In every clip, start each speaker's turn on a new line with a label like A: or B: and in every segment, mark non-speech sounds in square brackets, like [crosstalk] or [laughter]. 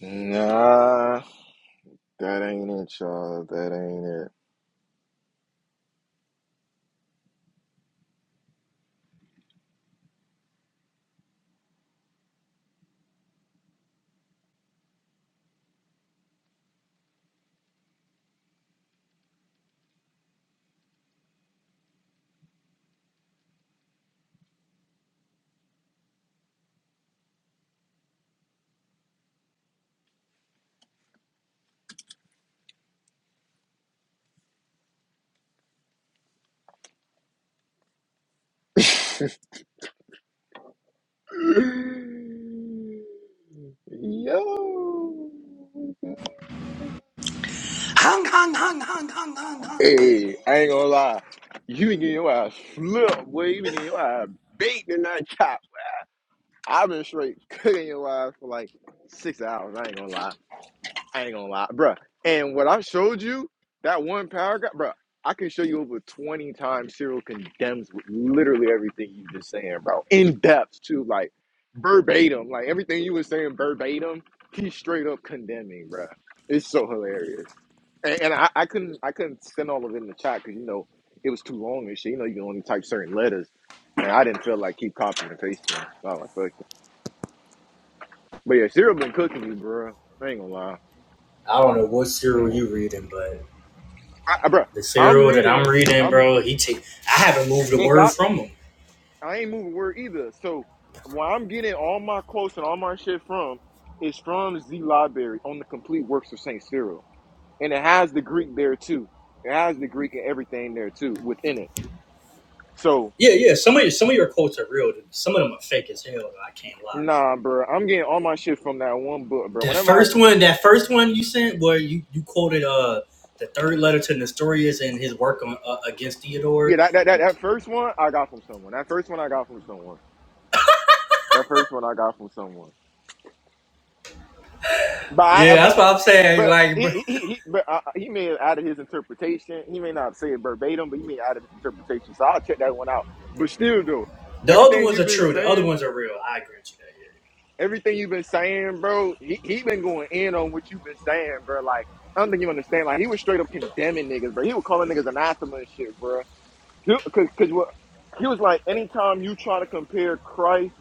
A: Nah, that ain't it, y'all. That ain't it. [sighs] Yo.
B: Hung, hung, hung, hung, hung, hung, hung.
A: Hey, I ain't gonna lie. You been getting your eyes flipped, boy. You been getting your eyes beat and that chop. I've been straight cooking your eyes for like six hours. I ain't gonna lie. I ain't gonna lie, bruh. And what I showed you, that one paragraph, bruh, I can show you over 20 times Cyril condemns literally everything you just saying, bro. In depth, too, like verbatim. Like everything you were saying verbatim, he's straight up condemning, bro. It's so hilarious. And, and I, I couldn't I couldn't send all of it in the chat because you know it was too long and shit. You know you can only type certain letters. And I didn't feel like keep copying and pasting. So I was like, fuck it. But yeah, Cyril been cooking you, bro. I ain't gonna lie.
B: I don't know what serial
A: Mm.
B: you reading, but
A: I, I- bro,
B: the
A: I'm
B: serial that I'm
A: reading.
B: reading,
A: I'm
B: bro, he take. I haven't moved a
A: it
B: word
A: got.
B: from him.
A: I ain't moving word either. So where I'm getting all my quotes and all my shit from is from Z Library on the complete works of Saint Cyril, and it has the Greek there too. It has the Greek and everything there too within it. So
B: Yeah, yeah. Some of your, some of your quotes are real. dude. Some of them are fake as hell. Though, I can't lie.
A: nah, bro, I'm getting all my shit from that one book, bro.
B: That
A: Whenever I
B: first one, that first one you sent, where you you quoted uh the third letter to Nestorius and his work on uh, against
A: yeah,
B: Theodore.
A: that that that, that first one I got from someone. That first one I got from someone. That first one I got from someone. But I,
B: Yeah,
A: I,
B: that's what I'm saying.
A: But
B: Like, bro,
A: he, he, he, but uh, he may have added his interpretation. He may not say it verbatim, but he may add his interpretation. So I'll check that one out. But still, though,
B: the other
A: everything
B: ones
A: you've
B: are
A: been
B: true. The other
A: saying,
B: ones are real. I agree with you.
A: everything you've been saying, bro, he he been going in on what you've been saying, bro. Like I don't think you understand. Like he was straight up condemning niggas, bro. He was calling niggas anathema and shit, bro. Because what he was like, anytime you try to compare Christ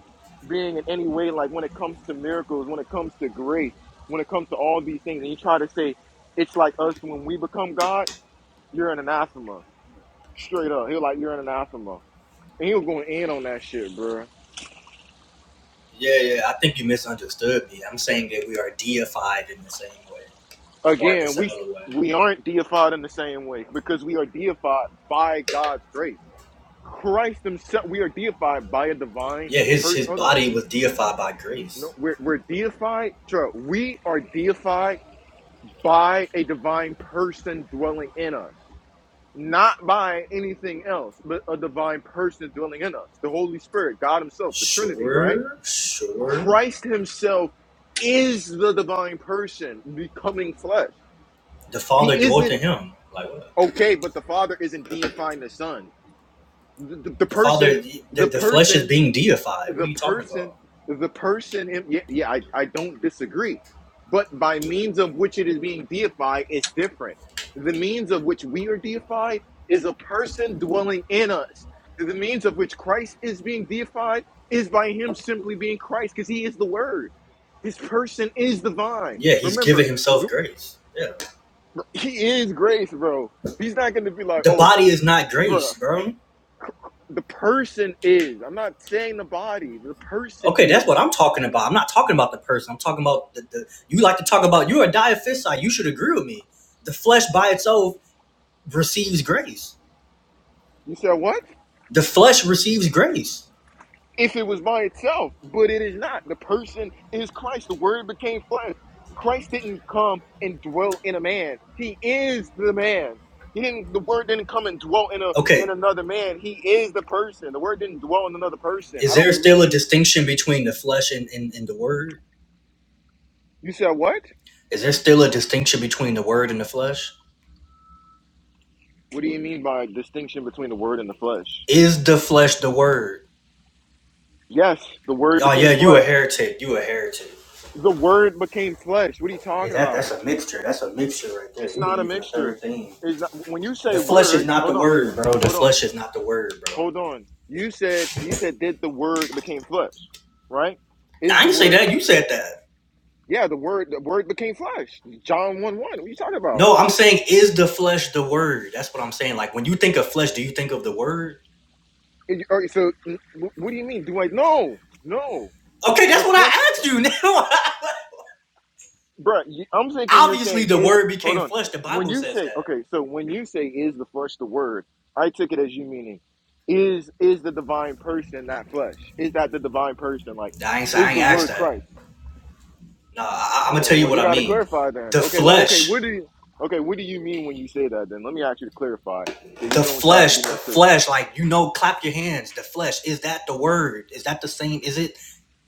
A: being in any way, like when it comes to miracles, when it comes to grace, when it comes to all these things, and you try to say it's like us when we become God, you're an anathema, straight up. He was like, you're an anathema, and he was going in on that shit, bro.
B: yeah, yeah. yeah, yeah, I think you misunderstood me. I'm saying that we are deified in the same way. or in a
A: Again, we
B: similar way.
A: we aren't deified in the same way because we are deified by God's grace. Christ Himself, we are deified by a divine
B: Yeah, his his
A: person.
B: body was deified by
A: No,
B: grace.
A: we're, we're deified. True. We are deified by a divine person dwelling in us, not by anything else, but a divine person dwelling in us. The Holy Spirit, God Himself, the Trinity, right?
B: Sure, sure.
A: Christ Himself is the divine person becoming flesh.
B: The Father
A: He
B: dwelt
A: isn't
B: in him. Like what?
A: okay, but the Father isn't deifying the Son. The, the, the
B: The
A: person,
B: Father, the,
A: the
B: the flesh is
A: person
B: being deified. What are
A: the
B: you talking
A: person
B: about?
A: the person in, yeah, yeah I, I don't disagree but by means of which it is being deified it's different the means of which we are deified is a person dwelling in us the means of which christ is being deified is by him simply being christ because he is the word his person is divine
B: Yeah, he's giving
A: remember
B: himself
A: the,
B: grace. Yeah,
A: he is grace bro he's not going to be like
B: the
A: oh
B: body is not grace,
A: bro.
B: bro.
A: the person is i'm not saying the body the person
B: Okay, that's
A: is
B: what I'm talking about. I'm not talking about the person. I'm talking about the, the you like to talk about. You're a diaphysite. You should agree with me. The flesh by itself receives grace.
A: you said what
B: The flesh receives grace.
A: if it was by itself, but it is not. The person is Christ. The word became flesh. Christ didn't come and dwell in a man. He is the man. He didn't the word didn't come and dwell in a
B: Okay,
A: in another man. He is the person. The word didn't dwell in another person.
B: Is
A: I don't
B: there still
A: believe
B: a
A: in
B: distinction between the flesh and, and, and the word?
A: you said what?
B: Is there still a distinction between the word and the flesh?
A: What do you mean by distinction between the word and the flesh?
B: Is the flesh the word?
A: Yes, the word
B: Oh yeah,
A: became
B: you a
A: flesh.
B: heretic. You a heretic.
A: The word became flesh. What are you
B: Yeah,
A: talking
B: that,
A: about?
B: that's a mixture. That's a mixture right there.
A: It's
B: You
A: not a
B: believe in a
A: mixture.
B: third thing.
A: It's not when you
B: The
A: say
B: flesh is
A: word,
B: not the
A: hold on.
B: word, bro. The
A: Hold on.
B: flesh is not the word, bro.
A: Hold on. You said you said that the word became flesh, right?
B: Nah,
A: Is
B: I
A: the
B: didn't say
A: word
B: that. You said that.
A: yeah, the word the word became flesh. John 1 1. What are you talking about?
B: No, I'm saying is the flesh the word? That's what I'm saying. Like when you think of flesh, do you think of the word?
A: Is- all right, so mm, wh- what do you mean? Do I no, no.
B: Okay,
A: The
B: that's what
A: flesh
B: I asked you. [laughs]
A: bruh, you- I'm thinking
B: Now,
A: you're
B: obviously,
A: saying
B: the
A: is
B: word
A: hold
B: became
A: on.
B: flesh. The
A: When
B: Bible
A: you
B: says
A: say
B: that.
A: okay, so when you say is the flesh the word, I took it as you meaning is is the divine person that flesh? Is that the divine person? Like,
B: I ain't, I
A: is
B: ain't
A: the
B: asked
A: word Christ?
B: that. No, I, I'm gonna
A: Well,
B: tell you
A: well,
B: what
A: you
B: I
A: got to
B: mean.
A: clarify then.
B: The
A: Okay, look, okay, what
B: flesh,
A: do you, okay, what do you mean when you say that? Then let me ask you to clarify, so
B: the
A: you don't try to
B: flesh,
A: do
B: the
A: no trick.
B: flesh. Like you know, clap your hands. The flesh is that the word? Is that the same? Is it?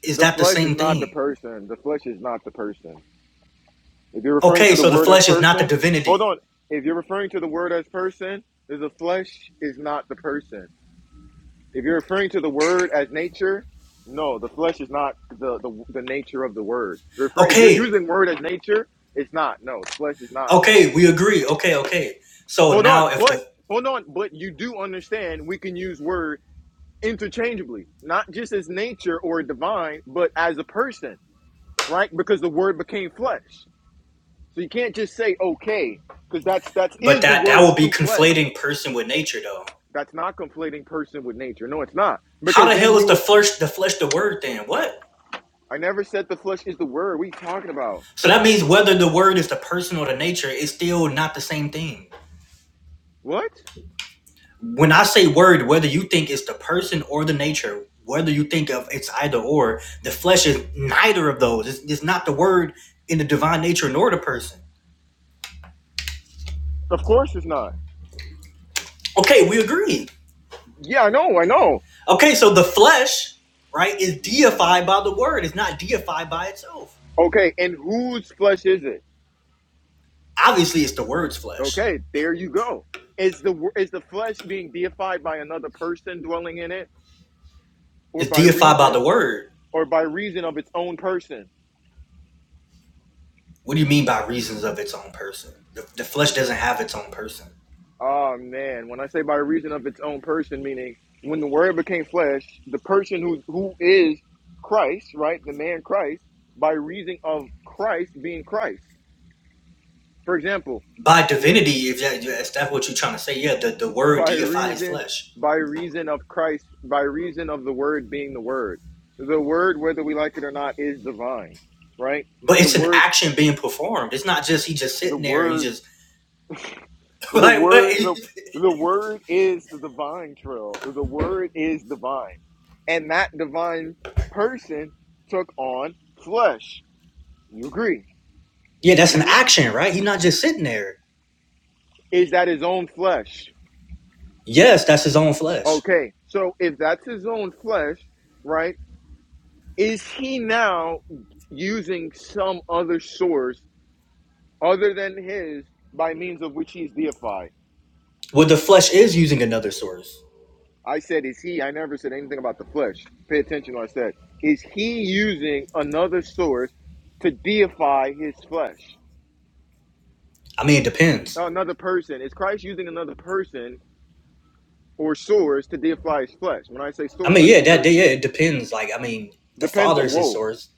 B: Is
A: The
B: that the
A: flesh is
B: same
A: not the
B: thing?
A: person. The flesh is not the person. If you're referring
B: Okay,
A: to the
B: so the
A: word as
B: flesh is not the
A: person, hold
B: divinity.
A: on. If you're referring to the word as person, then the flesh is not the person. If you're referring to the word as nature, no, the flesh is not the the, the nature of the word. Referring, if you're
B: Okay,
A: using word as nature, it's not. No, flesh is not.
B: okay, we agree. Okay, okay. So
A: Hold
B: now,
A: on,
B: if
A: but
B: the
A: hold on, but you do understand we can use word interchangeably, not just as nature or divine, but as a person, right? Because the word became flesh. So you can't just say okay, because that's that's
B: but
A: is the
B: that that
A: word's
B: would be
A: true flesh.
B: conflating person with nature, though.
A: That's not conflating person with nature. No, it's not.
B: How
A: Because
B: the
A: then
B: hell is
A: you
B: the
A: would
B: flesh the flesh the word then? What?
A: I never said the flesh is the word. What are you talking about?
B: So that means whether the word is the person or the nature, it's still not the same thing.
A: What?
B: when I say word, whether you think it's the person or the nature, whether you think of it's either or, the flesh is neither of those. It's, it's not the word in the divine nature nor the person.
A: Of course it's not.
B: Okay, we agree.
A: Yeah, I know, I know.
B: Okay, so the flesh, right, is deified by the word. It's not deified by itself.
A: Okay, and whose flesh is it?
B: Obviously, it's the word's flesh.
A: Okay, there you go. Is the is the flesh being deified by another person dwelling in it, or
B: It's
A: by
B: deified by
A: reason,
B: the word.
A: or by reason of its own person?
B: What do you mean by reasons of its own person? The, the flesh doesn't have its own person.
A: Oh man, when I say by reason of its own person, meaning when the Word became flesh, the person who who is Christ, right, the man Christ, by reason of Christ being Christ. For example,
B: By divinity, if, that, if that's what you're trying to say, yeah, the, the word
A: by
B: deified his
A: reason
B: flesh
A: by reason of Christ, by reason of the word being the word. The word, whether we like it or not, is divine, right?
B: But
A: The
B: it's an
A: word,
B: action being performed. It's not just he just
A: the
B: sitting there and he
A: word,
B: just [laughs]
A: the
B: like what?
A: word, the the word is the divine trail. The word is divine. And that divine person took on flesh. You agree,
B: Yeah, that's
A: do
B: an
A: you?
B: action, right? He's not just sitting there.
A: Is that his own flesh?
B: Yes, that's his own flesh.
A: Okay. So if that's his own flesh, right? Is he now using some other source other than his by means of which he's deified?
B: Well, the flesh is using another source.
A: I said, is he? I never said anything about the flesh. Pay attention to what I said. Is he using another source to deify his flesh?
B: I mean, it depends.
A: Another person. Is Christ using another person or source to deify his flesh? When I say
B: I
A: source,
B: mean,
A: I
B: yeah,
A: mean
B: that yeah,
A: person.
B: it depends. Like, I mean, the
A: Depends
B: father
A: on,
B: is his
A: whoa.
B: source.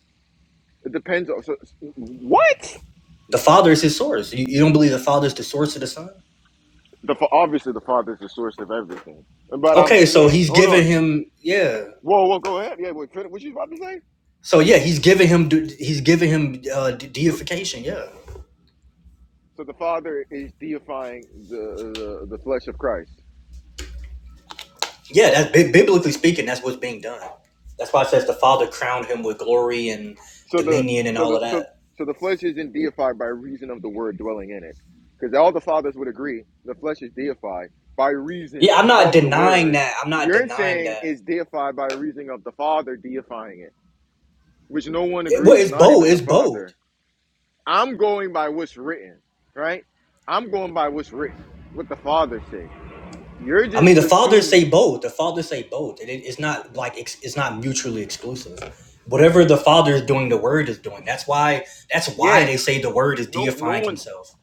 A: It depends on, so, what?
B: The father is his source. You, you don't believe the father is the source of the son?
A: The, obviously, the Father is the source of everything. But I'm
B: Okay, so
A: saying,
B: he's
A: hold on.
B: giving him yeah.
A: Whoa, whoa, go ahead. Yeah, wait, fin- what you about to say?
B: So yeah, he's giving him he's giving him uh, deification. Yeah.
A: So the Father is deifying the, the the flesh of Christ.
B: Yeah, that's biblically speaking, that's what's being done. That's why it says the Father crowned him with glory and
A: So the
B: dominion and
A: so
B: all
A: the
B: of
A: so
B: that.
A: so the flesh isn't deified by reason of the Word dwelling in it, because all the fathers would agree the flesh is deified by reason
B: Yeah, I'm not
A: of the
B: denying
A: Word.
B: that. I'm not
A: You're
B: denying
A: saying
B: that.
A: is deified by reason of the Father deifying it, which no one
B: It- well,
A: agrees,
B: it's
A: not
B: both.
A: even
B: It's
A: the
B: both.
A: Father. I'm going by what's written, right? I'm going by what's written, what the Father say. You're
B: I
A: just
B: mean, the fathers say
A: assuming.
B: both. The fathers say both. It, it's not like ex, it's not mutually exclusive. Whatever the father is doing, the word is doing. That's why. That's
A: Yeah.
B: why they say the word is
A: No, no
B: deifying
A: one's.
B: himself.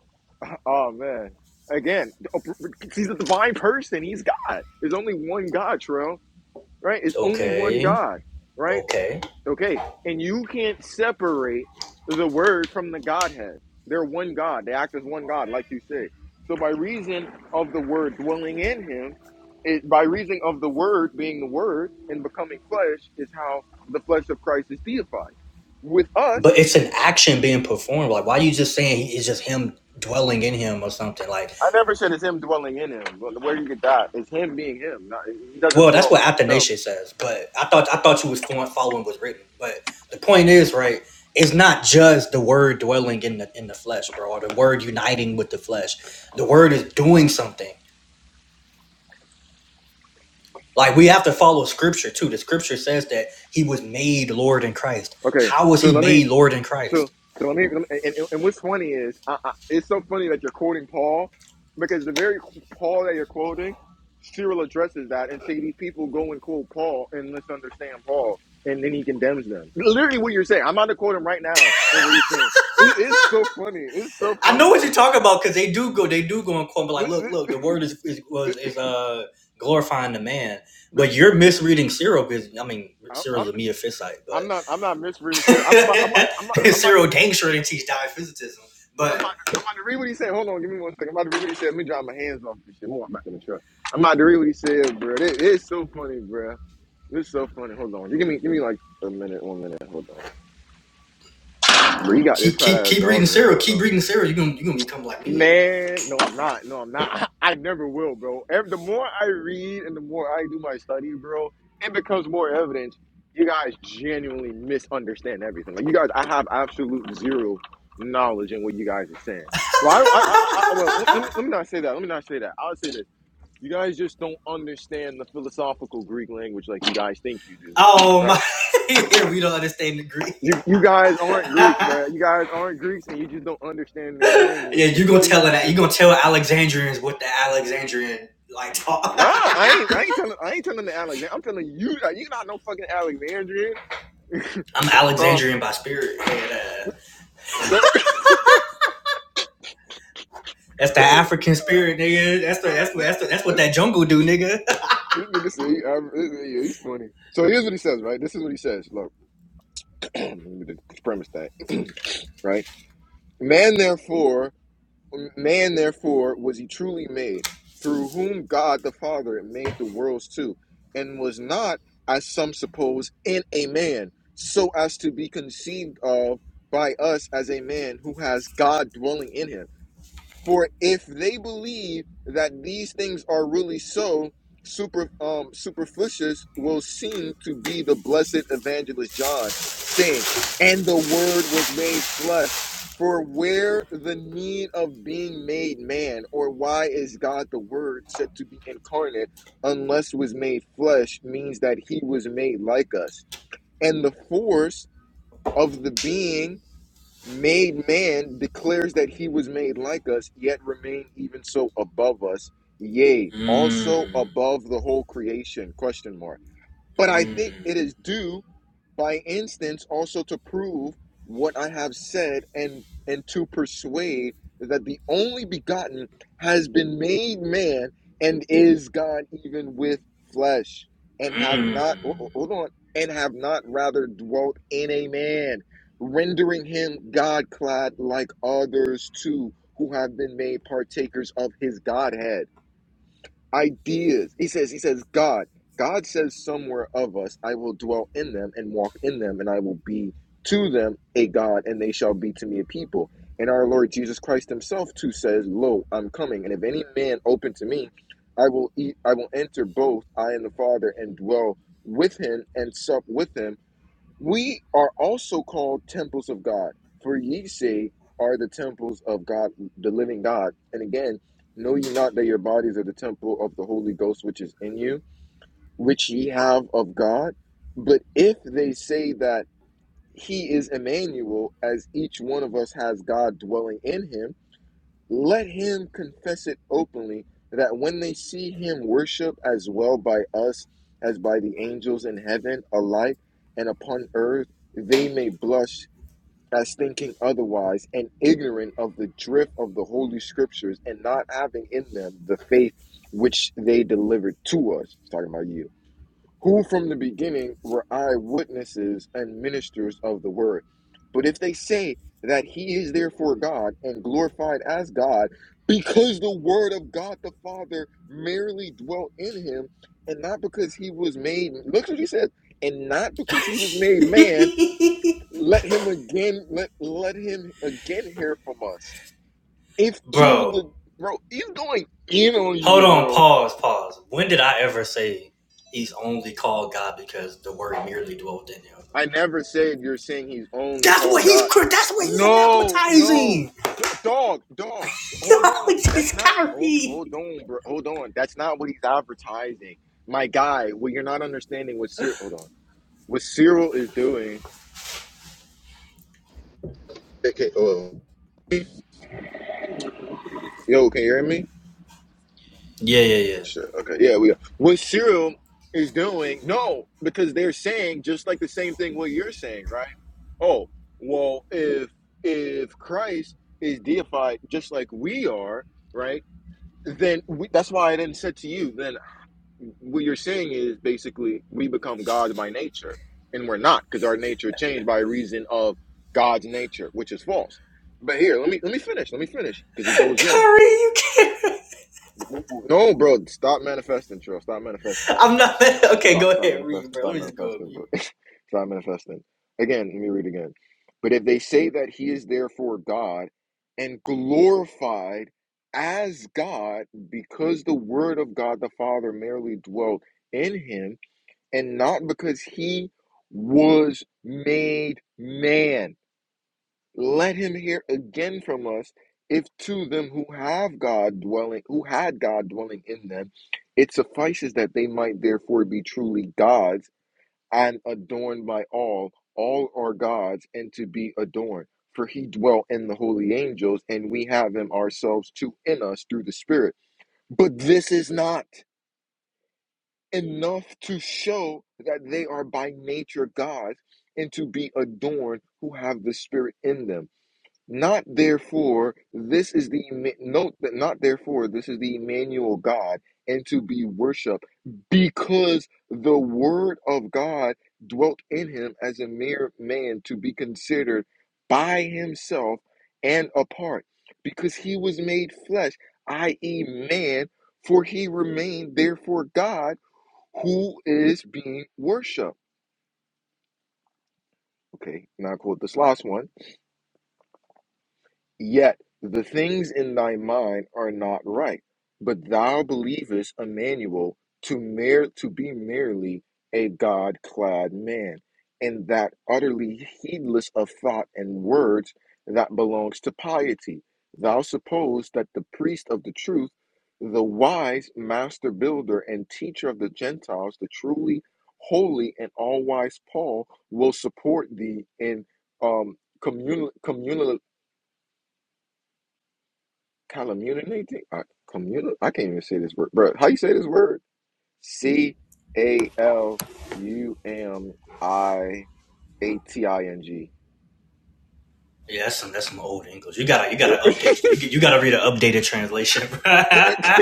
A: Oh man! Again, he's a divine person. He's God. There's only one God, Trell. Right? It's only one
B: Okay.
A: God. Right?
B: Okay.
A: Okay. And you can't separate the Word from the Godhead. They're one God. They act as one God, like you say. So by reason of the Word dwelling in Him, it, by reason of the Word being the Word and becoming flesh, is how the flesh of Christ is deified. With us,
B: But it's an action being performed. Like, why are you just saying he, it's just him dwelling in him or something? Like,
A: I never said it's him dwelling in him. But Where do you get that? It's him being him. Not, he doesn't
B: Well, that's
A: dwell
B: what
A: in himself.
B: Athanasius says, but I thought I thought you was fo- following what's written. But the point is, right? It's not just the word dwelling in the in the flesh, bro, or the word uniting with the flesh. The word is doing something. Like we have to follow scripture too. The scripture says that he was made Lord in Christ.
A: Okay,
B: How was
A: so
B: he
A: let me.
B: made Lord in
A: So,
B: Christ?
A: so let me. let me- And, and, and what's funny is, I, I, it's so funny that you're quoting Paul, because the very Paul that you're quoting, Cyril addresses that and say these people go and quote Paul and misunderstand Paul, and then he condemns them. Literally, what you're saying. I'm about to quote him right now, and what you're saying. It, it's so funny. It's so
B: I know
A: funny,
B: what
A: bro.
B: you're talking about because they do go, they do go and quote, but like, look,
A: [laughs]
B: look, the word is is was is uh glorifying the man, but you're misreading Cyril because I mean
A: I-
B: Cyril's a meophysite, but
A: I'm not. I'm not misreading serious. I'm about. I'm about. I'm about,
B: [laughs]
A: I'm about to
B: Cyril
A: read.
B: dang sure didn't teach diaphysitism.
A: I'm about.
B: But
A: I'm about to read what he said. Hold on. Give me one second. I'm about to read what he said. Let me dry my hands off this shit. Move on back in the truck. I'm about to read what he said, bro. It, it's so funny, bro. It's so funny. Hold on. You give me. Give me like a minute. One minute. Hold on. Bro, he got this
B: keep
A: fat
B: keep
A: ass
B: keep reading
A: dog in the
B: Cyril, keep
A: photo.
B: reading Cyril, you're gonna you're gonna become like me.
A: Man, no, I'm not. No, I'm not. [laughs] I never will, bro. Ev- The more I read and the more I do my study, bro, it becomes more evident. You guys genuinely misunderstand everything. Like you guys, I have absolute zero knowledge in what you guys are saying. Well, I, I, I, I well, let
B: [laughs]
A: me, let me not say that. Let me not say that. I'll say this: you guys just don't understand the philosophical Greek language like you guys think you do.
B: Oh my
A: Right?
B: [laughs] yeah, we don't understand the Greek.
A: You, you guys aren't Greeks, bro. You guys aren't Greeks, and you just don't understand
B: [laughs]
A: their
B: yeah,
A: language,
B: you're
A: but you
B: gonna
A: think
B: tell
A: you
B: that.
A: do.
B: You're gonna tell Alexandrians what the Alexandrian like talk.
A: Nah,
B: [laughs]
A: I ain't. I ain't telling. I ain't telling the Alexander. I'm telling you. uh, You not no fucking Alexandrian.
B: I'm
A: Uh,
B: Alexandrian by spirit. And, uh,
A: don't. [laughs] this,
B: that's the African spirit, nigga. That's the that's what that's, the, that's what
A: this,
B: that jungle do, nigga. [laughs]
A: this nigga say he, aver- this- yeah, he's funny. So here's what he says. Right. This is what he says. Look, [clears throat] let me just premise that. [clears throat] right. Man, therefore. Man, therefore, was he truly made, through whom God the Father made the worlds too, and was not, as some suppose, in a man, so as to be conceived of by us as a man who has God dwelling in him. For if they believe that these things are really so, super um superfluous will seem to be the blessed evangelist John saying, and the word was made flesh. For where the need of being made man, or why is God the word said to be incarnate unless was made flesh means that he was made like us. And the force of the being made man declares that he was made like us, yet remain even so above us, yea, also
B: Mm,
A: above the whole creation. Question mark. But I think it
B: mm,
A: is due by instance also to prove what I have said and and to persuade that the only begotten has been made man and is God even with flesh and have not hold on and have not rather dwelt in a man rendering him God clad like others too who have been made partakers of his godhead ideas. He says, He says, God. God says somewhere of us, I will dwell in them and walk in them, and I will be to them a God, and they shall be to me a people. And our Lord Jesus Christ Himself too says, Lo, I'm coming, and if any man open to me, I will eat, I will enter both I and the Father, and dwell with him and sup with him we are also called temples of God, for ye say are the temples of God, the living God. And again, know ye not that your bodies are the temple of the Holy Ghost which is in you, which ye have of God? But if they say that he is Emmanuel, as each one of us has God dwelling in him, let him confess it openly, that when they see him worship as well by us as by the angels in heaven alike and upon earth, they may blush as thinking otherwise and ignorant of the drift of the holy scriptures and not having in them the faith which they delivered to us. It's talking about you who from the beginning were eyewitnesses and ministers of the word. But if they say that he is therefore God and glorified as God, because the word of God the Father merely dwelt in him, and not because he was made, look what he says, and not because he was made man,
B: mm.
A: let him again, let, let him again hear from us. If
B: [laughs]
A: to
B: Bro,
A: the, bro, he's going in on
B: Hold
A: you,
B: on,
A: bro.
B: pause, pause. When did I ever say he's only called God because the word merely dwelt in him?
A: I never said you're saying he's only
B: That's what
A: called
B: he's
A: God.
B: that's what he's
A: No, no,
B: anathematizing.
A: D- dog, dog.
B: [laughs]
A: Hold on.
B: Yo,
A: That's
B: just
A: not. Hold, hold
B: Kyrie.
A: on, bro. Hold on. That's not what he's advertising. My guy, what you're not understanding what Cyril. Hold on. What Cyril is doing. Okay, oh, Yo, can you hear me?
B: Yeah, yeah, yeah.
A: Sure. Okay. Yeah, we are. What Cyril is doing, no, because they're saying just like the same thing what you're saying, right? Oh, well, if if Christ is deified just like we are, right? Then we, that's why I then said to you, then what you're saying is basically we become gods by nature, and we're not because our nature changed by reason of God's nature, which is false. But here, let me let me finish. Let me finish because he goes in.
B: Kyrie, you can't
A: No, bro, stop manifesting, Trill. Stop manifesting.
B: I'm not [laughs] okay, go
A: Start, start
B: ahead, read,
A: manifesting.
B: bro. Let
A: Start
B: me just go and
A: manifesting,
B: mute.
A: bro. [laughs] start manifesting. Again, let me read again. But if they say that he is therefore God and glorified as God because the word of God the Father merely dwelt in him and not because he was made man, let him hear again from us if to them who have God dwelling, who had God dwelling in them, it suffices that they might therefore be truly gods and adorned by all. All are God's and to be adorned. For he dwelt in the holy angels, and we have him ourselves too in us through the Spirit. But this is not enough to show that they are by nature God's and to be adorned who have the Spirit in them. Not therefore, this is the note that not therefore, this is the Emmanuel God and to be worshiped because the Word of God dwelt in him as a mere man to be considered by himself and apart because he was made flesh, i.e., man, for he remained therefore God who is being worshiped. Okay, now I quote this last one Yet the things in thy mind are not right, but thou believest Emmanuel to mere to be merely a God clad man, and that utterly heedless of thought and words that belongs to piety. Thou suppose that the priest of the truth, the wise master builder and teacher of the Gentiles, the truly holy and all wise Paul will support thee in um communal communal Calumniating? I, communi- I can't even say this word. Bro, how you say this word? C A L U M I A T I N G.
B: Yeah, that's some that's some old English. You gotta you gotta update you
A: [laughs]
B: you gotta read an updated translation.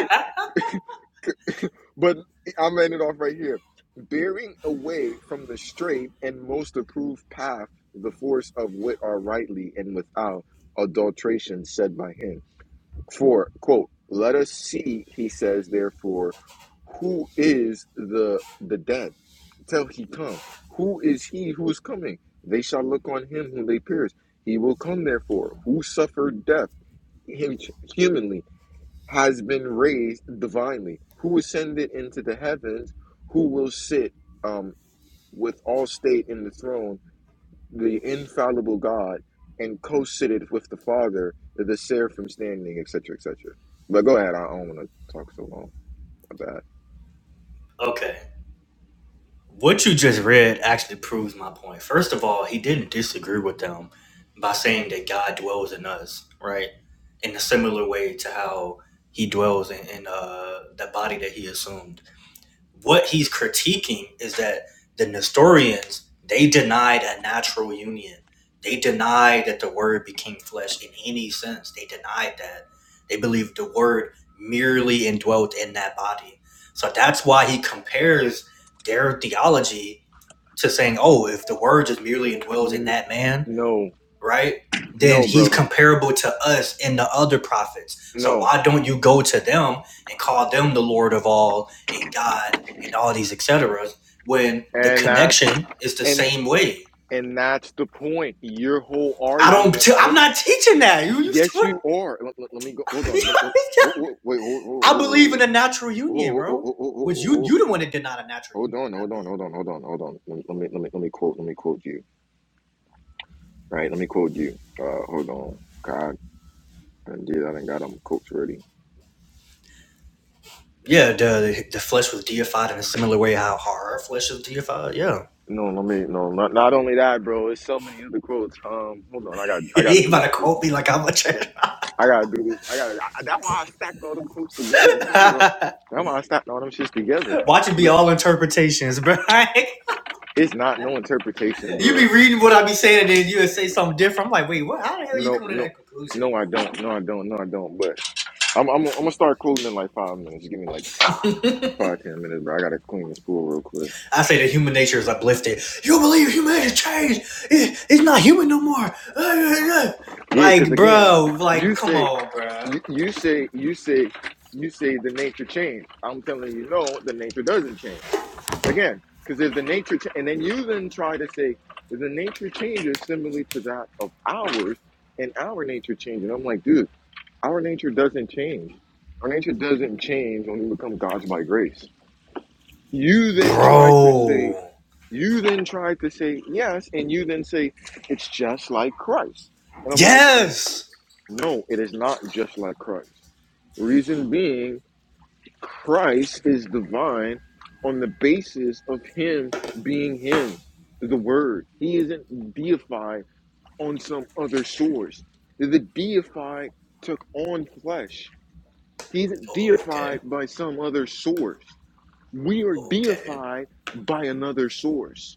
B: [laughs]
A: But I'm ending it off right here. Bearing away from the straight and most approved path, the force of wit are rightly and without adulteration said by him. For, quote, let us see, he says, therefore, who is the the dead till he come. Who is he who is coming? They shall look on him whom they pierced. He will come, therefore, who suffered death him, humanly, has been raised divinely, who ascended into the heavens, who will sit um, with all state in the throne, the infallible God, and co seated with the Father, the seraphim standing, et cetera, et cetera. But go ahead, I don't want to talk so long about.
B: okay. What you just read actually proves my point. First of all, he didn't disagree with them by saying that God dwells in us, right? In a similar way to how he dwells in, in uh, the body that he assumed what he's critiquing is that the Nestorians they denied a natural union. They denied that the word became flesh in any sense. They denied that. They believed the word merely indwelt in that body. So that's why he compares their theology to saying, "Oh, if the word just merely indwells in
A: N-
B: that man,
A: no,
B: right? Then
A: no,
B: he's
A: bro,
B: comparable to us and the other prophets. So
A: no.
B: why don't you go to them and call them the Lord of all and God and all these et etc. When the
A: And that's
B: connection is the
A: and
B: same way?
A: and that's the point. Your whole
B: I don't.
A: argument.
B: T- I'm
A: Hold on.
B: not teaching that. You,
A: Yes,
B: you
A: you are. Let, let- let me go. Hold on. Let- let- oh, oh, wait. Hold, hold,
B: [laughs] I
A: hold, hold,
B: believe
A: hold,
B: in a natural union, bro. Which
A: hold,
B: you
A: hold
B: you the one that did not a natural
A: hold
B: union,
A: on. Hold
B: not me.
A: on. Hold on. Hold on. Hold on. Let, me let me let me let me quote. Let me quote you. All right. Let me quote you. Uh, hold on. God, I did. I didn't got them quotes ready.
B: Yeah, the the flesh was deified in a similar way how our flesh is deified. Yeah,
A: No, let me. No, not not only that, bro. It's so many other quotes. Um, hold on. I
B: [laughs]
A: got I got to
B: he
A: do
B: about to
A: this.
B: quote me like I'm a church.
A: I gotta do this. I gotta. I, that's why I stacked all them clips together and quoted
B: [laughs]
A: them. That's why I stacked all them shits together.
B: Watch it be
A: Look,
B: all interpretations, bro. [laughs]
A: It's not no interpretation,
B: you be
A: bro.
B: reading what I be saying, and then you would say something different. I'm like, wait, what? How the hell you
A: No,
B: coming to
A: no,
B: that conclusion?
A: no. I don't. No, I don't. No, I don't. But I'm, I'm, I'm gonna start quoting in like five minutes. Give me like five, ten minutes, bro. I gotta clean this pool real quick.
B: I say that human nature is uplifted. You don't believe humanity changed? It- it's not human no more. [laughs]
A: Yeah, because
B: Like,
A: again,
B: bro,
A: you
B: like, come
A: say,
B: on, bro.
A: you, you say, you say, you say the nature changed. I'm telling you, no, the nature doesn't change. Again, because if the nature, ch- and then you then try to say, if the nature changes similarly to that of ours, and our nature changes, I'm like, dude, our nature doesn't change. Our nature doesn't change when we become gods by grace. You then try to say,
B: Bro.
A: you then try to say yes, and you then say, it's just like Christ. And I'm like,
B: Yes.
A: no, it is not just like Christ. Reason being, Christ is divine on the basis of him being him, the word. He isn't deified on some other source. The deified took on flesh. He isn't
B: Oh,
A: deified
B: okay.
A: by some other source. We are
B: Okay.
A: deified by another source,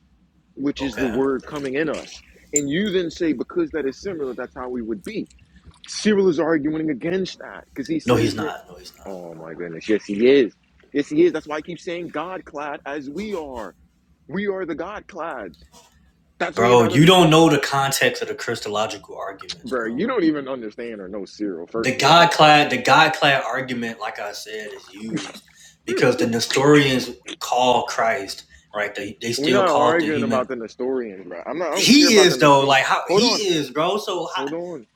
A: which is the
B: Okay.
A: word coming in us. And you then say, because that is similar, that's how we would be. Cyril is arguing against that because he
B: No, he's
A: says that,
B: not. No, he's not.
A: oh my goodness, yes, he is. Yes, he is. That's why I keep saying God clad as we are. We are the God clads. That's what you're
B: Bro,
A: not
B: you don't
A: understand.
B: know the context of the Christological arguments,
A: Bro,
B: bro
A: you don't even understand or know Cyril,
B: The
A: first of
B: God
A: all.
B: clad the God clad argument, like I said, is used because the Nestorians call Christ, right? They they
A: We're
B: still
A: not
B: call it the
A: arguing
B: human.
A: about the Nestorians, bro. I'm not, I don't care
B: He
A: about
B: is
A: the
B: though,
A: Nestor.
B: like how
A: Hold on.
B: he is, bro. So
A: Hold on.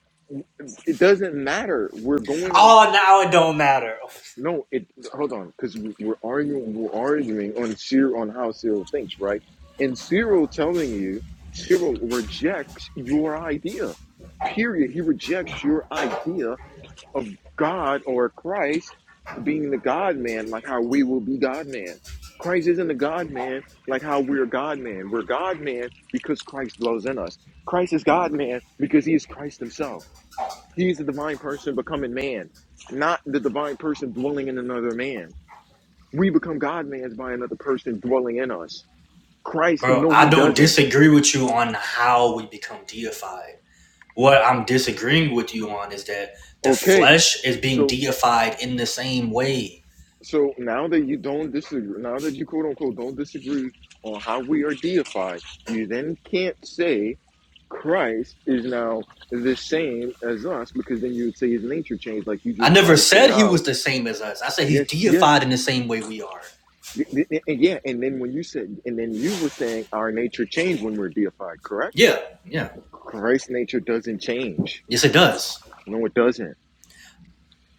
A: It doesn't matter. We're
B: how,
A: going on.
B: oh, now it don't matter,
A: No, it hold on, because we're arguing. We're arguing on Cyril on how Cyril thinks, right? And Cyril telling you, Cyril rejects your idea. Period. He rejects your idea of God or Christ being the God Man, like how we will be God Man. Christ isn't the God Man, like how we're God Man. We're God Man because Christ dwells in us. Christ is God Man because He is Christ Himself. He's the divine person becoming man, not the divine person dwelling in another man. We become God mans by another person dwelling in us. Christ,
B: bro.
A: no,
B: I
A: he
B: don't
A: doesn't.
B: disagree with you on how we become deified. What I'm disagreeing with you on is that the
A: Okay,
B: flesh is being
A: so
B: deified in the same way.
A: so now that you don't disagree, now that you quote unquote don't disagree on how we are deified, you then can't say Christ is now the same as us because then you would say his nature changed, like you
B: I
A: just try
B: never
A: to say
B: said he was
A: ours.
B: the same as us. I said he's
A: Yes, yes,
B: deified in the same way we are.
A: Th- th- and yeah, and then when you said, and then you were saying our nature changed when we're deified, correct?
B: Yeah, yeah.
A: Christ's nature doesn't change.
B: Yes, it does.
A: No, it doesn't.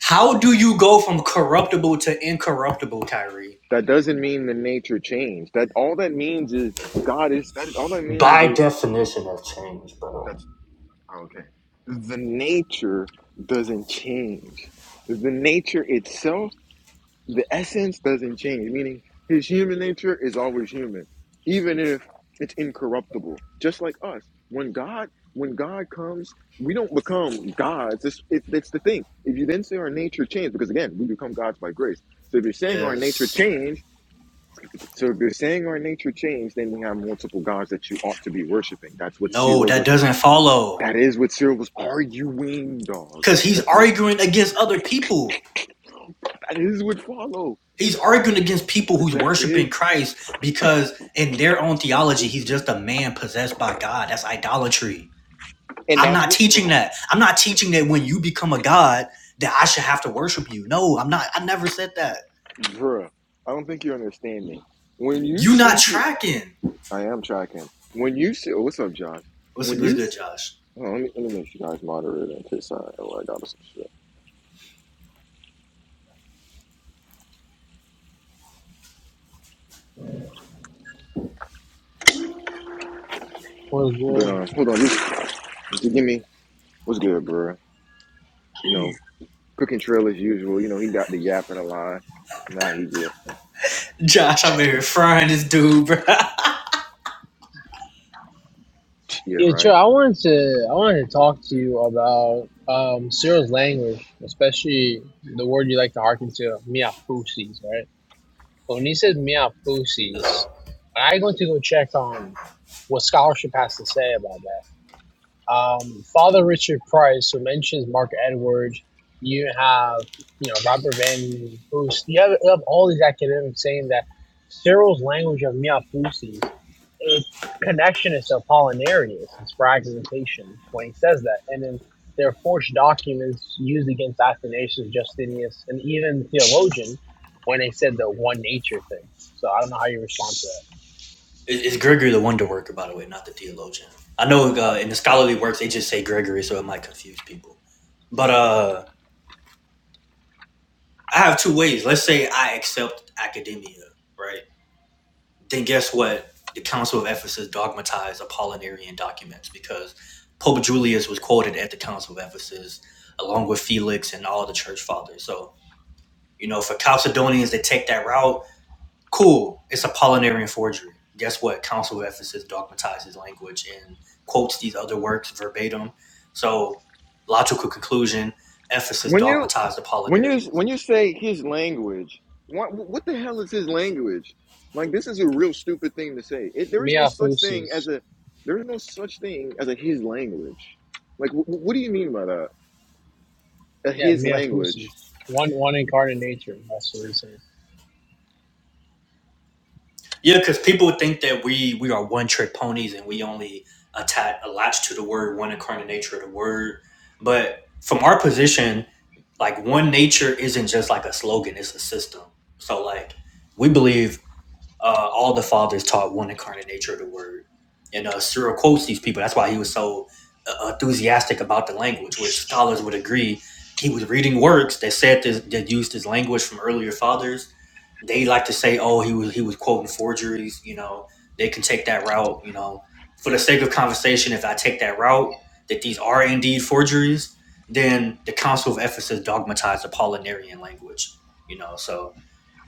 B: How do you go from corruptible to incorruptible, Kyrie?
A: That doesn't mean the nature changed. That all that means is God is that. All that means
B: By
A: is
B: definition of change, bro.
A: that's oh, okay. The nature doesn't change. The nature itself the essence doesn't change, meaning his human nature is always human, even if it's incorruptible. Just like us, when God when God comes, we don't become gods. It's, it, it's the thing. If you then say our nature changed, because again, we become gods by grace. So if you're saying our nature
B: Yes.
A: changed, so if you're saying our nature changed, then we have multiple gods that you ought to be worshiping. That's what
B: No,
A: Cyril
B: that
A: was.
B: doesn't follow.
A: That is what Cyril was arguing, dog.
B: Because he's
A: That's that
B: arguing against other people.
A: is what follow.
B: He's arguing against people who's
A: That
B: worshiping
A: is,
B: Christ because, in their own theology, he's just a man possessed by God. That's idolatry.
A: and
B: I'm
A: that's
B: not
A: what.
B: teaching
A: oh,
B: that. I'm not teaching that when you become a God, that I should have to worship you. No, I'm not. I never said that.
A: Bruh, I don't think you understand me. When you
B: You not
A: see it,
B: tracking.
A: I am tracking. When you see, oh, what's up, Josh?
B: What's a
A: When
B: what's
A: you
B: good,
A: see,
B: Josh?
A: hold on, let me, let me make sure you guys moderator in case I, oh, I got some shit.
C: What's
A: But
C: good?
A: uh, hold on, just, just give me, what's good, bruh? You know, cooking trail as usual. You know, he got the yap in the line. Nah, he get,
B: Josh, I'm in here frying this dude, bro. [laughs]
A: yeah,
C: Yeah,
A: right.
C: sure. I wanted to I wanted to talk to you about um, Cyril's language, especially the word you like to hearken to, miafusis, right? But when he says miafusis, I going to go check on what scholarship has to say about that. um, Father Richard Price, who mentions Mark Edwards. You have, you know, Robert Van Boost. You have, you have all these academics saying that Cyril's language of Miafusis, its connection is to Apollinarius, its fragmentation when he says that. And then there are forged documents used against Athanasius, Justinius, and even theologian when they said the one nature thing. So I don't know how you respond to
B: It's Gregory the Wonder Worker, by the way, not the theologian. I know uh, in the scholarly works they just say Gregory, so it might confuse people. But uh, I have two ways. Let's say I accept academia, right? Then guess what? The Council of Ephesus dogmatized Apollinarian documents because Pope Julius was quoted at the Council of Ephesus along with Felix and all the church fathers. So, you know, for Chalcedonians to take that route, Cool. It's Apollinarian forgery. Guess what? Council of Ephesus dogmatizes language and quotes these other works verbatim. So, logical conclusion: Ephesus
A: When you
B: dogmatized
A: when you
B: Apollinarianism.
A: when you say his language, what what the hell is his language? Like this is a real stupid thing to say. It, there is no
C: that. Uh,
A: such thing
C: Miafusis.
A: as a there is no such thing as a his language. Like wh- what do you mean by that? A
C: Yeah,
A: his
C: Miafusus.
A: language?
C: One one incarnate nature. That's what he's saying.
B: Yeah, because people think that we we are one trick ponies and we only attach a latch to the word one incarnate nature of the word. But from our position, like one nature isn't just like a slogan; it's a system. So, like we believe uh, all the fathers taught one incarnate nature of the word. And uh, Cyril quotes these people. That's why he was so uh, enthusiastic about the language, which scholars would agree. He was reading works that said this, that used his language from earlier fathers. They like to say, "Oh, he was he was quoting forgeries." You know, they can take that route. You know, for the sake of conversation, if I take that route that these are indeed forgeries, then the Council of Ephesus dogmatized Apollinarian language. You know, so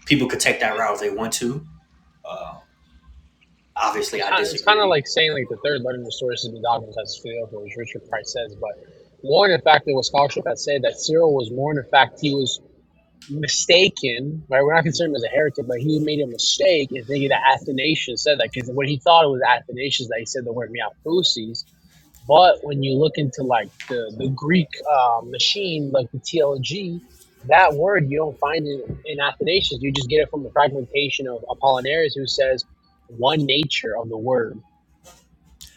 B: people could take that route if they want to. Uh, obviously
C: It's
B: I
C: kind, it's kind of
B: disagree.
C: like saying like the third letter in the source of the dogmas has failed, which Richard Price says. But more in fact, there was scholarship that said that Cyril was more in fact he was mistaken. Right, we're not considering him as a heretic, but he made a mistake in thinking that Athanasius said that because what he thought it was Athanasius that he said the word Miafusis, But when you look into like the the Greek uh, machine, like the TLG, that word you don't find it in Athanasius. You just get it from the fragmentation of Apollinaris, who says one nature of the word.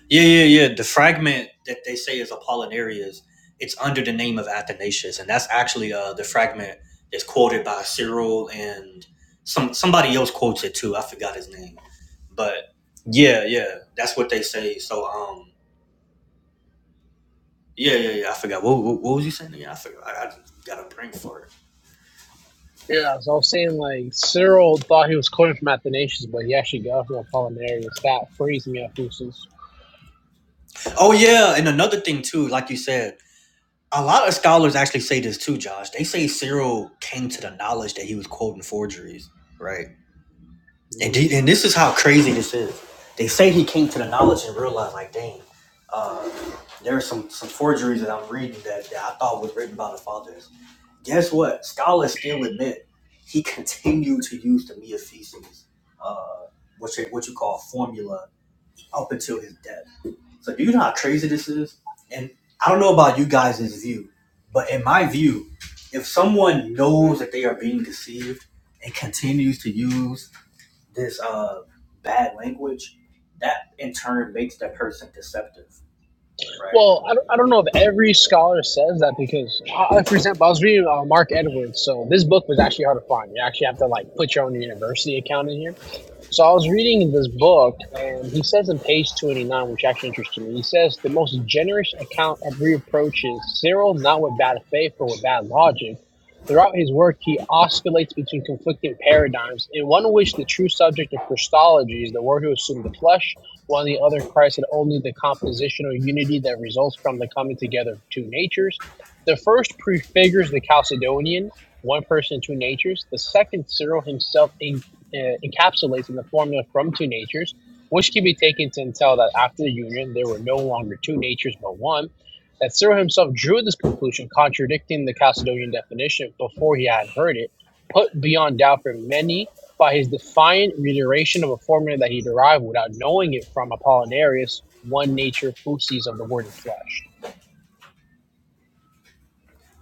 B: Yeah, yeah, yeah. The fragment that they say is Apollinarius, it's under the name of Athanasius, and that's actually uh, the fragment that's quoted by Cyril and some somebody else quotes it too. I forgot his name, but yeah, yeah, that's what they say. So, um, yeah, yeah, yeah. I forgot what what, what was you saying? Yeah, I forgot. I, I just got a brain for it.
C: Yeah, so I was saying like Cyril thought he was quoting from Athanasius, but he actually got it from Apollinaris. That frees me up, Lucius.
B: Oh yeah, and another thing too, like you said. A lot of scholars actually say this too, Josh. They say Cyril came to the knowledge that he was quoting forgeries, right? And, d- and this is how crazy this is. They say he came to the knowledge and realized, like, dang, uh, there are some, some forgeries that I'm reading that, that I thought was written by the fathers. Guess what? Scholars still admit he continued to use the Mia feces, uh, which is what you call formula, up until his death. So do you know how crazy this is? And I don't know about you guys' view, but in my view, if someone knows that they are being deceived and continues to use this uh bad language, that in turn makes that person deceptive, right?
C: Well, I don't, I don't know if every scholar says that because, uh, like, for example, I was reading uh, Mark Edwards, so this book was actually hard to find. You actually have to like put your own university account in here So I was reading this book, and he says in page 29, which actually interested me, he says the most generous account of reproach is Cyril, not with bad faith, but with bad logic. Throughout his work, he oscillates between conflicting paradigms, in one which the true subject of Christology is the Word who assumed the flesh, while in the other Christ had only the compositional unity that results from the coming together of two natures. The first prefigures the Chalcedonian, one person, two natures. The second, Cyril himself a uh, encapsulates in the formula from two natures, which can be taken to entail that after the union there were no longer two natures but one. That Cyril himself drew this conclusion, contradicting the Chalcedonian definition before he had heard it, put beyond doubt for many by his defiant reiteration of a formula that he derived without knowing it from Apollinarius, one nature fusis of the word and flesh.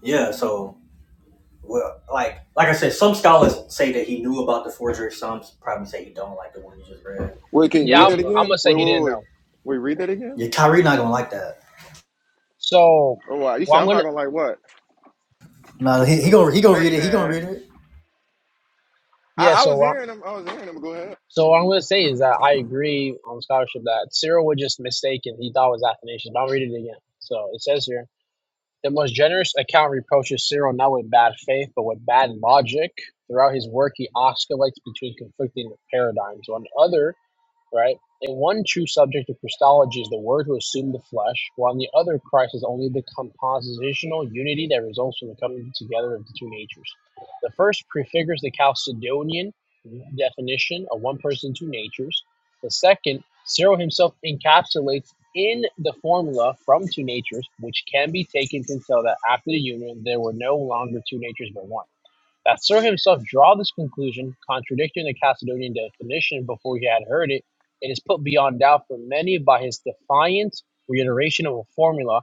B: Yeah. So well, like like I said, some scholars say that he knew about the forgery. Some probably say he don't like the one you just read.
A: Wait, can you
C: Yeah,
A: read
C: I'm,
B: But
A: that
C: I'm gonna
A: again?
C: say
A: Wait, wait,
C: he
A: wait,
C: didn't
A: wait.
C: know.
A: Wait, read that again?
B: yeah, Kyrie not gonna like that.
C: So,
A: Oh wow, you
C: well,
A: said
C: I'm
A: I'm not
C: gonna
A: gonna like what?
B: No, he, he gonna he gonna
A: Hey
B: read it. He gonna
A: man,
B: read it.
C: yeah.
A: I, I
C: So
A: was
C: what
A: hearing him. I was hearing him. Go
C: So what I'm going to say is that I agree on scholarship that Cyril was just mistaken. He thought it was Athanasius, but I'll read it again. So it says here, the most generous account reproaches Cyril not with bad faith, but with bad logic. Throughout his work, he oscillates between conflicting paradigms. On other right? In one true subject of Christology is the Word who assumed the flesh, while in the other Christ is only the compositional unity that results from the coming together of the two natures. The first prefigures the Chalcedonian definition of one person, two natures. The second, Cyril himself encapsulates in the formula from two natures, which can be taken to entail that after the union there were no longer two natures but one. That Nasser himself draw this conclusion, contradicting the Chalcedonian definition before he had heard it. It is put beyond doubt for many by his defiant reiteration of a formula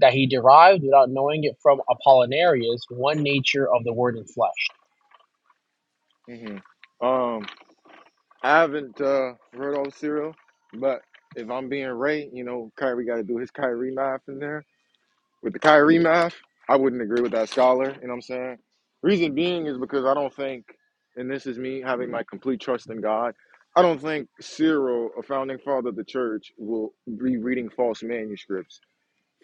C: that he derived without knowing it from Apollinarius, one nature of the word enfleshed.
A: ahead. hmm I haven't uh, heard all the cereal, but if I'm being Ray, you know, Kyrie got to do his Kyrie math in there. With the Kyrie math, I wouldn't agree with that scholar. You know what I'm saying? Reason being is because I don't think, and this is me having my complete trust in God. I don't think Cyril, a founding father of the church, will be reading false manuscripts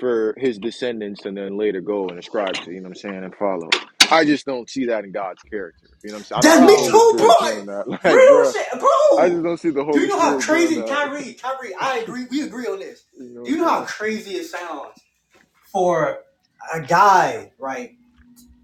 A: for his descendants and then later go and ascribe to, you know what I'm saying, and follow. I just don't see that in God's character. You know what I'm saying? I don't
B: That's
A: see the
B: me
C: Um,
A: Holy
B: too, bro.
A: Spirit doing that. [laughs] Like,
B: Real
A: bruh,
B: shit,
A: I
B: bro.
A: just don't see the
B: Do you
A: Holy
B: know how
A: Spirit doing
B: crazy
A: that. [laughs]
B: Kyrie? Kyrie, I agree. We agree on this.
A: you know what
B: Do
A: I'm
B: you know how
A: saying?
B: crazy it sounds for a guy, right?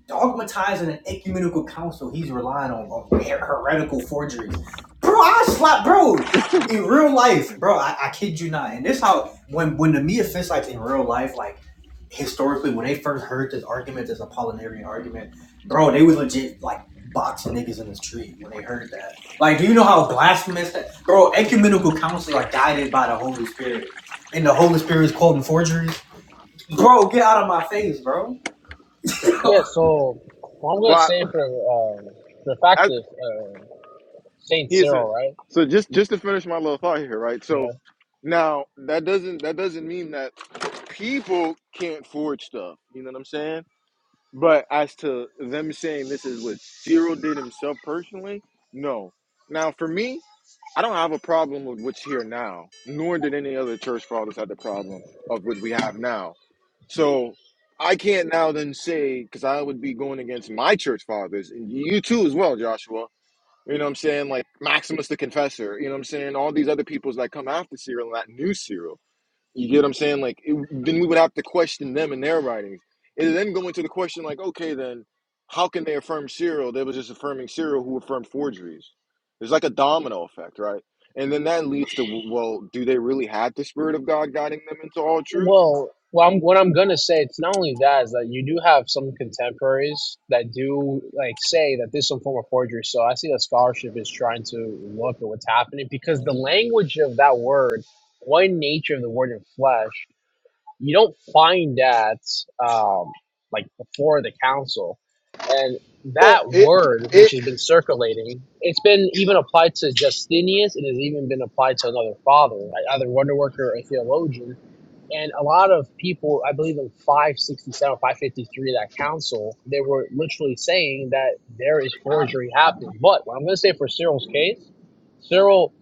B: dogmatizing an ecumenical council he's relying on, on heretical forgeries. Bro, I slap, bro. In real life, bro, I, I kid you not. And this how when when the Mia fits like in real life, like historically, when they first heard this argument, this Apollinarian argument, bro, they was legit like boxing niggas in the street when they heard that. Like, do you know how blasphemous that bro, ecumenical councils are guided by the Holy Spirit. And the Holy Spirit is quoting forgeries. Bro, get out of my face, bro.
C: yeah,
B: [laughs]
C: so what I'm going to
A: Well,
C: say for, um, for the fact
A: I, I
C: is uh, St.
A: here's a,
C: Cyril, right?
A: so just just to finish my little thought here, right?
C: You know,
A: So now that doesn't that doesn't mean that people can't forge stuff. You know what I'm saying? But as to them saying this is what Cyril did himself personally, no. Now for me. I don't have a problem with what's here now, nor did any other church fathers have the problem of what we have now. So I can't now then say, because I would be going against my church fathers, and you too as well, Joshua. You know what I'm saying? Like Maximus the Confessor, you know what I'm saying? All these other peoples that come after Cyril and that new Cyril. You get what I'm saying? Like, it, then we would have to question them and their writings. And then go into the question, like, okay, then how can they affirm Cyril? They were just affirming Cyril who affirmed forgeries. There's like a domino effect, right? And then that leads to, well, do they really have the Spirit of God guiding them into all truth?
C: Well, well, I'm, what I'm gonna say, it's not only that is that you do have some contemporaries that do like say that this is some form of forgery. So I see that scholarship is trying to look at what's happening because the language of that word, one nature of the word in flesh, you don't find that um, like before the council, and
A: Well,
C: that
A: it
C: word which
A: it
C: has been circulating, it's been even applied to Justinius. It has even been applied to another father, like either wonder worker or a theologian and a lot of people, I believe in 567, 553, that council, they were literally saying that there is forgery happening. But what I'm going to say for Cyril's case, Cyril,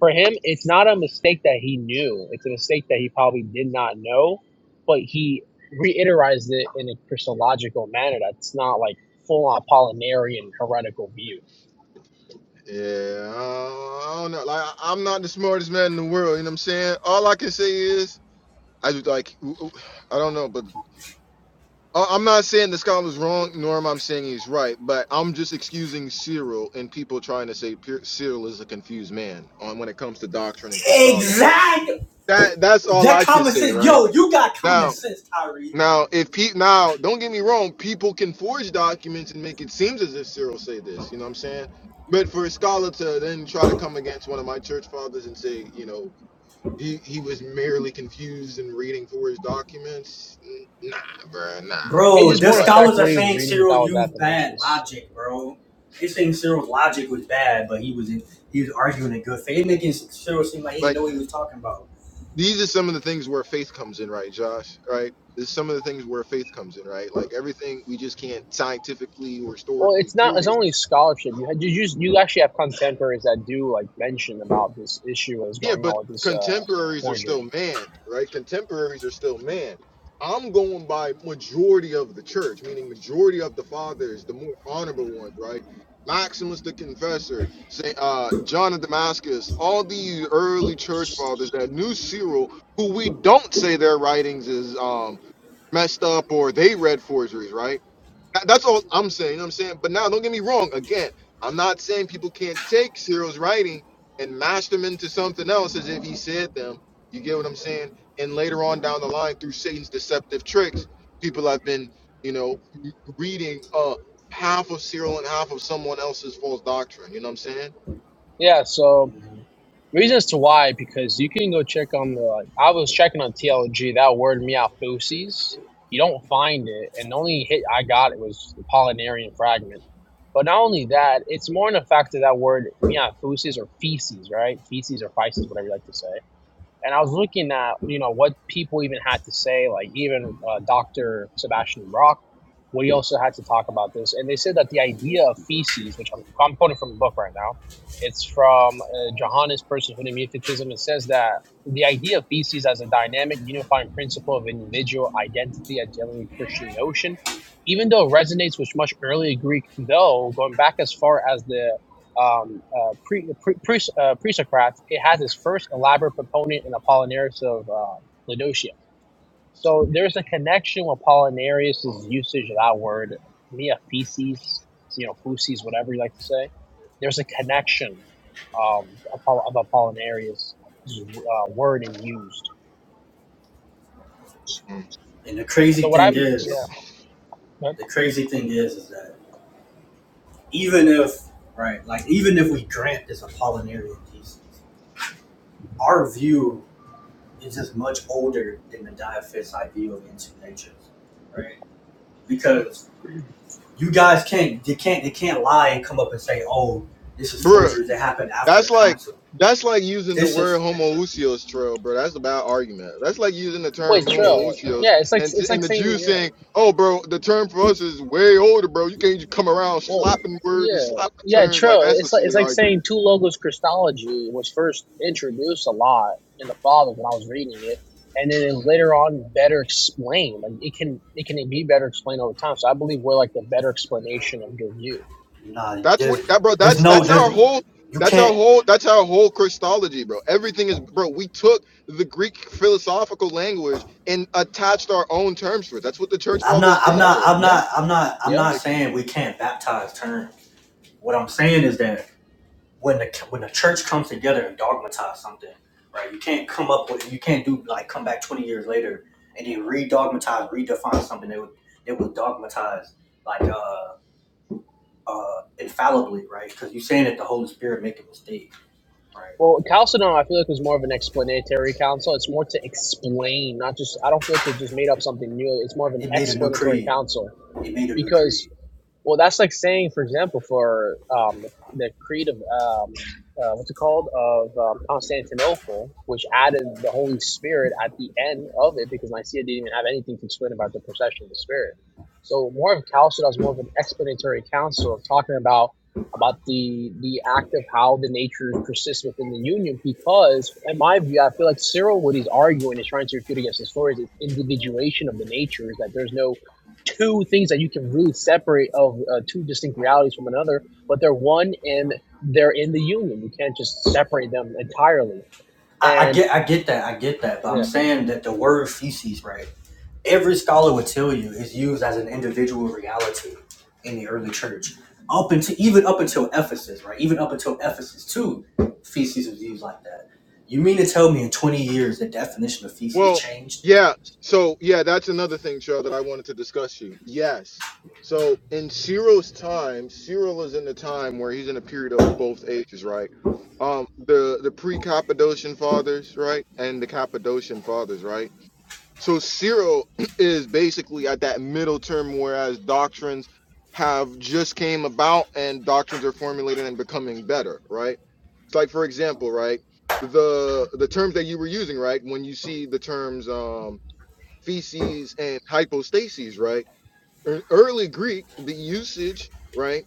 C: for him, it's not a mistake that he knew. It's a mistake that he probably did not know, but he reiterized it in a Christological manner that's not like full on Apollinarian heretical view.
A: yeah, I don't know. Like I- am not the smartest man in the world, you know what I'm saying? All I can say is I just like I don't know, but. I- I'm not saying the scholar's wrong, nor am I saying he's right, but I'm just excusing Cyril and people trying to say Pier- Cyril is a confused man on when it comes to doctrine and Christology.
B: Exactly.
A: That that's all
B: That
A: I can
B: common
A: say,
B: sense,
A: right
B: yo, you got common
A: now.
B: sense, Tyree.
A: Now, if pe- now, don't get me wrong, people can forge documents and make it seems as if Cyril say this. You know what I'm saying? But for a scholar to then try to come against one of my church fathers and say, you know, he he was merely confused in reading forged documents, n- nah, bruh, nah.
C: It
B: Bro,
C: just
B: the
C: more in
A: But
C: effect
B: scholars are
C: what he was
B: saying
C: reading. He
B: Cyril
C: thought was
B: used bad
C: Athanasius.
B: logic, bro. They saying Cyril's logic was bad, but he was in, he was arguing in good faith, They making Cyril seem like he didn't know what he was talking about.
A: these are some of the things where faith comes in, right, Josh? Right? This is some of the things where faith comes in, right? Like everything we just can't scientifically or
C: Well,
A: historically
C: it's not. It's
A: prove.
C: only scholarship. You had, you just you actually have contemporaries that do like mention about this issue that's
A: Yeah,
C: going
A: but
C: on with this uh
A: contemporaries are still
C: forgery.
A: man, right? Contemporaries are still man. I'm going by majority of the church, meaning majority of the fathers, the more honorable ones, right? Maximus the Confessor, Saint uh, John of Damascus, all these early church fathers that knew Cyril, who we don't say their writings is um messed up or they read forgeries, right? That- That's all I'm saying. You know what I'm saying? But now, don't get me wrong. Again, I'm not saying people can't take Cyril's writing and mash them into something else as if he said them. You get what I'm saying? And later on down the line, through Satan's deceptive tricks, people have been, you know, reading uh half of Cyril and half of someone else's false doctrine. You know what I'm saying?
C: Yeah. So reasons to why because you can go check on the. Like, I was checking on TLG. That word meophoses. You don't find it, and the only hit I got it was the Polynarian fragment. But not only that, it's more in the fact that that word meophoses or feces, right? Feces or feces, whatever you like to say and I was looking at you know what people even had to say, like even uh, Doctor Sebastian Brock, what he also had to talk about this, and they said that the idea of feces, which I'm, I'm quoting from the book right now, it's from uh, Johannes Personhood and Mutism. It says that the idea of feces as a dynamic, unifying principle of individual identity, a generally Christian notion. Even though it resonates with much earlier Greek, though going back as far as the um, uh, pre, pre, pre, uh, pre-Socrates, it has its first elaborate proponent in Apollinaris of uh, Laodicea. So there's a connection with Apollinaris' usage of that word, mia you know, physis, whatever you like to say. There's a connection um, of Apoll- of Apollinaris' uh, word and used.
A: Mm.
B: And the
C: So
B: crazy
C: what
B: thing
C: I'm,
A: So,
C: yeah,
B: is,
C: but-
B: the crazy thing is, is that even if right, like even if we grant this Apollinarian thesis, our view is just much older than the diaphysite view of into nature, right? Because you guys can't You can't they can't lie and come up and say, oh, this is
A: bruh.
B: forgery that happened after the
A: That's like
B: council.
A: that's like using the
B: This
A: word
B: is
A: homoousios, trail, bro. That's a bad argument. That's like using the
C: wait,
A: term
B: it,
C: true.
B: it-
A: homoousios
C: Yeah, it's like
A: and
C: it's like
A: and the
C: saying,
A: Jews
C: yeah.
A: saying, "Oh, bro, the term for us is way older, bro. You can't just come around
C: Well,
A: slapping words and
C: yeah,
A: slapping
C: yeah,
A: terms like
C: true.
A: that's a
C: It's like it's
A: silly
C: like
A: argument.
C: saying two logos Christology was first introduced a lot in the Fathers when I was reading it, and then it later on better explained. Like it can it can be better explained over time. So I believe we're like the better explanation of your view.
B: nah.
A: That's
B: There's
A: what that, bro.
B: there's
A: That's
B: no
A: that's our
B: there's
A: whole."
B: you
A: That's our
B: can't.
A: whole. That's our whole Christology, bro. Everything is, bro. We took the Greek philosophical language and attached our own terms to it. That's what the church
B: I'm not
A: fathers
B: I'm
A: did,
C: Yeah,
B: not
A: bro.
B: I'm
C: yeah,
B: not I'm not I'm
C: yeah.
B: not
A: Like,
B: saying we can't baptize terms. What I'm saying is that when the when the church comes together and dogmatize something, right? You can't come up with you can't do like come back 20 years later and then re-dogmatize, redefine something that was that was dogmatized like uh uh, infallibly, right? Because you're saying that the Holy Spirit make a mistake, right?
C: Well, Chalcedon, I feel like was more of an explanatory council. It's more to explain, not just. I don't feel like it just made up something new. It's more of an
B: It made a new
C: explanatory
B: creed.
C: council
B: It made a new
C: because
B: creed.
C: Well, that's like saying, for example, for um, the, the Creed of um, uh, what's it called of um, Constantinople, which added the Holy Spirit at the end of it because Nicaea didn't even have anything to explain about the procession of the Spirit. So more of Chalcedon is more of an explanatory council of talking about about the the act of how the natures persist within the union. Because in my view, I feel like Cyril, what he's arguing is trying to refute against the stories is individuation of the natures that there's no two things that you can really separate of uh, two distinct realities from another, but they're one and they're in the union. You can't just separate them entirely.
B: I, I
C: And
B: get, I get that, I get that. But I'm
C: yeah,
B: saying that the word feces, right? Every scholar would tell you is used as an individual reality in the early church, up until even up until Ephesus, right? Even up until Ephesus too, feces was used like that. You mean to tell me in 20 years the definition of feces
A: Well,
B: changed?
A: yeah. So, yeah, that's another thing, Cheryl, that I wanted to discuss you. Yes. So, in Cyril's time, Cyril is in the time where he's in a period of both ages, right? Um, the the pre-Cappadocian fathers, right, and the Cappadocian fathers, right. So Cyril [clears throat] is basically at that middle term, whereas doctrines have just came about and doctrines are formulated and becoming better, right? like for example, right? The the terms that you were using, right? When you see the terms um, feces and hypostases, right? In early Greek, the usage, right,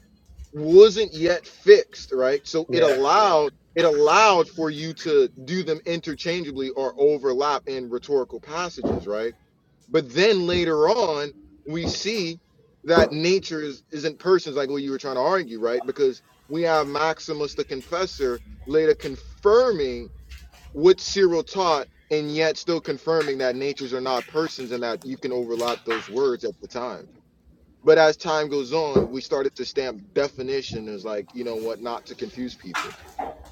A: wasn't yet fixed, right? So it Right.
C: yeah,
A: allowed it allowed for you to do them interchangeably or overlap in rhetorical passages, right? But then later on, we see that nature is, isn't persons like what you were trying to argue, right? Because we have Maximus the Confessor later confirming what Cyril taught and yet still confirming that natures are not persons and that you can overlap those words at the time. But as time goes on, we started to stamp definition as like, you know what, not to confuse people.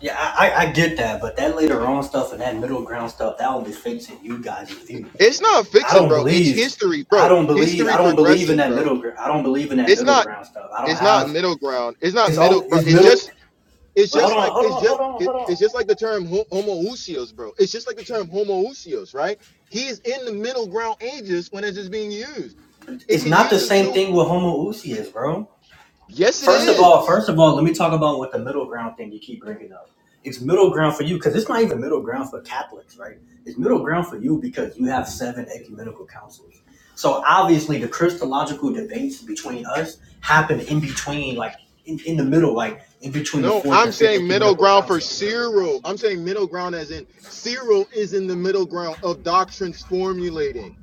B: Yeah, I, I, I get that, but that later on stuff and that middle ground stuff, that only fits in you guys' view.
A: It's not
B: I
A: fiction,
B: don't
A: bro. It's
B: believe.
A: history,
B: I
A: bro.
B: don't believe. I
A: History
B: don't believe in
A: progresses,
B: that
A: bro.
B: middle ground. I don't believe in that
A: It's
B: middle
A: not
B: ground stuff. I don't
A: it's not
B: have.
A: middle ground. It's not
B: It's
A: middle,
B: only.
A: bro.
B: It's
A: It's
B: middle.
A: just It's
B: But hold
A: just
B: on.
A: like
B: Hold
A: it's
B: on.
A: just
B: Hold on.
A: it,
B: Hold
A: it's
B: on.
A: just like the term ho- homoousios, bro. It's just like the term homoousios, right? He's in the middle ground ages when it's just being used. It
B: It's
A: could
B: not the
A: use him
B: same
A: too.
B: thing with Homo Uzi is bro.
A: Yes, it
B: First of all,
A: is.
B: first of all, let me talk about what the middle ground thing you keep bringing up. It's middle ground for you because it's not even middle ground for Catholics, right? It's middle ground for you because you have seven ecumenical councils. So obviously, the Christological debates between us happen in between, like in, in the middle, like in between the
A: No,
B: fourth
A: I'm
B: and fifth
A: saying middle
B: ecumenical
A: ground for
B: council.
A: Cyril. I'm saying middle ground as in Cyril is in the middle ground of doctrines formulating.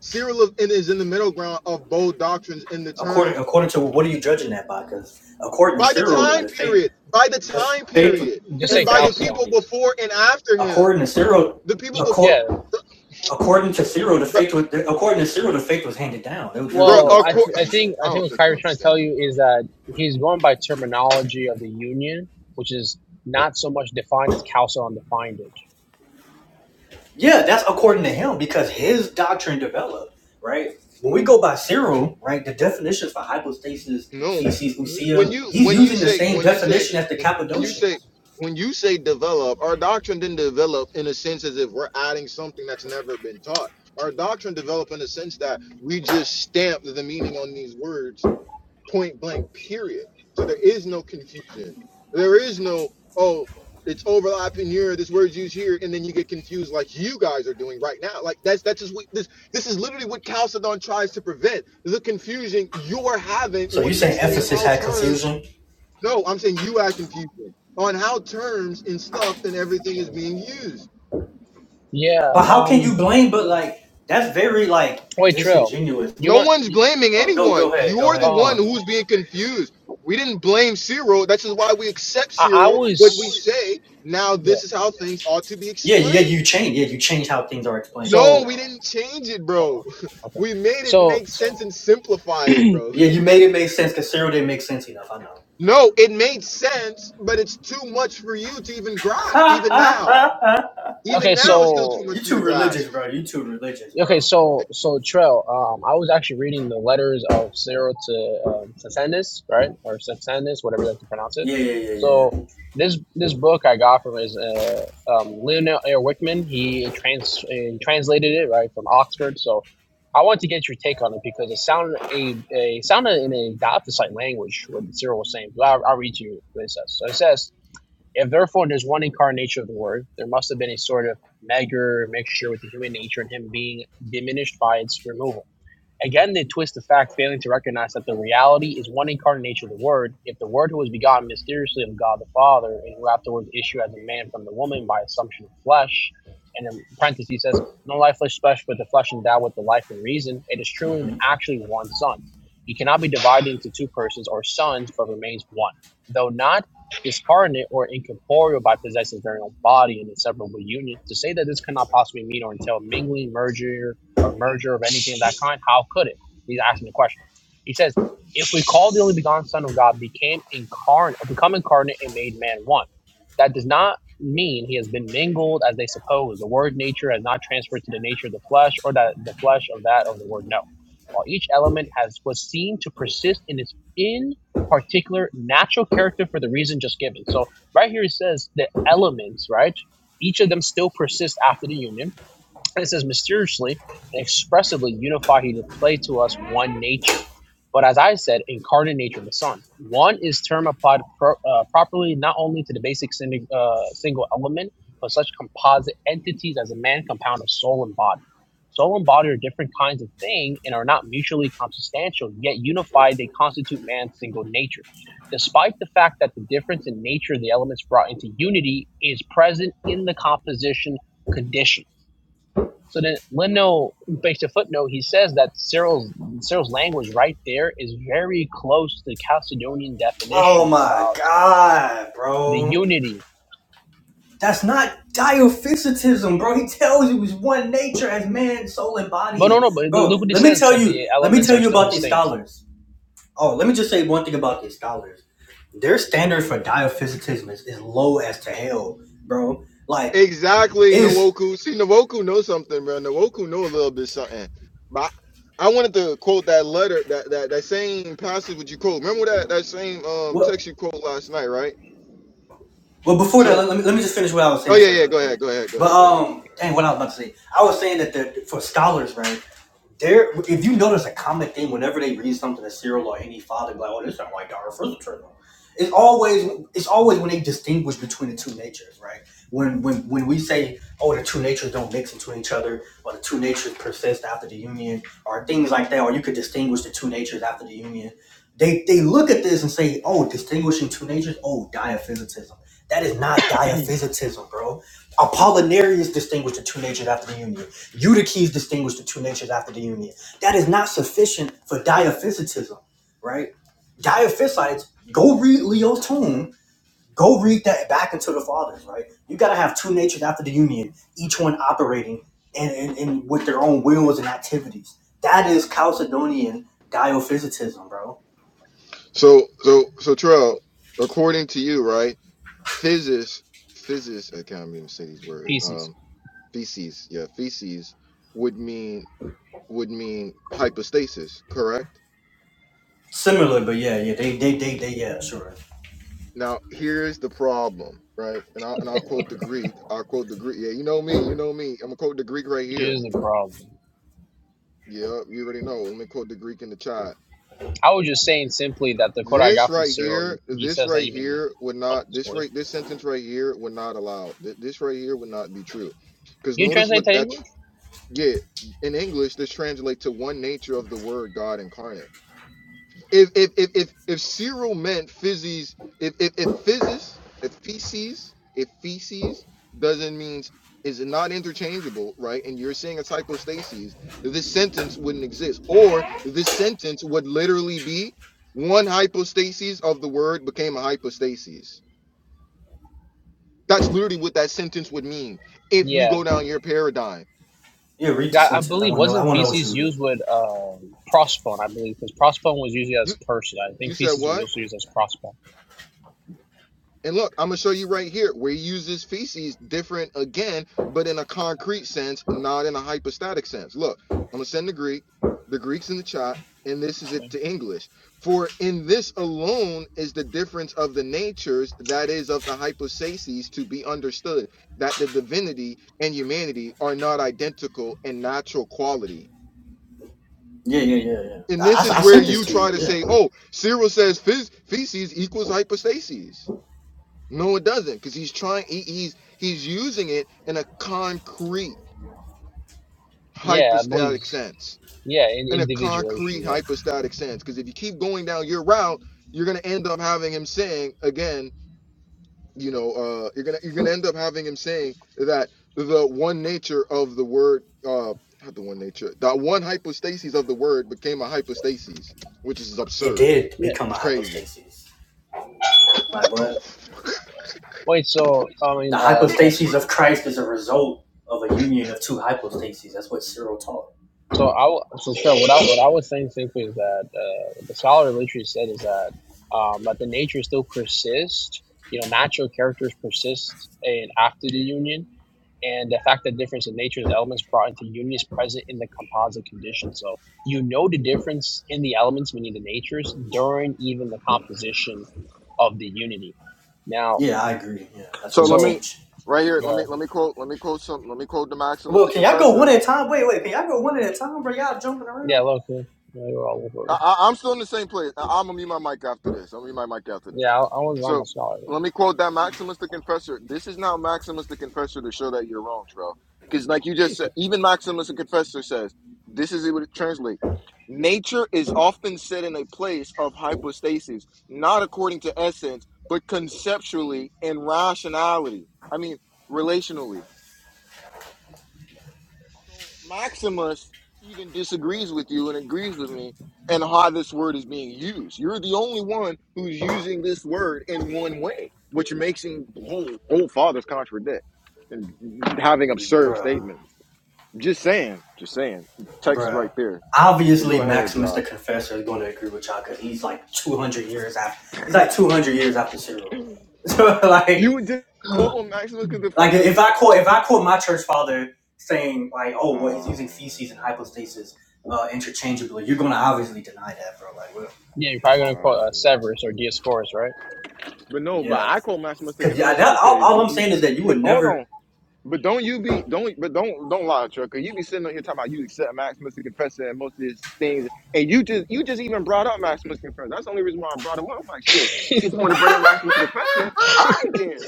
A: Cyril of- and is in the middle ground of both doctrines in the
B: According
A: term
B: according to what are you judging that by? Because according to
A: by the
B: Cyril,
C: I,
A: time
B: the faith,
A: period, by the
B: the
A: time
B: faith,
A: period,
C: just
B: the
A: and
C: say
A: by the
B: faith,
A: people
C: Chalcedon.
A: before and after him.
B: according to Cyril,
A: The people
C: Just,
A: before.
B: accord.
C: yeah.
B: According to Cyril, the
A: Bruh,
B: faith was according to Cyril, the faith was handed down. There, there
A: bruh,
B: is
C: Well,
B: no
A: of
C: I
A: course,
C: th- I
A: [sighs]
B: clarification.
C: think I
A: I
C: think
A: don't
C: what
A: think you
C: Kyrie's trying to tell
A: understand me,
C: you
A: bro.
C: is that he's going by terminology of the union, which is not so much defined as Chalcedon defined it.
B: Yeah, that's according to him because his doctrine developed right. When we go by Cyril, right, the definitions for hypostasis,
A: No,
B: feces,
A: when
B: usia,
A: you
B: he's
A: when you
B: using the
A: say
B: same
A: when you say
B: definition as the
A: when you say
B: Cappadocians.
A: when you say develop, our doctrine didn't develop in a sense as if we're adding something that's never been taught. Our doctrine developed in a sense that we just stamped the meaning on these words point blank period so there is no confusion there is no oh it's overlapping here this word's used here and then you get confused like you guys are doing right now like that's that's just what this this is literally what chalcedon tries to prevent the confusion you're having
B: So you
A: with
B: saying
A: history and
B: Ephesus
A: how
B: had
A: terms
B: confusion?
A: no i'm saying you had confusion on how terms and stuff and everything is
C: Mm.
A: being used
C: Yeah.
B: But how can you
C: Um.
B: blame? But like that's very like
C: Wait, Trail.
B: disingenuous.
C: You
A: No
C: might.
A: one's blaming
B: Oh, go
A: anyone.
B: go ahead, go
A: You're the
B: ahead, go on.
A: one
C: Um.
A: who's being confused. We didn't blame Cyril. That's just why we accept
C: I, I
A: Cyril. But we
C: was.
A: say now,
C: Yeah.
A: this is how things ought to be
B: Yeah, yeah,
A: explained.
B: you change. Yeah, you change how things are explained. Yeah, we
C: So
A: No, we
B: know.
A: didn't change it, bro. [laughs]
C: Okay.
A: We made it
C: So
A: make sense and simplify it, bro. [laughs]
B: Yeah, you made it make sense because Cyril didn't make sense enough. I know.
A: No, it made sense, but it's too much for you to even grasp. Even now,
B: [laughs]
A: even
C: okay,
A: now, it's still too
C: so
B: you
A: much for you
B: too
A: to grasp.
B: religious, bro. You too religious,
C: okay,
B: bro.
C: so so trail. um, I was actually reading the letters of Cyril to um, Saxenus, right, or Saxenus, whatever you like to pronounce it.
B: Yeah, yeah, yeah,
C: So
B: yeah.
C: this this book I got from is uh, um, Leonel Air Wickman. He trans uh, translated it right from Oxford. So I want to get your take on it because it sounded a, a sounded in a diaphysite language what Cyril was saying. But I'll, I'll read to you what it says. So it says. If therefore there's one incarnation of the Word, there must have been a sort of meager mixture with the human nature and Him being diminished by its removal. Again, they twist the fact, failing to recognize that the reality is one incarnate nature of the Word. If the Word who was begotten mysteriously of God the Father, and who afterwards issued as a man from the woman by assumption of flesh, and in parentheses he says, no life flesh flesh, but the flesh endowed with the life and reason, it is truly and actually one Son. He cannot be divided into two persons or sons, but remains one, though not discarnate or incorporeal by possessing very own body and inseparable union. To say that this cannot possibly mean or entail mingling, merger, or merger of anything of that kind? How could it? He's asking the question. He says, if we call the only begotten Son of God became incarnate or become incarnate and made man one, that does not mean he has been mingled as they suppose. The word nature has not transferred to the nature of the flesh or that the flesh of that of the word no. While each element has was seen to persist in its in particular natural character for the reason just given. So right here it says the elements, right? Each of them still persists after the union and it says, mysteriously and expressively unify he displayed to us one nature. But as I said, incarnate nature of the Son. One is term applied pro- uh, properly not only to the basic sin- uh, single element, but such composite entities as a man compound of soul and body. Soul and body are different kinds of thing and are not mutually consubstantial, yet unified they constitute man's single nature. Despite the fact that the difference in nature of the elements brought into unity is present in the composition condition so then Leno makes a footnote. He says that Cyril's Cyril's language right there is very close to the Chalcedonian
B: Oh
C: definition
B: my
C: about
B: god,
C: the
B: bro.
C: unity.
B: That's not diophysitism, bro. He tells you it's one nature as man, soul, and body
C: But no, no.
B: is.
C: But
B: Bro,
C: look what he
B: let me
C: says:
B: tell
C: that
B: you,
C: the
B: let me
C: elements
B: tell
C: are
B: you
C: still
B: about these
C: distinct
B: scholars. Oh, let me just say one thing about these scholars. Their standard for diophysitism is, is low as to hell, bro. Like,
A: Exactly,
B: is
A: Nwoku. See, Nwoku knows something, bro. Nwoku know a little bit something. But I wanted to quote that letter, that that, that same passage which you quote. Remember that that same um
B: what
A: text you quote last night, right?
B: Well, before that,
A: So,
B: let me, let me just finish what I was
A: oh
B: saying
A: yeah,
B: first,
A: yeah.
B: real
A: Go
B: quick.
A: ahead, go ahead, go
B: But
A: ahead, go ahead.
B: um, dang, what I was about to say, I was saying that the, for scholars, right? There, if you notice a common thing, whenever they read something to Cyril or any father, be like, "Oh, this sounds like Dara Frizzle Turtle." It's always, it's always when they distinguish between the two natures, right? When, when, when we say, "Oh, the two natures don't mix into each other," or "the two natures persist after the union," or things like that, or you could distinguish the two natures after the union. They, they look at this and say, "Oh, distinguishing two natures. Oh, diaphysitism. That is not diaphysitism, bro. Apollinarius distinguished the two natures after the union. Eutyches distinguished the two natures after the union. That is not sufficient for diaphysitism, right? Diaphysites, go read Leo's Tome, go read that back into the fathers, right? You gotta have two natures after the union, each one operating and, and, and with their own wills and activities. That is Chalcedonian diaphysitism, bro.
A: So, so, so, Terrell, according to you, right? Physis, physis. I can't even say these words.
C: pieces.
A: Um, feces. Yeah, feces would mean would mean hypostasis, correct?
B: Similar, but yeah, yeah, they, they, they, they, yeah, sure.
A: Now here's the problem, right? And I'll and I'll quote the Greek. I'll quote the Greek. Yeah, you know me, you know me. I'm gonna quote the Greek right here.
C: Here's the problem.
A: Yeah, you already know. Let me quote the Greek in the chat.
C: I was just saying simply that the quote I
A: This
C: got from
A: right
C: Cyril,
A: here,
C: he
A: this
C: says that
A: right
C: even.
A: here would
C: Oh,
A: not
C: it's
A: this
C: cool. Can
A: right this sentence right here would not allow. Th- This right here would not be true. Because
C: you
A: notice
C: translate
A: what
C: to English?
A: that's yeah, in English, this translates to one nature of the word God incarnate. if if if if, if Cyril meant physis, if if if physis, if feces, if feces doesn't mean is not interchangeable, right? And you're saying a hypostasis, this sentence wouldn't exist, or this sentence would literally be one hypostasis of the word became a hypostasis. That's literally what that sentence would mean if we
C: Yeah.
A: go down your paradigm.
B: Yeah, read the
C: Got- I
B: sentence. I
C: believe
B: wanna know. I
C: wasn't
B: wanna know what
C: feces
B: you read.
C: used with um prospone. I believe because prospone was usually as
A: You
C: person. I
A: you
C: think
A: said
C: feces was
A: what?
C: also used as prospone.
A: And look, I'm gonna show you right here where he uses feces different again, but in a concrete sense, not in a hypostatic sense. Look, I'm gonna send the Greek, the Greek's in the chat, and this is it to English. For in this alone is the difference of the natures, that is, of the hypostases, to be understood that the divinity and humanity are not identical in natural quality.
B: Yeah, yeah,
C: Yeah.
B: yeah, yeah.
A: And this
B: I, I,
A: is
B: I
A: where
B: sent this
A: you
B: to you.
A: try to
B: Yeah,
A: say, oh, Cyril says phys- feces equals hypostases. No, it doesn't, because he's trying. He, he's he's using it in a concrete
C: Yeah, I believe.
A: hypostatic sense,
C: Yeah, in
A: in a concrete
C: individuation. Yeah,
A: hypostatic sense. Because if you keep going down your route, you're gonna end up having him saying again, you know, uh, you're gonna you're gonna end up having him saying that the one nature of the word, uh, not the one nature, that one hypostasis of the word became a hypostasis, which is
B: it
A: absurd.
B: did
C: yeah.
B: become a
A: It's crazy.
B: hypostasis. Like what?
C: Wait, so I mean,
B: The
C: uh, trust.
B: hypostasis of Christ is a result of a union of two hypostases. That's what Cyril taught.
C: So I, w- so sure. What I what I was saying simply is that uh, what the scholar literally said is that um, that the nature still persists. You know, natural characters persist and after the union, and the fact that difference in nature's elements brought into union is present in the composite condition. So you know the difference in the elements, meaning the natures, during even the composition of the unity. Now,
B: Yeah, I agree. Yeah, that's
A: So
B: what we
A: let
C: so.
A: me
B: teach.
A: right here.
C: Go ahead.
A: Let me let me quote. Let me quote some. Let me quote the Maximus
B: Well,
A: the
B: can y'all go
A: Confessor.
B: one at a time? Wait, wait, can y'all go one at a time, bro? Y'all jumping
C: Yeah,
B: around,
C: low key. Yeah, you were all over.
A: I,
C: it.
A: I- I'm still in the same place. I, I'm gonna mute my mic after this. I'm gonna mute my mic after
C: Yeah,
A: this.
C: I, I was on the
A: So
C: scholar
A: let
C: one.
A: me quote that Maximus the Confessor. This is now Maximus the Confessor to show that you're wrong, Trell. Because like you just said, even Maximus the Confessor says this is what it translates. Nature is often said in a place of hypostasis, not according to essence, but conceptually and rationality. I mean, relationally. So Maximus even disagrees with you and agrees with me and how this word is being used. You're the only one who's using this word in one way, which makes him the whole whole fathers contradict and having absurd
B: bruh,
A: statements. Just saying, just saying. Text is right
B: bruh.
A: there. But
B: Obviously,
A: go ahead,
B: Maximus the
A: Josh.
B: Confessor is going to agree with y'all because he's like two hundred years after. He's like two hundred years
C: Okay.
B: after Cyril.
A: [clears throat]
B: [laughs] So like.
A: You would just
C: [sighs]
A: quote on Maximus because the
B: Like
A: first
B: if I quote if I quote my church father saying like, oh, well, he's
A: um,
B: using feces and hypostasis uh, interchangeably, you're gonna obviously deny that, bro. Like, well,
C: yeah, you're probably gonna quote
A: um,
C: uh, Severus or Dioscorus, right?
A: but no, but
B: yeah,
A: I quote Maximus to
B: because yeah,
A: confess it
B: that, all,
A: because
B: all
A: you,
B: I'm
A: you
B: saying is that you
A: but
B: would
A: hold on,
B: never.
A: But don't you be don't but don't don't lie, trucker. You be sitting on here talking about you accept Maximus the Confessor and most of his things, and you just you just even brought up Maximus the Confessor. That's the only reason why I brought him up. I'm like, shit. See if you want to bring up Maximus the Confessor, all right then.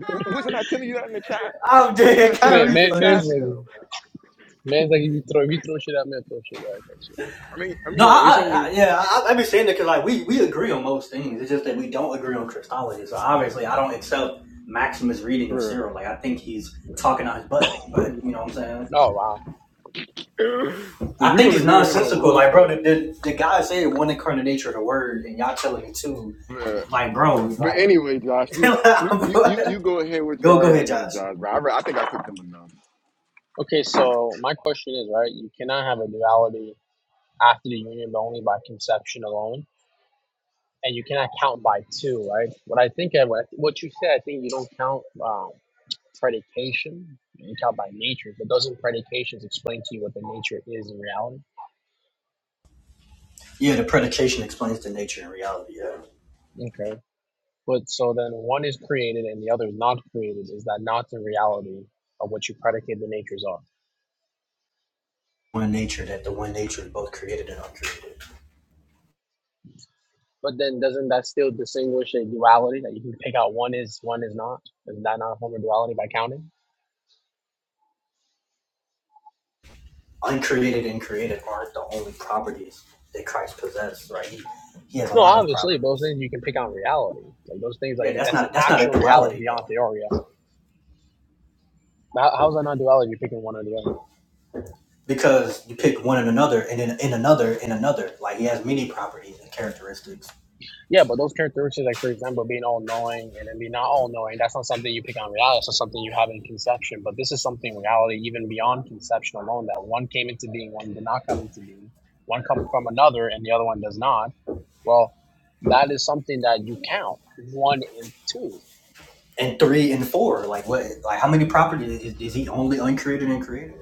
A: W- Wasn't I telling you that in the chat?
B: I'm
A: Wasn't
B: dead.
A: I
B: [laughs]
A: saying
C: Man,
B: Kyrie
A: that in
C: man,
A: the
B: funny
A: chat?
C: man's
B: as
C: like,
B: hell, bro.
C: man's like, if you throw, if you throw shit at me, I throw shit back at you.
A: I mean, I
B: No, I,
A: mean, it's only
B: I, I yeah, I, I've been saying that because like we we agree on most things. It's just that we don't agree on Christology. So obviously, I don't accept Maximus' reading of
A: bruh.
B: Cyril. Like, I think he's talking out his butt. But you know what I'm saying?
C: Oh wow.
A: [laughs] So
B: I
A: you're
B: think
A: gonna
B: it's
A: agree with him on
B: nonsensical.
A: most
B: Like, bro,
A: things,
B: the, the, the guy said one incarnate nature of the word, and y'all telling me two.
A: bruh.
B: Like, bro,
A: But
B: like,
A: anyway, Josh,
B: [laughs]
A: you you you you
B: go,
A: you go ahead with your
B: go ahead, Josh.
A: argument, Josh. Bro, I, re- I think I took them enough.
C: Okay, so my question is, right? You cannot have a duality after the union, but only by conception alone, and you cannot count by two, right? What I think of what what you said, I think you don't count um, predication. You count by nature, but doesn't predications explain to you what the nature is in reality?
B: Yeah, the predication explains the nature and reality. Yeah,
C: Okay. But so then one is created and the other is not created. Is that not the reality of what you predicate the natures are?
B: one nature that the one nature is both created and uncreated.
C: But then doesn't that still distinguish a duality that you can pick out one is, one is not? Isn't that not a form of duality by counting?
B: Uncreated and created aren't the only properties that Christ possesses. Right? He, he has a
C: No,
B: lot of
C: obviously, those
B: properties.
C: things you can pick out in reality. Like those things, like
B: Yeah, that's
C: that's an
B: not that's not a
C: actual reality
B: duality
C: beyond
B: though,
C: theory. How, how's that not duality if you're picking one or the other?
B: because you pick one and another, and then in another, and another. Like he has many properties and characteristics
C: Yeah, but those characteristics, like for example, being all knowing and then being not all knowing, that's not something you pick on reality. It's not something you have in conception. But this is something reality, even beyond conception alone, that one came into being, one did not come into being, one comes from another, and the other one does not. Well, that is something that you count one and two.
B: and three and four. Like what? Like how many properties is, is he only uncreated and created?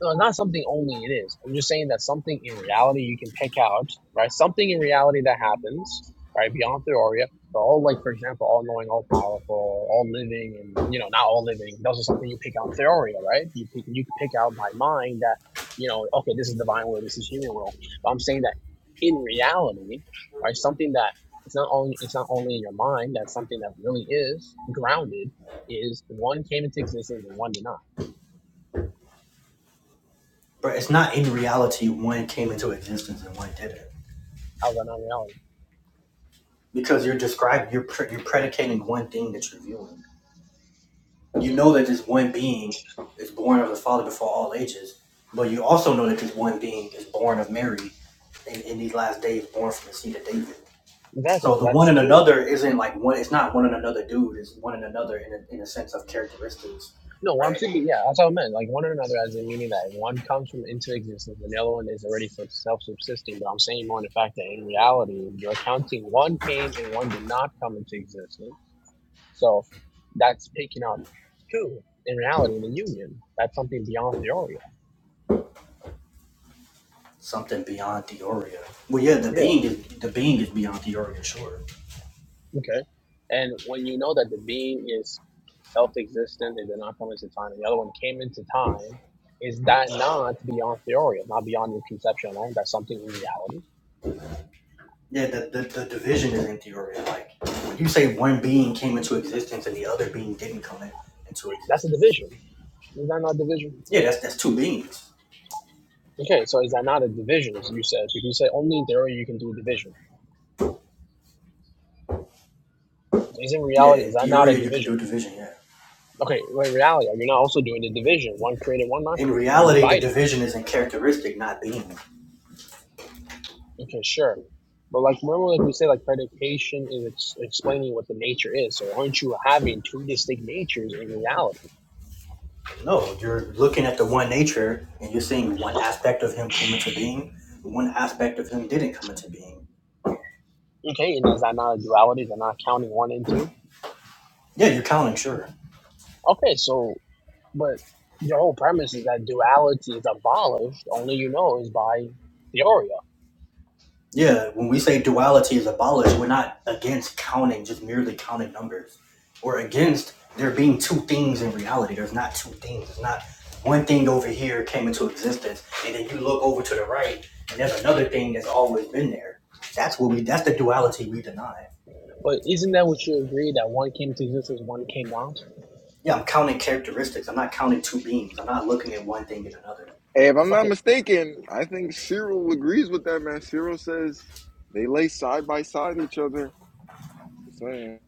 C: No, not something only it is. I'm just saying that something in reality you can pick out, right? Something in reality that happens, right? Beyond Theoria, they're all like, for example, all knowing, all powerful, all living, and you know, not all living. Those are something you pick out in Theoria, right? You pick, you can pick out by mind that, you know, okay, this is divine will, this is human will. But I'm saying that in reality, right? Something that it's not only it's not only in your mind. That's something that really is grounded. Is one came into existence and one did not.
B: But it's not in reality one came into existence and one didn't
C: How's that not reality?
B: because you're describing you're pre- you're predicating one thing that you're viewing. You know that this one being is born of the Father before all ages, but you also know that this one being is born of Mary in, in these last days, born from the seed of David.
C: Exactly.
B: So
C: So
B: the one
C: that's
B: and
C: two.
B: another isn't like one. It's not one and another, dude. It's one and another in a, in a sense of characteristics,
C: No, what I'm
B: right?
C: thinking, yeah, that's what I meant. Like one or another, as in meaning that one comes from into existence and the other one is already self subsisting. But I'm saying more in the fact that in reality, you're counting one came and one did not come into existence. So that's picking up two in reality in the union. That's something beyond theoria.
B: Something beyond Theoria. Well, yeah, the
C: Yeah.
B: being is the being is beyond Theoria, sure.
C: Okay. And when you know that the being is self-existent and did not come into time, and the other one came into time, is that not beyond theory, not beyond your conception alone? That's something in reality.
B: Yeah, the, the, the division is in Theoria. Like when you say one being came into existence and the other being didn't come in, into
C: That's a
B: existence.
C: division. Is that not division?
B: Yeah, that's that's two beings.
C: Okay, so is that not a division? As you said, if you say only in theory you can do division, is in
B: Yeah,
C: reality
B: in
C: is that not a
B: Theoria you could do
C: division?
B: division. Yeah.
C: Okay, well, in reality, you are not also doing the division? One created, one not
B: In
C: created. You're
B: reality, the
C: dividing.
B: division is in characteristic, not being.
C: Okay, sure. But like remember like we said like predication is ex- explaining what the nature is. So aren't you having two distinct natures in reality?
B: No, you're looking at the one nature and you're seeing one aspect of him came into being, one aspect of him didn't come into being.
C: Okay, and is that not a duality? Is that not counting one and two?
B: Yeah, you're counting, sure.
C: Okay, so but your whole premise is that duality is abolished, only you know is by theoria.
B: Yeah, when we say duality is abolished, we're not against counting, just merely counting numbers. or against there being two things in reality. There's not two things. It's not one thing over here came into existence, and then you look over to the right, and there's another thing that's always been there. That's what we. That's the duality we deny.
C: But isn't that what you agree that one came to existence, one came not?
B: Yeah, I'm counting characteristics. I'm not counting two beings. I'm not looking at one thing and another.
A: Hey, if I'm not
C: Okay,
A: mistaken, I think Cyril agrees with that, man. Cyril says they lay side by side each other. Just saying.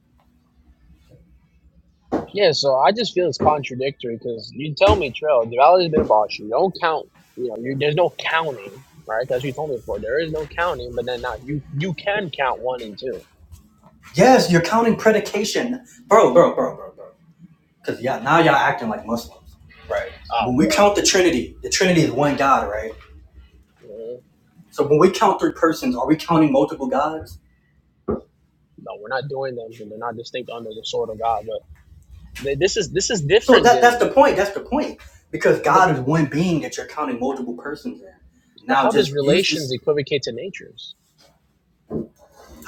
C: Yeah, so I just feel it's contradictory because you tell me, Trail, the valley's been abolished. You don't count. You know, you, there's no counting, right? That's what you told me before. There is no counting, but then now you you can count one and two.
B: Yes, you're counting predication, bro, bro, bro, bro, bro. Because y'all, now y'all acting like Muslims. Right.
C: Oh,
B: When we
C: bro,
B: count the Trinity, the Trinity is one God, right?
C: Mhm.
B: So when we count three persons, are we counting multiple gods?
C: no, we're not doing them, and they're not distinct under the sword of God. But they, this is this is
B: So
C: different
B: that that's
C: than.
B: the point. That's the point. Because
C: But
B: God is one being that you're counting multiple persons in.
C: but
B: Now
C: how does
B: just use
C: relations
B: this.
C: equivocate to natures?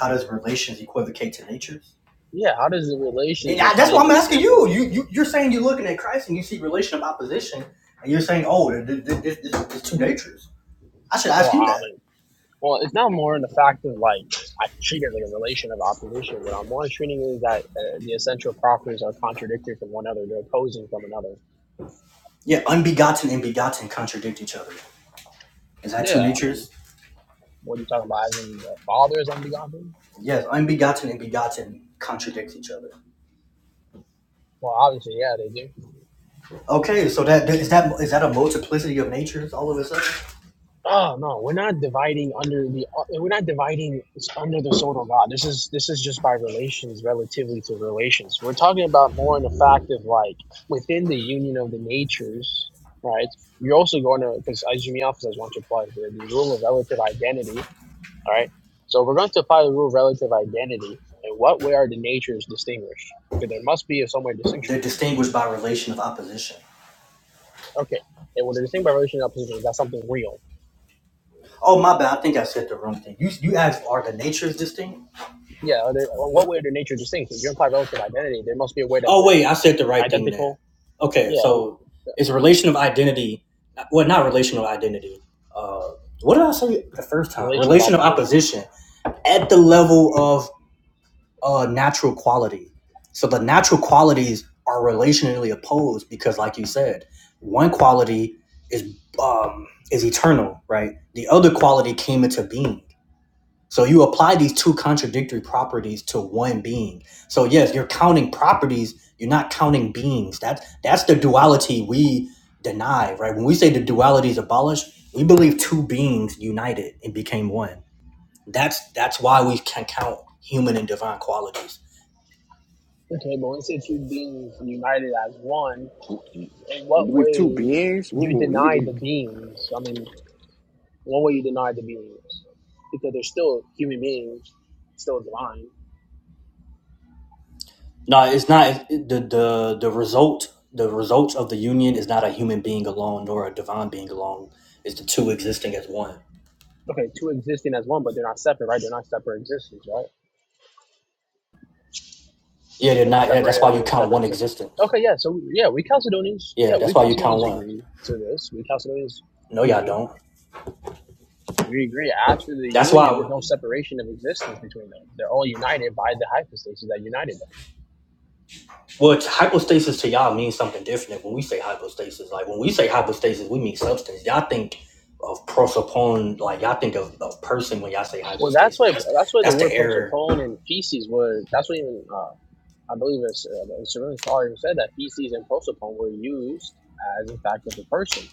B: How does relations equivocate to natures?
C: Yeah, how does the relations you're
B: Yeah,
C: trying
B: That's
C: to
B: what
C: use
B: I'm
C: an
B: asking
C: example
B: you. You,
C: equivocate?
B: you you're saying you're looking at Christ and you see relation of opposition, and you're saying, oh, there's two natures. I should ask
C: Well,
B: you
C: I mean,
B: that.
C: Well, it's now more in the fact of like I treat it like a relation of opposition. What I'm more treating is that uh, the essential properties are contradictory from one another; they're opposing from another.
B: Yeah, unbegotten and begotten contradict each other. Is that two
C: Yeah, I mean,
B: natures?
C: what are you talking about? As in the father is unbegotten?
B: Yes, unbegotten and begotten contradict each other.
C: Well, obviously, yeah, they do.
B: Okay, so that- is that is that a multiplicity of natures all of a sudden?
C: Oh no, we're not dividing under the uh, we're not dividing under the sword of God. This is this is just by relations, relatively to relations. We're talking about more in the fact of like within the union of the natures, right? You're also going to because as Jimmy Alpha says, want to apply the, the rule of relative identity. All right, so we're going to apply the rule of relative identity. In what way are the natures distinguished? Because there must be a somewhere distinction.
B: They're distinguished by relation of opposition.
C: Okay, and when they're distinguished by relation and opposition, is that something real?
B: Oh my bad, I think I said the wrong thing. You you asked are the natures distinct?
C: Yeah, are they, well, what way are their nature distinct? If you imply relative identity, there must be a way that
B: Oh
C: they're
B: wait, I said the right thing there.
C: identical.
B: Okay,
C: Yeah, the,
B: so
C: the
B: it's a relation of identity. Well, not relational identity. Uh, what did I say the first time?
C: relation of
B: Relation of
C: opposition.
B: opposition at the level of uh, natural quality. So the natural qualities are relationally opposed because, like you said, one quality is um, is eternal, right? The other quality came into being. So you apply these two contradictory properties to one being. So yes, you're counting properties. You're not counting beings. That's that's the duality we deny, right? When we say the duality is abolished, we believe two beings united and became one. That's that's why we can count human and divine qualities.
C: Okay, but when you two beings united as one, in
A: You
C: what
A: believe two
C: way
A: beings?
C: you
A: Ooh, you
C: deny the
A: believe?
C: beings? I mean, one way you deny the beings because they're still human beings, still divine.
B: No, it's not it, the the the result. The results of the union is not a human being alone, nor a divine being alone. It's the two existing as one.
C: Okay, two existing as one, but they're not separate, right? They're not separate existence, right?
B: Yeah, they're
C: They're not
B: not. Yeah, that's
C: separated as
B: why you
C: a
B: count
C: separate
B: one
C: existence.
B: existence.
C: Okay, yeah. So yeah, we Chalcedonians, yeah,
B: Yeah,
C: we
B: that's why you
C: Chalcedonians
B: count one.
C: agree to this. We Chalcedonians,
B: No,
C: we
B: y'all
C: do.
B: don't.
C: We agree. After the
B: That's
C: union, there's
B: why.
C: no separation of existence between them. They're all united by the hypostasis that united them.
B: Well, t- hypostasis to y'all means something different when we say hypostasis. Like when we say hypostasis, we mean substance. Y'all think of prosopon. Like y'all think of, of person when y'all say
C: Well, that's
B: hypostasis.
C: why
B: That's
C: that's why the
B: that's the
C: word
B: error
C: prosopone and feces were. That's what even uh, I believe it's uh, a Cyrillian scholar who said that feces and prosopone were used as in fact of a person.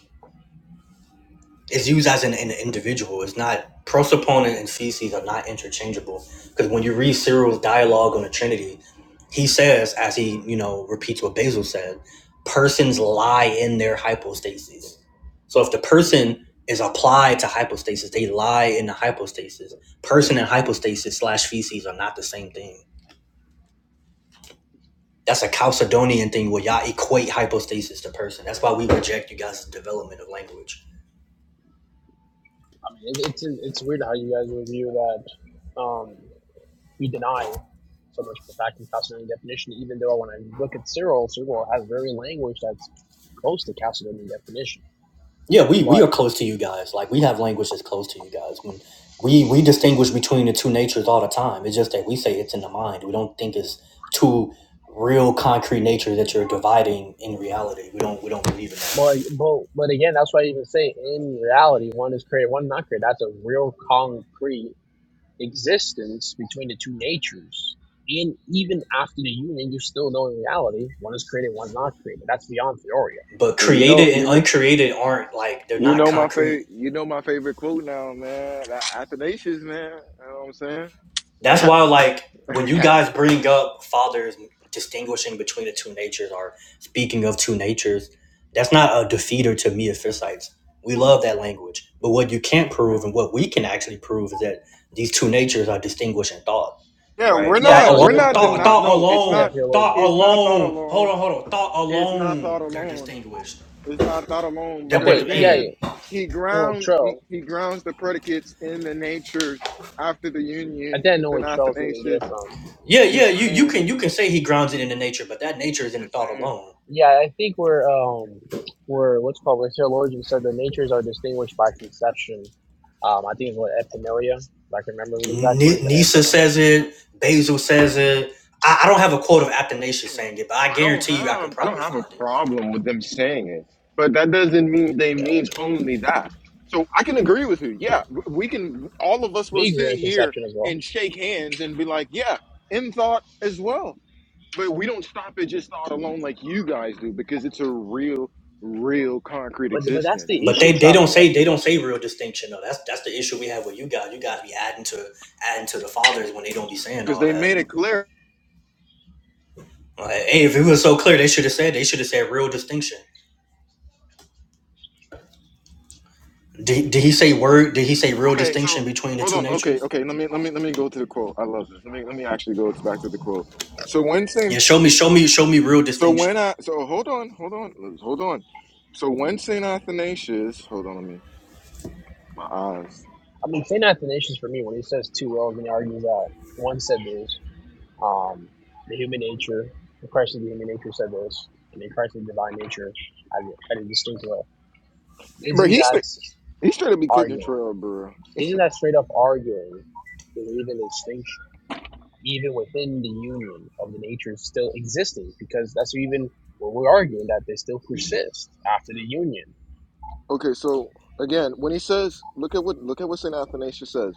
B: It's used as an, an individual. It's not prosoponent and feces are not interchangeable. Because when you read Cyril's dialogue on the Trinity, he says, as he you know repeats what Basil said, persons lie in their hypostasis. So if the person is applied to hypostasis, they lie in the hypostasis. Person and hypostasis slash feces are not the same thing. That's a Chalcedonian thing where y'all equate hypostasis to person. That's why we reject you guys' development of language
C: I mean, it, it's it's weird how you guys review that. Um, we deny so much for fact and Chalcedonian definition, even though when I look at Cyril, Cyril has very language that's close to Chalcedonian definition.
B: Yeah, we we
C: But
B: are close to you guys. Like we have language that's close to you guys. When we we distinguish between the two natures all the time. It's just that we say it's in the mind. We don't think it's two real concrete natures that you're dividing in reality. We don't we don't believe in that.
C: but but but again, that's why I even say in reality, one is created, one not created. That's a real concrete existence between the two natures. And even after the union, you still know in reality, one is created, one's not created. That's beyond Theoria.
B: But
A: Hey, you know,
B: created
A: you
B: and
A: know,
B: uncreated aren't like they're
A: you
B: not
A: know my
B: concrete.
A: favorite, you know my favorite quote now, man. A- Athanasius, man. You know what I'm
B: That's why, like,
A: saying?
B: when you guys
A: [laughs]
B: bring up fathers distinguishing between the two natures or speaking of two natures, that's not a defeater to me as Philippites. We love that language. But what you can't prove and what we can actually prove is that these two natures are distinguished in thought,
A: yeah,
B: right?
A: we're
C: Yeah, I
B: Thought
A: not,
C: know.
A: we're
C: You're
B: alone,
A: not
B: thought,
C: probably
A: denying.
B: thought
A: No, it's
C: yeah,
A: not,
B: alone, thought
C: theologian.
A: it's not thought
B: alone. Hold
A: alone.
B: on, hold on. Thought
A: It's not
B: alone,
A: thought
B: they're
A: alone.
B: distinguished.
A: It's not thought alone
B: That
A: because
C: Okay,
B: but
C: yeah, yeah.
A: again,
B: hey,
A: he
C: Well,
A: grounds he,
C: Trell.
A: he grounds the predicates in the natures after the
C: I
A: union.
C: didn't know where
A: St.
C: Trell's gonna get it
A: Athanasius,
C: from.
B: yeah, yeah,
A: just
B: you, you
A: saying,
B: can you can say he grounds it in the nature, but that nature is in the
A: just
B: thought
A: saying.
B: alone.
C: Yeah, I think we're um we're what's called we're theologians said the natures are distinguished by conception. Um, I think it's what epinoia. If I can remember the exact
B: Ni-
C: word, the
B: Nisa
C: epinoia.
B: says it. Basil says it. I, I don't have a quote of Athanasius
A: I
B: saying it, but I
A: don't
B: guarantee you, I can
A: have I don't
B: probably
A: have a
B: find it.
A: problem with them saying it, but that doesn't mean they
C: Yeah,
A: means only that. So I can agree with you. Yeah, w- we can. All of us will
C: we agree
A: sit
C: on
A: here
C: conception as well.
A: and shake hands and be like, yeah, in thought as well. but we don't stop at just not alone like you guys do because it's a real, real concrete
C: But but that's
A: existence.
C: the
B: But
C: issue.
B: they, they
C: Trop-
B: don't say they
C: I
B: don't say real distinction though. That's that's the issue we have with you guys. You guys be adding to adding to the fathers when they don't be saying
A: Because
B: all
A: they made
B: that.
A: it clear.
B: Like, hey, if it was so clear, they should have said they should have said real distinction. Did, did he say word? Did he say real
A: Okay,
B: distinction
A: so
B: between the
A: hold
B: two
A: on. Okay,
B: natures?
A: okay. Let me let me let me go to the quote. I love this. Let me let me actually go to, back to the quote. So when Saint,
B: Yeah, show me, show me, show me real
A: so when
B: distinction.
A: I, so hold on, hold on, let's- hold on. So when Saint Athanasius, hold on, let me my eyes,
C: mean, Saint Athanasius for me when he says two wills and he argues that one said this, um, the human nature, the Christ of the human nature said this, and the Christ of the divine nature had, had a distinct will.
A: bro.
C: Isn't
A: He's
C: that
A: straight- he's straight to be cooking
C: arguing?
A: trail, bro.
C: Isn't that straight up arguing there's even a distinction, even within the union of the natures still existing? Because that's even what we're arguing that they still persist after the union.
A: Okay, so again, when he says, look at what look at what Saint Athanasius says.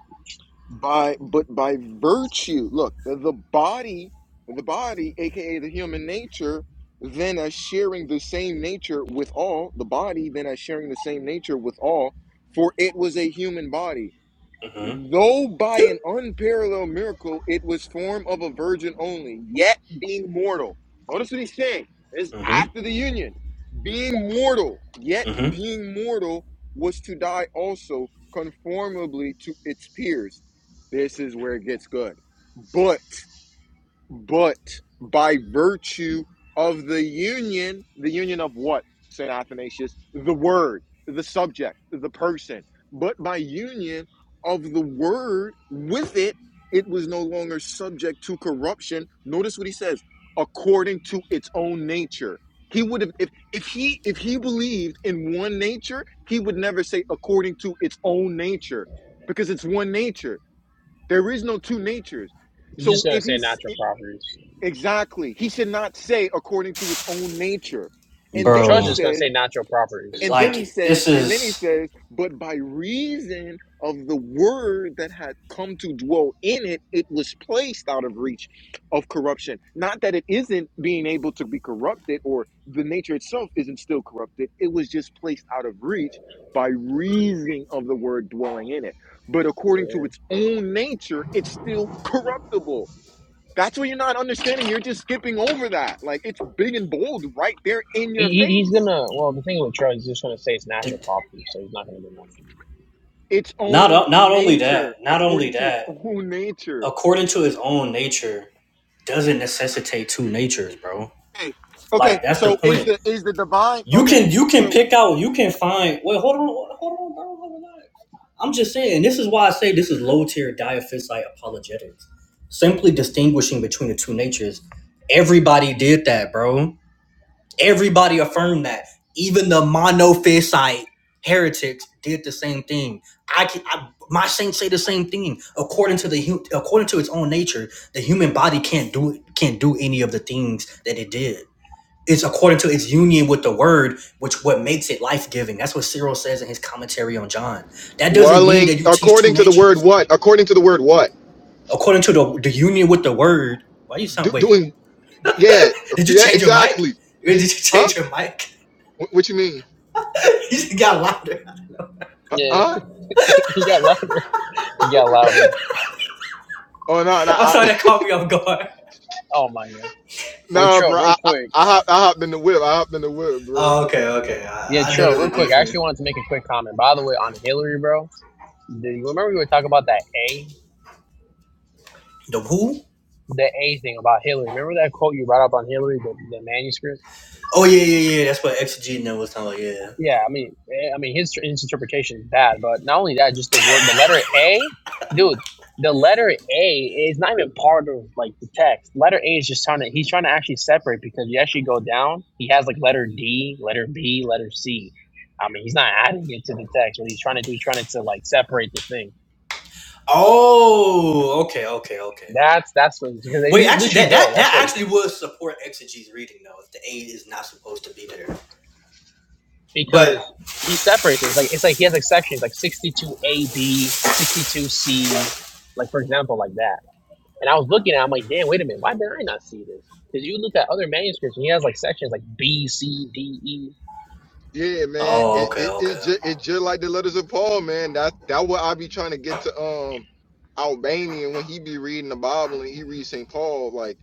A: by but by virtue look the body the body aka the human nature then as sharing the same nature with all the body then as sharing the same nature with all for it was a human body
B: hmm
A: Though by an unparalleled miracle, it was form of a virgin only, yet being mortal. Notice what he's saying. It's
B: hmm
A: after the union. Being mortal, yet
B: hmm
A: being mortal, was to die also conformably to its peers. This is where it gets good. But but by virtue of the union, the union of what, Saint Athanasius? The word, the subject, the person. But by union of the word with it, it was no longer subject to corruption. Notice what he says, according to its own nature. He would have if, if he if he believed in one nature, he would never say according to its own nature, because it's one nature. There is no two natures.
C: He's just
A: So
C: gonna
A: if
C: say
A: he
C: natural properties,
A: Exactly. He should not say according to its own nature. And
C: but
A: then
C: Trudge
A: he
C: is
B: Bro,
C: gonna
A: says,
C: say natural properties.
A: and then he
B: like this
A: says, and then he
B: is.
A: says, but by reason of the word that had come to dwell in it, it was placed out of reach of corruption. Not that it isn't being able to be corrupted or the nature itself isn't still corrupted, it was just placed out of reach by reason of the word dwelling in it. But according to
C: Yeah,
A: its own nature, it's still corruptible that's what you're not understanding. You're just skipping over that. Like it's big and bold right there in
C: he,
A: your
C: he, he's
A: face.
C: gonna. Well, the thing with Trudge, he's just gonna say it's natural properties, so he's not gonna do nothing.
A: Its
B: Not
A: own
B: not only
A: nature,
B: that, not only
A: according to its
B: that,
A: own nature.
B: according to his own nature, doesn't necessitate two natures, bro.
A: Okay. Okay.
B: Like that's the
A: So is
B: point.
A: the is the divine?
B: You
A: Okay.
B: can you can
A: So
B: pick out, you can find. Wait, hold on, hold on, bro, hold on. I'm just saying. This is why I say this is low tier diaphysite apologetics. Simply distinguishing between the two natures. Everybody did that, bro. Everybody affirmed that. Even the monophysite heretics did the same thing. I, can, I my saints say the same thing. According to the according to its own nature, the human body can't do it, can't do any of the things that it did. It's according to its union with the word, which what makes it life giving. That's what Cyril says in his commentary on John. That doesn't mean that
A: Dwelling
B: you teach two
A: according to the word
B: natures.
A: what? According to the word what?
B: According to the the union with the word, why you sound
A: Do,
B: wait?
A: doing, yeah,
B: Did you
A: yeah,
B: change your mic?
A: exactly.
B: Did you
A: Huh?
B: change your mic?
A: What, what you mean?
B: [laughs] you got louder.
A: Uh,
C: Yeah,
A: huh?
C: [laughs] he got louder. He got louder.
A: Oh no, no,
B: I'm sorry
A: I,
B: that caught me off guard.
C: Oh my god.
A: [laughs]
C: Wait,
A: no,
C: Tro,
A: bro.
C: real
A: I, I,
C: quick.
A: I, hopped, I hopped in the whip. I hopped in the whip, bro.
B: Oh, okay, okay.
C: Yeah,
B: I, I
C: Tro,
B: noticed
C: real
B: it
C: quick. I
B: different.
C: actually wanted to make a quick comment. By the way, on Hillary, bro. Do you remember we were talking about that A,
B: The who?
C: the A thing about Hillary? Remember that quote you brought up on Hillary, the, the manuscript?
B: Oh, yeah, yeah, yeah. That's what Exogene was talking about. Yeah.
C: Yeah, I mean, eh, I mean, his, his interpretation is bad, but not only that, just the word, the letter A, dude. The letter A is not even part of like the text. Letter A is just trying to he's trying to actually separate because you actually go down, he has like letter D, letter B, letter C. I mean, he's not adding it to the text. What he's trying to do, he's trying to like separate the thing.
B: Oh, okay, okay, okay.
C: That's that's what because
B: Wait,
C: they
B: actually,
C: literally
B: that
C: go.
B: that
C: That's
B: that
C: what.
B: actually would support Exege's reading though, if the aid is not supposed to be there.
C: because
B: But
C: he separates it. It's like it's like he has like sections like 62AB, 62C, like for example, like that. And I was looking at it, I'm like, damn, wait a minute, why did I not see this? Because you look at other manuscripts and he has like sections like B, C, D, E.
A: Yeah, man.
B: oh,
A: It
B: okay,
A: it
B: okay.
A: it's just it's just like the letters of Paul, man. That that what I be trying to get to um Albanian when he be reading the Bible and he reads St. Paul. Like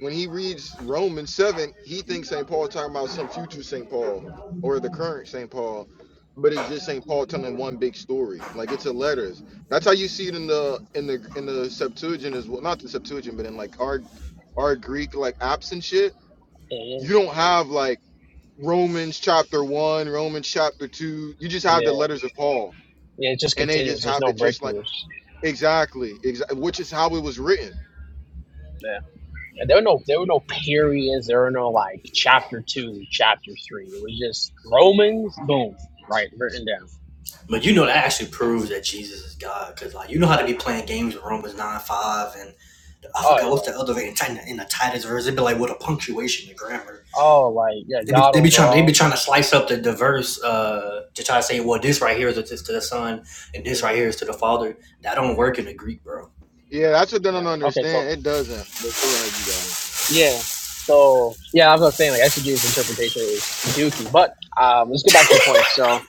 A: when he reads Romans seven, he thinks St. Paul talking about some future St. Paul or the current St. Paul. But it's just St. Paul telling one big story. Like it's a letters. That's how you see it in the in the in the Septuagint as well. Not the Septuagint, but in like our our Greek like apps and shit.
C: Yeah.
A: You don't have like Romans chapter one, Romans chapter two. You just have the
C: Yeah.
A: letters of Paul,
C: Yeah, it's just
A: and they just
C: continuous. There's
A: have
C: no
A: it just like
C: breakthroughs.
A: exactly, exactly, which is how it was written.
C: Yeah. And there were no there were no periods. There were no like chapter two, chapter three. It was just Romans, boom, right, written down.
B: But you know that actually proves that Jesus is God, because like you know how to be playing games with Romans nine five and I
C: Oh
B: forgot what's
C: yeah.
B: the other thing in Titan in the Titus verse. It'd be like with a punctuation, the grammar.
C: Oh like yeah,
B: They be,
C: God
B: they be trying they be
C: overall.
B: trying to slice up the diverse uh, to try to say well this right here is to the son and this right
C: Yeah.
B: here is to the father that
C: Yeah.
B: don't work in the Greek bro
A: You
C: No, Never. Okay, so
A: understand? It doesn't. Go ahead, you guys.
C: yeah, so yeah, I was saying like SJ's interpretation is dookie, but um, let's get back to the point. So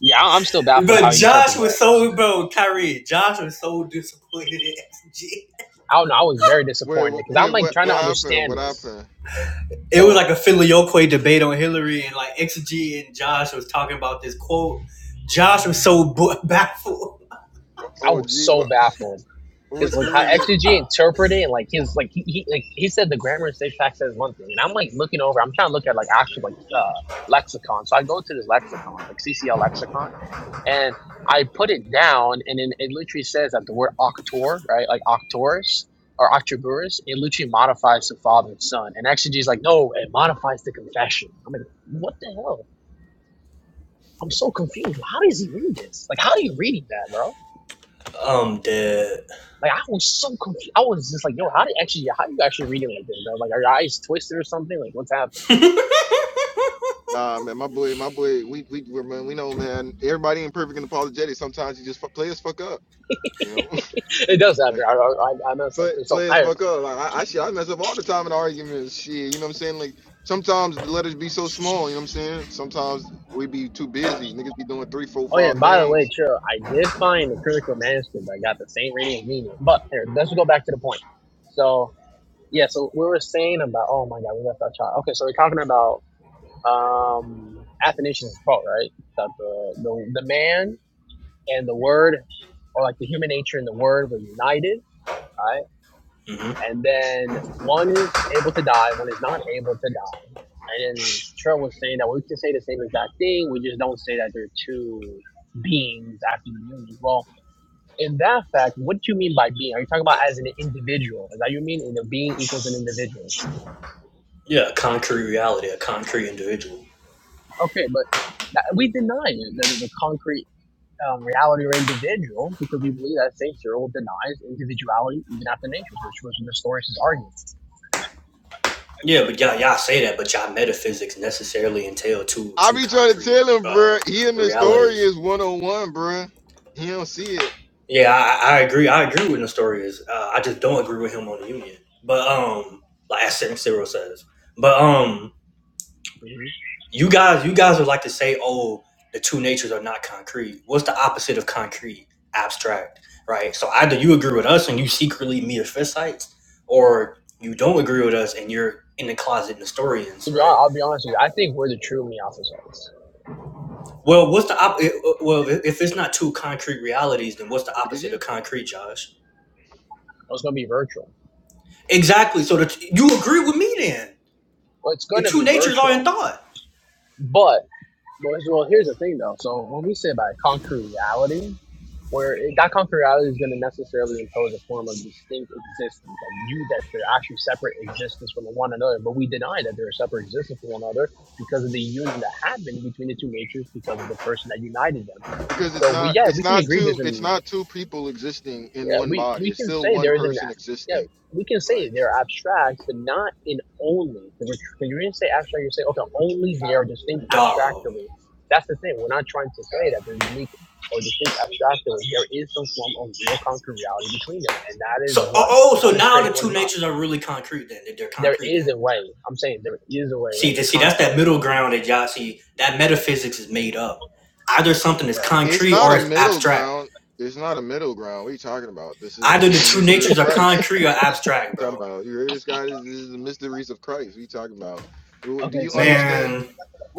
C: yeah, I- I'm still baffled
B: but
C: how he
B: Josh
C: interprets
B: was
C: that.
B: so bro Kyrie Josh was so disappointed in XG
C: I don't know. I was very
A: Wait,
C: disappointed
A: wh-
C: because I'm
A: wait,
C: like
A: what,
C: trying
A: what
C: to
A: happened?
C: understand
A: What
C: him.
A: happened?
B: it was
C: So
B: like a filioque debate on Hillary and like XG and Josh was talking about this quote Josh was so [laughs] baffled
C: I
A: Oh,
C: was
A: gee,
C: so
A: what,
C: baffled.
A: what,
C: Because like
A: what
C: how
A: was it?
C: XG interpreted and like his like he, he like he said the grammar and syntax fact says one thing, and I'm like looking over. I'm trying to look at like actual like uh lexicon. So I go to this lexicon, like CCL lexicon, and I put it down, and then it literally says that the word octor, right, like octors or octoburus, it literally modifies the father and son. And XG is like, no, it modifies the confession. I'm like, what the hell? I'm so confused. How does he read this? Like, how are you reading that, bro?
B: I'm dead
C: Like I was so confused. I was just like, yo, how do you actually how do you actually read it like this, bro? Like are your eyes twisted or something? Like what's happening?
B: [laughs] hmm
A: Nah, man, my boy, my boy, we, we, we're, man, we know, man. Everybody ain't perfect and apologetic. Sometimes you just fuck, play us fuck up, you know.
C: [laughs] it does
A: [laughs]
C: happen. I, I, I messed up
A: play,
C: too. So
A: play as
C: I
A: fuck up. Like I, I shit, I mess up all the time in arguments. Shit, you know what I'm saying? Like sometimes the letters be so small. You know what I'm saying? Sometimes we be too busy. Niggas be doing three, four,
C: oh yeah,
A: five
C: and by the way,
A: things.
C: Trill, I did find the critical manuscript that got the same rating as me. But here, let's go back to the point. So yeah, so we were saying about oh my god, we left our child. Okay, so we're talking about um Athanasius' quote, right? That the, the the man and the word or like the human nature and the word were united, right? and then one is able to die, one is not able to die. And then Trell was saying that we can say the same exact thing, we just don't say that they're two beings after the union. Well, in that fact, what do you mean by being? Are you talking about as an individual? Is that you mean in a being equals an individual?
B: yeah a concrete reality a concrete individual
C: Okay, but that, we deny it, that there's a concrete um, reality or individual because we believe that Saint Cyril denies individuality even after nature, which was Nestorius' argument.
B: Yeah, but y'all y'all say that, but y'all metaphysics necessarily entail two
A: I
B: two
A: be trying to
B: concrete
A: tell him,
B: uh
A: bruh, He and the story
B: realities.
A: is one on one, bruh. He don't see it.
B: Yeah, I, I agree. I agree with Nestorius. Uh, I just don't agree with him on the union. But um, like as Cyril says, but um,
C: Mhm.
B: you guys you guys would like to say, oh, the two natures are not concrete. What's the opposite of concrete? Abstract, right? So either you agree with us and you secretly meet a fistfights, or you don't agree with us and you're in the closet
C: To
B: Nestorians,
C: be
B: right?
C: honest, I'll be honest with you, I think we're the true Miaphysites.
B: Well, what's the op- it- uh, well? If it's not two concrete realities, then what's the
A: Did
B: opposite of
A: you?
B: concrete, Josh?
C: Oh, It's gonna be virtual.
B: Exactly. So the t- you agree with me then?
C: Well, it's
B: The
C: gonna
B: two
C: be
B: natures are in
C: virtual,
B: thought,
C: but well, well, here's the thing though. So when we say about concrete reality, where it, that concrete reality is gonna necessarily impose a form of distinct existence, like you that they're actually separate existence from one another. But we deny that they're a separate existence from one another because of the union that happened between the two natures because of the person that united them.
A: Because it's
C: So we
A: not,
C: yeah we
A: it's
C: can
A: not
C: agree there's
A: two, it's
C: an
A: not two people existing in
C: Yeah,
A: one
C: we,
A: body.
C: we
A: It's
C: can
A: still
C: say
A: one
C: there is an
A: person
C: yeah
A: existing.
C: we can say
A: Like
C: they're abstract, but not in only. Because you're going to say abstract, you say okay, only they are distinct
B: dog.
C: abstractly. That's the thing. We're not trying to say that they're unique or distinct abstractly. There is some form of real concrete reality between them, and that is
B: So
C: what
B: oh, oh, so
C: one is
B: now
C: created,
B: the
C: one
B: two
C: is not.
B: natures are really concrete then? They're
C: There
B: concrete
C: is
B: then.
C: a way. I'm saying there is a way that
B: See, to
C: they're
B: see that's
C: concrete.
B: that middle ground that y'all see. That metaphysics is made up. Either something is
C: bruh.
A: it's
B: concrete
A: not
B: or
A: a
B: it's
A: middle
B: abstract.
A: ground. It's not a middle ground. What are you talking about? This is
B: Either
A: this is
B: the
A: the
B: two
A: mystery of
B: natures are
A: Christ.
B: concrete or abstract,
A: talking
B: bro.
A: about? You hear this guy? This, this is the mysteries of Christ. What are you talking about? Do
C: Okay,
A: you
C: so
A: understand?
B: Man,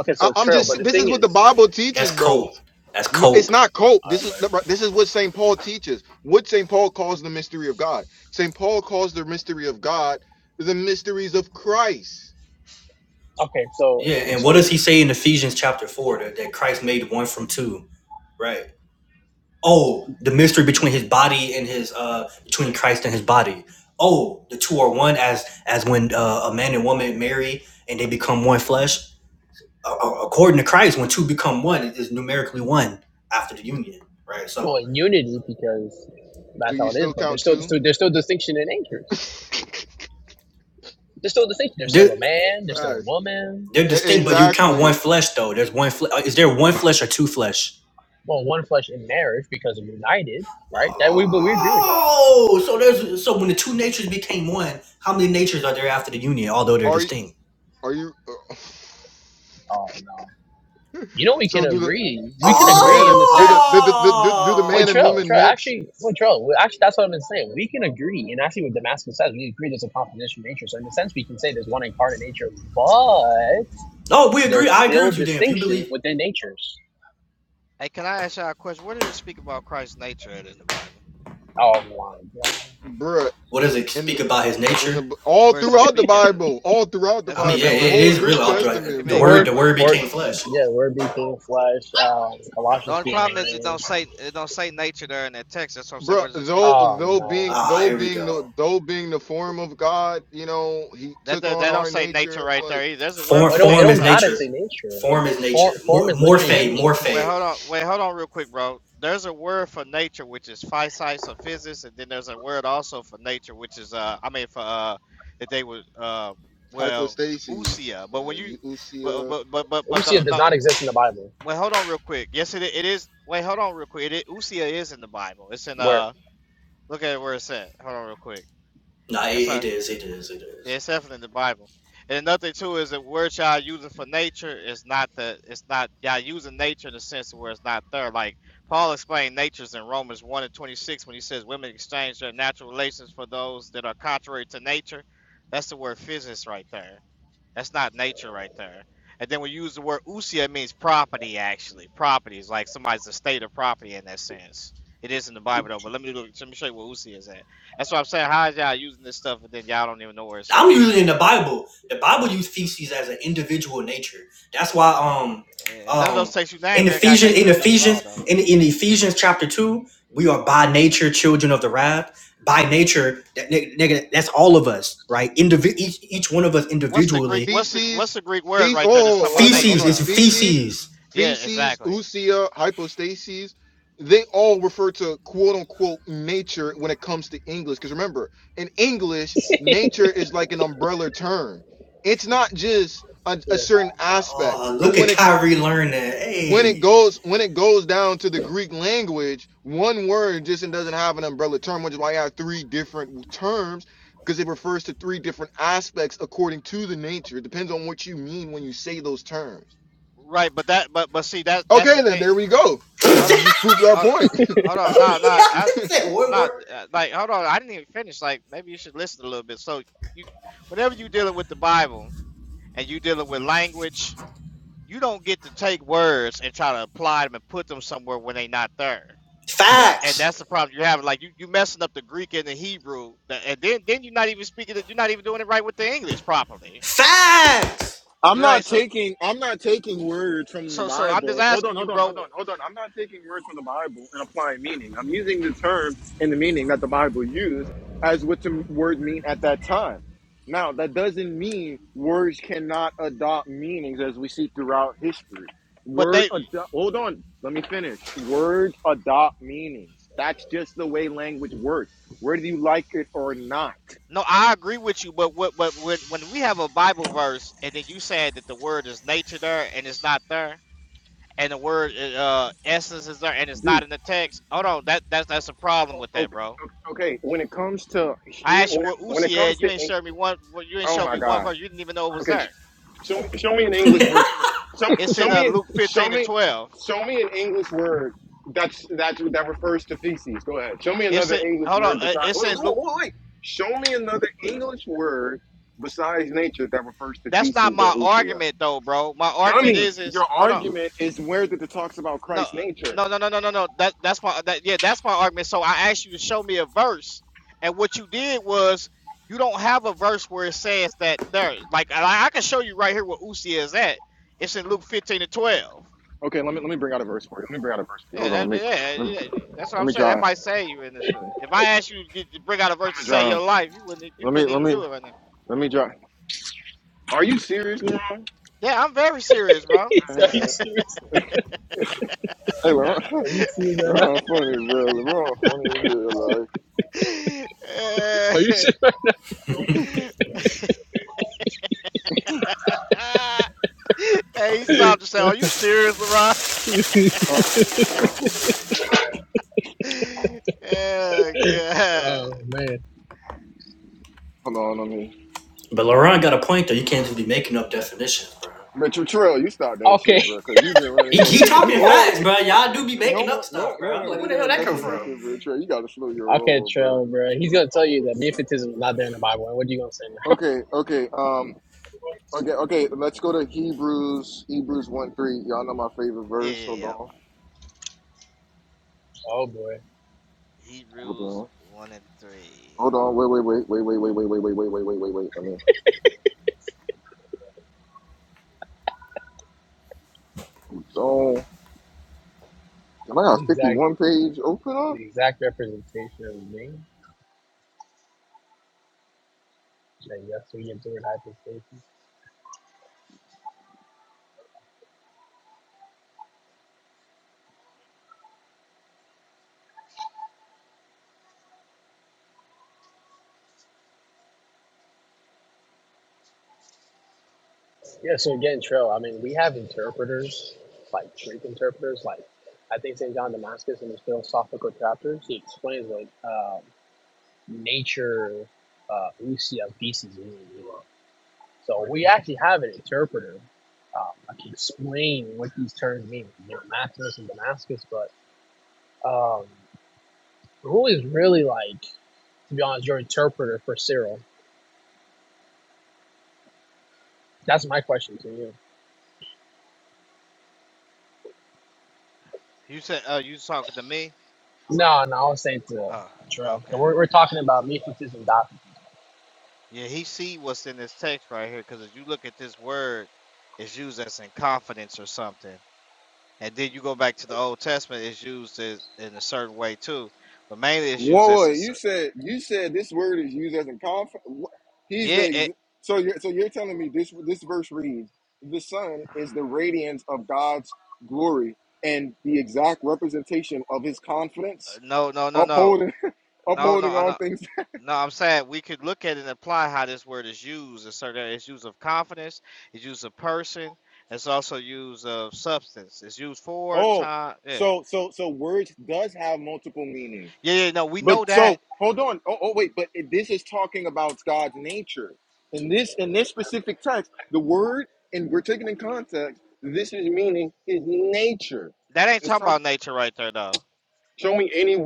C: okay,
A: I,
C: so
A: I'm
C: trail. But
A: just.
C: the
A: This
C: thing
A: is what
C: is,
A: the Bible teaches,
B: that's
A: bro.
B: cope. That's
A: No, it's
B: cope.
A: not cope. This is
C: armor.
A: this is what Saint Paul teaches. What Saint Paul calls the mystery of God. Saint Paul calls the mystery of God the mysteries of Christ.
C: Okay, so
B: Yeah, and what
C: so
B: does he say in Ephesians chapter four that, that Christ made one from two, right? Oh, the mystery between his body and his uh between Christ and his body. Oh, the two are one as as when uh, a man and woman marry and they become one flesh. Uh, according to Christ, when two become one, it is numerically one after the union, right?
C: well
B: So
C: in unity because
A: Do
C: that's how
A: you
C: it is.
A: still
C: But there's
A: count
C: still, there's
A: two?
C: still there's still distinction in natures.
A: [laughs] Facts.
C: There's still distinction. There's still
B: they're
C: a man. There's still a woman.
B: they're
A: E-
B: distinct, but you count one
A: Exactly.
B: flesh though. There's one flesh. Is there one flesh or two flesh?
C: Well, one flesh in marriage because we're united, right? That we but we agree with that.
B: Oh, so there's so when the two natures became one, how many natures are there after the union, although they're
A: Are you?
B: distinct?
A: Are you? [laughs]
C: Oh no, you know we can
A: so do the.
C: agree. We
A: So
C: can
A: do the
C: agree
A: man
C: in
A: and
C: the
A: do the
C: sense.
A: do the, do, do do the
C: Wait,
A: man
B: Oh,
A: and
C: Trell,
A: woman
C: Trell,
A: mix,
C: actually, wait, Trell, well, actually, that's what I've been saying. We can agree, and actually, what Damascus says, we agree there's a composition of nature. So, in the sense, we can say there's one incarnate nature, but
B: no, we agree.
C: there's
B: I agree
C: still
B: with you, Dan. If you
C: distinction
B: believe,
C: within natures.
D: Hey, can I ask y'all a question? Where does it speak about Christ's nature at in the Bible?
C: Oh my
A: bruh?
B: what does it speak about his
A: in
B: nature?
A: the all
D: Where does it
A: throughout the
D: speak at? it?
A: Bible, all throughout the
D: That's
B: I
D: what I'm
B: mean, yeah,
D: saying.
A: Bible, the
D: Where,
B: it it
A: whole
B: is
D: where,
A: New
B: real.
D: where
B: I'll throw
D: give
B: it-
A: Testament,
D: me
B: The
C: The
D: an
A: bruh.
B: word,
C: word,
D: example.
B: the
D: Where
B: word
D: is it at?
C: word,
B: became flesh.
C: yeah, word became flesh. Um,
D: The
C: Colossians
D: only
C: two
D: problem is it
C: nine.
D: don't say it don't say nature there in that text. That's what I'm saying.
A: Bruh,
D: Where does it speak
A: though
D: about
C: Oh
D: there?
A: though being
C: no,
B: Ah,
A: though
B: here we
A: being the
B: go.
A: though being the form of God, you know, he
D: That
A: took
D: do-
A: on
D: that don't
A: our
D: say nature
A: nature,
D: right
A: like
D: there either. There's a word
B: Form,
C: well, it
D: for
C: don't it
B: form
D: nature
B: is
C: don't
D: called
C: gotta say
D: phys.
B: nature.
C: nature.
B: Form is
A: bruh,
C: Form
B: nature.
C: form
B: Mor-
C: is
A: [laughs]
C: literally
A: him,
B: Morphe,
C: being.
D: Wait,
B: morphe.
D: hold on. Wait, hold on, real quick, bro. There's a word for nature which is physis or physis, and then there's a word also for nature which is uh, I mean for uh, that they would uh, well
A: hypostases,
D: usia. But when you but
A: uh,
D: but but but but the
C: Usia does
D: no
C: not exist in the Bible.
D: Wait, hold on real quick. Yes, it it is. Wait, hold on real quick. It, i- Usia is in the Bible. It's in
C: Where?
D: uh. Look at where it's at. Hold on real quick.
B: Nah,
D: That's
B: it, it
D: a.
B: is, it is, it is.
D: Yeah, it's definitely in the Bible. And another thing too is the word y'all using for nature is not the. It's not y'all using nature in the sense where it's not there. Like Paul explained natures in Romans one and twenty six when he says women exchange their natural relations for those that are contrary to nature. That's the word physis right there. That's not nature right there. And then we use the word usia, it means property, actually. Property is like somebody's estate of property in that sense. It is in the Bible, though, but let me look, let me show you where usia is at. That's what I'm saying. How is y'all using this stuff, and then y'all don't even know where it's
B: I'm
D: at?
B: usually in the Bible. The Bible uses feces as an individual nature. That's why um
D: Eh, None of those
B: um
D: texts you
B: in
D: named ain't got
B: Ephesians
D: nature
B: in
D: in it at all,
B: Ephesians
D: though.
B: in, in Ephesians chapter two, we are by nature children of the wrath. By nature, that nigga, nigga that's all of us, right? Indivi- each each one of us
D: What's the Greek?
B: individually.
D: What's the what's
A: feces,
D: the Greek word
A: feces.
D: right there that's talking
A: Oh,
D: about
A: hold on, hold
D: nature,
B: Feces
A: on.
B: is
D: though?
A: Feces,
B: feces.
D: Yeah,
A: feces,
D: exactly.
A: usia, hypostases. They all refer to quote unquote nature when it comes to English. Because remember, in English,
C: Yeah,
A: nature is like an umbrella term. It's not just a, a certain aspect,
B: Oh,
A: but
B: look
A: when
B: at
A: it
B: Kyrie learning.
A: when it
B: Hey.
A: goes when it goes down to the Greek language, one word just doesn't have an umbrella term, which is why I have three different terms because it refers to three different aspects according to the nature. It depends on what you mean when you say those terms.
D: Right, but that but but see that that's the
A: Okay, then
D: thing.
A: there we go.
B: [laughs] yeah,
A: So you
D: Hold on,
A: just proved our
D: hold
A: point.
D: Hold on,
A: [laughs]
D: no, no,
B: I
D: I,
B: said one
D: no,
B: word.
D: uh, like, hold on, I didn't even finish. Like, maybe you should listen a little bit. So, you, whenever you dealing with the Bible and you dealing with language, you don't get to take words and try to apply them and put them somewhere when they not there.
C: where?
D: And that's
B: Facts.
D: the problem you're having. Like, you you messing up the Greek and the Hebrew, the- and then then you're not even speaking. it- You're not even doing it right with the English properly.
B: Facts.
A: I'm
D: Right.
A: not
D: So,
A: taking I'm not taking words from the
D: so, so I'm just
A: Bible. Hold on,
D: asking you,
A: hold on, hold
D: bro.
A: on, hold on. I'm not taking words from the Bible and applying meaning. I'm using the term and the meaning that the Bible used as what the word mean at that time. Now that doesn't mean words cannot adopt meanings as we see throughout history.
D: But
A: Word
D: they
A: adopt, hold on, let me finish. Words adopt meanings. That's just the way language works. Whether you like it or not.
D: No, I agree with you, but what but when when we have a Bible verse and then you saying that the word is nature there and it's not there, and the word uh uh, essence is there and it's
A: dude.
D: not in the text, hold on, that that's that's a problem with that,
A: Okay,
D: bro.
A: okay, when it comes to
D: I
A: hu
D: asked you
A: when,
D: where
A: when it
D: Usi
A: comes
D: at, you
A: to
D: ain't
A: Eng-
D: showed me one well, you ain't
A: oh
D: showed
A: my
D: me one
A: god.
D: verse, you didn't even know it was
A: Okay, sh-
D: there.
A: show me show me an English word. Show
D: It's
A: show
D: in uh,
A: me
D: Luke
A: show
D: fifteen and
A: me
D: twelve.
A: show me an English word that's that's that refers to feces. Go ahead. Show me
D: It's in
A: another English
D: hold on,
A: word
D: uh,
A: besides.
D: it's
A: Wait,
D: in
A: wait,
D: Luke
A: wait, wait. Show me another English word besides nature that refers to
D: that's not
A: feces or
D: my
A: usia.
D: argument though, bro. My argument
A: Dummy,
D: is
A: your
D: is hold on,
A: argument is where that it talks about
D: no, uh,
A: Christ's nature.
D: no, no, no, no, no, no. That that's my that yeah, that's my argument. So I asked you to show me a verse, and what you did was you don't have a verse where it says that there. Like I, I can show you right here where Usi is at. It's in Luke fifteen and twelve.
A: Okay, let me let me bring out a verse for you. Let me bring out a verse for you.
D: Yeah,
A: Hold on, let
D: that,
A: me
D: yeah,
A: let me,
D: yeah, yeah, that's what
A: let
D: I'm
A: me
D: saying.
A: draw.
D: That
A: I'm
D: might save you in this. uh, If I asked you to get- to bring out a verse to
A: gonna
D: save
A: draw.
D: your life, you wouldn't. You
A: Let me
D: couldn't
A: let
D: even
A: me
D: do it right now.
A: let me drop. Are you serious, LeBron?
D: Yeah, I'm very serious,
C: [laughs]
D: bro.
C: Are
A: Uh,
C: you serious?
A: Hey, LeBron,
C: Are you serious
A: [laughs]
C: right now?
A: LeBron funny, bro. LeBron funny as hell. Like,
D: [laughs]
C: Are you serious right now?
D: Uh, [laughs] hey, he stopped and said, "Are you serious, LeRon?"
A: uh,
D: [laughs] Oh God.
C: Oh man.
A: hold on, let me.
B: But Laurent got a point though. You can't just be making up definitions, bro.
A: But Trail, you stop that
C: Okay,
A: shit, bro. Cause you been running
B: He,
D: [laughs]
B: he
A: in. You you
B: talking facts,
A: always
B: bro. Y'all do be
A: no
B: making up
A: one no
B: stuff, bro.
A: no
B: I'm
A: one
B: like, where the
A: making
B: hell
A: no
B: that come
A: difference in this
B: from?
A: shit, bro. Trail, you gotta slow your
C: [laughs] okay,
A: roll, bro.
C: Trail, bro. He's gonna tell you that mythicism is not there in the Bible. And what are you gonna say now? [laughs]
A: Okay, okay, um, okay, okay. Let's go to Hebrews, Hebrews one three. Y'all know my favorite
D: Yeah,
A: verse.
D: yeah,
A: Hold
D: yeah.
A: on,
C: Oh boy,
D: Heat
A: hold
D: rules
A: on,
D: one and three.
A: hold on. Wait, wait, wait, wait, wait, wait, wait, wait, wait, wait, wait, wait, wait. wait. I mean, oh, am I got
C: the
A: a fifty
C: exact
A: one page open
C: the exact representation of being. That yes, we endured hypostasis. Yeah, so again, Trill, I mean, we have interpreters, like Greek interpreters. Like, I think St. John Damascus in his philosophical chapters, he explains what um, nature, uh, usia, feces, mean. So we actually have an interpreter um, that can explain what these terms mean, you know, Maximus and Damascus, but um, who is really, like, to be honest, your interpreter for Cyril? That's my question to you.
D: You said, oh, you was talking to me?
C: No, no, I was saying to
D: Oh,
C: Trill.
D: okay.
C: We're, we're
D: Here.
C: talking about Mephitism.com
D: Yeah, he see what's in this text right here, because as you look at this word, it's used as in confidence or something. And then you go back to the Old Testament, it's used as in a certain way too. But mainly it's used
A: Whoa, whoa!
D: as a, s-
A: You said you said this word is used as a conf. wh- He's the
D: yeah,
A: ex-
D: it,
A: so you're so you're telling me this this verse reads the Son is the radiance of God's glory and the exact representation of His confidence,
D: no, no, no, no.
A: upholding [laughs]
D: No,
A: upholding
D: no,
A: all
D: no.
A: things.
D: No, I'm saying we could look at it and apply how this word is used. It's certain it's used of confidence, it's used of person, it's also used of substance. It's used for time. Yeah. Yeah, yeah, no, we know that. That ain't talking about nature right there though.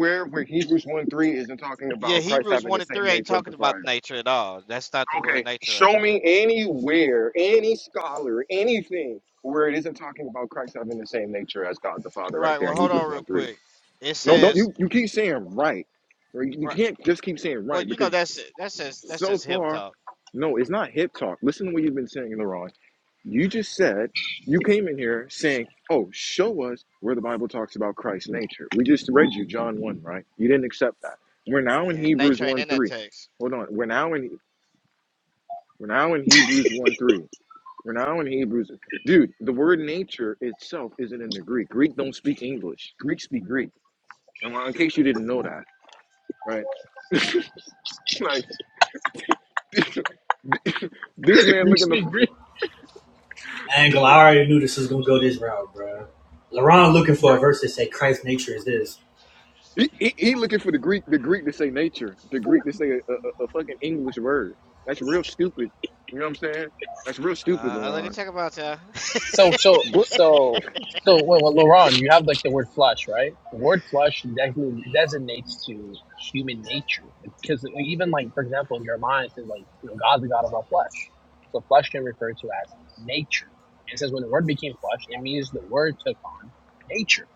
A: There, where Hebrews one three isn't talking
D: Yeah,
A: about Christ
D: Hebrews
A: having the
D: one and
A: same
D: three ain't
A: nature of the
D: talking about
A: fire.
D: nature at all. That's not the word
A: Okay,
D: nature right
A: show
D: there.
A: me anywhere, any scholar, anything where it isn't talking about Christ having the same nature as God the Father, right
D: Right,
A: there
D: well
A: in
D: hold on
A: Hebrews
D: real
A: one three.
D: quick. It
A: No, don't
D: says
A: you, you keep saying right. Or You you
D: right
A: can't just keep saying
D: well,
A: right
D: you know
A: because
D: that's that says that
A: so
D: says hip
A: far,
D: talk.
A: no, it's not hip talk. Listen to what you've been saying, Laron. You just said you came in here saying, Oh, show us where the Bible talks about Christ's nature. We just read you John 1, right? You didn't accept that. We're now in
D: Eh,
A: Hebrews
D: Nature ain't
A: 1
D: in that
A: 3.
D: text.
A: Hold on. We're now in we're now in Hebrews 1 3. We're now in Hebrews. Dude, the word nature itself isn't in the Greek. Greek don't speak English. Greek speak Greek. And in case you didn't know that, right? [laughs] [coughs] [laughs] This man
C: You
A: looking the
C: speak Greek.
B: Angle, I already knew this was gonna go this route, bro. Laurent looking for a verse that say Christ's nature is this.
A: he, he, he looking for the Greek the Greek to say nature the Greek to say a, a, a fucking English word. That's real stupid. You know what I'm saying? That's real stupid,
D: Uh let me
A: Laron.
D: check about y'all. [laughs]
C: So, so,
A: But
C: so, so. Well, well, Laurent, you have like the word flesh, right? The word flesh definitely designates to human nature, because like, even like for example in Jeremiah it says like you know God's the God of our flesh, so flesh can refer to as nature. It says when the word became flesh, it means the word took on nature.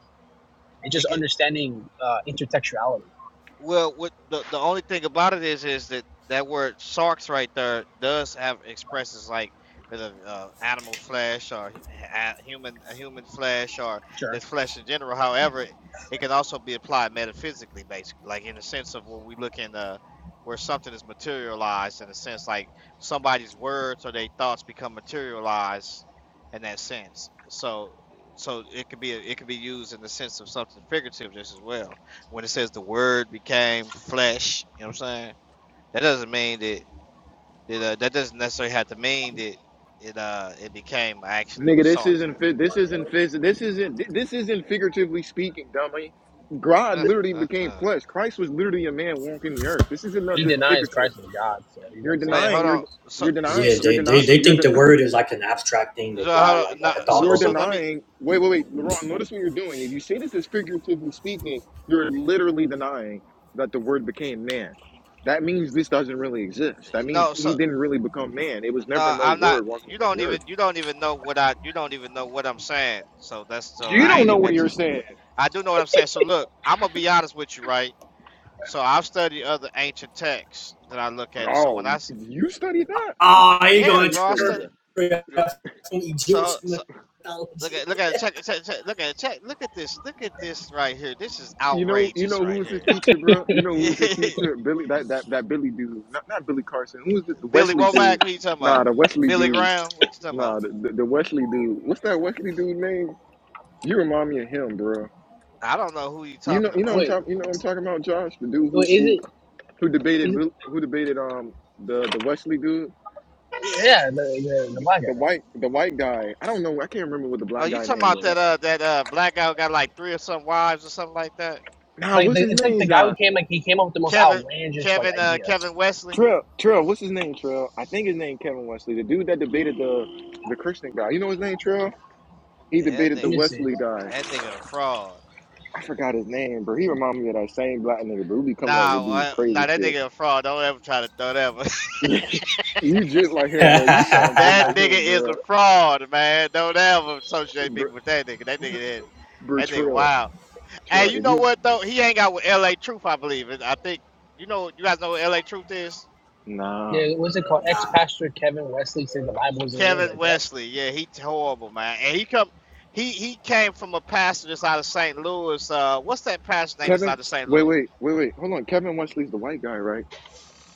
C: And just
D: It,
C: understanding uh, intertextuality.
D: Well, what the the only thing about it is is that that word sarks right there does have expresses like the uh, animal flesh or h- a, human human flesh or
C: Sure,
D: this flesh in general. However, it, it can also be applied metaphysically, basically, like in the sense of where we look in the where something is materialized in a sense, like somebody's words or their thoughts become materialized in that sense. So, so it could be it could be used in the sense of something figurative just as well when it says the word became flesh, you know what I'm saying? That doesn't mean that that, uh, that doesn't necessarily have to mean that it uh it became actually
A: nigga,
D: what
A: this
D: Sark
A: isn't
D: says.
A: fi- this isn't phys- this isn't thi- this isn't figuratively speaking, dummy. God
D: Uh,
A: literally
D: uh,
A: became
D: uh.
A: flesh. Christ was literally a man walking the earth. This isn't
C: he
A: nothing
C: denies
A: figurative.
C: Christ is God, so he's gonna
A: You're
C: say
D: Wait,
C: something
A: denying.
D: hold
A: You're
D: on.
C: else.
D: So
A: you're
D: so
A: denying.
B: Yeah,
D: so
A: You're
B: they,
A: denying.
B: they
D: so,
B: they
A: You're
B: think the
A: denying.
B: word is like an abstract thing
D: so
B: that God
D: hold
B: like
D: on. No,
B: like a thought
D: so
A: you're
D: so
B: bubble.
D: let me.
A: denying. Wait, wait, wait, Laurent. Notice what you're doing. If you say this is figuratively speaking, you're literally denying that the Word became man. That means this doesn't really exist. That means
D: No, so
A: he didn't really become man. It was never
D: no,
A: no
D: I'm not.
A: Word walking
D: You
A: upon
D: don't
A: the
D: even
A: earth.
D: you don't even know what I you don't even know what I'm saying. So that's so
A: You
D: I
A: don't
D: ain't
A: know
D: even
A: what
D: got
A: you're
D: to.
A: saying.
D: I do know what I'm saying. So look, I'm gonna be honest with you, right? So I've studied other ancient texts that I look at, and so when
A: Oh,
D: I s-
A: you studied that?
B: Ah, he
A: How
B: gonna
D: Yeah,
A: you
D: bro. I
A: studied
D: studied.
B: interpret
A: that? You know,
B: from
D: So,
B: Egyptian
D: so look
B: mythology.
D: at look at check it, check it, check it, look at it, check look at this look at this right here. This is
A: you know, you
D: outrageous
A: know who
D: right
A: was his
D: here.
A: teacher, bro? You know who was
D: [laughs]
A: his teacher? Billy, that that that Billy dude, not not Billy Carson. Who was it? The
D: Billy
A: Wesley
D: Womack,
A: dude?
D: who you talking
A: Nah,
D: about?
A: the Wesley
D: Billy
A: dude.
D: Graham, what you talking
A: Nah,
D: about?
A: the, the, the Wesley dude. What's that Wesley dude name? You remind me of him, bro.
D: I don't know who you
A: You know,
D: talking
A: you know, I'm
D: about.
C: Wait,
A: talking. You know, I'm talking about Josh, the dude who
C: wait, is
A: who
C: it?
A: who
C: Is
A: debated
C: it
A: who debated um the the Wesley dude,
C: yeah, the, the, the black guy,
A: the
C: right?
A: white the white guy. I don't know. I can't remember what the
D: Oh,
A: black
D: you
A: guy
D: talking
A: name
D: about that
A: was.
D: uh that uh black guy who got like three or some wives or something like that?
A: Nah,
C: Like
A: what's
C: the,
A: his
C: it's like
A: name,
C: the guy who
A: Josh?
C: came like he came up with the most
D: Kevin
C: outlandish like
D: Kevin uh
C: ideas.
D: Kevin Wesley.
A: Trail, Trail. What's his name, Trail? I think his name Kevin Wesley, the dude that debated the the Christian guy. You know his name, Trail? He
D: Yeah, that
A: debated
C: Let
A: the
D: nigga
C: me see.
A: Wesley guy.
D: that nigga a fraud.
A: I forgot his name, bro. He remind me of that same black nigga, but who be coming up
D: Nah,
A: with these
D: uh,
A: crazy
D: nah, that
A: shit.
D: nigga a fraud. Don't ever try to don't ever.
A: [laughs] you just like
B: [laughs]
A: him, bro. You
D: [laughs]
A: sound just
D: That
A: like
B: nah.
D: nigga
A: him,
D: is
A: bro.
D: a fraud, man. Don't ever associate people
A: Br-
D: with that nigga. That nigga did. That nigga
A: Bertrell.
D: wild.
A: Trill,
D: Hey, you
A: if
D: know
A: you
D: what
A: if
D: though? He hang out with LA Truth, I believe. And I think you know you guys know what LA Truth is?
A: Nah.
C: Yeah, what's it called? Ex pastor Kevin Wesley said the Bible isn't real
D: Kevin
C: like that.
D: Wesley. Yeah, he horrible, man. And he come he he came from a pastor that's out of St. Louis. Uh what's that pastor name that's
A: Kevin,
D: out of St.
A: wait,
D: Louis?
A: wait, wait, wait, hold on. Kevin Wesley's the white guy, right?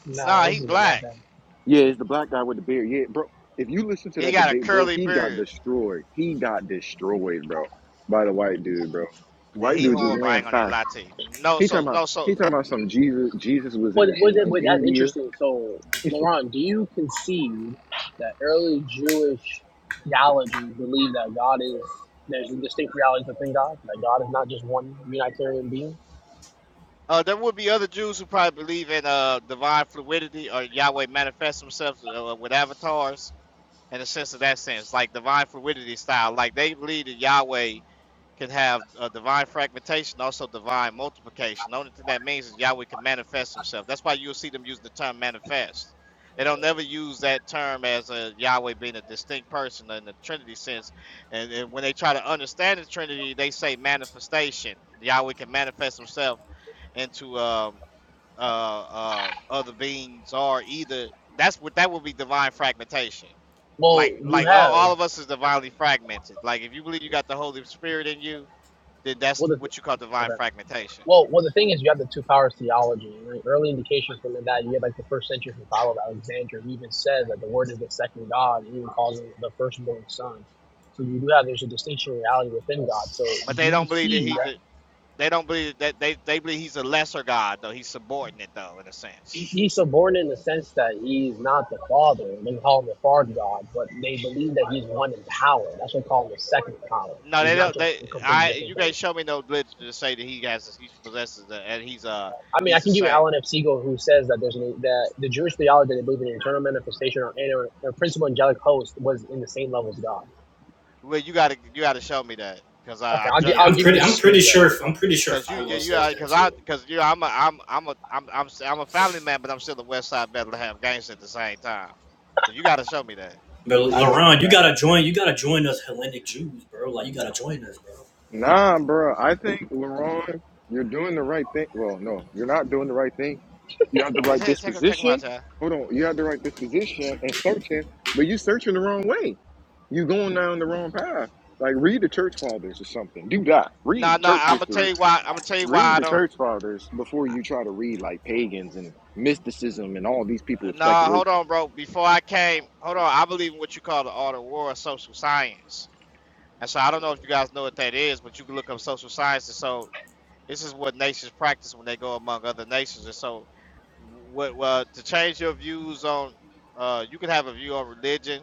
C: No,
D: Nah, he
C: this is a black
D: black.
C: guy.
A: Yeah, it's the black guy with the beard. Yeah, bro. If you listen to
D: He
A: that
D: got a
A: debate, bro,
D: curly
A: he got
D: beard.
A: destroyed. He got destroyed, bro, by the white dude, bro. The
D: Yeah,
A: white
D: he
A: dude just
D: horrible. I
A: laying
D: ain't gonna
A: facts.
D: lie to you. No,
A: He
D: so
A: talking about
D: no,
A: he
D: so
A: talking about some Jesus. Jesus was
C: But
A: in
C: but
A: in, in
C: but that's
A: India.
C: interesting. So, Laurent, do you concede that early Jewish theology believed that God is there's a distinct reality within God, that God is not just one Unitarian being?
D: Uh, there would be other Jews who probably believe in uh divine fluidity or Yahweh manifests himself uh, with avatars in the sense of that sense, like divine fluidity style. Like they believe that Yahweh can have uh, divine fragmentation, also divine multiplication. The only thing that means is Yahweh can manifest himself. That's why you'll see them using the term manifest. They don't never use that term as a Yahweh being a distinct person in the Trinity sense. And, and when they try to understand the Trinity, they say manifestation. Yahweh can manifest himself into um, uh, uh, other beings or either. That's what that would be divine fragmentation.
C: Well,
D: Like
C: you
D: like all,
C: have
D: all of us is divinely fragmented. Like if you believe you got the Holy Spirit in you, Th- That's
C: well the,
D: what you call divine
C: okay.
D: fragmentation.
C: Well, well, the thing is, you have the two powers theology. Like early indications from that, you have like the first century from Paul of Alexandria, who even says that the Word is the second God, and even calls him the firstborn Son. So you do have there's a distinction in reality within God. So
D: But
C: do
D: they
C: you
D: don't believe that
C: see
D: he's
C: that
D: a, they don't believe that they they believe he's a lesser god though. He's subordinate though in a
C: he-
D: sense.
C: he's subordinate in the sense that he's not the Father? They call him the Father God, but they believe that he's one in power. That's what they call him the second power.
D: No,
C: He's
D: they
C: not
D: don't.
C: just
D: They
C: a complete
D: I
C: different
D: you
C: thing.
D: guys show me no literature to say that he has he possesses that and he's uh
C: I mean, I
D: he's the
C: can give you
D: same.
C: Alan F. Siegel, who says that there's an, that the Jewish theology that they believe in an internal manifestation or inner or principal angelic host was in the same level as God.
D: Well, you gotta you gotta show me that because
C: Okay,
D: I
C: I'll gi-
B: Yeah,
C: I'll
B: I'm
C: give
D: because.
C: you a
B: pretty I'm pretty
C: screenshot.
B: sure I'm pretty sure
D: Cause you, you,
B: Philo says that
D: cause I,
B: too.
D: cause you, know, I'm a, I'm, I'm a, I'm, I'm, s- I'm a family man, but I'm still a West Side Bethlehem gangster at the same time. So you got to show me that.
B: But
C: I'll give it to
B: Laron,
C: you
B: you
C: right
B: gotta
C: now.
B: join. You gotta join us Hellenic Jews, bro. Like you gotta join us, bro.
A: Nah,
D: Yeah.
A: bro. I think LeRon, you're doing the right thing. Well, no, you're not doing the right thing. You have the
D: let
A: right
D: Take him, take him out,
A: disposition.
D: child.
A: Hold on, you have the right disposition and searching, but you searching the wrong way. you going down the wrong path. Like read the church fathers or something. Do that.
D: No,
A: Read
D: no,
A: church
D: I'm gonna tell
A: history.
D: you why. I'm gonna tell you why
A: Read
D: I
A: the
D: don't.
A: church fathers before you try to read like pagans and mysticism and all these people with
D: No, hold
A: speculation.
D: on, bro. Before I came, hold on. I believe in what you call the art of war, social science. And so I don't know if you guys know what that is, but you can look up social science. And so this is what nations practice when they go among other nations. And so, what? Well, to change your views on, uh, you can have a view on religion.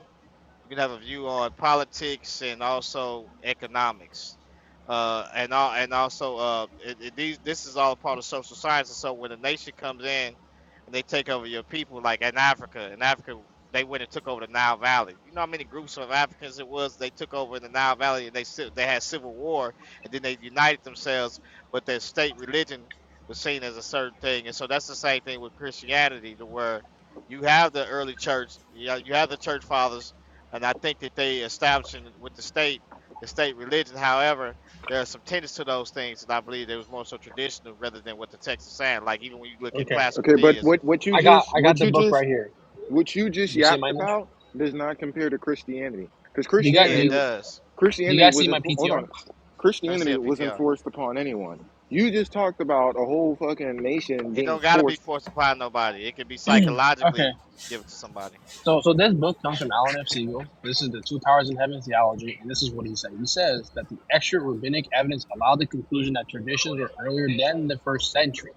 D: You can have a view on politics and also economics, uh, and all, and also uh, it, it, these this is all part of social sciences. So when a nation comes in and they take over your people, like in Africa, in Africa they went and took over the Nile Valley. You know how many groups of Africans it was they took over in the Nile Valley and they si-, they had civil war and then they united themselves, but their state religion was seen as a certain thing, and so that's the same thing with Christianity, to where you have the early church, you know, you have the church fathers and I think that they establishing with the state, the state religion. However, there are some tenets to those things that I believe they was more so traditional rather than what the text is saying. Like even when you look at
C: Okay,
D: classical
A: Okay, but
D: theism,
A: what what you
C: I got
A: just
C: I got
A: what
C: the
A: you
C: book
A: just
C: right here.
A: what you just
C: You see my
A: yapped
C: image?
A: about does not compare to Christianity because
C: Do you
D: yeah,
C: got do
A: Christianity
D: it
C: you,
D: does.
C: do you
A: Christianity
C: guys see
A: was
C: my
A: enfor- hold
C: PTR?
A: on
D: Let me see
A: Christianity
D: a
A: was
D: PTR.
A: enforced upon anyone. You just talked about a whole fucking nation
D: It
A: being
D: don't gotta be
A: forced.
D: forced upon nobody. It can be
C: Okay,
D: psychologically given to somebody,
C: so so this book comes from Alan F. Siegel. This is the Two Powers in Heaven theology, and this is what he said. He says that the extra rabbinic evidence allowed the conclusion that traditions were earlier than the first century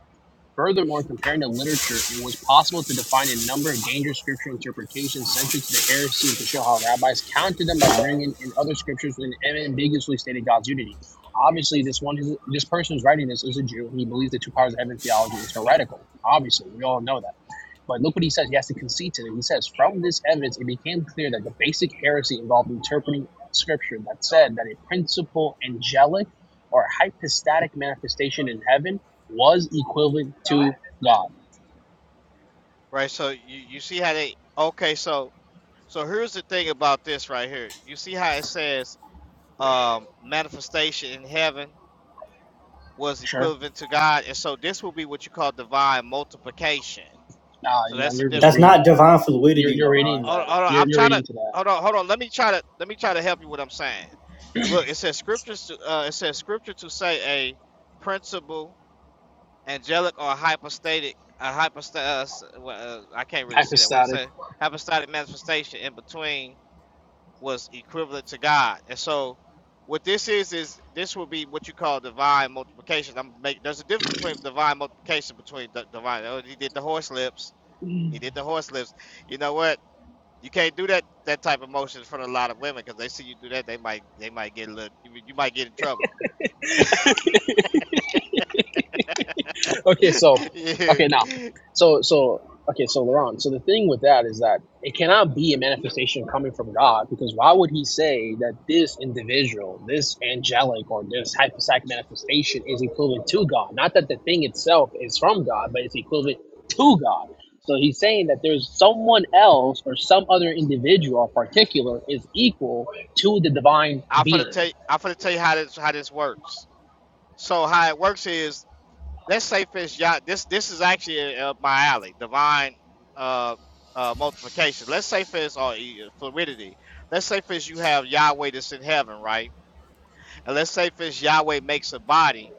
C: Furthermore, comparing the literature, it was possible to define a number of dangerous scriptural interpretations central to the heresy and to show how rabbis countered them by bringing in other scriptures when ambiguously stated God's unity. Obviously, this one, is, this person who's writing this is a Jew. and He believes the two powers of heaven theology is heretical. Obviously, we all know that. But look what he says. He has to concede to it. He says, From this evidence, it became clear that the basic heresy involved interpreting scripture that said that a principal angelic or hypostatic manifestation in heaven was equivalent to God.
D: right? So you you see how they okay. So so here's the thing about this right here. You see how it says um, manifestation in heaven was
C: Sure.
D: equivalent to God, and so this will be what you call divine multiplication.
C: Nah,
D: So
C: you know,
D: that's the
C: you're just
D: difference.
C: reading
B: Not
C: that.
B: divine
C: You're,
B: fluidity,
C: you're reading
B: Laron.
D: Hold, on,
C: that.
D: hold on,
C: You're,
D: I'm
C: you're
D: trying to
C: reading to that.
D: hold on, hold on. Let me try to let me try to help you with what I'm saying. Look, it says scriptures. To, uh, it says scripture to say a principle, angelic or hypostatic, a hypostat. Uh, well, uh, I can't really see that. What it
C: Hypostatic.
D: say? Hypostatic manifestation in between was equivalent to God, and so what this is is this will be what you call divine multiplication. I'm make there's a difference between divine multiplication between the divine. Oh, he did the horse lips. He did the horse lips. You know what? You can't do that that type of motion in front of a lot of women because they see you do that, they might they might get a little you, you might get in trouble.
C: [laughs] okay, so
D: [laughs] yeah.
C: okay now, so so okay, so Laurent. So the thing with that is that it cannot be a manifestation coming from God because why would He say that this individual, this angelic or this hypostatic manifestation is equivalent to God? Not that the thing itself is from God, but it's equivalent to God. So he's saying that there's someone else or some other individual, in particular, is equal to the divine
D: I'm gonna
C: being.
D: tell you, I'm gonna tell you how this how this works. So how it works is let's say for instance, this this is actually uh, my alley, divine uh, uh, multiplication. Let's say for or e- fluidity. Let's say for you have Yahweh that's in heaven, right? And let's say for Yahweh makes a body,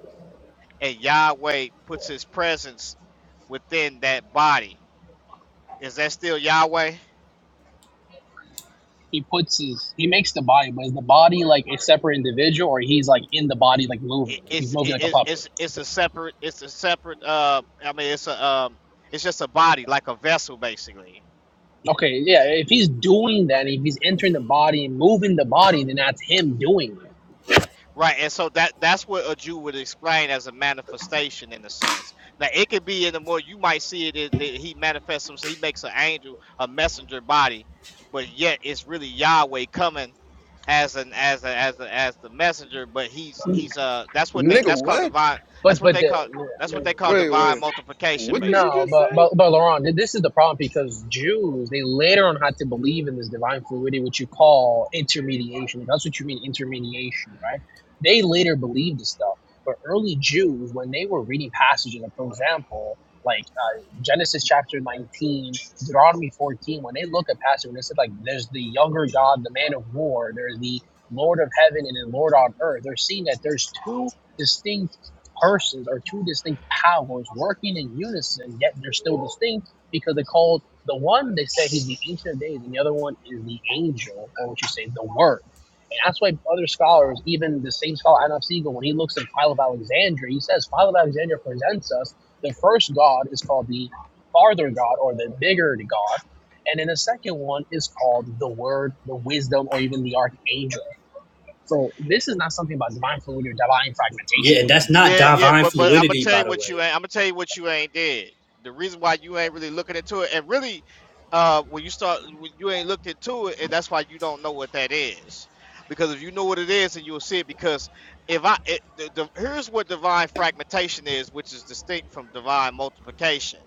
D: and Yahweh puts His presence within that body Is that still Yahweh?
C: he puts his he makes the body, but is the body like a separate individual, or he's like in the body like
D: It,
C: moving, like he's
D: it's
C: moving
D: it,
C: like a
D: it's
C: puppet?
D: it's it's a separate it's a separate uh I mean it's a um it's just a body like a vessel basically.
C: Okay, yeah. If he's doing that, if he's entering the body and moving the body, then that's him doing it.
D: Right, and so that that's what a Jew would explain as a manifestation in a sense. Now it could be in the more you might see it is that he manifests himself, he makes an angel, a messenger body, but yet it's really Yahweh coming as an as a, as a, as the messenger, but he's he's uh that's what they
A: Nigga,
D: that's called
A: what?
D: divine
C: But
D: that's what
C: but
D: they
C: the
D: call
C: I
D: that's what they
C: mean,
D: call
A: Wait,
D: divine
A: wait.
D: multiplication
A: What did you
C: No,
D: basically.
A: just
C: but
A: say?
C: but but Laurent, th- this is the problem because Jews they later on had to believe in this divine fluidity, which you call intermediation. Like, That's what you mean intermediation, right? They later believed this stuff, but early Jews when they were reading passages, like for example, like uh, Genesis chapter nineteen, Deuteronomy fourteen, when they look at passages, when they said like there's the younger God, the man of war, there's the Lord of heaven and the Lord on earth, they're seeing that there's two distinct persons or two distinct powers working in unison, yet they're still distinct because they're called the one they say he's the ancient of days, and the other one is the angel, or what you say, the word. And that's why other scholars, even the same scholar Adolf Siegel, when he looks at Philo of Alexandria, he says Philo of Alexandria presents us the first God is called the farther God or the bigger God. And then the second one is called the Word, the Wisdom, or even the Archangel. So this is not something about divine fluid or divine fragmentation,
B: Yeah, and
C: whatever
B: that's
C: these things
B: not
D: Yeah,
C: are.
D: yeah,
B: divine
D: but but I'm gonna
B: fluidity,
D: tell
B: by
D: you
B: the
D: what you
B: way.
D: ain't. I'm gonna tell you what you ain't did. The reason why you ain't really looking into it, and really, uh, when you start, when you ain't looked into it, and that's why you don't know what that is. Because if you know what it is, and you'll see it. Because if I, it, the, the, here's what divine fragmentation is, which is distinct from divine multiplication.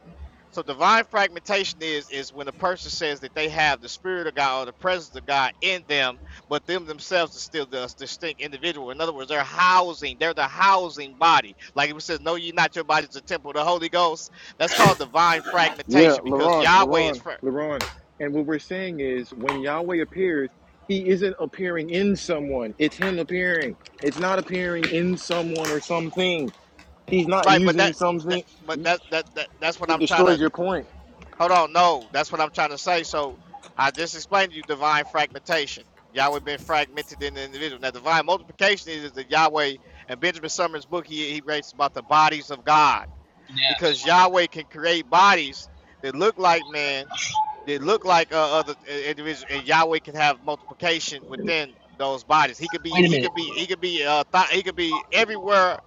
D: So divine fragmentation is is when a person says that they have the spirit of God or the presence of God in them, but them themselves are still the distinct individual. In other words, they're housing, they're the housing body. Like it says, No, ye not your body is the temple of the Holy Ghost. That's called divine
A: Yeah,
D: fragmentation because
A: Laron,
D: Yahweh is
A: Laron,
D: fra-
A: Laron. And what we're saying is when Yahweh appears, he isn't appearing in someone. It's him appearing. It's not appearing in someone or something. He's not
D: right, but
A: using
D: that, that
A: something.
D: but that, that that that's what
A: It
D: I'm trying to
A: destroys your point.
D: hold on, no, that's what I'm trying to say. So I just explained to you divine fragmentation. Yahweh been fragmented in the individual. Now divine multiplication is the Yahweh and Benjamin Summers' book he, he writes about the bodies of God
C: Yes.
D: because Yahweh can create bodies that look like man, that look like uh, other uh, individuals, and Yahweh can have multiplication within those bodies. He could be,
C: Wait a
D: he
C: minute.
D: could be, he could be, uh, th- he could be everywhere,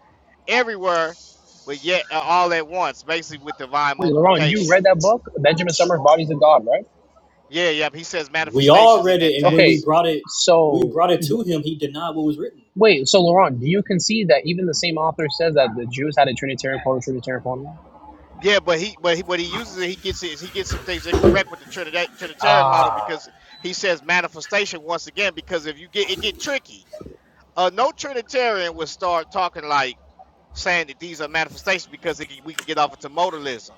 D: everywhere, but yet uh, all at once, basically with divine
C: Wait, Laurent, you
D: multiplication.
C: read that book, Benjamin Summers, Bodies of God, right?
D: Yeah, yeah. He says
B: We all
D: manifestations in
B: read
D: that
B: it, and when we
C: Okay.
D: text.
B: brought it, when we
C: So
B: brought it to him, he denied what was written.
C: wait, so Laurent, do you concede that even the same author says that the Jews had a Trinitarian form, of Trinitarian formula?
D: Yeah, but he, but he, what he uses, it, he gets it, he gets some things incorrect with the Trinidad, Trinitarian model
C: Ah.
D: because he says manifestation once again because if you get it get tricky uh, no Trinitarian would start talking like saying that these are manifestations because it can, we can get off into modalism.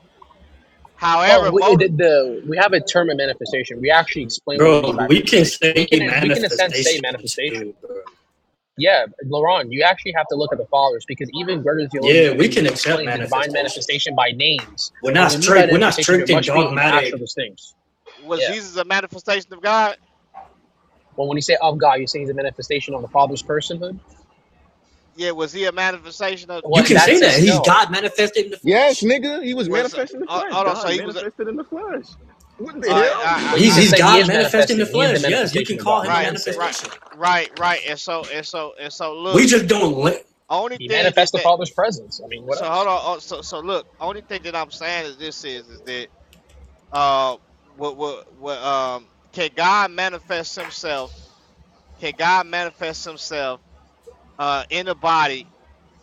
C: well,
D: However,
C: we,
D: modal,
C: the, the we have a term of manifestation. We actually explain what we mean
B: Bro,
C: by
B: we can
C: manifestation. So we
B: say
C: can we can in a sense say
B: manifestation
C: manifestation.
B: too, bro.
C: Yeah, but Laurent, you actually have to look at the fathers because even Gregory the theologian
B: Yeah, we can
C: even
B: accept
C: explains the divine
B: manifestation.
C: manifestation by names.
B: We're
C: But
B: not
C: we mean by
B: strict. We're not
C: manifestation, there
B: strict and
C: must be an actual
B: dogmatic.
C: distinction. Yeah.
D: was Jesus a manifestation of God?
C: Well, when you say of God, you're saying he's a manifestation of the Father's personhood?
D: Yeah, was he a manifestation of
C: Well,
B: You
C: in
D: there's
B: can
D: a
C: that
B: say
D: there's a
C: sense,
B: that he's
C: no.
B: God manifested in the
A: Yes,
B: flesh.
A: nigga, he was
D: was
A: manifest in the
D: uh,
A: flesh.
D: hold on. so
A: God
D: he was a,
A: manifested in the flesh. What the
D: all right, I,
C: But you
B: He's
D: I, I, I-
C: can
B: he's
A: hell?
C: say he
B: God
C: is
B: manifested in the
C: manifesting. He is the
B: flesh. Yes, you
C: manifestation
B: can
C: of God.
B: call
C: You
B: him a
D: right
C: can say it.
D: right
B: manifestation.
D: right right and so and so and so
B: We
D: look
B: just don't.
D: only
C: He
D: thing
C: manifests
D: that
C: the
D: that
C: Father's presence. I mean, what
D: so
C: else?
D: hold on oh, so so look only thing that I'm saying is this is is that uh what what what um can God manifest Himself can God manifest himself uh, in the body,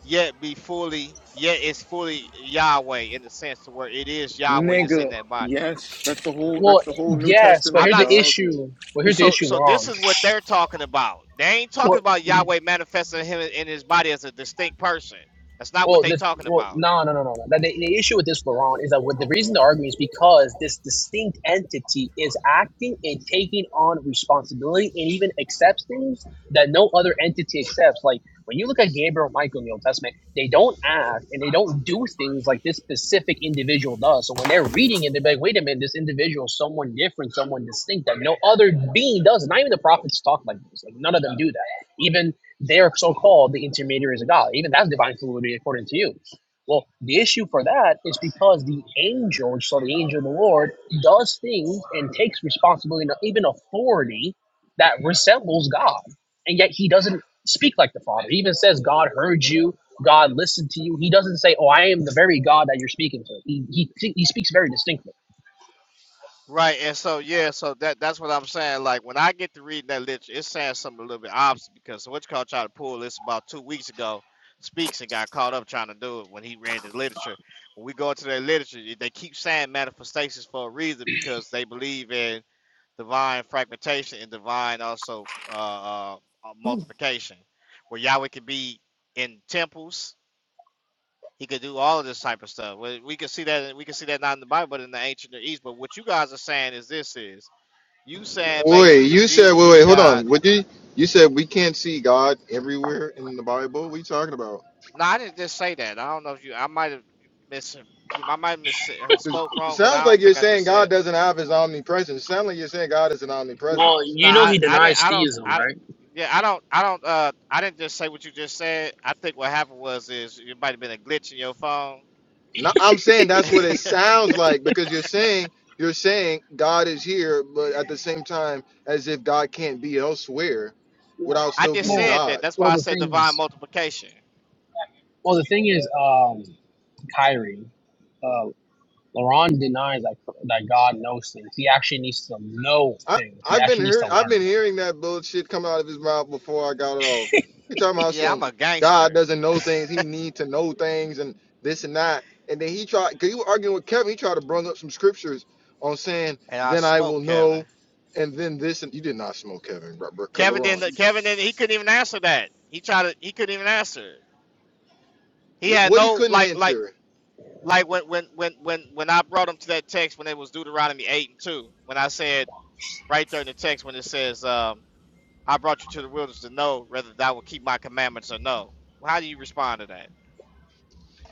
D: yet be fully, yet it's fully Yahweh in the sense to where it
A: [sighs]
D: is
A: [laughs]
D: Yahweh that's
A: nigga,
D: in that body.
A: yes, that's the whole
C: Well,
A: that's the whole New
C: yes, but
D: I'm
C: here's
A: Testament,
D: not
C: the
D: so
A: dog.
C: issue. Well, here's the
D: so,
C: issue,
D: so this
C: Laurent.
D: is what they're talking about. They ain't talking about Yahweh manifesting him in his body as a distinct person. That's not what
C: Well,
D: they
C: the
D: talking
C: well,
D: about.
C: no, no, no, no, no. The, the issue with this, Laurent, is that what the reason the argument is because this distinct entity is acting and taking on responsibility and even accepts things that no other entity accepts. Like when you look at Gabriel and Michael in the Old Testament, they don't act and they don't do things like this specific individual does. So when they're reading it, they're like, wait a minute, this individual is someone different, someone distinct that no other being does. Not even the prophets talk like this. Like none of them do that. Even they are so called the intermediaries of God. Even that's divine fluidity according to you. Well, the issue for that is because the angel, so the angel of the Lord, does things and takes responsibility and even authority that resembles God. And yet he doesn't speak like the Father. He even says, God heard you, God listened to you. He doesn't say, Oh, I am the very God that you're speaking to. He, he, he speaks very distinctly.
D: Right, and so yeah, so that that's what I'm saying. Like when I get to reading that literature, it's saying something a little bit opposite because what you call trying to pull this about two weeks ago speaks and got caught up trying to do it when he read his literature. When we go into their literature, they keep saying manifestations for a reason because they believe in divine fragmentation and divine also uh, uh, uh,
E: Oh,
D: multiplication, where Yahweh could be in temples. He could do all of this type of stuff. We we can see that we can see that not in the Bible, but in the ancient Near East. But what you guys are saying is this is you saying
A: Wait,
D: basically that
A: you said
D: Jesus
A: wait,
D: is
A: wait, hold
D: God.
A: on. What you you said we can't see God everywhere in the Bible? What are you talking about?
D: No, I didn't just say that. I don't know if you. I might have mis. I might have mis or
A: 'Cause
D: spoke
A: It
D: wrong, but
A: sounds
D: I
A: like
D: don't
A: you're
D: think I
A: saying
D: just
A: God
D: said that.
A: doesn't have his omnipresence. It sounds like you're saying God is an
C: Well,
A: omnipresence.
D: No,
C: you know
D: I,
C: he
D: I didn't.
C: denies
D: I don't.
C: theism,
D: I
C: right?
D: yeah. I don't. I don't. Uh, I didn't just say what you just said. I think what happened was is it might have been a glitch in your phone.
A: No, I'm saying
D: [laughs]
A: that's what it sounds like because you're saying you're saying God is here, but at the same time, as if God can't be elsewhere
C: Well,
A: without
D: I
A: still
D: just
A: being
C: well,
D: said
A: God.
D: that. That's
C: well
D: why I
C: the
D: said
C: thing
D: divine
C: is,
D: multiplication.
C: well, the thing is, um, Kyrie, uh, LeBron denies that, that God knows things. He actually needs to know
A: I
C: things. He
A: I've been
C: actually needs to
A: heard I've been
C: learn.
A: hearing that bullshit come out of his mouth before I got it off. He talking about
D: Yeah, I'm
A: some
D: a
A: God
D: gangster,
A: doesn't know things, he need to know things and this and that. And then he tried cause he was arguing with Kevin, he tried to bring up some scriptures on saying,
D: and I
A: Then I will
D: smoke Kevin.
A: know and then this and you did not smoke Kevin, bro. bro
D: Kevin didn't.
A: Laurent.
D: Kevin didn't. He couldn't even answer that. He tried to. He couldn't even answer it. He
A: What,
D: had
A: what he
D: no
A: couldn't
D: like like
A: answer.
D: like when when when when when I brought them to that text when it was Deuteronomy eight and two, when I said right there in the text when it says, um, "I brought you to the wilderness to know whether thou will keep my commandments or no." Well, how do you respond to that?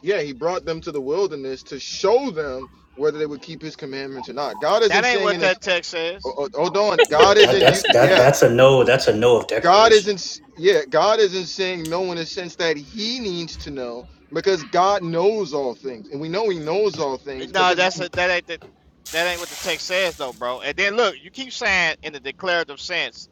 A: Yeah, he brought them to the wilderness to show them whether they would keep his commandments or not. God isn't
D: That ain't
A: saying
D: what
A: in his
D: that text
A: oh,
D: says.
A: oh, hold on.
B: Yeah,
A: God
B: that
A: isn't you.
B: that's that
A: Yeah.
B: that's a no. That's a no of
A: God
B: declaration.
A: isn't yeah, God isn't saying no in a sense that he needs to know because God knows all things. And we know he knows all things
D: No,
A: because
D: that's a, that ain't the, that ain't what the text says though, bro. And then look, you keep saying in the declarative sense.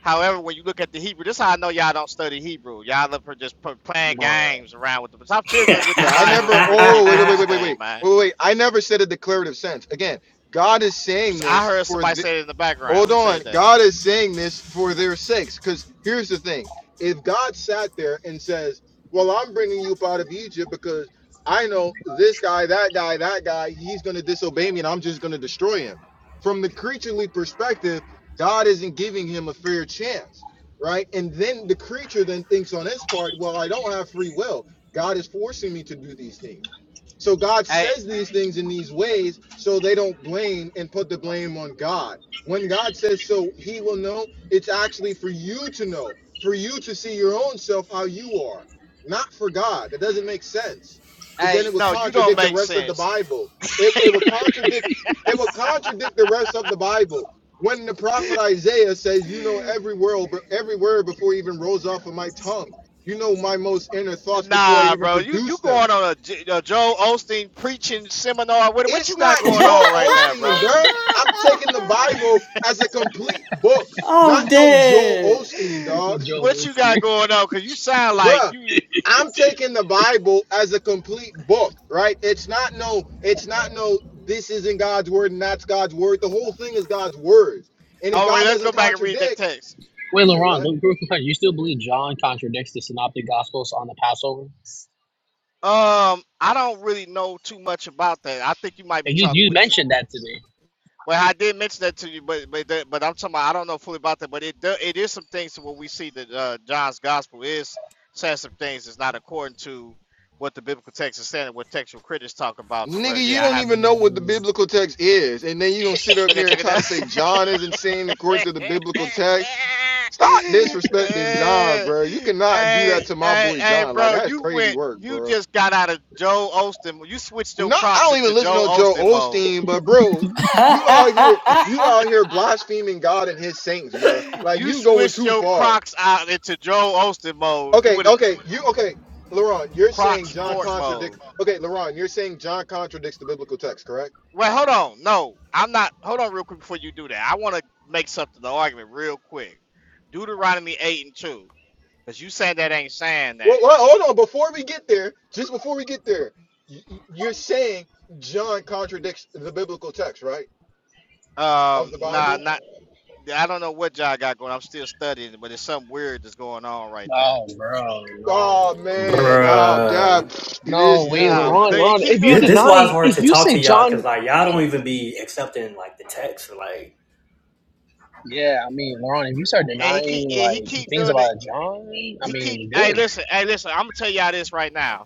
D: However, when you look at the Hebrew, this is how I know y'all don't study Hebrew. Y'all up for just p- playing
C: Bruh. [laughs]
D: games around with the. Stop
B: [laughs]
D: fiddling with the
A: yeah, I
D: Bible and
A: never
D: really
A: oh
D: get
A: wait
D: with
A: wait wait
D: this
A: wait wait
D: thing,
A: wait.
D: man.
A: Wait wait. I never said a declarative sense. Again, God is saying
D: I
A: this
D: heard
A: for
D: somebody
A: the,
D: say it in the background.
A: Hold
D: Who
A: on.
D: said that?
A: God is saying this for their sakes. Because here's the thing if God sat there and says, Well, I'm bringing you up out of Egypt because I know this guy, that guy, that guy, he's going to disobey me and I'm just going to destroy him. From the creaturely perspective, God isn't giving him a fair chance, right? And then the creature then thinks on his part, Well, I don't have free will. God is forcing me to do these things. So God
D: Hey,
A: says these things in these ways so they don't blame and put the blame on God when God says so, he will know. It's actually for you to know, for you to see your own self how you are, not for God. That doesn't make sense because then
D: hey,
A: it would
D: no, you don't
A: contradict the
D: make
A: rest of the
D: sense.
A: Bible. It, it would contradict it would contradict the rest of the Bible. When the prophet Isaiah says, "You know every word, every word before it even rolls off of my tongue. You know my most inner thoughts before I
D: Nah,
A: even
D: bro, you you
A: produce them."
D: going on a, J- a Joe Osteen preaching seminar? What what
A: It's
D: you got
A: not
D: going
A: Joel
D: on right now,
A: Osteen,
D: bro?
A: bruh. I'm taking the Bible as a complete book, not no Joel Osteen,
D: [gasps]
C: This is
A: dog. [laughs]
D: What
C: Joel
D: you
C: Osteen.
D: got
C: [laughs]
D: going on? Cause you sound like
A: Bruh,
D: you. you-
A: I'm taking the Bible as a complete book, right? It's not no, it's not no, this isn't God's word and that's God's word. The whole thing is God's word. And if
D: Oh, wait,
A: God
D: let's
A: doesn't
D: go back and read that
A: contradict,
D: text.
C: Wait,
A: say
C: LeBron,
A: what?
C: don't crucify. [laughs] You still believe John contradicts the Synoptic Gospels on the Passover?
D: Um, I don't really know too much about that. I think you might be
C: And you,
D: talking
C: you
D: with your
C: mentioned that today.
D: Well, I did mention that to you, but but that, but I'm talking about I don't know fully about that, but it do, it is some things where we see that uh, John's gospel is says some things that's not according to what the biblical text is saying and what textual critics talk about. To where
A: Nigga,
D: yeah,
A: you
D: I
A: don't
D: have to
A: even know what the
C: Mm,
A: biblical text is. And then you gonna sit up
D: look at
A: here and
D: take it
A: try
D: down.
A: to say
D: [laughs]
A: John isn't saying according to the biblical text Stop disrespecting John,
D: Eh,
A: bro. You cannot do
D: hey,
A: that to my
D: hey,
A: boy
D: hey,
A: John. Like
D: bro,
A: that is
D: you
A: crazy
D: went
A: work,
D: you
A: bro.
D: just got out of Joe Osteen. You switched your
A: Not I
D: Crocs
A: don't even
D: into
A: listen
D: Joe
A: to Joe
D: Osteen mode.
A: Osteen, but bro, you out here, you out here blaspheming God and His saints, bro. Like
D: You
A: you going
D: switched
A: too
D: your
A: far.
D: Crocs out into Joel Austin mode. You
A: Okay,
D: would have
A: okay, you okay, Laron. You're
D: Croc
A: saying John
D: sport
A: contradicts.
D: mode.
A: Okay, Laron, you're saying John contradicts the biblical text, correct?
D: Well, hold on. No, I'm not. Hold on, real quick before you do that. I want to make something the argument real quick. Deuteronomy eight and two, because you saying that ain't saying
A: Well,
D: that.
A: well, hold on. Before we get there, just before we get there, y- y- you're saying John contradicts the biblical text, right, of
D: Um,
A: the
D: nah,
A: Bible?
D: not. I don't know what John got going. I'm still studying, but there's something weird that's going on right there.
C: oh, bro, no,
A: Oh
C: man.
A: man, oh
B: Bruh.
A: God, [sniffs]
C: No,
A: this
C: wait,
D: Yeah,
A: nigga.
C: LeBron,
A: [laughs]
D: he
C: LeBron,
D: keep
C: if you
D: doing
B: This,
D: it,
B: this why it's
C: deny,
B: hard
C: if
B: to
C: you
B: talk
C: say
B: to y'all because
C: John
B: like y'all don't even be accepting like the text or like
C: yeah, I mean, LeBron, if you start
D: and he keep
C: denying
D: yeah, he
C: like
D: keep
C: things
D: doing it.
C: about John, I
D: He keep.
C: mean,
D: Hey,
C: dude,
D: listen. Hey, listen. I'm gonna tell y'all this right now.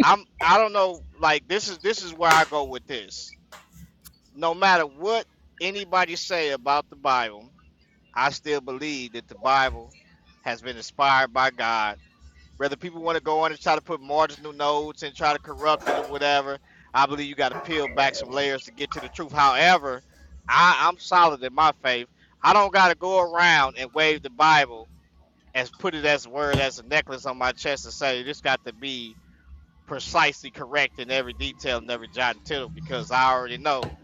D: I'm I don't know like this is this is where I go with this. No matter what anybody say about the Bible, I still believe that the Bible has been inspired by God. Whether people want to go on and try to put marginal notes and try to corrupt it or whatever, I believe you got to peel back some layers to get to the truth. However, I, I'm solid in my faith. I don't got to go around and wave the Bible as put it as a word as a necklace on my chest and say this got to be precisely correct in every detail and every jot and tittle because I already know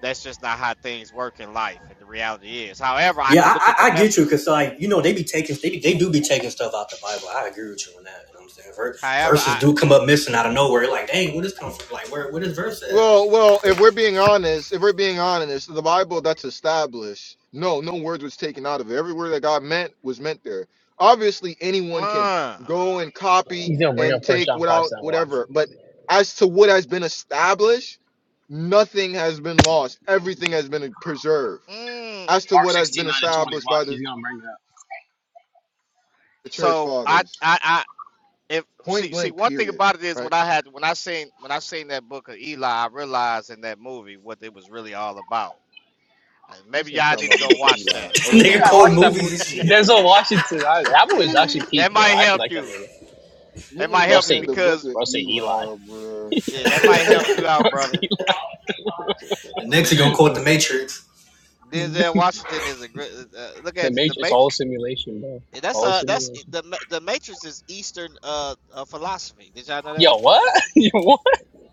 D: that's just not how things work in life and the reality is. However, I
B: yeah
D: can look at
B: I I,
D: the
B: I get you
D: message.
B: because like you know they be taking they be, they do be taking stuff out the Bible. I agree with you on that. You know what I'm saying? Ver-
D: However,
B: verses
D: I
B: do come up missing out of nowhere. Like dang, where this come from? Like where where this verse at? [laughs]
A: Well, well, if we're being honest, if we're being honest, the Bible that's established. No, no word was taken out of it. Every word that God meant was meant there. Obviously, anyone can
D: uh,
A: go and copy
C: he's gonna bring
A: and
C: up First
A: take
C: John five
A: without
C: seven. watch.
A: whatever. But as to what has been established, nothing has been lost. Everything has been preserved.
D: mm.
A: As to
C: Mark
A: what has
C: 16
A: been
C: 9 and 20.
A: established
C: Watch,
A: by the
C: he's gonna bring it up.
A: the church
D: so I
A: fathers,
D: I I if
A: point
D: see see
A: blank,
D: one thing
A: period.
D: about it is
A: Right.
D: when I had when I seen when I seen that book of Eli, I realized in that movie what it was really all about. Uh,
A: This
D: Maybe
A: nigga
D: y'all
A: talking
D: need to
A: about the
D: go
A: book of
D: watch
A: Eli.
D: that.
B: This
A: Oh
C: Yeah,
B: nigga
A: my
C: I
B: quoting
A: god,
C: watched that
A: like
B: movies
C: movie.
B: and
A: [clears throat]
B: shit.
A: this
C: Denzel Washington. I, that
D: [laughs]
C: movie was actually peak,
D: that
C: bro.
D: might
C: I actually
D: help
C: like that
D: you.
C: movie.
D: That
A: nigga
D: might
C: Bro,
A: just
D: help you
A: said
C: say,
A: the book
D: because
A: of
C: bro, say Eli.
A: Eli, bro.
D: yeah, that
A: [laughs]
D: might help you
C: [laughs]
D: out,
C: Bro,
D: brother
C: say
B: And next he gonna
C: Eli.
B: quote
C: Bro,
B: the
C: say-
B: Matrix.
C: [laughs]
D: Denzel Washington is a great. Uh, uh, look
C: the
D: at it, the
C: Matrix. It's all a
D: Matrix.
C: simulation, bro. It's
D: That's
C: all a
D: uh, that's
C: simulation.
D: the the Matrix is Eastern uh, uh philosophy. Did y'all know that?
C: Yo, what? [laughs] Yo, what?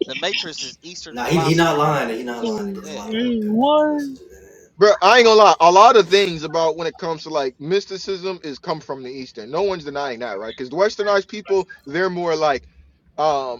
D: The Matrix is Eastern
B: Nah, he he not
D: philosophy.
B: lying. He not lying. There's a
D: Yeah,
B: lot of good, good messages in it.
A: Bro, I ain't gonna lie. A lot of things about when it comes to like mysticism is come from the Eastern. No one's denying that, right? Because the Westernized people, they're more like, um,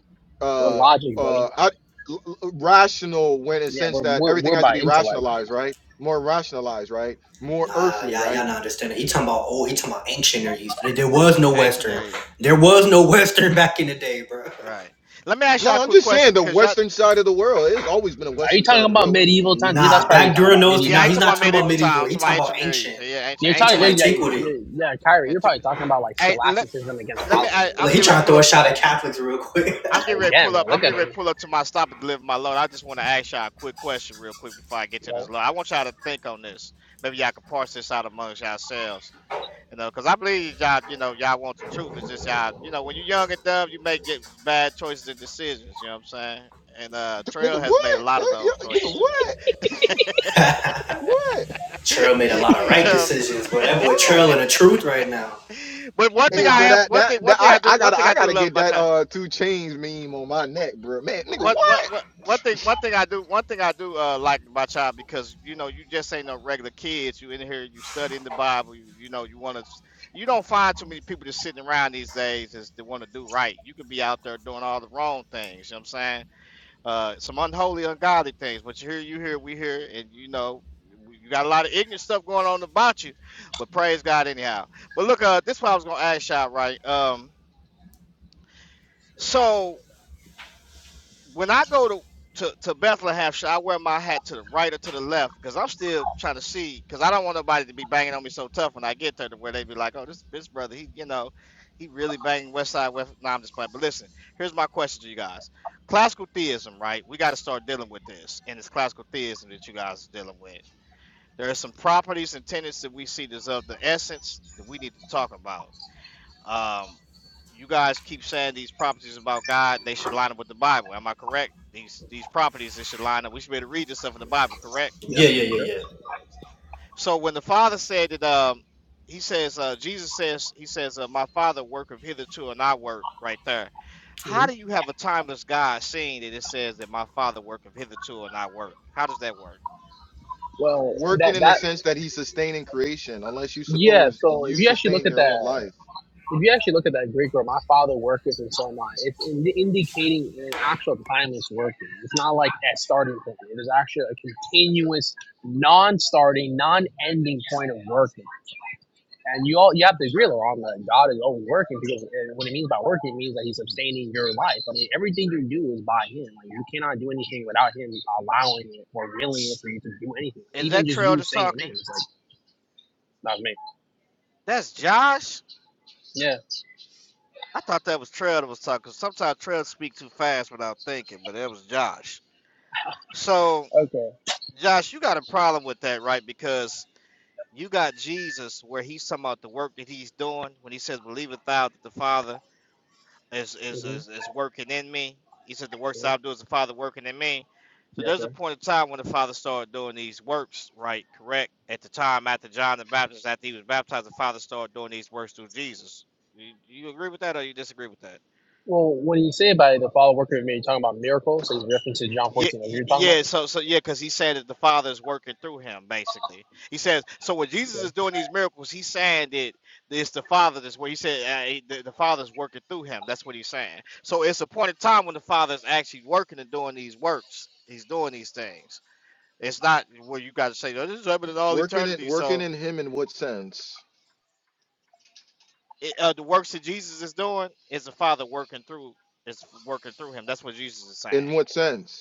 C: We're
A: uh,
C: logic,
A: uh,
C: buddy.
A: I, l- l- rational when in a
C: Yeah,
A: sense
C: we're
A: that
C: we're,
A: everything
C: we're
A: has to
C: by
A: be
C: intellect.
A: rationalized, right? More rationalized, right? More
B: Nah,
A: earthly,
B: y'all,
A: right?
B: y'all not understanding. He talking about old. He talking about ancient or used. There was no
D: yeah, ancient
B: Western.
D: area.
B: There was no [laughs] Western back in the day, bro.
D: Right. Let me ask y'all a
A: No, I'm
D: quick
A: just
D: question
A: saying the
D: because y'all,
A: Western side of the world. It has always been a
C: Are you
A: Western
C: talking
A: side of the
C: about
A: world. What do you mean?
C: medieval times? Yeah, that's
B: Nah,
C: probably what you're
B: back
C: talking
B: during
C: about
B: those.
D: yeah,
B: No,
C: medieval
D: I
B: nah,
D: ain't
B: he's
D: talking
B: not
D: about
C: times.
B: talking about
D: medieval time.
B: medieval.
D: I'm
B: He
D: talking
B: talking
D: about
B: about
D: ancient areas.
B: ancient.
D: Yeah,
C: You're
D: ancient,
B: He
C: talking,
B: talking
D: ancient,
C: yeah,
B: about
C: yeah,
D: ancient. Yeah,
C: yeah,
B: antiquity.
C: yeah, Kyrie.
D: yeah
C: You're
D: took
C: probably
D: it.
C: talking about like
D: Hey, let
C: scholasticism against
B: [laughs]
D: let me. I,
C: Calvinism.
D: I'm
B: like he
D: getting ready
B: trying
D: to
B: to
D: pull
B: throw a
D: up to
B: shot
D: my.
B: at Catholics real quick.
D: I'm getting ready to
C: Again,
D: pull
C: bro,
D: up. I'm
C: look at
D: getting
C: him.
D: ready to pull up to my stop and deliver my load. I just want to ask y'all a quick question real quick before I get to
C: Bro.
D: this load. I want y'all to think on this. Maybe y'all can parse this out amongst yourselves. You know, because I believe y'all, you know, y'all want the truth. It's just y'all, you know, when you're young and dumb, you make get bad choices and decisions. You know what I'm saying? And uh Trail
A: Nigga,
D: has made a
A: what?
D: lot of those
A: Nigga,
D: choices and
A: what?
D: decisions.
A: What?
B: [laughs]
D: [laughs]
B: Trail made a lot of
D: you know what
B: right
D: I'm
B: decisions, but
A: Man,
B: that boy
A: what?
B: Trail in the truth right now.
D: saying? But one thing
A: Hey,
D: I
A: bro,
D: am,
C: Nah,
A: that,
D: one thing,
A: that
D: one
A: that
D: thing I
A: I
D: do,
A: I
D: one
A: gotta
D: thing
A: I
D: I do
A: gotta
D: love
A: get
D: about
A: that
D: y'all.
A: uh two chains meme on my neck, bro. Man,
D: But
A: nigga,
D: what
A: what?
D: what what one thing one thing I do one thing I do uh like my child because you know you just ain't no regular kids. You in here, you studying the Bible, you, you know, you wanna you don't find too many people just sitting around these days is that wanna do right. You could be out there doing all the wrong things, you know what I'm saying? Uh some unholy, ungodly things. But you hear you hear, we hear, and you know, you got a lot of ignorant stuff going on about you, but praise God anyhow. But look, uh this is what I was gonna ask y'all, right? Um so when I go to to, to Bethlehem, should I wear my hat to the right or to the left? Because I'm still trying to see. Because I don't want nobody to be banging on me so tough when I get there, to where they be like, "Oh, this this brother, he you know, he really banging West Side West." Nah, I'm just playing. But listen, here's my question to you guys: Classical theism, right? We got to start dealing with this, and it's classical theism that you guys are dealing with. There are some properties and tenets that we see that's of the essence that we need to talk about. Um, you guys keep saying these properties about God, they should line up with the Bible. Am I correct? These these properties they should line up. We should be able to read this stuff in the Bible, correct?
C: Yeah,
B: Yeah, yeah,
C: sure.
B: yeah,
D: So when the Father said that, um, he says, uh, Jesus says, he says, uh, my Father worketh hitherto, and I work. Right there. How
C: hmm
D: do you have a timeless God seeing that it says that my Father worketh hitherto, and I work? How does that work?
C: Well,
A: Working
C: that
A: in the
C: that
A: sense that he's sustaining creation, unless you
C: yeah.
A: suppose
C: So if
A: you
C: you actually look
A: sustain
C: at
A: your own
C: that,
A: life.
C: if you actually look at that Greek word, my father worketh and so am I. It's in, indicating an actual timeless working. It's not like a starting point. It is actually a continuous, non-starting, non-ending point of working. And you all you have to agree along that God is always working because uh, what it means by working means that He's sustaining your life. I mean, everything you do is by Him. Like you cannot do anything without Him allowing it or willing it for you to do anything.
D: Is
C: Even
D: that
C: just
D: Trail
C: you
D: that's
C: saying your name,
D: talking?
C: it's like not me.
D: That's Josh.
C: Yeah.
D: I thought that was Trail that was talking. Sometimes Trail speak too fast without thinking, but that was Josh. So,
C: Okay.
D: Josh, you got a problem with that, right? Because you got Jesus where he's talking about the work that he's doing when he says, Believeth thou that the Father is is,
C: hmm
D: is, is working in me. He said, The works
C: hmm
D: that I do is the Father working in me. So
C: Yeah.
D: there's a
C: Sure.
D: point of time when the Father started doing these works, right? Correct. At the time after John the Baptist, after he was baptized, the Father started doing these works through Jesus. You, you agree with that or you disagree with that?
C: Well, when you say about it, the follow worker of me, you're talking about miracles. So he's referencing John
D: Yeah,
C: 14 as
D: y-
C: you're talking about.
D: yeah. So, so yeah, because he said that the Father is working through him. Basically, he says. So when Jesus
C: Yeah.
D: is doing these miracles, he's saying that it's the Father that's where he said uh, he- the, the Father's working through him. That's what he's saying. So it's a point in time when the Father is actually working and doing these works. He's doing these things. It's not where you guys say "Oh, this is happening all
A: Working it,
D: eternity.
A: working
D: So
A: in him in what sense?
D: it, uh, the works that Jesus is doing is the Father working through. Is working through him. That's what Jesus is saying.
A: In what sense?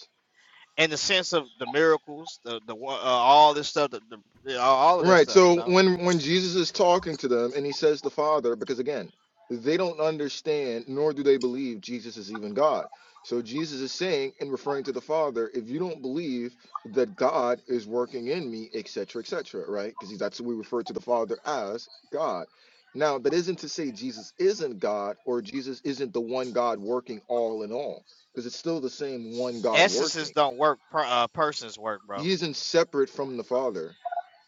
D: in the sense of the miracles, the the wo- uh, all this stuff, the, the yeah, all of that
A: Right.
D: stuff, you
A: So
D: know.
A: when when Jesus is talking to them and he says the Father, because again, they don't understand nor do they believe Jesus is even God. So Jesus is saying and referring to the Father, if you don't believe that God is working in me, et cetera, et cetera, right? Because that's what we refer to the Father as God. Now, that isn't to say Jesus isn't God or Jesus isn't the one God working all in all, because it's still the same one God
D: Essences
A: working.
D: don't work. Per, uh, persons work, bro.
A: He isn't separate from the Father.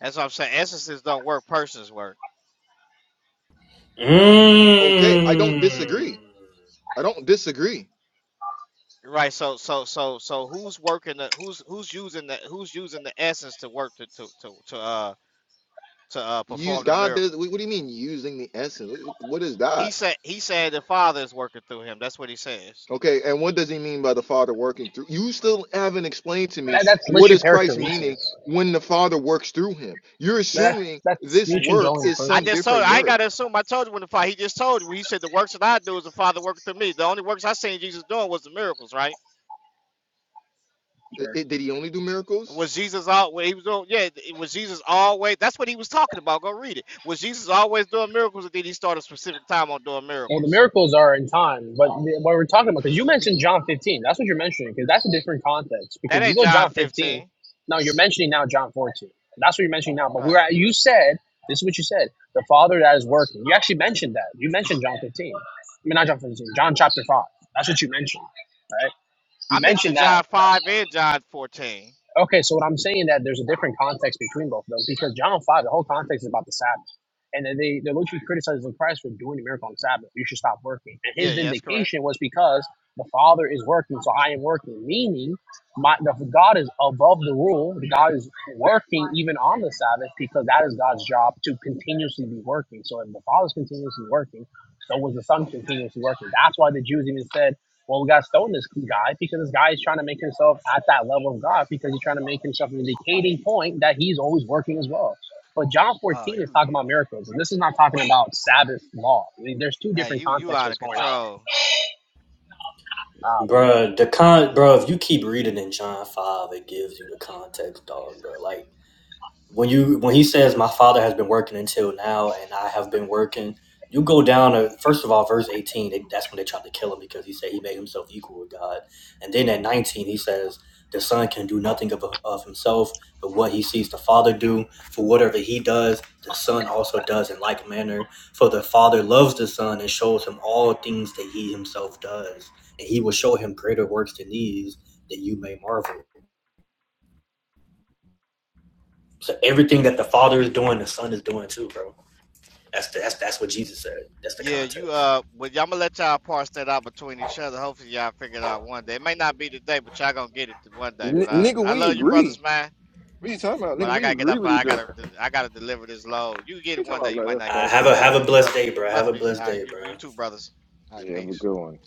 D: That's what I'm saying. Essences don't work. Persons work.
B: yeah.
A: Okay, I
B: Mmm.
A: don't disagree. I don't disagree.
D: Right. So so so so who's working the who's who's using the who's using the essence to work to to to to uh to uh
A: Use
D: perform the
A: God does.
D: miracle.
A: What do you mean using the essence? Wh- What is
D: He
A: that?
D: said he said the Father is working through him. That's what he says.
A: Okay, and what does he mean by the Father working through? You still haven't explained to me
C: That, that's
A: what
C: literally
A: is Christ
C: perichoresis.
A: meaning when the Father works through him. You're
C: That, that's
A: assuming
C: that's
A: this
C: nutrient
A: work
C: dwelling the
A: is
D: I
A: some
C: process.
D: just told
A: different
D: I ain't
A: word.
D: gotta assume. I told you when the Father. He just told you. He said the works that I do is the Father working through me. The only works I seen Jesus doing was the miracles, right?
A: I- I- did he only do miracles?
D: Was Jesus all? well, He was doing. Yeah, was Jesus always? That's what he was talking about. Go read it. Was Jesus always doing miracles, or did he start a specific time on doing
C: Well, the
D: miracles?
C: miracles are in time, but the- what we're talking about, because you mentioned John 15, that's what you're mentioning, because that's a different context. Because
D: That
C: you
D: ain't
C: go
D: John
C: John 15,
D: fifteen.
C: now you're mentioning now John 14. That's what you're mentioning now. But we're
D: Right.
C: at, you said, this is what you said, the Father that is working. You actually mentioned that. You mentioned John 15. I mean, not John 15, John chapter 5. That's what you mentioned, right? You
D: I mentioned
C: mentioned that.
D: John five and John fourteen.
C: Okay, so what I'm saying that there's a different context between both of them because John five, the whole context is about the Sabbath, and then they they're literally criticizing Christ for doing a miracle on the Sabbath. You should stop working, and
D: Yeah,
C: his
D: yeah, that's correct.
C: vindication was because the Father is working, so I am working, meaning my the God is above the rule. God is working even on the Sabbath because that is God's job to continuously be working. So if the Father is continuously working, so was the sun continuously working? That's why the Jews even said, "Well, we got to stone this guy because this guy is trying to make himself at that level of God because he's trying to make himself an indicating point that he's always working as well." But John
D: Oh,
C: 14 is
D: you,
C: talking
D: you,
C: about miracles, and this is not talking about Sabbath law. I mean, there's two
D: hey,
C: different
D: you, you
C: contexts
D: out
C: what's
D: of
C: going on.
D: control.
C: Ah, bro.
B: Bruh, the con, bro. If you keep reading in John five, it gives you the context, dog, bro. Like when you when he says my father has been working until now and i have been working you go down to first of all verse 18 they, that's when they tried to kill him because he said he made himself equal with god and then at 19 he says the son can do nothing of, of himself but what he sees the father do for whatever he does the son also does in like manner for the father loves the son and shows him all things that he himself does and he will show him greater works than these that you may marvel so everything that the father is doing the son is doing too bro That's the, that's that's what Jesus said. That's the
D: Yeah, you.
B: context.
D: Uh, well, y'all gonna let y'all parse that out between each other. Hopefully, y'all figure it out one day. It may not be today, but y'all gonna get it one day.
A: N-
D: But I,
A: nigga,
D: I
A: we
D: love you, brothers,
A: agree.
D: man.
A: What you talking about?
D: But
A: Nigga,
D: I
A: we
D: gotta get
A: agree
D: up.
A: with each
D: I
A: other.
D: gotta.
A: What
D: I gotta deliver this load. You get
A: you
D: it one
A: talking about?
D: day. You
A: Let
D: might not
B: Uh,
D: get it
B: have a
D: today,
B: have
A: out.
B: a
D: man. You
B: blessed
D: brothers.
B: day,
D: You
B: bro. Have
D: brothers
B: a
D: be.
B: blessed
D: Uh,
B: day,
D: you you
B: bro.
D: two brothers. All right,
A: Yeah, have a
D: peace.
A: good one.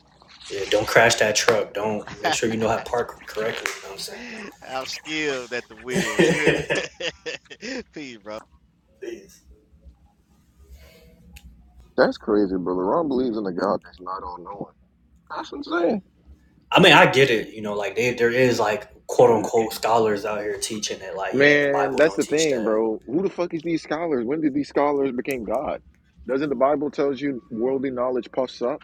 B: Yeah, don't crash that truck. Don't
D: [laughs]
B: make sure you know how to park correctly. You know what
D: I'm skilled at the wheel.
B: I'm
D: You hear
B: saying.
D: me? [laughs] peace, bro.
B: [laughs] Please.
A: That's crazy, brother. Ron believes in a God that's not all knowing. That's insane.
B: I mean, I get it. You know, like they, there is like quote unquote scholars out here teaching it. Like, yeah, the
A: Man,
B: Bible
A: that's
B: don't
A: the
B: teach
A: thing,
B: that.
A: bro. Who the fuck is these scholars? When did these scholars become God? Doesn't the Bible tells you worldly knowledge puffs up,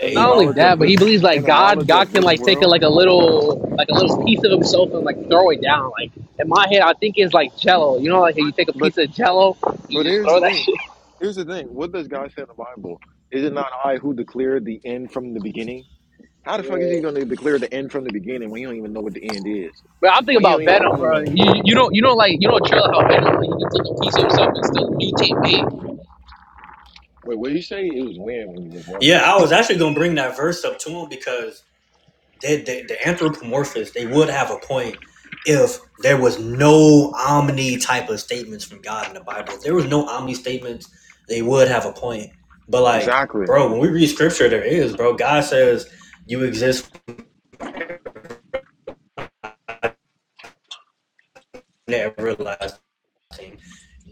A: and the
C: Not only
A: knowledge
B: Amen.
C: that,
A: of
C: but he
A: this
C: believes like
A: and the
C: God,
A: knowledge
C: God
A: of
C: can
A: this
C: like take a,
A: world?
C: like a little, like a little piece of himself and like throw it down. Like in my head, I think it's like Jello. You know, like you take a
A: But
C: piece of Jello,
A: but
C: you just
A: here's the
C: throw that [laughs]
A: thing.
C: shit.
A: Here's the thing. What does God say in the Bible? Is it not I who declared the end from the beginning? How the fuck is he going to declare the end from the beginning when you don't even know what the end is?
C: But I'm thinking
A: When you don't
C: about
A: even
C: Venom,
A: know
C: bro.
A: nothing.
C: You, you don't you don't like you don't trail how Venom like you can take a piece of yourself and still mutate big.
A: Wait, what did you say? It was when when you was
B: Yeah,
A: walking.
B: I was actually gonna bring that verse up to him because they, they, the anthropomorphists they would have a point if there was no omni type of statements from god in the bible if there was no omni statements they would have a point but like
A: Exactly.
B: bro when we read scripture there is bro god says you exist from the everlasting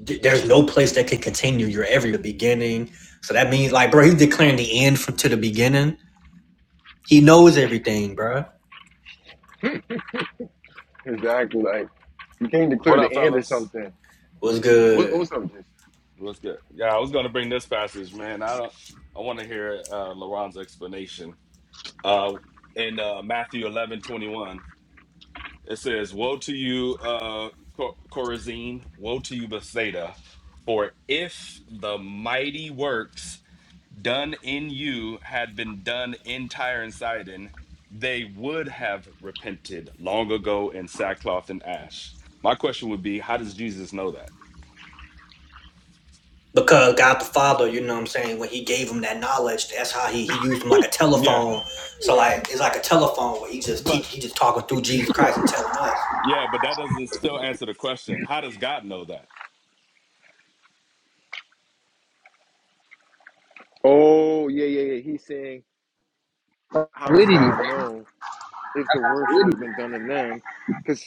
B: Th- there's no place that can continue you're every beginning so that means like bro he's declaring the end from to the beginning he knows everything bro
A: Exactly. Like you can't declare
F: What
A: the
F: up,
A: end of
F: fellas?
A: something.
B: what's
A: What,
B: good
A: what's up, Jesse?
F: What's good? Yeah, I was gonna bring this passage, man. I don't. I want to hear uh, Laron's explanation. Uh, in uh, Matthew eleven twenty one, it says, "Woe to you, uh, Cor- Chorazin! Woe to you, Bethsaida! For if the mighty works done in you had been done in Tyre and Sidon, they would have repented long ago in sackcloth and ash." My question would be, how does Jesus know that?
B: because God the Father, you know what I'm saying, when he gave him that knowledge, that's how he, he used him like a
F: Yeah,
B: telephone. So like it's like a telephone where he just
F: but
B: teach he just talking through Jesus
F: [laughs]
B: Christ and telling us.
F: Yeah, but that doesn't still answer the question. How does God know that?
A: Oh, yeah, yeah, yeah. He's saying, How does
C: Fluidity, man.
A: God know if the works would have
C: Fluidity.
A: been done in them? Because,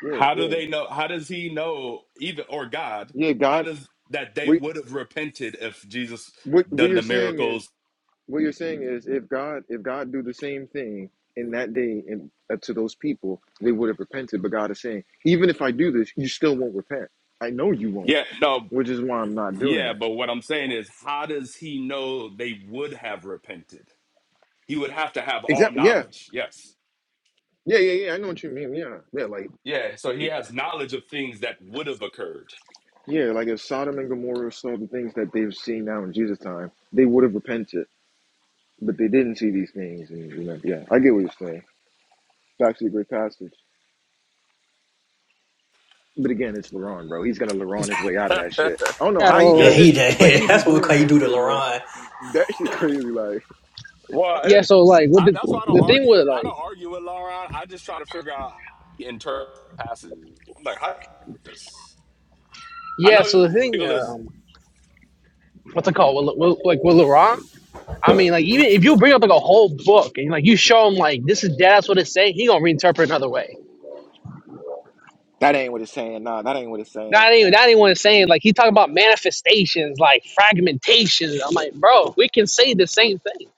A: yeah,
F: How do
A: yeah.
F: they know? How does he know even or God?
A: Yeah,
F: How
A: God,
F: does that they
A: we,
F: would have repented if Jesus
A: what, what
F: done
A: you're
F: the
A: saying is,
F: miracles?
A: what you're saying is, if God, if God do the same thing in that day and uh, to those people, they would have repented. But God is saying, even if I do this, you still won't repent. I know you won't,
F: Yeah, no.
A: which is why I'm not doing
F: Yeah,
A: it.
F: but what I'm saying is how does he know they would have repented? He would have to have all
A: Exactly. Yeah.
F: knowledge. Yes.
A: Yeah. Yeah. Yeah. I mean, yeah. Like,
F: Yeah, so he has knowledge of things that would have occurred.
A: yeah. Like, if Sodom and Gomorrah saw the things that they've seen now in Jesus' time, they would have repented but they didn't see these things. And you know, yeah, I get what you're saying. It's actually a great passage. But again, it's LeRon, bro. He's gonna LeRon his way out of that shit.
F: [laughs]
A: I don't know
C: Yeah.
A: how he
B: Yeah,
A: does
C: So
B: he
A: it,
B: did.
A: but
B: [laughs]
A: he be
B: that's what we
A: doing
B: call you
A: that
B: do to
A: shit, bro.
B: Laron.
A: That shit crazy. Like
F: Well,
C: yeah, so like what
F: I,
C: the
F: that's why I don't
C: the thing
F: argue.
C: with
F: I
C: like
F: don't argue with Lauren. I just try to figure out in terms of passes. I'm like, how do you do this? I
C: yeah, so
F: know
C: the thing
F: legal is
C: um what's it called? With, with, like with Laurent, I mean like even if you bring up like a whole book and like you show him like this is that's what it's saying, he gonna reinterpret another way.
A: that ain't what it's saying. Nah, that ain't what it's saying.
C: Not even not anyone saying like he talking about manifestations, like fragmentation. I'm like, bro, we can say the same thing.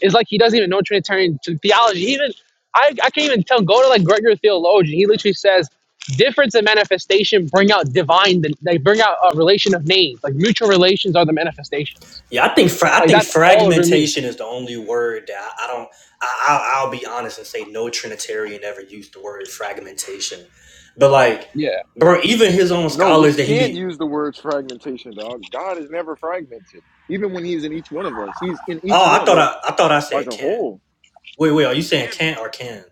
C: It's like he doesn't even know Trinitarian t- theology. He even I, I can't even tell. Go to like Gregory theologian. He literally says difference and manifestation bring out divine. They bring out a relation of names. Like mutual relations are the manifestations.
B: Yeah, I think fra- I
C: Like
B: think
C: that's all it really means.
B: fragmentation is the only word that I, I don't. I, I'll, I'll be honest and say no Trinitarian ever used the word fragmentation, but like,
C: Yeah.
B: bro, even his own
A: No, we
B: scholars that he
A: can't
B: be.
A: use the words fragmentation, dog. God is never fragmented. Even when he's in each one of us, he's in
B: Oh,
A: each one
B: I
A: of
B: thought
A: us
B: I I thought I
A: as
B: said
A: a
B: Kant.
A: whole.
B: Wait, wait, are you saying Kant or Ken?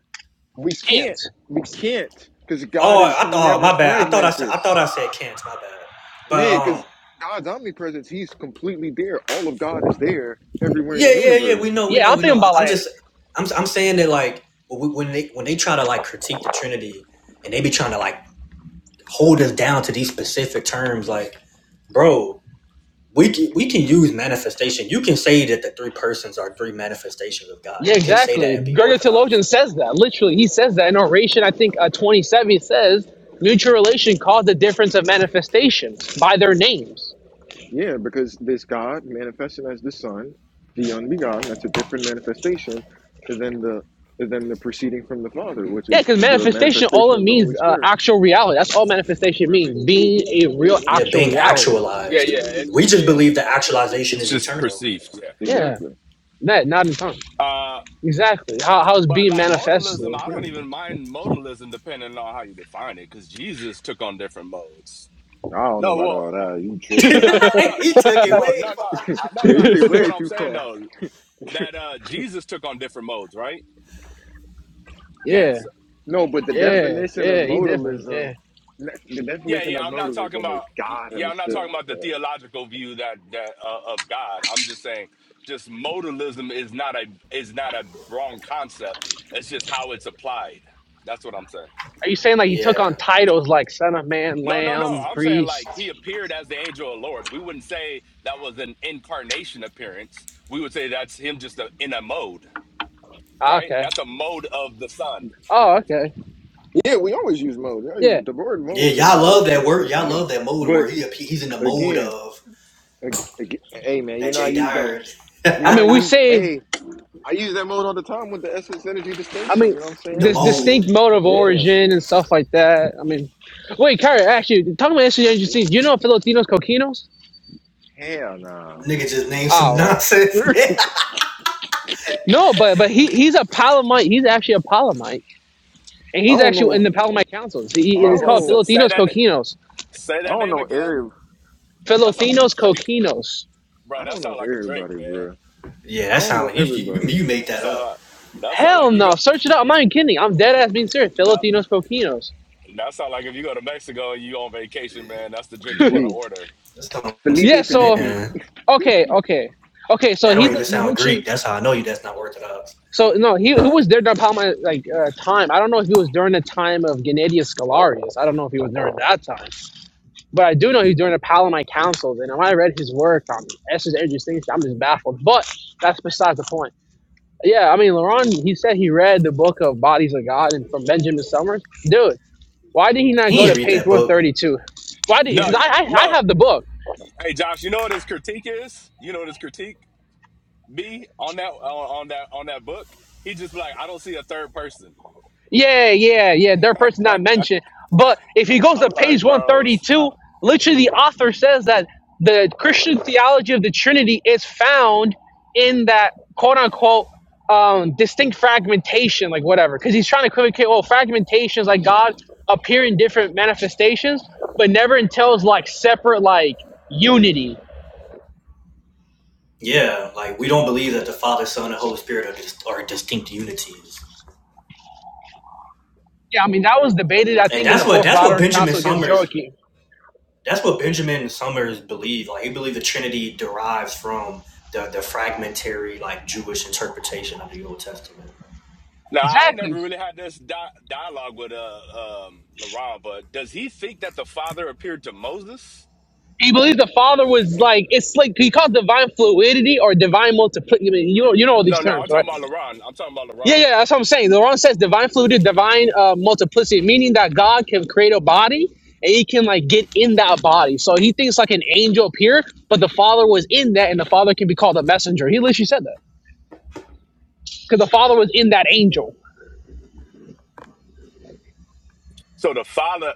A: We can't.
C: Hands.
A: We can't. Because God
B: Oh,
A: is
B: I oh
A: never
B: my bad. I thought I said
A: fragmented.
B: I thought I said Kent. My bad. But
A: Yeah,
B: um,
A: because God's omnipresence, He's completely there. All of God is there everywhere
B: yeah,
A: in the
B: yeah, yeah.
A: universe.
B: We know, we
C: Yeah,
B: know,
C: I'm
B: we know.
C: thinking
B: I-
C: about
B: I'm
C: like
B: just, I'm, I'm saying that like when when they when they try to like critique the Trinity and they be trying to like hold us down to these specific terms, like bro, we can, we can use manifestation. You can say that the three persons are three manifestations of God.
C: Yeah,
B: You can say that
C: exactly.
B: and be
C: Gregor Theologian
B: orthodox.
C: says that. Literally, he says that in Oration, I think uh, 27, he says, mutual relation caused the difference of manifestation by their names.
A: Yeah, because this God manifested as the Son, the unbegotten, that's a different manifestation than the than the proceeding from the Father, which
C: Yeah,
A: is
C: because
A: the
C: manifestation, all
A: manifestation
C: it
A: of the
C: means
A: Holy
C: uh,
A: Spirit.
C: actual reality. That's all manifestation means, being a real
B: Yeah,
C: actual
B: being
C: reality.
F: Yeah,
B: actualized.
F: yeah. It's
B: We
F: just
B: just
F: being
B: believe that
F: perceived.
B: actualization
F: it's
B: is
F: just
B: eternal.
F: perceived. Yeah.
C: Yeah,
A: Exactly.
C: that, not in tongues.
F: Uh,
C: Exactly. How, how is
F: but
C: being
F: like modalism,
C: manifested?
F: I don't
C: Yeah.
F: even mind modalism depending on how you define it, because Jesus took on different modes.
A: Wow.
F: No, well,
B: [laughs] he
F: no, no, no.
B: took it
F: Well,
B: way.
F: no, no,
B: fu-
F: I- no,
A: Yeah,
F: no.
A: you
F: This
A: did
F: is
A: way
F: what I'm
A: too
F: saying
A: far.
F: though, that
A: [laughs]
F: uh Jesus took on different modes, right?
C: yeah,
F: Yes.
A: no, but the
C: yeah,
A: definition of
C: yeah, he definitely,
A: modalism
C: yeah.
A: the
F: Yeah,
A: definition
F: yeah,
A: of
F: I'm not talking
A: modalism is
F: about
A: God
F: yeah, I'm not talking
A: himself.
F: about the
A: Yeah,
F: theological view that that uh, of God. I'm just saying just modalism is not a is not a wrong concept. It's just how it's applied. That's what I'm saying.
C: Are you saying like he took
B: Yeah.
C: on titles like Son of Man,
F: No, no, no.
C: Lamb,
F: I'm saying like
C: Priest?
F: he appeared as the angel of the Lord. We wouldn't say that was an incarnation appearance. We would say that's him just a, in a mode,
C: Ah,
F: right?
C: okay.
F: That's a mode of the Son.
C: Oh, okay.
A: Yeah, we always use mode. I
C: Yeah.
A: use- The word
B: Yeah,
A: mode is
B: y'all
A: not a
B: love that word.
A: for
B: Y'all
A: me.
B: love that mode where he he's in the mode
A: Again,
B: of
A: ag- ag- hey man, you
B: that
A: know I
B: Jay
A: use that.
B: Dyer,
A: You
C: I
A: know I
C: mean, we
A: use.
C: say,
A: Hey, I use that mode all the time with the essence energy
C: I
A: distinction. You
C: mean,
A: know what I'm
B: the
A: saying?
C: this
B: mode.
C: distinct mode of
A: Yeah.
C: origin and stuff like that. I mean, wait, Kyrie, actually, talking about interesting, interesting. Do you know Filipinos coquinos?
A: Hell nah.
B: Nigga just named some
C: Oh,
A: [laughs] I
B: nonsense. [laughs]
C: no, but but he he's a Palomite. He's actually a Palomite, and he's
A: don't
C: actually in
A: know.
C: the Palomite councils. He,
A: I
C: he-
F: Bro,
C: it's
A: don't
F: what,
C: called
F: say,
A: know.
F: say
C: Filipinos
F: that
C: coquinos.
F: say
A: I
F: that
A: don't
F: name
A: know
F: again?
A: every.
F: That sound like a
C: Filipinos
F: Drake.
C: coquinos.
F: Bro,
A: I
F: that
A: don't know
F: sound like a Drake,
A: everybody,
F: man.
A: bro.
B: yeah,
A: I
B: that
A: don't
B: sound
A: know
B: like you, you
A: everybody.
B: you made that up.
F: sound that sound like
C: Hell
F: you
C: no,
F: go
C: search it up. I'm not even kidding. I'm dead ass being serious.
F: that
C: Filipinos coquinos.
F: that sound like if you go to Mexico and you on vacation, man, that's the drink you want to
A: Gee,
F: order.
B: That's what I'm
C: Yeah.
A: Felipe,
C: So
A: Felipe,
B: saying.
C: okay, okay, okay. So
B: That
C: he's
B: don't
C: like
B: even
C: he's
B: sound
C: literally
B: Greek. That's how I know you. That's not Orthodox.
C: So no, he, he was there during Palma like uh, time. I don't know if he was during the time of Gennadius Scholarius. I don't know if he was during that time, but I do know he's during the Palamite Councils. And when I read his work on Esther's and Distinction, I'm just baffled. But that's besides the point. Yeah, I mean, Laurent, he said he read the book of Bodies of God and from Benjamin Summers. Dude, why did he not
B: He
C: go
B: didn't
C: to
B: read
C: page
B: that book.
C: 132? Why did?
F: No,
C: Because I, I I
F: no,
C: have the book.
F: hey Josh, you know what his critique is? You know what his critique be on that on, on that on that book? He just be like, I don't see a third person.
C: Yeah, yeah, yeah. Their person
F: [laughs]
C: not mentioned. But if he goes to
F: I'm like,
C: page
F: bros.
C: 132, literally the author says that the Christian theology of the Trinity is found in that quote unquote um, distinct fragmentation, like whatever. Because he's trying to equivocate, well, fragmentation is like God appear in different manifestations, but never entails like separate like unity.
B: Yeah, like we don't believe that the Father, Son, and Holy Spirit are just are distinct unities.
C: Yeah, I mean that was debated, I
B: And
C: think, in the
B: that's what
C: Fourth
B: that's what
C: Lateran
B: Benjamin
C: Council against
B: Summers
C: Joachim.
B: that's what Benjamin Summers believed. Like he believed the Trinity derives from the the fragmentary like Jewish interpretation of the Old Testament.
F: Now I ain't never
C: Exactly.
F: really had this di- dialogue with uh um LaRon, but does he think that the father appeared to Moses?
C: He believed the Father was like it's like he called divine fluidity or divine multiplicity. you know, you know all these
F: No, no,
C: terms,
F: I'm
C: right?
F: talking about LaRon. I'm talking about
C: Yeah,
F: LaRon.
C: yeah, that's what I'm saying. The Quran says divine fluidity, divine uh, multiplicity, meaning that God can create a body and He can like get in that body. So He thinks like an angel appeared, but the Father was in that, and the Father can be called a messenger. He literally said that because the Father was in that angel.
F: So the father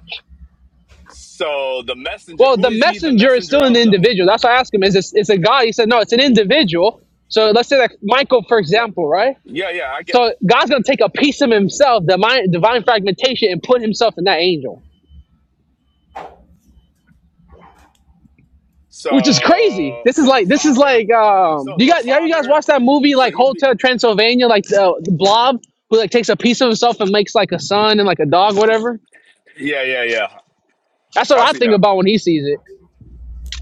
F: So the messenger,
C: Well,
F: who
C: the
F: is he the
C: messenger is
F: messenger
C: still an
F: of though?
C: individual. That's why I asked him, is this it's a God? He said, no, it's an individual. So let's say that Michael, for example, right?
F: Yeah, yeah, I get.
C: So God's gonna take a piece of himself, divine divine fragmentation, and put himself in that angel. Which is crazy.
F: So,
C: This is
F: so the
C: like this is
F: father,
C: like um
F: so
C: you
F: the
C: guys yeah, you guys
F: father,
C: watch that movie
F: so
C: like
F: he be,
C: Hotel Transylvania, like the, the blob who like takes a piece of himself and makes like a son and like a dog, whatever.
F: yeah, yeah, yeah.
C: That's what
F: I
C: I
F: see
C: think
F: now.
C: about when he sees it.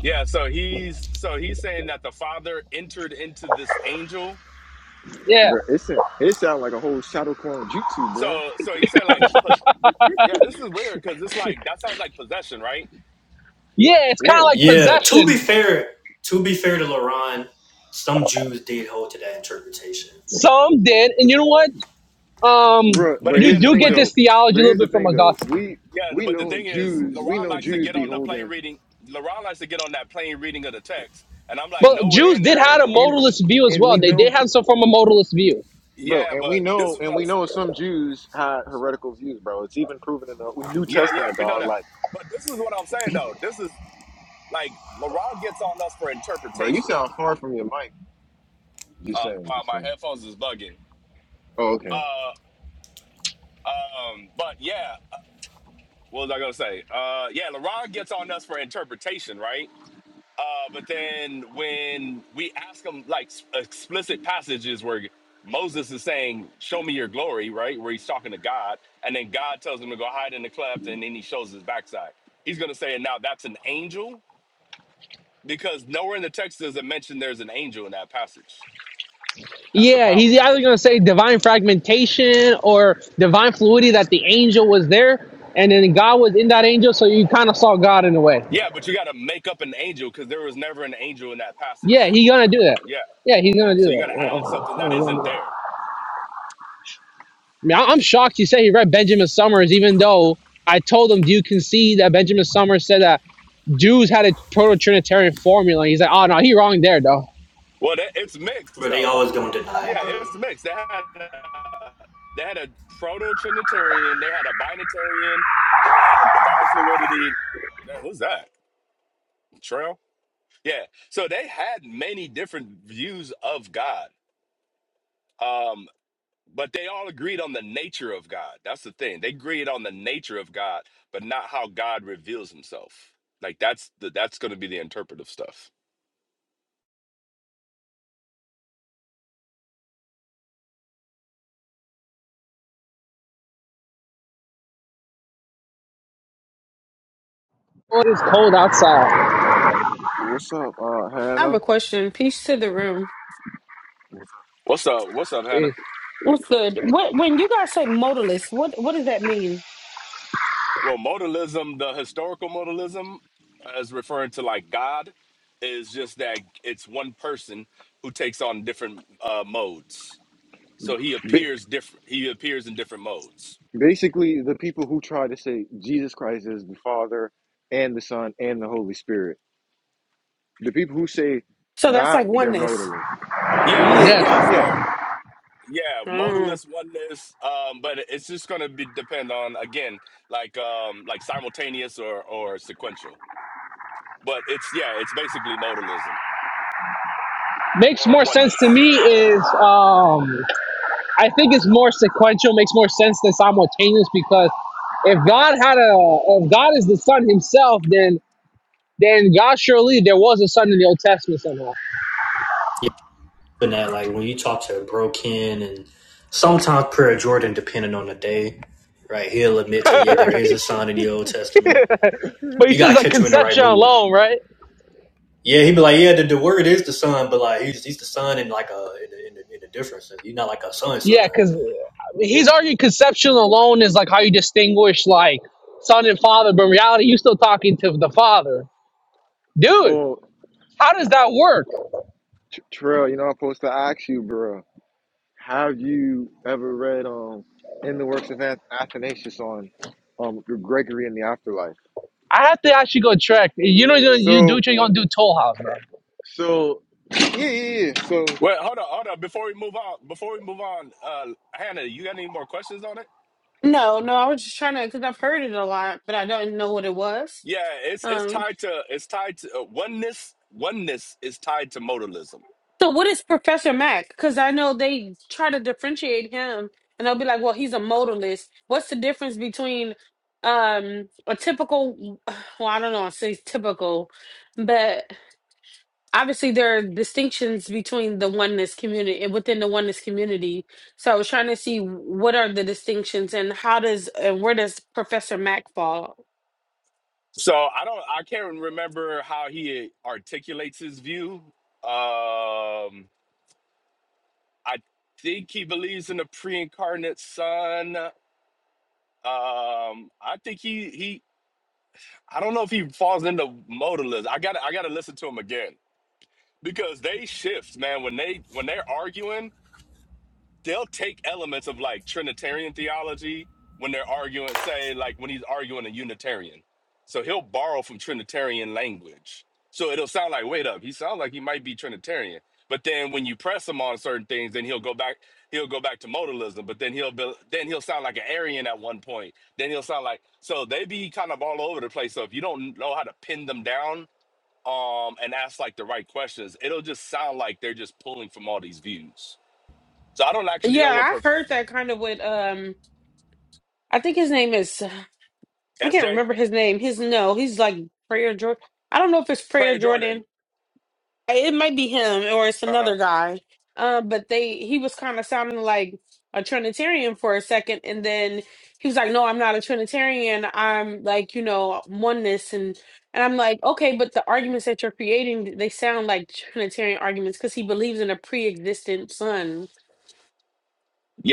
F: Yeah, so he's so he's saying that the father entered into this angel.
C: Yeah.
A: bro. It's a, it sound like a whole shadow clone jutsu, bro.
F: So, so he said like, po- yeah, this is weird because it's like that sounds like possession, right?
C: Yeah, it's
A: Yeah,
C: kinda like
B: Yeah. To be
C: possession.
B: fair, to be fair to Laron, some Jews did hold to that interpretation,
C: Some did, and you know what? Um
A: bro.
F: But
A: But
C: you
A: here's
F: again,
A: the
F: the
C: do
A: thing,
C: get
F: plane,
C: this
A: though. But
C: theology a little
A: here's the
C: bit from
A: thing, though.
C: Augustine.
A: We
F: yeah.
A: we
F: But the
A: know
F: thing is,
A: Jews. We
F: LaRon
A: know
F: likes to
A: Jews
F: get
A: be
F: on the plane
A: holding,
F: reading. LaRon likes to get on that plane reading of the text, and I'm like,
C: But
F: nowhere
C: Jews
F: in
C: did have
F: there
C: a
A: and
C: modalist view as
A: and we
C: well. They did
A: know.
C: have some form of modalist view
A: bro.
F: Yeah,
A: And we
F: but this
A: know,
F: is
A: and
F: what I'm.
A: we know some Jews had heretical views, bro. It's even proven in the New
F: Yeah, yeah,
A: Testament,
F: we know
A: dog.
F: that.
A: Like,
F: But this is what I'm saying though. This is like LeBron gets on us for
A: bro, you
F: interpretation.
A: sound far from your mic. Just
F: Uh,
A: saying,
F: wow,
A: just
F: my
A: saying.
F: headphones is bugging.
A: Oh, okay.
F: Uh, um, but yeah, what was I gonna say? Uh, yeah, LeBron gets on us for interpretation, right? Uh, but then when we ask him like s- explicit passages where Moses is saying, "Show me your glory," right, where he's talking to God, and then God tells him to go hide in the cleft, and then he shows his backside. He's gonna say, "And now that's an angel." because nowhere in the text does it mention there's an angel in that passage. That's the
C: Yeah, he's
F: problem.
C: either going to say divine fragmentation or divine fluidity that the angel was there and then God was in that angel, so you kind of saw God in a way.
F: Yeah, but you got to make up an angel because there was never an angel in that
C: Yeah,
F: passage.
C: he's going to do that.
F: Yeah,
C: Yeah, he's going to do
F: so
C: that.
F: you
C: Yeah,
F: got to
C: okay.
F: add
C: yeah,
F: something that
C: he's gonna do
F: isn't
C: that.
F: there.
C: I mean, I- I'm shocked you say he read Benjamin Summers, even though I told him, Do you concede that Benjamin Summers said that Jews had a proto Trinitarian formula? He's like, Oh, no, he wrong there, though.
F: Well, that, it's mixed
B: but they
F: though.
B: always gonna deny
F: Yeah,
B: it, bro.
F: it's mixed. They had a, they had a proto trinitarian, they had a binitarian, uh, divine fluidity. Man, who's that? Trail. Yeah, so they had many different views of God. Um, But they all agreed on the nature of God. That's the thing. They agreed on the nature of God, but not how God reveals himself. Like that's the that's gonna be the interpretive stuff.
C: Oh, it is cold outside.
A: What's up, uh,
G: I have
A: Hannah?
G: a question. Peace to the room.
F: What's up? What's up, Hannah?
G: What's good? What when you guys say modalist, what what does that mean?
F: Well, modalism, the historical modalism as referring to like God, is just that it's one person who takes on different uh modes. So he
A: Ba-
F: appears different he appears in different modes.
A: basically, the people who try to say Jesus Christ is the Father and the Son and the Holy Spirit, the people who say
G: So that's
A: that,
G: like
A: they're
G: oneness.
A: modalists.
F: Yes,
A: Yeah,
F: yes.
C: Yes.
A: yeah.
F: There yeah
G: Mm.
F: modalist oneness um but it's just gonna be depend on again like um like simultaneous or or sequential but it's yeah it's basically modalism
C: Makes
F: or
C: more sense to
F: oneness
C: me is um, I think it's more sequential, makes more sense than simultaneous because if God had a, if God is the Son Himself, then then God surely there was a Son in the Old Testament somehow.
B: Yeah. But that like when you talk to a Broken and sometimes Prayer Jordan, depending on the day, right? He'll admit to yeah,
A: They're-
C: [laughs]
B: there
A: [laughs]
B: is a son in the Old Testament.
C: but he
B: You
C: says
B: gotta
C: like
B: catch him in the right
C: conception
B: mood.
C: alone, right?
B: Yeah, he'd be like, yeah, the, the word is the son, but like he's he's the son in like a in the, in the, in the difference. He's not like a son
C: Yeah,
B: son.
C: because he's arguing conception alone is like how you distinguish like Son and Father, but in reality you're still talking to the Father, dude.
A: oh,
C: How does that work?
A: Terrell, you know I post that. Bro, have you ever read um in the works of Ath- Athanasius on? um through Gregory in the afterlife.
C: I have to actually go check. You know, you do
A: So
C: what you're gonna do. Toll House, bro.
A: so yeah yeah yeah. So
F: well hold on hold on before we move on before we move on uh hannah you got any more questions on it
G: No, no, I was just trying to because I've heard it a lot, but I don't know what it was.
F: yeah it's it's
G: Um,
F: tied to it's tied to uh, oneness oneness is tied to modalism
G: so what is Professor Mac? Because I know they try to differentiate him, and they'll be like, "Well, he's a modalist." What's the difference between um a typical? Well, I don't know. I say typical, but obviously there are distinctions between the oneness community and within the oneness community so i was trying to see what are the distinctions and how does and where does professor mack fall
F: so i don't i can't remember how he articulates his view um I think he believes in the pre-incarnate son. Um, I think he he. I don't know if he falls into modalism. I got I got to listen to him again because they shift, man. When they when they're arguing, they'll take elements of like Trinitarian theology when they're arguing, say, like when he's arguing a Unitarian. So he'll borrow from Trinitarian language. So it'll sound like, wait up, he sounds like he might be Trinitarian. But then when you press him on certain things, then he'll go back, he'll go back to modalism, but then he'll be, then he'll sound like an Arian at one point. Then he'll sound like so they be kind of all over the place. So if you don't know how to pin them down um and ask like the right questions, it'll just sound like they're just pulling from all these views. So I don't actually know what
G: yeah
F: per
G: i've heard that kind of with um i think his name is i can't
F: SJ,
G: remember his name his no he's like prayer jordan i don't know if it's prayer
F: Prayer
G: jordan
F: Jordan.
G: It might be him or it's
F: Uh huh.
G: another guy. Uh, but they he was kind of sounding like a Trinitarian for a second, and then he was like, "No, I'm not a Trinitarian. I'm like, you know, oneness." And and I'm like, "Okay, but the arguments that you're creating, they sound like Trinitarian arguments because he believes in a pre-existent son."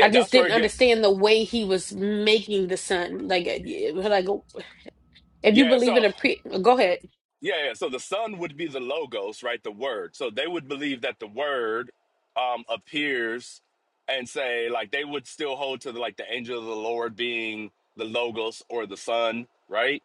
G: I just
F: that's where
G: didn't
F: it gets.
G: understand the way he was making the son. Like, it- like oh, if you
F: Yeah,
G: believe in
F: so
G: a pre, go ahead.
F: yeah, yeah. So the sun would be the logos, right? The word. So they would believe that the word um appears and say like they would still hold to the, like the angel of the Lord being the logos or the sun, right?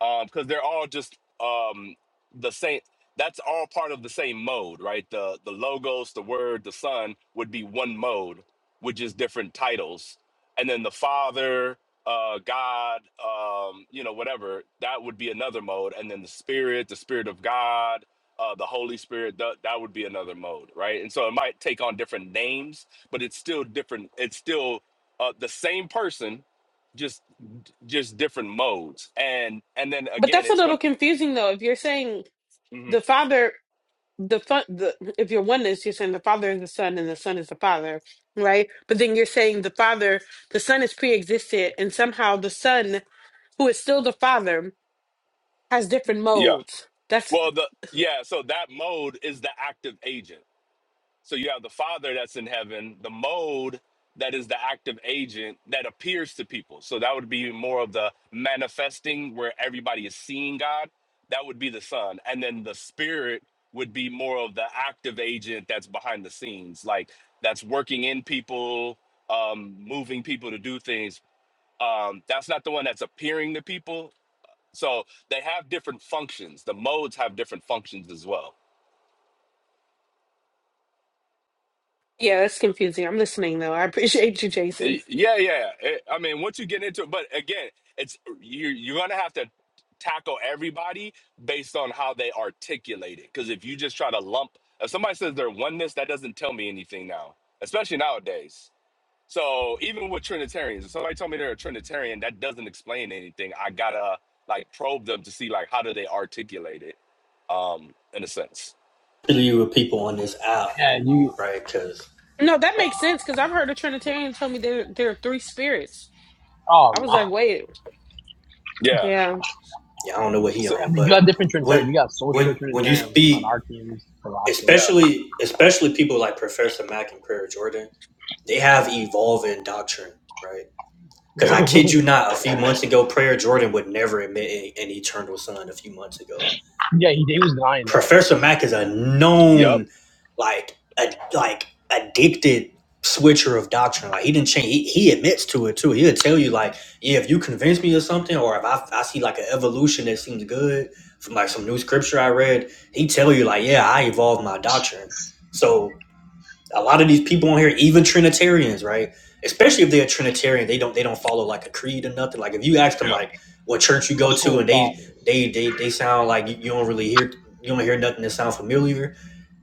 F: Um, because they're all just um the same. That's all part of the same mode, right? The the logos, the word, the sun would be one mode, which is different titles, and then the father uh god um you know whatever that would be another mode and then the spirit the spirit of god uh the holy spirit that, that would be another mode right and so it might take on different names but it's still different it's still uh the same person just just different modes and and then
G: But
F: again
G: that's a
F: it's
G: little
F: going
G: confusing though. If you're saying
F: to
G: the father the fun the if you're oneness, you're saying the Father is the Son and the Son is the Father, right? But then you're saying the Father, the Son is pre-existed, and somehow the Son, who is still the Father, has different
F: yeah
G: modes. That's
F: well the yeah so that mode is the active agent So you have the Father that's in heaven, the mode that is the active agent that appears to people. So that would be more of the manifesting where everybody is seeing God. That would be the Son. And then the Spirit would be more of the active agent that's behind the scenes, like that's working in people, um, moving people to do things. Um, that's not the one that's appearing to people. So they have different functions. The modes have different functions as well.
G: yeah, that's confusing. I'm listening though. I appreciate you, Jason.
F: Y- Yeah, yeah. Eh, I mean, once you get into it, but again, it's you're you're gonna have to tackle everybody based on how they articulate it. Because if you just try to lump, if somebody says they're oneness, that doesn't tell me anything now, especially nowadays. So even with Trinitarians, if somebody told me they're a Trinitarian, that doesn't explain anything. I gotta like probe them to see like how do they articulate it, um, in a sense.
B: you with people on this app,
C: Yeah, you.
B: right? Because
G: No, that makes sense because I've heard a Trinitarian tell me there there are three spirits.
C: Oh,
G: I was
C: no.
G: like, wait,
F: Yeah.
G: yeah.
B: yeah, I don't know what he
F: So
C: I
B: on,
C: mean, you have
B: but
C: different Trinitarian.
B: when
C: You got social
B: when when you
C: Trinitarian,
B: speak,
C: monarchians, Galactics.
F: yeah.
B: especially especially people like Professor Mack and Prayer Jordan, they have evolving doctrine, right? Because I kid you not, a few months ago, Prayer Jordan would never admit an eternal son. A few months ago,
C: [laughs] yeah, he, he was denying that.
B: Professor Mac is a
F: Yep.
B: known, like a like addicted switcher of doctrine. Like he didn't change. He, he admits to it too. He'll tell you like, yeah, if you convince me of something, or if I, I see like an evolution that seems good from like some new scripture I read, he tell you like, yeah, I evolved my doctrine. So a lot of these people on here, even Trinitarians, right? Especially if they're a Trinitarian, they don't they don't follow like a creed or nothing. Like if you ask them
F: Yep.
B: like what church you
C: No
B: go
C: school
B: to,
C: of
B: and
C: thought.
B: they they they they sound like you, you don't really hear you don't hear nothing that sounds familiar.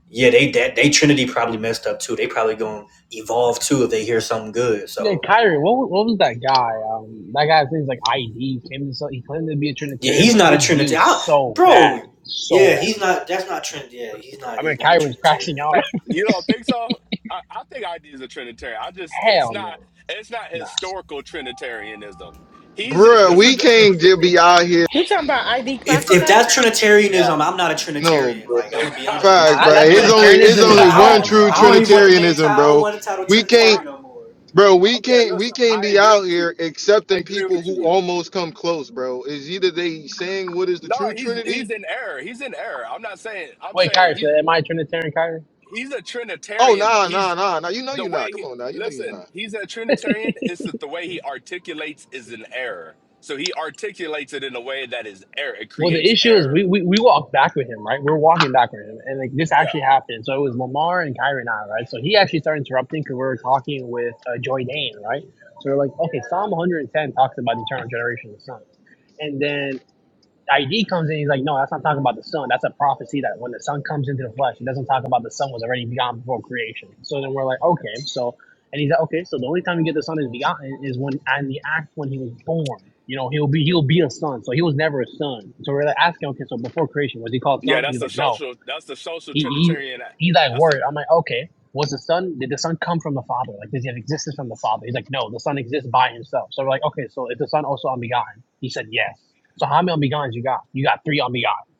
B: Yeah, they that they Trinity probably messed up too. They probably gonna evolve too if they hear something good.
C: Yeah,
B: So
C: Kyrie, what, wa- what was that guy? Um, that guy's name's like ID. Came to, some- he claimed to be a
B: yeah,
C: Trinitarian,
B: he's
C: but
B: not a
C: his view
B: Trinitarian,
C: is so bad,
B: bro.
C: so
B: Yeah, he's
C: bad.
B: not. That's not Trinity. Yeah, he's
C: I
B: not.
C: mean,
B: He's not a
C: Kyrie was
B: Trinitarian.
C: crashing out.
F: Hey, you don't think so? I, I think ID is a Trinitarian. I
C: [laughs]
F: just it's
C: Hell
F: not
C: no,
F: it's not
C: nah.
F: historical Trinitarianism. He's just
A: Bruh,
C: It,
F: this
A: we
F: is the
A: can't
C: it's
A: just be out here.
G: You're talking about ID
B: If if
G: classified?
B: that's
C: yeah,
B: Trinitarianism, I'm not a
A: No,
B: Trinitarian. Like I'm
F: [laughs]
A: bruh.
B: gonna be honest with
A: Facts,
C: nah.
B: you,
F: no
C: That,
B: bro.
A: bruh.
C: that
B: [laughs]
F: this
A: It's
B: but
F: is
A: only it's
C: Trinitarianism is
A: only
B: I
A: one
B: don't
C: bad,
A: true
B: I
C: bro.
B: don't even
F: listen
B: want the name title.
A: Trinitarianism,
B: I don't
A: bro.
B: want the title
A: We can't,
F: why
B: Trinitarian no more.
A: bro. We
F: okay
A: can't we
F: listen
A: can't
F: I
A: be
F: agree
A: out
F: with
A: here
F: you I
A: accepting
F: agree
A: people
F: with
A: who
F: you
A: almost come close, bro. Is either they saying what is the
F: no
A: true
F: he's he's
A: Trinity?
F: in error he's in error I'm not saying I'm
C: Wait, Kyrie,
F: saying
C: so
F: he's
C: am I a Trinitarian, Kyrie?
F: he's a
A: Oh,
F: Trinitarian but
A: nah, nah,
F: he's
A: nah, nah. You know
F: the
A: you're not.
F: way
A: Come
F: he
A: on, now. You know you're
F: listen
A: not.
F: he's a Trinitarian it's that the way he articulates is an error so he articulates it in a way that is error it
C: Well, the
F: creates
C: issue is
F: error
C: we, we, we walked back with him, right? We were walking back with him, and like this
F: Yeah,
C: actually happened. So it was Lamar and Kyrie and I, right? So he actually started interrupting because we were talking with uh, Joy Dane, right? So we're like, okay, Psalm 110 talks about the eternal generation of the sun, and then ID comes in, he's like, no, that's not talking about the sun. That's a prophecy that when the sun comes into the flesh, it doesn't talk about the sun was already begotten before creation. So then we're like, okay, so, and he's like, okay, so the only time you get the son is begotten is when and the act when he was born. You know, he'll be he'll be a son. So he was never a son. So we're like asking, okay, so before creation was he called
F: yeah,
C: son?
F: that's
C: He's
F: the
C: like, no.
F: social. That's the social
C: He, he,
F: Trinitarian.
C: he's like,
F: That's the
C: word. I'm like, okay. Was the son? Did the son come from the father? Like, does he have existence from the father? He's like, no. The son exists by himself. So we're like, okay. So is the son also unbegotten? He said yes. So how many unbegotten you got? You got three unbegotten.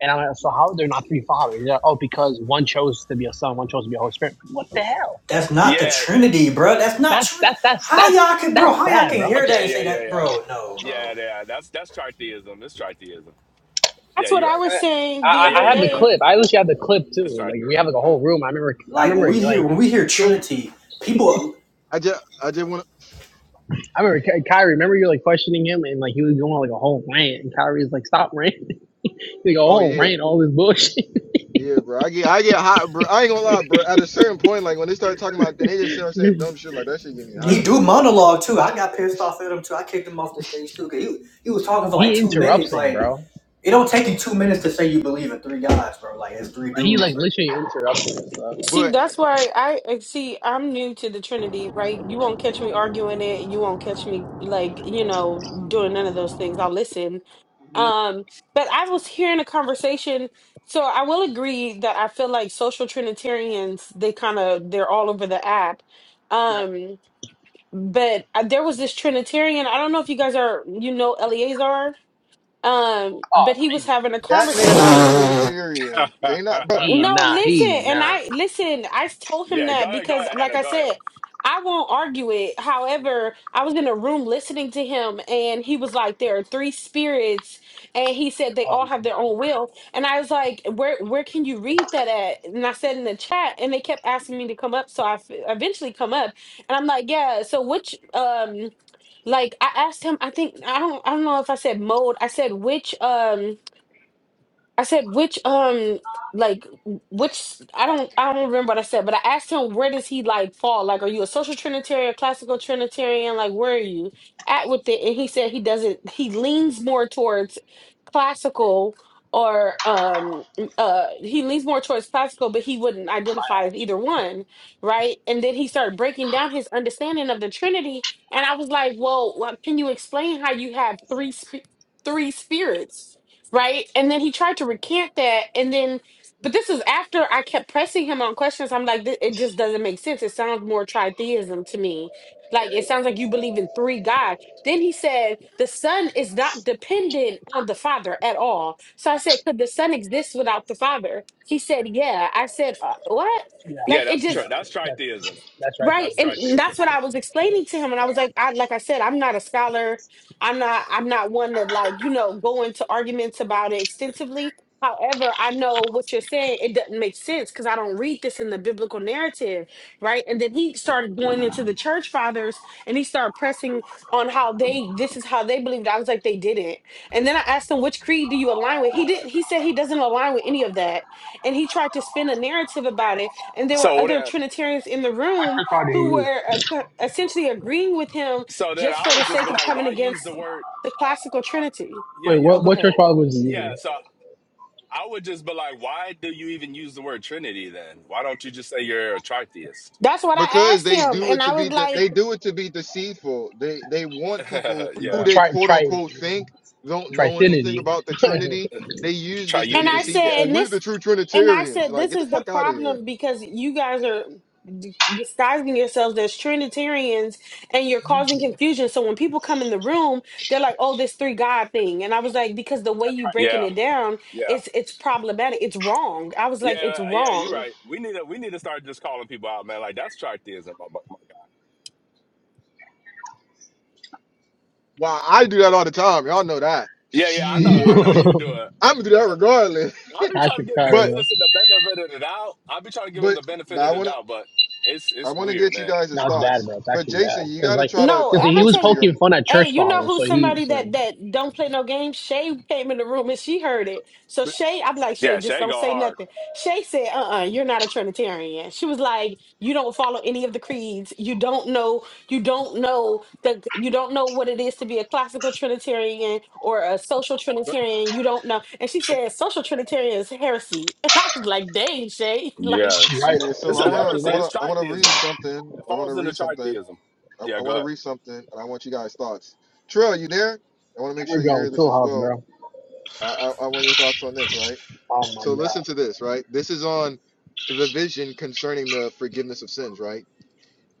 C: And I'm like, so how they're not three fathers? He's like, oh, because one chose to be a son, one chose to be a Holy Spirit. What the hell?
B: That's not the
F: yeah.
B: Trinity, bro. That's not
C: That's
B: Trinity.
C: that that's
B: How
C: that's
B: y'all can, bro?
C: that's
B: How y'all
C: bad,
B: can
C: bro.
B: hear that
F: Okay,
B: and
F: yeah,
B: say
F: yeah,
B: that,
F: yeah,
B: bro? No,
F: yeah,
B: bro.
F: yeah. That's that's tritheism. It's tritheism. Yeah,
G: That's what
F: you're
G: I
F: right.
G: was
C: And I,
G: saying the
C: I
F: Yeah,
G: other
C: I
F: yeah,
C: have the
G: day
F: yeah.
C: clip. I literally have the clip
F: It's
C: too. Like we have like
F: tritheism.
C: a whole room. I remember I
B: Like when
C: remember
B: we
C: like
B: hear when we hear
A: So
B: Trinity, people
A: I just I just want. to
C: I remember Ky- Kyrie. Remember you are like questioning him and like he was going like a whole rant, and Kyrie's like, "Stop ranting!" [laughs] Like a
A: Oh
C: whole
A: yeah.
C: rant, all this bullshit.
A: Yeah, bro. I get I get hot, bro. I ain't gonna lie, bro. At a certain point, like when they start talking about and they just start saying dumb
C: [laughs]
A: shit, like that shit get me
B: he
A: hot,
B: do
A: bro. Like,
B: monologue too. I got pissed off at him too. I kicked him off the stage too. Cause he he was talking for like
C: he
B: two
C: interrupts
B: minutes.
C: him,
B: Like
C: bro.
B: it don't take you two minutes to say you believe in three gods, bro. Like it's three
C: Like he
B: dudes,
C: like literally interrupts him. So.
G: See,
A: but
G: that's why I I- see I'm new to the Trinity, right? You won't catch me arguing it. You won't catch me
F: [laughs]
G: like, you know, doing none of those things. I'll listen.
C: Mhm.
G: Um, but I was hearing a conversation, so I will agree that I feel like social Trinitarians, they kind of they're all over the app.
C: Yep.
G: Um, but uh, there was this Trinitarian, I don't know if you guys are you know Eleazar, um,
C: Oh
G: but
C: no,
G: he was
C: he's
G: having a
C: not.
A: that nigga not a
G: conversation
B: right? [laughs]
A: Trinitarian. They not, bro,
C: He
G: no,
C: nah,
G: listen,
C: he
G: and
C: nah.
G: I listen, I told him
F: yeah, go
G: that
F: ahead, go
G: because
F: ahead,
G: like
F: Hannah.
G: I
F: Go ahead.
G: said, I won't argue it. However, I was in a room listening to him and he was like there are three spirits and he said they
C: Oh
G: all
C: my
G: have their
C: gosh.
G: own will. And I was like, "Where where can you read that at?" And I said in the chat and they kept asking me to come up, so I f- eventually come up. And I'm like, "Yeah, so which um like I asked him, I think I don't I don't know if I said mode. I said which um I said which um like w- which I don't I don't remember what I said, but I asked him where does he like fall? Like are you a social trinitarian, classical trinitarian? Like where are you at with it? And he said he doesn't he leans more towards classical or um uh he leans more towards classical but he wouldn't identify as either one right and then he started breaking down his understanding of the trinity and i was like well like, can you explain how you have three sp- three spirits right? And then he tried to recant that, and then, but this is after I kept pressing him on questions. I'm like, "Th- it just doesn't make sense. It sounds more tritheism to me. Like it sounds like you believe in three gods. Then he said the son is not dependent on the father at all. So I said, could the son exist without the father? He said, yeah. I said, uh, what?
F: Yeah,
C: Yeah,
G: Like it
F: that's true.
G: just.
C: yeah.
F: That's
C: That's
F: tritheism.
C: that's right.
G: Right.
F: That's
C: There, bro. What
G: And
F: tritheism.
G: that's what I was explaining to him. And I
F: Yeah.
G: was like, I like I said, I'm not a scholar. I'm not I'm not one that like, you know, go into arguments about it extensively. However, I know what you're saying. It doesn't make sense because I don't read this in the biblical narrative, right? And then he started going into the church fathers and he started pressing on how they this is how they believed. I was like, they didn't. And then I asked him, which creed do you align with? He didn't. He said he doesn't align with any of that, and he tried to spin a narrative about it. And there were
F: So
G: other
F: then,
G: Trinitarians in the room
C: church father did he
G: who
C: use?
G: were uh, co- essentially agreeing with him
F: so then
G: just
F: I
G: for the
F: would just
G: sake
F: be
G: of
F: like,
G: coming
F: why use the
G: against
F: word?
G: the classical trinity.
F: Yeah,
C: Wait,
F: yeah,
G: Oh,
C: what
G: go
C: what church
G: ahead.
C: father was he
F: yeah.
C: using?
F: So I would just be like, why do you even use the word Trinity then? Why don't you just say you're a tritheist?
G: That's what I
A: because
G: asked
A: they
G: him.
A: do
G: And
A: it
G: I
A: to be
G: was
A: the
G: like,
A: they do it to be deceitful. They they
F: [laughs]
A: want people who
F: yeah.
A: they
C: Try
A: quote
C: try
A: unquote think don't know anything
C: trifinity.
A: about the
C: [laughs]
A: Trinity. They use this to
G: and
A: be
G: I
F: Triunity.
A: deceitful.
G: said,
A: Oh,
F: Yeah.
G: and
A: we're
G: this,
A: the true
G: and I
A: Trinitarians.
G: said,
A: Like,
G: this
A: get the
G: is the
A: fuck out of here.
G: problem because you guys are d- disguising yourselves as Trinitarians and you're causing confusion. So when people come in the room, they're like, oh, this three God thing. And I was like, because the way you breaking
F: Yeah.
G: it down,
F: Yeah.
G: it's, it's problematic. It's wrong. I was like,
F: Yeah.
G: it's
F: Yeah. You're
G: wrong
F: right. We need to we need to start just calling people out, man. Like that's tritheism. Oh, My, my God.
A: Why I do that all the time. Y'all know that.
F: Yeah. Yeah. I know. I
A: Shit,
F: know
A: [laughs]
F: you do it.
A: I'm gonna do that
F: I-
A: regardless. [laughs]
F: I'll be
C: Cash
F: trying to get people
C: Kyrie,
A: But
F: to
C: bro.
F: listen to benefit of the doubt. I'll be trying to give them
A: but.
F: the benefit
A: but
F: of
A: I
F: the
A: wanna.
F: doubt, but it's
A: I
F: it's
A: want to
F: weird,
A: get you
F: man.
A: guys'
C: No, it's bad,
A: thoughts,
C: bro. It's
A: but
C: actually bad
A: Jason, you
C: because
A: got to
C: like
A: try to
G: No,
C: because
A: come
G: I'm
C: he
G: gonna
C: was
A: closer
G: tell
A: to
G: you.
A: your.
C: poking fun at
G: Hey,
C: church
G: you know
C: fathers,
G: who's
C: so he
G: somebody
C: so
G: that that don't play no games? Shay came in the room and she heard it. So
A: But,
G: Shay, I'm like Shay,
F: Yeah,
G: just
F: Shay
G: don't
F: go
G: say
F: hard.
G: nothing. Shay said, "Uh, uh uh, you are not a Trinitarian." She was like, "You don't follow any of the creeds. You don't know. You don't know that. You don't know what it is to be a classical Trinitarian or a social
A: but
G: Trinitarian. You don't know." And she
A: um,
G: said, "Social Trinitarian is heresy." [laughs] And I was like, "Dang, Shay! [laughs] Like,
F: Yeah,
C: she's
F: it's
C: right.
A: yeah, so
F: it's
A: I
F: a
C: She's
A: wanna, I
F: heresy.
C: absolutely right.
F: It's
A: wanna, I wanna read
F: tritheism.
A: something.
F: It
A: I wanna
F: falls into
A: read something.
F: tritheism.
A: I,
F: Yeah,
A: I
F: go
A: wanna
F: ahead.
A: read something, and I want you guys' thoughts. Trill, you there? I wanna make
C: Here
A: sure
C: we
A: you
C: go,
A: hear this
C: Tool
A: as
C: House,
A: well.
C: bro.
A: I, I, I want your thoughts on this, right?
C: Oh my
A: So
C: god,
A: listen to this, right? This is on the vision concerning the forgiveness of sins, right?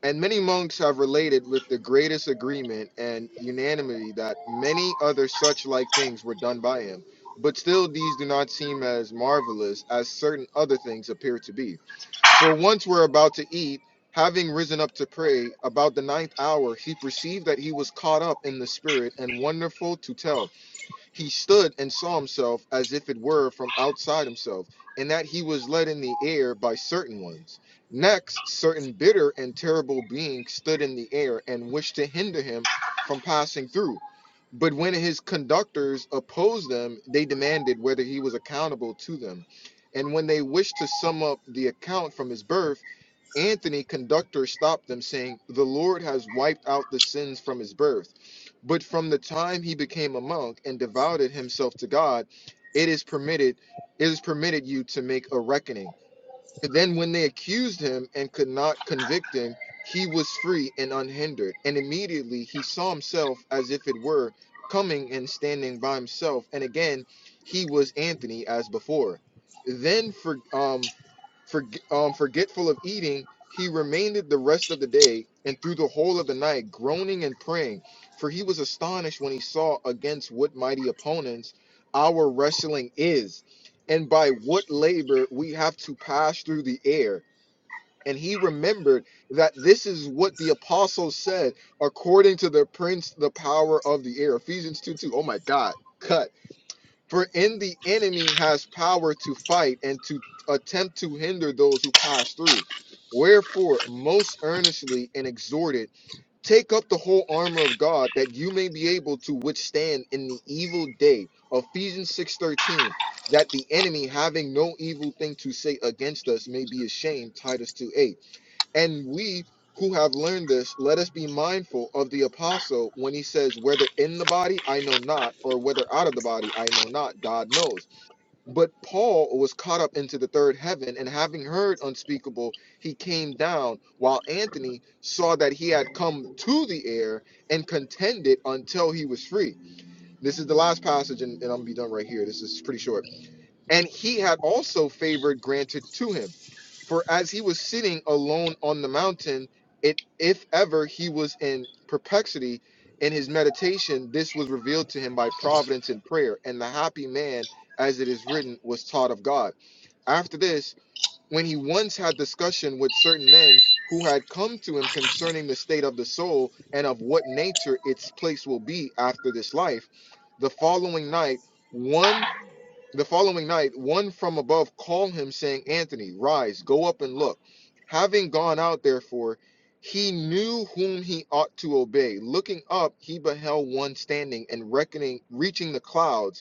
A: And many monks have related with the greatest agreement and unanimity that many other such like things were done by him. But still, these do not seem as marvelous as certain other things appear to be. For once we're about to eat, having risen up to pray, about the ninth hour, he perceived that he was caught up in the spirit and wonderful to tell. He stood and saw himself as if it were from outside himself, and that he was led in the air by certain ones. Next, certain bitter and terrible beings stood in the air and wished to hinder him from passing through. But when his conductors opposed them, they demanded whether he was accountable to them. And when they wished to sum up the account from his birth, Anthony, conductor, stopped them, saying, The Lord has wiped out the sins from his birth. But from the time he became a monk and devoted himself to God, it is permitted, it is permitted you to make a reckoning. And then when they accused him and could not convict him, he was free and unhindered. And immediately he saw himself as if it were coming and standing by himself. And again, he was Anthony as before. Then for um for, um, forgetful of eating, he remained the rest of the day and through the whole of the night, groaning and praying. For he was astonished when he saw against what mighty opponents our wrestling is, and by what labor we have to pass through the air. And he remembered that this is what the apostles said, according to the prince, the power of the air. Ephesians 2 2. Oh my God. Cut. For in the enemy has power to fight and to attempt to hinder those who pass through. Wherefore, most earnestly and exhorted, take up the whole armor of God that you may be able to withstand in the evil day. Ephesians 6:13, that the enemy having no evil thing to say against us may be ashamed. Titus 2:8. And we who have learned this, let us be mindful of the apostle when he says, Whether in the body, I know not, or whether out of the body, I know not, God knows. But Paul was caught up into the third heaven, and having heard unspeakable, he came down, while Anthony saw that he had come to the air and contended until he was free. This is the last passage, and, and I'm gonna be done right here. This is pretty short. And he had also favor granted to him for as he was sitting alone on the mountain, it if ever he was in perplexity in his meditation, this was revealed to him by providence and prayer, and the happy man, as it is written, was taught of God. After this, when he once had discussion with certain men who had come to him concerning the state of the soul and of what nature its place will be after this life, the following night, one the following night, one from above called him, saying, Anthony, rise, go up and look. Having gone out, therefore, he knew whom he ought to obey. Looking up, he beheld one standing and reckoning, reaching the clouds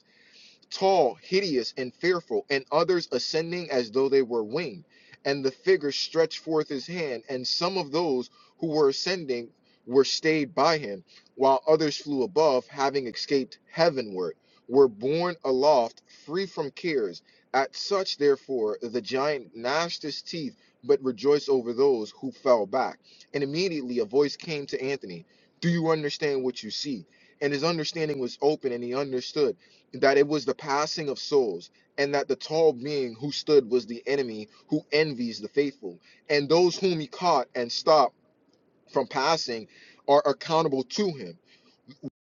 A: tall, hideous, and fearful, and others ascending as though they were winged. And the figure stretched forth his hand, and some of those who were ascending were stayed by him, while others flew above, having escaped heavenward, were borne aloft, free from cares. At such, therefore, the giant gnashed his teeth, but rejoiced over those who fell back. And immediately a voice came to Anthony Do you understand what you see? And his understanding was open, and he understood that it was the passing of souls, and that the tall being who stood was the enemy who envies the faithful. And those whom he caught and stopped from passing are accountable to him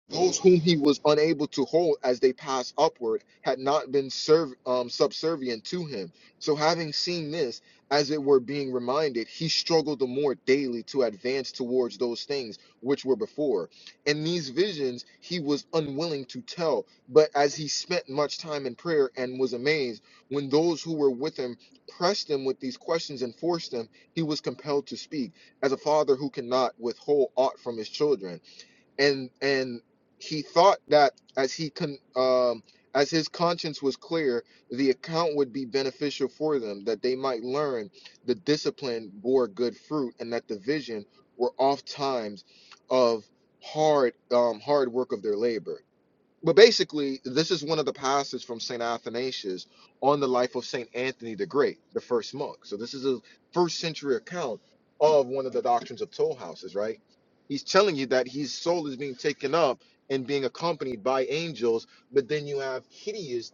A: those whom he was unable to hold as they passed upward had not been serv- um, subservient to him. So, having seen this, as it were being reminded, he struggled the more daily to advance towards those things which were before. And these visions he was unwilling to tell, but as he spent much time in prayer and was amazed, when those who were with him pressed him with these questions and forced him, he was compelled to speak, as a father who cannot withhold aught from his children and and he thought that as he con um as his conscience was clear the account would be beneficial for them that they might learn the discipline bore good fruit and that the vision were oft times of hard um hard work of their labor but basically, this is one of the passages from St. Athanasius on the life of St. Anthony the Great, the first monk. So, this is a first century account of one of the doctrines of toll houses, right? He's telling you that his soul is being taken up and being accompanied by angels, but then you have hideous,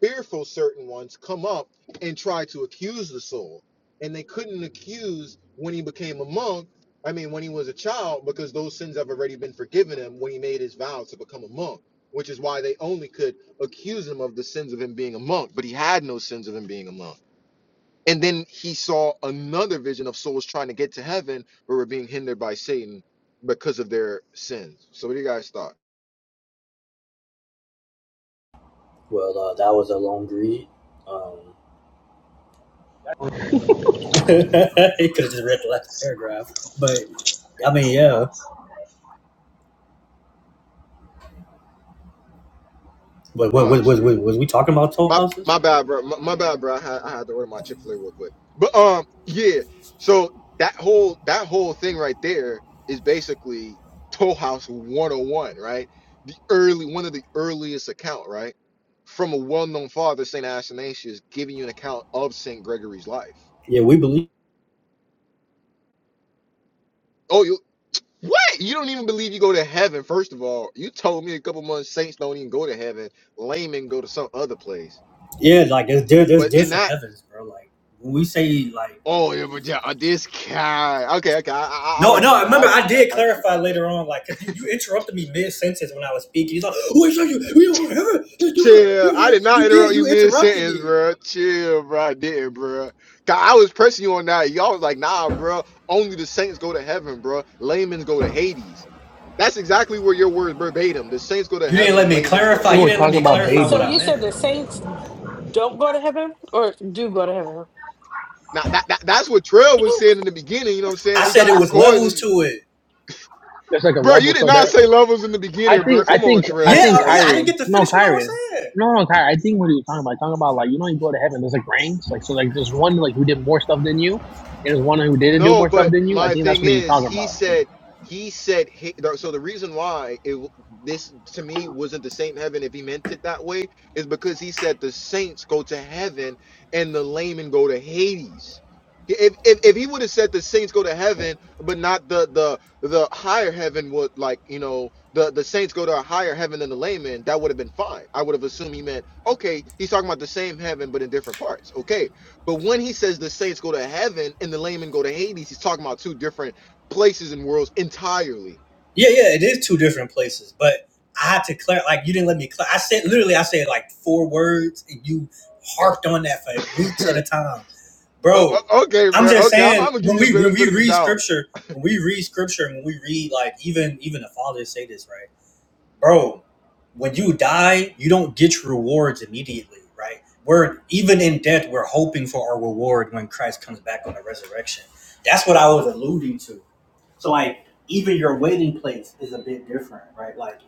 A: fearful certain ones come up and try to accuse the soul. And they couldn't accuse when he became a monk, I mean, when he was a child, because those sins have already been forgiven him when he made his vow to become a monk which is why they only could accuse him of the sins of him being a monk, but he had no sins of him being a monk. And then he saw another vision of souls trying to get to heaven, but were being hindered by Satan because of their sins. So, what do you guys thought?
B: Well, uh, that was a long read. Um, [laughs] he could have just read the last paragraph. But I mean, yeah. But what was
A: Much.
B: was was, was we talking about toll
A: My
B: houses?
A: my bad, bro. My, my bad, bro. I had, I had to order my Chick Fil A real quick. But um, yeah. So that whole that whole thing right there is basically Toll House 101, right? The early one of the earliest account, right? From a well-known father, Saint Athanasius, giving you an account of Saint Gregory's life.
B: Yeah, we believe.
A: Oh, you what? You don't even believe you go to heaven. First of all, you told me a couple months saints don't even go to heaven. Laymen go to some other place.
B: Yeah, like there's there's
A: But in
B: different
A: that
B: heavens, bro. Like when we say like
A: Oh yeah, but yeah, uh, this guy. Okay, okay, I, I, I
B: no
A: would
B: no.
A: give you
B: I
A: that.
B: Remember,
A: I'll give
B: I
A: you that.
B: did
A: I'll give you
B: clarify
A: that. Bro.
B: later on, like because you, you interrupted me mid sentence when I was speaking. He's like, "Wait, show you we don't go to heaven. It's different."
A: Chill.
B: We-
A: I did not
B: You did
A: interrupt you
B: you
A: mid
B: interrupted
A: sentence,
B: me.
A: bro. Chill, bro. I didn't, bro. God, I was pressing you on that. Y'all was like, nah, bro. Only the saints go to heaven, bro. Laymen go to Hades. That's exactly where your words verbatim. The saints go to
B: You didn't
A: heaven
B: let
A: and
B: me
A: laymen go to
C: I
B: clarify.
C: think
B: You
C: we're
B: didn't let
C: talking
B: me
A: Hades.
C: about
G: wait.
B: clarify
G: So
B: what I
G: you
C: babies.
G: said
B: meant.
G: the saints don't go to heaven or do go to heaven?"
A: Now that, that that's what Trail was saying in the beginning. You know what I'm
B: I
A: saying? We
B: said
A: got
B: it
A: the
B: was levels
A: recordings,
B: to it.
C: There's like a
A: bro. You
C: level,
A: did
C: so
A: not
C: there.
A: say levels in the
C: I
A: beginning,
C: think
A: bro.
C: I
A: Come on,
C: think I
B: Yeah,
A: Trail,
C: think
B: uh,
A: bro.
B: yeah. I didn't
C: Kyrie.
B: get to
C: No,
B: finish what I was
C: Kyrie.
B: saying.
C: No, no, Kyrie. I think what are you talking about? Talking about like you know you go to heaven. There's like ranks, like so like there's one like who did more stuff than you, and there's one who didn't do
A: No,
C: more stuff
A: but
C: than you. I
A: my
C: think that's
A: thing
C: what he's
A: is,
C: talking
A: he
C: about.
A: said, he said, he, so the reason why it this to me wasn't the same heaven if he meant it that way is because he said the saints go to heaven and the laymen go to Hades. If if, if he would have said the saints go to heaven, but not the the the higher heaven would like you know the the saints go to a higher heaven than the laymen, that would have been fine. I would have assumed he meant okay, he's talking about the same heaven but in different parts. Okay, but when he says the saints go to heaven and the laymen go to Hades, he's talking about two different places and worlds entirely.
B: Yeah, yeah, it is two different places, but I had to clarify. like you didn't let me clar I said literally I said like four words and you harped on that for weeks at a time.
A: [laughs]
B: Bro,
A: okay,
B: I'm
A: bro.
B: just
A: Okay, I'm,
B: saying
A: I'm gonna give
B: when
A: you the
B: we when
A: benefit
B: we
A: of the
B: read
A: doubt.
B: scripture, when we read scripture and when we read like even even the fathers say this, right? Bro, when you die, you don't get your rewards immediately, right? We're even in death, we're hoping for our reward when Christ comes back on the resurrection. That's what I was alluding to so like even your waiting place is a bit different, right? Like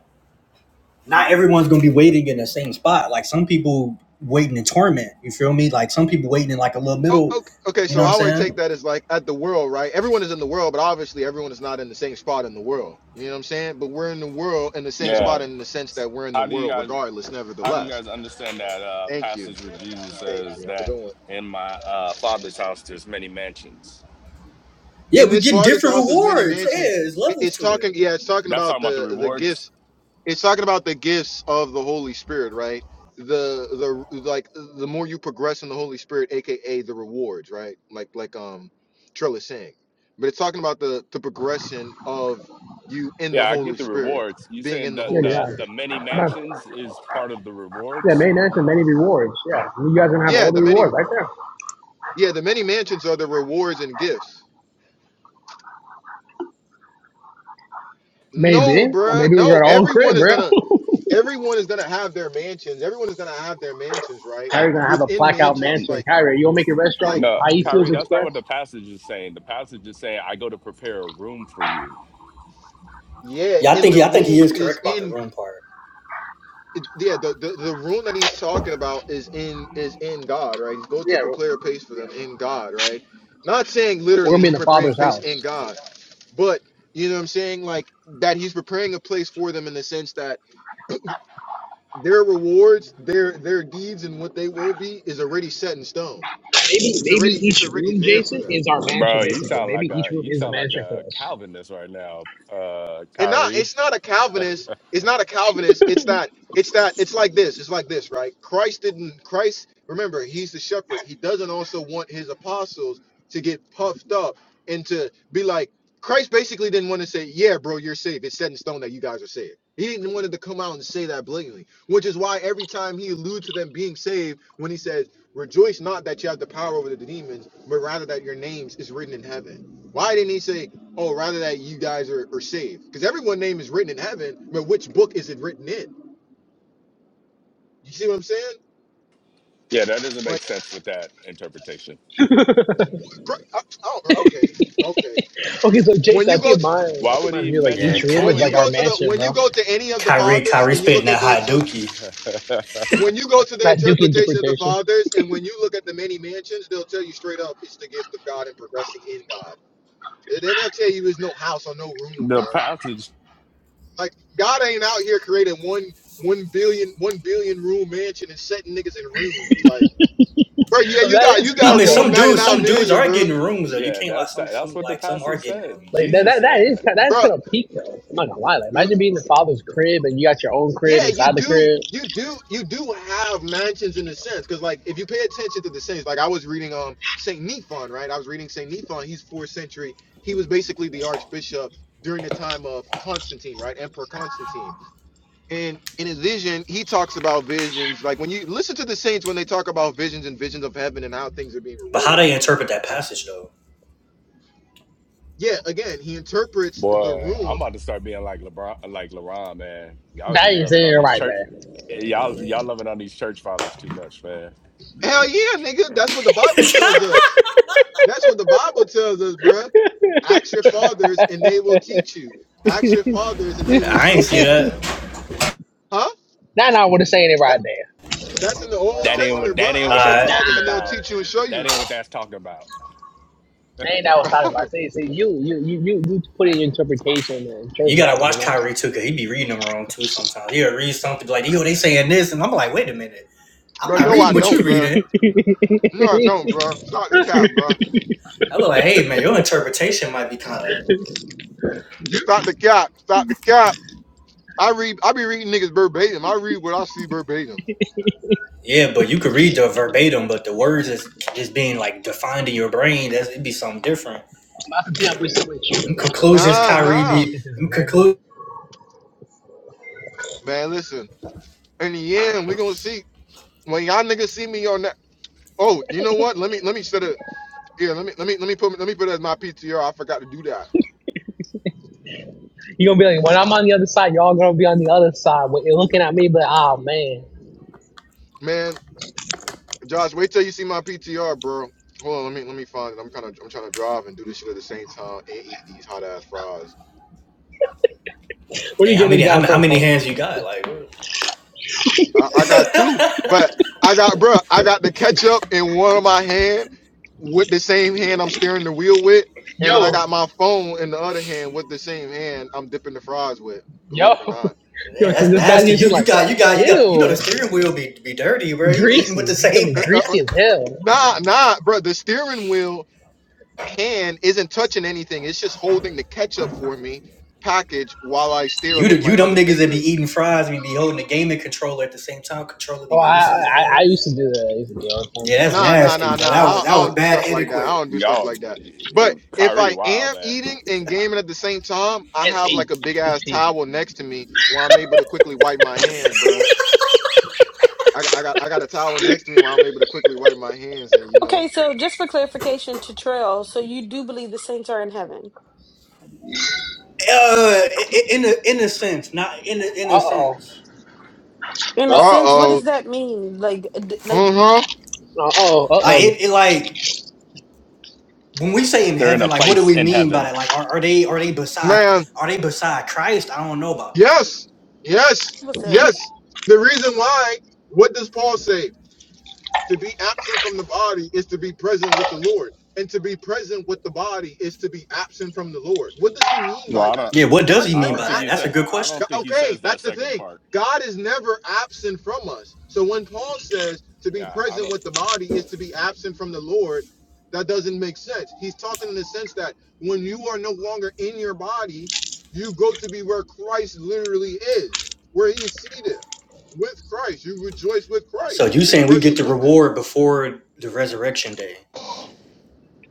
B: not everyone's gonna be waiting in the same spot. Like some people waiting in torment. You feel me? Like some people waiting in like a little
A: Oh,
B: middle.
A: okay, okay.
B: You know
A: So
B: what I'm
A: how I take
B: saying?
A: that is like at the world, right? Everyone is in the world, but obviously everyone is not in the same spot in the world. You know what I'm saying? But we're in the world in the same
F: Yeah,
A: spot in the sense that we're in the
F: How do you
A: world,
F: guys
A: regardless.
F: how do you
A: Nevertheless,
F: guys understand that uh
A: thank you,
F: passage where Jesus
A: thank you.
F: says
A: Have a
F: that
A: good one.
F: in my uh father's house there's many mansions?
B: Yeah,
A: In
B: we
A: this
B: getting
A: far this
B: different
A: house, as many
B: rewards. Yeah,
A: mansions,
B: there's levels
A: it's
B: to
A: talking.
B: it.
A: Yeah, it's talking
F: That's
A: about
F: talking about the
A: the the gifts
F: rewards.
A: it's talking about the gifts of the Holy Spirit, right? The the like the more you progress in the Holy Spirit, aka the rewards, right? Like like um Trill is saying. But it's talking about the the progression of you in the
F: Yeah, I
A: Holy
F: get the
A: Spirit,
F: rewards. You
A: being
F: saying
A: in the
F: that
A: Holy
F: the
C: Yeah,
F: the
A: Spirit.
F: many
C: yeah,
F: mansions is part of the
C: yeah.
F: rewards?
C: Main answer, many rewards. Yeah, you guys are gonna have all
A: Yeah,
C: the
A: the many
C: rewards right there.
A: yeah, the many mansions are the rewards and gifts.
C: Maybe.
A: No,
C: Or
A: bruh.
C: Maybe we're
A: No,
C: gonna own
A: everyone
C: crib,
A: is
C: bro.
A: gonna everyone is gonna have their mansions. Everyone is gonna have their mansions,
C: [laughs]
A: right?
C: Kyrie's gonna have a
A: Within
C: plaque out
A: mansions,
F: N-
C: mansion.
A: like
C: Kyrie, you wanna make a
A: like
C: restaurant?
F: No, Kyrie,
C: Aicio's
F: that's not
C: Express?
F: what the passage is saying. The passage is saying I go to prepare a room for you.
A: yeah,
B: Yeah, I
A: in
B: think
A: the
B: he, I think he
A: room
B: is
A: is
B: correct about the
A: in
B: room part.
A: it- yeah, the, the the room that he's talking about is in is in God, right? He's go to
C: Yeah, we're
A: prepare a place for them in God, right? Not saying
C: we're gonna
A: literally
C: be in
A: he's
C: the
A: preparing a
C: father's
A: place in
C: house.
A: God, but you know what I'm saying, like that he's preparing a place for them in the sense that their rewards, their their deeds, and what they will be is already set in stone.
C: Maybe
A: It's
C: maybe
A: already it's
C: each
A: already
C: room,
A: there for
C: Jason,
A: them.
C: is our mansion
F: Bro, you
C: basically.
F: sound
C: Maybe
F: like
C: each
F: a
C: room
F: you
C: is a
F: sound like
C: mansion for
F: a Calvinist right now, uh
A: and not
F: Kyrie.
A: it's not a calvinist it's not a calvinist it's that it's that it's like this it's like this right christ didn't christ remember he's the shepherd he doesn't also want his apostles to get puffed up and to be like Christ basically didn't want to say, "Yeah, bro, you're saved. It's set in stone that you guys are saved." He didn't want to come out and say that blatantly, which is why every time he alludes to them being saved, when he says, "Rejoice not that you have the power over the demons, but rather that your names is written in heaven." Why didn't he say, "Oh, rather that you guys are, are saved"? Because everyone's name is written in heaven, but which book is it written in? You see what I'm saying?
F: Yeah, that doesn't
A: Like,
F: make sense with that interpretation.
C: us.
A: bro, I- oh, bro, okay, okay.
C: [laughs] okay, so
A: When
C: Jason, I
A: you go
C: think
A: to
C: my I
F: Why
C: think
F: would
C: my
F: he
C: view like
B: Yeah,
C: each
F: mention?
B: Ky-
C: room
F: Why
A: when
C: is
F: would
A: you
C: like
F: he?
C: our
A: go to the
C: mansion,
A: when you
C: bro.
A: go to any of the
B: Kyrie,
A: fathers
B: Kyrie
A: and you
B: spitting
A: look at
B: that
A: the
B: hot
A: interpretation
B: dookie.
F: [laughs]
A: When you go to the
C: That Duke
A: interpretation of the
C: interpretation.
A: fathers, and when you look at the many mansions, they'll tell you straight up it's the gift of God and progressing in God. They- They'll never tell you there's no house or no room,
F: the
A: bro.
F: passage,
A: Like God ain't out here creating one one billion one billion room mansion and setting niggas in rooms. Like, bro,
C: I
A: yeah,
C: mean,
A: you
C: that
A: got
C: is
A: you
B: I
C: peak
A: got
B: mean,
C: though.
A: room
B: some
A: ninety
B: dudes,
A: nine
B: some dudes
A: million,
B: are
A: bro,
B: getting rooms though. You
F: yeah,
B: can't lie.
F: that's
B: Some,
F: that's
B: some
F: what the
B: like some are
F: passage
B: getting
F: said.
B: rooms.
C: Like that,
F: Jesus
C: that, that
F: said
C: is
F: that.
C: kind that's
A: bro.
C: kind of peak though. I'm not gonna lie. Like imagine being the father's crib and you got your own crib
A: Yeah, you
C: inside the
A: do,
C: crib.
A: you do, you do have mansions in a sense, because like if you pay attention to the saints, like I was reading um Saint Nephon, right? I was reading Saint Nephon. He's fourth century. He was basically the archbishop during the time of Constantine, right? Emperor Constantine. And in his vision, he talks about visions. Like when you listen to the saints when they talk about visions and visions of heaven and how things are being
B: But how
A: rewarded.
B: they interpret that
A: Right.
B: passage though?
A: Yeah, again, he interprets the
F: Boy, I'm
A: room.
F: about to start being like LeBron, like LeBron, man. Y'all
C: That
F: be
C: is
F: loving
C: it
F: on these
C: right
F: church,
C: there.
F: y'all y'all
B: Yeah,
F: loving on these church fathers too much, man.
A: Hell yeah, nigga, that's what the Bible tells us. That's what the Bible tells us, bruh. Ask your fathers and they will teach you. Ask your fathers and
B: [laughs]
A: they will
B: I ain't
A: show
B: see
A: you,
B: that.
A: man. Huh?
C: Now, now I would have saying it
A: That,
C: right there.
A: that's in the Old
F: That ain't what
A: Testament,
F: that
A: bruh.
F: ain't
B: All
F: what
A: Ask your
F: that's
B: right.
C: Nah,
F: talking
A: fathers and they'll
F: about.
A: teach you and show
F: That
A: you.
F: ain't what that's talking about.
C: that ain't that I
A: [laughs]
C: was talking about.
A: bruh,
C: See, see, you, you, you, you, you put in your interpretation and church
B: You gotta
C: daddy, you
B: watch
C: know.
B: Kyrie
C: [laughs]
B: too, cause he be reading them wrong too sometimes. He'll read something like, yo, they saying this, and I'm like, wait a minute, I'm not
A: no, I
B: reading what you
A: don't,
B: are
A: bruh.
B: reading.
A: No, I don't, bruh. Stop the cap, bruh.
B: I was like, hey man, your interpretation might be kind of
A: Stop the cap. Stop the cap. I read. I be reading niggas verbatim. I read what I see verbatim.
B: yeah, but you could read the verbatim, but the words is just being like defined in your brain. That's it'd be something different.
C: That's the thing I wish I would choose
B: Them
C: responsible to
B: conclusions,
C: Cheryl
A: Nah,
C: when it comes
B: Kyrie
C: to
A: nah,
C: me
B: be
C: criticism,
B: them
C: man.
B: conclusions.
A: man. Listen. In the end, we gonna see when y'all niggas see me on that. Oh, you know what? Let me let me set it. Yeah, let me let me let me put let me put it as my PTR. I forgot to do that,
C: You're gonna be like, when I'm on the other side, y'all gonna be on the other side. But you're looking at me, but oh man,
A: man. Josh, wait till you see my PTR, bro. Hold on, let me let me find it. I'm kind of I'm trying to drive and do this shit at the same time and eat these hot ass fries.
C: where do
B: Hey,
C: you
B: how
C: get this
B: many how
C: guy
B: many how
C: from?
B: many
C: From
B: hands you got? Like, [laughs]
A: I, I got two,
B: man,
A: but I got bro, I got the ketchup in one of my hand with the same hand I'm steering the wheel with, and then I
C: yo,
A: got my phone in the other hand with the same hand I'm dipping the fries with. Believe
C: yo,
A: it or not,
C: [laughs] yo. So
B: that's
C: this guy's
B: nasty. You
C: using
B: you
C: like,
B: got you got you got you know the
C: ew,
B: steering wheel be be dirty, bro. You eating with
C: greasy.
B: the
C: It's gonna
B: same [laughs] hand.
C: be
A: Uh, uh, uh,
C: greasy as hell.
A: nah nah, bro. The steering wheel hand isn't touching anything. It's just holding the ketchup for me package while I stare
B: You the-
A: with my
B: you them
A: other
B: niggas that be
A: fingers.
B: eating fries and be holding a gaming controller at the same time. Controller be
C: Oh,
B: greasy
C: I,
B: as
C: I,
B: hell.
C: I used to do that. I used to do it all the
B: Yeah,
C: time.
B: that's
A: Nah, nah,
B: nasty,
A: nah,
B: bro.
A: nah.
B: That
A: I
B: was
A: don't, I
B: that was
A: don't do
B: bad
A: stuff like that. I
B: etiquette.
A: don't do stuff
F: Y'all,
A: like that.
F: eh,
A: But if
F: Kyrie,
A: I
F: wow,
A: am
F: man.
A: eating and gaming at the same time, I
C: It's
A: have
C: peak.
A: like a big
C: It's
A: ass
C: peak.
A: towel next to me where I'm able to quickly wipe my hands,
B: [laughs]
A: bruh. I, got- I got I got a towel next to me where I'm able to quickly wipe my hands and you know.
G: Okay, so just for clarification to Trail, so you do believe the saints are in heaven.
B: Uh, in a in a sense, not in a, in
C: Uh
B: a
C: oh.
B: sense.
G: In
A: Uh
G: a
C: uh.
G: sense, what does
A: oh.
G: that mean? Like, d- like
A: Uh huh.
C: Uh oh, uh
B: Like
C: oh.
B: it, it, like when we say in
F: They're in
B: heaven,
F: a
B: like what do
F: place
B: we
F: in
B: mean by
F: heaven.
B: that? Like are, are they are they beside
A: Man.
B: are they beside Christ? I don't know about that.
A: Yes. Yes.
G: what says.
A: Yes. The reason why. What does Paul say? To be absent from the body is to be present with the Lord. And to be present with the body is to be absent from the Lord. What does he mean
F: Well,
A: by
F: I
A: that?
F: don't,
B: Yeah, what does
A: God
B: he
A: is
F: I
B: mean
A: never
F: don't
B: by
F: think
A: ab-
B: that?
F: he
B: That's a
F: said.
B: good
F: I
B: question.
F: don't think he
A: okay,
F: says that
A: that's the
F: second
A: thing.
F: part.
A: God is never absent from us. So when Paul says to be
F: Yeah, I
A: present
F: don't.
A: with the body is to be absent from the Lord, that doesn't make sense. He's talking in the sense that when you are no longer in your body, you go to be where Christ literally is, where he is seated with Christ. You rejoice with
B: So
A: Christ. You
B: you
A: be
B: saying we get
A: present
B: the
A: with him.
B: reward before the resurrection day?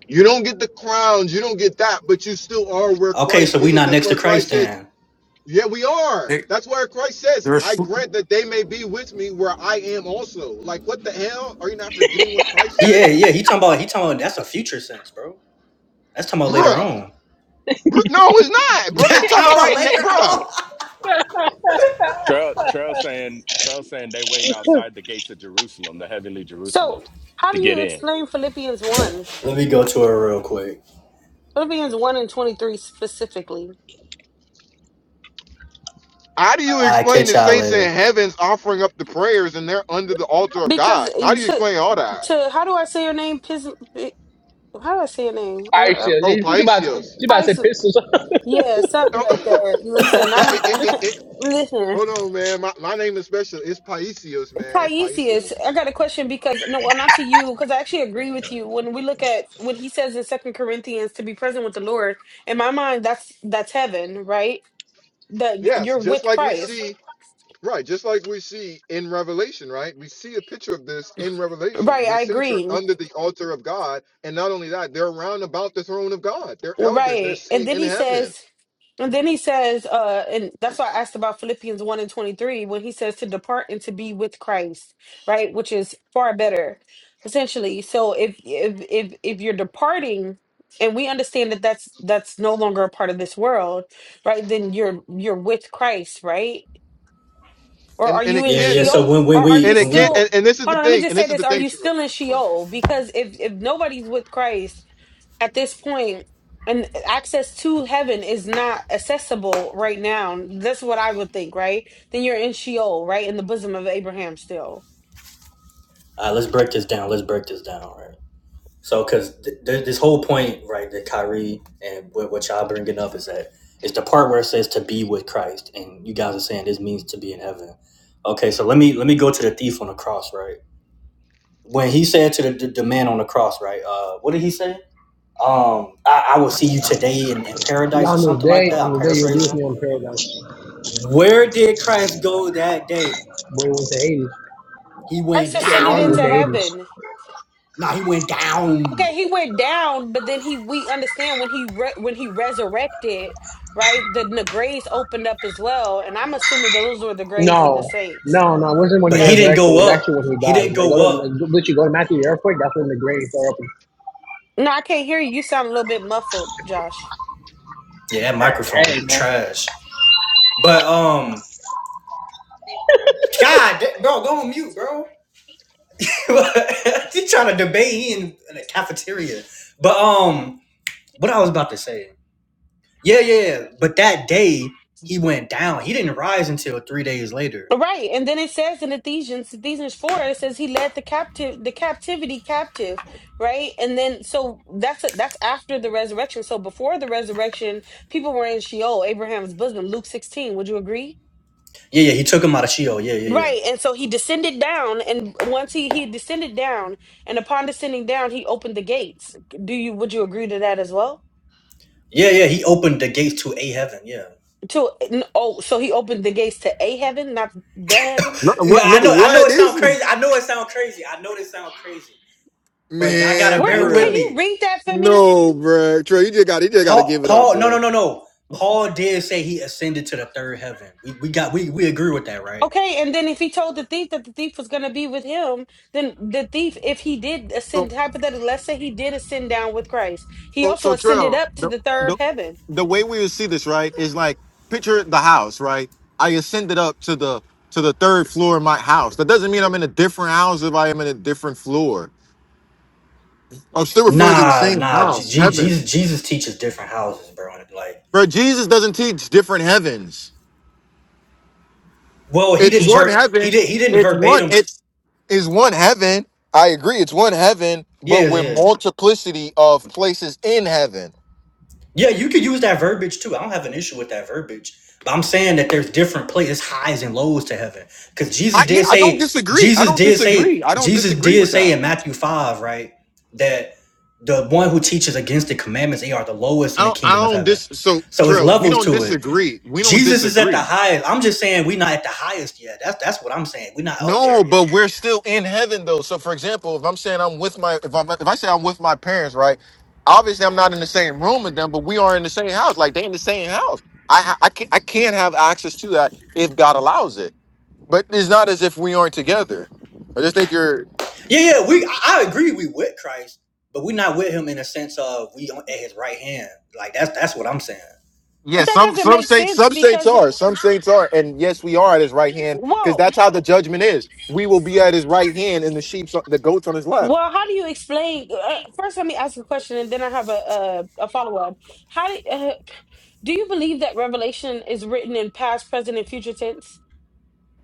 A: You don't get the crowns, you don't get that, but you still are where
B: Okay, so
A: Christ
B: we
A: is.
B: not
A: That's
B: next to
A: where
B: Christ
A: Christ says,
B: then.
A: Yeah, we are.
H: They,
A: That's where Christ says,
H: they're
A: I
H: sl-
A: grant that they may be with me where I am also. Like, what the hell? Are you not forgetting what Christ
B: Yeah,
A: says?
B: yeah. He talking about he talking about that's a future sense, bro. That's talking about later
A: Bruh.
B: on.
A: Bruh. No, it's
B: [laughs]
A: not, bruh. It's
B: That's
A: talking
B: talking
A: about
B: about
A: right
B: later
A: now, bruh.
B: on.
F: Trail, trail saying, trail saying they waiting
C: [laughs]
F: outside the gates of Jerusalem, the heavenly
G: So,
F: Jerusalem,
G: how
F: to
G: do
F: get
G: you
F: in.
G: explain Philippians one,
B: [laughs] Let me go to her real quick.
G: Philippians one and twenty three specifically?
A: How do you
B: I
A: explain
B: catch
A: the
B: y'all
A: saints in
B: later.
A: heavens offering up the prayers and they're under the altar of
G: Because
A: God?
G: eh,
A: How do you
G: to
A: explain all that?
G: to how do I say your name? Pis, eh, how do I say your name? I,
C: All right, shit.
A: Oh,
C: She about,
A: Paisios.
C: she
G: I,
C: about to say
G: Pis,
C: pistols.
G: yeah, something
A: Oh,
G: like
A: [laughs]
G: that. Listen,
A: it, it,
G: I'm
A: it,
G: [laughs]
A: it, it-
G: listen.
A: Hold on, man. My, my name is special. It's Paisios, man. It's
G: Taisius,
A: Paisios.
G: I got a question because no, well, not to you, because I actually agree with you. When we look at when he says in Second Corinthians to be present with the Lord, in my mind, that's that's heaven, right? That
A: Yes,
G: you're
A: just
G: with
A: like we
G: Christ,
A: see, right, just like we see in Revelation, right? We see a picture of this in Revelation.
G: right?
A: The
G: I
A: saints are
G: agree.
A: under the altar of God, and not only that, they're round about the throne of God. They're elders, they're
G: Right. And
A: seen
G: then
A: in
G: he
A: heaven.
G: says, and then he says, uh, and that's why I asked about Philippians 1 and 23 when he says to depart and to be with Christ, right? Which is far better, essentially. So if if if if you're departing and we understand that that's that's no longer a part of this world, right? Then you're you're with Christ, right? Or
A: And
G: are
A: and
G: you
A: it
G: in
B: Yeah, yeah.
A: can't
G: Sheol?
B: So when
G: Or
B: when
G: are
B: we
G: you
A: and
B: when
A: it
B: we
A: can't
G: still
A: and, and this is the
G: Hold on, let me
A: thing,
G: just
A: and
G: say
A: this is the
G: this. Are
A: thing,
G: you
A: true.
G: still in Sheol? Because if if nobody's with Christ, at this point and access to heaven is not accessible right now that's what i would think right then you're in sheol right in the bosom of abraham still
B: uh, let's break this down. Let's break this down, right? So because th- th- this whole point, right, that Kyrie and what, what y'all bringing up is that it's the part where it says to be with Christ, and you guys are saying this means to be in heaven. Okay, so let me let me go to the thief on the cross, right? When he said to the, the, the man on the cross, right? Uh, what did he say? Um, I, I will see you today in, in
C: [laughs] yeah,
B: paradise or
C: on this
B: something like
C: day,
B: that.
C: on
B: I'm
C: the day you'll be with
B: paraphrasing.
C: me on paradise.
B: Where did Christ go that day?
C: But it went to Hades. It
B: He
G: first
B: went
A: You said
G: ascended
A: what?
C: went
G: into
C: to
B: down.
C: Hades.
G: heaven
B: No, he went
G: okay
B: down.
G: he went down but then he we understand when he re- when he resurrected right the, the graves opened up as well and i'm assuming that those were the graves of the
C: No,
G: saints
C: no, no. It wasn't when he
B: But he
G: right
B: didn't
C: resurrected. It's
B: go
A: It's,
C: actually
B: up.
C: when he
B: He
C: died.
B: didn't
C: Like, go to,
B: go up.
C: like, go- literally go to Matthew the earthquake. That's when the grave fell open.
G: no i can't hear you you sound a little bit muffled josh
B: Yeah, that
C: Hey, hey,
B: microphone
C: man.
B: trash. But um, God, that- bro, go on mute, bro. [laughs] He's trying to debate he in, in a cafeteria. But um, what I was about to say. Yeah, yeah. yeah. But that day he went down. He didn't rise until three days later
G: Right. And then it says in Ephesians, Ephesians 4, it says he led the captive the captivity captive, right? And then so that's that's after the resurrection. So before the resurrection, people were in Sheol, Abraham's bosom, Luke 16. Would you agree?
B: Yeah, yeah, he took him out of Sheol. Yeah, yeah, yeah.
G: Right. And so he descended down and once he he descended down and upon descending down, he opened the gates. Do you would you agree to that as well?
B: Yeah, yeah, he opened the gates to a heaven. Yeah.
G: To n- oh, so he opened the gates to a heaven, not the
A: No,
G: heavens.
B: Yeah,
A: what
B: I know
A: nigga?
B: I know
A: What
B: it sound
A: is [laughs] this?
B: crazy. I know it sound crazy. I know this sound crazy. But y'all gotta
A: man,
B: bear
G: Where
B: with
G: can
A: bruh?
G: you
B: me.
G: read that for me?
A: No, bruh. Trey, you just got you just got to
B: Paul
A: give it up,
B: Paul no no
A: bruh.
B: no no. Paul did say he ascended to the third heaven. We we got we we agree with that, right?
G: Okay, and then if he told the thief that the thief was going to be with him, then the thief, if he did ascend, hypothetically, let's say he did ascend down with Christ, he
A: So,
G: also
A: so
G: ascended
A: Trail,
G: up to
A: the,
G: the third
A: the
G: heaven.
A: the way we would see this, right, is like picture the house, right? I ascended up to the to the third floor of my house. That doesn't mean I'm in a different house if I am in a different floor. I'm still referring to the
B: Nah,
A: same
B: nah. J-
A: house,
B: J-
A: heaven.
B: Jesus Jesus teaches different houses, bro. Like,
A: Bro, Jesus doesn't teach different heavens.
B: well, he
A: It's
B: didn't
A: one
B: ver he
A: heaven.
B: did he didn't
A: It's one.
B: verbatim. T-
A: It's is one heaven. I agree. It's one heaven, but
B: yeah,
A: with
B: yeah.
A: multiplicity of places in heaven.
B: Yeah, you could use that verbiage too. I don't have an issue with that verbiage. But I'm saying that there's different places, highs and lows to heaven. Because Jesus
A: I yeah,
B: did
A: I don't
B: say,
A: disagree. I
B: Jesus
A: don't
B: did
A: disagree.
B: say,
A: I don't
B: Jesus
A: disagree
B: did
A: with that.
B: say in Matthew 5, right? That the one who teaches against the commandments, they are the lowest
A: I
B: in the
A: don't, I
B: kingdom of
A: don't
B: heaven.
A: dis. So
B: So it's
A: Trill, we
B: levels
A: don't
B: to it.
A: disagree. We don't
B: Jesus is at the
A: disagree.
B: highest. I'm just saying we're not at the highest yet. That's that's what I'm saying. We're not up there
A: No,
B: yet.
A: but we're still in heaven though. So for example, if I'm saying I'm with my, if I am if I say I'm with my parents, right? Obviously, I'm not in the same room with them, but we are in the same house. Like they in the same house. I ha- I can't I can't have access to that if God allows it. But it's not as if we aren't together. I just think you're.
B: Yeah, yeah, we I I agree we with Christ, but we're not with him in a sense of we on- at his right hand. Like that's that's what I'm saying.
A: Yeah,
G: But that
A: some
G: doesn't
A: some
G: make
A: saints
G: sense
A: some saints
G: because,
A: are some saints are, and yes, we are at his right hand because
G: well,
A: that's how the judgment is. We will be at his right hand, and the sheep, the goats on his left.
G: well, how do you explain? Uh, first, let me ask you a question, and then I have a a, a follow up. How do uh, do you believe that Revelation is written in past, present, and future tense?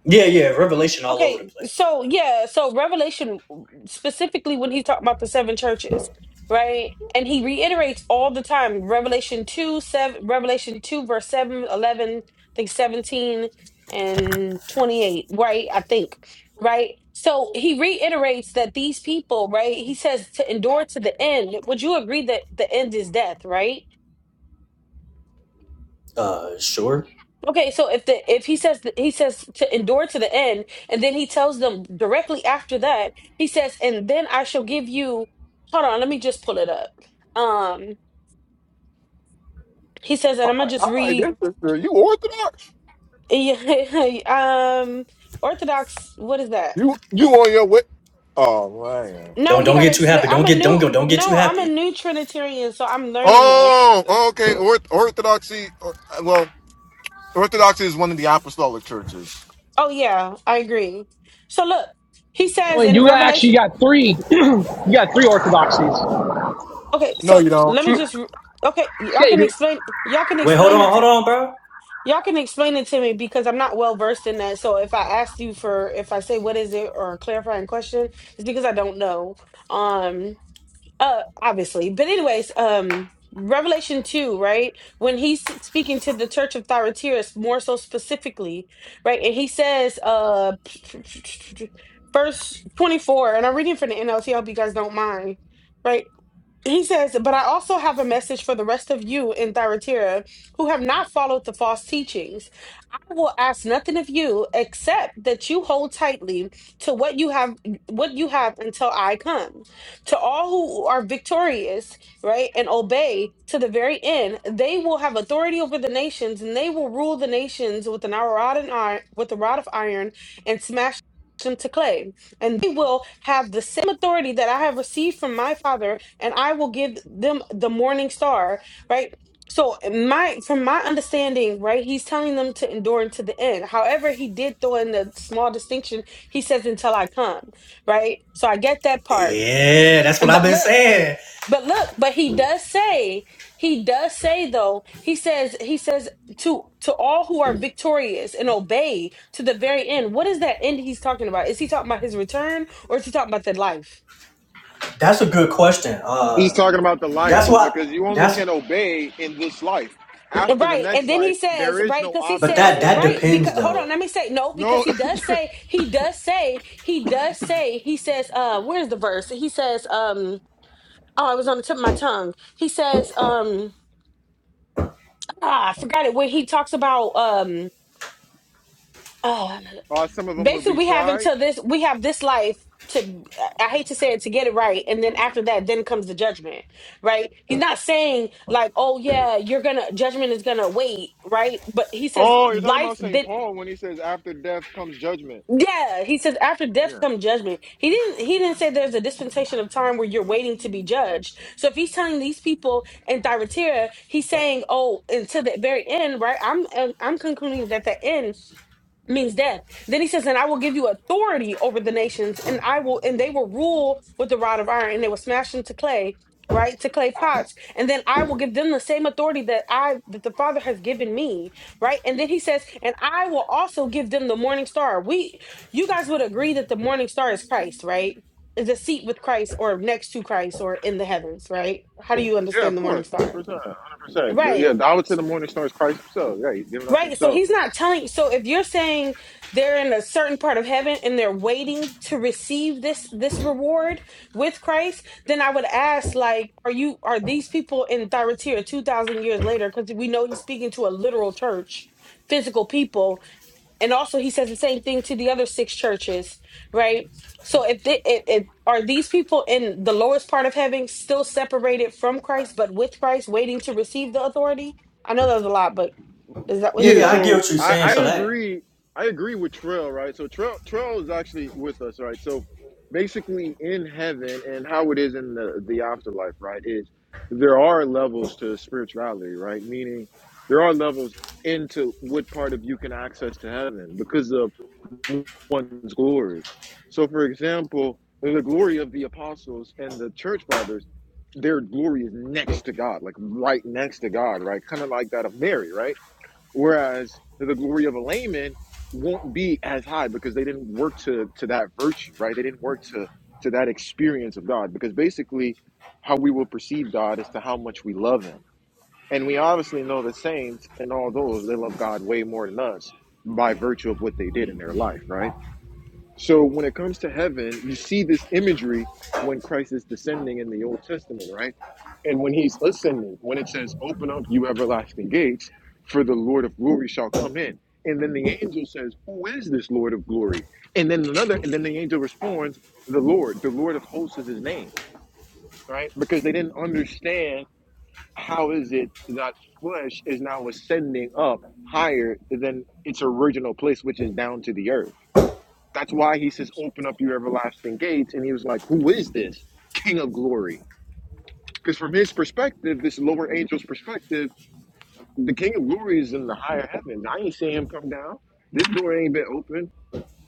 B: Yeah, yeah, revelation all over the
G: Okay,
B: place.
G: so yeah, so Revelation specifically when he's talking about the seven churches, right? And he reiterates all the time Revelation 2, 7, Revelation 2, verse 7 11 I think 17 and 28, right? I think, right? So he reiterates that these people, right? He says to endure to the end. Would you agree that the end is death, right?
B: Uh, sure.
G: Okay, so if the if he says he says to endure to the end, and then he tells them directly after that, he says, and then I shall give you. Hold on, let me just pull it up. Um, he says, and I'm gonna just read. [laughs] um, Orthodox, what is that?
A: You what? Oh,
G: No,
B: Don't
G: you
B: don't
G: gotta
B: get too
G: explain.
B: happy.
G: I'm
B: Don't
G: a
B: get don't
G: new
B: go. Don't get too
G: no, I'm a
B: happy.
G: new Trinitarian, so I'm learning this.
A: oh, okay. Or, orthodoxy. Or, well, orthodoxy is one of the apostolic churches.
G: Oh yeah, I agree. So look, he
C: I
G: says
C: mean,
G: in
C: you got actually
G: Revelation.
C: got three. [clears throat] you got three orthodoxies.
G: Okay,
A: No,
G: so
A: you don't.
G: let me just. Okay, y'all
C: Shit,
G: can
C: dude.
G: explain. Y'all can
B: Wait, hold
G: explain
B: on,
G: it.
B: hold on, bro.
G: Y'all can explain it to me because I'm not well versed in that. So if I ask you for if I say what is it or a clarifying question, it's because I don't know. Um uh obviously. But anyways, um Revelation 2, right? When he's speaking to the church of Thyatira more so specifically, right? And he says uh [laughs] verse 24 and I'm reading from the NLT, I hope you guys don't mind. Right? He says, but I also have a message for the rest of you in Thyatira who have not followed the false teachings. I will ask nothing of you except that you hold tightly to what you have what you have until I come. To all who are victorious, right, and obey to the very end, they will have authority over the nations and they will rule the nations with an iron rod and iron with a rod of iron and smash them to clay and they will have the same authority that I have received from my father, and I will give them the morning star, right? So my from my understanding, right, he's telling them to endure unto the end. However, he did throw in the small distinction. He says, until I come, right? So I get that part.
B: Yeah, that's what I've
G: But
B: been
G: look.
B: saying.
G: But look, but he does say, he does say though, he says, he says to to all who are victorious and obey to the very end. What is that end he's talking about? Is he talking about his return or is he talking about the life?
B: That's a good question.
A: He's
B: Uh,
A: talking about the life
B: that's what
A: because you only
B: that's.
A: can obey in this life. After the
G: Right. And
A: next
G: then he
A: life,
G: says,
A: there is
G: right,
A: no
G: because he
B: But
A: option
G: says,
A: of
B: that that
G: right,
A: obeying.
G: because
B: depends
G: hold on,
B: though.
G: let me say no, because
A: No,
G: he
A: [laughs]
G: does say, he does say, he does say, he says, uh, where's the verse? He says, um, oh, it was on the tip of my tongue. He says, um, ah, I forgot it when he talks about um oh,
A: [clears throat] uh, some of them will
G: basically
A: be
G: we have
A: tried.
G: until this we have this life to i hate to say it to get it right and then after that then comes the judgment right he's not saying like oh yeah you're gonna judgment is gonna wait right but he says
A: Oh, you're talking
G: life
A: about St.
G: then
A: Paul when he says, after death comes judgment.
G: yeah, he says after death
A: Yeah.
G: come judgment. He didn't he didn't say there's a dispensation of time where you're waiting to be judged. So if he's telling these people in Thyatira, he's saying, "Oh, until the very end, right? I'm I'm I'm concluding that the end means death. Then he says, and I will give you authority over the nations, and I will, and they will rule with the rod of iron, and they will smash into clay, right, to clay pots, and then I will give them the same authority that I, that the Father has given me, right. And then he says, and I will also give them the morning star. We you guys would agree that the morning star is Christ, right? Is a seat with Christ or next to Christ or in the heavens, right? How do you
A: Yeah,
G: understand
A: of
G: the morning
A: course. 100%.
G: star?
A: 100%.
G: Right.
A: yeah, the hour to the morning stars Christ himself. Yeah, he's giving us
G: Right. So
A: himself.
G: he's not telling so if you're saying they're in a certain part of heaven and they're waiting to receive this this reward with Christ, then I would ask like are you are these people in Thyatira 2000 years later because we know he's speaking to a literal church, physical people and also he says the same thing to the other six churches right so if they if, if are these people in the lowest part of heaven still separated from christ but with christ waiting to receive the authority i know that was a lot but is that what
B: Yeah,
G: he's
A: Yeah,
B: yeah, I
G: saying
B: get
A: so
B: what you're
A: I,
B: saying.
A: I
B: So that,
A: agree. I agree with Trail, right? So Trail Trail is actually with us, right? So basically, in heaven and how it is in the the afterlife, right? Is there are levels to spirituality, right? Meaning there are levels into what part of you can access to heaven because of one's glory. So, for example, the glory of the apostles and the church fathers, their glory is next to God, like right next to God, right? Kind of like that of Mary, right? Whereas the glory of a layman won't be as high because they didn't work to to that virtue, right? They didn't work to to that experience of God because basically how we will perceive God is to how much we love him. And we obviously know the saints and all those they love God way more than us by virtue of what they did in their life, right? So when it comes to heaven, you see this imagery when Christ is descending in the Old Testament, right? And when he's ascending, when it says, Open up, you everlasting gates, for the Lord of glory shall come in. And then the angel says, Who is this Lord of glory? And then another, and then the angel responds, The Lord, the Lord of hosts is his name, right? Because they didn't understand how is it that flesh is now ascending up higher than its original place, which is down to the earth that's why he says, Open up your everlasting gates. And he was like, Who is this King of glory? Because from his perspective, this lower angel's perspective, the King of glory is in the higher heavens. I ain't seeing him come down. This door ain't been open.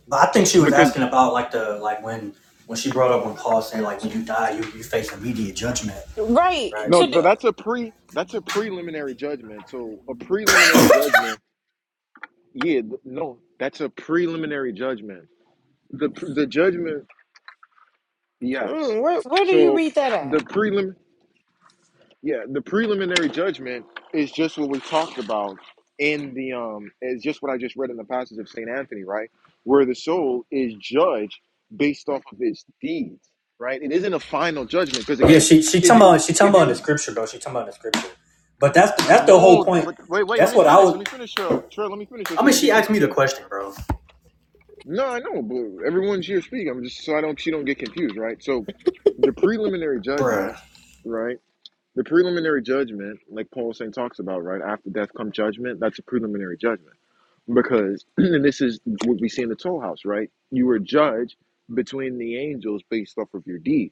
B: but I think she was
A: Because
B: asking about like the like when when she brought up when Paul said like when you die you you face immediate judgment,
G: Right.
B: right?
A: no,
G: To do,
A: so that's a pre that's a preliminary judgment. So a preliminary judgment, yeah, no, that's a preliminary judgment. The the judgment, yes.
G: mm, where where do you
A: So
G: read that
A: the
G: at?
A: prelim Yeah, the preliminary judgment is just what we talked about in the um is just what I just read in the passage of Saint Anthony, right? Where the soul is judged based off of its deeds, right? It isn't a final judgment because
B: Yeah,
A: again,
B: she she
A: if
B: talking
A: you
B: about she talking
A: if
B: about the
A: you
B: scripture though. She talking about the scripture. But that's
A: I
B: that's the whole
A: know, that,
B: point.
A: but wait, wait, let
B: That's
A: me
B: what I
A: finish. Let
B: was.
A: me finish, Cheryl. Cheryl, let me finish so
B: I
A: she
B: mean,
A: don't
B: she
A: get
B: asked me the
A: confused.
B: question, bro.
A: No, I know, but everyone's here speaking. I'm just so I don't she don't get confused, right? So the preliminary
B: Bruh.
A: judgment, right? The preliminary judgment, it talks about, right? After death come judgment. That's a preliminary judgment. Because, [clears throat] and this is what we see in the toll house, right? You were judged between the angels based off of your deeds.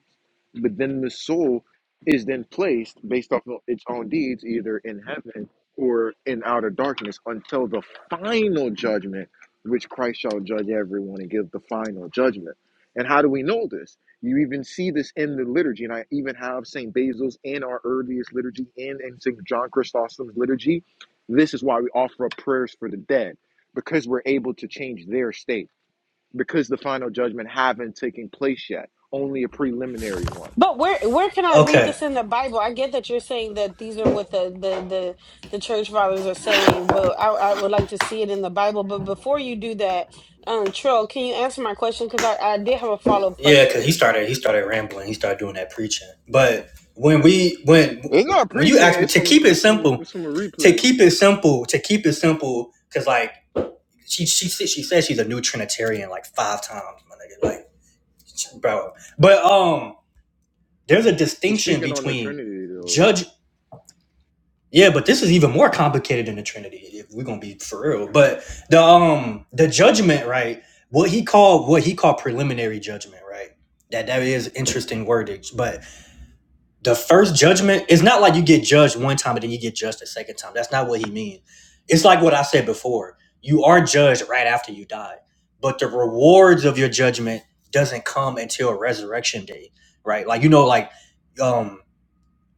A: But then the soul is then placed based off of its own deeds, either in heaven or in outer darkness, until the final judgment, which Christ shall judge everyone and give the final judgment. And how do we know this? You even see this in the liturgy, and I even have St. Basil's in our earliest liturgy and in St. John Chrysostom's liturgy. This is why we offer up prayers for the dead, because we're able to change their state, because the final judgment haven't taken place yet, only a preliminary one.
G: But where where can I read
B: Okay.
G: this in the Bible? I get that you're saying that these are what the the the, the church fathers are saying, but I, I would like to see it in the Bible. But before you do that, um, Trill, can you answer my question? Because I, I did have a follow up
B: Yeah, cause
G: question.
B: he started he started rambling. He started doing that preaching. But when we when
A: It's not
B: when you asked
A: preaching.
B: me
A: It's
B: to
A: from
B: keep it
A: it's from
B: simple,
A: it's from a
B: to
A: replay.
B: keep it simple, to keep it simple, cause like she she she said she's a new Trinitarian like five times, my nigga. Like, bro. But um, there's a
A: He's
B: distinction
A: speaking on the
B: between
A: Trinity though.
B: judge Yeah, but this is even more complicated than the Trinity. If we're gonna be for real, but the um the judgment, right? What he called what he called preliminary judgment, right? That that is interesting wordage, but the first judgment is not like you get judged one time and then you get judged a second time. That's not what he means. It's like what I said before. You are judged right after you die, but the rewards of your judgment doesn't come until resurrection day, right? Like you know, like um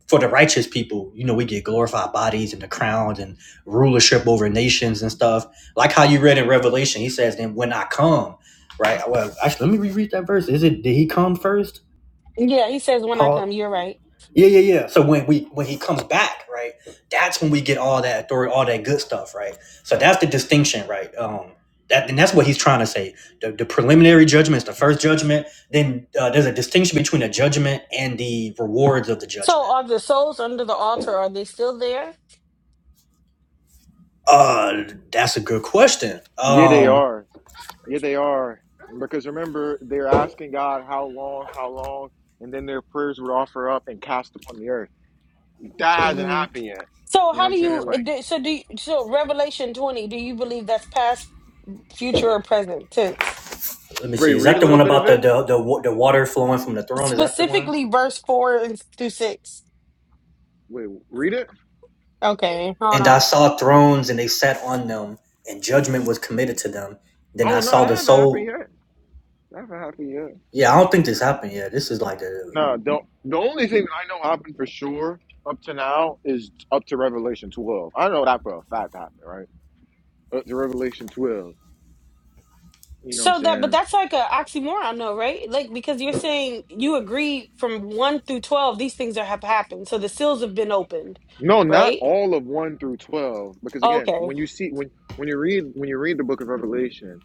B: for the righteous people, you know, we get glorified bodies and the crowns and rulership over nations and stuff. Like how you read in Revelation, he says, "Then when I come, right? Well, actually, let me reread that verse. Is it did he come first,
G: Yeah, he says when I come,
B: Paul?
G: you're right.
B: Yeah, yeah, yeah. So when we when he comes back, right? That's when we get all that authority, all that good stuff, right? So that's the distinction, right? Um, that and that's what he's trying to say. The, the preliminary judgment is the first judgment. Then uh, there's a distinction between the judgment and the rewards of the
G: So
B: judgment
G: are the souls under the altar? Are they still there?
B: Uh, that's a good question.
A: Yeah, they
B: Um,
A: are. Yeah, they are. Because remember, they're asking God how long, how long, and then their prayers would offer up and cast upon the earth. That hasn't
G: hmm
A: happened yet.
G: So
A: You know
G: how
A: what I'm
G: do you
A: saying?
G: uh,
A: Like,
G: do- so do you, so Revelation 20 do you believe that's past future or present tense
B: let me see.
A: wait,
B: Is
A: read
B: that
A: a
B: the
A: little
B: one
A: bit of
B: about the
A: it.
B: the the, wa- the water flowing from the throne? Is that the one?
G: specifically verse 4 and through 6
A: Wait, read it.
G: okay hold
B: And I
G: on
B: saw thrones, and they sat on them, and judgment was committed to them. Then I
A: Oh no, that
B: saw the
A: haven't happened
B: soul.
A: yet. That haven't happened yet.
B: Yeah, I don't think this happened yet. This is like the
A: No, don't. The only thing that I know happened for sure up to now is up to Revelation 12. I know that for a fact happened, right? Up to Revelation 12. You know what I'm
G: so that but
A: saying?
G: that's like a oxymoron though right like because you're saying you agree from 1 through 12 these things are, have happened so the seals have been opened
A: No, not
G: right
A: all of one through twelve. Because again,
G: okay
A: when you see when when you read when you read the book of Revelation,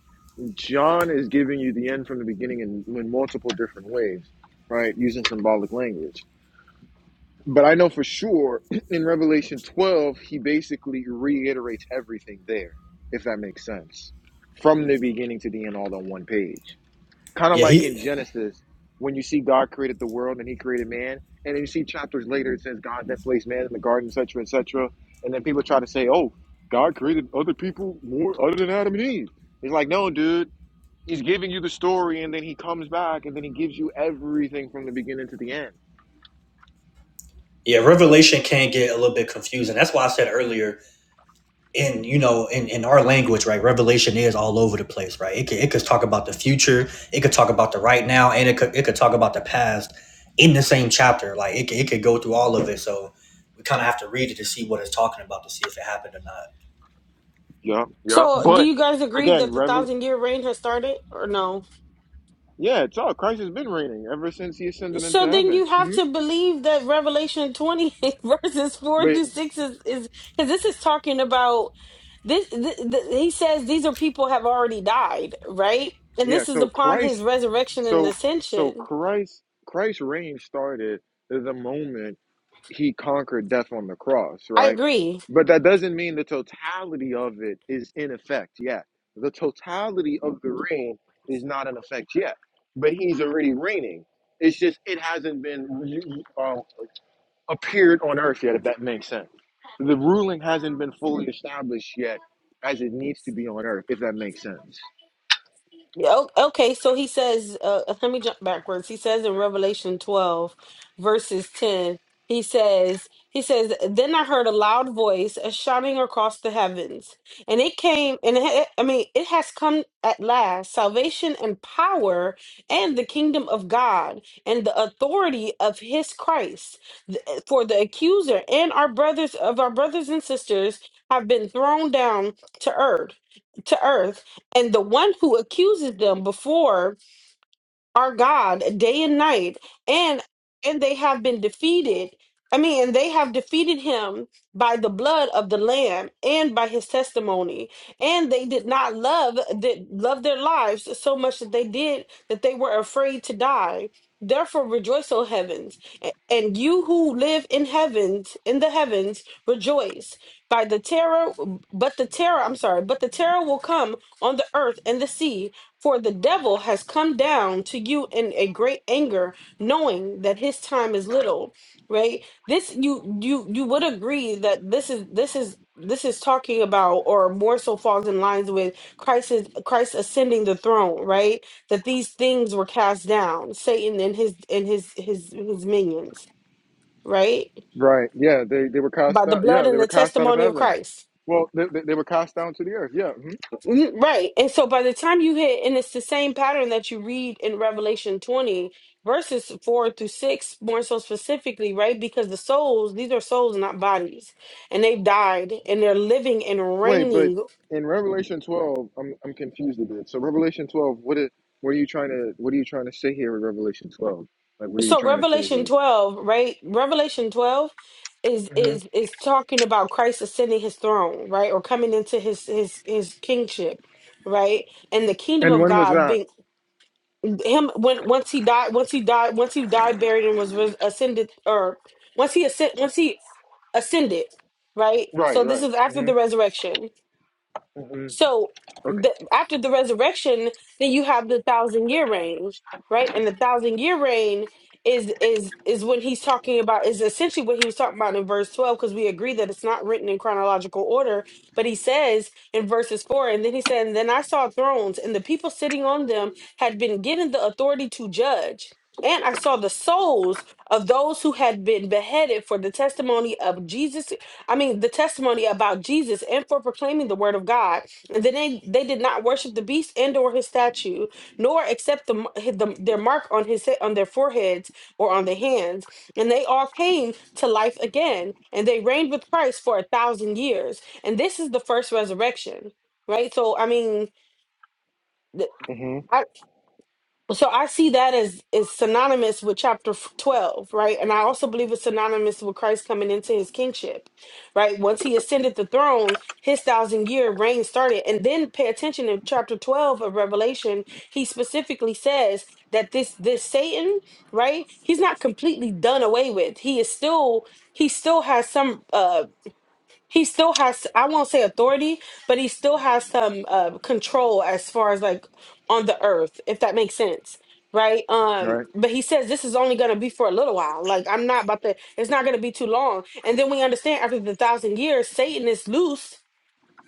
A: John is giving you the end from the beginning in, in multiple different ways, right? Using symbolic language. But I know for sure [clears throat] in Revelation twelve, he basically reiterates everything there, if that makes sense. From the beginning to the end, all on one page. Kind of
B: yeah
A: like
B: he
A: in Genesis, when you see God created the world and He created man, and then you see chapters later it says God that placed man in the garden, etc., cetera, etc. Cetera. And then people try to say, "Oh, God created other people more other than Adam and Eve." It's like, no, dude. He's giving you the story, and then he comes back, and then he gives you everything from the beginning to the end.
B: yeah Revelation can get a little bit confusing. That's why I said earlier in you know in, in our language right revelation is all over the place right it could, it could talk about the future it could talk about the right now and it could it could talk about the past in the same chapter like it could, it could go through all of it so we kind of have to read it to see what it's talking about to see if it happened or not
A: Yeah, yeah.
G: so do
A: But
G: you guys agree
A: again,
G: that the
A: Revel,
G: thousand year reign has started or no
A: yeah, it's all Christ has been reigning ever since he ascended into
G: So then
A: heaven.
G: you have to believe that Revelation 20 [laughs] verses 4
A: But
G: through 6 is is cuz this is talking about this th- th- he says these are people have already died, right? And
A: yeah,
G: this is
A: so
G: upon
A: Christ
G: his resurrection and
A: So so
G: ascension.
A: Christ Christ's reign started at the moment he conquered death on the cross,
G: I
A: right?
G: agree.
A: But that doesn't mean the totality of it is in effect yet. The totality of the reign is not in effect yet, but he's already reigning. It's just it hasn't been um, appeared on earth yet, if that makes sense. The ruling hasn't been fully established yet, as it needs to be on earth, if that makes sense.
G: Yeah, o- okay, so he says, uh, uh, let me jump backwards. He says in Revelation 12, verses 10, he says, he says, then I heard a loud voice a shouting across the heavens, and it came, and it, ha- I mean, it has come at last, salvation and power and the kingdom of God and the authority of his Christ. Th- eh, For the accuser and our brothers of our brothers and sisters have been thrown down to earth, to earth and the one who accuses them before our God day and night, and and they have been defeated. I mean, and they have defeated him by the blood of the Lamb and by his testimony. And they did not love that love their lives so much that they did that they were afraid to die. Therefore, rejoice, O heavens, a- and you who live in heavens, in the heavens, rejoice. By the terror, but the terror, I'm sorry, but the terror will come on the earth and the sea, for the devil has come down to you in a great anger, knowing that his time is little, right? This you you you would agree that this is this is this is talking about or more so falls in lines with Christ is Christ ascending the throne, right? That these things were cast down, Satan and his and his his his minions, right?
A: Right? Yeah, they, they were
G: By
A: cast
G: the
A: out.
G: blood
A: Yeah, they
G: and the
A: were cast out of
G: testimony of
A: heaven.
G: Christ.
A: Well, they, they, they were cast down to the earth. Yeah. mhm.
G: You- Right. And so by the time you hit, and it's the same pattern that you read in Revelation 20, verses 4 through 6, more so specifically, right? Because the souls, these are souls, not bodies, and they've died and they're living and
A: Wait, but
G: reigning.
A: in Revelation 12, I'm I'm confused a bit. So Revelation 12, what is what are you trying to what are you trying to say here with Revelation 12? Like what are you
G: So
A: trying to say
G: Revelation
A: here?
G: 12, right? Revelation 12 is
A: hmm
G: is is talking about Christ ascending his throne, right? Or coming into his his his kingship, right? And the kingdom
A: And
G: of
A: when was
G: God being
A: that?
G: him when once he died once he died once he died buried and was, was ascended or once he ascend once he ascended right
A: Right,
G: so this
A: right.
G: is after
A: hmm
G: the resurrection
A: hmm
G: so
A: Okay.
G: the, after the resurrection, then you have the thousand year reign, right? And the thousand year reign is is is when he's talking about is essentially what he was talking about in verse 12 because we agree that it's not written in chronological order but he says in verses 4 and then he said and then I saw thrones and the people sitting on them had been given the authority to judge and I saw the souls of those who had been beheaded for the testimony of Jesus I mean the testimony about Jesus and for proclaiming the word of God and then they, they did not worship the beast and or his statue, nor accept the, m- hi- the their mark on his he- on their foreheads or on their hands. And they all came to life again, and they reigned with Christ for a thousand years. And this is the first resurrection, right? So I mean,
A: hmm
G: so I see that as is synonymous with chapter f- 12, right? And I also believe it's synonymous with Christ coming into his kingship, right? Once he ascended the throne, his thousand year reign started. And then pay attention in chapter 12 of Revelation, he specifically says that this this Satan, right? He's not completely done away with. He is still he still has some um he still has i won't say authority but he still has some uh, control as far as like on the earth if that makes sense right um
A: Right.
G: but he says this is only going to be for a little while like i'm not about to it's not going to be too long and then we understand after the thousand years satan is loose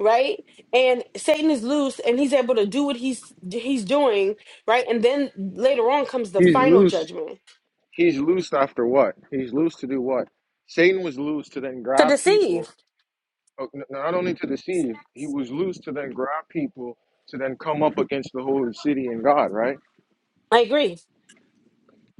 G: right and satan is loose and he's able to do what he's he's doing right and then later on comes the
A: He's
G: final
A: loose.
G: judgment
A: He's loose after what? He's loose to do what? Satan was loose to then
G: to
A: grab
G: deceive
A: people, uh, n- not only to deceive, he was loose to then grab people to then come up against the holy city and God, right?
G: i agree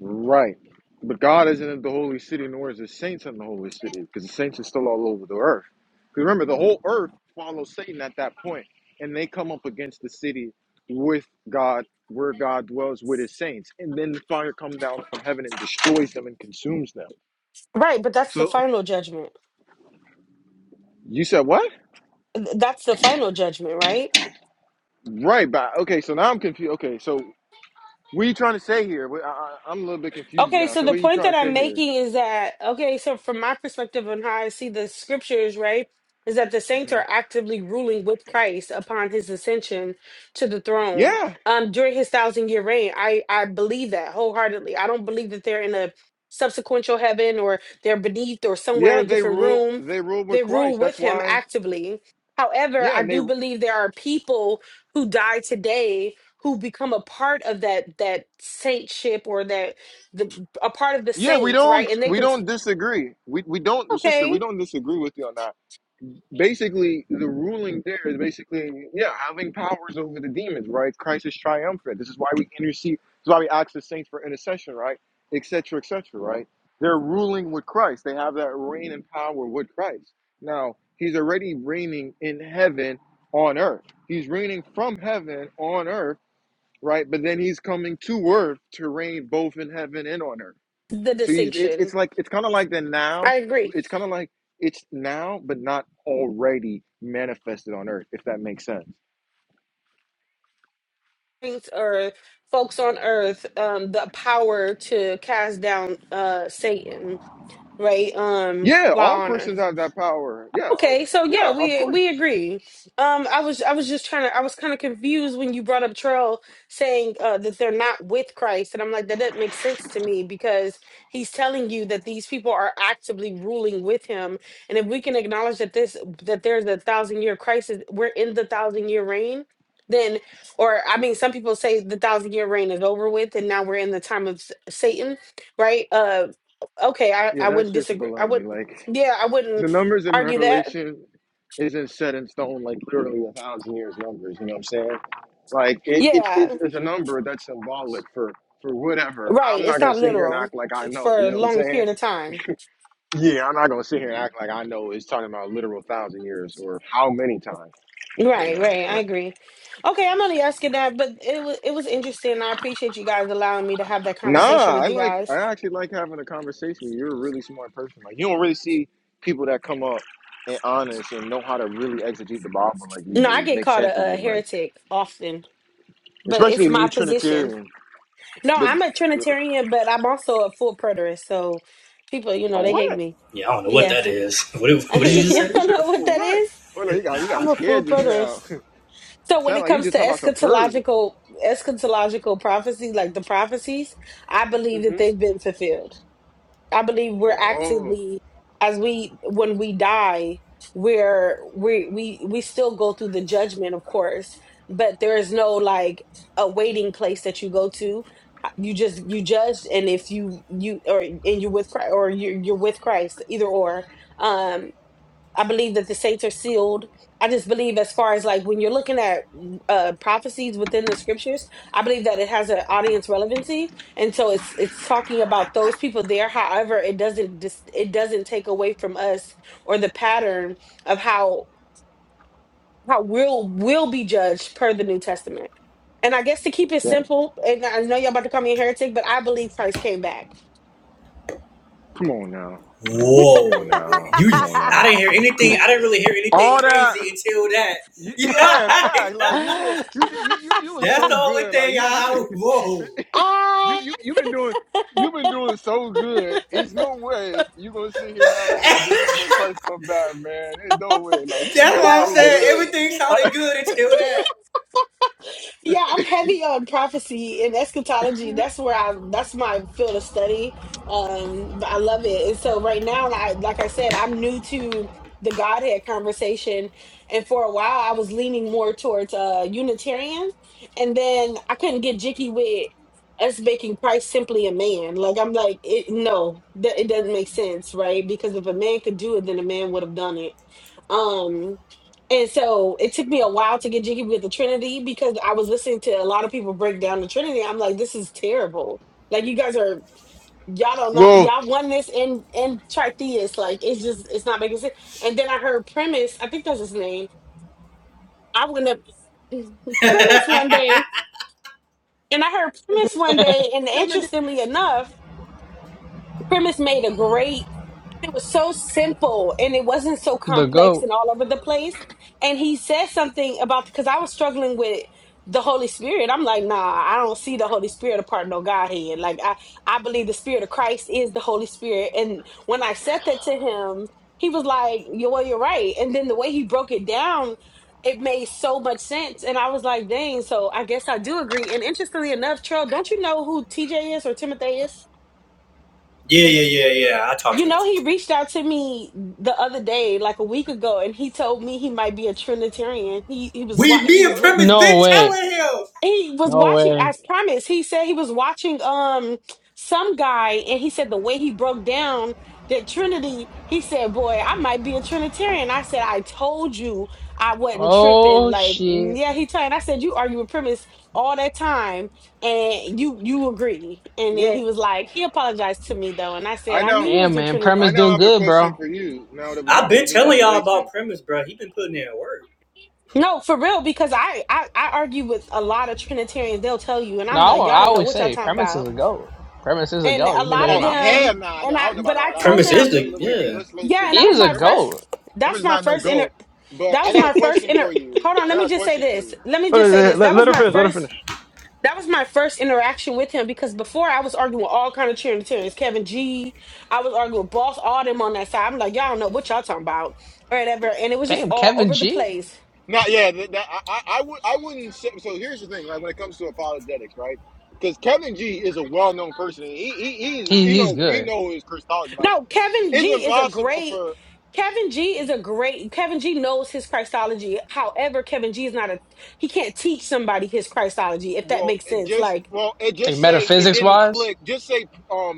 A: Right. But God isn't in the holy city, nor is the saints in the holy city, because the saints are still all over the earth. Because remember, the whole earth follows Satan at that point, and they come up against the city with God, where God dwells with his saints. And then the fire comes down from heaven and destroys them and consumes them.
G: right but that's the
A: So
G: final judgment
A: you said what?
G: Th- that's the final judgment right
A: Right, but okay, so now I'm confused. Okay, so what are you trying to say here? Wait, I, I, I'm a little bit confused
G: Okay,
A: now.
G: so
A: So
G: the
A: what are you
G: point
A: trying
G: that
A: to
G: I'm
A: say here?
G: making is that, okay, so from my perspective on how I see the scriptures, right, is that the saints are actively ruling with Christ upon his ascension to the throne
A: Yeah,
G: um, during his thousand year reign. I, I believe that wholeheartedly. I don't believe that they're in a subsequential heaven or they're beneath or somewhere
A: yeah,
G: in a
A: they
G: different
A: rule.
G: room.
A: They rule with
G: They rule
A: Christ. That's
G: with him
A: why.
G: actively. However,
A: Yeah,
G: I
A: and they
G: do believe there are people who die today who become a part of that that saintship or that the, a part of the
A: Yeah, we
G: saints,
A: don't
G: right? And they
A: we
G: can
A: don't disagree. We we don't sister, we
G: okay
A: don't disagree with you on that. Basically, the ruling there is basically yeah, having powers over the demons, right? Christ is triumphant. This is why we intercede. This is why we ask the saints for intercession, right? Et cetera, et cetera, right? They're ruling with Christ. They have that reign and power with Christ. Now, he's already reigning in heaven on earth. He's reigning from heaven on earth, right? But then he's coming to earth to reign both in heaven and on earth.
G: the
A: So he's it's
G: distinction.
A: it's like it's kind of like the now.
G: I agree.
A: It's kind of like it's now, but not already manifested on earth. If that makes sense.
G: Saints or folks on earth, um, the power to cast down uh Satan, right? Um,
A: Yeah,
G: by
A: all
G: honor.
A: Christians have that power. Yeah, uh,
G: Okay, so yeah,
A: yeah, of
G: we
A: course.
G: we agree. Um, I was I was just trying to I was kind of confused when you brought up Trell saying uh, that they're not with Christ, and I'm like that doesn't make sense to me because he's telling you that these people are actively ruling with him, and if we can acknowledge that this that there's a thousand year crisis, we're in the thousand year reign. Then, or I mean, some people say the thousand year reign is over with, and now we're in the time of S- Satan, right? Uh, okay, I
A: Yeah,
G: I
A: that's
G: wouldn't
A: just
G: disagree. I would,
A: baloney. Like
G: not yeah, I
A: the
G: wouldn't
A: numbers in
G: argue that
A: Revelation isn't set in stone. Like literally a thousand years numbers. You know what I'm saying? Like it, it it's,
G: Yeah,
A: it's a number that's symbolic for for whatever.
G: right.
A: I'm not
G: It's
A: gonna
G: not
A: sit here and
G: literal.
A: act like I
G: It's
A: know.
G: for a
A: You know what I'm
G: long
A: saying?
G: period of time.
A: Yeah, I'm not gonna sit here and act like I know it's talking about literal thousand years or how many times, you
G: Right,
A: know.
G: right. I
A: So
G: agree. Okay, I'm only asking that, but it was it was interesting. I appreciate you guys allowing me to have that conversation
A: nah, I
G: with you
A: like
G: guys.
A: I actually like having a conversation. You're a really smart person. Like you don't really see people that come up and honest and know how to really exegete the Bible like you
G: No, I
A: do,
G: get
A: make
G: called
A: sense of
G: a, a
A: it, like
G: heretic often, but
A: especially
G: it's
A: a
G: my
A: new
G: position.
A: Trinitarian.
G: No,
A: But
G: I'm a Trinitarian, but I'm also a full preterist. So people, you know,
A: oh,
G: they hate
A: what?
G: me.
B: Yeah, I don't know what
G: Yeah,
B: that
G: [laughs]
B: is. [laughs] What did, what
A: What
B: did
A: you
B: you
A: just
B: just
G: I
A: said?
B: say?
A: You
G: don't
A: said
G: know
A: a
G: what
A: fool.
G: that
A: What?
G: is.
A: Oh no, you got you got
G: I'm
A: me
G: a full
A: scared just
G: preterist.
A: now. [laughs]
G: So when
A: Sound
G: it
A: like you
G: comes
A: just
G: to
A: talking about some furry.
G: eschatological eschatological prophecy, like the prophecies, I believe
A: hmm
G: that they've been fulfilled. I believe we're
A: Oh, oh.
G: actively as we when we die, we're we we we still go through the judgment, of course, but there is no like a waiting place that you go to. You just you judged, and if you you or and you're with Christ, or you're you're with Christ, either or. um, I believe that the saints are sealed. I just believe, as far as like when you're looking at uh, prophecies within the scriptures, I believe that it has an audience relevancy, and so it's it's talking about those people there. However, it doesn't dis- it doesn't take away from us or the pattern of how how we'll will be judged per the New Testament. And I guess to keep it
A: Right.
G: simple, and I know y'all about to call me a heretic, but I believe Christ came back.
A: Come on now. Come on
B: whoa
A: now.
B: you
A: Come on
B: i
A: now.
B: didn't hear
A: Come
B: anything i
A: on.
B: didn't really hear anything
A: All that.
B: crazy until that
A: You,
B: yeah
A: yeah, in
B: [laughs]
A: fact. Like you did. You did. You
G: [laughs]
A: you, you was
B: that's the
A: so
B: only
A: good. Like
B: thing
A: you you been
B: i whoa
A: [laughs] you
G: Uh,
A: you you been doing. You've been doing so good. It's no way you gonna sit here now and say this is when Christ come back, man. There's no way. Like you've been
B: that's what
A: doing
G: no,
B: i'm
A: so
B: saying
A: good.
G: is
B: everything
G: it?
B: sounded good until that
G: [laughs] Yeah, I'm heavy on prophecy and eschatology. That's where I. That's my field of study. Um, but I love it. And so right now, I like I said, I'm new to the Godhead conversation, and for a while, I was leaning more towards uh Unitarian, and then I couldn't get jicky with us making Christ simply a man. Like I'm like, it, no, that it doesn't make sense, right? Because if a man could do it, then a man would have done it. Um. And so it took me a while to get jiggy with the Trinity because I was listening to a lot of people break down the Trinity. I'm like, this is terrible. Like you guys are y'all don't know
A: Well,
G: y'all won this in in tritheist. Like it's just it's not making sense. And then I heard premise, I think that's his name. I went up [laughs] premise one day and I heard premise one day and
A: No, no, no.
G: interestingly enough, premise made a great it was so simple and it wasn't so
C: The
G: complex
C: goat.
G: and all over the place. And he said something about because I was struggling with the Holy Spirit. I'm like, nah, I don't see the Holy Spirit apart no Godhead. Like I, I believe the Spirit of Christ is the Holy Spirit. And when I said that to him, he was like, "Yeah, well, you're right." And then the way he broke it down, it made so much sense. And I was like, dang, so I guess I do agree. And interestingly enough, Trell, don't you know who TJ is or Timothy is?
B: Yeah, yeah, yeah, yeah. I talked
G: You
B: to him a
G: know,
B: few
G: he
B: times.
G: reached out to me the other day, like a week ago, and he told me he might be a Trinitarian. He he was wa-
B: We,
G: he
B: me and
G: was li-
B: Premise been
C: Hey.
B: telling him.
G: he was watching. I promise. He said he was watching um some guy, and he said the way he broke down that Trinity. He said, "Boy, I might be a Trinitarian." I said, "I told you I wasn't tripping."
C: Oh
G: Like,
C: shit.
G: yeah, he told. And I said, "You argue with premise all that time, and you you agree." And then
A: Well,
G: he was like, he apologized to me though, and I said,
A: I
G: "I knew
A: now
G: you was
C: Damn,
G: a
C: man.
G: Trinity."
A: I
C: Premise
A: now
C: doing
A: have a
C: good,
A: question
C: bro.
A: for you. Now that we
B: I've
A: got this
B: been
A: new
B: telling y'all
A: revelation.
B: about Premise, bro. He been putting in work.
G: No, for real, because I, I I argue with a lot of Trinitarians. They'll tell you, and
C: No,
G: I'm
C: I,
G: like,
C: wa-
G: y'all
C: I
G: don't know
C: always
G: what y'all
C: say
G: talking
C: Premise is
G: about.
C: a goat. Premise is a
G: And
C: goat,
G: a
C: even though
G: lot
C: he
G: of
A: Oh
C: mouths
G: them,
A: hell nah! I
G: and I,
A: don't know
G: but
A: about
G: I
A: all that.
G: tell
A: Whoa,
B: Premise
A: whoa,
B: is
A: whoa.
G: them,
A: Let's-
B: the
A: Wait, wait.
B: yeah.
A: Let's slow
G: yeah.
A: shit
G: And that
C: He
G: was
C: is
A: down.
C: a
G: my
A: Premise.
G: first.
C: goat.
G: That's
A: Herbert's
G: my
A: not no
G: first inter.
A: goat. But
G: That
A: I
G: was
A: got a
G: my first
A: question for
G: inter.
A: you.
G: Hold on,
A: I
G: let
A: got
G: me
A: a
G: just say
A: question for
G: this.
A: you.
G: Let me
C: Let,
G: just say
C: let,
G: this.
C: let
G: That was
C: her
G: my
C: finish. Let her
G: first.
C: finish.
G: That was my first interaction with him because before I was arguing with all kind of Trinitarians, Kevin G. I was arguing with Boss, all them on that side. I'm like, y'all don't know what y'all talking about, or whatever. And it was just
C: Damn,
G: all
C: Kevin
G: over the
C: G.
G: place.
A: Not yeah. That, that, I, I I would I wouldn't say. So here's the thing, right? When it comes to apologetics, right? Because Kevin G is a well-known person. He he he's
C: He
A: you
C: he's
A: know he
C: good.
A: know his Christology. Like
G: No, Kevin G
A: it's
G: is a
A: impossible
G: great
A: for
G: Kevin G is a great Kevin G knows his Christology. However, Kevin G is not a he can't teach somebody his Christology, if that
A: well
G: makes
A: it
G: sense.
A: just
G: Like
A: well it
C: Like
A: just say it
C: metaphysics
A: didn't
C: wise.
A: click. Just say um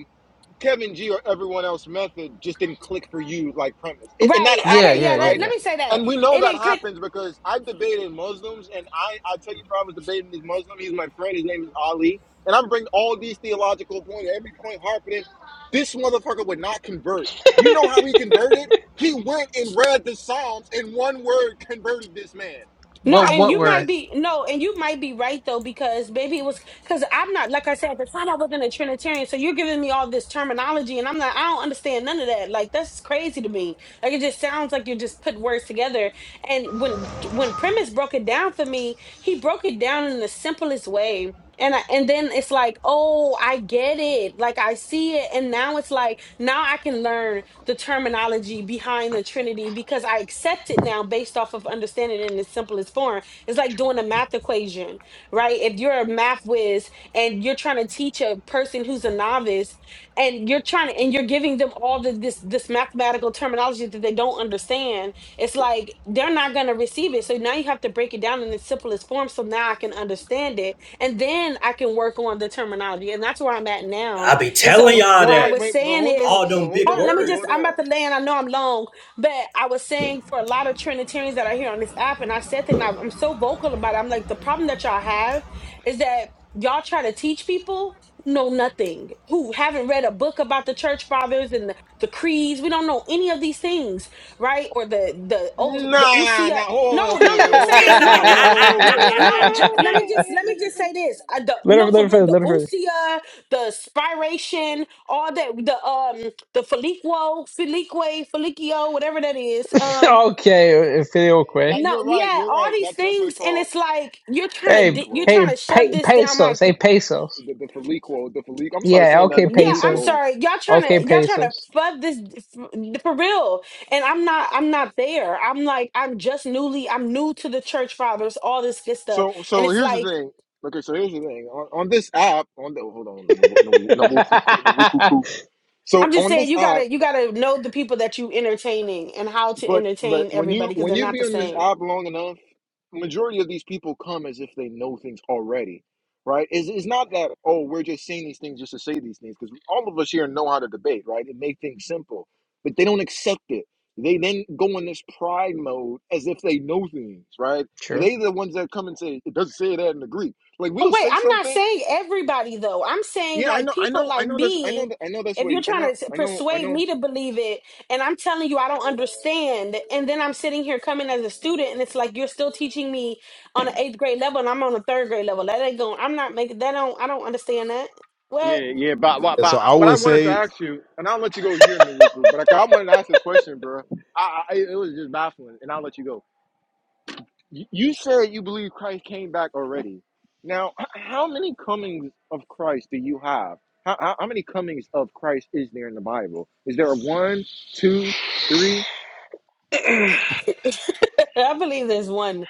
A: Kevin G or everyone else method just didn't click for you like premise. A- and that
G: Right.
C: Yeah,
G: Okay.
A: happens,
C: yeah,
G: Yeah.
C: yeah,
G: That,
A: right?
G: let me say that
A: And we know
G: it
A: that
G: didn't click
A: happens because I've debated Muslims and I, I tell you, bro, I was debating this Muslim. He's my friend. His name is Ali. And I'm bringing all these theological points, every point harping in. This motherfucker would not convert.
C: yeah.
A: You know
C: [laughs]
A: how he converted? He went and read the Psalms and one word converted this man.
G: No,
C: Well,
A: I
G: and
A: was
C: what
G: you might
C: word?
A: pissed.
G: be no, and you might be right though because maybe it was because I'm not like I said at the time I wasn't a Trinitarian, so you're giving me all this terminology, and I'm not I don't understand none of that. Like that's crazy to me. Like it just sounds like you just put words together. And when when Premise broke it down for me, he broke it down in the simplest way, and I, and then it's like oh i get it like i see it and now it's like now i can learn the terminology behind the trinity because i accept it now based off of understanding it in its simplest form it's like doing a math equation right if you're a math whiz and you're trying to teach a person who's a novice and you're trying to and you're giving them all the, this this mathematical terminology that they don't understand it's like they're not going to receive it so now you have to break it down in its simplest form so now i can understand it and then I can work on the terminology. And that's where I'm at now.
B: I be
G: And
B: telling
G: so
A: So,
B: y'all
A: wait,
G: what I
A: wait,
B: that
G: was
A: wait, but
G: saying
A: hold
G: is,
B: all
A: on, but
B: them big
A: hold
G: hold on, let
A: on,
G: me
A: but
B: words.
G: just
A: hold
G: I'm
A: on.
G: about to land. I know I'm long, but I was saying for a lot of Trinitarians that I hear on this app, and I said that and I- I'm so vocal about it. I'm like, the problem that y'all have is that y'all try to teach people who know nothing, who haven't read a book about the church fathers and the, the creeds. We don't know any of these things, right? Or the the old the
A: Nah,
G: usia.
A: nah. Oh,
G: No, no,
A: okay,
C: [laughs]
A: okay.
G: let
C: Let
A: Oh,
G: me say this. No, no.
A: oh,
B: [laughs]
G: Let me no. J-
A: oh,
G: let me just let me just
A: oh.
G: say this. I, the, no,
C: her. Let
G: for
C: her
G: real,
C: finish.
G: the
C: Let her finish.
G: Usia, the Spiration, all that, the um, the Feliquo, Felique, Felicio, whatever that is.
C: [laughs]
G: Um,
C: okay,
A: yeah,
C: Filioque.
A: that
G: no,
A: you're right.
G: yeah,
A: You're
G: all
A: right.
G: these
A: That's just what it
G: things, and
A: called
G: it's like you're
A: the
G: trying to
C: Hey,
G: di- you're
A: follicle,
G: trying to
C: hey,
G: shove
C: pe-
G: this down my.
C: pesos. Hey,
G: Th-
C: pesos.
A: the the follicle, the follicle. I'm sorry
C: Yeah,
A: saying that
C: okay,
A: the
G: yeah, I'm
C: pesos.
A: follicle.
G: sorry, y'all trying
C: Okay,
G: to y'all trying to
C: pesos.
G: fuck this f- for real, and I'm not I'm not there. I'm like I'm just newly I'm new to the church fathers, all this good stuff,
A: So,
G: and
A: so
G: it's
A: here's the
G: like
A: thing. Okay, so here's the thing. On, on this app, on the hold on, no, no, no, no, no, no,
C: [laughs]
A: no, no, no, no, no, no. so
G: I'm just
A: on
G: saying
A: this
G: you
A: app.
G: gotta you gotta know the people that you entertaining and how to
A: But but
G: entertain
A: when you
G: everybody because
A: when
G: they're
A: you
G: not
A: be
G: the
A: on this app
G: same.
A: long enough, majority of these people come as if they know things already, right? It's, it's not that oh we're just saying these things just to say these things because all of us here know how to debate, right? And make things simple, but they don't accept it. They then go in this pride mode as if they know things, right?
C: True.
A: They the ones that come and say it doesn't say that in the Greek. Like
G: Oh
A: we'll
G: wait,
A: say
G: I'm not
A: something,
G: saying everybody though. I'm saying
A: yeah, I
G: like
A: know, I
G: people
A: know, I
G: like
A: know this, I know,
G: me.
A: that, I know that's
G: If
A: where
G: you're
A: you, I know,
G: trying to
A: I know, I
G: persuade
A: know
G: me to believe it, and I'm telling you I don't understand, and then I'm sitting here coming as a student, and it's like you're still teaching me on an eighth grade level, and I'm on a third grade level. That ain't going. I'm not making that. Don't I don't understand that. What?
A: Yeah, yeah, but, but,
I: Yeah, so
A: but
I: I
A: what I
I: would
A: wanted to
I: say,
A: ask you, and I'll let you go here, Nwuku, but I, I wanted to ask this question, bro. I, I it was just baffling, and I'll let you go. You, you said you believe Christ came back already. Now, h- how many comings of Christ do you have? How, how, how many comings of Christ is there in the Bible? Is there a one, two, three?
G: [laughs] I believe there's one.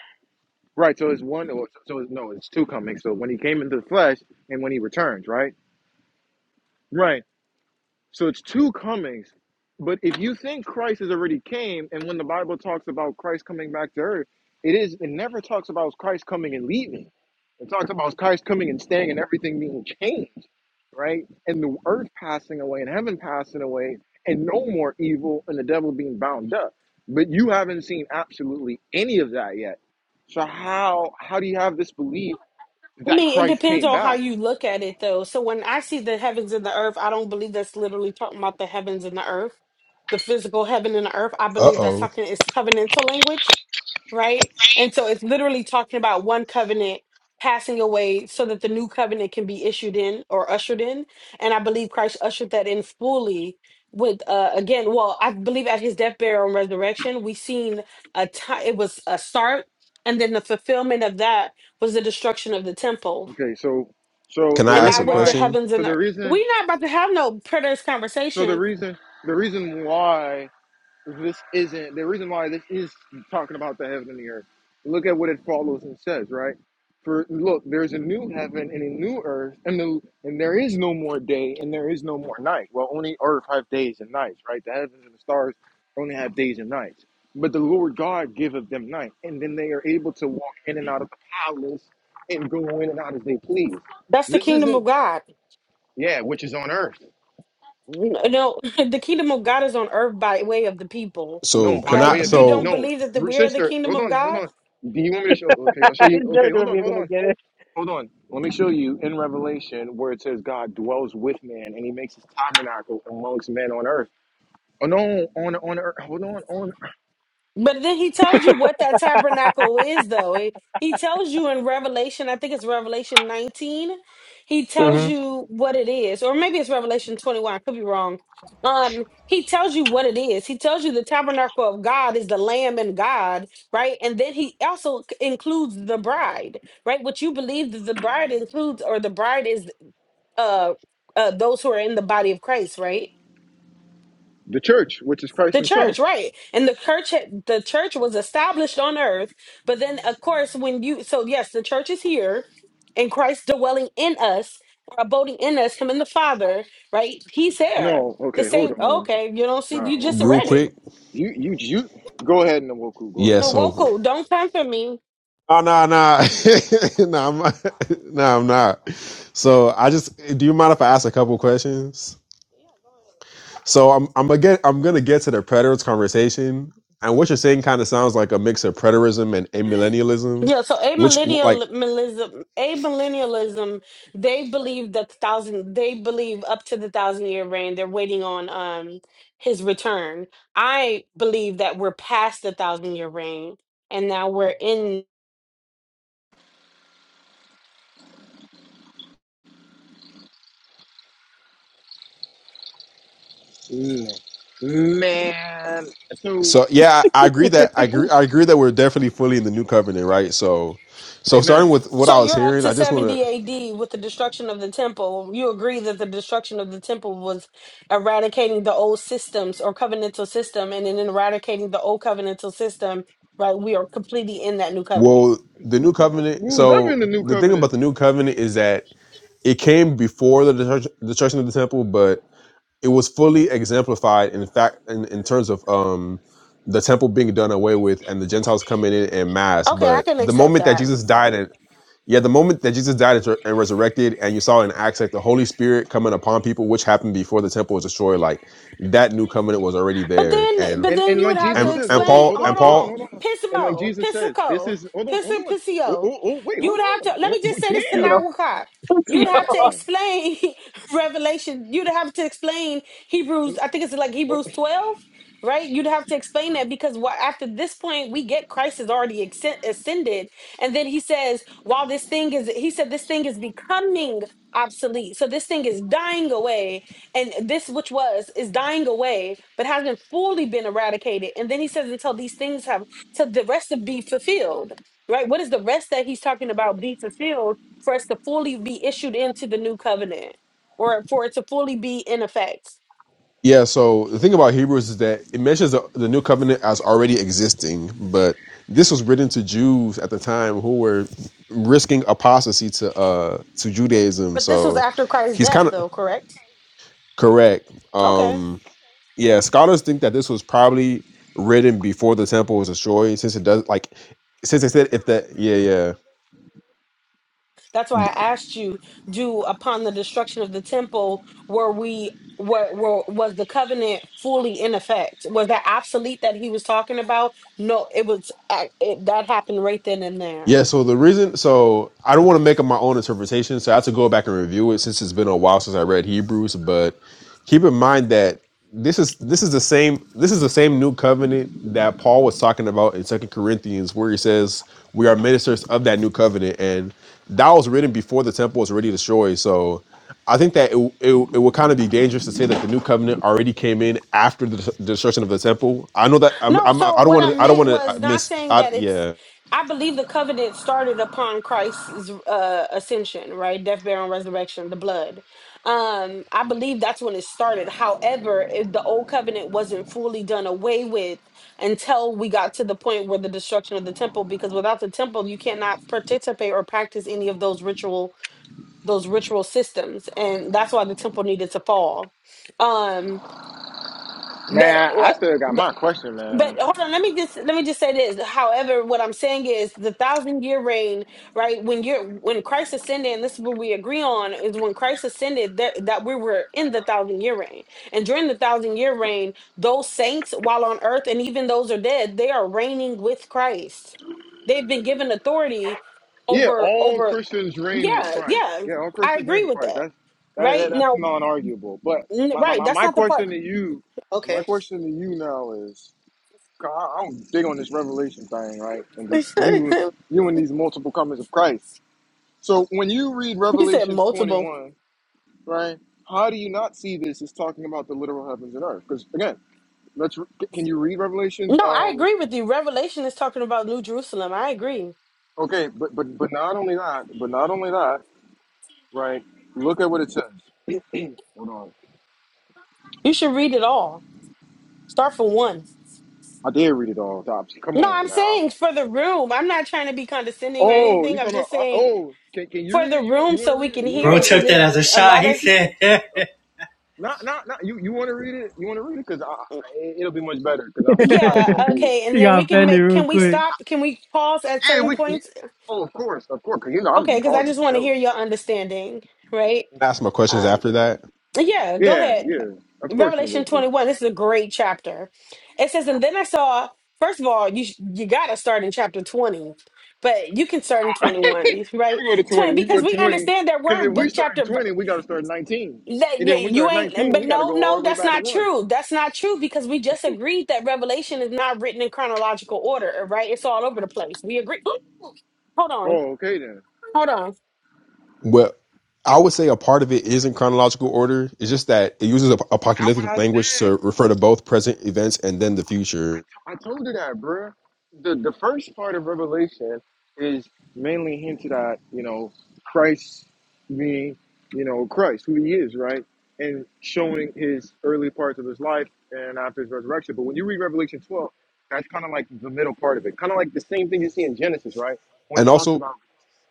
A: Right, so it's one, or so it's, no, it's two comings. So when he came into the flesh and when he returns, right? Right. So it's two comings. But if you think Christ has already came, and when the Bible talks about Christ coming back to earth, it is it never talks about Christ coming and leaving. It talks about Christ coming and staying and everything being changed, right? And the earth passing away and heaven passing away and no more evil and the devil being bound up. But you haven't seen absolutely any of that yet. So how how do you have this belief
G: I
A: that
G: mean, it
A: Christ
G: depends
A: came
G: on how
A: back?
G: you look at it, though. So when I see the heavens and the earth, I don't believe that's literally talking about the heavens and the earth, the physical heaven and the earth. I
I: uh
G: believe that's
I: oh.
G: talking, it's covenantal language, right? And so it's literally talking about one covenant passing away so that the new covenant can be issued in or ushered in. And I believe Christ ushered that in fully with, uh, again, well, I believe at his death, burial, and resurrection, we seen a time, it was a start and then the fulfillment of that was the destruction of the temple.
A: Okay, so so
I: Can
A: the
I: I
G: And
I: ask
G: that
I: a
A: reason
G: was the
A: why
I: question?
G: heavens
A: so
G: and
A: the
G: the earth.
A: reason
G: We're not about to have no preterist
A: So the
G: conversation.
A: reason the reason why this isn't the reason why this is talking about the heaven and the earth. Look at what it follows and says, right? For look, there's a new heaven and a new earth, and the, and there is no more day and there is no more night. Well, only earth have days and nights, right? The heavens and the stars only have days and nights. But the Lord God giveth them night, and then they are able to walk in and out of the palace and go in and out as they please.
G: That's the
A: This
G: kingdom of
A: isn't
G: God.
A: yeah, which is on earth.
G: No, [laughs] the kingdom of God is on earth by way of the people.
I: So
A: No, by
I: can
G: Like,
I: I?
A: way of
G: you
A: him.
G: don't
I: So
A: No,
G: believe that the, we are the
A: sister,
G: kingdom
A: hold
G: of
A: on, hold
G: God?
A: on. Do you want me to show? Okay, I'll show you. Okay, hold on, hold on, hold on. Let me show you in Revelation where it says God dwells with man and He makes His tabernacle amongst men on earth. Oh no, on on earth. Hold on, on
G: But then he tells you what that tabernacle is, though. He he tells you in Revelation, I think it's Revelation 19, he tells
C: hmm
G: you what it is, or maybe it's Revelation 21, I could be wrong. Um, he tells you what it is. He tells you the tabernacle of God is the Lamb and God, right? And then he also c- includes the bride, right? What you believe that the bride includes, or the bride is uh, uh those who are in the body of Christ, right?
A: the church, which is Christ
G: The
A: Himself.
G: church, right? And the church, had- the church was established on earth, but then, of course, when you, so yes, the church is here, and Christ dwelling in us, or abiding in us, Him and the Father, right? He's there.
A: No,
G: The
A: okay, hold
G: same.
A: on.
G: Okay, you don't see.
A: Nah,
G: You just
A: hold
I: real
G: read it.
I: quick,
A: you you you. Go ahead, Nwoku. Go
I: yeah.
A: ahead,
G: No,
I: So
A: Nwoku.
G: Woko, don't come for me.
I: oh no no [laughs] no I'm not- [laughs] no I'm not. So I just do you mind if I ask a couple questions? So I'm I'm gonna get I'm gonna get to the predators conversation, and what you're saying kind of sounds like a mix of preterism and amillennialism,
G: Yeah, so
I: which like
G: amillennialism, amillennialism, they believe that the thousand, they believe up to the thousand year reign. They're waiting on um his return. I believe that we're past the thousand year reign, and now we're in.
A: Mm. Man, so
I: so yeah I I agree that I agree I agree that we're definitely fully in the new covenant right so so starting
A: amen.
I: with what
G: So
I: I was
G: you're up
I: hearing
G: to
I: I just want to
G: seventy A.D. with the destruction of the temple. You agree that the destruction of the temple was eradicating the old systems or covenantal system, and in eradicating the old covenantal system, right? We are completely in that new covenant.
I: Well, the new covenant.
A: We're in
I: So
A: the new
I: the thing
A: covenant.
I: about the new covenant is that it came before the detru- destruction of the temple, but it was fully exemplified in fact in, in terms of um the temple being done away with and the Gentiles coming in en mass.
G: Okay, I
I: But
G: can
I: the
G: accept
I: moment that
G: that.
I: Jesus died and yeah, the moment that Jesus died and res- and resurrected, and you saw in Acts like the Holy Spirit coming upon people, which happened before the temple was destroyed, like that new covenant was already
G: But
I: there.
G: then,
I: And
G: but
A: And
G: then
A: and
G: you would
A: like
G: have to
A: Jesus
I: and
A: says,
I: and
A: hold on,
G: explain.
I: Paul
A: hold
G: Hold
I: and
A: on, hold on,
G: on,
I: Paul
A: hold on. And like
G: Pismo,
A: Jesus says, this
G: Pisico,
A: is hold on, hold
G: Pisa,
A: on. Oh,
G: Pisio.
A: oh, oh wait,
G: You
A: hold
G: would have to.
A: on.
G: Let
A: Oh,
G: me just
A: wait,
G: say
C: [laughs]
G: this to
C: She
A: damn.
G: Nawakot.
C: got
G: You'd
C: she
A: God
G: have to
A: damn.
G: explain [laughs] Revelation. You'd have to explain Hebrews. I think it's like
A: Oh,
G: Hebrews twelve, right? You'd have to explain that because what after this point we get Christ is already accen- ascended, and then he says, while this thing is, he said this thing is becoming obsolete. So this thing is dying away and this which was is dying away but hasn't fully been eradicated and then he says until these things have till the rest of be fulfilled right what is the rest that he's talking about be fulfilled for us to fully be issued into the new covenant or for it to fully be in effect
I: Yeah, so the thing about Hebrews is that it mentions the, the new covenant as already existing, but this was written to Jews at the time who were risking apostasy to uh to Judaism.
G: but this was
I: So
G: after christ's
I: he's
G: death
I: kind of
G: though correct
I: correct.
G: okay
I: Um yeah, scholars think that this was probably written before the temple was destroyed since it does like since they said if that yeah, yeah.
G: That's why I asked you, do upon the destruction of the temple, were we were, were was the covenant fully in effect? Was that obsolete that he was talking about? No, it was ac- it, that happened right then and there.
I: Yeah, so the reason, so I don't
G: Mm.
I: want to make up my own interpretation, so I have to go back and review it since it's been a while since I read Hebrews. But keep in mind that this is this is the same this is the same new covenant that Paul was talking about in Second Corinthians, where he says we are ministers of that new covenant, and that was written before the temple was already destroyed. So I think that it it, it would kind of be dangerous to say that the new covenant already came in after the, the destruction of the temple. I know that I'm,
G: No,
I: I'm I
G: so
I: don't
G: what I
I: want to I don't
G: meant
I: want
G: was
I: to
G: not
I: miss
G: saying
I: I,
G: that it's.
I: yeah.
G: I believe the covenant started upon Christ's uh, ascension, right? Death, burial, and resurrection, the blood. Um, I believe that's when it started. However, it, the old covenant wasn't fully done away with until we got to the point where the destruction of the temple, because without the temple, you cannot participate or practice any of those ritual those ritual systems, and that's why the temple needed to fall. Um, but
A: Man, I
G: what?
A: still got my question,
G: but
A: man.
G: hold on let me just let me just say this however what i'm saying is the thousand year reign right when you're when christ ascended and this is what we agree on is when christ ascended that, that we were in the thousand year reign and during the thousand year reign those saints while on earth and even those are dead they are reigning with christ they've been given authority
A: Yeah,
G: over
A: all
G: over
A: Christians reign with
G: yeah
A: Christ.
G: yeah
A: Yeah, all
G: i
A: Christians reign
G: agree
A: with
G: with
A: Christ.
G: that
A: That's that,
G: right
A: that, that's
G: now
A: non-arguable. But
G: n-
A: my, my,
G: right
A: my
G: that's
A: my
G: not the part
A: question to you, my
G: okay
A: question to you now is, 'cause I, I'm big on this revelation thing, right? And
G: [laughs]
A: this you
G: he
A: you and these multiple comings of Christ. So when you read
G: said
A: Revelations
G: multiple
A: 21 right? How do you not see this is talking about the literal heavens and earth? Because again, let's re- can you read Revelations?
G: No, I
A: Um,
G: agree with you. Revelation is talking about New Jerusalem. I agree.
A: okay, but but but not only that, but not only that, right? Look at what it says. [clears throat] Hold on,
G: You should read it all. Start from one.
A: I did read it all, Dobbs. Come
G: No, I'm
A: on now.
G: saying for the room. I'm not trying to be condescending or
A: Oh,
G: anything.
A: you
G: I'm
A: talking
G: just
A: about? Uh,
G: saying
A: oh, can, can you
G: for
A: read
G: the
A: it? You want
G: room
A: you want
G: so
A: to
G: we
A: read it?
G: can
A: You want to
G: hear
B: bro
G: it
A: read it?
G: because
B: took that
G: it's
B: as a
G: a
B: shot.
G: lot
B: He
G: of.
B: said, [laughs]
A: Not not not you. You want to read it? You want to read it? Because it'll be much better. Because I'm I'm trying to go
G: Yeah,
A: cool.
G: okay. And
C: [laughs]
G: then
C: got
G: we can
C: offended
G: make.
C: real
G: Can we
C: quick.
G: stop? Can we pause at
A: Yeah,
G: certain
A: we. can-
G: points?
A: Oh, of course, of course. Because you know I'm gonna
G: Okay,
A: be
G: because I
A: pausing
G: just
A: for
G: want to
A: sure.
G: hear your understanding, right?
I: ask my questions
G: Um,
I: after that.
G: yeah, go
A: Yeah,
G: ahead.
A: yeah. Of course,
G: Revelation
A: Nawoku.
G: 21, this is a great chapter. It says, and then I saw, first of all, you sh- you got to start in chapter 20, but you can start in 21, right? 20, because we understand that
A: Because
G: we're
A: if
G: in
A: we
G: book
A: start at
G: chapter,
A: 20,
G: ver-
A: we got to start at 19.
G: that
A: And
G: you,
A: then when we start
G: you
A: at
G: ain't,
A: 19,
G: but
A: we got to
G: no,
A: go all
G: no,
A: the way
G: that's
A: back to
G: not
A: 1.
G: true. That's not true because we just agreed that Revelation is not written in chronological order, right? It's all over the place. We agree. [gasps] Hold on, hold on.
A: Mhm.
I: Well, I would say a part of it is in chronological order. It's just that it uses apocalyptic language to refer to both present events and then the future,
A: I told you that, bruh. The, the first part of Revelation is mainly hinted at, you know, Christ being, you know, Christ, who he is, right? And showing his early parts of his life and after his resurrection. But when you read Revelation 12, that's kind of like the middle part of it. Kind of like the same thing you see in Genesis, right? when
I: and
A: it talks
I: also,
A: about.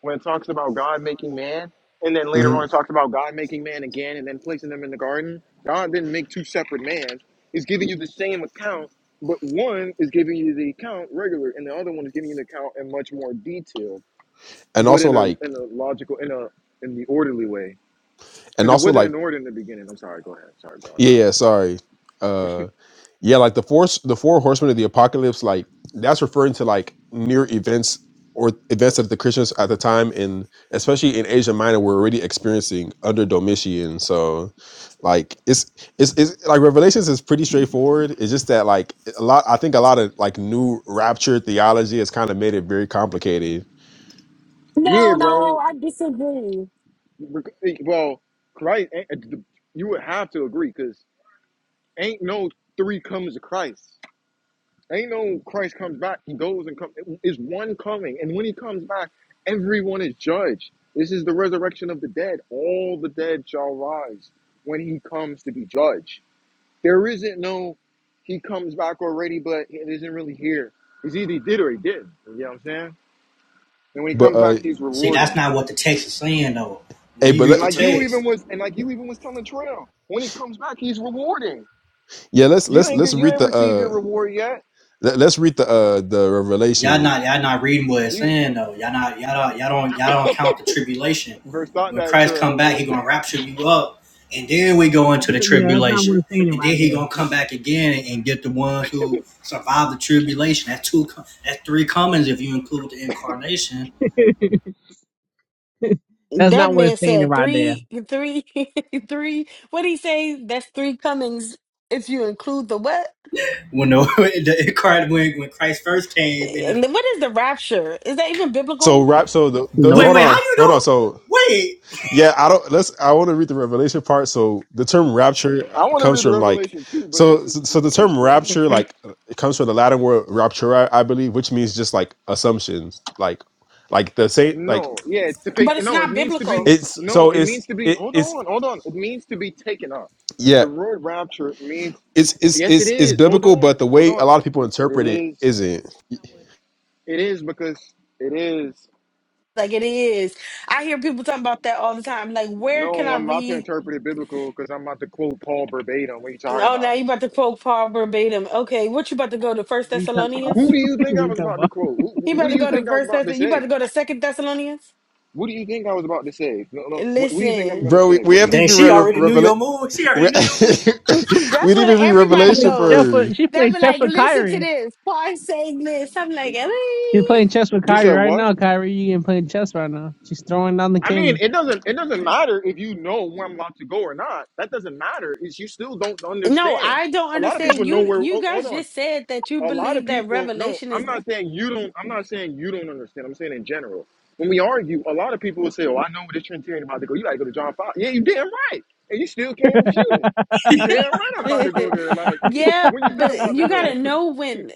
A: when it talks about God making man, and then later on
I: mhm.
A: it talks about God making man again and then placing them in the garden. God didn't make two separate mans. He's giving you the same account, but one is giving you the account regular, and the other one is giving you the account in much more detail,
I: and
A: but
I: also
A: in a
I: like,
A: in a logical in a in the orderly way.
I: and
A: Because it
I: also
A: wasn't
I: like
A: in order in the beginning. I'm sorry. Go ahead. Sorry, bro.
I: Yeah,
A: I'm,
I: yeah, sorry. Uh yeah, like the force the four horsemen of the apocalypse, like that's referring to like near events or events that the Christians at the time and especially in Asia Minor were already experiencing under Domitian. So like it's it's, it's like Revelations is pretty straightforward. It's just that like a lot I think a lot of like new rapture theology has kind of made it very complicated
A: yeah,
G: No, no,
A: bro.
G: I disagree.
A: Well, Christ. eh, eh, You would have to agree because ain't no three comes to Christ. Ain't no Christ comes back. He goes and comes. It's one coming. And when he comes back, everyone is judged. This is the resurrection of the dead. All the dead shall rise when he comes to be judged. There isn't no he comes back already, but it isn't really here. He's either he did or he did. You know what I'm saying? And when he
I: but
A: comes
I: uh,
A: back, he's
B: "See, that's
A: rewarding.
B: not what the text is saying, though. When
I: hey,
B: we
I: but let,
B: read
A: And
B: the
A: like you
B: text,
A: even was and like you even was telling Trail, when he comes back, he's rewarding.
I: yeah, let's
A: You
I: let's
A: ain't get,
I: let's
A: you
I: read
A: ain't
I: the
A: received your
I: uh,
A: reward yet.
I: let, let's read the uh the
B: y'all
I: revelation.
B: not y'all not reading what it's
A: You
B: saying though. Y'all not y'all don't y'all don't y'all don't count the tribulation.
A: verse not
B: When
A: that
B: Christ come
A: Trail
B: back, he
A: verse.
B: gonna rapture you up, and then we go
C: That's,
B: into the
C: yeah, that's not
B: tribulation,
C: what it's saying it
B: and
C: right
B: then he gonna come back again and get the ones who survive the tribulation. That's two. com- That's three comings if you include the incarnation.
C: there. [laughs] that's
G: That
C: not what
G: man
C: it's saying it
G: said
C: right there.
G: three, three, [laughs] three. What he say? That's three comings if you include the what?
B: When the, [laughs] the incarnate when, when Christ first came, and the,
G: And then What is the rapture? Is that even
I: So
G: biblical?
I: right, so the, the
C: Nope.
B: wait
I: hold
B: wait how
I: on,
B: you
I: hold on.
B: know?
I: So
B: Wait,
I: Yeah, I don't. Let's. I want to read the revelation part. So the term rapture
A: I want to
I: comes
A: read the
I: from like,
A: Revelation too, but this
I: so
A: is
I: so
A: this
I: the
A: is so
I: term
A: strange.
I: rapture
G: Mhm.
I: like it comes from the Latin word raptura, I believe, which means just like assumptions, like like the same like
A: No, yeah, it's to be,
G: But it's
A: no, it
G: not
A: means to
G: biblical.
A: be
I: it's
A: no,
I: so
A: it
I: it's
A: means to be.
I: it,
A: Hold
I: it's
A: on, hold on. It means to be taken up.
I: yeah
A: The word rapture means
I: it's it's
A: yes, it
I: it's it's
A: is. Hold
I: biblical,
A: on,
I: but the
A: hold
I: way a
A: on.
I: lot of people
A: It
I: interpret it
A: is.
I: isn't.
A: It is because it is.
G: Like it is. I hear people talking about that all the time. Like, where can
A: No,
G: I
A: I'm about to
G: read?
A: interpret it biblical because I'm about to quote Paul verbatim. What are you talking
G: Oh, now
A: about?
G: you about to quote Paul verbatim. Okay, what you about to go to First
C: What are you talking about?
G: Thessalonians?
C: [laughs]
A: Who
C: what
A: do you
C: are
A: think I
C: you
A: was
C: talking
A: about to
C: about?
A: quote? Who,
G: You
A: what
G: about
A: do
G: to
A: you
G: go to
A: think I was
G: First
A: about to
G: Thessalonians? You about
A: say?
G: to go to Second Thessalonians?
A: What do you think I was about to say? No, no. What, what do you think I'm
G: Listen.
A: going to
I: Bro, we,
A: say?
I: we
A: What?
I: haven't
A: No,
B: dang,
I: even read
B: she already knew your
I: Revelation.
B: move. She
I: We,
B: already knew your move.
G: [laughs]
I: [laughs]
G: That's
I: we didn't
G: where
I: even read
C: She
G: everybody
I: Revelation
C: played chess
G: goes.
I: first.
C: with, she
G: They'll
C: played
G: be
C: chess
G: like,
C: with
G: listen to
C: Kyrie.
G: this. Paul saying this. I'm like,
C: She's
G: "Eh."
C: playing chess with
A: you
C: Kyrie
A: said
C: right
A: what?
C: now. Kyrie, you ain't playing chess right now. She's throwing down the
A: I mean,
C: king.
A: it doesn't it doesn't matter if you know where I'm about to go or not. That doesn't matter. It's you still don't
G: no,
A: understand.
G: I don't
A: A lot of people
G: understand.
A: know
G: You
A: where.
G: you
A: Oh, hold
G: guys
A: on.
G: just said that you
A: A lot of
G: believe that
A: people. No,
G: revelation
A: I'm
G: is
A: not saying you don't. I'm not saying you don't understand. I'm saying in general. When we argue, a lot of people will say, "Oh, I know where this Trinitarian about to go. You gotta go to John 5. Yeah, you damn right, and you still can't
C: [laughs]
A: refute it. You damn right, I'm about
G: [laughs]
A: to go there. Like, [laughs]
G: yeah,
A: when you think I'm
G: but
A: about to
G: you gotta
A: go, [laughs]
G: know when [sighs]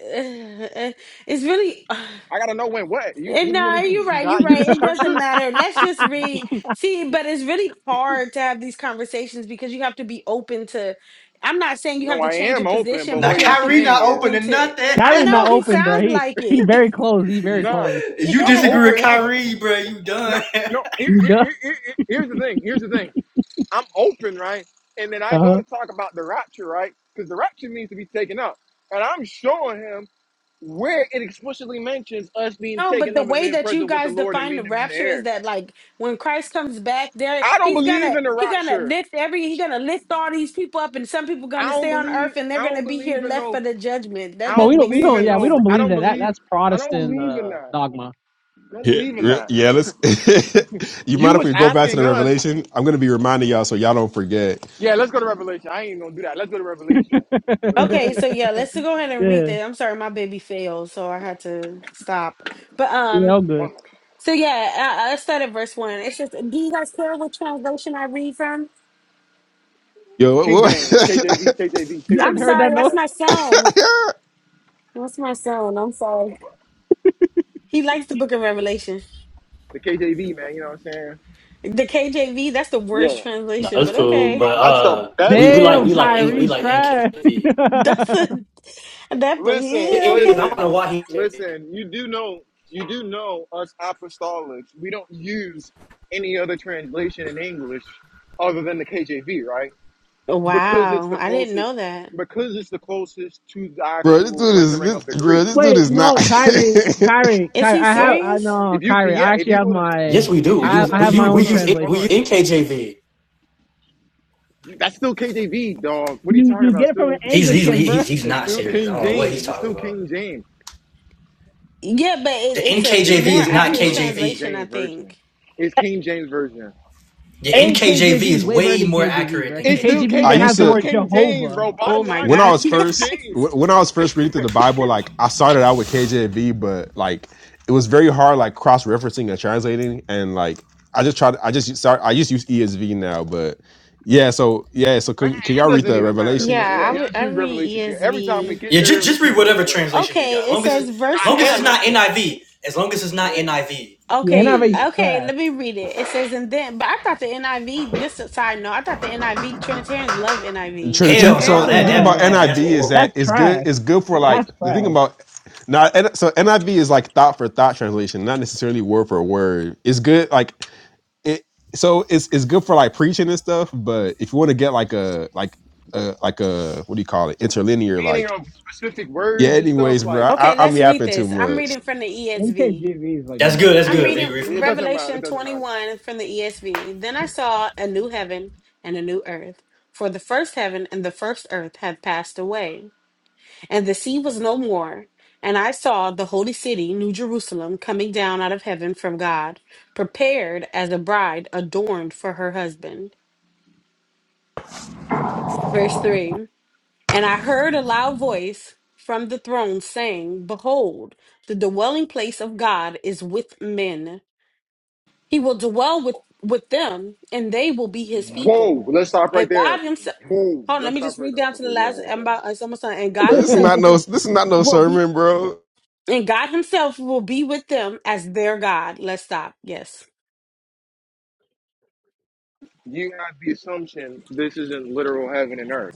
G: it's really [sighs]
A: I gotta know when what. You,
G: And
A: what do you want
G: no,
A: me to do?
G: you're
A: Do
G: right. You're
A: not use
G: right.
A: the
G: It doesn't
A: scriptures?
G: matter. Let's just read. See, but it's really hard to have these conversations because you have to be open to. I'm not saying you
A: No,
G: have to
A: I
G: change your
A: am open,
G: position,
A: but
B: Now
G: but
A: what
G: you
A: you're
G: have to
B: Kyrie
G: be
B: not
A: saying is
G: open
B: opening
G: to.
B: nothing. [laughs]
G: I
C: Kyrie
G: know
C: not
A: no. [laughs]
G: he
C: open, bro.
G: sounds
C: He
G: like
C: he
G: it.
C: very close. He very
A: Nah,
C: close.
G: [laughs]
B: If you
A: I'm
B: disagree with
A: open.
G: yeah.
B: Kyrie, bro, you
A: No,
B: done. [laughs]
A: no. Here,
C: He
A: here,
C: does.
A: here, here- here- here's the thing. Here's the thing. I'm open, right? And then I go
C: Uh-huh.
A: to talk about the rapture, right? Because the rapture needs to be taken up, and I'm showing him where it explicitly mentions us being
G: No, but
A: taken
G: the
A: up and
G: way
A: being
G: that you
A: present with the
G: guys
A: Lord and
G: define the
A: meeting Him in the
G: rapture is
A: air.
G: that like when Christ comes back, there
A: I don't
G: he's
A: believe
G: gonna
A: in the
G: he gonna
A: rapture.
G: lift every he gonna lift all these people up, and some people gonna
A: I don't
G: stay on earth
A: believe.
G: and they're
A: I
G: gonna
A: don't
G: be here
A: believe in
G: left for
A: no.
G: the judgment.
A: I
G: That
C: But we
A: don't
G: doesn't
C: don't
G: make
C: we
A: believe
C: don't
A: in
C: yeah we
G: sense.
A: no.
C: don't
A: I
C: believe
A: don't
C: that that
A: believe.
C: that's
A: I don't
C: Protestant
A: believe in
C: uh,
A: that.
C: dogma.
A: I don't
I: Yeah,
A: believe in
I: re-
A: that.
I: yeah let's. [laughs] you
A: You
I: mind if
A: was
I: we go back to
A: asking
I: the
A: us.
I: revelation? I'm going to be reminding y'all so y'all don't forget.
A: Yeah, let's go to Revelation. I ain't gonna do that. Let's go to
C: [laughs] yeah,
A: Revelation. Let's go to
G: Okay, so
A: Revelation.
G: yeah, let's go ahead and read
C: yeah,
G: that. I'm sorry, my baby failed, so I had to stop. But um,
C: all
A: Fuck.
C: good.
A: it.
G: so yeah, I, I started verse one. It's just, do you guys care which translation I read from?
I: Yo, what,
A: King
I: what- [laughs]
A: James, KJV, KJV,
C: You guys
G: I'm
A: KJV
C: heard
A: only,
C: that
G: sorry,
C: noise.
G: that's
A: man.
G: my son. That's my son. I'm sorry. He likes the Book of Revelation.
A: The KJV, man. You know what I'm saying?
G: The KJV, that's the
A: Yeah.
G: worst
A: No,
B: No,
G: translation,
B: that's
G: but
B: cool,
G: okay,
B: but
A: that's the
B: uh, we,
A: best
B: we like
C: Damn,
B: we
A: English
B: like we
C: Kyrie
B: like
A: translation.
C: trash. [laughs]
B: NKJV.
G: [laughs] that's a, that. But
A: Listen,
B: It-
G: yeah,
B: it- I
G: okay.
B: don't
A: listen,
B: know why he.
A: listen. You do know, you do know, us apostolics, we don't use any other translation in English other than the KJV, right? Because it's
G: Wow,
A: the
G: I didn't know
A: closest.
G: that.
A: Because it's the closest to the
I: bro, this
A: actual
I: dude is
A: rendering
I: this,
A: of the
I: bro,
A: Greek
I: this dude
C: Wait,
I: is not.
C: no, Kyrie, Kyrie,
G: Is
C: Kyrie.
G: he
C: I have,
A: No,
C: I
G: serious?
C: no,
A: if you
C: Kyrie.
A: yeah,
C: I
A: if
C: actually
A: you
C: have
A: go to
C: my,
B: Yes, we
A: if
B: do. We
A: you
C: I,
A: go
B: use
C: I
A: to
B: we
C: have
A: if
C: my
A: you
B: use
A: go
B: we
C: own
A: to
B: use,
A: hold
B: we
C: translation.
B: use
A: on,
B: NKJV.
A: that's still KJV, dog. What are you
C: You,
A: talking
C: you
A: about?
C: get it from an
A: Still,
B: He's he's
C: Anglican, bro.
B: he's he's
A: it's
B: not
A: still
B: serious. I
A: King
B: don't know what he's
A: James. It's
B: talking
A: still
B: about.
A: King James.
G: Yeah, but it,
B: The
G: it's a
A: It's
B: NKJV
G: more
B: is not
A: KJV,
G: accurate
A: bro. It's King
B: KJV.
G: translation, I
A: James version.
G: think.
A: It's King James version.
B: The
C: And
B: NKJV
C: KJV is
B: is
C: way better
B: way
C: than
B: more
C: KJV,
B: accurate
C: bro,
B: than
C: because
A: It's still
C: KJV
I: [laughs] I
A: King.
B: KJV.
C: even
A: It's
I: used
C: has the
A: still
I: to
C: word
A: King James,
C: Jehovah.
A: bro. Bottom
G: Oh my
A: line,
I: when
A: it's
I: I
G: God,
A: still
G: [laughs]
I: was
G: you
A: King
I: first
G: guys.
A: James.
I: wh- when I was first reading through the Bible, like I started out with KJV, but like it was very hard, like cross referencing and translating, and like I just tried. I just start. I just use ESV now, but yeah. So yeah. So can, can y'all read the revelation?
A: Bro,
G: Yeah,
A: yeah,
G: I
A: yeah.
G: would
A: Let's
G: I
A: read Revelation.
G: read
A: Every time we
G: ESV.
A: get
B: Yeah,
A: there,
B: just
A: we
B: just read
A: keep going
B: whatever
A: away.
B: translation you
G: Okay,
B: got. As
G: it
B: Long as it,
G: says
B: as
G: verse
B: long as
A: Hell
B: it's
G: one.
B: not
A: nah, hell,
B: NIV. As long as it's not NIV.
C: Yeah,
G: Okay,
C: NIV's
G: okay,
C: trash.
G: let me read it. It says and then but I thought the NIV, just a side note, I thought the NIV Trinitarians love NIV. It's
I: Trinitarian.
B: Hell no,
I: So
B: nah,
A: hell
G: crazy.
I: the
B: that
I: thing
C: Hell
I: about
B: that,
A: no.
B: that
C: no,
I: NIV
B: that's
I: is
B: horrible.
I: that
C: that's
I: it's good.
C: trash.
I: It's good for like
C: That's
I: the thing
C: trash.
I: about now. So NIV is like thought for thought translation, not necessarily word for word. It's good like it. So it's it's good for like preaching and stuff. But if you want to get like a like a like a what do you call it interlinear
A: Meaning
I: like
A: of specific
I: yeah.
A: words and stuff
I: Anyways, bro,
A: like
I: I,
G: Okay,
I: I'm
G: let's read
I: yapping too
G: this. I'm
I: much.
G: reading from the ESV.
C: NKJV is like the
B: That's good.
C: best.
B: That's
A: yeah,
G: I'm
B: good. Read,
G: reading
A: it,
B: read from
A: it
B: it. Yeah.
A: doesn't matter.
G: Revelation
A: It doesn't matter.
G: 21 from the ESV. Then I saw a new heaven and a new earth, for the first heaven and the first earth had passed away And the sea was no more. And I saw the holy city, New Jerusalem, coming down out of heaven from God, prepared as a bride adorned for her husband. Verse 3 And I heard a loud voice from the throne saying, Behold, the dwelling place of God is with men. He will dwell with, with them, and they will be his people.
A: Whoa, let's stop right
G: And God
A: there.
G: himself,
A: Whoa,
G: hold on, let
A: let's
G: me just
A: stop right
G: read
A: there.
G: down to the
A: Okay, go
G: last,
A: ahead.
G: I'm
A: Go.
G: about- it's almost done. And God
I: Bro, this
C: [laughs]
I: is
G: himself
I: not no. This is not no
G: will be
I: sermon, bro.
G: And God Himself will be with them as their God. Let's stop. Yes.
A: You have the assumption this isn't literal heaven and earth.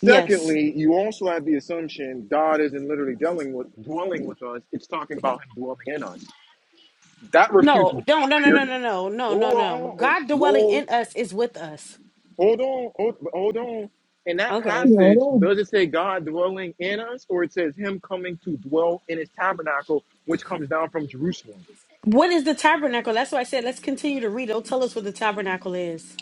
G: Yes.
A: you also have the assumption God isn't literally dwelling with dwelling with us. It's talking about Him dwelling in us. That refutes
G: No,
A: both
G: don't. No,
A: of
G: no, no,
A: your.
G: no, no, no, no, no.
A: Oh, oh, oh,
G: God dwelling
A: oh,
G: in us is with us.
A: hold on, hold, hold on. In that
C: you
G: Okay.
A: passage,
C: know,
A: does it say God dwelling in us, or it says Him coming to dwell in His tabernacle, which comes down from Jerusalem?
G: What is the tabernacle? That's why I said let's continue to read. It'll tell us what the tabernacle is.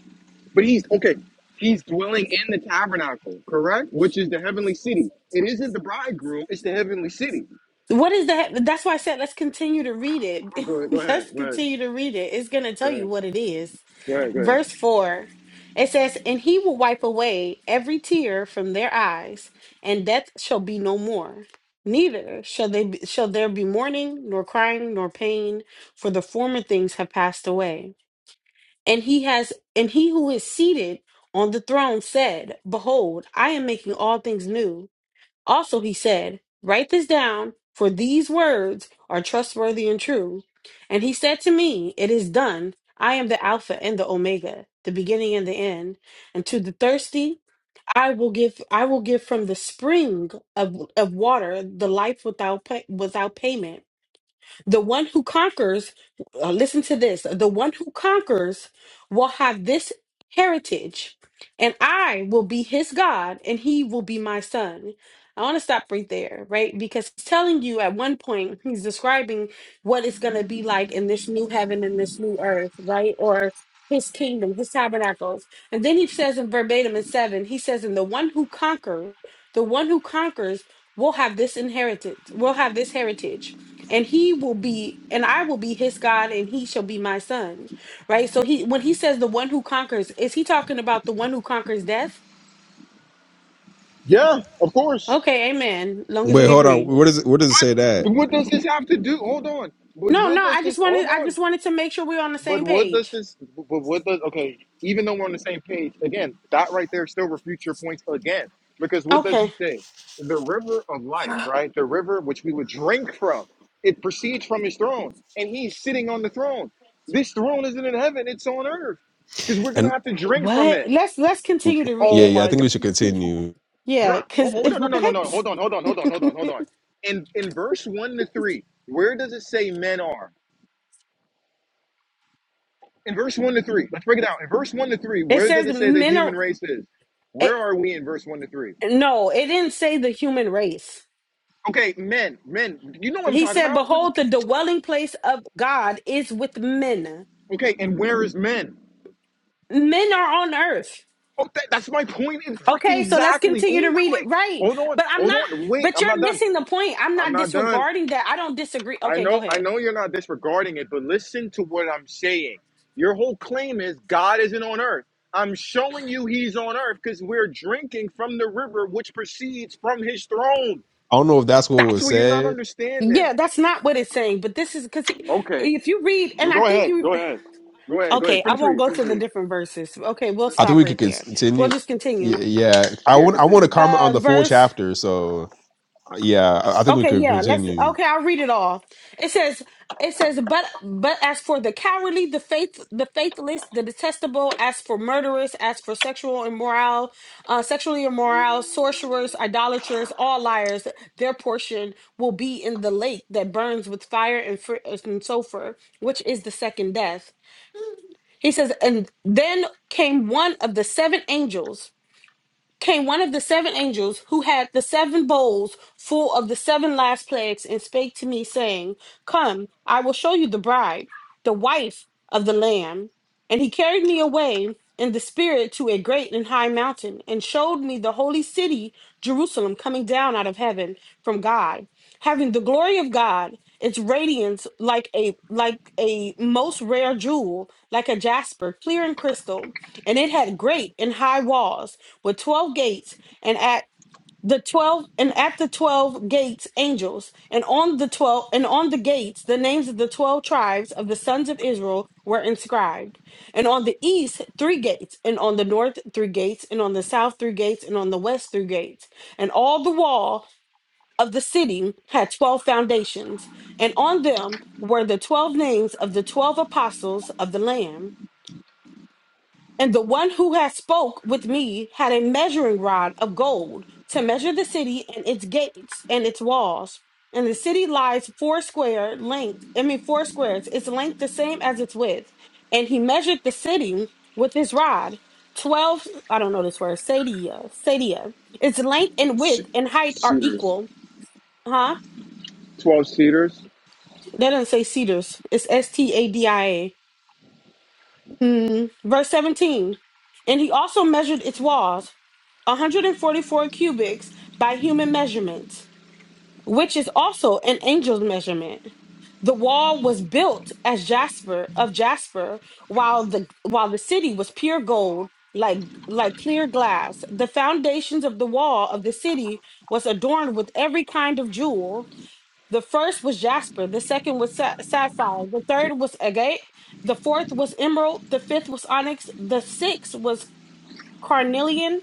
A: But he's okay. He's dwelling in the tabernacle, correct? Which is the heavenly city. It isn't the bridegroom; it's the heavenly city.
G: What is that? That's why I said let's continue to read
A: Oh,
G: it.
A: go ahead, go
G: [laughs]
A: ahead,
G: let's
A: go ahead,
G: continue to read it. It's going to
A: go
G: tell you
A: ahead,
G: what it is.
A: go ahead, go ahead.
G: Verse 4 it says, And he will wipe away every tear from their eyes, and death shall be no more. Neither shall they be, shall there be mourning, nor crying, nor pain, for the former things have passed away. And he has and he who is seated on the throne said, Behold, I am making all things new. Also, he said, Write this down, for these words are trustworthy and true. And he said to me, It is done. I am the Alpha and the Omega, the beginning and the end. And to the thirsty, I will give I will give from the spring of, of water the life without pay, without payment. The one who conquers, uh, listen to this, the one who conquers will have this heritage, and I will be his God, and he will be my son. I want to stop right there, right? Because he's telling you at one point, he's describing what it's going to be like in this new heaven and this new earth, right? Or his kingdom, his tabernacles. And then he says in verbatim in seven, he says, And the one who conquers, the one who conquers will have this inheritance, will have this heritage and he will be and i will be his god and he shall be my son right so he when he says the one who conquers is he talking about the one who conquers death
A: Yeah, of course.
G: okay amen long as
I: Wait,
G: we
I: hold on.
G: agree
I: What does it, what does it say that?
A: But what does this have to do? Hold on. But
G: no no
A: what does
G: i just
A: this?
G: wanted
A: Hold
G: i
A: on.
G: just wanted to make sure we're on the
A: But
G: same
A: what does
G: page
A: this? But what does? Okay, even though we're on the same page, again, that right there still refutes your points again. Because what does he
G: okay
A: say? The river of life,
G: [gasps]
A: right? The river which we would drink from. It proceeds from his throne, and he's sitting on the throne. This throne isn't in heaven; it's on earth. Because we're gonna
I: And
A: have to drink from
G: what
A: it.
G: let's let's continue to read
I: yeah,
A: Oh
G: it
I: yeah. I
A: my
I: think
A: God,
I: we should continue.
G: yeah
A: bruh.
G: because
A: Oh, oh
G: [laughs]
A: no no
G: what
A: no no no. Hold on hold on hold on hold on hold on. In in verse one to three, where does it say men are? in verse 1 to 3, let's break it down. In verse 1 to 3,
G: [laughs] it
A: where does
G: says
A: it say the
G: men are
A: human race is?
G: it,
A: Where are we in verse 1 to 3?
G: no it didn't say the human race
A: Okay, men, men, you know what I'm
G: he
A: talking
G: said
A: about.
G: behold the dwelling place of god is with men
A: Okay, and where is men?
G: men are on earth.
A: Oh, that, that's my point in freaking
G: Okay, so let's
A: exactly.
G: continue to
A: Oh, wait,
G: read it.
A: wait,
G: Right.
A: hold on,
G: But I'm
A: hold
G: not,
A: on, wait,
G: but
A: I'm not
G: you're
A: done.
G: missing the point. I'm
A: I'm
G: not
A: not done.
G: disregarding that. I don't disagree.
A: I
G: Okay, go
A: know, I
G: ahead.
A: know you're not disregarding it, but listen to what I'm saying. Your whole claim is God isn't on earth. I'm showing you he's on earth because we're drinking from the river which proceeds from his throne.
I: I don't know if that's what
A: That's
I: was
A: what you're not
I: said.
A: understanding.
G: Yeah, that's not what it's saying, but this is because
A: Okay,
G: if you read,
A: go
G: and I think
A: ahead.
G: you,
A: Go ahead. Go ahead. Go
G: okay,
A: ahead.
G: I
A: Finish
G: won't
A: reading.
G: go
A: Finish
G: to the
A: reading.
G: different verses. Okay, we'll
I: I think
G: stop
I: we could
G: right there. We'll
I: continue.
G: just continue.
I: Yeah, yeah. I
A: Yeah,
I: want I want to
A: continue.
I: comment on
G: Uh,
I: the full
G: verse
I: chapter. So yeah, I I think we
G: Okay,
I: could
G: yeah, let's
I: continue.
G: okay, I'll read it all. It says it says but but as for the cowardly, the faith the faithless, the detestable, as for murderers, as for sexual immoral, uh sexually immoral, sorcerers, idolaters, all liars, their portion will be in the lake that burns with fire and, fr- and sulfur, which is the second death. He says, and then came one of the seven angels came one of the seven angels who had the seven bowls full of the seven last plagues and spake to me, saying, Come, I will show you the bride, the wife of the Lamb. And he carried me away in the spirit to a great and high mountain, and showed me the holy city, Jerusalem, coming down out of heaven from God, having the glory of God, its radiance like a like a most rare jewel, like a jasper, clear and crystal, and it had great and high walls with 12 gates and at the 12 and at the 12 gates angels and on the 12 and on the gates the names of the 12 tribes of the sons of Israel were inscribed and on the east three gates and on the north three gates and on the south three gates and on the west three gates and all the wall of the city had 12 foundations and on them were the 12 names of the 12 apostles of the lamb and the one who had spoke with me had a measuring rod of gold to measure the city and its gates and its walls. And the city lies four square length, I mean four squares, its length the same as its width. And he measured the city with his rod, twelve I don't know this word, sadia, sadia. Its length and width
A: C-
G: and height are
A: cedars.
G: equal. Huh?
A: Twelve cedars.
G: That doesn't say cedars. It's S T A D I A. Mm, verse 17. And he also measured its walls, 144 cubits by human measurement, which is also an angel's measurement. The wall was built as jasper of jasper, while the while the city was pure gold, like like clear glass. The foundations of the wall of the city was adorned with every kind of jewel. The first was jasper, the second was sa- sapphire, the third was agate, the fourth was emerald, the fifth was onyx, the sixth was carnelian,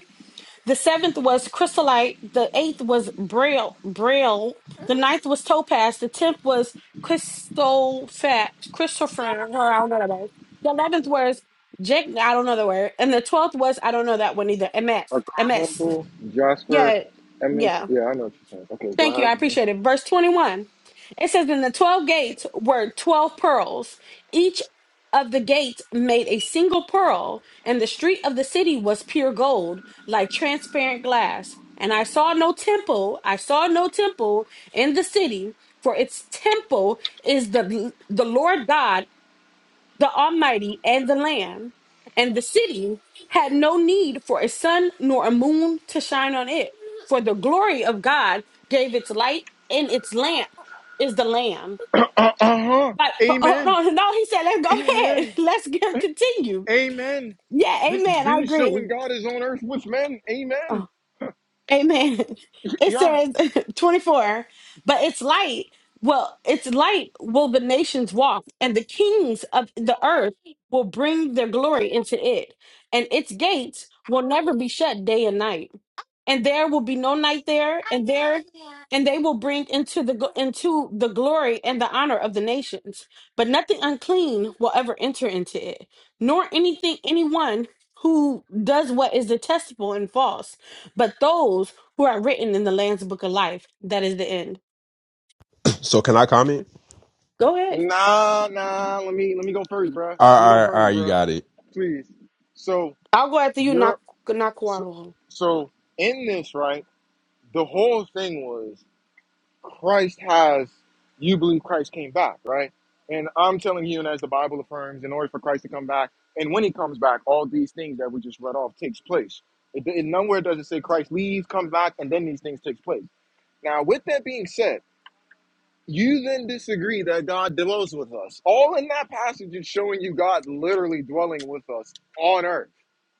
G: the seventh was chrysolite, the eighth was braille, braille, the ninth was topaz, the tenth was crystophat, Christopher, or I don't know that word. The eleventh was Jake, I don't know the word, and the twelfth was I don't know that one either. M S.
A: A
G: M S.
A: carbuncle, jasper,
G: yeah,
A: eminence.
G: yeah.
A: Yeah, I know what you're saying. Okay, go
G: Thank you.
A: ahead.
G: I
A: Mhm.
G: appreciate it. Verse 21. It says, "In the 12 gates were 12 pearls. Each of the gates made a single pearl, and the street of the city was pure gold, like transparent glass. And I saw no temple, I saw no temple in the city, for its temple is the the Lord God, the Almighty, and the Lamb. And the city had no need for a sun nor a moon to shine on it." For the glory of God gave its light, and its lamp is the Lamb.
A: [clears throat] Uh huh.
G: But oh, oh,
A: Amen.
G: no, no, he said, let's go ahead. [laughs]
A: Amen.
G: Let's get, continue.
A: Amen.
G: Yeah,
A: This
G: amen. I
A: been showing
G: agree.
A: God is on earth with men. Amen.
G: Oh, amen. [laughs] It
A: Yeah.
G: says [laughs] 24, but its light, well, its light will the nations walk, and the kings of the earth will bring their glory into it, and its gates will never be shut day and night. and there will be no night there and there and they will bring into the gl- into the glory and the honor of the nations but nothing unclean will ever enter into it nor anything anyone who does what is detestable and false but those who are written in the lamb's book of life that is the end
I: So can I comment?
G: go ahead
A: Nah, nah. Let me let me go first, bruh.
I: All right,
A: Let me
I: all
A: go
I: right, all right,
A: first,
I: you
A: bruh.
I: got it.
A: Please. So
G: i'll go after you Nak-
A: you're so,
G: Nakawalo.
A: so in this, right? the whole thing was Christ has you believe Christ came back, right? And I'm telling you, and as the Bible affirms, in order for Christ to come back, and when he comes back, all these things that we just read off takes place. It, it nowhere does it say Christ leaves, comes back, and then these things takes place. Now, with that being said, you then disagree that God dwells with us. All in that passage is showing you God literally dwelling with us on earth,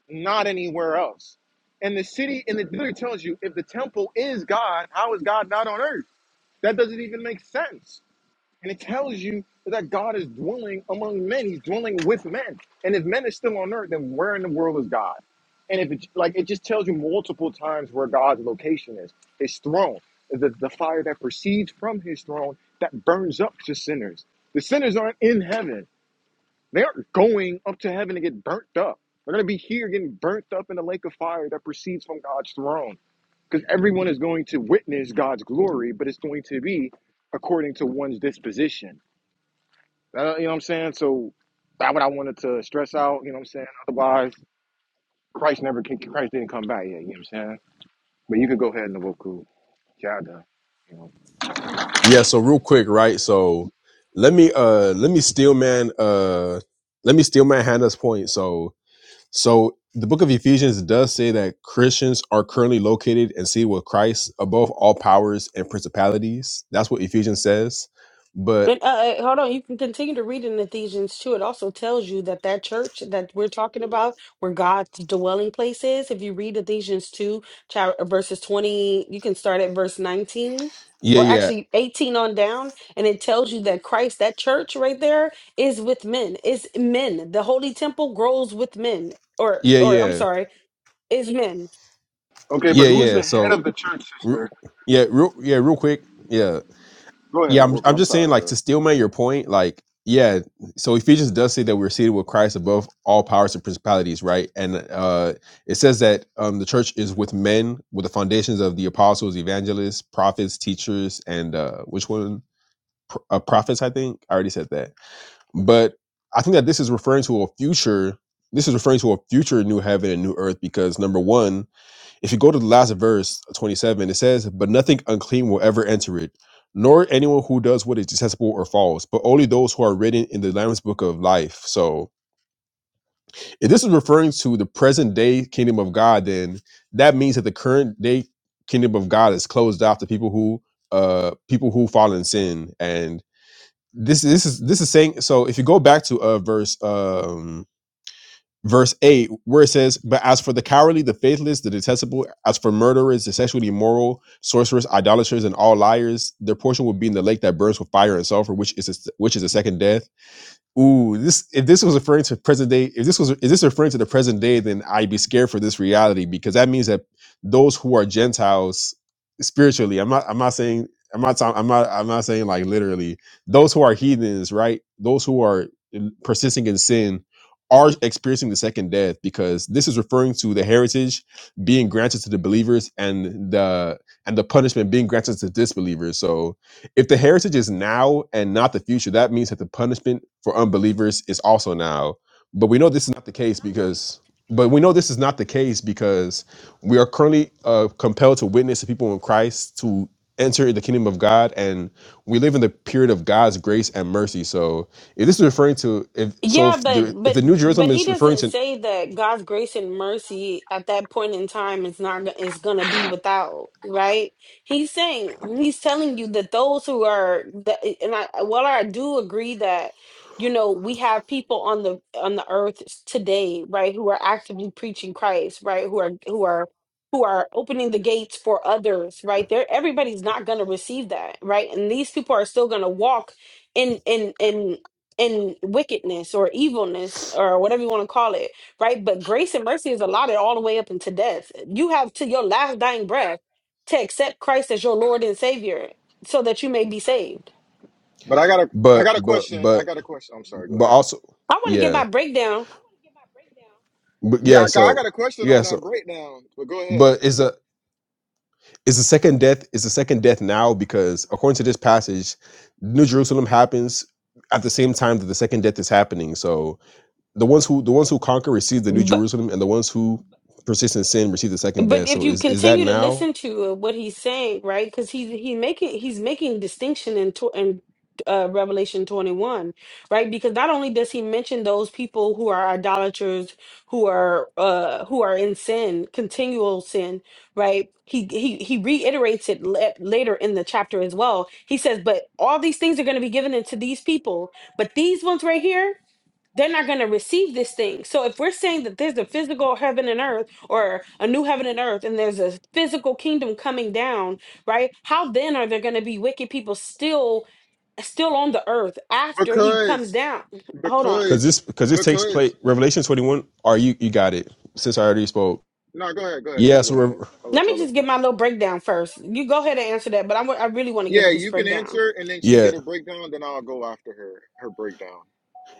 A: not anywhere else. And the city, and it literally tells you if the temple is God, how is God not on earth? That doesn't even make sense. And it tells you that God is dwelling among men. He's dwelling with men. And if men are still on earth, then where in the world is God? And if it's like it just tells you multiple times where God's location is, his throne, the, the fire that proceeds from his throne that burns up to sinners. The sinners aren't in heaven. They aren't going up to heaven to get burnt up. They're gonna be here getting burnt up in the lake of fire that proceeds from God's throne because everyone is going to witness God's glory, but it's going to be according to one's disposition. Uh, you know what I'm saying? So that's what I wanted to stress out. You know what I'm saying? Otherwise, Christ never can, Christ didn't come back yet. You know what I'm saying? But you can go ahead, Nwoku. Yeah, I done, you know.
I: Yeah. So real quick, right? So let me uh let me steal man uh let me steal man Hannah's point. So so the book of Ephesians does say that Christians are currently located and seated with Christ above all powers and principalities. That's what Ephesians says. But
G: And, uh, uh, hold on, you can continue to read in Ephesians 2. It also tells you that that church that we're talking about, where God's dwelling place is, if you read Ephesians 2, chap- verses 20, you can start at verse 19
I: yeah,
G: or
I: yeah,
G: actually 18 on down. And it tells you that Christ, that church right there, is with men, is men. The holy temple grows with men, or,
I: yeah,
G: or I'm
I: yeah.
G: sorry, is men.
A: Okay, but
I: Yeah,
A: who's
I: yeah.
A: the head
I: So
A: of the church,
I: Re-
A: sister?
I: yeah, real yeah, real quick. Yeah.
A: Go ahead,
I: Yeah, I'm
A: Nwoku.
I: I'm
A: I'm
I: just saying
A: sorry,
I: like to
A: bro.
I: still make your point, like, yeah, so Ephesians does say that we're seated with Christ above all powers and principalities, right? And uh it says that um the church is with men with the foundations of the apostles, evangelists, prophets, teachers, and uh which one? Pro- Uh, prophets, I think. I already said that. But I think that this is referring to a future this is referring to a future new heaven and new earth because number one, if you go to the last verse, 27, it says, But nothing unclean will ever enter it, nor anyone who does what is detestable or false, but only those who are written in the Lamb's book of life. So if this is referring to the present day kingdom of God, then that means that the current day kingdom of God is closed off to people who uh people who fall in sin. And this this is this is saying so if you go back to uh verse um verse 8 where it says but as for the cowardly the faithless the detestable as for murderers the sexually immoral sorcerers idolaters and all liars their portion will be in the lake that burns with fire and sulfur which is a, which is the second death Ooh, this if this was referring to present day, if this was if this referring to the present day, then I'd be scared for this reality because that means that those who are Gentiles spiritually, I'm not I'm not saying I'm not talking- I'm not I'm not saying like literally, those who are heathens, right? Those who are in- persisting in sin are experiencing the second death because this is referring to the heritage being granted to the believers and the and the punishment being granted to disbelievers. So if the heritage is now and not the future, that means that the punishment for unbelievers is also now. But we know this is not the case because, but we know this is not the case because we are currently uh, compelled to witness the people in Christ to enter the kingdom of God, and we live in the period of God's grace and mercy. So, if this is referring to, if so,
G: Yeah,
I: if
G: but
I: the if
G: but
I: the New
G: but
I: Jerusalem
G: he
I: is referring
G: doesn't
I: to,
G: say that God's grace and mercy at that point in time is not is going to be without, right? He's saying he's telling you that those who are that and I well I do agree that you know we have people on the on the earth today, right, who are actively preaching Christ, right, who are who are who are opening the gates for others, right? There everybody's not going to receive that, right? And these people are still going to walk in in in in wickedness or evilness or whatever you want to call it, right? But grace and mercy is allotted all the way up into death. You have to your last dying breath to accept Christ as your Lord and Savior so that you may be saved.
A: But I got a I
I: but
A: got a
I: but
A: question. I
I: but
A: got a question. I'm sorry. Go
I: but
A: ahead.
I: also,
G: I want to get
I: yeah,
G: my breakdown.
I: but
A: Yeah, I
I: yeah,
A: I got
I: so
A: a question on
I: yeah, so
A: that breakdown. But go ahead.
I: but is a Is the second death is the second death now because according to this passage, New Jerusalem happens at the same time that the second death is happening. So the ones who the ones who conquer receive the New
G: But
I: Jerusalem, and the ones who persist in sin receive the second
G: But
I: death.
G: if
I: So
G: you
I: is is that
G: continue to
I: now?
G: listen to uh, what he's saying, right? Because he's he making he's making distinction in tw- in uh, Revelation twenty one, right? Because not only does he mention those people who are idolaters, who are uh who are in sin, continual sin, right? He he he reiterates it la- later in the chapter as well. He says, "But all these things are going to be given into these people, but these ones right here." they're not going to receive this thing. So if we're saying that there's a physical heaven and earth or a new heaven and earth and there's a physical kingdom coming down, right? How then are there going to be wicked people still still on the earth after he comes
A: Because
G: down? Hold on.
I: Because
A: because
I: this because this takes
A: because
I: place Revelation twenty one. Are you you got it? Since I already spoke.
A: No, go ahead, go ahead. You
I: Yeah.
A: can
I: So
A: go ahead.
I: Rev-
A: I'll
G: Let
A: let you.
G: me
A: I'll let
G: just
A: you.
G: give my little breakdown first. You go ahead and answer that, but I w- I really want to
A: Yeah.
G: give this breakdown.
I: yeah.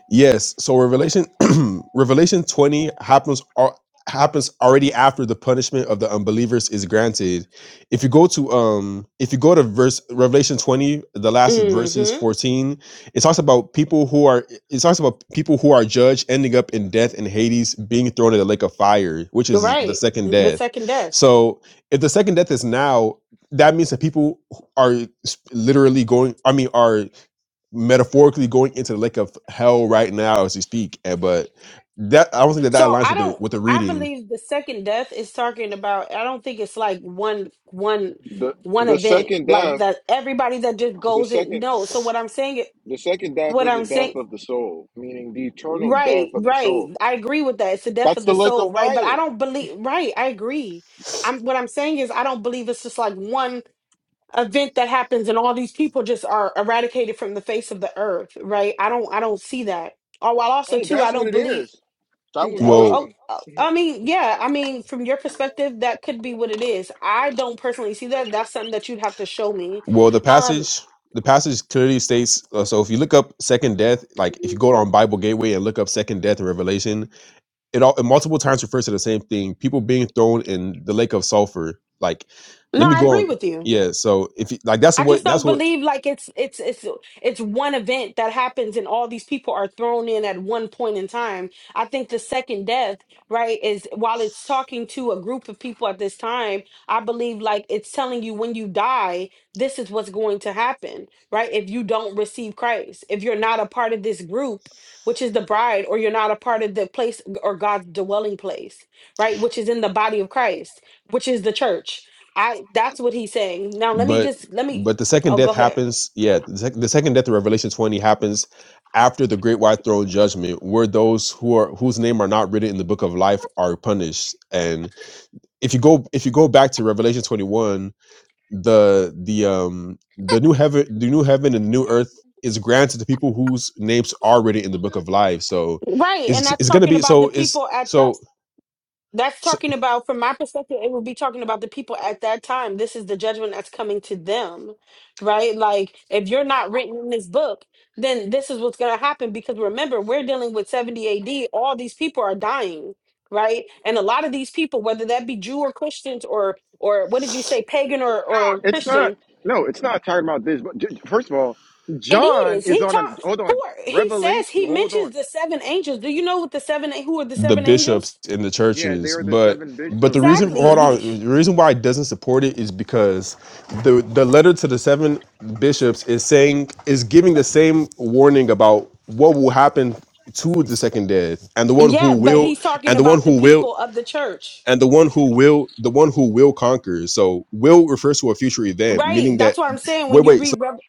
I: Yes. So Revelation [clears throat] Revelation 20 happens al- happens already after the punishment of the unbelievers is granted. If you go to um if you go to verse Revelation 20, the last
G: mm
I: verses
G: Mhm.
I: 14, it talks about people who are it talks about people who are judged ending up in death and Hades being thrown in the lake of fire, which is the
G: Right.
I: second
G: The
I: death.
G: second death.
I: So if the second death is now, that means that people are literally going I mean are metaphorically going into the lake of hell right now as we speak. eh, But that I don't think that that
G: So
I: aligns
G: I
I: with the
G: don't.
I: with the
G: I
I: reading.
G: believe the second death is talking about. I don't think it's like one one
A: The
G: one
A: the
G: event
A: second
G: like
A: death,
G: that. Everybody that just
A: the
G: goes in.
A: second
G: No. So what I'm saying.
A: the second death
G: What
A: is the
G: I'm
A: death
G: saying.
A: of the soul, meaning the eternal
G: Right.
A: death of the
G: Right.
A: soul.
G: I agree with that. It's the death
A: That's
G: of
A: the
G: the
A: lake of
G: soul. Right. But I
A: fire.
G: don't believe. Right. I agree. I'm. What I'm saying is I don't believe it's just like one event that happens and all these people just are eradicated from the face of the earth. Right. I don't. I don't see that. Or while also
A: Oh,
G: too, I
A: that's what
G: don't
A: it
G: believe.
A: is. That was gonna
G: Oh, oh,
I: Well,
A: happen.
G: oh,
A: [laughs]
G: I mean, yeah. I mean, from your perspective, that could be what it is. I don't personally see that. That's something that you'd have to show me.
I: well, the
G: Um,
I: passage the passage clearly states. Uh, so if you look up second death, like if you go on Bible Gateway and look up second death in Revelation, it all it multiple times refers to the same thing: people being thrown in the lake of sulfur. Like,
G: no,
I: let me
G: I
I: go
G: agree
I: on.
G: with you.
I: Yeah, so if you, like that's
G: I just
I: what
G: don't
I: that's what
G: believe like it's it's it's it's one event that happens and all these people are thrown in at one point in time. I think the second death, right, is while it's talking to a group of people at this time, I believe like it's telling you when you die, this is what's going to happen, right? If you don't receive Christ, if you're not a part of this group, which is the bride, or you're not a part of the place or God's dwelling place, right, which is in the body of Christ, which is the church. I that's what he's saying. Now let me
I: but
G: just let me
I: but the second
G: Oh, go
I: death
G: ahead.
I: happens yeah the, sec- the second death of revelation 20 happens after the great white throne judgment where those who are whose name are not written in the book of life are punished and if you go if you go back to revelation 21 the the um the new heaven the new heaven and the new earth is granted to people whose names are written in the book of life so
G: Right, and
I: it's
G: that's
I: it's going to
G: talking
I: be
G: about the
I: so it's
G: people at that.
I: so
G: That's
I: so
G: talking about, from my perspective, it would be talking about the people at that time. This is the judgment that's coming to them, right? Like, if you're not written in this book, then this is what's going to happen. Because remember, we're dealing with 70 AD. All these people are dying, right? And a lot of these people, whether that be Jew or Christians or or what did you say, pagan or or
A: It's not.
G: Christian,
A: No, it's not talking about this. But j- j- first of all,
G: it
A: John
G: is.
A: is
G: He
A: on a
G: talked.
A: hold on.
G: He says
A: Revelation.
G: he
A: Hold on.
G: mentions the seven angels. Do you know what the seven? Who are the
I: the
G: seven
I: bishops
G: angels?
I: in the
A: Yeah, they
I: churches
A: are the
I: but
A: seven
I: but the
A: bishops at the
I: reason
G: Exactly.
I: hold
G: He,
A: churches.
I: on the reason why it doesn't support it is because the the letter to the seven bishops is saying is giving the same warning about what will happen to the second death and the one
G: yeah,
I: who
G: but
I: will
G: he's talking
I: and the one
G: about the
I: who will
G: people of the church.
I: and the one who will the one who will conquer so will refers to a future event
G: Right.
I: meaning
G: That's
I: that
G: what I'm saying. When
I: wait
G: you
I: wait so
G: read, Rev-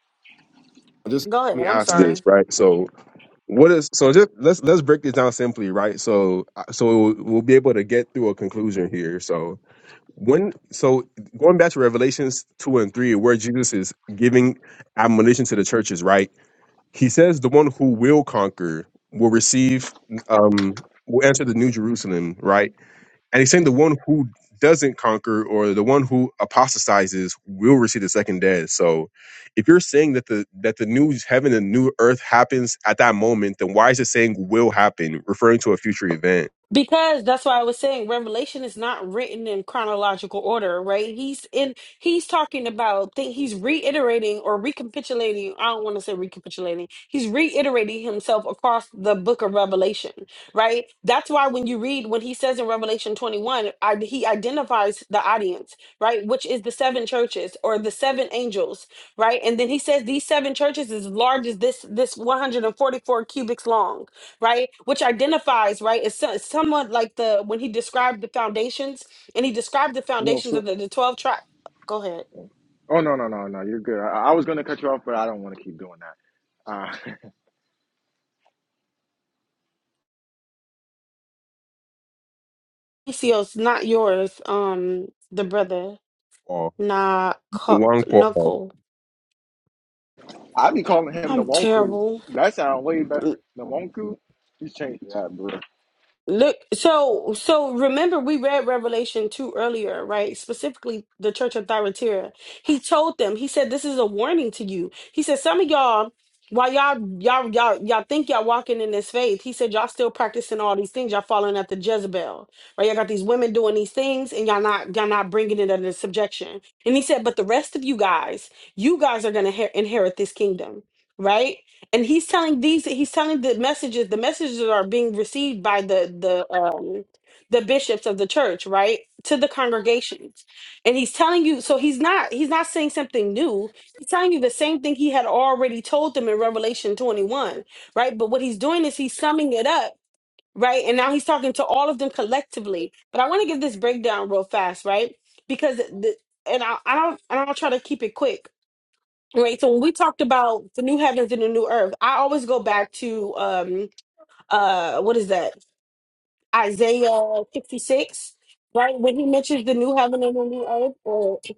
I: just
G: go
I: let
G: ahead.
I: me
G: I'm
I: ask
G: sorry.
I: this right so what is so? Just let's let's break this down simply, right? So uh, so we'll, we'll be able to get through a conclusion here. So when so going back to Revelations two and three, where Jesus is giving admonition to the churches, right? He says the one who will conquer will receive, um, will enter the New Jerusalem, right? And he's saying the one who doesn't conquer or the one who apostatizes will receive the second death. So if you're saying that the that the new heaven and new earth happens at that moment, then why is it saying will happen, referring to a future event?
G: Because that's why I was saying Revelation is not written in chronological order, right? He's in he's talking about thing he's reiterating or recapitulating. I don't want to say recapitulating. He's reiterating himself across the book of Revelation, right? That's why when you read when he says in Revelation 21, I, he identifies the audience, right? Which is the seven churches or the seven angels, right? And then he says these seven churches is large as this this 144 cubics long right which identifies right it's so- it's somewhat like the when he described the foundations and he described the
A: No,
G: foundations of
A: so
G: the, the 12 tribes go ahead
A: oh no no no no, you're good. I, I was gonna cut you off, but I don't want to keep doing that. Uh, [laughs]
G: Theos, not yours um the brother
I: Or
G: nah
I: one call.
G: knuckle
A: I be calling him the
G: i'm
A: Wonku.
G: terrible
A: That sound way better. The Wonku. He's changed that, bro.
G: Look, so so remember we read Revelation 2 earlier, right? Specifically the church of Thyatira. He told them, he said, This is a warning to you. He said, Some of y'all, while y'all y'all y'all y'all think y'all walking in this faith, he said, Y'all still practicing all these things, y'all following after Jezebel. Right? Y'all got these women doing these things and y'all not y'all not bringing it under subjection. And he said, But the rest of you guys, you guys are gonna he- inherit this kingdom. Right? and he's telling these he's telling the messages the messages are being received by the the um the bishops of the church right to the congregations and he's telling you so he's not he's not saying something new he's telling you the same thing he had already told them in revelation 21 right but what he's doing is he's summing it up right and now he's talking to all of them collectively but i want to give this breakdown real fast right because the and I, I don't and I'll try to keep it quick Right. So when we talked about the new heavens and the new earth, I always go back to um uh what is that? Isaiah 56, right? When he mentions the new heaven and the new earth,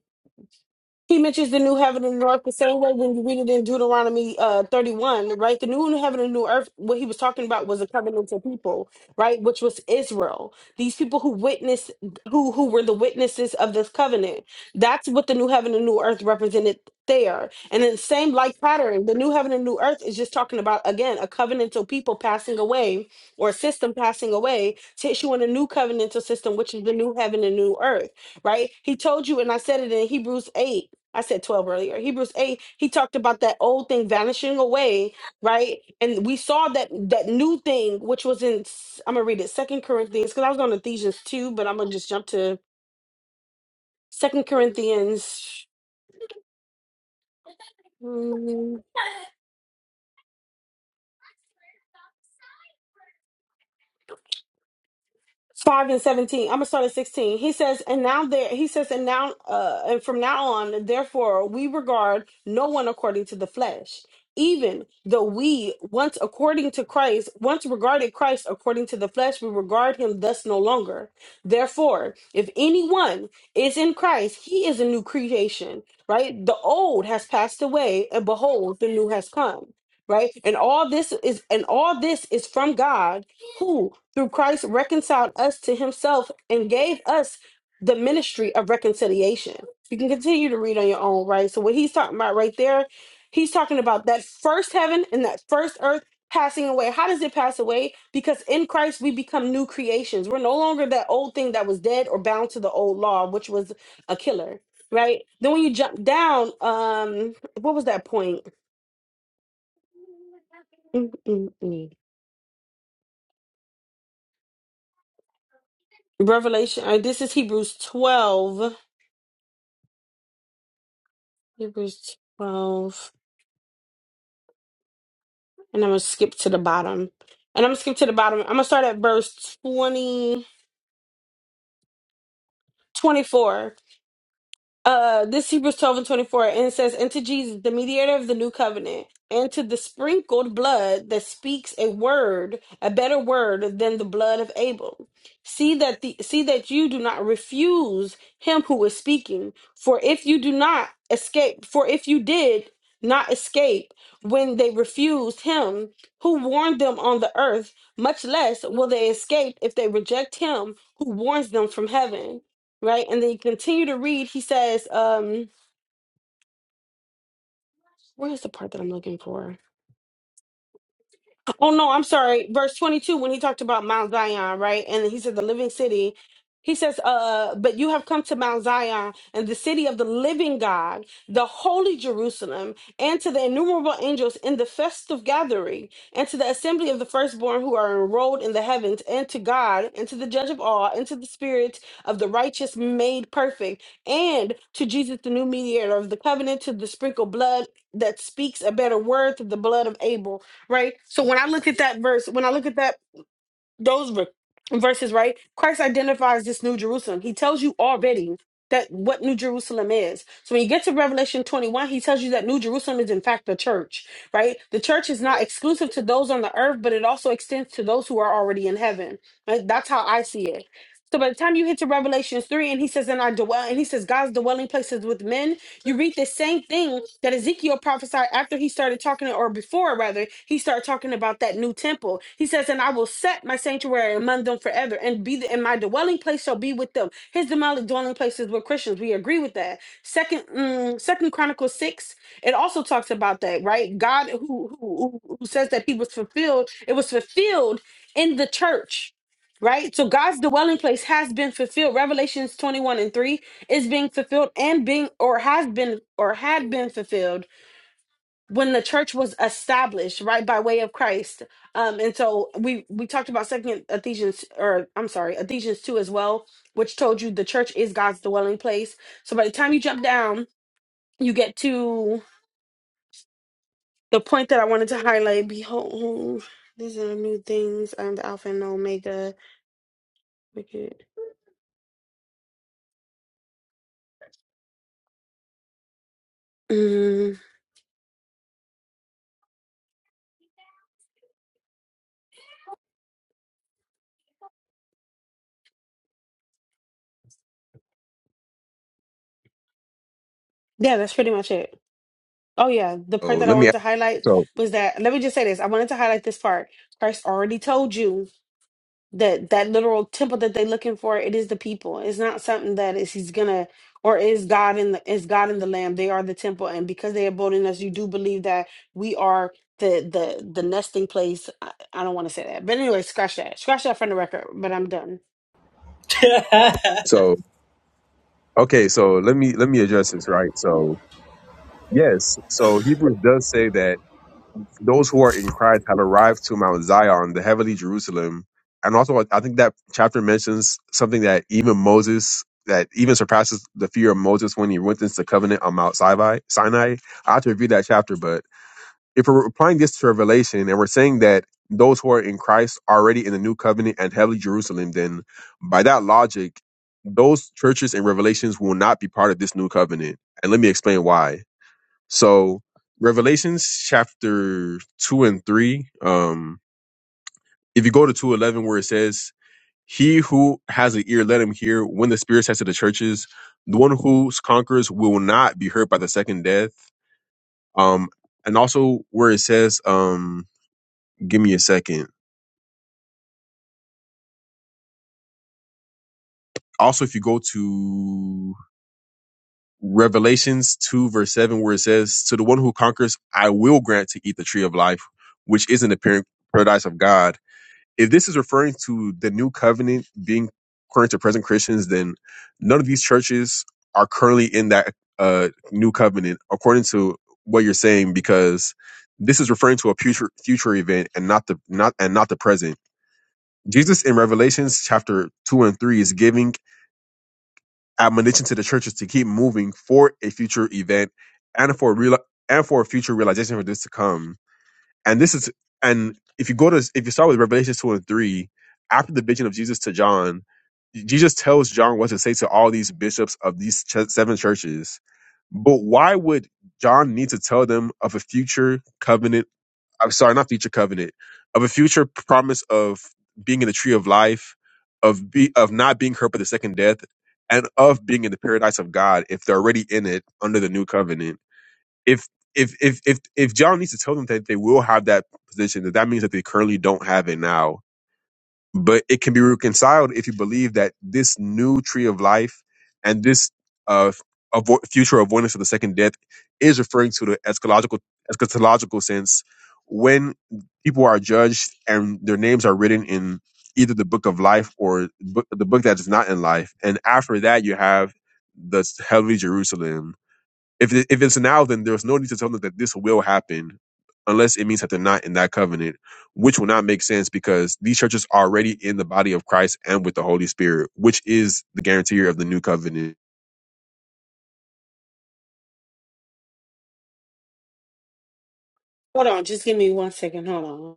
G: he mentions the new heaven and new earth the same way when you read it in Deuteronomy uh, 31, right? The new heaven and new earth, what he was talking about was a covenantal people, right? Which was Israel. These people who witnessed, who, who were the witnesses of this covenant. That's what the new heaven and new earth represented there. And in the same like pattern, the new heaven and new earth is just talking about, again, a covenantal people passing away or a system passing away to issue in a new covenantal system, which is the new heaven and new earth right? He told you, and I said it in Hebrews 8 I said 12 earlier. Hebrews 8, he talked about that old thing vanishing away, right? And we saw that that new thing, which was in I'm gonna read it, Second Corinthians, because I was on Ephesians 2, but I'm gonna just jump to Second Corinthians. hmm, 5 and 17 i'm gonna start at 16 he says and now there he says and now uh and from now on therefore we regard no one according to the flesh even though we once according to christ once regarded christ according to the flesh we regard him thus no longer therefore if anyone is in christ he is a new creation right the old has passed away and behold the new has come right and all this is and all this is from god through Christ reconciled us to himself and gave us the ministry of reconciliation. You can continue to read on your own, right? So, what he's talking about right there, he's talking about that first heaven and that first earth passing away. How does it pass away? Because in Christ, we become new creations. We're no longer that old thing that was dead or bound to the old law, which was a killer. Right then, when you jump down, um, what was that point? Mm, mm, mm. Revelation. uh, this is Hebrews twelve. Hebrews 12. And I'm going to skip to the bottom. And I'm going to skip to the bottom. I'm going to start at verse 20, 24. Uh, this Hebrews 12 and 24, and it says, And to Jesus, the mediator of the new covenant, and to the sprinkled blood that speaks a word, a better word than the blood of Abel. See that the see that you do not refuse him who is speaking, for if you do not escape, for if you did not escape when they refused him who warned them on the earth, much less will they escape if they reject him who warns them from heaven right? And then you continue to read. He says, um, where's the part that I'm looking for? Oh no, I'm sorry. Verse 22 when he talked about Mount Zion, right? And he said the living city. He says, "Uh, but you have come to Mount Zion and the city of the living God, the holy Jerusalem, and to the innumerable angels in the festive gathering, and to the assembly of the firstborn who are enrolled in the heavens, and to God, and to the judge of all, and to the spirit of the righteous made perfect, and to Jesus the new mediator of the covenant, to the sprinkled blood that speaks a better word to the blood of Abel." right? So when I look at that verse, when I look at that those ver- verses, right? Christ identifies this new Jerusalem. He tells you already that what New Jerusalem is. So when you get to Revelation 21, he tells you that New Jerusalem is in fact the church, right? The church is not exclusive to those on the earth, but it also extends to those who are already in heaven. Right? That's how I see it. So by the time you hit to Revelations 3 and he says, and I dwell, and he says, God's dwelling place is with men, you read the same thing that Ezekiel prophesied after he started talking, or before rather, he started talking about that new temple. He says, And I will set my sanctuary among them forever, and be the, and my dwelling place shall be with them. His demonic dwelling places were Christians. We agree with that. Second mm, Second Chronicles 6, it also talks about that, right? God who who who says that he was fulfilled, it was fulfilled in the church right? So God's dwelling place has been fulfilled. Revelations 21 and 3 is being fulfilled and being or has been or had been fulfilled when the church was established right by way of christ um and so we we talked about second ephesians or i'm sorry ephesians 2 as well which told you the church is god's dwelling place so by the time you jump down you get to the point that i wanted to highlight behold these are the new things i'm the alpha and omega Make Mm, yeah that's pretty much it Oh, yeah. The
I: So
G: part that I
I: let me
G: wanted to highlight
I: so
G: was that, let me just say this. I wanted to highlight this part. Christ already told you that that literal temple that they're looking for, it is the people. It's not something that is he's gonna or is God in the is God in the Lamb. They are the temple. And because they abode in us, you do believe that we are the the the nesting place. I, I don't want to say that. But anyway, scratch that. Scratch that from the record, but I'm done.
I: so okay, so let me let me address this, right? So yes, so Hebrews does say that those who are in Christ have arrived to Mount Zion, the heavenly Jerusalem. And also, I think that chapter mentions something that even Moses, that even surpasses the fear of Moses when he went into the covenant on Mount Sinai. Sinai. I have to review that chapter, but if we're applying this to Revelation and we're saying that those who are in Christ are already in the new covenant and heavenly Jerusalem, then by that logic, those churches and revelations will not be part of this new covenant. And let me explain why so Revelations chapter two and three, um, if you go to two eleven where it says, He who has an ear, let him hear when the Spirit says to the churches, the one who conquers will not be hurt by the second death. Um, and also where it says, um, give me a second. Also, if you go to Revelations 2, verse 7, where it says, To the one who conquers, I will grant to eat the tree of life, which is in the par- paradise of God if this is referring to the new covenant being current to present Christians, then none of these churches are currently in that uh, new covenant, according to what you're saying, because this is referring to a future future event and not the not and not the present. Jesus in Revelations chapter two and three is giving admonition to the churches to keep moving for a future event and for real and for a future realization for this to come and this is and if you go to if you start with revelation 2 and 3 after the vision of jesus to john jesus tells john what to say to all these bishops of these ch- seven churches but why would john need to tell them of a future covenant i'm sorry not future covenant of a future promise of being in the tree of life of be of not being hurt by the second death and of being in the paradise of god if they're already in it under the new covenant if if if if if John needs to tell them that they will have that position, that that means that they currently don't have it now. But it can be reconciled if you believe that this new tree of life and this uh avo- future avoidance of the second death is referring to the eschatological eschatological sense when people are judged and their names are written in either the book of life or book, the book that is not in life. And after that, you have the heavenly Jerusalem if it, if it's now, then there's no need to tell them that this will happen, unless it means that they're not in that covenant, which will not make sense because these churches are already in the body of Christ and with the Holy Spirit, which is the guarantor of the new covenant.
G: Hold on, just give me one second. Hold on.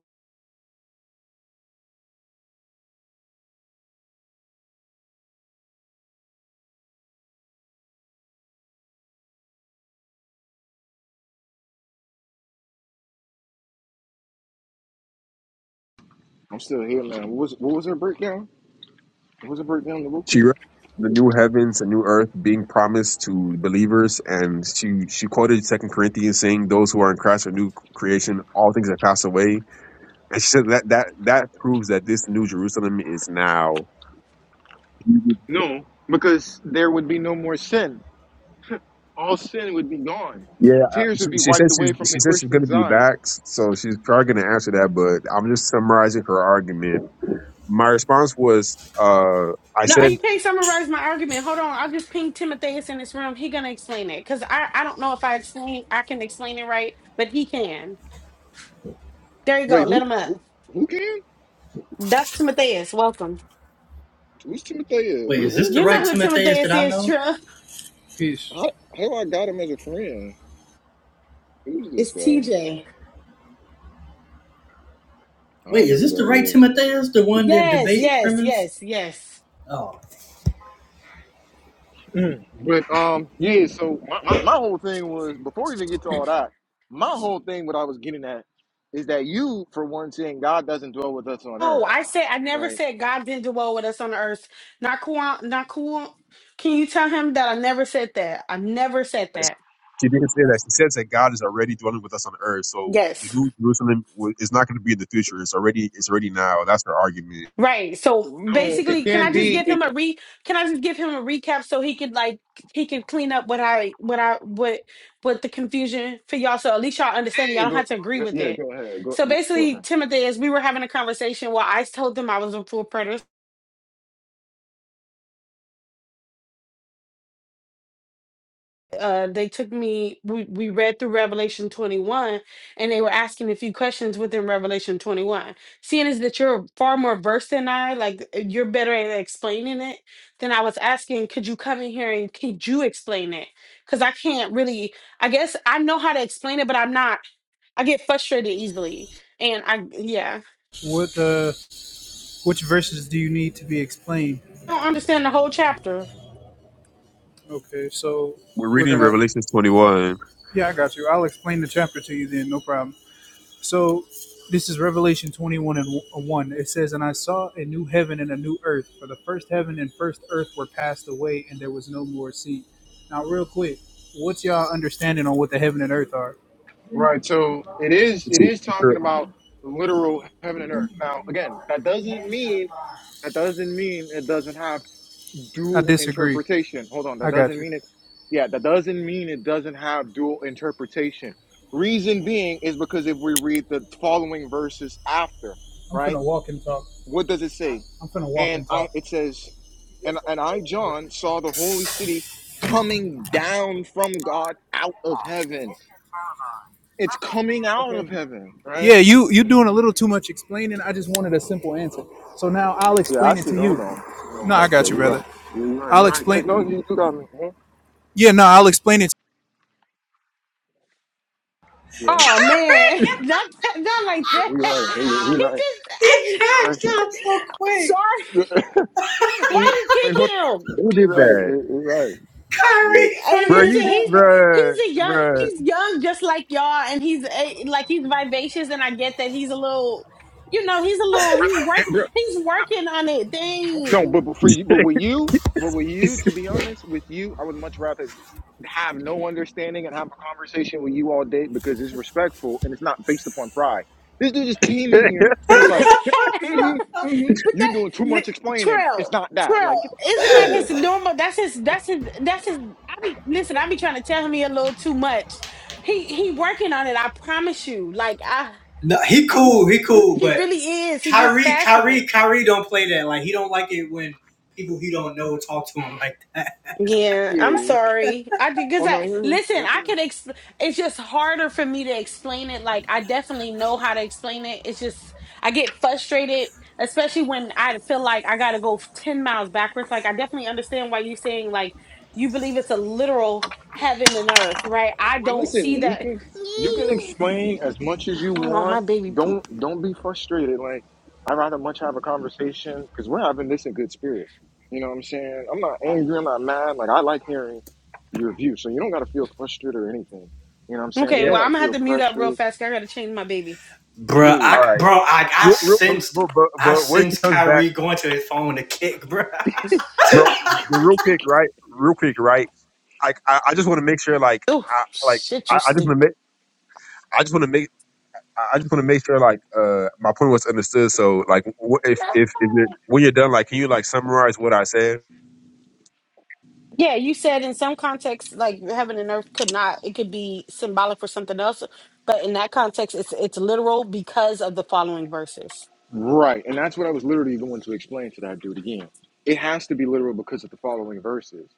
A: I'm still here, man. What was what was her breakdown? What was her breakdown? The
I: She
A: Wonku?
I: read the new heavens and new earth being promised to believers, and she she quoted Second Corinthians saying, "Those who are in Christ are new creation; all things have passed away." And she said that that that proves that this new Jerusalem is now.
A: No, because there would be no more sin. All sin would be gone.
I: Yeah, I-
A: Tears
I: she,
A: would be
I: she said
A: wiped
I: she's
A: away from the
I: she said she's going to
A: Christian's
I: be
A: eyes.
I: back, so she's probably going to answer that. But I'm just summarizing her argument. My response was, uh, I
G: No, you
I: said
G: can't summarize my argument. Hold on. I will just ping Timotheus in this room. He gonna explain it. Cause I, I don't know if I explain I can explain it right, but he can. There you go.
A: Wait,
G: Let
A: who
G: him up.
A: who who can?
G: That's Timotheus. Welcome.
A: Who's Timothy is?
B: Wait,
I: she
A: Who
B: is this the
G: You
B: right
A: who is
G: know
A: this?
G: who
B: Timotheus that
G: Timotheus
B: I
G: is,
B: know?
G: Trump.
J: Peace.
A: How how do I got him as a friend? Who's this
G: It's
A: guy?
G: TJ.
A: I
B: Wait,
A: don't know
B: is
A: who
B: this the
A: that
B: right
A: is.
B: Timotheus? The one that
G: Yes,
B: debate
G: yes,
B: premise?
G: yes, yes.
B: Oh,
A: But um, yeah. So my, my, my whole thing was before we even get to all that, my whole thing, what I was getting at, is that you, for one, saying God doesn't dwell with us on earth,
G: Oh, I said I never
A: right?
G: said God didn't dwell with us on the earth. Not cool, not cool. Can you tell him that I never said that? I never said that.
I: didn't say that. She says that God is already dwelling with us on earth, so the
G: Yes.
I: new Jerusalem wa- is not going to be in the future. It's already it's already now. That's her argument.
G: Right. So
A: No, it
G: basically, can
A: can
G: I just
A: be.
G: give him
A: It
G: a
A: can,
G: re? Can I just give him a recap so he could like he could clean up what I what I what what the confusion for y'all. So at least y'all understand. it. Y'all
A: yeah,
G: don't
A: go,
G: have to agree
A: go-
G: with
A: yeah,
G: it.
A: go ahead,
G: So
A: go, go
G: basically,
A: ahead.
G: Timothy, as we were having a conversation, well, I told them I was a full preterist. uh they took me we, we read through revelation 21 and they were asking a few questions within revelation 21 seeing as that you're far more versed than i like uh, you're better at explaining it than i was asking could you come in here and could you explain it because i can't really i guess i know how to explain it but i'm not i get frustrated easily and i yeah
J: What uh which verses do you need to be explained?
G: i don't understand the whole chapter
J: Okay, so
I: We're
J: we're
I: reading
J: gonna
I: Revelation 21.
J: yeah, I got you. I'll explain the chapter to you then, no problem. So this is Revelation twenty one and one. It says, And I saw a new heaven and a new earth, for the first heaven and first earth were passed away, and there was no more sea. Now real quick, what's y'all understanding on what the heaven and earth are?
A: Right. So it is. It is talking about literal heaven and earth. Now, again, that doesn't mean that doesn't mean it doesn't happen.
J: I
A: dual
J: disagree.
A: interpretation. Hold on, that
J: I got
A: doesn't
J: you.
A: mean it. Yeah, that doesn't mean it doesn't have dual interpretation. Reason being is because if we read the following verses after,
J: I'm
A: right?
J: finna walk and talk.
A: What does it say?
J: I'm finna walk
A: And
J: and
A: I
J: talk.
A: it says, and and I John saw the holy city coming down from God out of heaven. It's coming out
J: Okay.
A: of heaven, right?
J: Yeah, you you doing a little too much explaining. I just wanted a simple answer. So now I'll
A: Yeah, I
J: explain it
A: see.
J: to
A: Hold
J: you.
A: on. You know
J: No, I
A: what? Yeah,
J: got you,
A: you're
J: brother.
A: right. Yeah, you're right.
J: I'll
A: You're right. Yeah,
J: explain.
A: no, you, you got me. Mhm.
J: Yeah, no, I'll explain it
A: You're right.
G: Oh man, [laughs] not that, not like
A: Yeah,
G: that.
A: you're
G: [laughs]
A: right. You're right.
G: He
A: You're right.
G: just, I'm, [laughs]
A: You're
B: it's not so
G: I'm
B: quick.
G: sorry.
A: right.
G: Why you
I: Wait,
G: kick
I: who,
G: him?
I: who
A: You're
I: did
A: right.
I: that,
A: You're you're right. Mm.
G: He,
B: Kyrie,
G: hey,
B: funny
I: bro?
B: as
G: listen,
I: You,
B: that.
G: he's
I: bro,
G: he's a young,
I: bro.
G: he's young just like y'all, and he's eh, like he's vivacious, and I get that he's a little, you know, he's a little, he's
A: And
G: working,
A: bro,
G: he's working on it.
A: No, but,
G: Dang,
A: but for you, but with you, but with
I: [laughs]
A: you, to be honest, with you, I would much rather have no understanding and have a conversation with you all day because it's respectful and it's not based upon pride. This dude just came in here. It
G: [laughs]
A: was like,
G: but
A: mm-hmm, mm-hmm. You're
G: that
A: doing too
G: li-
A: much explaining.
G: Trill,
A: It's not that.
G: Trill,
A: Like, get the fuck
G: isn't
A: out of
G: that
A: here,
G: his
A: bro.
G: normal? That's his, that's his, that's his. I be listen, I be trying to tell him he a little too much. He he working on it. I promise you. Like I,
B: No, he
A: Oh
B: cool. He
A: yeah,
B: cool,
G: he
A: [laughs]
B: but
G: really is. He just
B: Kyrie,
G: passionate.
B: Kyrie, Kyrie don't play that. Like he don't like it when people he don't know talk to him like that.
G: Yeah,
A: yeah.
G: I'm sorry. I
A: Oh
G: because I
A: no, you're
G: listen,
A: you're
G: I
A: good.
G: could exp- it's just harder for me to explain it. Like I definitely know how to explain it. It's just I get frustrated, especially when I feel like I gotta go 10 miles backwards. Like I definitely understand why you're saying like you believe it's a literal heaven and earth, right? I don't
A: Listen,
G: see
A: you
G: that.
A: can you can explain as much as you
G: Hold on, my
A: want.
G: baby poop.
A: Don't don't be frustrated. Like I'd rather much have a conversation because we're having this in good spirit. You know what I'm saying? I'm not angry. I'm not mad. Like I like hearing your view, so you don't got to feel frustrated or anything. You know what I'm saying?
G: Okay,
A: You
I: yeah.
G: well
A: don't got
G: I'm
A: to
G: gonna have
A: feel
G: to mute up real
A: pressure.
G: fast 'cause I gotta change my baby.
A: Yeah,
B: Bruh,
A: yeah,
I: All
A: yeah.
B: I,
I: right.
B: bro, I, I
I: real, real, but,
B: sensed,
I: but, but,
B: I
I: but when she
B: sensed
I: comes back,
B: Kyrie going to his phone to kick, bruh.
I: bro, the real quick, right? Real quick, right? Like, I, I just want to make sure, like,
G: Oh
I: I, like,
G: shit,
I: I,
G: you
I: I just want to
G: stink.
I: make, I just want to make, I I just want to make sure, like, uh, my point was understood. So, like, wh- if, if, if it, when you're done, like, can you like summarize what I said?
G: Yeah, you said in some contexts, like heaven and earth could not, it could be symbolic for something else, but in that context, it's it's literal because of the following verses.
A: right. And that's what I was literally going to explain to that dude again. It has to be literal because of the following verses.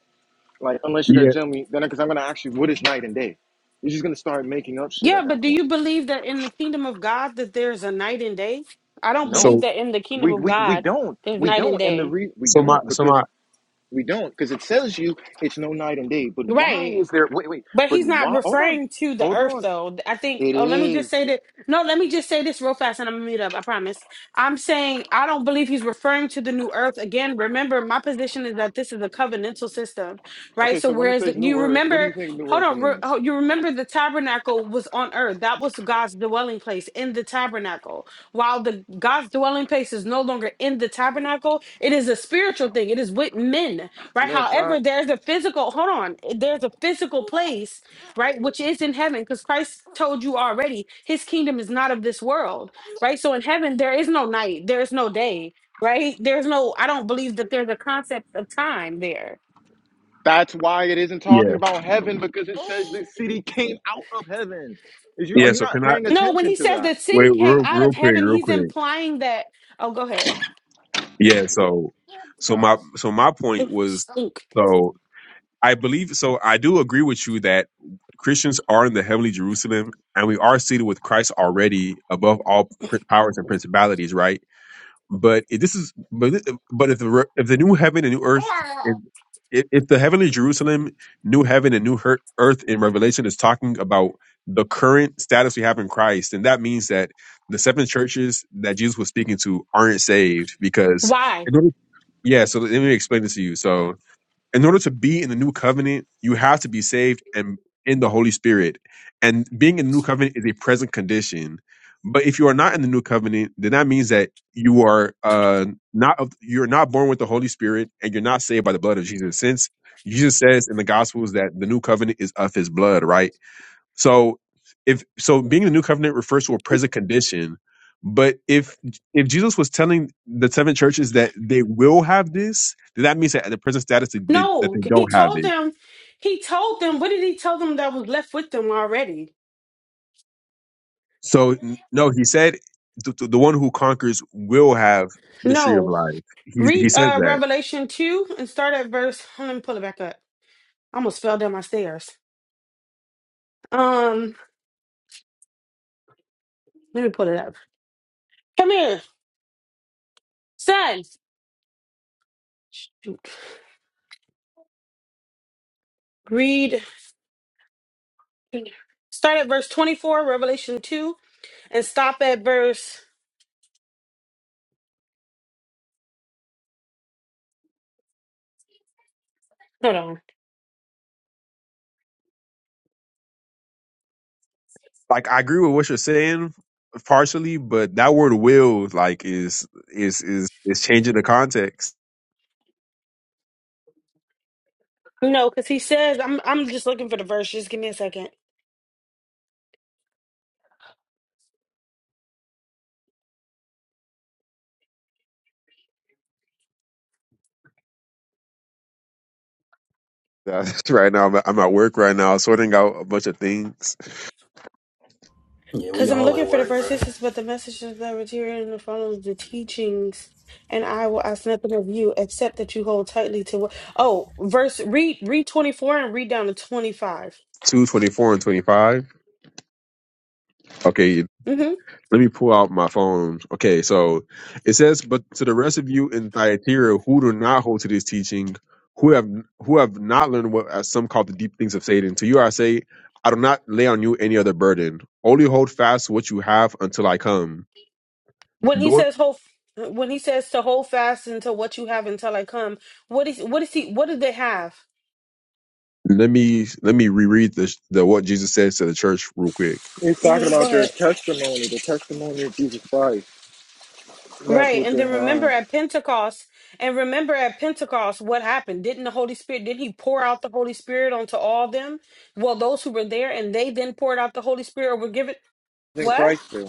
A: Like unless you're gonna
I: Yeah.
A: tell me, then because I'm gonna ask you what is night and day. You're just gonna start making up shit
G: Yeah,
A: at
G: but
A: that
G: do
A: point.
G: you believe that in the kingdom of God that there's a night and day? I don't believe
I: So,
A: No,
G: that in the kingdom
A: we
G: of
A: we we
G: God
A: don't.
G: there's
A: We
G: night and
A: don't, and the
G: day.
A: re we
I: so my,
A: don't
I: so
A: because
I: my,
A: we don't because it tells you it's no night and day. But why
G: Right.
A: is there? Wait, wait.
G: But
A: But
G: he's not
A: why? Hold on,
G: referring to the
A: hold
G: earth,
A: on.
G: though. I think,
A: It
G: oh, let me just
A: is
G: say that. No, let me just say this real fast and I'm going to mute up. I promise. I'm saying I don't believe he's referring to the new earth. Again, remember, my position is that this is a covenantal system, right?
A: okay.
G: So,
A: So when it
G: whereas
A: says
G: the,
A: new
G: you
A: earth, what do you
G: remember,
A: think new
G: hold
A: earth
G: on, re-
A: means?
G: oh, you remember the tabernacle was on earth. That was God's dwelling place in the tabernacle. While the God's dwelling place is no longer in the tabernacle, it is a spiritual thing, it is with men right?
A: No, it's not.
G: However, there's a physical, hold on, eh, there's a physical place, right, which is in heaven, because Christ told you already his kingdom is not of this world, right? So in heaven, there is no night, there is no day, right? There's no, I don't believe that there's a concept of time there.
A: That's why it isn't
I: yeah,
A: talking about heaven because it says this city came out of heaven. Is you are
I: yeah.
A: you
I: So
A: not
I: can I
A: paying
G: No, when
A: attention
G: he
A: to
G: says
A: that?
G: the
I: wait
G: city came
I: real,
G: out
I: real
G: of
I: quick,
G: heaven,
I: real
G: he's
I: quick?
G: implying that, oh, go ahead.
I: Yeah. So, so my, so my point
G: Ugh,
I: was,
G: Stink.
I: so. I believe so. I do agree with you that Christians are in the heavenly Jerusalem, and we are seated with Christ already above all pr- powers and principalities, right? But if this is, but thi- but if the re- if the new heaven and new earth, if, if if the heavenly Jerusalem, new heaven and new her- earth in Revelation is talking about the current status we have in Christ, then that means that the seven churches that Jesus was speaking to aren't saved because
G: Why?
I: in order, yeah. So let me explain this to you. So in order to be in the new covenant, you have to be saved and in the Holy Spirit. And being in the new covenant is a present condition. But if you are not in the new covenant, then that means that you are uh, not of, you're not born with the Holy Spirit and you're not saved by the blood of Jesus. Since Jesus says in the Gospels that the new covenant is of His blood, right? So if so being in the new covenant refers to a present condition, but if if Jesus was telling the seven churches that they will have this, then that means that at the present status that they, that
G: No,
I: they
G: he
I: don't have
G: told
I: it.
G: them, he told them, what did he tell them that was left with them already?
I: So n- no, he said the, the the one who conquers will have the tree of
G: No,
I: life. He he
G: Read
I: says
G: uh
I: that.
G: Revelation 2 and start at verse. Let me pull it back up. I almost fell down my stairs. Um, let me pull it up. Come here, son. Shoot. Read start at verse 24, Revelation 2, and stop at verse. Hold on.
I: Like I agree with what you're saying partially, but that word will like is is is is changing the context.
G: No, because he says I'm I'm just looking for the verse. Just give me a second.
I: [laughs] right now I'm at, I'm at work right now sorting out a bunch of things
B: Yeah, we
G: Because I'm
B: all
G: looking
B: at
G: for the
B: work,
G: verse.
B: bruh.
G: This is but the messages that were here and the following the teachings, and I will ask nothing of you except that you hold tightly to what. Oh, verse read read 24 and read down to 25.
I: two twenty four and 25. Okay,
G: hmm
I: let me pull out my phone. Okay, so it says, But to the rest of you in Thyatira who do not hold to this teaching, who have who have not learned what as some call the deep things of Satan, to you I say, I do not lay on you any other burden. Only hold fast what you have until I come.
G: When he
I: Don't
G: says hold, when he says to hold fast until what you have until I come. What is what is he? What did they have?
I: let me let me reread the the what Jesus says to the church real quick.
G: hmm Go ahead. Right. And then remember
A: Uh,
G: at Pentecost, and remember at Pentecost, what happened? Didn't the Holy Spirit, didn't he pour out the Holy Spirit onto all them? Well, those who were there and they then poured out the Holy Spirit or were given
A: in
G: what?
A: Christ, do.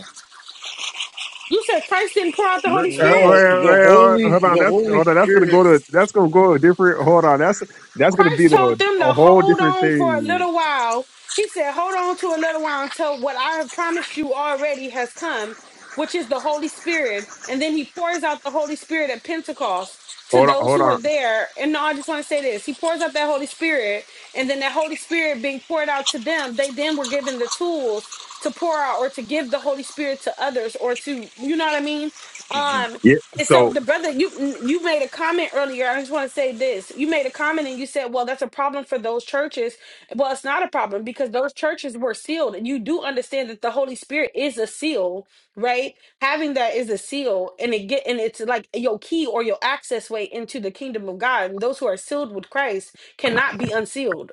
G: You said Christ didn't pour out the
I: Well,
G: Holy Spirit?
A: no, the
I: well,
A: holy,
I: hold on.
A: the
I: That's
A: Holy
I: hold on. That's gonna
A: Spirit.
I: go to that's gonna go to a different. Hold on. That's that's gonna be
G: Christ
I: the
G: told them
I: a
G: to
I: whole
G: hold
I: different
G: on for a
I: thing.
G: little while. He said, Hold on to a little while until what I have promised you already has come, which is the Holy Spirit. And then he pours out the Holy Spirit at Pentecost to
I: Hold on.
G: those
I: Hold
G: who
I: on.
G: were there. And no, I just want to say this He pours out that Holy Spirit. And then that Holy Spirit being poured out to them, they then were given the tools to pour out or to give the Holy Spirit to others or to, you know what I mean?
A: Mhm.
G: Um,
I: Yeah.
G: and so
I: So
G: the brother, you you made a comment earlier. I just want to say this. You made a comment and you said, "Well, that's a problem for those churches." Well, it's not a problem because those churches were sealed, and you do understand that the Holy Spirit is a seal, right? Having that is a seal, and it get and it's like your key or your access way into the kingdom of God. And those who are sealed with Christ cannot be unsealed.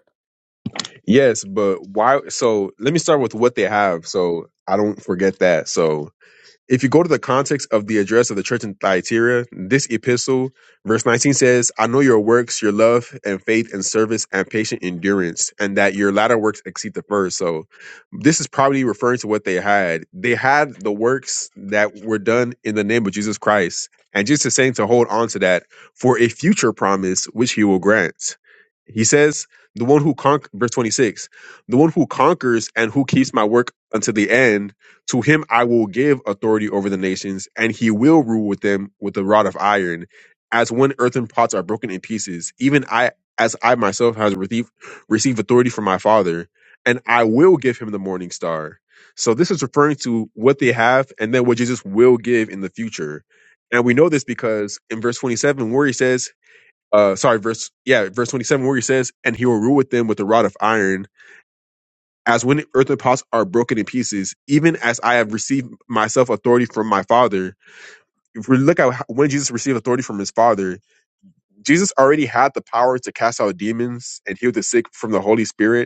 I: yes, but why? So let me start with what they have. So I don't forget that. So if you go to the context of the address of the church in Thyatira, this epistle, verse nineteen says, "I know your works, your love and faith and service and patient endurance, and that your latter works exceed the first." So this is probably referring to what they had. They had the works that were done in the name of Jesus Christ, and Jesus is saying to hold on to that for a future promise which he will grant. He says, The one who conquers, verse 26, the one who conquers and who keeps my work unto the end, to him I will give authority over the nations, and he will rule with them with a rod of iron, as when earthen pots are broken in pieces, even I. As I myself has received received authority from my father, and I will give him the morning star. So this is referring to what they have and then what Jesus will give in the future. And we know this because in verse 27 where he says, uh sorry, verse yeah, verse 27 where he says, and he will rule with them with a rod of iron, as when earthen pots are broken in pieces, even as I have received myself authority from my father. If we look at how- when Jesus received authority from his father, Jesus already had the power to cast out demons and heal the sick from the Holy Spirit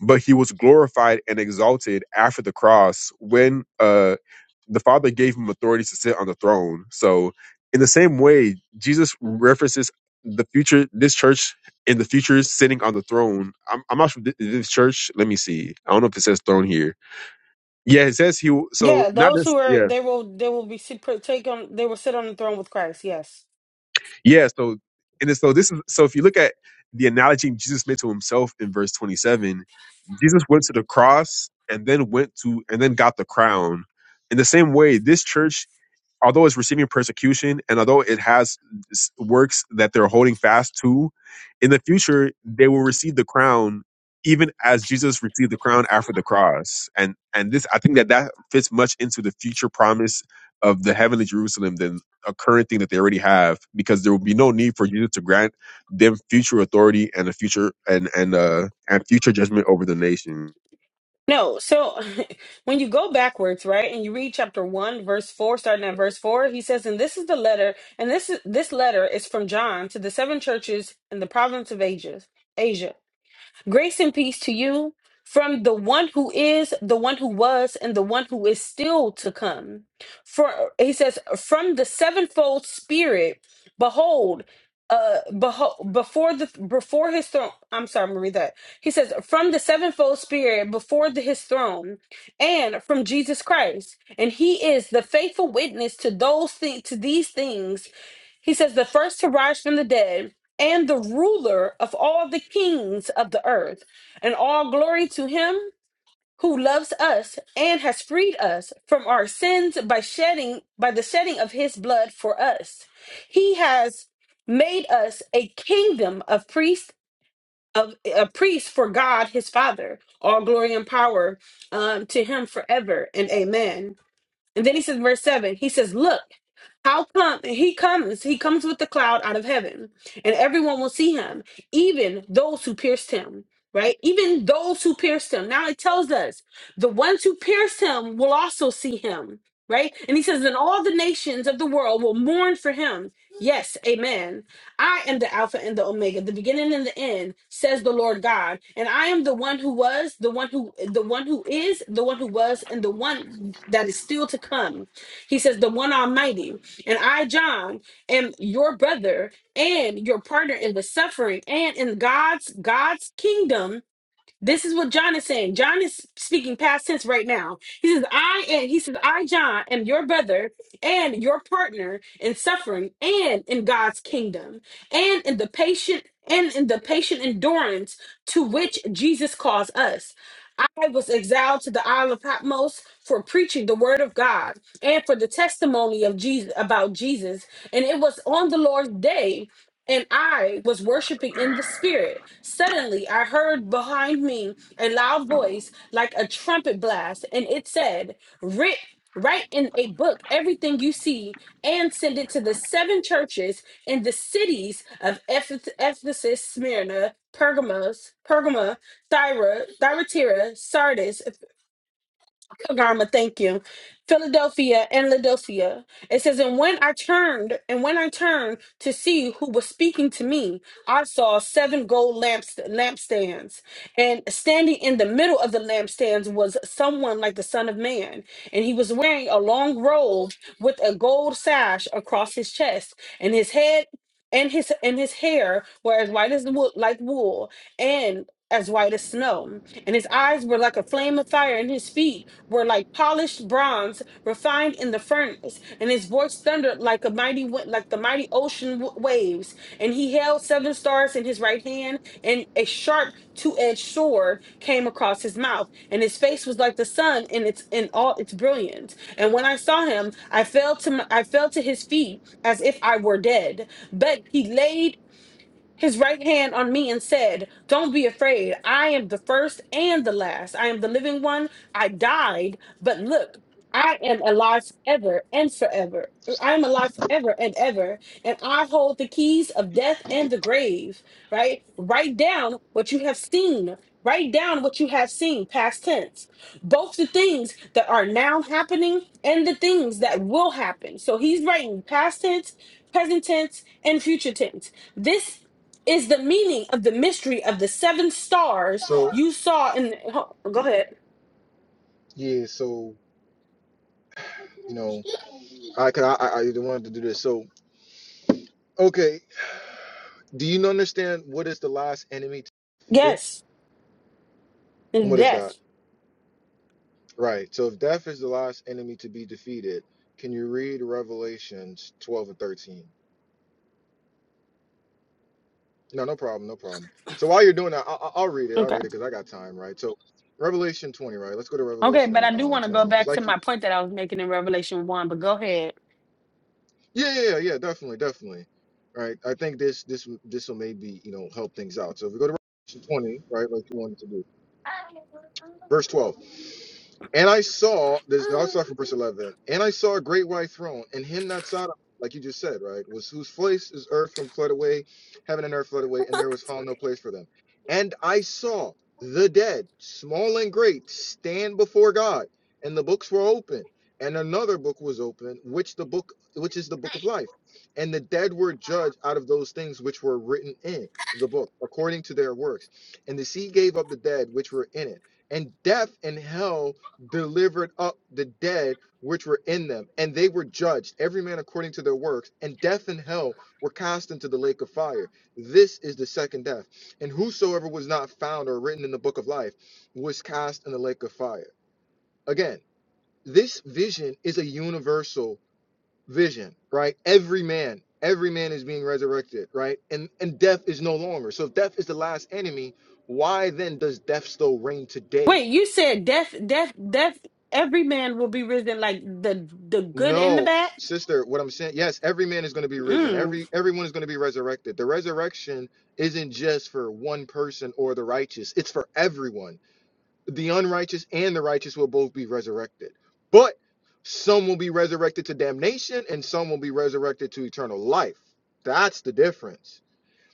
I: but he was glorified and exalted after the cross when uh, the Father gave him authority to sit on the throne. So, in the same way, Jesus references the future, this church in the future sitting on the throne. I'm, I'm not sure thi- this church. Let me see. I don't know if it says throne here. Yeah, it says he. w- So
G: Yeah,
I: not
G: those who
I: this.
G: are
I: Yeah.
G: they will they will be sit, take on they will sit on the throne with Christ. Yes.
I: Yeah, so and so this is so if you look at the analogy Jesus made to himself in verse 27, Jesus went to the cross and then went to and then got the crown. In the same way, this church although it's receiving persecution and although it has s- works that they're holding fast to, in the future they will receive the crown, even as Jesus received the crown after the cross. And and this, I think that that fits much into the future promise of the heavenly Jerusalem than a current thing that they already have, because there will be no need for Jesus to grant them future authority and a future and and uh and future judgment over the nation.
G: No, so [laughs] when you go backwards, right, and you read chapter one, verse four, starting at verse four, he says, "And this is the letter, and this is this letter is from John to the seven churches in the province of Asia, Asia. Grace and peace to you from the one who is, the one who was, and the one who is still to come. For he says, from the sevenfold spirit, behold, uh behold before the before his throne i'm sorry i'm gonna read that he says from the sevenfold spirit before the, his throne and from jesus christ and he is the faithful witness to those things to these things he says, the first to rise from the dead, and the ruler of all the kings of the earth, and all glory to him who loves us and has freed us from our sins by shedding by the shedding of his blood for us. He has made us a kingdom of priests of a priest for God his Father. All glory and power um, to him forever and amen. And then he says, verse 7, he says, Look, how come he comes? He comes with the cloud out of heaven, and everyone will see him, even those who pierced him, right? Even those who pierced him. Now it tells us the ones who pierced him will also see him, right? And he says, then all the nations of the world will mourn for him. Yes, amen. I am the Alpha and the Omega, the beginning and the end, says the Lord God. And I am the one who was, the one who the one who is, the one who was, and the one that is still to come. He says, the one almighty. And I, John, am your brother and your partner in the suffering and in God's God's kingdom this is what John is saying. John is speaking past tense right now. He says, I am, he says, I, John, am your brother and your partner in suffering and in God's kingdom and in the patient and in the patient endurance to which Jesus calls us. I was exiled to the Isle of Patmos for preaching the word of God and for the testimony of Jesus about Jesus. And it was on the Lord's day and I was worshiping in the spirit. Suddenly, I heard behind me a loud voice like a trumpet blast, and it said, Writ, write in a book everything you see and send it to the seven churches in the cities of Ephes- Ephesus, Smyrna, Pergamos, Pergama, Thyra, Thyatira, Sardis, Kagarma, thank you. Philadelphia and Laodicea. It says, And when I turned, and when I turned to see who was speaking to me, I saw seven gold lamps lampstands. And standing in the middle of the lampstands was someone like the Son of Man. And he was wearing a long robe with a gold sash across his chest, and his head and his and his hair were as white as wool like wool and as white as snow and his eyes were like a flame of fire and his feet were like polished bronze refined in the furnace, and his voice thundered like a mighty wi- like the mighty ocean w- waves. And he held seven stars in his right hand, and a sharp two-edged sword came across his mouth, and his face was like the sun in its in all its brilliance. And when I saw him, I fell to my, I fell to his feet as if I were dead. But he laid his right hand on me and said, Don't be afraid. I am the first and the last. I am the living one. I died, but look, I am alive ever and forever. I am alive ever and ever, and I hold the keys of death and the grave. Right? Write down what you have seen. Write down what you have seen, past tense. Both the things that are now happening and the things that will happen. So he's writing past tense, present tense, and future tense. This is the meaning of the mystery of the seven stars
A: So
G: you saw in the, ho- go ahead
A: yeah, so you know. I, cause I, I I wanted to do this. So, okay. Do you understand what is the last enemy to be defeated?
G: yes in
A: What is that?
G: death
A: Right. So, if death is the last enemy to be defeated, can you read Revelations 12 and 13? No, no problem. No problem. So, while you're doing that, I, I- I'll read it. I'll
G: okay
A: read it because I got time, right? So, Revelation 20, right? Let's go to
G: okay but
A: Revelation
G: i do
A: um
G: want to go
A: 20. Because,
G: back to
A: like, you,
G: my point that i was making in revelation 1 but go ahead
A: yeah, yeah, yeah, yeah, definitely, definitely. Right. I think this, this, this will maybe, you know, help things out. So, if we go to Revelation 20, right, like you wanted to do, verse 12. And I saw this. I saw from verse eleven. And I saw a great white throne, and him that sat on, like you just said, right, was whose place is earth from fled away, heaven and earth fled away, and there was found no place for them. And I saw the dead, small and great, stand before God, and the books were open, and another book was open, which the book, which is the book of life, and the dead were judged out of those things which were written in the book, according to their works. And the sea gave up the dead which were in it, and death and hell delivered up the dead which were in them, and they were judged, every man according to their works, and death and hell were cast into the lake of fire. This is the second death. And whosoever was not found or written in the book of life was cast in the lake of fire. Again, this vision is a universal vision, right? Every man, every man is being resurrected, right? And and death is no longer. So if death is the last enemy, why then does death still reign today?
G: wait you said death death death every man will be risen like the the good and the
A: No,
G: bad
A: sister, what I'm saying, yes, every man is going to be risen.
G: Mm.
A: Every everyone is going to be resurrected. The resurrection isn't just for one person or the righteous. It's for everyone. The unrighteous and the righteous will both be resurrected. But some will be resurrected to damnation and some will be resurrected to eternal life. That's the difference.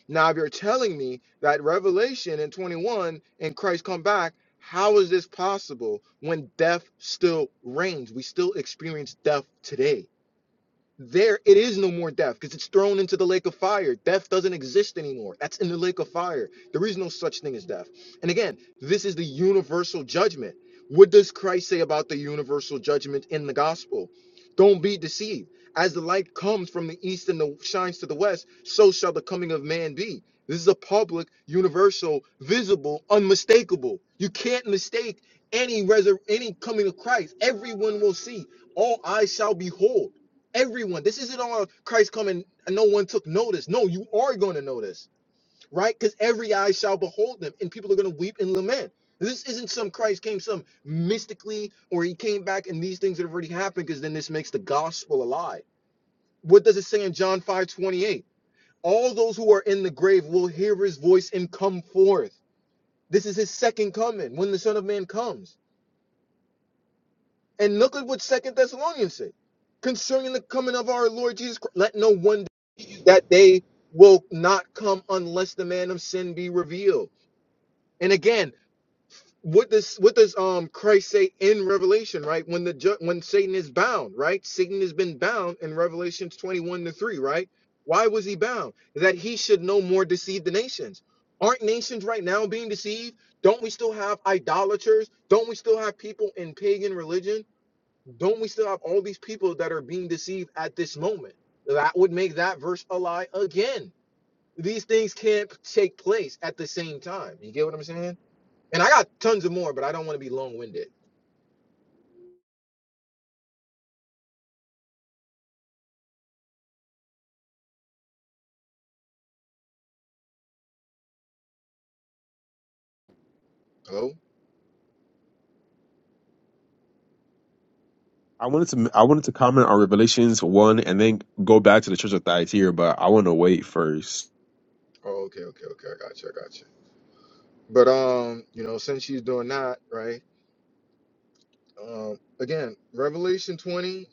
A: Now, if you're telling me that Revelation in 21 and Christ come back, how is this possible when death still reigns? We still experience death today there it is no more death because it's thrown into the lake of fire death doesn't exist anymore that's in the lake of fire there is no such thing as death and again this is the universal judgment what does christ say about the universal judgment in the gospel don't be deceived as the light comes from the east and the shines to the west so shall the coming of man be this is a public universal visible unmistakable you can't mistake any resur- any coming of christ everyone will see all eyes shall behold Everyone. This isn't all Christ coming and no one took notice. No, you are going to notice, right? Because every eye shall behold them and people are going to weep and lament. This isn't some Christ came some mystically or he came back and these things that have already happened because then this makes the gospel a lie. What does it say in John 5:28? All those who are in the grave will hear his voice and come forth. This is his second coming when the Son of Man comes. And look at what Second Thessalonians said concerning the coming of our Lord Jesus Christ. Let no one that they will not come unless the man of sin be revealed. And again, what does what does um Christ say in Revelation, right? When the ju- when Satan is bound, right? Satan has been bound in Revelations 21 to 3, right? Why was he bound? That he should no more deceive the nations. Aren't nations right now being deceived? Don't we still have idolaters? Don't we still have people in pagan religion? Don't we still have all these people that are being deceived at this moment? That would make that verse a lie again these things can't take place at the same time. You get what I'm saying? And I got tons of more, but I don't want to be long winded. Hello?
I: I wanted to I wanted to comment on Revelations one and then go back to the Church of Thyatira, but I want to wait first.
A: Oh, okay, okay, okay. I got you. I got you. But um, you know, since she's doing that, right? Um, again, Revelation 20.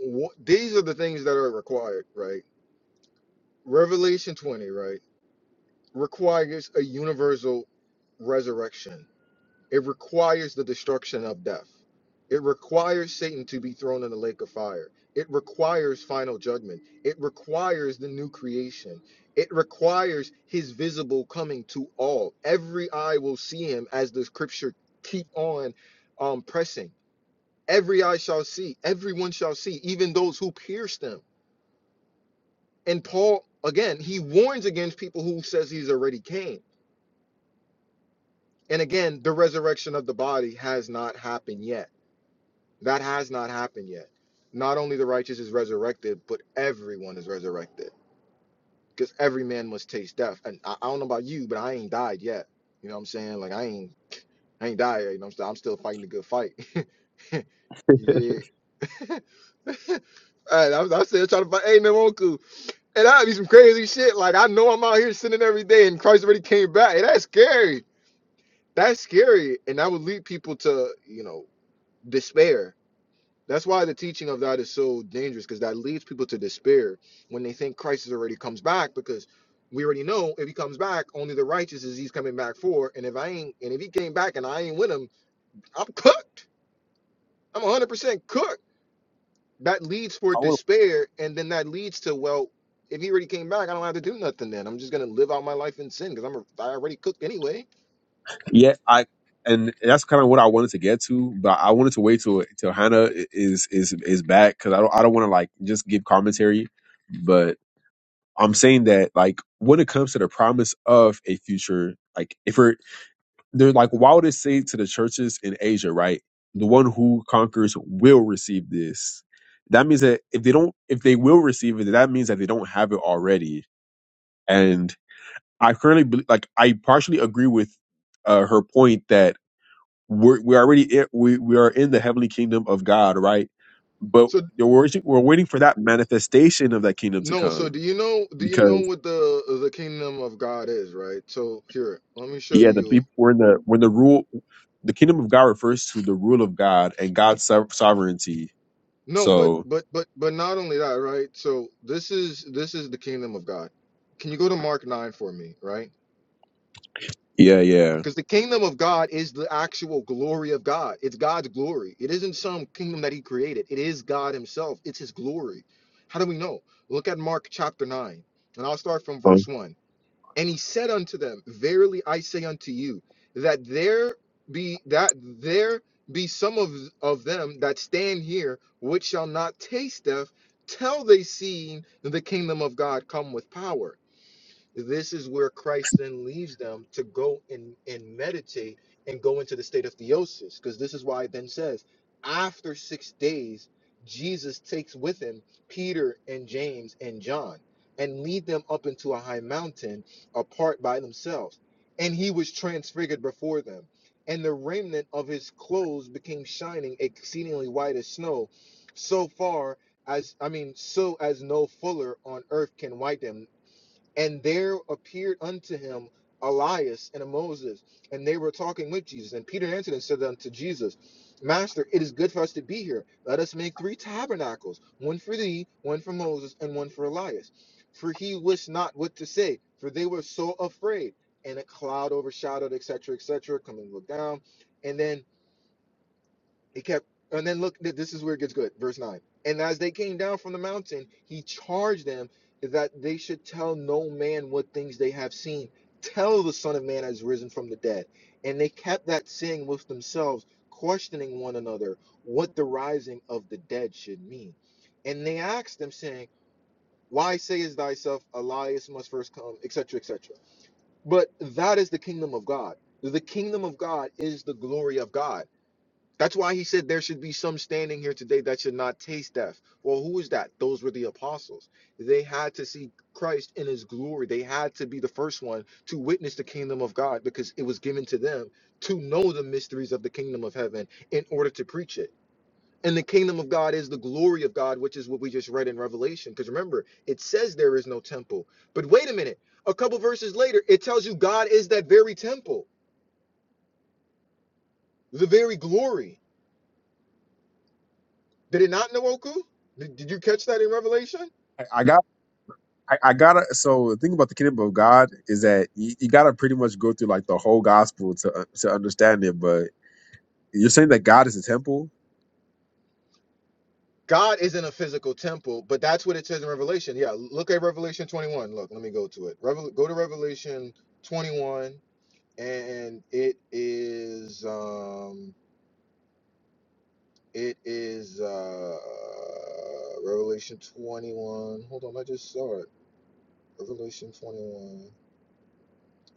A: wha- these are the things that are required, right? Revelation 20, right, requires a universal resurrection It requires the destruction of death. It requires Satan to be thrown in the lake of fire. It requires final judgment. It requires the new creation. It requires his visible coming to all. Every eye will see him as the scripture keep on um, pressing. Every eye shall see. Everyone shall see, even those who pierced him. And Paul, again, he warns against people who says he's already came. And again, the resurrection of the body has not happened yet That has not happened yet. Not only the righteous is resurrected, but everyone is resurrected because every man must taste death. And I, I don't know about you, but I ain't died yet. You know what I'm saying? Like I ain't, I ain't died. yet, You know, what I'm saying? I'm still fighting the good fight. [laughs] yeah. [laughs] All right, I'm, I'm still trying to fight. Hey, Nwoku. And that'd be some crazy shit. Like I know I'm out here sinning every day, and Christ already came back. Hey, that's scary. That's scary, and that would lead people to, you know, despair That's why the teaching of that is so dangerous because that leads people to despair when they think Christ has already comes back because we already know if he comes back, only the righteous is he's coming back for. And if I ain't, and if he came back and I ain't with him, I'm cooked. I'm 100% cooked. That leads for
I: I want
A: despair. And then that leads to, well, if he already came back, I don't have to do nothing then. I'm just going to live out my life in sin because I'm a, I already cooked anyway.
I: to, yeah I and that's kind of what I wanted to get to, but I wanted to wait till till Hannah i- is is is back because I don't I don't want to like just give commentary, but I'm saying that like when it comes to the promise of a future, like if we're they're like why would it say to the churches in asia right the one who conquers will receive this that means that if they don't if they will receive it that means that they don't have it already and i currently bel- like i partially agree with uh, her point that we're, we're already in, we, we are in the heavenly kingdom of god right but
A: So,
I: we're waiting, we're waiting for that manifestation of that kingdom to
A: no, so
I: come
A: do you know do you know
I: because
A: what the the kingdom of God is, right? So here, let me show
I: yeah the
A: you
I: people we're in the when the rule the kingdom of god refers to the rule of god and god's sov- sovereignty
A: No, but
I: So
A: but but but not only that, right? So this is this is the kingdom of God. Can you go to Mark 9 for me, right?
I: yeah, yeah.
A: Because the kingdom of God is the actual glory of God. It's God's glory. It isn't some kingdom that he created. It is God himself. It's his glory. How do we know? Look at Mark chapter 9. And I'll start from
I: Um,
A: verse 1. And he said unto them, Verily I say unto you, that there be that there be some of, of them that stand here which shall not taste death till they see the kingdom of God come with power. This is where Christ then leaves them to go and, and meditate and go into the state of theosis, because this is why it then says, after six days, Jesus takes with him Peter and James and John and lead them up into a high mountain apart by themselves. And he was transfigured before them. And the remnant of his clothes became shining exceedingly white as snow, so far as I mean, so as no fuller on earth can whiten them. And there appeared unto him Elias and a Moses, and they were talking with Jesus. And Peter answered and said unto Jesus, Master, it is good for us to be here. Let us make three tabernacles one for thee, one for Moses, and one for Elias. For he wist not what to say, for they were so afraid. And a cloud overshadowed, etc., etc., coming look down. And then he kept, and then look, th- this is where it gets good. Verse 9. And as they came down from the mountain, he charged them that they should tell no man what things they have seen. Tell the Son of Man has risen from the dead. And they kept that saying with themselves, questioning one another what the rising of the dead should mean. And they asked them, saying, Why sayest thyself, Elias must first come, etc., etc.? But that is the kingdom of God. The kingdom of God is the glory of God that's why he said there should be some standing here today that should not taste death. Well, who is that? Those were the apostles. They had to see Christ in his glory. They had to be the first one to witness the kingdom of God because it was given to them to know the mysteries of the kingdom of heaven in order to preach it. And the kingdom of God is the glory of God, which is what we just read in Revelation. Because remember, it says there is no temple. But wait a minute, a couple verses later, it tells you God is that very temple, the very glory. Did it not, Nwoku? Did, did you catch that in Revelation?
I: I I got, I, I gotta. So the thing about the kingdom of God is that you, you gotta pretty much go through like the whole gospel to to understand it. But you're saying that God is a temple.
A: God isn't a physical temple, but that's what it says in Revelation. Yeah, look at Revelation 21. Look, let me go to it. Revel- go to Revelation 21, and it is um it is uh Revelation 21. Hold on, I just saw it. Revelation 21.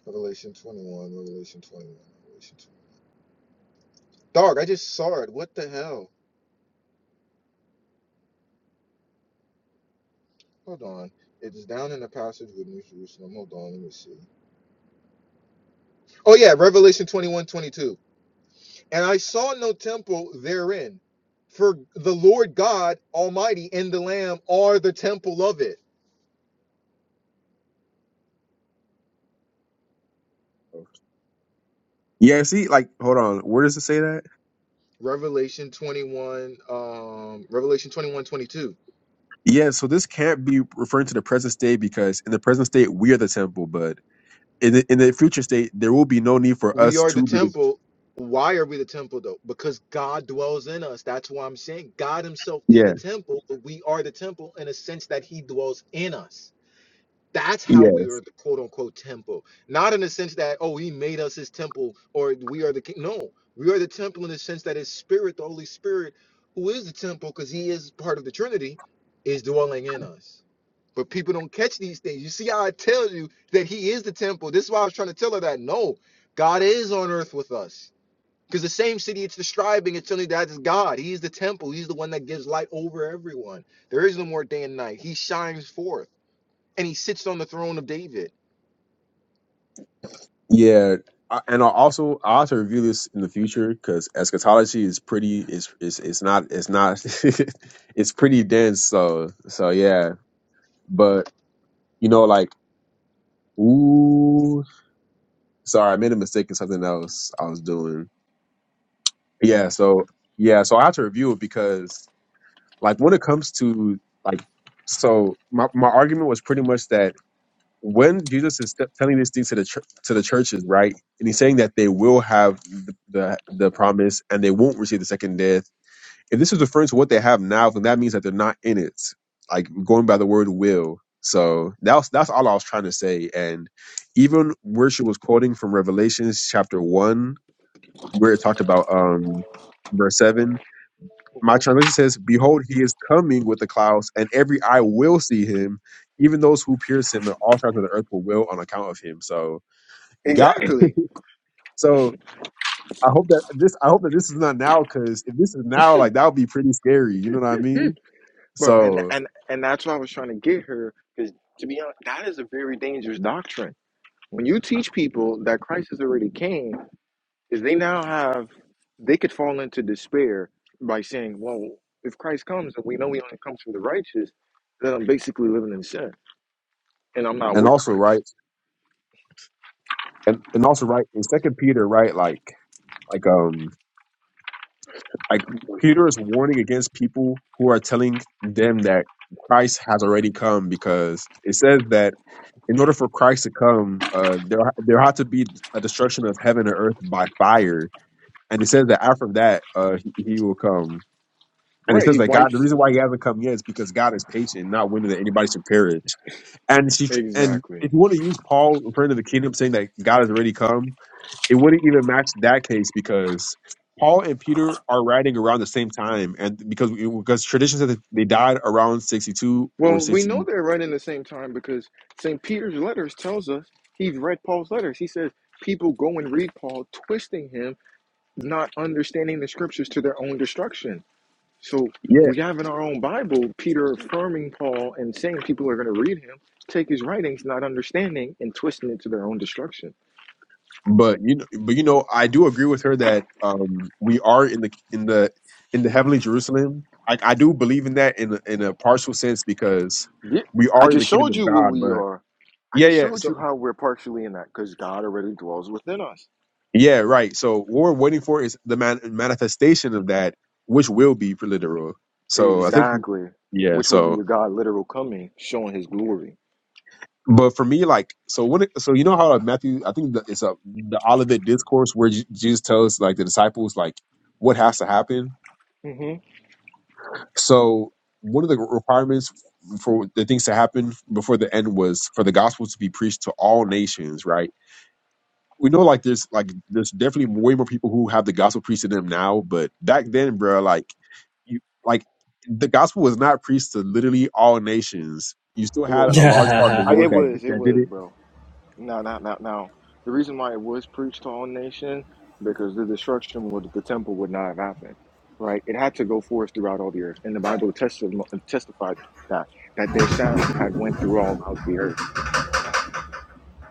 A: Revelation 21. Revelation 21. Revelation 21. Dog, I just saw it. What the hell? Hold on. It's down in the passage with New Jerusalem. Hold on. Let me see. Oh, yeah. Revelation 21, 22. And I saw no temple therein, for the Lord God Almighty and the Lamb are the temple of it.
I: Yeah. See, like, hold on. Where does it say that?
A: Revelation 21, um, Revelation 21, 22.
I: Yeah. So this can't be referring to the present state because in the present state we are the temple, but in the, in the future state there will be no need for
A: We
I: us
A: are the
I: to be. The,
A: temple. Why are we the temple though? Because God dwells in us. That's why I'm saying God Himself is the
I: yeah.
A: temple, but we are the temple in a sense that He dwells in us That's how
I: Yeah.
A: we are the quote unquote temple. Not in the sense that, oh, he made us his temple or we are the king. No, we are the temple in the sense that his spirit, the Holy Spirit, who is the temple because he is part of the Trinity, is dwelling in us. But people don't catch these things. You see how I tell you that he is the temple. This is why I was trying to tell her that no, God is on earth with us. Because the same city it's describing, it's telling you that is God. He is the temple. He's the one that gives light over everyone. There is no more day and night. He shines forth and he sits on the throne of David.
I: Yeah, I- and I also I also review this in the future because eschatology is pretty is is it's not it's not [laughs] it's pretty dense. So so yeah, but you know like ooh, sorry, I made a mistake in something else I was doing. Yeah, so yeah, so I have to review it because like when it comes to like so my my argument was pretty much that when Jesus is st- telling these things to the chur to the churches, right, and he's saying that they will have the, the the promise and they won't receive the second death. If this is referring to what they have now, then that means that they're not in it. Like going by the word will. So that's that's all I was trying to say. And even where she was quoting from Revelations chapter one, where it talked about um verse seven, my
A: Mhm.
I: translation says, Behold, he is coming with the clouds, and every eye will see him, even those who pierce him, and all tribes of the earth will wail on account of him. So God
A: Exactly,
I: so I hope that this I hope that this is not now, because if this is now, like that would be pretty scary. You know what I mean?
A: bro. And
I: So
A: and and that's why I was trying to get her because to be honest, that is a very dangerous doctrine. When you teach people that Christ has already came, is they now have they could fall into despair by saying, "Well, if Christ comes and we know He only comes for the righteous, then I'm basically living in sin and I'm not
I: and
A: with
I: also
A: Christ."
I: right and, and also right in Second Peter, right, like like um like Peter is warning against people who are telling them that Christ has already come because it says that in order for Christ to come, uh, there there had to be a destruction of heaven and earth by fire. And it says that after that, uh, he, he will come. And it
A: Right?
I: says
A: He
I: that God, the
A: wipes
I: reason why he hasn't come yet is because God is patient, not willing that anybody should perish. And she, and
A: exactly.
I: if you want to use Paul referring to the kingdom, saying that God has already come, it wouldn't even match that case because Paul and Peter are writing around the same time, and because because tradition says that they died around sixty two or
A: Well, we
I: sixty.
A: know they're running the same time because St. Peter's letters tells us he's read Paul's letters. He says people go and read Paul, twisting him, not understanding the scriptures to their own destruction. So
I: yeah,
A: we have in our own Bible Peter affirming Paul and saying people are going to read him, take his writings, not understanding, and twisting it to their own destruction.
I: but you know, but you know, I do agree with her that um, we are in the in the in the heavenly Jerusalem. I, I do believe in that in a, in a partial sense because
A: Yeah,
I: we
A: I
I: are in the
A: just
I: kingdom
A: showed
I: of
A: you what
I: God.
A: we
I: But
A: are. I
I: yeah,
A: just
I: yeah,
A: showed you
I: so
A: how we're partially in that because God already dwells within us.
I: yeah, right. So what we're waiting for is the man, manifestation of that, which will be literal. So I think
A: Exactly.
I: yeah.
A: Which would be
I: So
A: the God literal coming, showing his glory.
I: but for me, like so when it, so you know how Matthew, I think the, it's a the Olivet discourse where Je- Jesus tells like the disciples like what has to happen
A: hmm
I: So one of the requirements for the things to happen before the end was for the gospel to be preached to all nations, right? We know like there's like there's definitely way more people who have the gospel preached to them now, but back then, bro, like you like the gospel was not preached to literally all nations. You still had a
A: Well,
I: large part of the
A: I,
I: world
A: it
I: that
B: [laughs]
A: was, it
I: that did
A: was,
I: it.
A: bro. No, no, no, no. The reason why it was preached to all nation because the destruction of the temple would not have happened, right? It had to go forth throughout all the earth, and the Bible testi- testified that that their sound had went through all out the earth.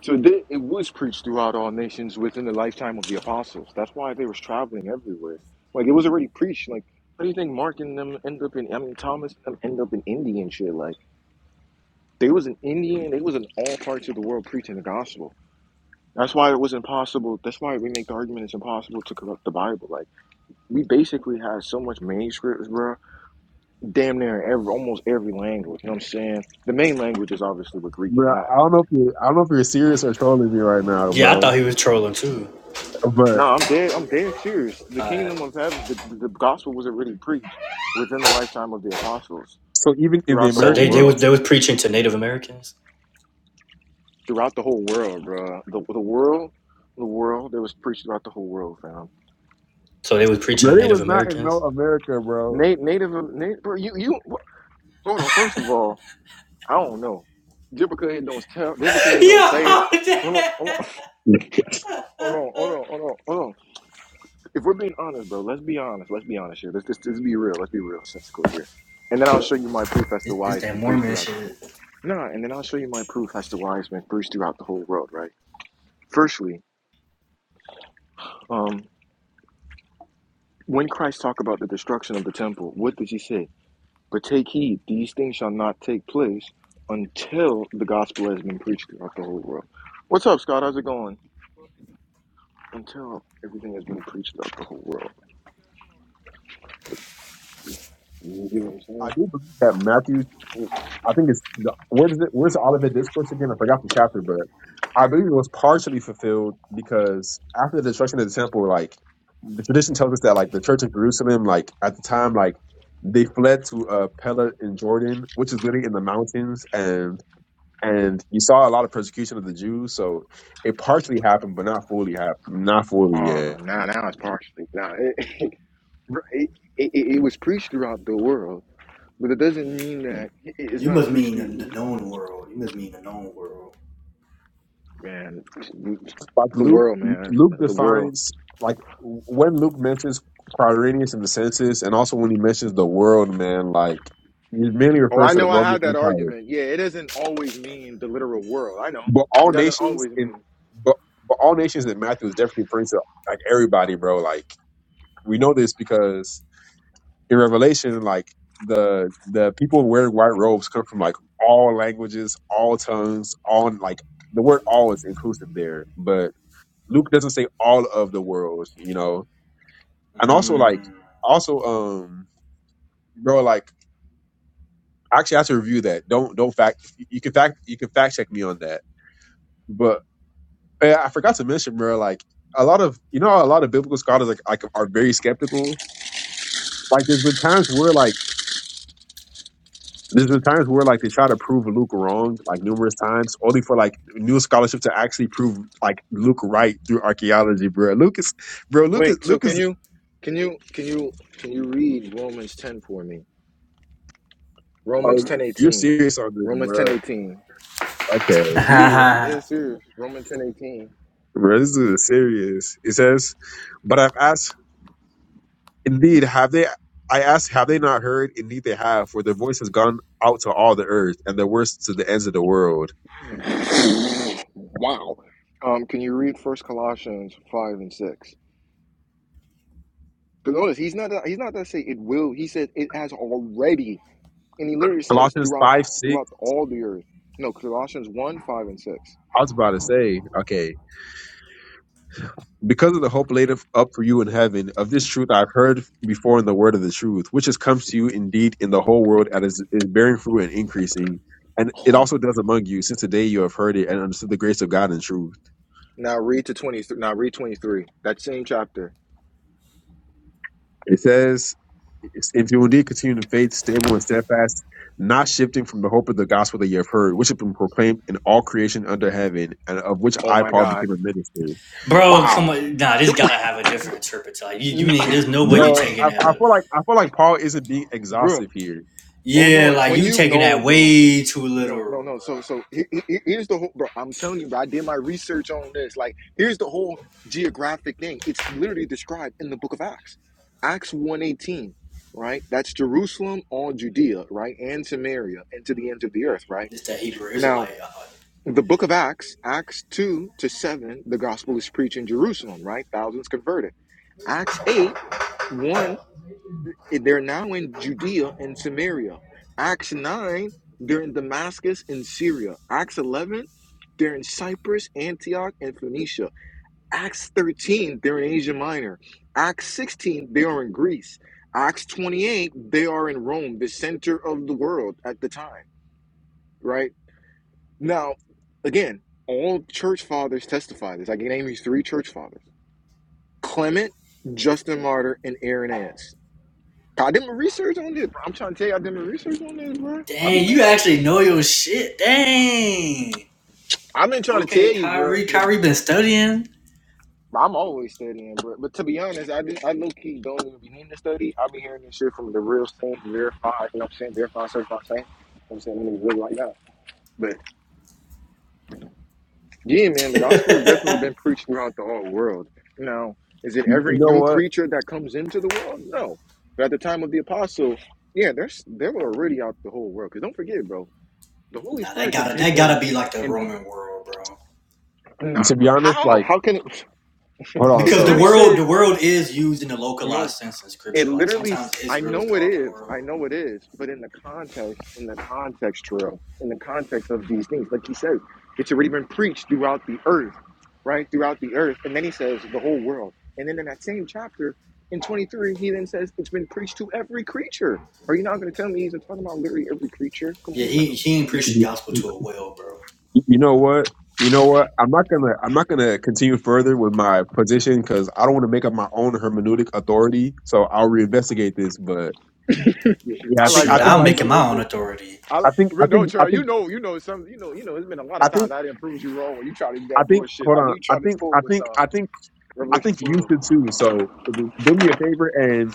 A: So it it was preached throughout all nations within the lifetime of the apostles. That's why they was traveling everywhere. Like it was already preached. Like how do you think Mark and them end up in? I mean, Thomas and them end up in India and shit. Like. They was in India they was in all parts of the world preaching the gospel. That's why it was impossible. That's why we make the argument it's impossible to corrupt the Bible. Like we basically had so much manuscripts, bro. Damn near every almost every language. You know what I'm saying? The main languages obviously were Greek and
I: Bro, I
A: Latin.
I: don't know if you I don't know if you're serious or trolling me right now,
B: yeah, I
I: bro.
B: thought he was trolling too.
I: But
A: No, I'm dead. I'm dead serious. The kingdom of heaven, the, the gospel was already preached within the lifetime of the apostles
I: so even in the
A: throughout the
B: So
A: whole
B: they they
I: Americas,
B: was
A: world.
B: they was preaching to Native Americans.
A: Throughout the whole world, bro. The the world, the world. It was preached throughout the whole world, fam.
B: So they was preaching
I: bro,
B: to
I: it
B: Native
I: was not in no
B: Americans.
I: America, bro.
A: Native, native, bro, you, you, Hold on. First of all, I don't know. Just because it don't tell, just because
B: [laughs]
A: it don't
B: Yo,
A: say it. Hold on, hold on, [laughs] hold on, hold on, hold on, hold on. If we're being honest, bro, let's be honest. Let's be honest here. Let's just, just be real. Let's be real, sensical here. And then I'll show you my proof as to
B: This
A: why
B: this
A: it's
B: that
A: been preached
B: Mormon
A: throughout.
B: shit.
A: Nah, and then I'll show you my proof as to why it's been preached throughout the whole world, right? Firstly, um, when Christ talked about the destruction of the temple, what did he say? But take heed, these things shall not take place until the gospel has been preached throughout the whole world. What's up, Scott? How's it going? until everything has been preached about the whole world. You get what I'm saying?
I: I do believe that Matthew, I think it's where does it where's the Olivet discourse again? I forgot the chapter, but I believe it was partially fulfilled because after the destruction of the temple, like the tradition tells us that like the church of Jerusalem, like at the time, like they fled to uh, Pella in Jordan, which is literally in the mountains, and and you saw a lot of persecution of the Jews. So it partially happened, but not fully happened, not fully yet.
A: Ah, now now it's partially now it [laughs] bro, it, it, it was preached throughout the world, but it doesn't mean that it- it's
B: you
A: not
B: must
A: preached.
B: mean
A: To,
B: the, the known world. You must mean the known world.
A: man,
I: Like
A: the
I: Luke,
A: world, man,
I: Luke
A: the world.
I: defines like when Luke mentions Quirinius and the census, and also when he mentions the world, man, like he mainly
A: Oh,
I: refers
A: I
I: to the
A: know. I
I: Roman
A: had that
I: Empire.
A: argument. Yeah, it doesn't always mean the literal world. I know
I: But
A: it
I: all
A: doesn't
I: nations
A: always
I: in,
A: mean.
I: but but all nations in Matthew is definitely referring to like everybody, bro. Like we know this because in Revelation, like the the people wearing white robes come from like all languages, all tongues, all like the word all is inclusive there, but Luke doesn't say all of the world, you know and also like
B: Mm.
I: also um bro like actually I have to review that. Don't don't fact you can fact you can fact check me on that. But eh, I forgot to mention, bro. Like a lot of you know how a lot of biblical scholars like like are very skeptical. Like there's been times where like there's been times where like they try to prove Luke wrong like numerous times, only for like new scholarship to actually prove like Luke right through archaeology, bro. Luke is bro. Luke is
A: Wait, so
I: Luke
A: can
I: is.
A: you, can you, can you, can you read Romans ten for me?
B: What
I: Uh,
A: Romans ten
B: verse?
I: you're
A: eighteen.
I: serious on this,
A: Romans ten
I: bro.
A: eighteen.
I: Okay,
A: Yeah, I'm
B: [laughs]
A: dead serious. Romans ten eighteen.
I: Bro, this dude is serious. It says, But I've asked, indeed, have they, I asked, have they not heard? Indeed, they have, for their voice has gone out to all the earth and their words to the ends of the world.
A: Wow. Um, can you read First Colossians five and six? Because notice he's not he's not that say it will. He said it has already, and he literally says
I: Colossians
A: throughout
I: 5 6,
A: throughout all the earth. No, Colossians one five and six.
I: I was about to say, okay, because of the hope laid up for you in heaven, of this truth I've heard before in the word of the truth, which has come to you indeed in the whole world and is, is bearing fruit and increasing. And it
A: Oh
I: also
A: my
I: does
A: God.
I: among you since the day you have heard it and understood the grace of God in truth
A: Now read to twenty. Now read twenty three. That same chapter.
I: It says, if you indeed continue in faith, stable and steadfast, not shifting from the hope of the gospel that you have heard, which has been proclaimed in all creation under heaven, and of which
A: Oh
I: I,
A: my
I: Paul,
A: God.
I: became a minister.
B: Bro, come
A: Wow.
B: on. Nah, this
A: [laughs]
B: gotta have a different interpretation. Like you, you
A: Bruh.
B: ain't there's no way you
I: Bro,
B: taking
I: I,
B: that
I: I
B: lit-
I: feel like I feel like Paul isn't being
A: Bruh.
I: exhaustive here.
A: Hold
B: Yeah,
A: on.
B: like
A: When
B: you
A: you
B: taking
A: no,
B: that
A: bro.
B: way too
A: No, no,
B: literal,
A: no.
B: bro.
A: So, so he- he- he- here's the whole, bro. I'm telling you, bro. I did my research on this. Like, here's the whole geographic thing. It's literally described in the book of Acts, Acts 1:18, right? That's Jerusalem, all Judea, right, and Samaria, and to the ends of the earth, right?
B: This that Hebrew
A: Now,
B: Israelite. uh,
A: the book of Acts, Acts 2 to 7, the gospel is preached in Jerusalem, right? Thousands converted. Acts 8, one eh, They're now in Judea and Samaria. Acts 9, they're in Damascus and Syria. Acts 11, they're in Cyprus, Antioch, and Phoenicia. Acts 13, they're in Asia Minor. Acts 16, they are in Greece. Acts 28, they are in Rome, the center of the world at the time, right? Now, again, all church fathers testify this. I can name you three church fathers Clement, Justin Martyr, and Irenaeus I did my research on this, bro. I'm trying to tell you, I did my research on this, bro. I be
B: Dang, you
A: doing.
B: actually know your shit. Dang.
A: I've been trying to
B: Okay,
A: tell you, bro.
B: Kyrie.
A: But
B: Kyrie been studying.
A: I'm always studying, bro. But to be honest, I just, I low key don't even be needing to study. I be hearing this shit from the real saints, verified. You know what I'm saying? Verified, certified saints. You know what I'm saying? Them niggas really like that. But yeah, man, the gospel
B: Nah,
A: definitely been preached throughout the whole world. Now, is it
I: You, know, you
A: every
I: know
A: new
I: what?
A: creature that comes into the world? No. But at the time of the apostle, yeah, there's they were already out the whole world. Cause don't forget, bro, the Holy
B: that
A: Spirit can
B: gotta
A: take
B: that gotta
A: them.
B: be like the
A: and.
B: Roman world, bro.
A: No,
I: To be
A: but
I: honest,
A: how?
I: like,
A: How can it?
I: hold on.
A: It
B: Because the
I: So,
A: literally
B: world
A: says
B: the world is used in a
A: no.
B: localized sense in
A: It
B: scripture. Like
A: literally.
B: sometimes
A: s- I
B: Israel is
A: know it
B: called the
A: is. I
B: world.
A: know it is. But in the context, in the context, Terrell, in the context of these things, like he says, it's already been preached throughout the earth, right? Throughout the earth, and then he says the whole world. And then in that same chapter, in twenty three, he then says it's been preached to every creature. Are you not going to tell me he's talking about literally every creature? Come
B: Yeah,
A: on now.
B: he he ain't preached the
I: you
B: gospel to a well, bro.
I: you know what? You know what? I'm not gonna I'm not gonna continue further with my position because I don't want to make up my own hermeneutic authority. So I'll reinvestigate this. But yeah,
A: I
I: I
A: like
I: think I
B: Shoot,
A: that. I
I: think
B: I'm
I: you.
A: like
B: making my
A: them
B: own authority.
A: I
I: I
A: like
I: think I
A: re- no
I: think I
A: Trey,
I: think
A: you know, you know some you know, you know, it's been a lot
I: I
A: of times
I: think
A: I didn't prove you wrong when you try to do
I: I
A: that
I: think
A: bullshit.
I: hold
A: Like
I: on.
A: you
I: I
A: try to
I: think
A: pull
I: I
A: with
I: think I
A: um
I: think I
A: Revelation
I: think you
A: twelve.
I: should too. So do me a favor and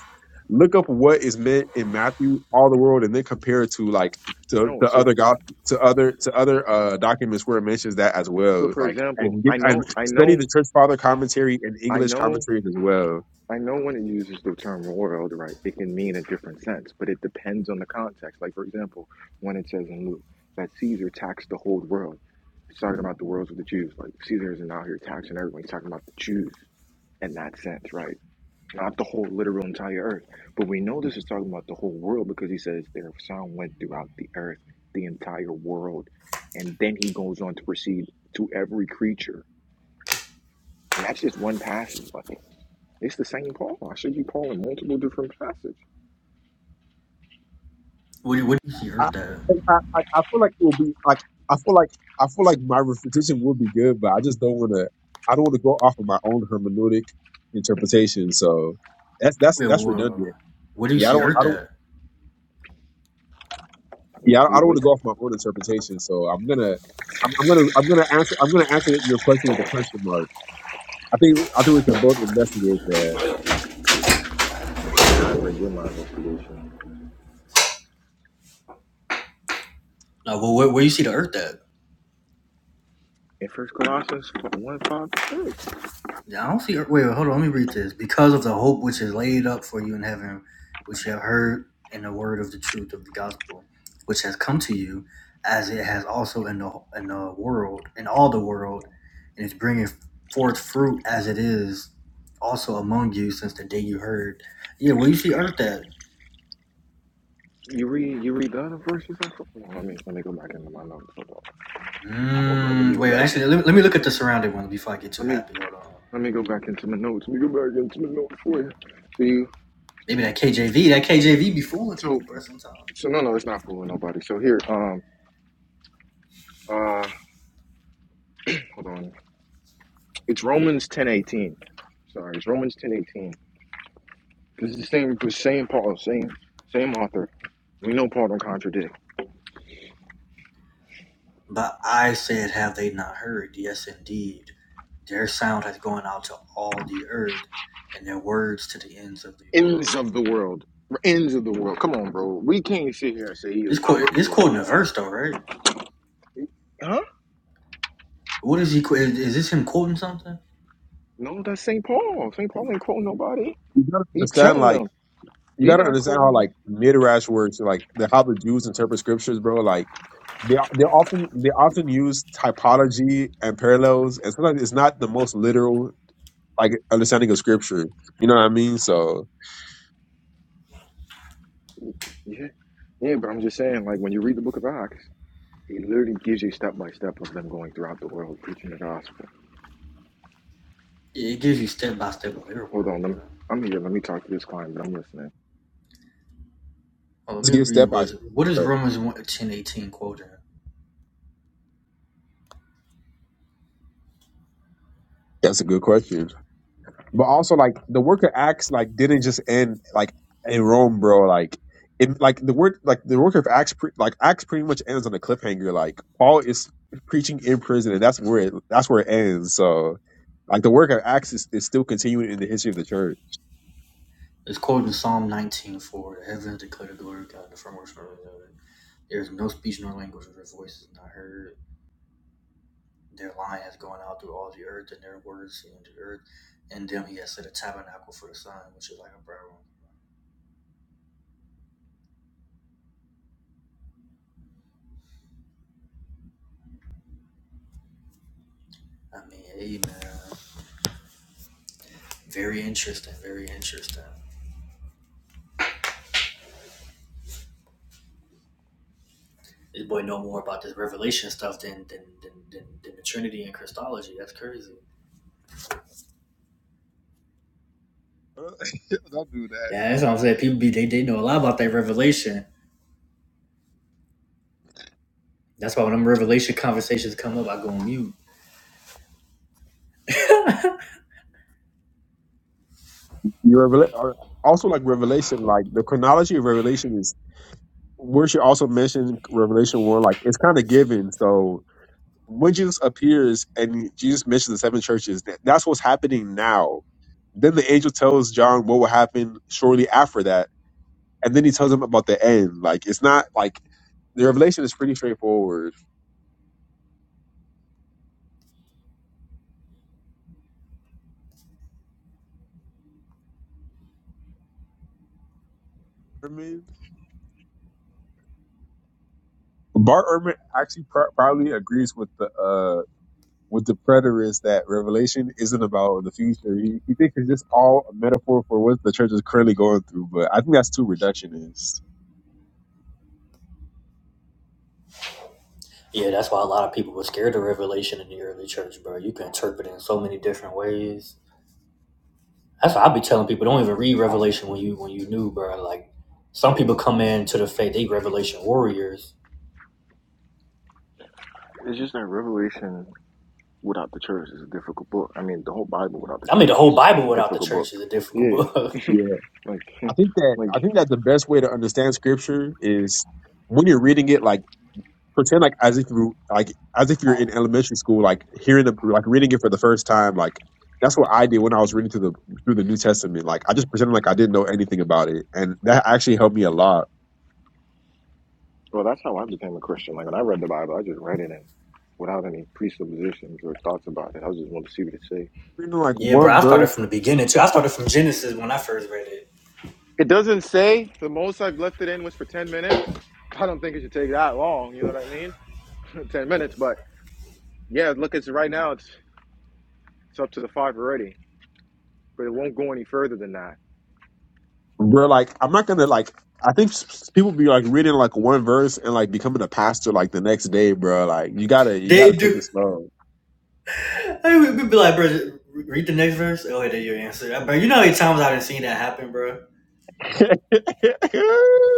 I: look up what is meant in Matthew all the world and then compare it to like to,
A: No,
I: to
A: so
I: other God to other to other uh documents where it mentions that as
A: so
I: well.
A: for
I: Like
A: example,
I: and get
A: I
I: and
A: know I
I: study
A: know
I: the church father commentary and
A: I
I: English
A: know
I: commentaries as well.
A: I know when it uses the term world, right, it can mean a different sense, but it depends on the context. Like for example, when it says in Luke that Caesar taxed the whole world. It's talking about the worlds of the Jews. Like Caesar isn't out here taxing everyone, he's talking about the Jews in that sense, right? not the whole literal entire earth. But we know this is talking about the whole world because he says their sound went throughout the earth, the entire world. And then he goes on to proceed to every creature. And that's just one passage, but it's the same Paul. I should be Paul in multiple different passages.
B: What do, what do you see
I: I,
B: Earth at?
I: I, I like, I feel like it will be like I feel like I feel like my refutation will be good, but I just don't want to. I don't want to go off of my own hermeneutic interpretation. So that's that's
B: Wait,
I: that's
B: whoa.
I: redundant.
B: Where do you
I: Yeah, I
B: see
I: don't. I
B: Earth
I: don't.
B: at?
A: Wait,
I: Yeah, I
A: wait,
I: don't want to
A: wait.
I: go off my own interpretation. So I'm gonna. I'm, I'm gonna. I'm gonna answer. I'm gonna answer your question with a question mark. I think. I think we can both investigate that.
A: Man, I already did my investigation.
B: Like, well, where, where you see the Earth at?
A: In First Colossians 1, 5 to 6.
B: Yeah, I don't see. Wait, wait, hold on. Let me read this. Because of the hope which is laid up for you in heaven, which you have heard in the word of the truth of the gospel, which has come to you, as it has also in the in the world, in all the world, and it's bringing forth fruit as it is also among you since the day you heard. Yeah, well, you see earth that.
A: You read you read the other verses? I thought- Hold on, let me let me go back into my notes. Hold on. Hold on, let
B: Mm,
A: me go
B: wait,
A: back.
B: actually, let me, let me look at the surrounding ones before I get too
A: Let me.
B: happy. Hold on.
A: Let me go back into my notes. Let me go back into my notes for you. So you
B: Maybe that KJV, that KJV be fooling
A: so
B: people, bro. Sometimes.
A: so no no it's not fooling nobody. So here, um uh hold on. It's Romans ten eighteen. Sorry, it's Romans ten eighteen. This is the same the same Paul, same same author. We know Paul don't contradict.
B: But I said, Have they not heard? Yes, indeed. Their sound has gone out to all the earth, and their words to the ends of the
A: Ends
B: world.
A: of the world. Ends of the world. Come on, bro. We can't sit here and say he
B: This
A: was talking about
B: quote
A: the
B: is
A: world,
B: quoting a
A: man.
B: verse, though, right?
A: Huh?
B: What is he? Is, is this him quoting something?
A: No, that's St. Paul. St. Paul ain't quoting nobody.
I: You gotta
A: He
I: understand,
A: telling
I: like.
A: them.
I: you
A: He
I: gotta
A: not
I: understand how
A: quoting them.
I: like midrash works, like the how the Jews interpret scriptures, bro. Like they they often they often use typology and parallels, and sometimes it's not the most literal like understanding of scripture. You know what I mean? So
A: Yeah. Yeah, but I'm just saying, like when you read the book of Acts. It literally gives you step by step of them going throughout the world preaching the gospel.
B: Yeah, It gives you step by step of their
A: Hold
B: world.
A: on, let
B: Yeah.
A: me, I'm here. Let me talk to this client, but I'm listening.
B: Oh, let
I: let's
B: me
I: get step
B: read.
I: by
B: Was
I: step.
B: what is
I: But
B: Romans 1, 18 quoting?
I: that's a good question. But also, like the work of Acts, like didn't just end like in Rome, bro. Like, it, like the work, like the work of Acts, pre- like Acts, pretty much ends on a cliffhanger. Like Paul is preaching in prison, and that's where it, that's where it ends. So, like the work of Acts is, is still continuing in the history of the church.
B: It's quoting Psalm nineteen four. The heavens declare the glory of God. and The firmament of His glory. There is no speech nor language, and their voice is not heard. Their line has gone out through all the earth, and their words seem the earth. And them he has set a tabernacle for the sun, which is like a prayer room. I mean, hey man, very interesting, very interesting. This boy know more about this revelation stuff than than than, than, than the Trinity and Christology. That's crazy. Yeah, that's what I'm saying. People be they, they know a lot about that revelation. That's why when them revelation conversations come up, I go on mute.
I: Your revela- or also like Revelation, like the chronology of Revelation is. We should also mention Revelation one, like it's kind of given. So when Jesus appears and Jesus mentions the seven churches, that, that's what's happening now. Then the angel tells John what will happen shortly after that, and then he tells him about the end. Like it's not like the revelation is pretty straightforward. Ehrman- Bart Ehrman actually pr- probably agrees with the uh with the preterist that revelation isn't about the future. He, he thinks it's just all a metaphor for what the church is currently going through, but I think that's too reductionist.
B: Yeah, that's why a lot of people were scared of revelation in the early church, bro. You can interpret it in so many different ways That's what I be telling people. Don't even read Revelation when you when you new, bro. Like some people come into the faith, they Revelation warriors.
A: It's just that Revelation without the church is a difficult book. I mean, the whole Bible without the
B: I mean, the
A: church is,
B: whole
A: is
B: Bible
A: a
B: without the
A: difficult book.
B: church is a difficult
A: Yeah,
B: book.
A: like,
I: I think
A: [laughs]
I: that
A: like,
I: I think that the best way to understand scripture is when you're reading it, like pretend like as if you like as if you're in elementary school, like hearing the like reading it for the first time. Like that's what I did when I was reading through the through the New Testament. Like I just pretended like I didn't know anything about it, and that actually helped me a lot.
A: well, that's how I became a Christian. Like when I read the Bible, I just read it and without any presuppositions or thoughts about it. I just wanted to see what it say.
I: Reading
B: [laughs]
I: like
B: yeah, bro.
I: one
B: I started
I: verse,
B: from the beginning too. I started from Genesis when I first read it.
A: It doesn't say the most I've left it in was for ten minutes. I don't think it should take that long. You know what I mean? [clears throat] [laughs] ten minutes, but yeah, look, it's right now. It's It's up to the five already, but it won't go any further than that.
I: bro. Like I'm not gonna like. I think s- s- people be like reading like one verse and like becoming a pastor like the next day, bro. Like you gotta you
B: They
I: gotta take
B: do.
I: it slow.
B: I would be like, bro, read the next verse. Oh, wait, your answer, bro. You know how many times I've seen that happen, bro.
I: [laughs]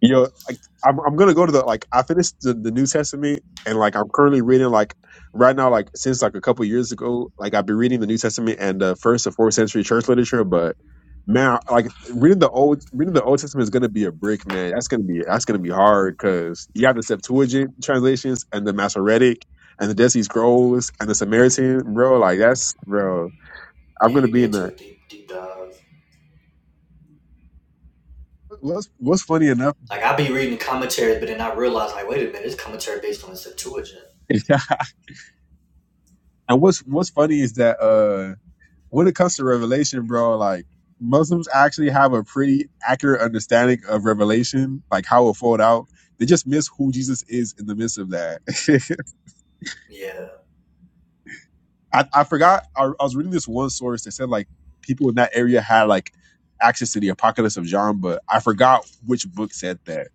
I: You know, like, I'm I'm gonna go to the like I finished the, the New Testament and like I'm currently reading like right now like since like a couple years ago like I've been reading the New Testament and the first and fourth century church literature, but man, like reading the old reading the Old Testament is gonna be a brick, man. That's gonna be that's gonna be hard because you have the Septuagint translations and the Masoretic and the Dead Sea Scrolls and the Samaritan, bro. Like that's bro. I'm
B: Yeah,
I: gonna
B: you
I: be
B: get
I: in
B: into a
I: the.
B: deep, deep dive.
I: What's what's funny enough,
B: Like I be reading the commentaries, but then I realize, like, wait a minute, this commentary based on the Septuagint.
I: [laughs] and what's what's funny is that uh. when it comes to revelation, bro, like Muslims actually have a pretty accurate understanding of revelation, like how it fold out. They just miss who Jesus is in the midst of that.
B: Yeah,
I: [laughs] I, I forgot. I, I was reading this one source that said like people in that area had like access to the Apocalypse of John, but I forgot which book said that.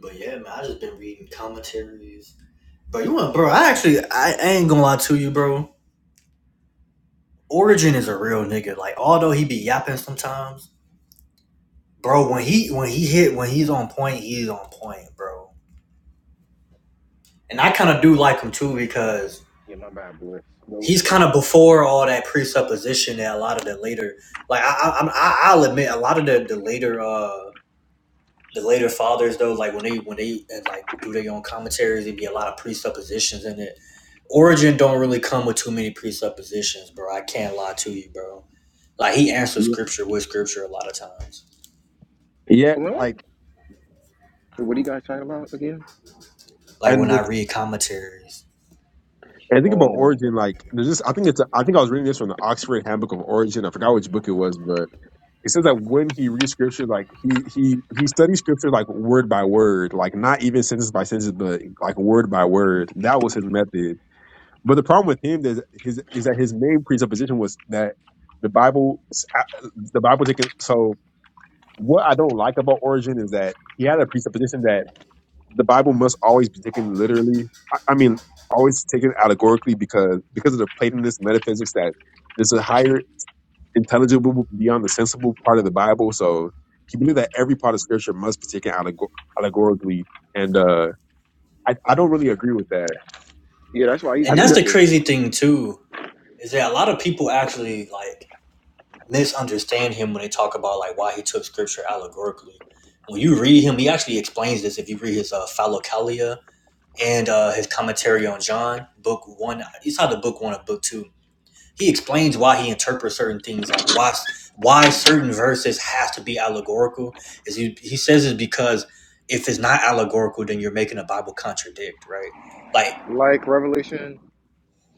B: but yeah, man, I just been reading commentaries Bro, you want, bro? I actually, I, ain't gonna lie to you, bro. Origin is a real nigga. Like, although he be yapping sometimes, bro. When he when he hit when he's on point, he's on point, bro. And I kind of do like him too because
A: Yeah, my bad, boy. So,
B: he's kind of before all that presupposition that a lot of the later, like I, I, I'm- I i will admit, a lot of the the later uh the later fathers though, like when they when they uh, like do their own commentaries, there be a lot of presuppositions in it. Origin don't really come with too many presuppositions, bro. I can't lie to you, bro. Like he answers
I: Yeah,
B: scripture with scripture a lot of times.
I: yeah
A: well,
I: like
A: what are you guys talking about again?
B: Like
I: and
B: when I
I: this
B: read commentaries.
I: and think about
A: Oh,
I: origin. Like there's this. I think it's. a- I think I was reading this from the Oxford Handbook of Origin. I forgot which book it was, but it says that when he reads scripture, like he he he studies scripture like word by word, like not even sentence by sentence, but like word by word. That was his method. But the problem with him is his is that his main presupposition was that the Bible uh, the Bible taken. So what I don't like about Origin is that he had a presupposition that the Bible must always be taken literally. I, I mean, always taken allegorically because because of the Platonist metaphysics that there's a higher intelligible beyond the sensible part of the Bible. So he believed that every part of Scripture must be taken allegor- allegorically, and uh, I I don't really agree with that.
A: yeah, that's why he's
I: I
B: And
I: think
B: that's
I: that
B: the
A: irritated.
B: crazy thing too, is that a lot of people actually like misunderstand him when they talk about like why he took scripture allegorically. When you read him, he actually explains this if you read his uh Philokalia and uh his commentary on John, book one it's either book one or book two he explains why he interprets certain things like why why certain verses has to be allegorical is he, he says it's because if it's not allegorical then you're making the bible contradict right like
A: Like Revelation,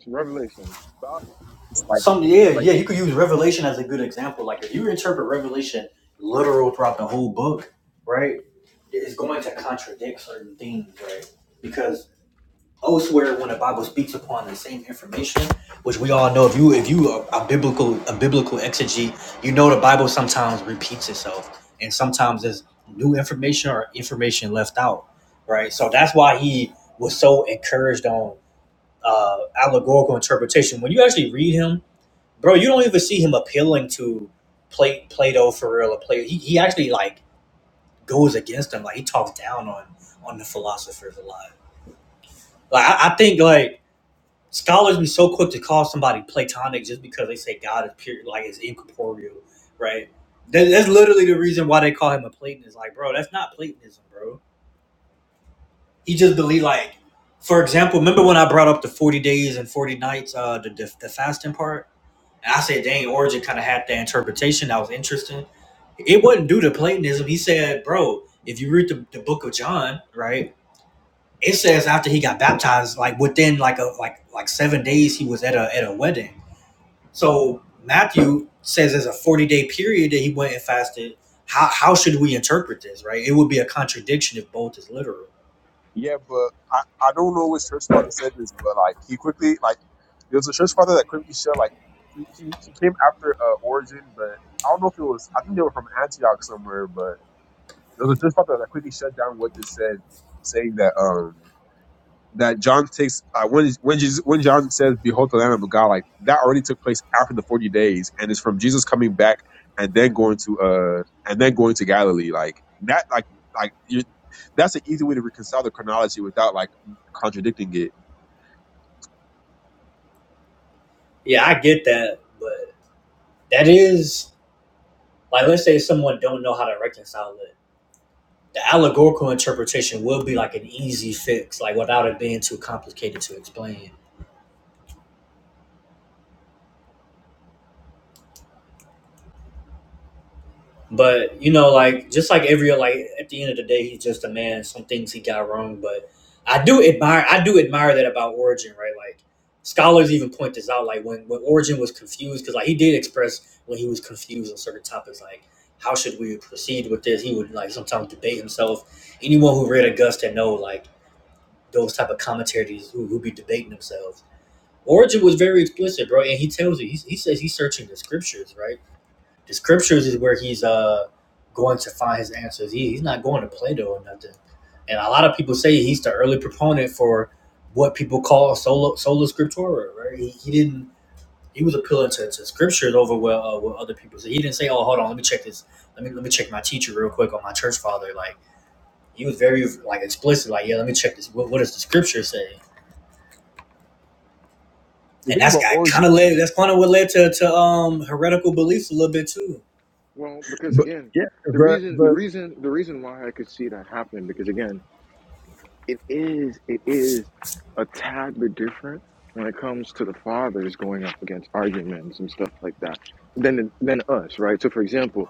A: Revelations.
I: about it's like
B: some yeah
I: like
B: yeah you could use revelation as a good example like if you interpret revelation literal throughout the whole book right it's going to contradict certain things right because elsewhere when the Bible speaks upon the same information, which we all know. If you if you are a biblical a biblical exegete, you know the Bible sometimes repeats itself, and sometimes there's new information or information left out, right? So that's why he was so encouraged on uh, allegorical interpretation. When you actually read him, bro, you don't even see him appealing to Pla- Plato for real or Plato. He, he actually like goes against him, like he talks down on on the philosophers a lot. Like I, I think like Scholars be so quick to call somebody platonic just because they say God is pure, like is incorporeal, right? That, that's literally the reason why they call him a Platonist. Like, bro, that's not Platonism, bro. He just believe like, for example, remember when I brought up the forty days and forty nights, uh, the the, the fasting part, and I said dang, Origin kind of had that interpretation that was interesting. It wasn't due to Platonism. He said, bro, if you read the, the book of John, right, it says after he got baptized, like within like a like like seven days, he was at a at a wedding so Matthew says there's a 40 day period that he went and fasted. How, how should we interpret this, right? It would be a contradiction if both is literal.
I: yeah, but I I don't know which church father said this, but like he quickly like there was a church father that quickly said like he he he came after uh, Origin, but I don't know if it was I think they were from Antioch somewhere, but there was a church father that quickly shut down what they said, saying that um. that John takes uh, when when Jesus, when John says, "Behold, the Lamb of God," like that already took place after the forty days, and it's from Jesus coming back and then going to uh and then going to Galilee. Like that, like like you, that's an easy way to reconcile the chronology without like contradicting it.
B: Yeah, I get that, but that is like let's say someone don't know how to reconcile it. The allegorical interpretation will be like an easy fix, like without it being too complicated to explain. But you know, like just like every like at the end of the day, he's just a man. Some things he got wrong, but I do admire I do admire that about Origin, right? Like scholars even point this out, like when when Origin was confused, because like he did express when he was confused on certain topics, like how should we proceed with this? He would like sometimes debate himself. Anyone who read Augusta know like those type of commentaries who who be debating themselves. Origin was very explicit, bro, and he tells you he, he says he's searching the scriptures, right? The scriptures is where he's uh going to find his answers. He, he's not going to Plato or nothing. And a lot of people say he's the early proponent for what people call solo solo scriptura. Right? He, he didn't. He was appealing to, to scriptures over what, uh, what other people said. He didn't say, "Oh, hold on, let me check this. Let me let me check my teacher real quick or my church father." Like he was very like explicit. Like, yeah, let me check this. What, what does the scripture say?
I: The
B: And
I: thing
B: that's
I: about
B: got kind
I: origin,
B: of led. That's kind of what led to to um heretical beliefs a little bit too.
A: Well, because
I: but
A: again,
I: yeah,
A: the
I: but,
A: reason, the
I: but
A: reason, the reason why I could see that happening, because again, it is, it is a tad bit different when it comes to the fathers going up against arguments and stuff like that than than us, right? So, for example.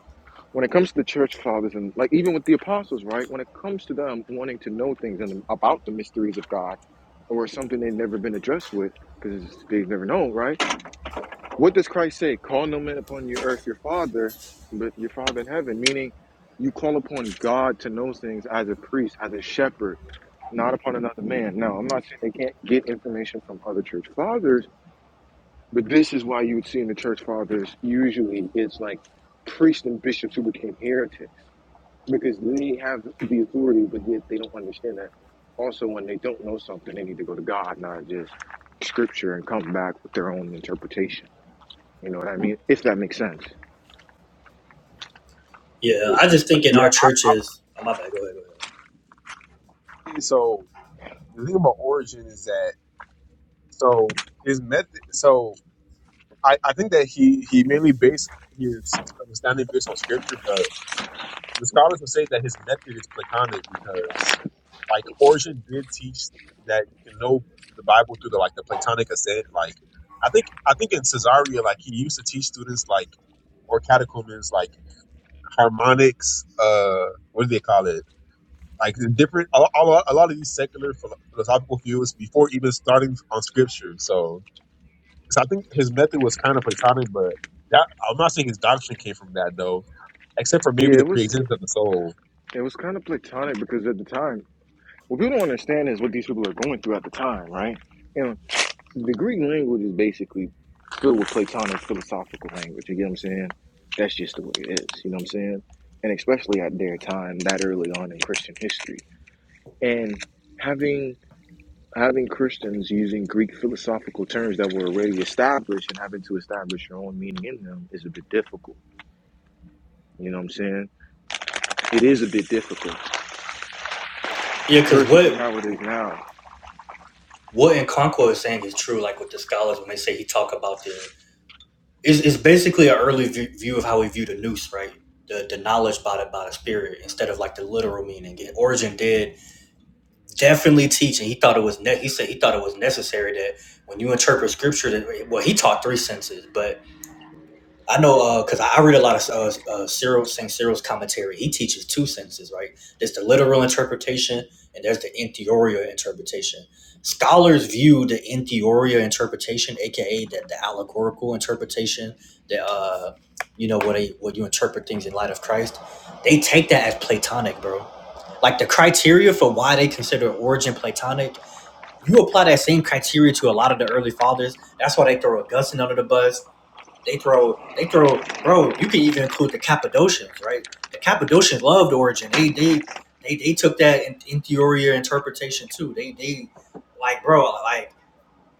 A: when it comes to the church fathers and like even with the apostles, right? When it comes to them wanting to know things and about the mysteries of God or something they've never been addressed with because they've never known, right? What does Christ say? Call no man upon your earth your father, but your father in heaven, meaning you call upon God to know things as a priest, as a shepherd, not upon another man. Now, I'm not saying they can't get information from other church fathers, but this is why you would see in the church fathers usually it's like priests and bishops who became heretics because they have the authority, but yet they don't understand that. Also, when they don't know something, they need to go to God, not just scripture, and come back with their own interpretation. You know what I mean? If that makes sense.
B: Yeah, I just think in
I: yeah.
B: our churches. Oh my bad. Go ahead. Go ahead.
I: I think so the thing about origin is that so his method. So I I think that he he mainly based his understanding based on scripture, but. The scholars would say that his method is Platonic because, like, Origin did teach that you can know the Bible through the like the Platonic ascent. Like, I think I think in Caesarea, like he used to teach students like or catechumens like harmonics. Uh, what do they call it? Like the different a, a, lot- a lot of these secular philo- philosophical fields before even starting on scripture. So, so I think his method was kind of Platonic, but that I'm not saying his doctrine came from that though, except for maybe
A: Yeah,
I: the
A: it was
I: preexistence of the soul.
A: it was kind of platonic because at the time, what people don't understand is what these people are going through at the time, right? You know, the Greek language is basically filled with platonic philosophical language. You get what I'm saying? That's just the way it is. You know what I'm saying? And especially at their time, that early on in Christian history, and having having Christians using Greek philosophical terms that were already established and having to establish your own meaning in them is a bit difficult. You know what I'm saying? It is a bit difficult
B: Yeah, because
A: versus in
B: what
A: how it is now.
B: what in Concord is saying is true. Like with the scholars when they say he talk about the is is basically an early view, view of how we view the noose, right? The the knowledge by the by the spirit instead of like the literal meaning. And Origin did definitely teach, and he thought it was ne- he said he thought it was necessary that when you interpret scripture, that well he taught three senses, but I know because I I read a lot of uh, uh, Cyril Saint Cyril's commentary. He teaches two senses, right? There's the literal interpretation, and there's the entheoria interpretation. Scholars view the entheoria interpretation, aka the, the allegorical interpretation, that uh, you know what they what you interpret things in light of Christ. They take that as Platonic, bro. Like the criteria for why they consider origin Platonic. You apply that same criteria to a lot of the early fathers. That's why they throw Augustine under the bus they throw, they throw, bro. You can even include the Cappadocians, right? The Cappadocians loved Origin. They, they, they, they took that in, interior interpretation too. They, they, like, bro, like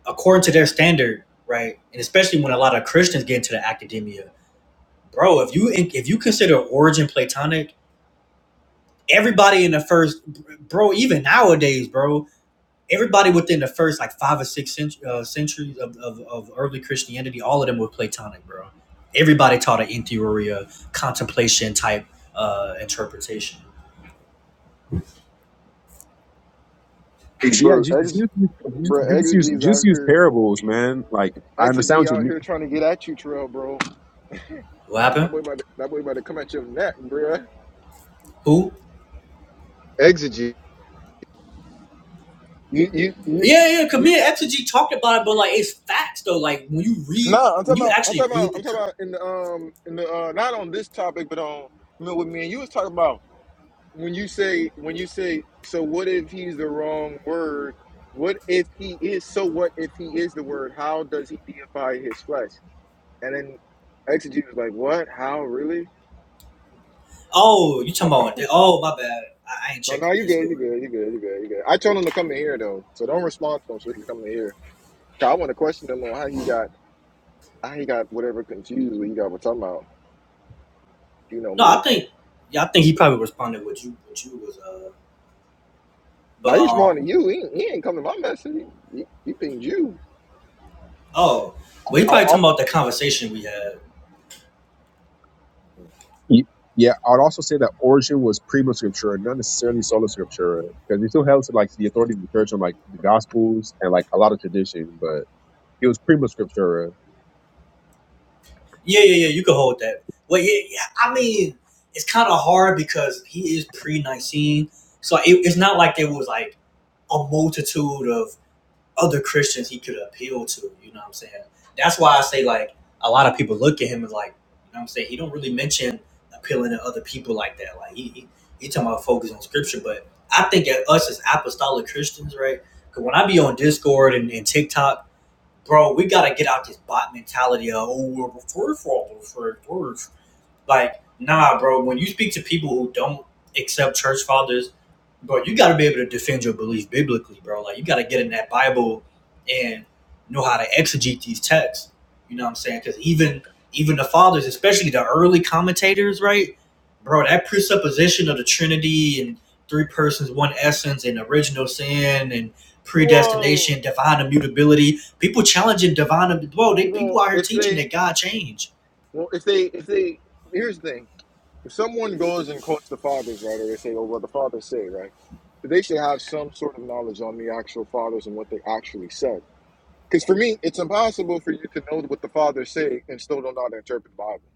B: according to their standard, right? And especially when a lot of Christians get into the academia, bro. If you if you consider Origin Platonic, everybody in the first, bro, even nowadays, bro, everybody within the first like five or six cent- uh, centuries of, of, of early Christianity, all of them were Platonic, bro. Everybody taught an in theoria contemplation type uh, interpretation.
I: Like, Yeah,
A: Bro,
I: just just
A: ex
I: use just
A: bro,
I: just use
A: exege's
I: just
A: out
I: use
A: here
I: parables, man. Like I understand
A: exege
I: what you
A: out
I: mean.
A: here trying to get at you, Terrell, bro.
B: What happened?
A: That boy about to, that boy about to come at your neck, bro.
B: Who?
A: Exegete. You you you
B: Yeah, yeah. Cause me and Exegete talked about it, but like it's facts though. Like when you read,
A: Nah, I'm
B: when
A: talking
B: you
A: about I'm
B: actually
A: talking about
B: read the.
A: I'm talking
B: Con-
A: about in the um in the uh not on this topic but on you know, what me and you was talking about. when you say when you say so what if he's the wrong word what if he is so what if he is the word how does he deify his flesh and then exegete was like what how really
B: oh, you talking
A: no
B: about? Oh, my bad. I, I ain't
A: no
B: checked
A: no,
B: the
A: you good you
B: Discord.
A: good you good you good you good i told him to come in here though so don't respond to him so he can come in here 'Cause i want to question him on how he got how he got whatever confused what he got what talking about you know
B: No, I
A: me
B: think. Yeah, I think he probably responded what you what you was uh. But
A: now he's
B: um.
A: responding to you he, he ain't come to my message he, he, he pinged you
B: Oh,
I: I-
B: well, he
I: I'll
B: probably talking
I: also,
B: about the conversation we had.
I: y- yeah, I'd also say that origin was prima scriptura, not necessarily sola scriptura, because he still held to like the authority of the church on like the gospels and like a lot of tradition, but it was prima scriptura.
B: Yeah, yeah, yeah. You could hold that. Well, yeah, yeah. I mean, it's kind of hard because he is pre Nicene, so it, it's not like there was like a multitude of other Christians he could appeal to. You know what I'm saying? That's why I say like a lot of people look at him and like, you know what I'm saying? He don't really mention appealing to other people like that. Like he he, he talking about focus on scripture, but I think at us as apostolic Christians, right? Because when I be on Discord and, and TikTok bro, we gotta get out this bot mentality of oh we're the first fathers, first fathers." Like, nah, bro. When you speak to people who don't accept church fathers bro, you got to be able to defend your belief biblically, bro. Like you got to get in that Bible and know how to exegete these texts. You know what I'm saying? Because even even the fathers, especially the early commentators, right, bro, that presupposition of the Trinity and three persons, one essence, and original sin and
A: well
B: predestination, divine immutability. People challenging divine, bro. They people
A: well
B: out here
A: if
B: teaching
A: they
B: that God changed.
A: Well, if they, if they, here's the thing: if someone goes and quotes the fathers, right, or they say, "Oh, well, the fathers say," right, they should have some sort of knowledge on the actual fathers and what they actually said. Because for me, it's impossible for you to know what the fathers say and still don't know how to interpret the Bible.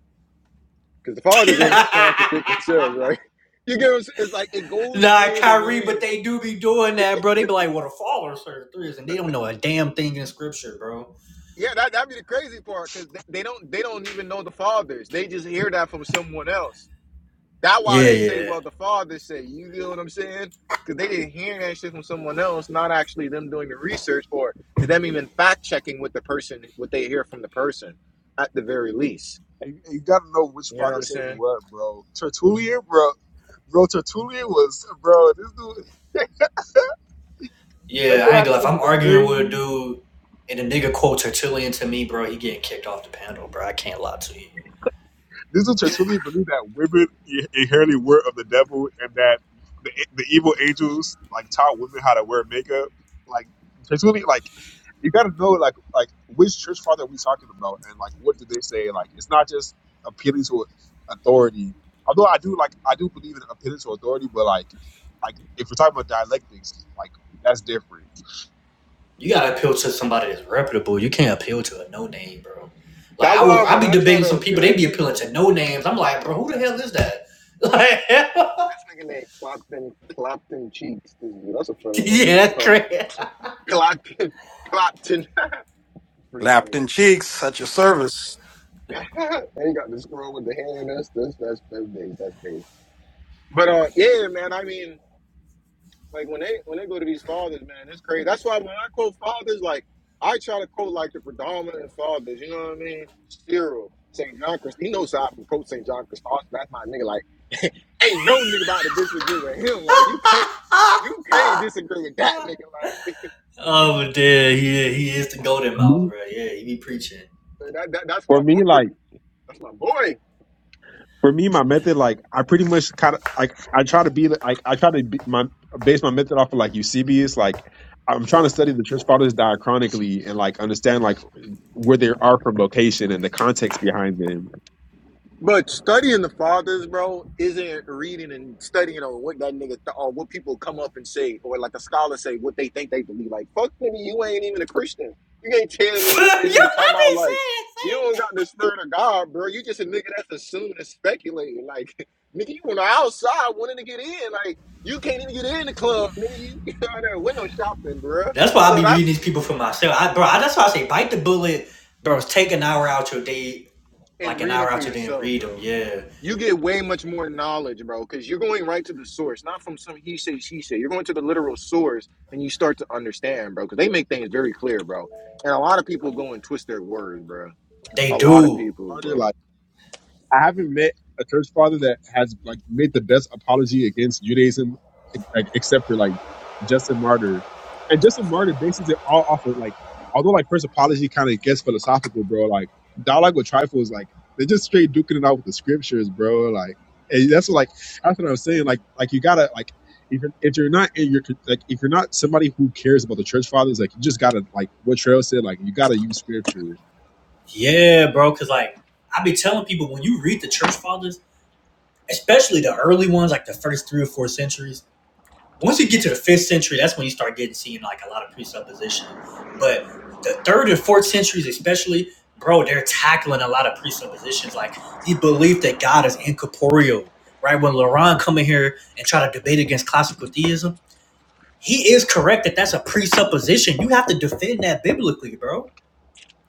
A: Because the fathers ain't going to
B: [laughs]
A: contradict themselves, right? [laughs] You get what I'm saying? It's like it goes
B: Nah,
A: hand in
B: Kyrie, but
A: hand.
B: they do be doing that, bro. They be like, "What a follower scripture is," and they don't know a damn thing in scripture, bro.
A: Yeah, that that'd be the crazy part because they, they don't they don't even know the fathers. They just hear that from someone else. That's why
B: Yeah,
A: they say,
B: yeah,
A: well, the father said, you know what I'm saying? Because they didn't hear that shit from someone else, not actually them doing the research or them even fact checking with the person, what they hear from the person at the very least.
I: You, you gotta know which
A: You know what
I: father
A: I'm
I: says
A: saying?
I: what, bro. Tertullian, bro, bro. Tertullian was, bro. This dude, [laughs] that
B: yeah.
I: dude
B: I ain't
I: had
B: gonna. lie. If
I: some
B: I'm
I: of the
B: arguing with a
I: crazies.
B: dude and a nigga quote Tertullian to me, bro, he getting kicked off the panel, bro. I can't lie to you.
I: Doesn't Tertullian believe that women i- inherently were of the devil and that the, the evil angels like taught women how to wear makeup? Like Tertullian, like you got to know like like which church father are we talking about and like what did they say? Like it's not just appealing to authority. Although I do like I do believe in appealing to authority, but like like if we're talking about dialectics, like that's different.
B: You gotta appeal to somebody that's reputable. You can't appeal to a no name, bro. Like
A: That's
B: I was,
A: why
B: I
A: when
B: be
A: I try
B: debating
A: to
B: some people.
A: appeal
B: They
A: to
B: be appealing
A: people,
B: to no names. I'm like, bro, who the hell is that? Like, [laughs] yeah, that's crazy.
A: clocked, clocked. [laughs]
H: Lapped in cheeks at your service.
A: But uh, yeah, man, I mean, Like when they when they go to these fathers, man, it's crazy. That's why when I quote fathers, like I try to quote like the predominant fathers. You know what I mean? Cyril, St. John Christ. He knows how I can quote St. John Christopher. That's my nigga. Like, [laughs] ain't no nigga about to disagree with him. Like, you can't, you can't disagree with that
B: [laughs]
A: nigga. Like,
B: Oh, but yeah, he he is the golden
I: For
B: mouth,
I: me,
B: bro. Yeah, he be preaching.
A: [laughs] that, that that's
I: for
A: my boy.
I: me, like.
A: That's my boy.
I: for me, my method, like I pretty much kind of like I try to be like I try to be my base my method off of like Eusebius. Like I'm trying to study the church fathers diachronically and like understand like where they are from location and the context behind them.
A: But studying the fathers, bro, isn't reading and studying on what that nigga th- or what people come up and say, or like a scholar say what they think they believe. Like, fuck nigga, you ain't even a Christian. You can't tell me
B: [laughs] Yo,
A: what
B: I been
A: this nigga talking about. Like,
B: saying.
A: you don't got the spirit of God, bro. You just a nigga that's assuming and speculating. Like, [laughs] nigga, you on the outside wanting to get in. Like, you can't even get in the club, nigga. You, [laughs] you out there window shopping, bro.
B: That's why I
A: So
B: be reading
A: that's
B: these people for myself. I, bro, that's why I say bite the bullet, bro. Take an hour out your day,
A: and
B: like an
A: reading
B: hour
A: for
B: out your day, and
A: yourself,
B: read them.
A: bro.
B: Yeah,
A: you get way much more knowledge, bro, because you're going right to the source, not from some he say, she say. You're going to the literal source and you start to understand, bro, because they make things very clear, bro. And a lot of people go and twist their words, bro.
B: they
A: A lot of
B: do.
A: people, bro.
I: I haven't met a church father that has like made the best apology against Judaism, e, like except for like Justin Martyr, and Justin Martyr bases it all off of like, although like first apology kind of gets philosophical, bro. Like dialogue with trifle is like they're just straight duking it out with the scriptures, bro. Like and that's what, like that's what I'm saying. Like like you gotta like if you're, if you're not in your like if you're not somebody who cares about the church fathers, like you just gotta like what Trail said, like you gotta use scripture.
B: Yeah, bro. Cause like I be telling people when you read the church fathers, especially the early ones, like the first three or four centuries, Once you get to the fifth century, that's when you start getting seeing like a lot of presupposition. But the third and fourth centuries, especially, bro, they're tackling a lot of presuppositions, like the belief that God is incorporeal. Right when Laurent come in here and try to debate against classical theism, he is correct that that's a presupposition. You have to defend that biblically, bro.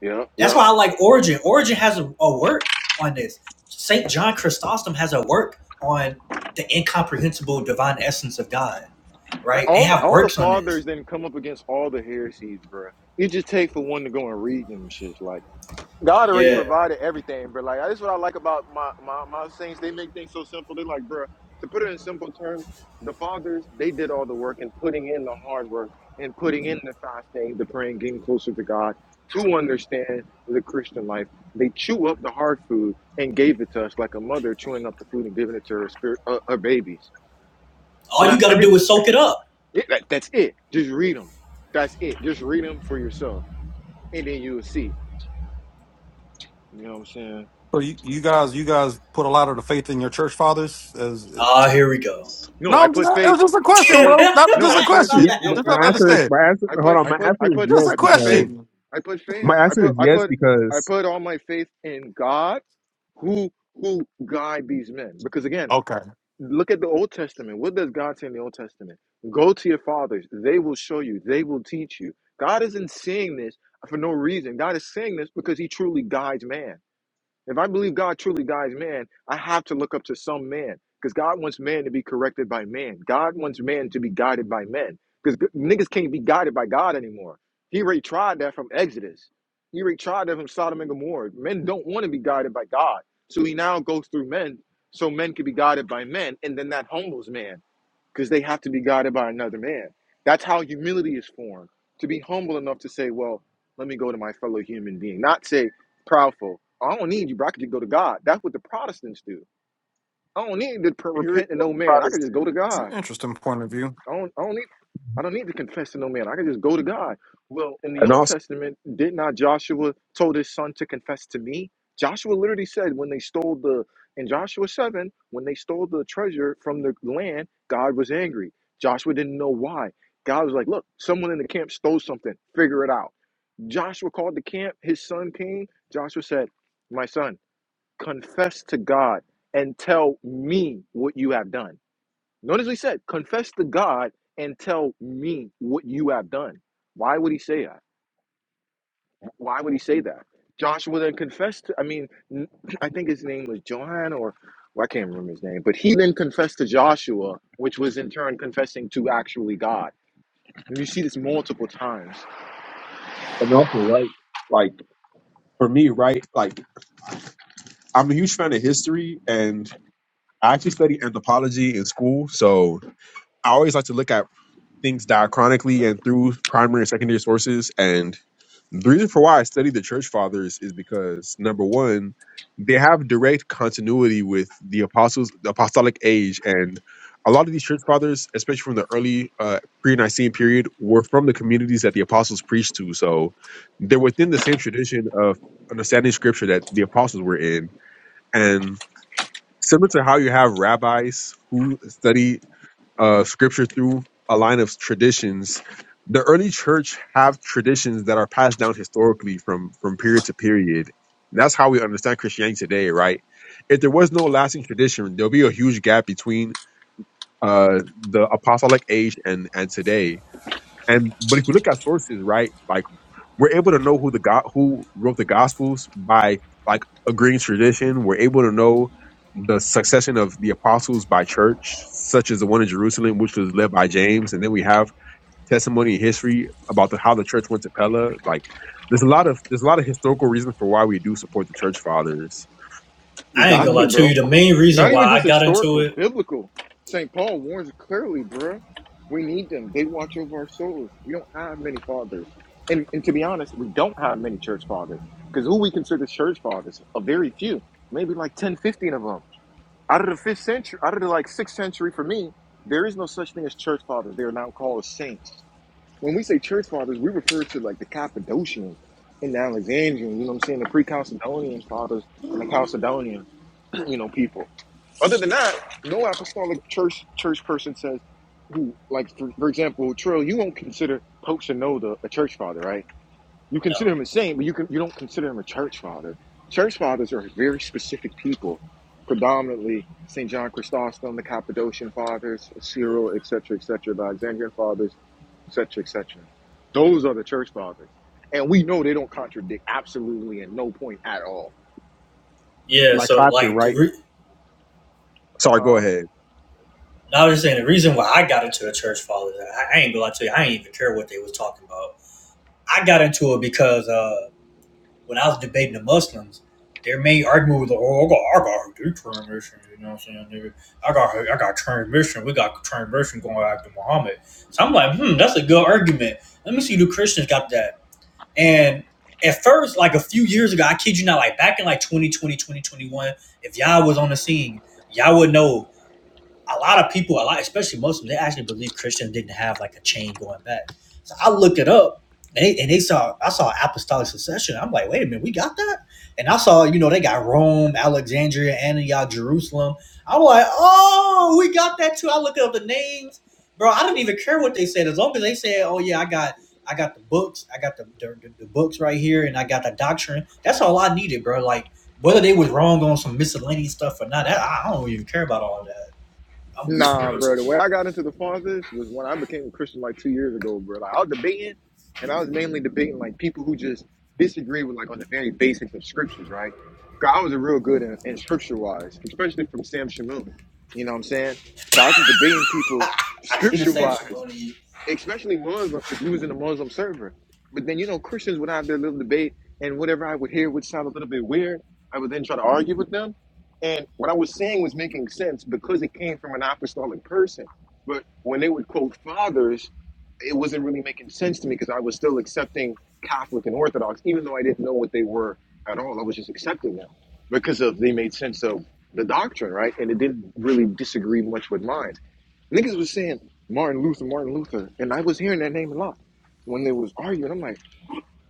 A: Yeah,
B: That's
A: yeah.
B: why I like Origin. Origin has a, a work on this. Saint John Chrysostom has a work on the incomprehensible divine essence of God
A: Like
B: right? They
A: all
B: have
A: all the
B: works on this.
A: fathers then come up against all the heresies, bro. It just takes for one to go and read them shit. Like, God already
B: Yeah.
A: provided everything, but like that's what I like about my my my saints. They make things so simple. They like, bro, to put it in simple terms, the fathers they did all the work and putting in the hard work and putting in the fasting, the praying, getting closer to God to understand the Christian life. They chew up the hard food and gave it to us like a mother chewing up the food and giving it to her spirit, uh, her babies. So
B: All
A: now
B: you gotta
A: every
B: do is soak it up.
A: it, that, that's it. Just read them. That's it. Just read them for yourself, and then you'll see. You know what I'm saying?
H: so you, you guys you guys put a lot of the faith in your church fathers as
B: Ah, uh, here we go.
A: No,
H: no
A: I
H: I'm just,
A: put
H: it was
A: faith.
H: just a
B: [laughs]
A: I
H: question
A: put
H: bro
B: My
H: not
A: no.
H: just
A: I
H: a
A: put
I: Yeah,
H: question
I: m-
A: no.
B: bad,
H: just
B: bro.
H: not
I: my
A: I
I: answer
A: put.
I: is
H: understand
I: my answer.
A: I
I: Hold
A: put.
I: on,
A: I
I: my
A: put.
I: answer
A: I
I: is
A: put.
H: just
I: yes
H: a
A: I put
I: because
A: faith.
H: question
A: I put faith.
I: my
A: I
I: answer
A: put.
I: is
A: I
I: yes
A: put. I
I: because
A: put all my faith in God, who who guide these men. Because again,
H: okay
A: look at the Old Testament. What does God say in the Old Testament? Go to your fathers; they will show you. They will teach you. God isn't saying this for no reason. God is saying this because He truly guides man. If I believe God truly guides man, I have to look up to some man because God wants man to be corrected by man. God wants man to be guided by men because niggas can't be guided by God anymore. He already tried that from Exodus. He already tried that from Sodom and Gomorrah. Men don't want to be guided by God. So he now goes through men so men can be guided by men. And then that humbles man because they have to be guided by another man. That's how humility is formed to be humble enough to say, Well, let me go to my fellow human being, not say, Proudful, I don't need you, bro. I could just go to God. That's what the Protestants do. I don't need to
I: here is
A: repent to
I: what
A: no
I: i
A: man. I could just
I: Protestant,
A: go to God.
H: interesting point of view
A: I don't, I don't need I don't need to confess to no man. I can just go to God. Well, in the
I: and
A: Old
I: also
A: Testament, did not Joshua told his son to confess to me? Joshua literally said when they stole the in Joshua 7, when they stole the treasure from the land, God was angry. Joshua didn't know why. God was like, "Look, someone in the camp stole something. Figure it out." Joshua called the camp. His son came. Joshua said, "My son, confess to God and tell me what you have done." Notice what he said, confess to God and tell me what you have done. Why would he say that? Why would he say that? Joshua then confessed, to, I mean, [clears throat] I think his name was Johan or well, I can't remember his name, but he then confessed to Joshua, which was in turn confessing to actually God. And you see this multiple times.
I: and also like like for me, right? Like I'm a huge fan of history, and I actually study anthropology in school, so I always like to look at things diachronically and through primary and secondary sources. And the reason for why I study the church fathers is because number one, they have direct continuity with the apostles, the apostolic age, and a lot of these church fathers, especially from the early uh, pre-Nicene period, were from the communities that the apostles preached to. So they're within the same tradition of understanding scripture that the apostles were in, and similar to how you have rabbis who study uh, scripture through a line of traditions. The early church have traditions that are passed down historically from from period to period. And that's how we understand Christianity today, right? If there was no lasting tradition, there'll be a huge gap between uh, the apostolic age and and today. And but if you look at sources, right, like we're able to know who the God who wrote the Gospels by like agreeing tradition. We're able to know the succession of the apostles by church, such as the one in Jerusalem, which was led by James, and then we have testimony and history about the, how the church went to Pella. Like, there's a lot of there's a lot of historical reasons for why we do support the church fathers.
A: We
B: I ain't
H: let
A: got
B: gonna
H: me
B: lie
A: to,
B: to
A: bro.
B: you. The main reason
A: Not even
B: why I
A: just
B: got into
A: historical,
B: it,
A: biblical. St. Paul warns clearly, bruh. We need them. They watch over our souls. We don't have many fathers. And, and to be honest, we don't have many church fathers. Because who we consider church fathers? A very few. Maybe like 10, 15 of them. Out of the fifth century, out of the like sixth century for me, there is no such thing as church fathers. They are now called saints. When we say church fathers, we refer to like the Cappadocians and the Alexandrians, you know what I'm saying? The pre Chalcedonian fathers and the Chalcedonian, [clears throat] you know, people. Other than that, no apostolic church church person says who like for, for example, Trill, you won't consider Pope Shinoda a church father, right? You consider
B: no,
A: him a saint, but you can you don't consider him a church father. Church fathers are very specific people, predominantly St. John Chrysostom, the Cappadocian fathers,
B: yeah.
A: Cyril, etc., etc., the Alexandrian fathers, etc., etc. Those are the church fathers, and we know they don't contradict absolutely at no point at all.
B: Yeah,
I: Like
B: So
I: Clapton,
B: like, the
I: right?
B: re-
I: Sorry, go
A: Huh?
I: ahead.
B: now I'm just saying the reason why I got into the church fathers, I, I ain't gonna lie to you. I ain't even care what they was talking about. I got into it because uh, when I was debating the Muslims, their main argument was, like, "Oh, I got, I got their transmission." You know what I'm saying, nigga? I got, I got transmission. We got transmission going after Muhammad. So I'm like, hmm, that's a good argument. Let me see, do Christians got that? And at first, like a few years ago, I kid you not, like back in like 2020, 2021, if y'all was on the scene, y'all would know a lot of people, a lot, especially Muslims, they actually believe Christians didn't have like a chain going back. So I looked it up, and they, and they saw I saw apostolic succession. I'm like, wait a minute, we got that? And I saw, you know, they got Rome, Alexandria, Antioch, Jerusalem. I'm like, oh, we got that too. I looked up the names, bro. I didn't even care what they said as long as they said, oh yeah, I got. I got the books. I got the, the, the books right here, and I got the doctrine. That's all I needed, bro. Like whether they was wrong on some miscellaneous stuff or not, that, I don't even care about all that. I'm gonna be for
A: Nah,
B: real to
A: bro. The way
B: you.
A: I got into the fathers was when I became a Christian like two years ago, bro. Like I was debating, and I was mainly debating like people who just disagree with like on the very basics of scriptures, right? God was a real good in, in scripture wise, especially from Sam Shamoon. You know what I'm saying? So I was just debating people
B: I see the
A: scripture
B: same shit
A: wise
B: on you.
A: especially Muslim, because we was in a Muslim server. But then you know Christians would have their little debate, and whatever I would hear would sound a little bit weird. I would then try to argue with them, and what I was saying was making sense because it came from an apostolic person. But when they would quote fathers, it wasn't really making sense to me because I was still accepting Catholic and Orthodox, even though I didn't know what they were at all. I was just accepting them because of they made sense of the doctrine, right? And it didn't really disagree much with mine. Niggas was saying Martin Luther, Martin Luther, and I was hearing that name a lot when they was arguing. I'm like,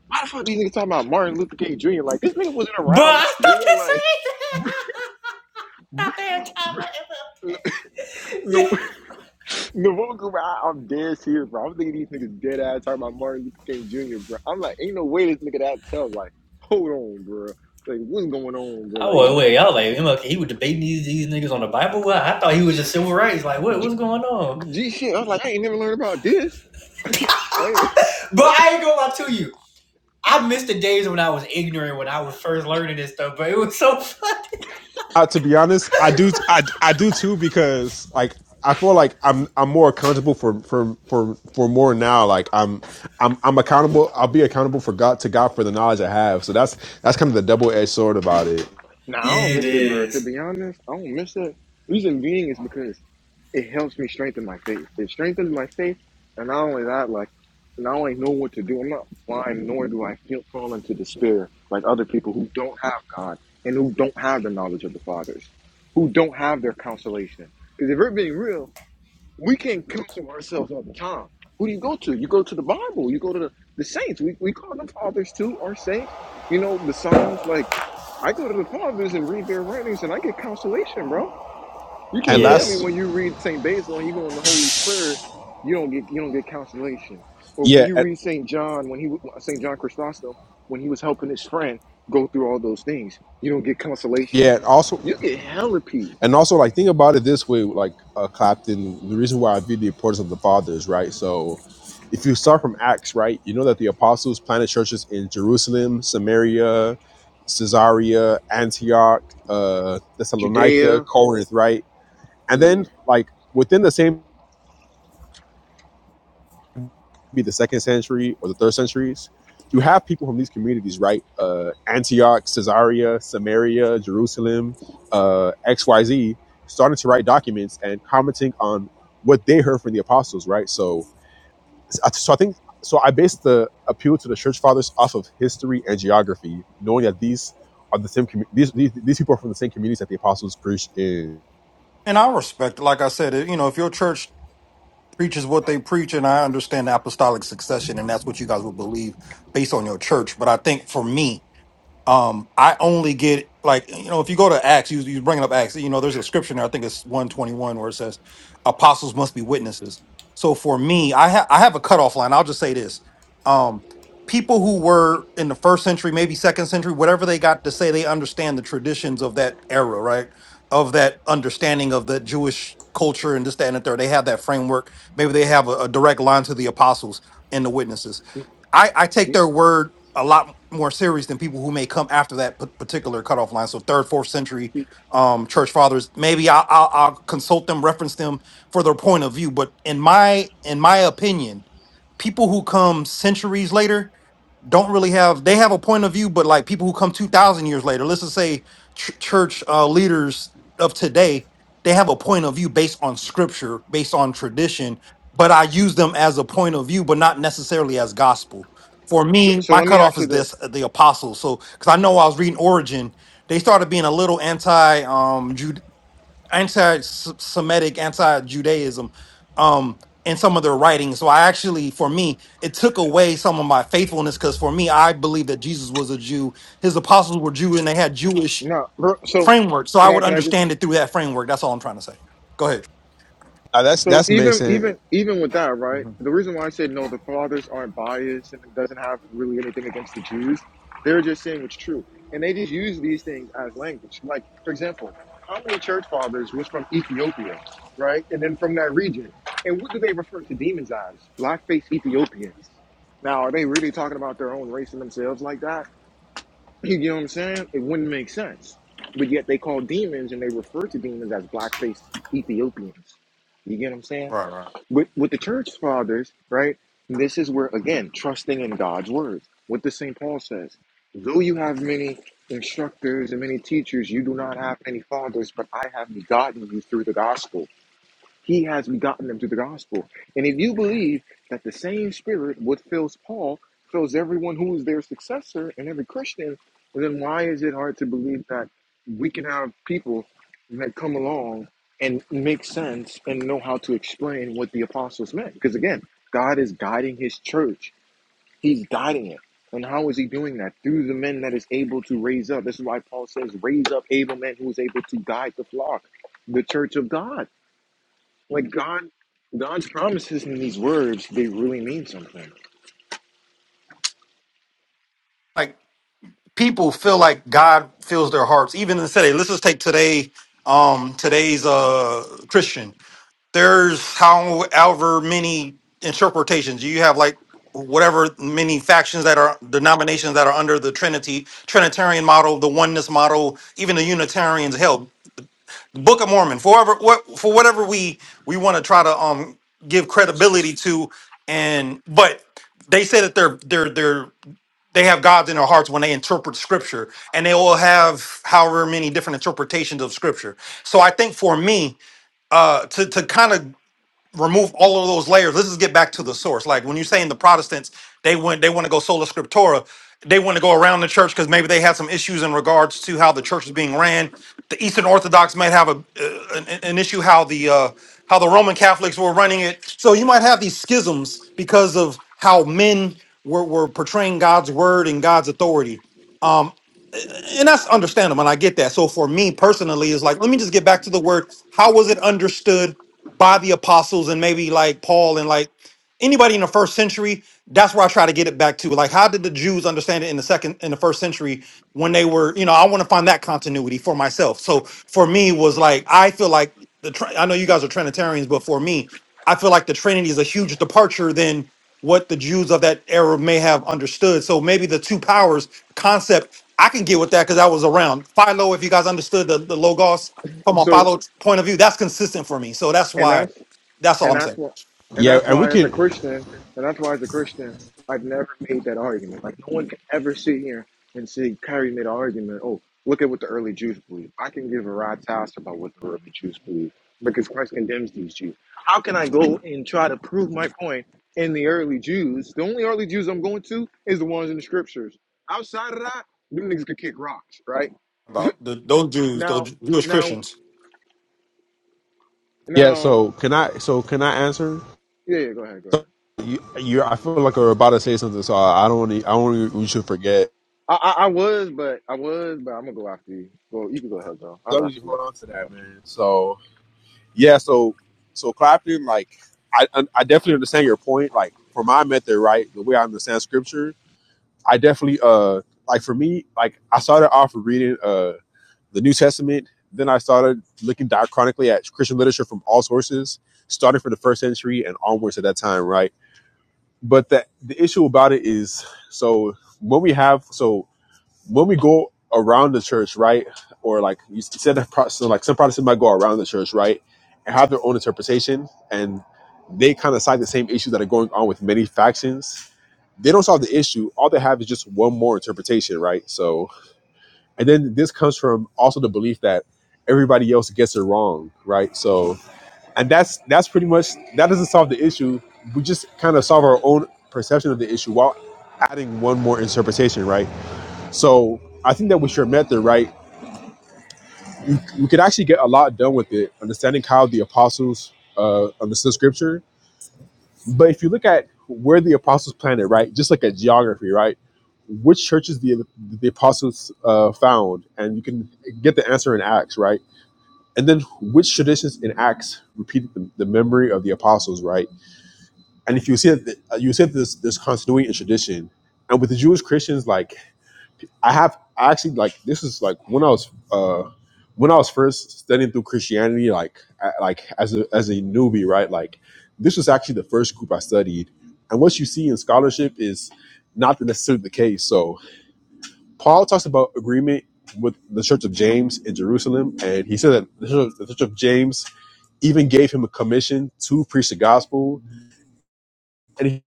A: why the fuck these niggas talking about Martin Luther King Jr.? Like this nigga wasn't
B: Bro,
A: around
B: I
A: back
B: thought the
A: then.
B: same
A: Like
B: thing. [laughs] I thought they were talking
A: [laughs]
B: about
A: the
B: MLK.
A: the one group I, I'm dead serious, bro. I'm thinking these niggas dead ass talking about Martin Luther King Jr. Bro, I'm like, ain't no way this nigga that tough. Like, hold on, bro. Like what's going on, bro?
B: I
A: Like
B: was
A: he
B: [laughs] wait,
A: called
B: I was like, MLK, he was debating these, these niggas on the Bible. Well, I thought he was just civil rights. Like, what
A: G,
B: what's going on?
A: G shit. I was like, I ain't never learned about this. I ain't, [laughs]
B: But
A: I,
B: I ain't gonna lie to you. I missed the days when I was ignorant when I was first learning this stuff, but it was so fun.
I: Uh, to be honest, I do, I, I do too because like I feel like I'm I'm more accountable for for for for more now. Like I'm I'm I'm accountable. I'll be accountable for God to God for the knowledge I have. So that's that's kind of the double edged sword about it.
A: nah, I don't
B: Yeah, it
A: miss it, bro. To
B: is.
A: be honest, I don't miss it. Reason being is because it helps me strengthen my faith. It strengthens my faith, and not only that, like now I know what to do. I'm not blind, nor do I feel fall into despair like other people who don't have God and who don't have the knowledge of the fathers, who don't have their consolation. Because if we're being real, we can't counsel ourselves all the time. Who do you go to? You go to the Bible. You go to the, the saints. We, we call them fathers too, our saints. You know, the Psalms. Like, I go to the fathers and read their writings and I get consolation, bro you
I: And
A: can't tell
B: Yeah,
A: me
I: last,
A: when you read St. Basil and you go in the Holy Spirit, you don't get you don't get consolation. Or when
I: yeah,
A: you
I: and-
A: read St. John, when he St. John Chrysostom, when he was helping his friend go through all those things, you don't get consolation.
I: yeah. And also,
A: You get hella peace.
I: And also, like, think about it this way, like uh, Clapton. The reason why I view the importance of the fathers, right? So, if you start from Acts, right, you know that the apostles planted churches in Jerusalem, Samaria, Caesarea, Antioch, uh, Thessalonica,
A: Judea,
I: Corinth, right? And then,
A: everywhere.
I: like, within the same be the second century or the third centuries, you have people from these communities, right? Uh, Antioch, Caesarea, Samaria, Jerusalem, uh, XYZ, starting to write documents and commenting on what they heard from the apostles, right? So, so I think, so I based the appeal to the church fathers off of history and geography, knowing that these are the same, commu- these, these, these people are from the same communities that the apostles preached in.
H: and I respect like I said you know if your church preaches what they preach and I understand the apostolic succession and that's what you guys will believe based on your church but I think for me um i only get like you know if you go to acts you you bringing up acts you know there's a scripture in there i think it's 121 where it says apostles must be witnesses so for me i have i have a cutoff line i'll just say this um people who were in the first century maybe second century whatever they got to say they understand the traditions of that era right of that understanding of the jewish culture and this that and the third they have that framework maybe they have a, a direct line to the apostles and the witnesses I, I take their word a lot more serious than people who may come after that p- particular cutoff line. So third, fourth century um, church fathers. Maybe I'll, I'll, I'll consult them, reference them for their point of view. But in my in my opinion, people who come centuries later don't really have they have a point of view but like people who come 2000 years later let's just say ch- church uh, leaders of today they have a point of view based on scripture based on tradition but
A: So,
H: i use them as a point of view but not necessarily as gospel for
A: so,
H: me
A: so
H: my
A: let me
H: cutoff
A: ask you
H: is
A: this.
H: this uh, the apostles so because i know i was reading origin they started being a little anti-Judaic anti-Semitic, anti-Judaism um, in some of their writings. So I actually, for me, it took away some of my faithfulness because for me, I believe that Jesus was a Jew. His apostles were Jew, and they had Jewish
A: No, bro, so
H: framework. So I
A: can I
H: would
A: can I just
H: understand it through that framework. That's all I'm trying to say. Go ahead.
I: Uh, that's,
A: So
I: that's makes
A: even
I: sense.
A: even even with that, right?
H: Mhm.
A: The reason why I said no, the fathers aren't biased and it doesn't have really anything against the Jews. They're just saying what's true, and they just use these things as language. Like for example, how many church fathers was from Ethiopia, right? And then from that region, and what do they refer to demons as? Black-faced Ethiopians. Now, are they really talking about their own race and themselves like that? [clears throat] You know what I'm saying? It wouldn't make sense. But yet they call demons and they refer to demons as black-faced Ethiopians. You get what I'm saying?
H: Right, right.
A: with with the church fathers, right? This is where again trusting in God's word. What the Saint Paul says: though you have many instructors and many teachers, you do not have any fathers. But I have begotten you through the gospel. He has begotten them through the gospel. And if you believe that the same spirit, what fills Paul, fills everyone who is their successor and every Christian, then why is it hard to believe that we can have people that come along and make sense and know how to explain what the apostles meant? Because again, God is guiding his church, he's guiding it. And how is he doing that? Through the men that is able to raise up. This is why Paul says, raise up able men who is able to guide the flock, the church of God. Like God, God's promises in these words, they really mean something.
H: Like people feel like God fills their hearts, even in today. Let's just take today, um, today's uh Christian. there's however many interpretations you have like whatever many factions that are denominations that are under the trinity trinitarian model the oneness model even the unitarians held book of mormon forever what for whatever we we want to try to um give credibility to and but they say that they're they're they're they have gods in their hearts when they interpret scripture and they all have however many different interpretations of scripture so i think for me uh to to kind of remove all of those layers. Let's just get back to the source. Like when you're saying the Protestants, they went they want to go sola scriptura. They want to go around the church because maybe they had some issues in regards to how the church is being ran. The Eastern Orthodox might have a uh, an, an issue how the uh, how the Roman Catholics were running it. So you might have these schisms because of how men were, were portraying God's word and God's authority. Um, and that's understandable and i get that so for me personally it's like let me just get back to the word how was it understood by the apostles and maybe like Paul and like anybody in the first century. That's where I try to get it back to. Like, how did the Jews understand it in the second in the first century when they were, you know, I want to find that continuity for myself. So for me was like I feel like the Trin- I know you guys are Trinitarians, but for me, I feel like the Trinity is a huge departure than what the Jews of that era may have understood. So maybe the two powers concept, I can get with that because I was around. Philo, if you guys understood the, the Logos, from a
A: So,
H: follow point of view, that's consistent for me. So that's
A: and
H: why
A: that's
H: that's all
A: and
H: I'm
A: that's
H: saying
A: what and
I: Yeah.
A: that's
I: And we
A: why as a
I: can,
A: Christian, and that's why as a Christian, I've never made that argument. Like no one can ever sit here and say Kyrie made an argument. Oh, look at what the early Jews believe. I can give a rat's ass about what the early Jews believe because Christ condemns these Jews. How can I go and try to prove my point in the early Jews? The only early Jews I'm going to is the ones in the scriptures. Outside of that, them niggas could kick rocks, right?
H: about the, those Jews,
A: Now,
H: those Jewish
A: now,
H: Christians.
I: yeah.
A: now,
I: So can I, so can I answer?
A: yeah, yeah, go ahead, go ahead.
I: So you, you, I feel like we're about to say something, so I don't want to. I don't. wanna- We should forget.
A: I, I, I was, but I was, but I'm gonna go after you. Well, you can go ahead though. I'll
I: As
A: go
I: long as you
A: after you.
I: hold on to that, man. So yeah, so so Clapton, like I, I I definitely understand your point. Like for my method, right, the way I understand scripture, I definitely uh like for me, like I started off reading uh the New Testament, then I started looking diachronically at Christian literature from all sources, starting from the first century and onwards at that time, right. But the the issue about it is so when we have so when we go around the church, right? Or like you said that pro- so like some Protestants might go around the church, right? And have their own interpretation and they kind of cite the same issues that are going on with many factions. They don't solve the issue. All they have is just one more interpretation, right? So and then this comes from also the belief that everybody else gets it wrong, right? So and that's that's pretty much that doesn't solve the issue. We just kind of solve our own perception of the issue while adding one more interpretation, right? So I think that with your method, right, you, you could actually get a lot done with it, understanding how the apostles uh, understood scripture. But if you look at where the apostles planted, right, just like at geography, right, which churches the the apostles uh, found, and you can get the answer in Acts, right? And then which traditions in Acts repeated the, the memory of the apostles, right? And if you see that, the, you see that there's, there's continuity in tradition, and with the Jewish Christians, like I have I actually like this is like when I was uh when I was first studying through Christianity like I, like as a as a newbie right like this was actually the first group I studied and what you see in scholarship is not necessarily the case so Paul talks about agreement with the Church of James in Jerusalem and he said that the Church, the Church of James even gave him a commission to preach the gospel and he,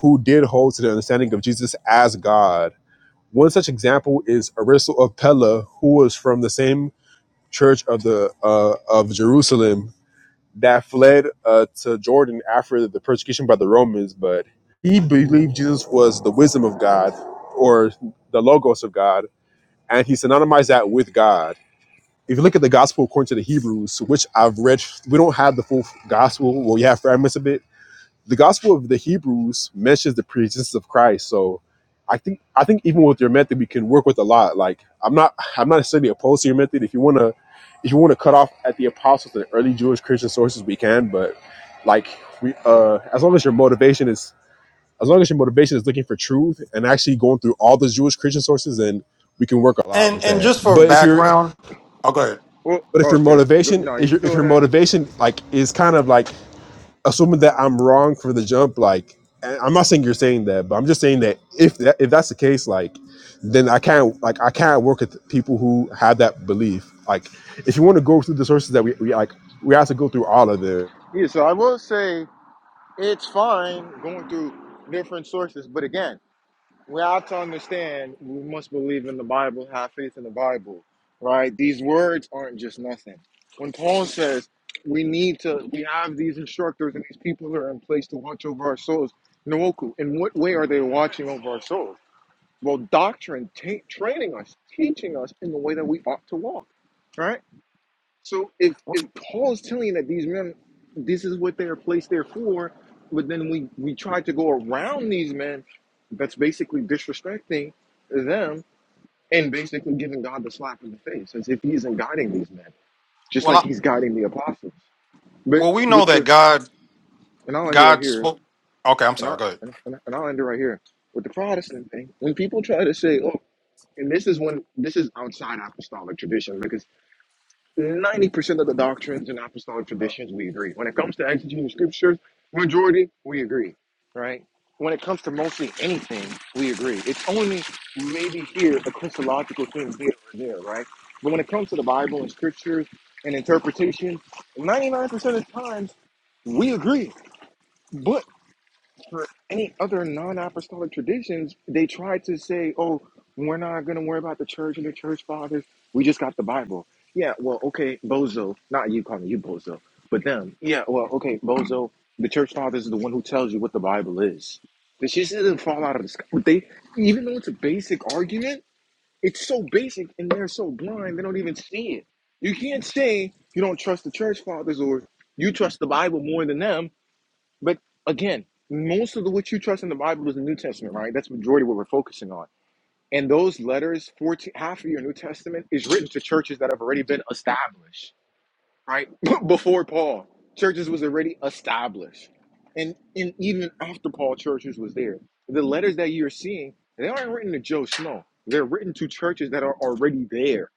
I: who did hold to the understanding of Jesus as God One such example is Aristo of Pella, who was from the same church of the uh, of Jerusalem that fled uh, to Jordan after the persecution by the Romans, but he believed Jesus was the wisdom of God or the logos of God, and he synonymized that with God. If you look at the gospel according to the Hebrews, which I've read, we don't have the full gospel. Well, we have fragments of it, the gospel of the Hebrews mentions the preexistence of Christ. So I think I think even with your method we can work with a lot. Like I'm not I'm not necessarily opposed to your method. If you wanna if you wanna cut off at the apostles and early Jewish Christian sources we can, but like we uh as long as your motivation is as long as your motivation is looking for truth and actually going through all the Jewish Christian sources then we can work a lot
H: And
I: with
H: and
I: that.
H: just for
I: But if your
H: background, oh, go ahead.
A: Well,
I: but if your
A: okay. Go,
I: motivation
A: no,
I: is
A: you
I: your
A: can
I: if
A: go
I: your
A: ahead.
I: motivation like is kind of like assuming that I'm wrong for the jump, like and I'm not saying you're saying that, but I'm just saying that if that, if that's the case, like then I can't like I can't work with people who have that belief. Like if you want to go through the sources that we, we like, we have to go through all of them.
A: Yeah, so I will say it's fine going through different sources, but again. we have to understand we must believe in the Bible, have faith in the Bible, right? These words aren't just nothing. When Paul says we need to, we have these instructors and these people that are in place to watch over our souls. Nooku, in what way are they watching over our souls? Well, doctrine, ta training us, teaching us in the way that we ought to walk, right? So if if Paul's telling that these men, this is what they are placed there for, but then we we try to go around these men, that's basically disrespecting them and basically giving God the slap in the face, as if He isn't guiding these men, just
H: Well,
A: like
H: I,
A: He's guiding the apostles. But
H: well, we know
A: with
H: that
A: the
H: God
A: and I'll end it right
H: God
A: here,
H: spoke. Okay, I'm
A: and
H: sorry.
A: I'll
H: Go ahead.
A: and, and I'll end it right here with the Protestant thing. When people try to say, "Oh," and this is when this is outside apostolic tradition, because. 90% of the doctrines and apostolic traditions, we agree. When it comes to exegeting the scriptures, majority, we agree, right? When it comes to mostly anything, we agree. It's only maybe here a Christological thing here or there, right? But when it comes to the Bible and scriptures and interpretation, 99% of the times, we agree. but for any other non-apostolic traditions, they try to say, "Oh, we're not going to worry about the church and the church fathers. We just got the Bible." Yeah, well, okay, bozo. Not you calling you bozo, but them. Yeah, well, okay, bozo. The church fathers is the one who tells you what the Bible is. This just doesn't fall out of the sky. But they, even though it's a basic argument, it's so basic and they're so blind they don't even see it. You can't say you don't trust the church fathers or you trust the Bible more than them but again, most of the what you trust in the Bible is the New Testament, right? That's majority of what we're focusing on. And those letters, 14, half of your New Testament is written to churches that have already been established, right? [laughs] Before Paul, churches was already established. And, and even after Paul, churches was there. The letters that you're seeing, they aren't written to Joe Snow. They're written to churches that are already there.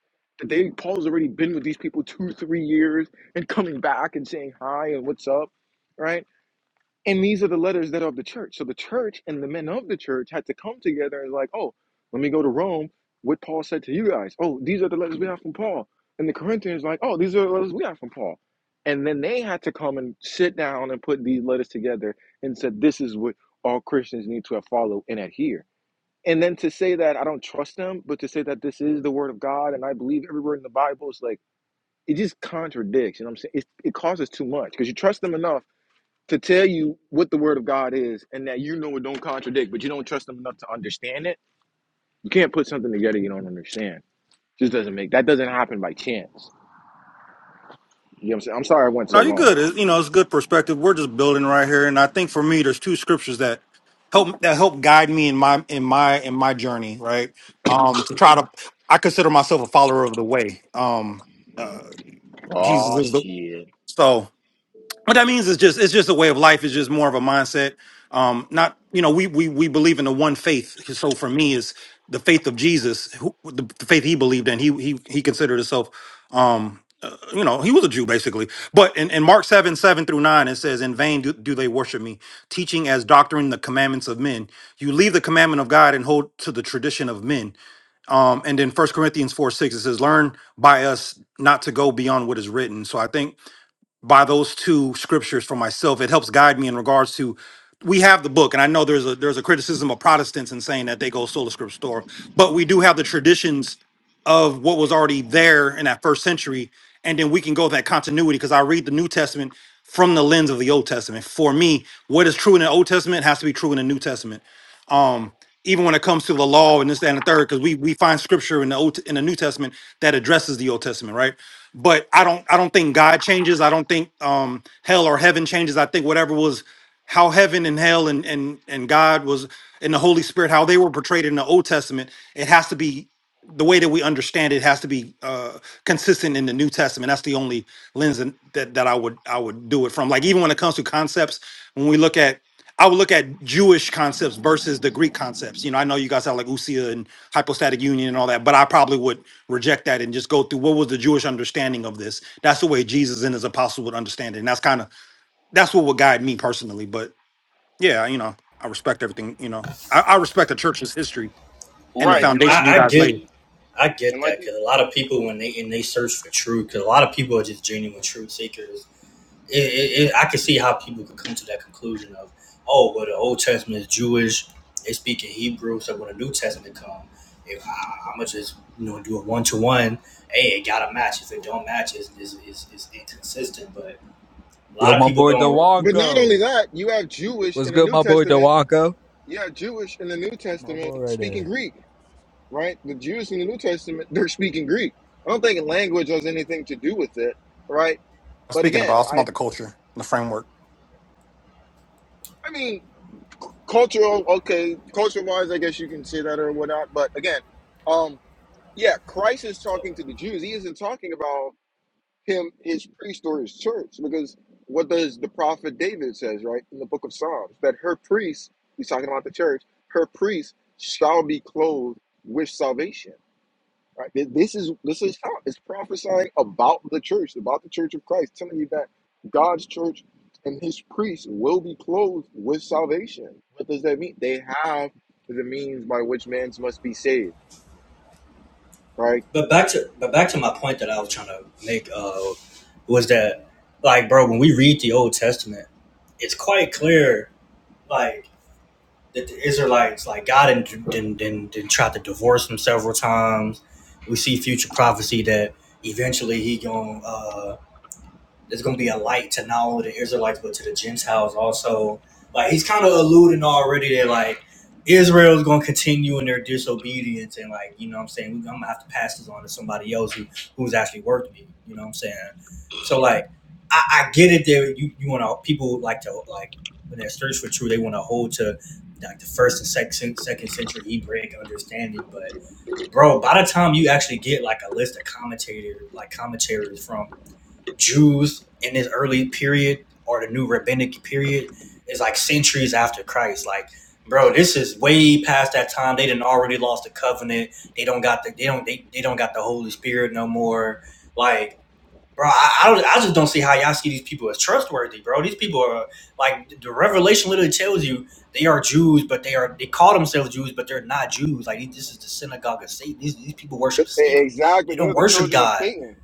A: They Paul's already been with these people two, three years and coming back and saying hi and what's up, right? And these are the letters that are of the church. So the church and the men of the church had to come together and like, oh, let me go to Rome. What Paul said to you guys. Oh, these are the letters we have from Paul. And the Corinthians like, oh, these are the letters we have from Paul. And then they had to come and sit down and put these letters together and said, this is what all Christians need to follow and adhere. And then to say that I don't trust them, but to say that this is the word of God and I believe every word in the Bible is like it just contradicts. You know what I'm saying? It, it causes too much because you trust them enough to tell you what the word of God is and that you know it don't contradict, but you don't trust them enough to understand it, you can't put something together you don't understand. Just doesn't make that doesn't happen by chance. You know what I'm saying? I'm sorry I went
H: No,
A: so
H: you're
A: long.
H: good. It, you know, it's good perspective. We're just building right here, and I think for me, there's two scriptures that help that help guide me in my in my in my journey. Right, um, to try to, I consider myself a follower of the way. Um, uh, Jesus
A: Oh
H: is the
A: shit.
H: so. what that means is just it's just a way of life it's just more of a mindset um not you know we we we believe in the one faith so for me is the faith of jesus who, the, the faith he believed in he he he considered himself um uh, you know he was a jew basically but in, in mark 7 7 through 9 it says in vain do, do they worship me teaching as doctrine the commandments of men you leave the commandment of god and hold to the tradition of men um and then first corinthians 4 6 it says learn by us not to go beyond what is written so i think by those two scriptures for myself. It helps guide me in regards to we have the book, and I know there's a there's a criticism of Protestants in saying that they go sola scriptura, but we do have the traditions of what was already there in that first century, and then we can go that continuity because I read the New Testament from the lens of the Old Testament. For me, what is true in the Old Testament has to be true in the New Testament. Um, even when it comes to the law and this, that, and the third, because we we find scripture in the old in the New Testament that addresses the Old Testament, right? But I don't I don't think God changes. I don't think um hell or heaven changes. I think whatever was how heaven and hell and and and God was and the Holy Spirit, how they were portrayed in the Old Testament, it has to be the way that we understand it has to be uh consistent in the New Testament. That's the only lens in- that that I would I would do it from. Like even when it comes to concepts, when we look at I would look at Jewish concepts versus the Greek concepts. You know, I know you guys have like usia and hypostatic union and all that, but I probably would reject that and just go through what was the Jewish understanding of this. That's the way Jesus and his apostles would understand it, and that's kind of that's what would guide me personally. But yeah, you know, I respect everything. You know, I, I respect the church's history and
A: Right.
H: the
B: Yeah, I,
H: foundation you
B: I
H: guys
B: get,
H: laid.
B: I get
A: And like
B: that because a lot of people when they and they search for truth, because a lot of people are just genuine truth seekers. it, it, it, I can see how people could come to that conclusion of, oh, well, the Old Testament is Jewish. They speak in Hebrew, so when the New Testament comes, if I, I'm gonna just you know do a one to one, hey, it gotta match. If it don't match, it's, it's, it's, it's inconsistent. But a
K: Yo,
B: lot of
K: my
B: people
K: boy
B: don't.
A: But not only
K: DeWanko.
A: that, you have Jewish
K: What's
A: in the
K: good,
A: New
K: my boy
A: Testament,
K: DeWanko?
A: you have Jewish in the New
K: My
A: Testament
K: boy right there.
A: speaking Greek, right? The Jews in the New Testament, they're speaking Greek. I don't think language has anything to do with it, right? But
H: Speaking
A: again,
H: about, it's about
A: I
H: the culture, and the framework.
A: I mean cultural okay culture wise i guess you can say that or whatnot but again um yeah christ is talking to the jews he isn't talking about him his priest or his church because what does the prophet david says right in the book of psalms that her priest he's talking about the church her priest shall be clothed with salvation Right? Th- This is this is how it's prophesying about the church, about the church of Christ, telling you that God's church and his priests will be clothed with salvation. What does that mean? They have the means by which men must be saved, right?
B: But back to but back to my point that I was trying to make uh, was that like, bro, when we read the Old Testament, it's quite clear like that the Israelites, like God, didn't, didn't, didn't, didn't try to divorce them several times. We see future prophecy that eventually he gonna uh, it's going to be a light to not only the Israelites but to the Gentiles also. Like he's kind of alluding already that like Israel is going to continue in their disobedience and like you know what I'm saying I'm gonna have to pass this on to somebody else who who's actually worth me. You know what I'm saying? So like I, I get it that you you want to people like to like when their search for truth they want to hold to like the first and second second century Hebraic understanding, but bro, by the time you actually get like a list of commentator like commentators from Jews in this early period or the new rabbinic period is like centuries after Christ. Like, bro, this is way past that time. They didn't already lost the covenant. They don't got the they don't they, they don't got the Holy Spirit no more. Like, bro, I, I don't I just don't see how y'all see these people as trustworthy, bro. These people are like the revelation literally tells you they are Jews, but they are they call themselves Jews, but they're not Jews. Like this is the synagogue of Satan. These these people worship
A: But- e-,
B: Satan.
A: Exactly.
B: They don't
A: They're the
B: worship
A: children of
B: God.
A: Satan.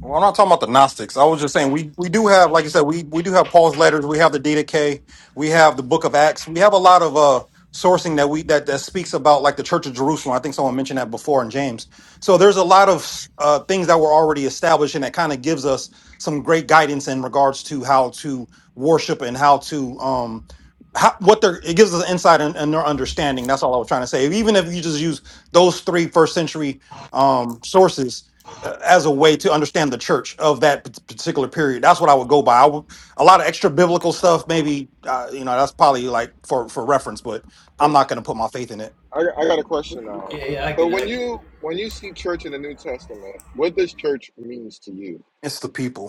H: Well, I'm not talking about the Gnostics. I was just saying we, we do have, like you said, we, we do have Paul's letters. We have the DDK. We have the Book of Acts. We have a lot of uh, sourcing that we that, that speaks about like the Church of Jerusalem. I think someone mentioned that before in James. So there's a lot of uh, things that were already established, and that kind of gives us some great guidance in regards to how to worship and how to um how, what they're it gives us an insight and, and their understanding. That's all I was trying to say. Even if you just use those three first century um sources uh, as a way to understand the church of that p- particular period. That's what I would go by. I would, a lot of extra biblical stuff, maybe uh, you know, that's probably like for for reference, but I'm
A: Well,
H: not going to put my faith in it.
A: I, I got a question now.
B: Yeah, yeah, I get.
A: So when you when you see church in the New Testament, what does church means to you?
H: It's the people.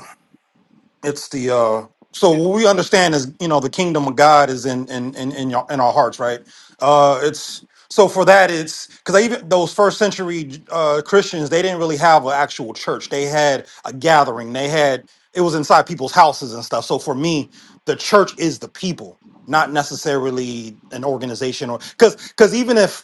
H: it's the uh so what we understand is you know the kingdom of god is in in in in, your, in our hearts right uh it's so for that it's because even those first century uh christians they didn't really have an actual church they had a gathering they had it was inside people's houses and stuff so for me the church is the people not necessarily an organization or because because even if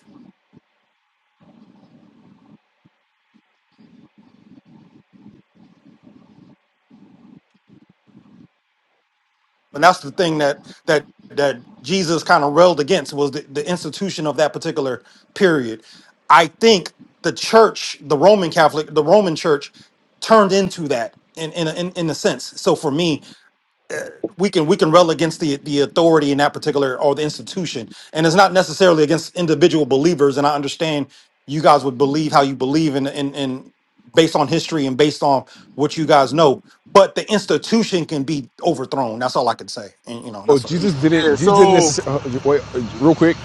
H: and that's the thing that that that Jesus kind of railed against was the, the institution of that particular period. I think the church, the Roman Catholic, the Roman Church, turned into that in in a, in, in a sense. So for me, uh, we can we can rail against the the authority in that particular or the institution and it's not necessarily against individual believers and i understand you guys would believe how you believe in in, in based on history and based on what you guys know but the institution can be overthrown that's all i can say and you know
I: Oh,
H: that's i mean
I: Jesus didn't.
A: Yeah.
I: Jesus didn't
A: So
I: necessarily. Uh, wait, uh, real quick.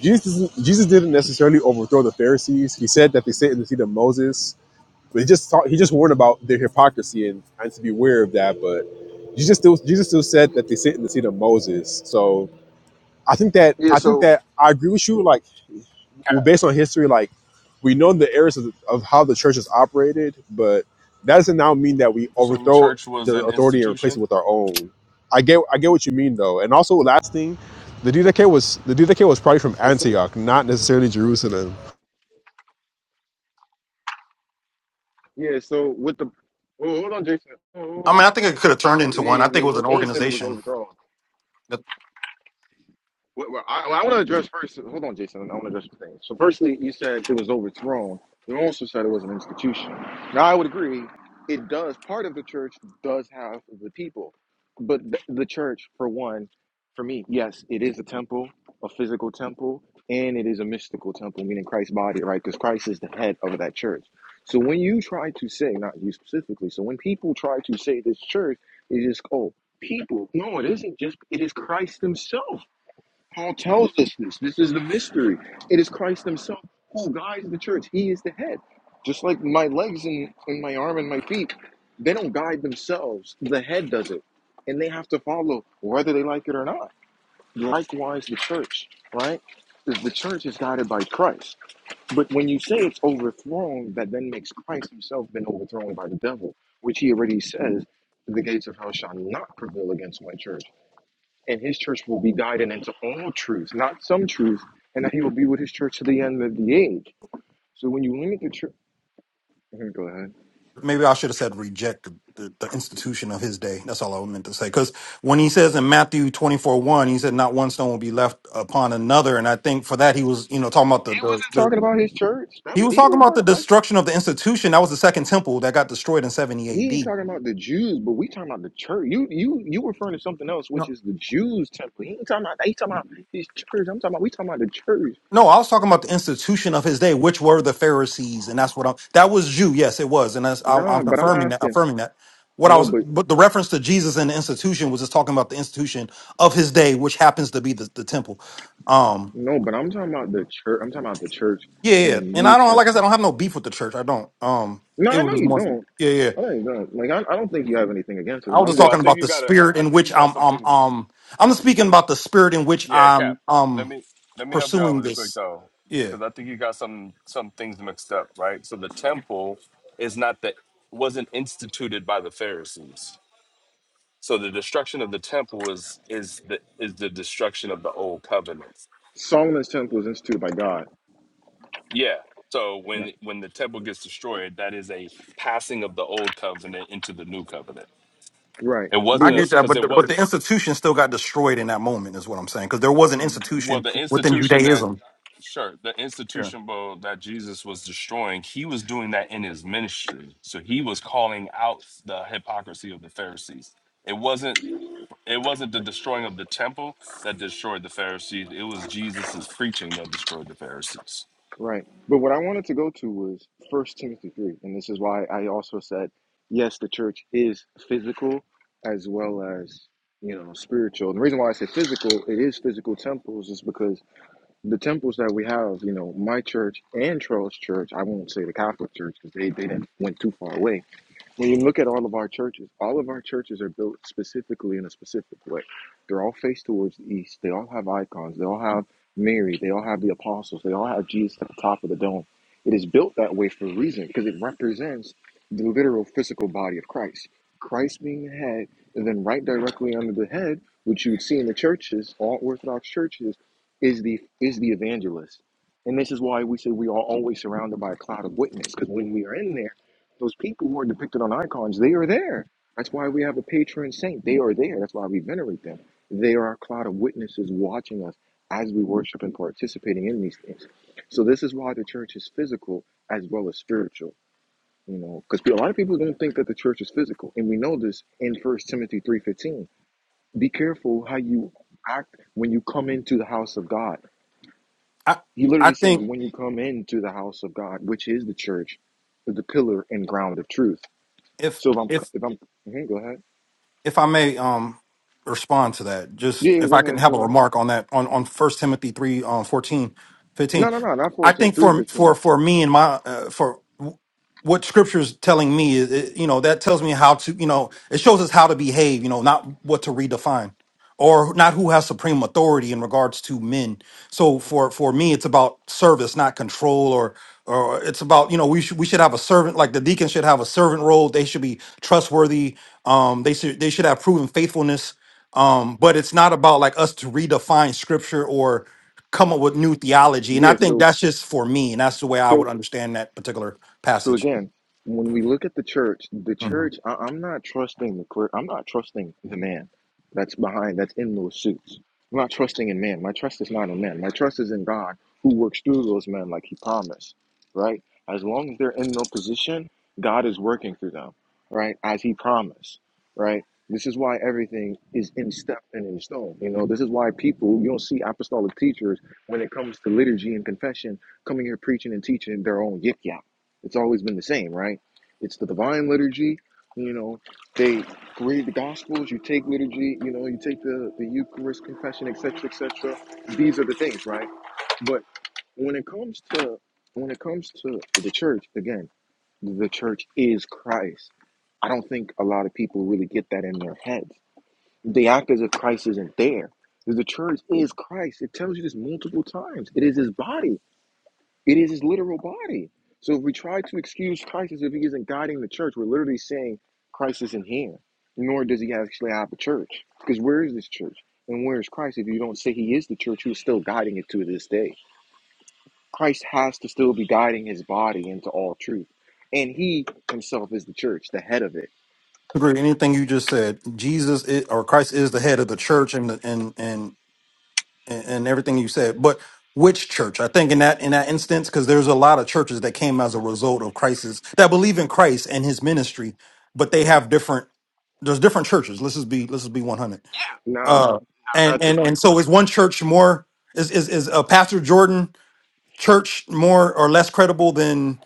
I: Jesus doesn't- Jesus didn't necessarily overthrow the Pharisees. He said that they sit in the seat of Moses, but he just taught, he just warned about their hypocrisy and, and to be aware of that. But Jesus still Jesus still said that they sit in the seat of Moses. So I think that
A: yeah.
I: I think
A: So
I: that I agree with you. Like, well,
F: Yeah,
I: based
F: the
I: on history, like we know the errors of, of how the church has operated, but that doesn't now mean that we
F: Jerusalem
I: overthrow
F: church was
I: the
F: an
I: authority and replace it
F: institution.
I: with our own. I get I get what you mean though, and also last thing, the DDK was the DDK was probably from
A: yeah. So,
I: Antioch, not necessarily Jerusalem.
A: yeah, so with the oh hold on, Jason.
H: i think it could have turned
A: Oh,
H: into
A: yeah,
H: one i think
A: yeah,
H: it was
A: he, he
H: an
A: said it was
H: organization
A: overthrown. Well, well, I, well, I want to address first. Hold on, Jason. I want to address some things. So, firstly, you said it was overthrown. You also said it was an institution. Now, I would agree. It does. Part of the church does have the people, but th- the church, for one, for me, yes, it is a temple, a physical temple, and it is a mystical temple, meaning Christ's body, right? Because Christ is the head of that church. So when you try to say, not you specifically, so when people try to say this church is just oh people, no, it isn't just. It is Christ Himself. Paul tells us this. This is the mystery. It is Christ Himself who guides the church. He is the head. Just like my legs and, and my arm and my feet, they don't guide themselves. The head does it. And they have to follow whether they like it or not. Likewise, the church, right? The the church is guided by Christ. But when you say it's overthrown, that then makes Christ Himself been overthrown by the devil, which He already says the gates of hell shall not prevail against my church and his church will be guided into all truth, not some truth, and that he will be with his church to the end of the age. So when you limit the church, go ahead.
H: maybe I should have said reject the, the, institution of his day. That's all I meant to say. Because when he says in Matthew 24 1, he said, Not one stone will be left upon another. And I think for that, he was, you know, talking about the,
A: He
H: the,
A: wasn't talking
H: the
A: about his church. That
H: he was
A: he
H: talking
A: wasn't
H: about the
A: talking about.
H: destruction of the institution. That was the second temple that got destroyed in 70
A: He ain't
H: AD.
A: talking about the Jews, but we talking about the church. You you you referring to something else, which is the Jews temple. He ain't talking about. He talking about his church. I'm talking about. We talking about the church.
H: No, I was talking about the institution of his day, which were the Pharisees, and that's what I'm. That was Jew, yes, it was, and that's, I, I'm
A: Nah, but I'm
H: confirming that.
A: asking.
H: Affirming that. What I
A: No,
H: was,
A: but
H: but the reference to Jesus and the institution was just talking about the institution of his day, which happens to be the, the temple. Um,
A: no, but I'm talking about the church. I'm talking about the church
H: yeah,
A: in
H: yeah,
A: the
H: and
A: New
H: I don't like I said, I
A: Testament.
H: don't have no beef with the church. I don't. Um,
A: No,
H: it
A: I
H: was
A: know
H: just
A: you
H: more.
A: don't.
H: Yeah, yeah.
A: I know you don't. Like I, I don't think you have anything against
H: I
A: it. But
H: was just
A: I'm
F: Well,
A: just
F: I
H: talking
F: think
H: about
F: you
H: the
F: got to
H: spirit
F: I I
H: in
F: think you
H: which
F: got
H: I'm.
F: some
H: Um,
F: things.
H: um, I'm speaking about the spirit in which
F: Yeah, Cap.
H: I'm.
F: Let
H: Um,
F: me let me help you out
H: pursuing
F: really quick
H: this.
F: though,
H: Yeah.
F: because I think you got some some things mixed up, right? So the temple is not that wasn't instituted by the Pharisees. So the destruction of the temple is is the is the destruction of the old covenant.
A: Solomon's temple was instituted by God.
F: Yeah. So
A: Yeah,
F: when when the temple gets destroyed, that is a passing of the old covenant into the new covenant.
A: Right.
F: It
A: But
H: I
F: wasn't
A: what,
H: get
F: a
H: that,
F: because
H: but
F: it
H: the, but
F: wasn't
H: the institution still got destroyed in that moment, is what I'm saying, because there was an
F: well
H: institution
F: the
H: within
F: institution that
H: Judaism.
F: sure the
H: Yeah.
F: institution well, that Jesus was destroying. He was doing that in his ministry, so he was calling out the hypocrisy of the Pharisees. It wasn't it wasn't the destroying of the temple that destroyed the Pharisees. It was Jesus's preaching that destroyed the Pharisees.
A: right. But what I wanted to go to was First Timothy three, and this is why I also said yes, the church is physical as well as you know spiritual. And the reason why I say physical, it is physical temples, is because the temples that we have, you know, my church and Charles Church. I won't say the Catholic Church because they they didn't went too far away When you look at all of our churches, all of our churches are built specifically in a specific way. They're all faced towards the east. They all have icons. They all have Mary. They all have the apostles. They all have Jesus at the top of the dome. It is built that way for a reason because it represents the literal physical body of Christ. Christ being the head, and then right directly under the head, which you would see in the churches, all Orthodox churches, is the is the evangelist. And this is why we say we are always surrounded by a cloud of witness, because when we are in there those people who are depicted on icons, they are there. That's why we have a patron saint. They are there. That's why we venerate them. They are a cloud of witnesses watching us as we worship and participating in these things. So this is why the church is physical as well as spiritual. You know, because a lot of people don't think that the church is physical, and we know this in First Timothy three fifteen. Be careful how you act when you come into the house of God.
H: I
A: He
H: I
A: literally says,
H: think
A: "When you come into the house of God, which is the church, the pillar and ground of truth."
H: if
A: So if I'm
H: if
A: if I'm mhm, go ahead.
H: if I may um respond to that,
A: Yeah,
H: just
A: yeah,
H: if
A: go
H: I can
A: ahead,
H: have
A: go
H: a
A: ahead.
H: remark on that on on First Timothy 3 um 14 fifteen.
A: No, no, no, not
H: I
A: fourteen
H: think
A: three
H: for for
A: fifteen
H: for me and my uh, for w- what scripture is telling me is it, you know that tells me how to you know it shows us how to behave, you know, not what to redefine or not who has supreme authority in regards to men. So for for me it's about service, not control or or it's about you know we should we should have a servant like the deacon should have a servant role. They should be trustworthy um, they should they should have proven faithfulness. Um, but it's not about like us to redefine scripture or come up with new theology. And I
A: Yeah,
H: think
A: so
H: that's just for me, and that's the way I
A: so
H: would understand that particular
A: So
H: passage.
A: again, when we look at the church, the
H: hmm
A: church, I, I'm not trusting the clerk. I'm not trusting the man that's behind, that's in those suits. I'm not trusting in man. My trust is not in man. My trust is in God who works through those men like he promised, right? As long as they're in no position, God is working through them, right? As he promised, right? This is why everything is in step and in stone. You know, this is why people, you don't see apostolic teachers when it comes to liturgy and confession coming here preaching and teaching their own yip yap. It's always been the same, right? It's the divine liturgy. You know, they read the Gospels. You take liturgy. You know, you take the the Eucharist, confession, etc., etc. These are the things, right? But when it comes to when it comes to the church, again, the church is Christ. I don't think a lot of people really get that in their heads. They act as if Christ isn't there. The church is Christ. It tells you this multiple times. It is His body. It is his literal body. So if we try to excuse Christ as if he isn't guiding the church, we're literally saying Christ isn't here, nor does he actually have a church. Because where is this church? And where is Christ? If you don't say he is the church, who's still guiding it to this day? Christ has to still be guiding his body into all truth. And he himself is the church, the head of it.
H: Agree. Anything you just said, Jesus is, or Christ is the head of the church, and the, and and and everything you said. But which church? I think in that in that instance, because there's a lot of churches that came as a result of crisis that believe in Christ and His ministry, but they have different. There's different churches. Let's just be let's just be 100.
A: Now,
H: Uh, and
A: that's a.
H: and and so is one church more is is is uh, Pastor Jordan church more or less credible than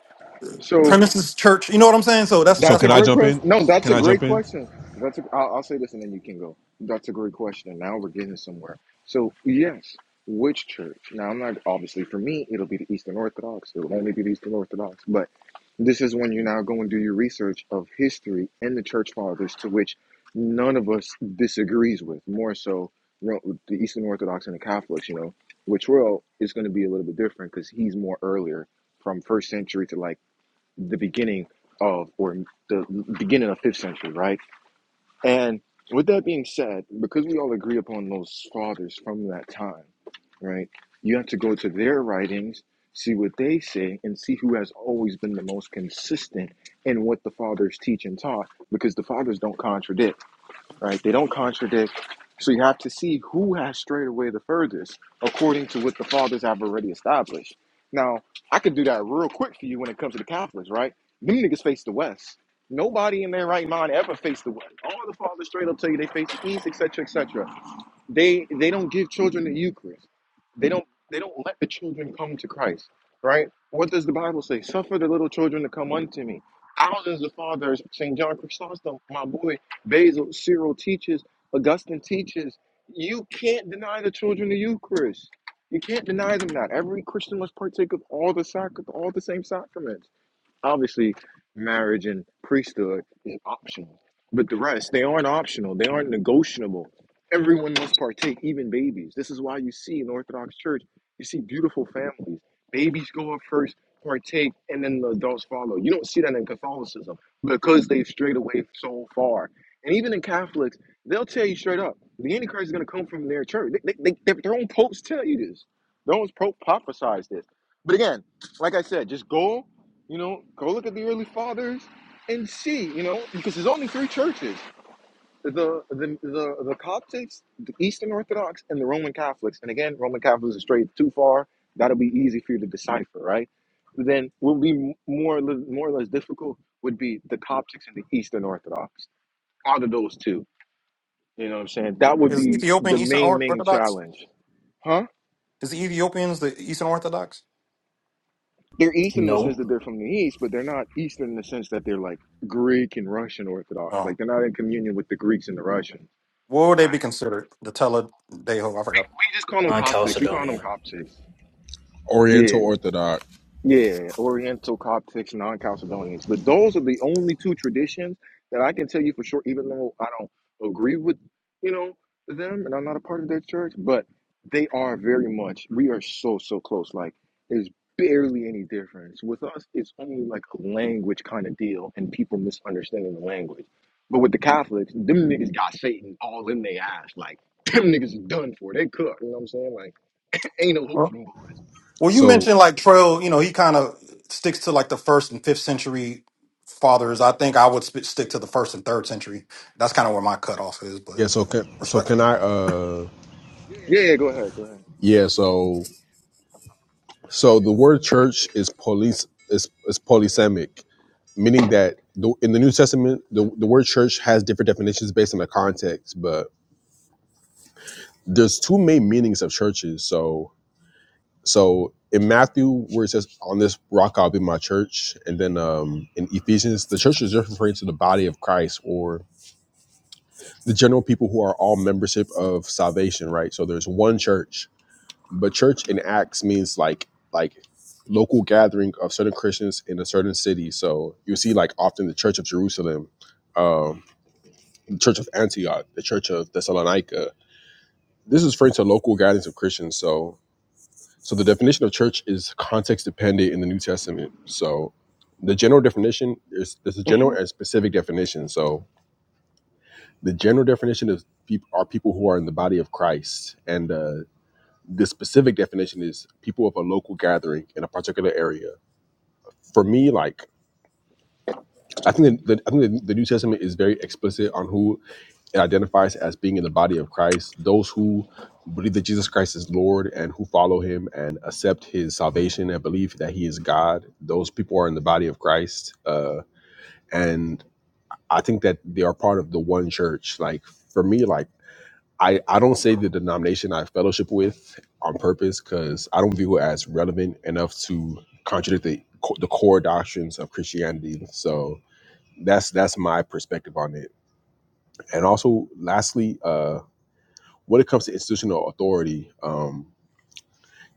A: So
H: premises church? You know what I'm saying? So that's
I: So
A: That's
H: that's
A: a
I: can
H: my
I: I
A: great
I: jump in?
A: question. No, that's
I: Can
A: a
I: I
A: great
I: jump in?
A: question. That's a, I'll, I'll say this and then you can go. That's a great question. Now we're getting somewhere. So yes, which church? Now I'm not obviously for me it'll be the Eastern Orthodox. It'll only be the Eastern Orthodox. But this is when you now go and do your research of history and the church fathers, to which none of us disagrees with. More so, you know, the Eastern Orthodox and the Catholics. You know, which will is going to be a little bit different because he's more earlier from first century to like the beginning of or the beginning of fifth century, right? And with that being said, because we all agree upon those fathers from that time, right? You have to go to their writings, see what they say, and see who has always been the most consistent in what the fathers teach and taught, because the fathers don't contradict right? They don't contradict. So you have to see who has strayed away the furthest according to what the fathers have already established. Now, I could do that real quick for you when it comes to the Catholics, right? Them niggas face the West. Nobody in their right mind ever faced the West. All the fathers straight up tell you they face the East, etc., etc. They they don't give children the Eucharist. They don't they don't let the children come to Christ, right? What does the Bible say? Suffer the little children to come unto me. Ours is fathers, St. John Chrysostom, my boy, Basil, Cyril teaches, Augustine teaches. You can't deny the children the Eucharist. You can't deny them that. Every Christian must partake of all the sac- all the same sacraments. Obviously, marriage and priesthood is optional, but the rest, they aren't optional, they aren't negotiable. Everyone must partake, even babies. This is why you see in the Orthodox Church, you see beautiful families. Babies go up first, partake, and then the adults follow. You don't see that in Catholicism because they've strayed away so far. And even in Catholics, they'll tell you straight up the Antichrist is going to come from their church. They, they, they, their own popes tell you this, their own pope prophesies this. But again, like I said, just go you know, go look at the early fathers and see. You know, because there's only three churches: the the the, the Coptics, the Eastern Orthodox, and the Roman Catholics. And again, Roman Catholics are straight too far. That'll be easy for you to decipher, right? Then what would be more or less, more or less difficult would be the Coptics and the Eastern Orthodox. Out of those two, you know what I'm saying? That would
H: is
A: be
H: Ethiopian
A: the
H: Eastern
A: main
H: Or-
A: main
H: Orthodox.
A: challenge, huh?
H: Is the Ethiopians the Eastern Orthodox?
A: They're
B: it.
A: Eastern in the
B: No.
A: sense that they're from the East, but they're not Eastern in the sense that they're like Greek and Russian Orthodox.
H: Oh,
A: Like they're not in communion with the Greeks and the Russians.
H: what would they
A: Right.
H: be considered? The Tele Deho, I
A: We,
H: forgot.
A: we just call them
B: on
A: Coptics. We call them
B: Chalcedonian.
A: Coptics.
I: Oriental
A: Yeah.
I: Orthodox.
A: Yeah, Oriental Coptics, non-Chalcedonians. But those are the only two traditions that I can tell you for sure, even though I don't agree with, you know, them and I'm not a part of their church, but they are very much, we are so, so close. Like there's barely any difference. With us, it's only like a language kind of deal and people misunderstanding the language. But with the Catholics, them niggas got Satan all in their ass. Like them niggas is done for. They cooked. You know what I'm saying? Like ain't no hope
H: Well,
A: for them boys.
H: well, you
I: So
H: mentioned like Trail. You know, he kind of sticks to like the first and fifth century fathers. I think I would sp- stick to the first and third century. That's kind of where my cutoff is, but
I: yeah, so can so
H: respectful.
I: can I? uh
A: Yeah, yeah, go ahead, go
I: Yeah, so so the word church is police is is polysemic meaning that the, in the New Testament, the, the word church has different definitions based on the context, but there's two main meanings of churches. So, so in Matthew, where it says, "On this rock I'll be my church," and then um, in Ephesians, the church is referring to the body of Christ or the general people who are all membership of salvation, right? So there's one church, but church in Acts means like like local gathering of certain Christians in a certain city. So you see, like often the Church of Jerusalem. Um, the Church of Antioch, the Church of Thessalonica. This is referring to local guidance of Christians. So, so the definition of church is context dependent in the New Testament. So, the general definition is there's a
A: ahead. [laughs]
I: general and specific definition. So, the general definition is peop are people who are in the body of Christ, and uh, the specific definition is people of a local gathering in a particular area. For me, like I think the, the I think the, the New Testament is very explicit on who It identifies as being in the body of Christ. Those who believe that Jesus Christ is Lord and who follow him and accept his salvation and believe that he is God, those people are in the body of Christ. Uh, and I think that they are part of the one church. Like for me, like I, I don't say the denomination I fellowship with on purpose because I don't view it as relevant enough to contradict the, the core doctrines of Christianity. So that's that's my perspective on it. And also, lastly, uh, when it comes to institutional authority, um,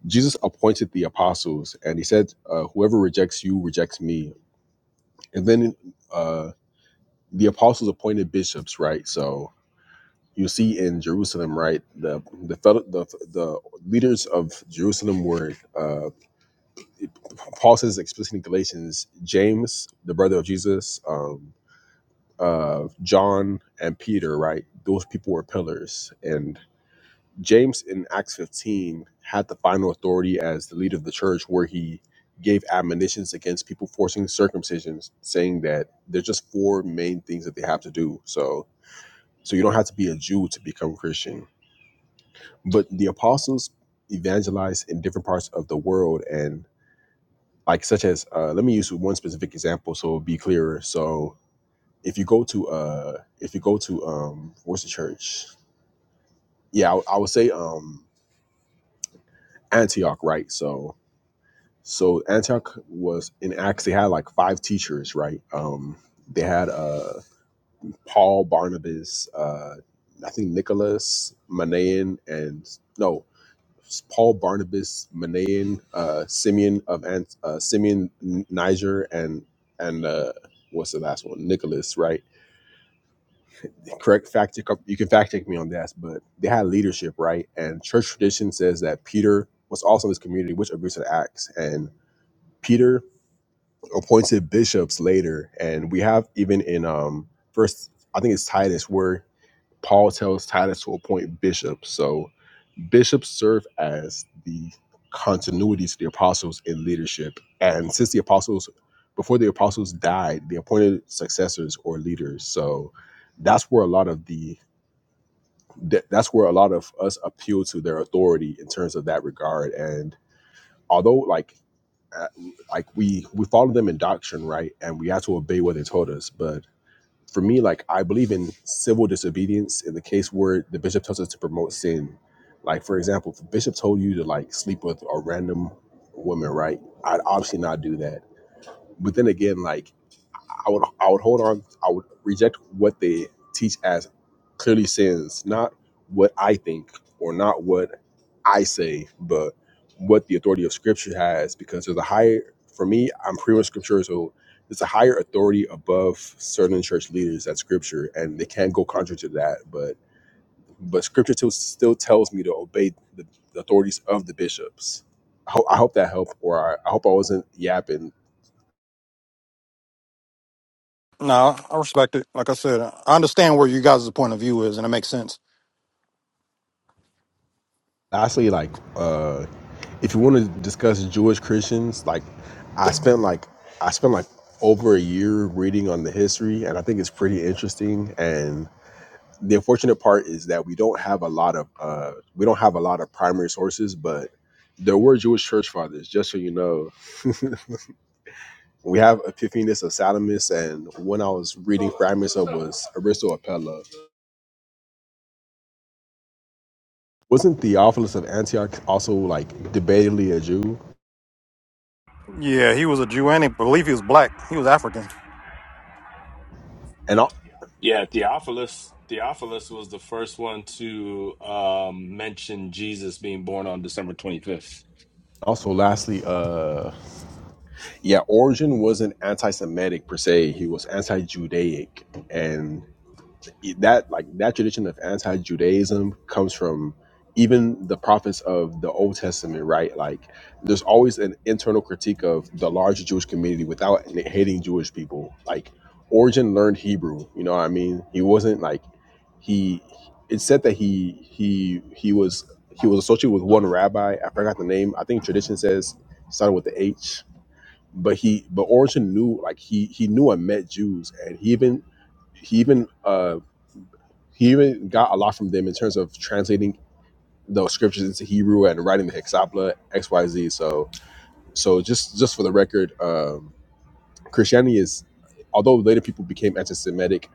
I: Jesus appointed the apostles, and he said, uh, "Whoever rejects you rejects me." And then uh, the apostles appointed bishops, right? So you see in Jerusalem, right, the the the, the leaders of Jerusalem were uh, Paul says explicitly in Galatians, James, the brother of Jesus, um, uh, John, and Peter, right? Those people were pillars, and James in Acts 15 had the final authority as the leader of the church, where he gave admonitions against people forcing circumcisions, saying that there's just four main things that they have to do. So, so you don't have to be a Jew to become Christian. But the apostles evangelized in different parts of the world, and like such as, uh, let me use one specific example so it'll be clearer. So, if you go to, uh, if you go to, um, what's the church? Yeah, I, I would say um, Antioch, right? So So Antioch was in Acts. They had like five teachers, right? Um, they had uh, Paul, Barnabas, uh, I think Nicholas, Manaen, and no, Paul, Barnabas, Manaen, uh, Simeon of Ant, uh, Simeon N- Niger, and and uh, was right correct, but Peter, Peter um, first I think Paul, is the in leadership. And since the apostles, before the apostles died, they appointed successors or leaders. So that's where a lot of the that- that's where a lot of us appeal to their authority in terms of that regard. And although like uh, like we we follow them in doctrine, right? And we have to obey what they told us. But for me, like I believe in civil disobedience in the case where the bishop tells us to promote sin. Like for example, if the bishop told you to like sleep with a random woman, right? I'd obviously not do that but then again, like I would I would hold on, I would reject what they teach as clearly sins, not what I think or not what I say, but what the authority of scripture has, because there's a higher for me, I'm pretty much scripture, so there's a higher authority above certain church leaders at scripture, and they can go to that, but but scripture still, still tells me to obey the, the authorities of the bishops. I, ho- I hope that helped, or I, I hope I wasn't yapping.
H: No, I respect it. Like I said, I understand where you guys' point of view is, and it makes sense.
I: Lastly, like uh if you want to discuss Jewish Christians, like I spent like I spent like over a year reading on the history, and I think it's pretty interesting. And the unfortunate part is that we don't have a lot of uh, we don't have a lot of primary sources, but there were Jewish church fathers. Just so you know, we have Epiphanes of Salamis, and when I was reading fragments of was Aristo of Pella. Wasn't Theophilus of Antioch also like debatably a Jew?
H: Yeah, he was a Jew, and I believe he was black. He was African. I
I: And al-
F: Yeah, Theophilus. Theophilus was the first one to um, mention Jesus being born on December 25th.
I: also, lastly, uh yeah, Origen wasn't anti-Semitic per se. He was anti-Judaic, and that like that tradition of anti-Judaism comes from even the prophets of the Old Testament, right? Like, there's always an internal critique of the larger Jewish community without hating Jewish people. Like, Origen learned Hebrew. You know what I mean? He wasn't like he. It's said that he he he was he was associated with one rabbi. I forgot the name. I think tradition says started with the H but he but Origin knew like he he knew and met Jews and he even he even uh he even got a lot from them in terms of translating the scriptures into Hebrew and writing the Hexapla XYZ so so just just for the record um Christianity is although later people became anti-Semitic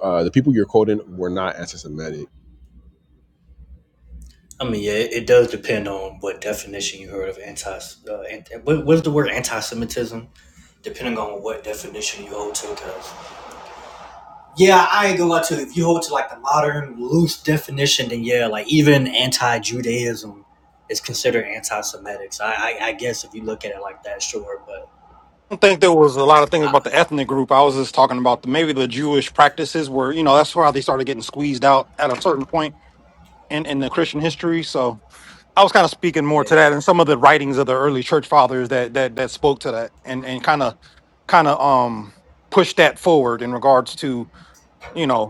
I: uh the people you're quoting were not anti-Semitic
B: I mean, yeah, it, it does depend on what definition you heard of anti. Uh, anti what, what's the word anti-Semitism? Depending on what definition you hold to, because yeah, I ain't gonna lie to you. If you hold to like the modern loose definition, then yeah, like even anti-Judaism is considered anti-Semitic. So I, I, I guess if you look at it like that, sure. But
H: don't think there was a lot of things
B: I,
H: about the ethnic group. I was just talking about the, maybe the Jewish practices where you know that's why they started getting squeezed out at a certain point in in the Christian history. So I was kind of speaking more
B: yeah,
H: to that, and some of the writings of the early church fathers that that that spoke to that, and and kind of kind of um pushed that forward in regards to you know.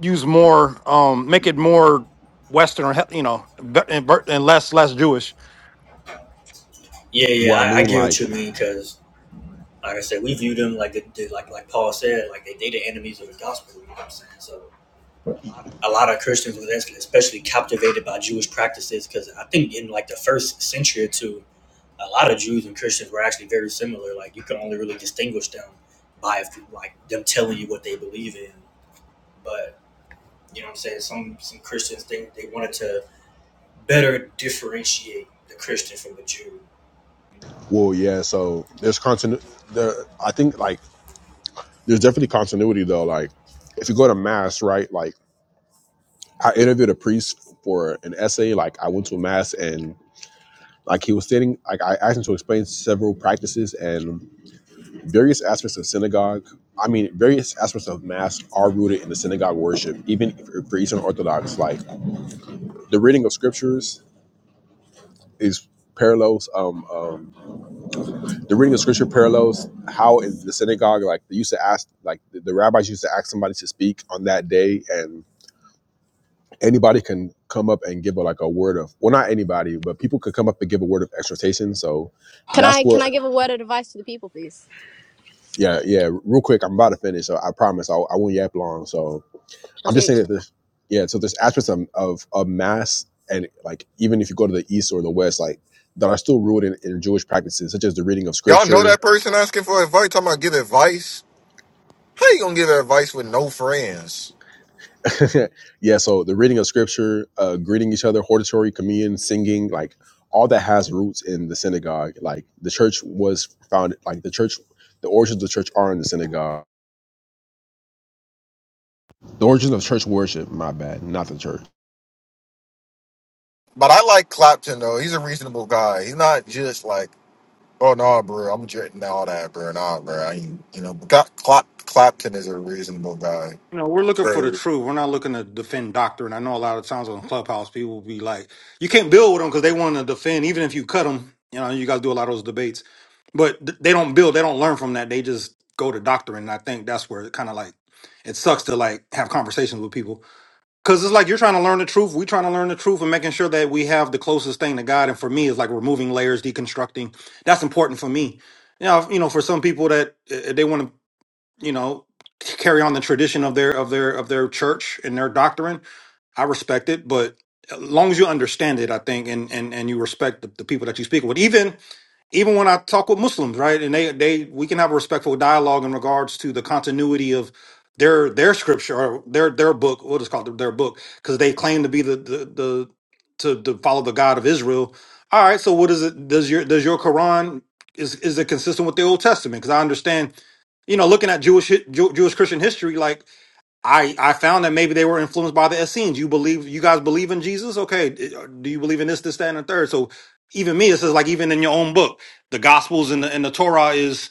H: use more, um, make it more Western, or he- you know, ve- and ver- and less less Jewish.
B: yeah, yeah,
I: well I
B: I, I
I: mean
B: get what
I: like
B: you mean, because like I said, we view them like the, the- like like Paul said, like they they the enemies of the gospel. You know what I'm saying? So. a lot of Christians were especially captivated by Jewish practices because I think in like the first century or two, a lot of Jews and Christians were actually very similar. Like you can only really distinguish them by like them telling you what they believe in. But you know what I'm saying? Some some Christians think they wanted to better differentiate the Christian from the Jew. You
I: well yeah so there's continu- there I think like there's definitely continuity though like if you go to mass right like I interviewed a priest for an essay. Like I went to a mass and like he was sitting, like I asked him to explain several practices and various aspects of synagogue. I mean, various aspects of mass are rooted in the synagogue worship, even for for Eastern Orthodox. Like the reading of scriptures is parallels. Um, um, the reading of scripture parallels how in the synagogue, like they used to ask, like the, the rabbis used to ask somebody to speak on that day, and anybody can come up and give a, like a word of, well, not anybody, but people could come up and give a word
L: Can I can I give a word of advice to the people, please?
I: I'm just
L: Okay,
I: yeah, and on
A: Y'all know that person asking for advice, talking about give advice. How you gonna give advice with no friends?
I: each other, hortatory, communion, singing, like all that has roots in the synagogue. Like the church was founded, like the church, the origins of the church are in the synagogue. The origins of church worship, my bad, not the church.
A: But I like Clapton though. He's a reasonable guy. He's not just like, oh no, bro, I'm just all that, bro, nah, bro. I ain't, you know, but Cla- Clap- Clapton is a reasonable guy.
H: You know, we're looking for the
A: True.
H: truth. We're not looking to defend doctrine. I know a lot of times on Clubhouse, people will be like, you can't build with them because they want to defend, even if you cut them. You know, you guys do a lot of those debates, but th- they don't build, they don't learn from that. They just go to doctrine. And I think that's where it kind of like, it sucks to like have conversations with people. Cause it's like you're trying to learn the truth. We're trying to learn the truth and making sure that we have the closest thing to God. And for me, it's like removing layers, deconstructing. That's important for me. You know, you know, for some people that uh, they want to, you know, carry on the tradition of their of their of their church and their doctrine. I respect it, but as long as you understand it, I think, and and and you respect the, the people that you speak with, even even when I talk with Muslims, right, and they they we can have a respectful dialogue in regards to the continuity of their their scripture or their their book, what is called their book, because they claim to be the the, the to, to follow the God of Israel. All right, so what is it? Does your does your Quran is is it consistent with the Old Testament? Because I understand, you know, looking at Jewish hi- Jew, Jewish Christian history, like I I found that maybe they were influenced by the Essenes. You believe you guys believe in Jesus? Okay, do you believe in this, this, that, and the third? So even me, it says like even in your own book, the Gospels and the and the Torah is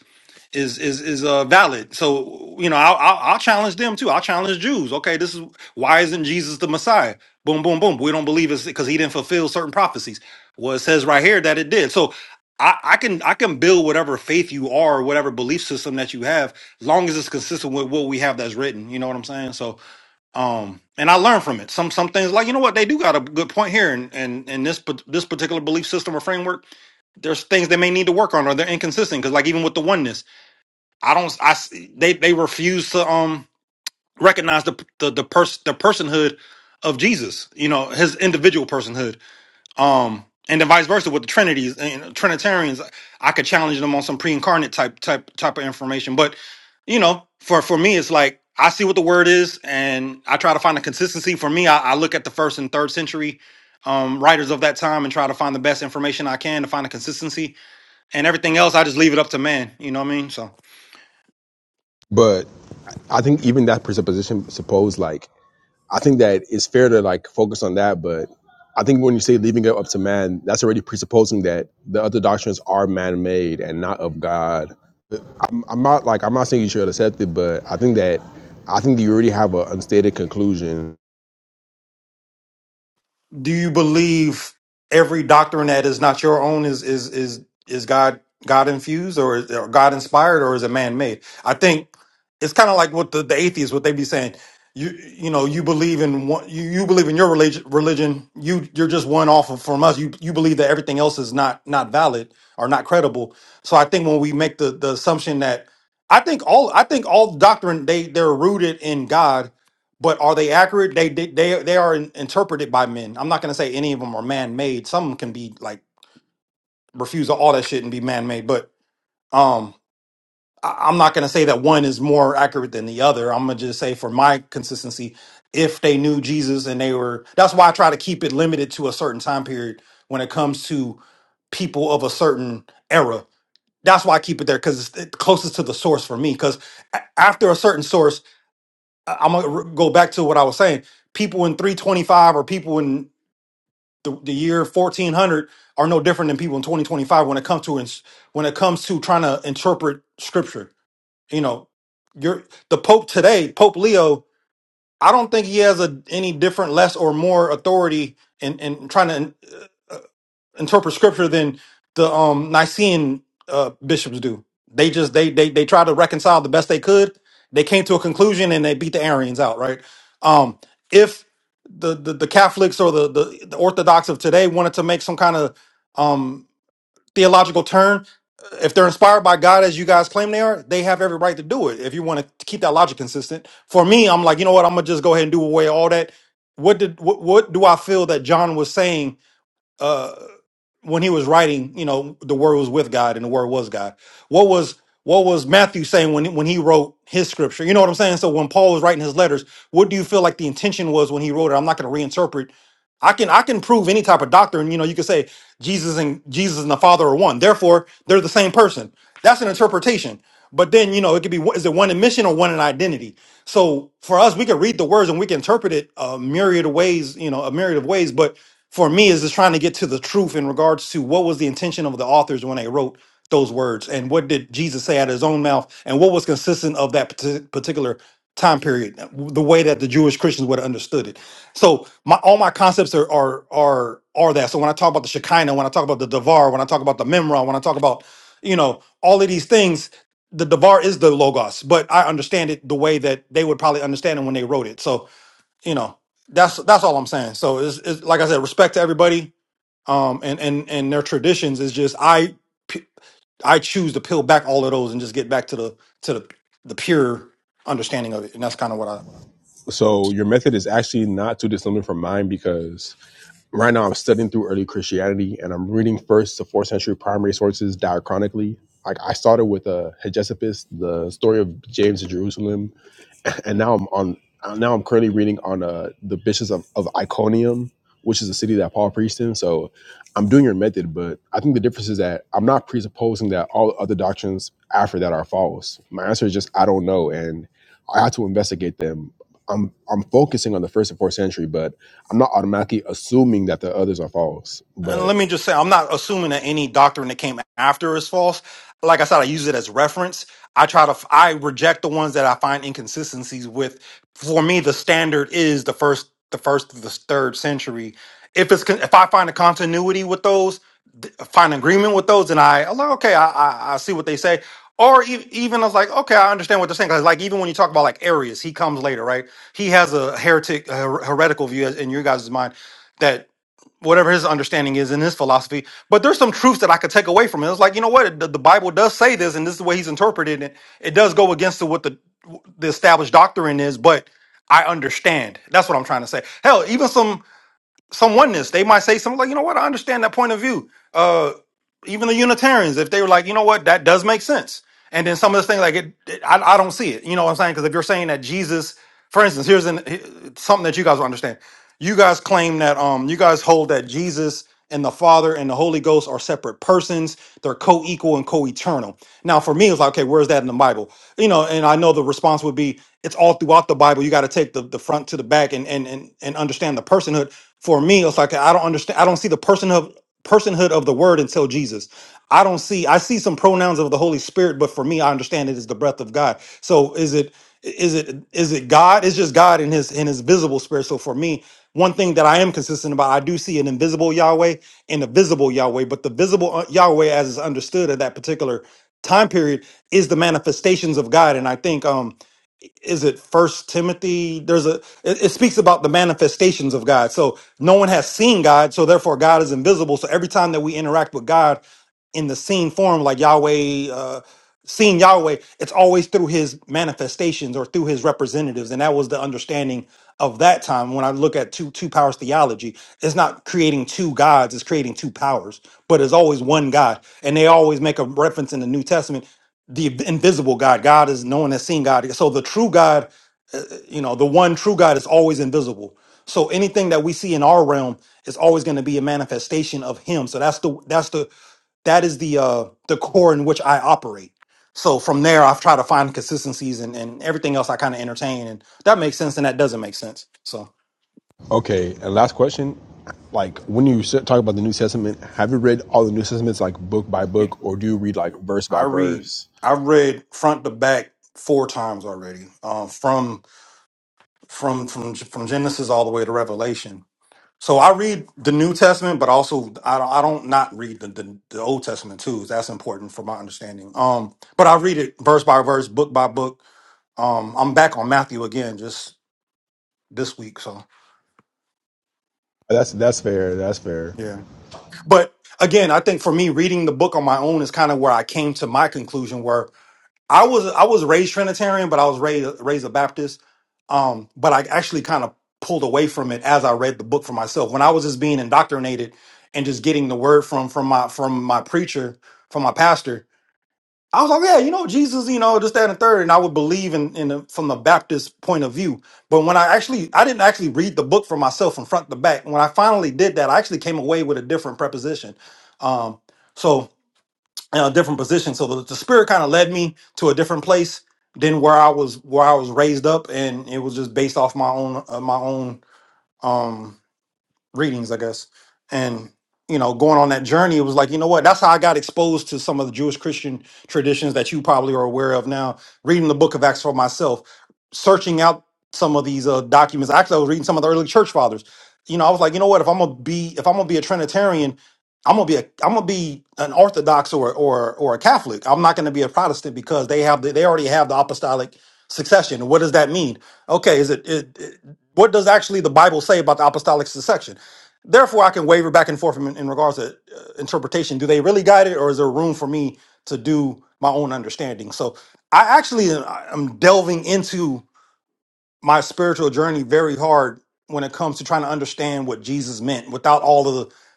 H: is is is uh valid. So you know, I'll, I'll I'll challenge them too. I'll challenge Jews. Okay, this is why isn't Jesus the Messiah? Boom, boom, boom. We don't believe it's because he didn't fulfill certain prophecies. Well, it says right here that it did. So I, I can I can build whatever faith you are, or whatever belief system that you have, long as it's consistent with what we have that's written. You know what I'm saying? So um, and I learn from it. Some some things like you know what they do got a good point here, and and and this pa- this particular belief system or framework, there's things they may need to work on, or they're inconsistent. Because like even with the oneness. I don't. I s- they they refuse to um recognize the the the person the personhood of Jesus. You know his individual personhood. Um, and then vice versa with the Trinities and Trinitarians. I could challenge them on some pre-incarnate type type type of information, but you know, for for me, it's like I see what the word is, and I try to find a consistency. For me, I, I look at the first and third century um writers of that time and try to find the best information I can to find a consistency. And everything else, I just leave it up to man. You know what I mean? So.
I: But I think even that presupposition suppose like I think that it's fair to like focus on that, but I think when you say leaving it up to man, that's already presupposing that the other doctrines are man made and not of God I'm not like I'm not saying you should accept it, but I think that I think that you already have an unstated conclusion.
H: do you believe every doctrine that is not your own is is is is God God infused or, is- or God inspired or is it man made? I think it's kind of like what the, the atheists what they be saying. You you know you believe in one you, you believe in your religion religion you you're just one off of, from us you you believe that everything else is not not valid or not credible. So I think when we make the the assumption that I think all I think all doctrine they they're rooted in God but are they accurate? They they they, they are in, interpreted by men. I'm not gonna say any of them are man made. Some can be like refuse all that shit and be man made. But um, I, I'm not gonna say that one is more accurate than the other. I'm gonna just say for my consistency, if they knew Jesus and they were, that's why I try to keep it limited to a certain time period when it comes to people of a certain era. That's why I keep it there because it's it- closest to the source for me. Because after a certain source. I- I'm gonna r- go back to what I was saying. People in 325 or people in the, the year 1400 are no different than people in 2025 when it comes to ins- when it comes to trying to interpret scripture. You know, you're the Pope today, Pope Leo. I don't think he has a, any different, less or more authority in, in trying to. uh, interpret scripture than the um Nicene uh, bishops do. They just they they they try to reconcile the best they could. They came to a conclusion and they beat the Arians out, right? Um, if the, the the Catholics or the the, the Orthodox of today wanted to make some kind of um theological turn, if they're inspired by God as you guys claim they are, they have every right to do it. If you want to keep that logic consistent, for me, I'm like, you know what? I'm gonna just go ahead and do away all that. What did what, what do I feel that John was saying? uh, when he was writing, you know, the word was with God and the word was God. What was what was Matthew saying when when he wrote his scripture? You know what I'm saying? So when Paul was writing his letters, what do you feel like the intention was when he wrote it? I'm not going to reinterpret I can I can prove any type of doctrine. You know, you could say Jesus and Jesus and the Father are one. Therefore, they're the same person. That's an interpretation. But then you know it could be one- is it one in mission or one in identity. So for us, we can read the words and we can interpret it a myriad of ways. You know, a myriad of ways. But for me, is just trying to get to the truth in regards to what was the intention of the authors when they wrote those words and what did Jesus say out of his own mouth and what was consistent of that parti- particular time period, the way that the Jewish Christians would have understood it. So my all my concepts are are are are that. So when I talk about the Shekinah, when I talk about the Devar, when I talk about the Memra, when I talk about you know all of these things, the Devar is the Logos, but I understand it the way that they would probably understand it when they wrote it. So you know that's that's all I'm saying. So it's, it's like I said, respect to everybody, um, and and and their traditions is just I p- I choose to peel back all of those and just get back to the to the the pure understanding of it, and that's kind of what I.
I: So your method is actually not too dissimilar from mine because right now I'm studying through early Christianity and I'm reading first to fourth century primary sources diachronically. Like I started with uh, Hegesippus, the story of James of Jerusalem, and now I'm on now I'm currently reading on uh, the bishops of, of Iconium, which is a city that Paul preached in. So I'm doing your method, but I think the difference is that I'm not presupposing that all other doctrines
H: and let me just say, I'm not assuming that any doctrine that came after is false. Like I said, I use it as reference. I try to, I reject the ones that I find inconsistencies with. For me, the standard is the first, the first, to the third century. If it's, con- if I find a continuity with those, th- find agreement with those, and I, I'm like, okay, I, I, I see what they say. Or e- even I was like, okay, I understand what they're saying. 'Cause, like even when you talk about like Arius, he comes later, right? He has a heretic, her- heretical view in your guys' mind whatever his understanding is in his philosophy. But there's some truths that I could take away from it. It's like you know what the, the Bible does say this, and this is the way he's interpreted it. It does go against the, what the the established doctrine is, but I understand. That's what I'm trying to say. Hell, even some some oneness, they might say something like, you know what, I understand that point of view. Uh, even the Unitarians, if they were like, you know what, that does make sense. And then some of the things like it, it- I, I don't see it. You know what I'm saying? Because if you're saying that Jesus, for instance, here's an, he- something that you guys will understand. You guys claim that um, you guys hold that Jesus and the Father and the Holy Ghost are separate persons. They're co-equal and co-eternal. Now, for me, it's like, okay, where's that in the Bible? You know, and I know the response would be, it's all throughout the Bible. You got to take the, the front to the back and and and and understand the personhood. For me, it's like I don't understand. I don't see the personhood personhood of the word until Jesus. I don't see I see some pronouns of the Holy Spirit, but for me, I understand it is the breath of God. So is it is it is it God? It's just God in his in his visible spirit. So for me, one thing that I am consistent about, I do see an invisible Yahweh and a visible Yahweh, but the visible uh, Yahweh as is understood at that particular time period is the manifestations of God. And I think um is it first timothy there's a it, it speaks about the manifestations of god so no one has seen god so therefore god is invisible so every time that we interact with god in the seen form like yahweh uh seeing yahweh it's always through his manifestations or through his representatives and that was the understanding of that time when i look at two two powers theology it's not creating two gods it's creating two powers but it's always one god and they always make a reference in the new testament the invisible God. God is no one has seen God. So the true God, uh, uh, you know, the one true God is always invisible. So anything that we see in our realm is always going to be a manifestation of Him. So that's the that's the that is the uh the core in which I operate. So from there, I've tried to find consistencies and, and everything else I kind of entertain, and that makes sense, and that doesn't make sense. So
I: Okay, and last question. Like when you talk about the New Testament, have you read all the New Testaments like book by
H: yeah,
I: book, or do you read like verse
H: I
I: by
H: read
I: verse?
H: I've read front to back four times already, um, from from from from Genesis all the way to Revelation So I read the New Testament, but also I don't, I don't not read the, the the Old Testament too. That's important for my understanding. Um, but I read it verse by verse, book by book. Um, I'm back on Matthew again just this week, so
I: That's that's fair. That's fair.
H: yeah. But again, I think for me, reading the book on my own is kind of where I came to my conclusion. Where I was I was raised Trinitarian, but I was raised raised a Baptist. Um, but I actually kind of pulled away from it as I read the book for myself. When I was just being indoctrinated and just getting the word from from my from my preacher, from my pastor, I was like, yeah, you know, Jesus, you know, this, that, and the third, and I would believe in in the, from the Baptist point of view. But when I actually I didn't actually read the book for myself from front to back. When I finally did that, I actually came away with a different preposition. Um, so in a different position. So the, the spirit kind of led me to a different place than where I was where I was raised up, and it was just based off my own uh, my own um, readings, I guess. And you know, going on that journey, it was like, you know what? That's how I got exposed to some of the Jewish Christian traditions that you probably are aware of now. Reading the Book of Acts for myself, searching out some of these uh, documents. Actually, I was reading some of the early church fathers. You know, I was like, you know what? If I'm gonna be, if I'm gonna be a Trinitarian, I'm gonna be a, I'm gonna be an Orthodox or or or a Catholic. I'm not gonna be a Protestant because they have the, they already have the apostolic succession. What does that mean? Okay, is it, it, it what does actually the Bible say about the apostolic succession? Therefore, I can waver back and forth in, in regards to uh, interpretation. Do they really guide it, or is there room for me to do my own understanding? So, I actually am I am delving into my spiritual journey very hard when it comes to trying to understand what Jesus meant without all of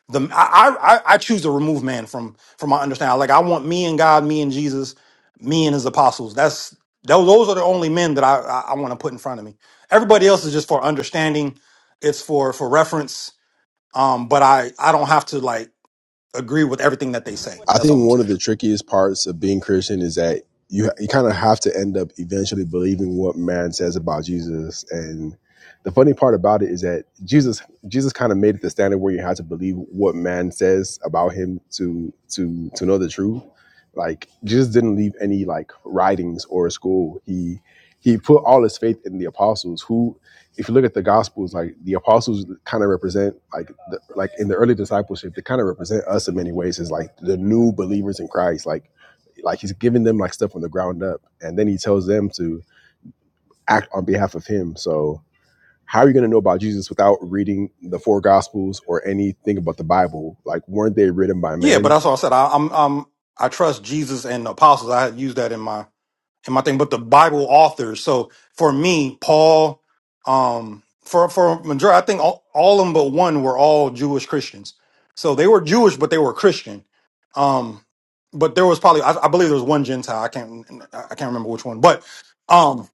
H: the the I, I I I choose to remove man from from my understanding. Like I want me and God, me and Jesus, me and His apostles. That's those those are the only men that I I, I want to put in front of me. Everybody else is just for understanding. It's for for reference um, but I I don't have to like agree with everything that they say.
I: I
H: That's all
I: think
H: I'm
I: one
H: saying.
I: of the trickiest parts of being Christian is that you you kind of have to end up eventually believing what man says about Jesus. And the funny part about it is that Jesus Jesus kind of made it the standard where you had to believe what man says about him to to to know the truth. Like Jesus didn't leave any like writings or a school. He he put all his faith in the apostles, who if you look at the gospels like the apostles kind of represent like the, like in the early discipleship they kind of represent us in many ways as like the new believers in christ like like he's giving them like stuff from the ground up and then he tells them to act on behalf of him so how are you going to know about jesus without reading the four gospels or anything about the bible like weren't they written by
H: Yeah, but
I: men
H: that's all I said. I, I'm um I trust Jesus and the apostles. I have used that in my in my thing, but the Bible authors. So for me, Paul, um, for for majority, I think all, all of them but one were all Jewish Christians. So they were Jewish, but they were Christian. Um, but there was probably I, I believe there was one Gentile. I can't I can't remember which one, but um.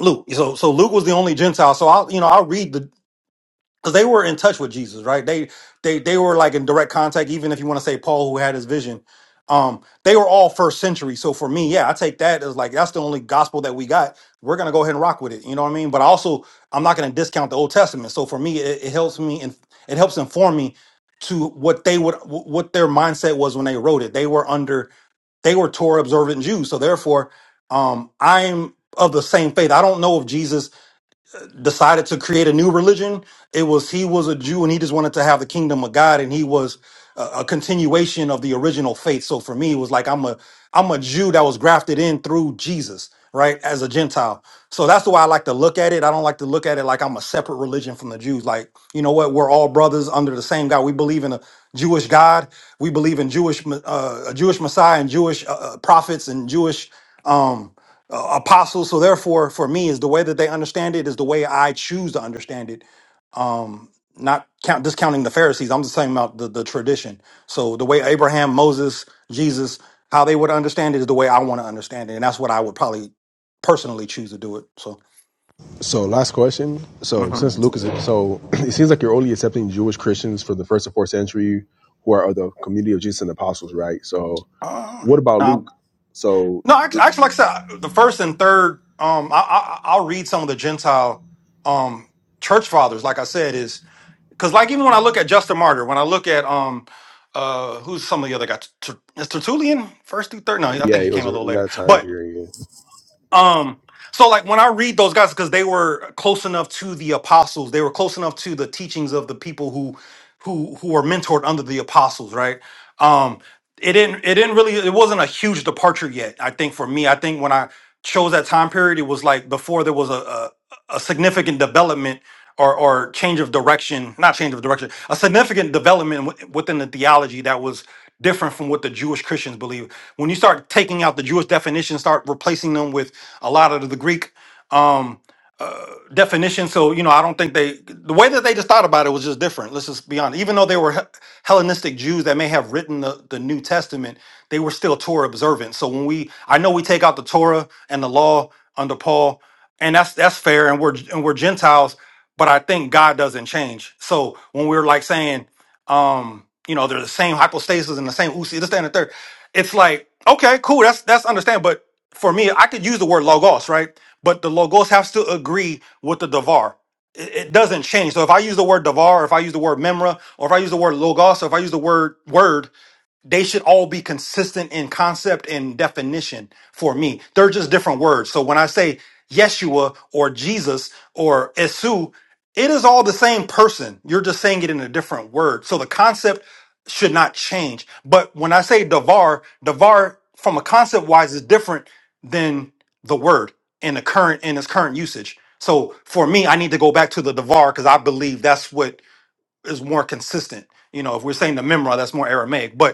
H: Luke. So so Luke was the only Gentile. So I you know I read the because they were in touch with Jesus, right? They they they were like in direct contact. Even if you want to say Paul, who had his vision, um, they were all first century. So for me, yeah, I take that as like that's the only gospel that we got. We're gonna go ahead and rock with it. You know what I mean? But I also, I'm not gonna discount the Old Testament. So for me, it, it helps me and it helps inform me to what they would wh- what their mindset was when they wrote it. They were under they were Torah observant Jews, so therefore, um, I'm of the same faith. I don't know if Jesus decided to create a new religion. It was he was a Jew and he just wanted to have the kingdom of God and he was a, a continuation of the original faith. So for me, it was like I'm a I'm a Jew that was grafted in through Jesus, right, as a Gentile. So that's the way I like to look at it. I don't like to look at it like I'm a separate religion from the Jews. Like you know what, we're all brothers under the same God. We believe in a Jewish God. We believe in Jewish uh, a Jewish Messiah and Jewish uh, uh, prophets and Jewish. Um, uh, apostles. So therefore, for me, is the way that they understand it is the way I choose to understand it. Um, not count discounting the Pharisees. I'm just talking about the, the tradition. So the way Abraham, Moses, Jesus, how they would understand it is the way I want to understand it, and that's what I would probably personally choose to do it. So.
I: so last question so since
H: Mhm.
I: luke is so [clears throat] it seems like you're only accepting jewish christians from the first to fourth century who are of the community of jesus and the apostles right so
H: Uh,
I: What about
H: no,
I: Luke? So,
H: no. act- Actually, like I said, the first and third. Um, I, I I'll read some of the Gentile um church fathers. Like I said, is because like even when I look at Justin Martyr, when I look at um uh who's some of the other guys, Ter- is Tertullian first through third? No, I
I: yeah,
H: think he
I: it
H: came
I: was
H: a little
I: in
H: later.
I: that time
H: But
I: period.
H: um so like when I read those guys because they were close enough to the apostles, they were close enough to the teachings of the people who who who were mentored under the apostles, right? Um it didn't it didn't really it wasn't a huge departure yet. I think for me, I think when I chose that time period, it was like before there was a, a a significant development or or change of direction, not change of direction, a significant development wi- within the theology that was different from what the Jewish Christians believe. When you start taking out the Jewish definition, start replacing them with a lot of the Greek um, uh, definition. So you know, I don't think they the way that they just thought about it was just different. Let's just be honest. Even though they were He- Hellenistic Jews that may have written the, the New Testament, they were still Torah observant. So when we, I know we take out the Torah and the law under Paul, and that's that's fair. And we're and we're Gentiles but I think God doesn't change. So when we're like saying, um, you know, they're the same hypostasis and the same usi, this, that, and the third, it's like, okay, cool, that's that's understand. But for me, I could use the word logos, right? But the logos has to agree with the davar. It, it doesn't change. So if I use the word davar, or if I use the word memra, or if I use the word logos, or if I use the word word, they should all be consistent in concept and definition for me. They're just different words. So when I say Yeshua or Jesus or Esu, it is all the same person. You're just saying it in a different word. So the concept should not change. But when I say Davar, Davar from a concept wise is different than the word in the current in its current usage. So for me, I need to go back to the Davar because I believe that's what is more consistent. You know, if we're saying the Memra, that's more Aramaic. But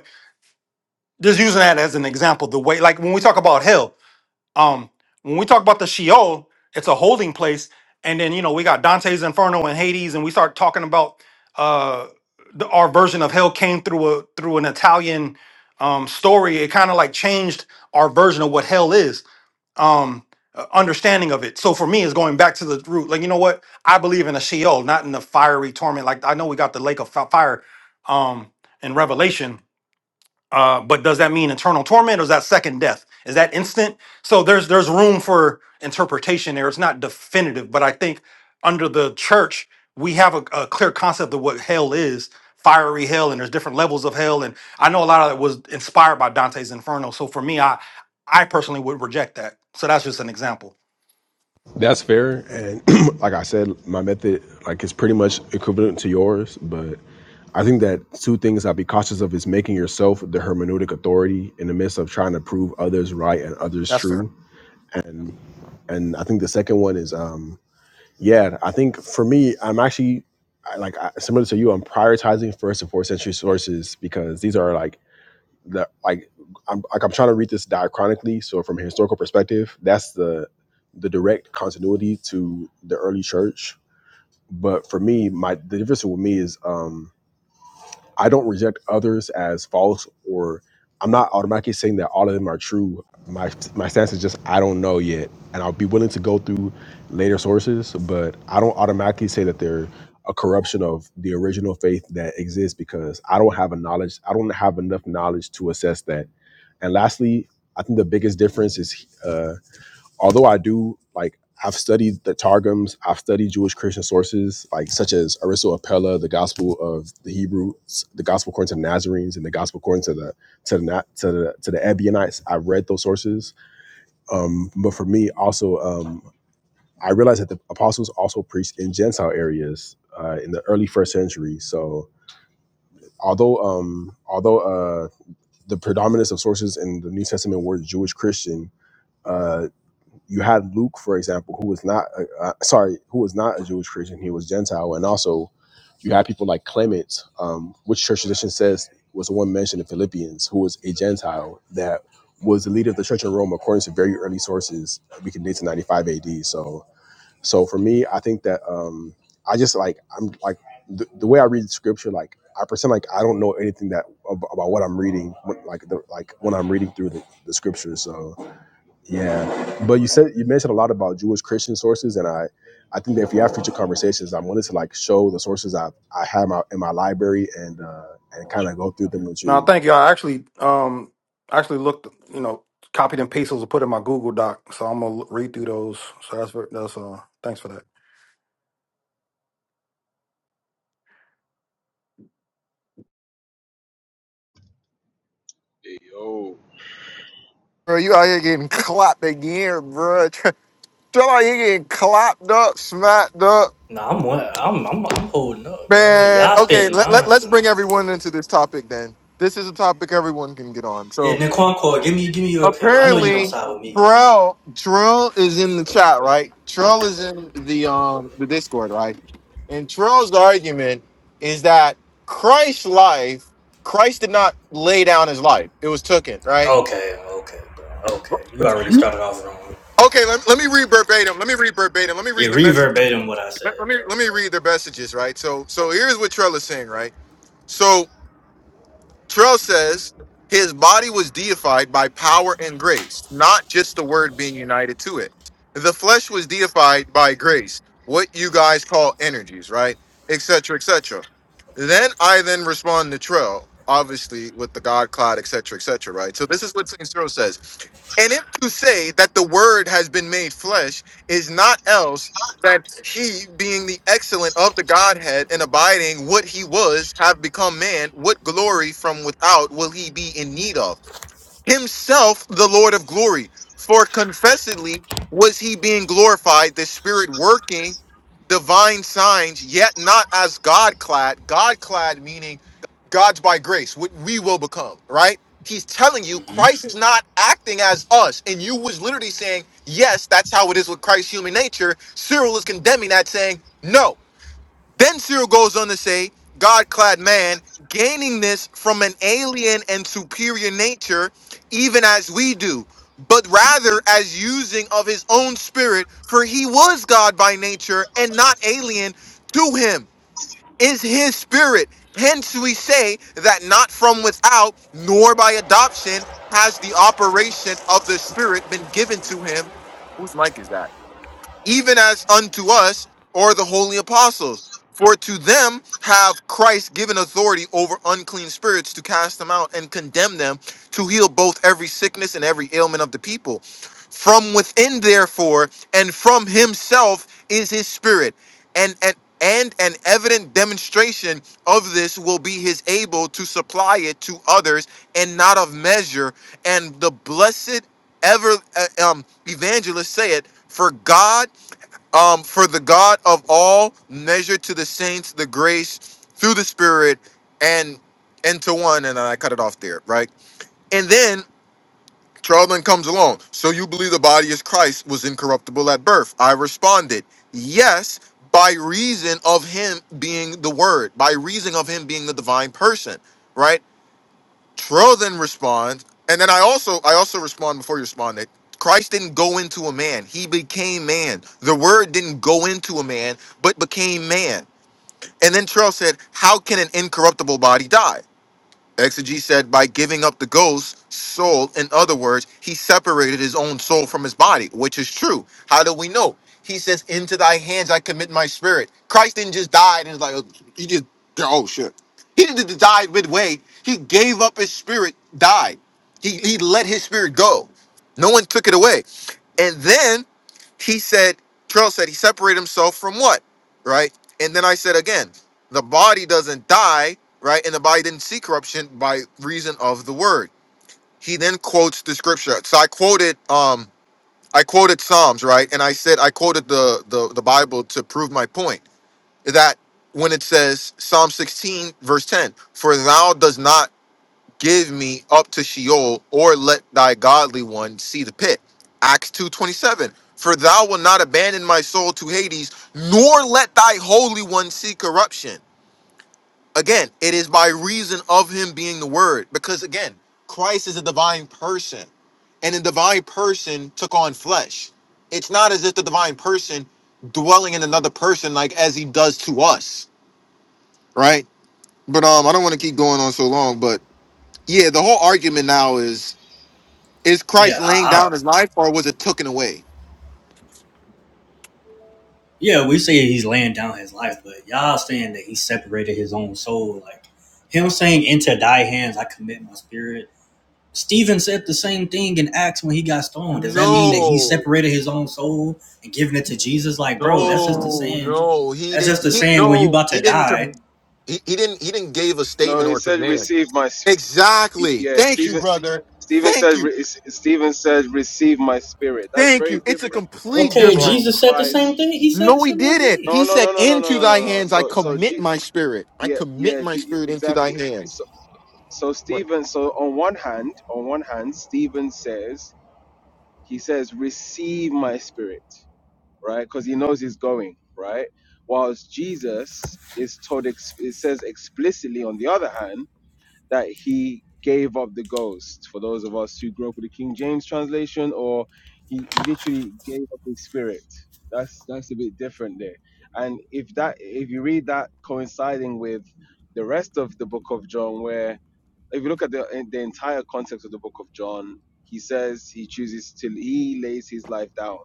H: just using that as an example, the way like when we talk about hell, um, when we talk about the Sheol, it's a holding place, and then you know we got Dante's Inferno and Hades, and we start talking about uh the, our version of hell came through a through an Italian um story. It kind of like changed our version of what hell is, um uh, understanding of it. So for me, it's going back to the root. Like you know what, I believe in a Sheol, not in the fiery torment. Like I know we got the lake of fi- fire, um in Revelation, uh, but does that mean eternal torment or is that second death? Is that instant? So there's there's room for interpretation there. It's not definitive, but I think under the church we have a, a clear concept of what hell is, fiery hell, and there's different levels of hell. And I know a lot of that was inspired by Dante's Inferno. So for me, I I personally would reject that. So that's just an example.
I: That's fair. And [clears throat] like I said, my method like is pretty much equivalent to yours, but I think that two things I'd be cautious of is making yourself the hermeneutic authority in the midst of trying to prove others right and others
H: That's fair.
I: true. And and I think the second one is um yeah, I think for me, I'm actually I, like I, similar to you, I'm prioritizing first and fourth century sources because these are like that like I'm like I'm trying to read this diachronically. So from a historical perspective, that's the the direct continuity to the early church. But for me, my the difference with me is um I don't reject others as false or I'm not automatically saying that all of them are true. My my stance is just I don't know yet. And I'll be willing to go through later sources, but I don't automatically say that they're a corruption of the original faith that exists because I don't have a knowledge I don't have enough knowledge to assess that and lastly, I think the biggest difference is, uh, although I do like, I've studied the Targums, I've studied Jewish Christian sources, like such as Aristo Apella, the Gospel of the Hebrews, the Gospel according to the Nazarenes, and the Gospel according to the to the Na- to the to the Ebionites. I've read those sources, um, but for me, also, um, I realized that the apostles also preached in Gentile areas uh, in the early first century. So, although um, although uh, the predominance of sources in the New Testament were Jewish Christian, uh, you had Luke, for example, who was not uh, uh, sorry, who was not a Jewish Christian. He was Gentile, and also you had people like Clement, um, which church tradition says was the one mentioned in Philippians, who was a Gentile that was the leader of the Church in Rome, according to very early sources. We can date to 95 AD. So, so for me, I think that um, I just like I'm like the, the way I read Scripture, like I pretend like I don't know anything that ab- about what I'm reading, when- like the, like when I'm reading through the, the Scripture. So. Yeah, but you said you mentioned a lot about Jewish Christian sources, and I, I think that if we have future conversations, I wanted to like show the sources I I have my, in my library and uh, and kind of go through them with
H: No,
I: you
H: thank you. I actually um actually looked, you know, copied and pasted those and put in my Google Doc. So I'm gonna read through those. So that's ver- that's uh thanks for that.
M: Yo.
A: Bro, you out here getting clapped again, bro. [laughs] Tell out here getting clapped up, smacked up,
B: know? Nah, I'm I'm I'm, I'm holding up, bro.
A: man.
B: Y'all
A: Okay,
B: spitting
A: let, let, let's
B: nonsense.
A: bring everyone into this topic then. This is a topic everyone can get on.
B: Yeah,
A: So.
B: Nquanqua, give me give me your opinion. I know you're gonna
A: apparently
B: side with me.
A: Terrell Terrell is in the chat, right? Terrell is in the um the Discord, right? And Terrell's argument is that Christ's life, Christ did not lay down his life; it was taken, right?
B: Okay, okay, bro. Okay, you already started off wrong.
A: Okay, let, let me read verbatim. Let me read verbatim. Let me
B: Yeah,
A: read the message.
B: reverbatim what I
A: Let, let
B: said,
A: me let
B: bro.
A: me read their messages, right? So so here's what Trell is saying, right? So. Trell says his body was deified by power and grace, not just the word being united to it. The flesh was deified by grace, what you guys call energies, right? Etc. etc. Then I then respond to Trell, obviously with the God cloud, etc. etc. right? So this is what Saint Cyril says. And if to say that the word has been made flesh is not else that he, being the excellent of the Godhead and abiding what he was, have become man, what glory from without will he be in need of? himself the Lord of glory. For confessedly was he being glorified, the Spirit working divine signs, yet not as God clad. God clad meaning God's by grace, what we will become, right? He's telling you
B: hmm
A: Christ is not acting as us. And you was literally saying, yes, that's how it is with Christ's human nature. Cyril is condemning that, saying, no. Then Cyril goes on to say, God clad man, gaining this from an alien and superior nature, even as we do, but rather as using of his own spirit, for he was God by nature and not alien to him is his spirit. Hence we say that not from without, nor by adoption, has the operation of the spirit been given to him even as unto us or the holy apostles. For to them have Christ given authority over unclean spirits to cast them out and condemn them, to heal both every sickness and every ailment of the people. From within, therefore, and from himself is his spirit. And, and, and an evident demonstration of this will be his able to supply it to others and not of measure, and the blessed ever uh, um evangelists say it for god um for the god of all measure to the saints the grace through the spirit and into one and i cut it off there right and then Charlton comes along. So you believe the body is Christ was incorruptible at birth? I responded, yes, by reason of him being the Word, by reason of him being the divine person, right? Terrell then responds, and then I also I also respond before you respond that Christ didn't go into a man; he became man. The Word didn't go into a man, but became man. And then Terrell said, "How can an incorruptible body die?" Exegy said by giving up the ghost soul, in other words, he separated his own soul from his body, which is true. How do we know? He says, Into thy hands I commit my spirit. Christ didn't just die and it's like, oh, he just, oh shit. He didn't just die midway. He gave up his spirit, died. He, he let his spirit go. No one took it away. And then he said, Trail said he separated himself from what? Right? And then I said again, the body doesn't die, right? And the body didn't see corruption by reason of the word. He then quotes the scripture. So I quoted um I quoted Psalms, right? And I said I quoted the the, the Bible to prove my point that when it says Psalm 16 verse 10, for thou does not give me up to Sheol, or let thy godly one see the pit. Acts 2.27, for thou wilt not abandon my soul to Hades, nor let thy holy one see corruption. Again, it is by reason of him being the word, because again, Christ is a divine person, and the divine person took on flesh. It's not as if the divine person dwelling in another person like as he does to us, right? But um, I don't want to keep going on so long, but yeah, the whole argument now is Is Christ
B: Yeah, I,
A: laying down
B: I,
A: his life or was it taken away?
B: yeah, we say he's laying down his life, but y'all saying that he separated his own soul, like him saying, "Into thy hands I commit my spirit." Stephen said the same thing in Acts when he got stoned. Does that mean that he
A: No,
B: separated his own soul and giving it to Jesus? Like, bro, that's just the
A: no,
B: saying.
A: no. He
B: That's just the
A: didn't. He,
B: saying when you
A: no,
B: about
A: he
B: to
A: didn't. Com-
B: die.
A: he, he didn't. He didn't give a
M: No,
A: statement
M: he
A: or
M: said,
A: command.
M: receive my. s-
A: Exactly.
M: Yeah,
A: Thank you,
M: Stephen.
A: brother.
M: Stephen
A: Thank
M: said.
A: you.
M: re- Stephen said, receive my spirit. That's
A: Thank
M: very
A: you. It's a
M: different
A: complete
B: Okay,
A: difference.
M: from
B: Jesus said the same thing.
M: Christ.
B: He said the
A: No, he
B: similar
A: didn't.
B: thing,
M: No,
A: He
M: no,
A: said,
M: no, no, no, no,
A: Into
M: no, no.
A: thy
M: no.
A: hands I
M: So, so,
A: commit
M: G,
A: my spirit. I
M: yeah,
A: commit
M: yeah,
A: my
M: G,
A: spirit into thy
M: exactly.
A: hands.
M: So, so Stephen. So, on one hand, on one hand, Stephen says, he says, receive my spirit, right? Because he knows he's going, right? Whilst Jesus is told, ex- it says explicitly on the other hand that he gave up the ghost for those of us who grew up with the King James translation, or he literally gave up his spirit. That's that's a bit different there. And if that if you read that coinciding with the rest of the book of John, where if you look at the the entire concept of the book of John, he says he chooses till he lays his life down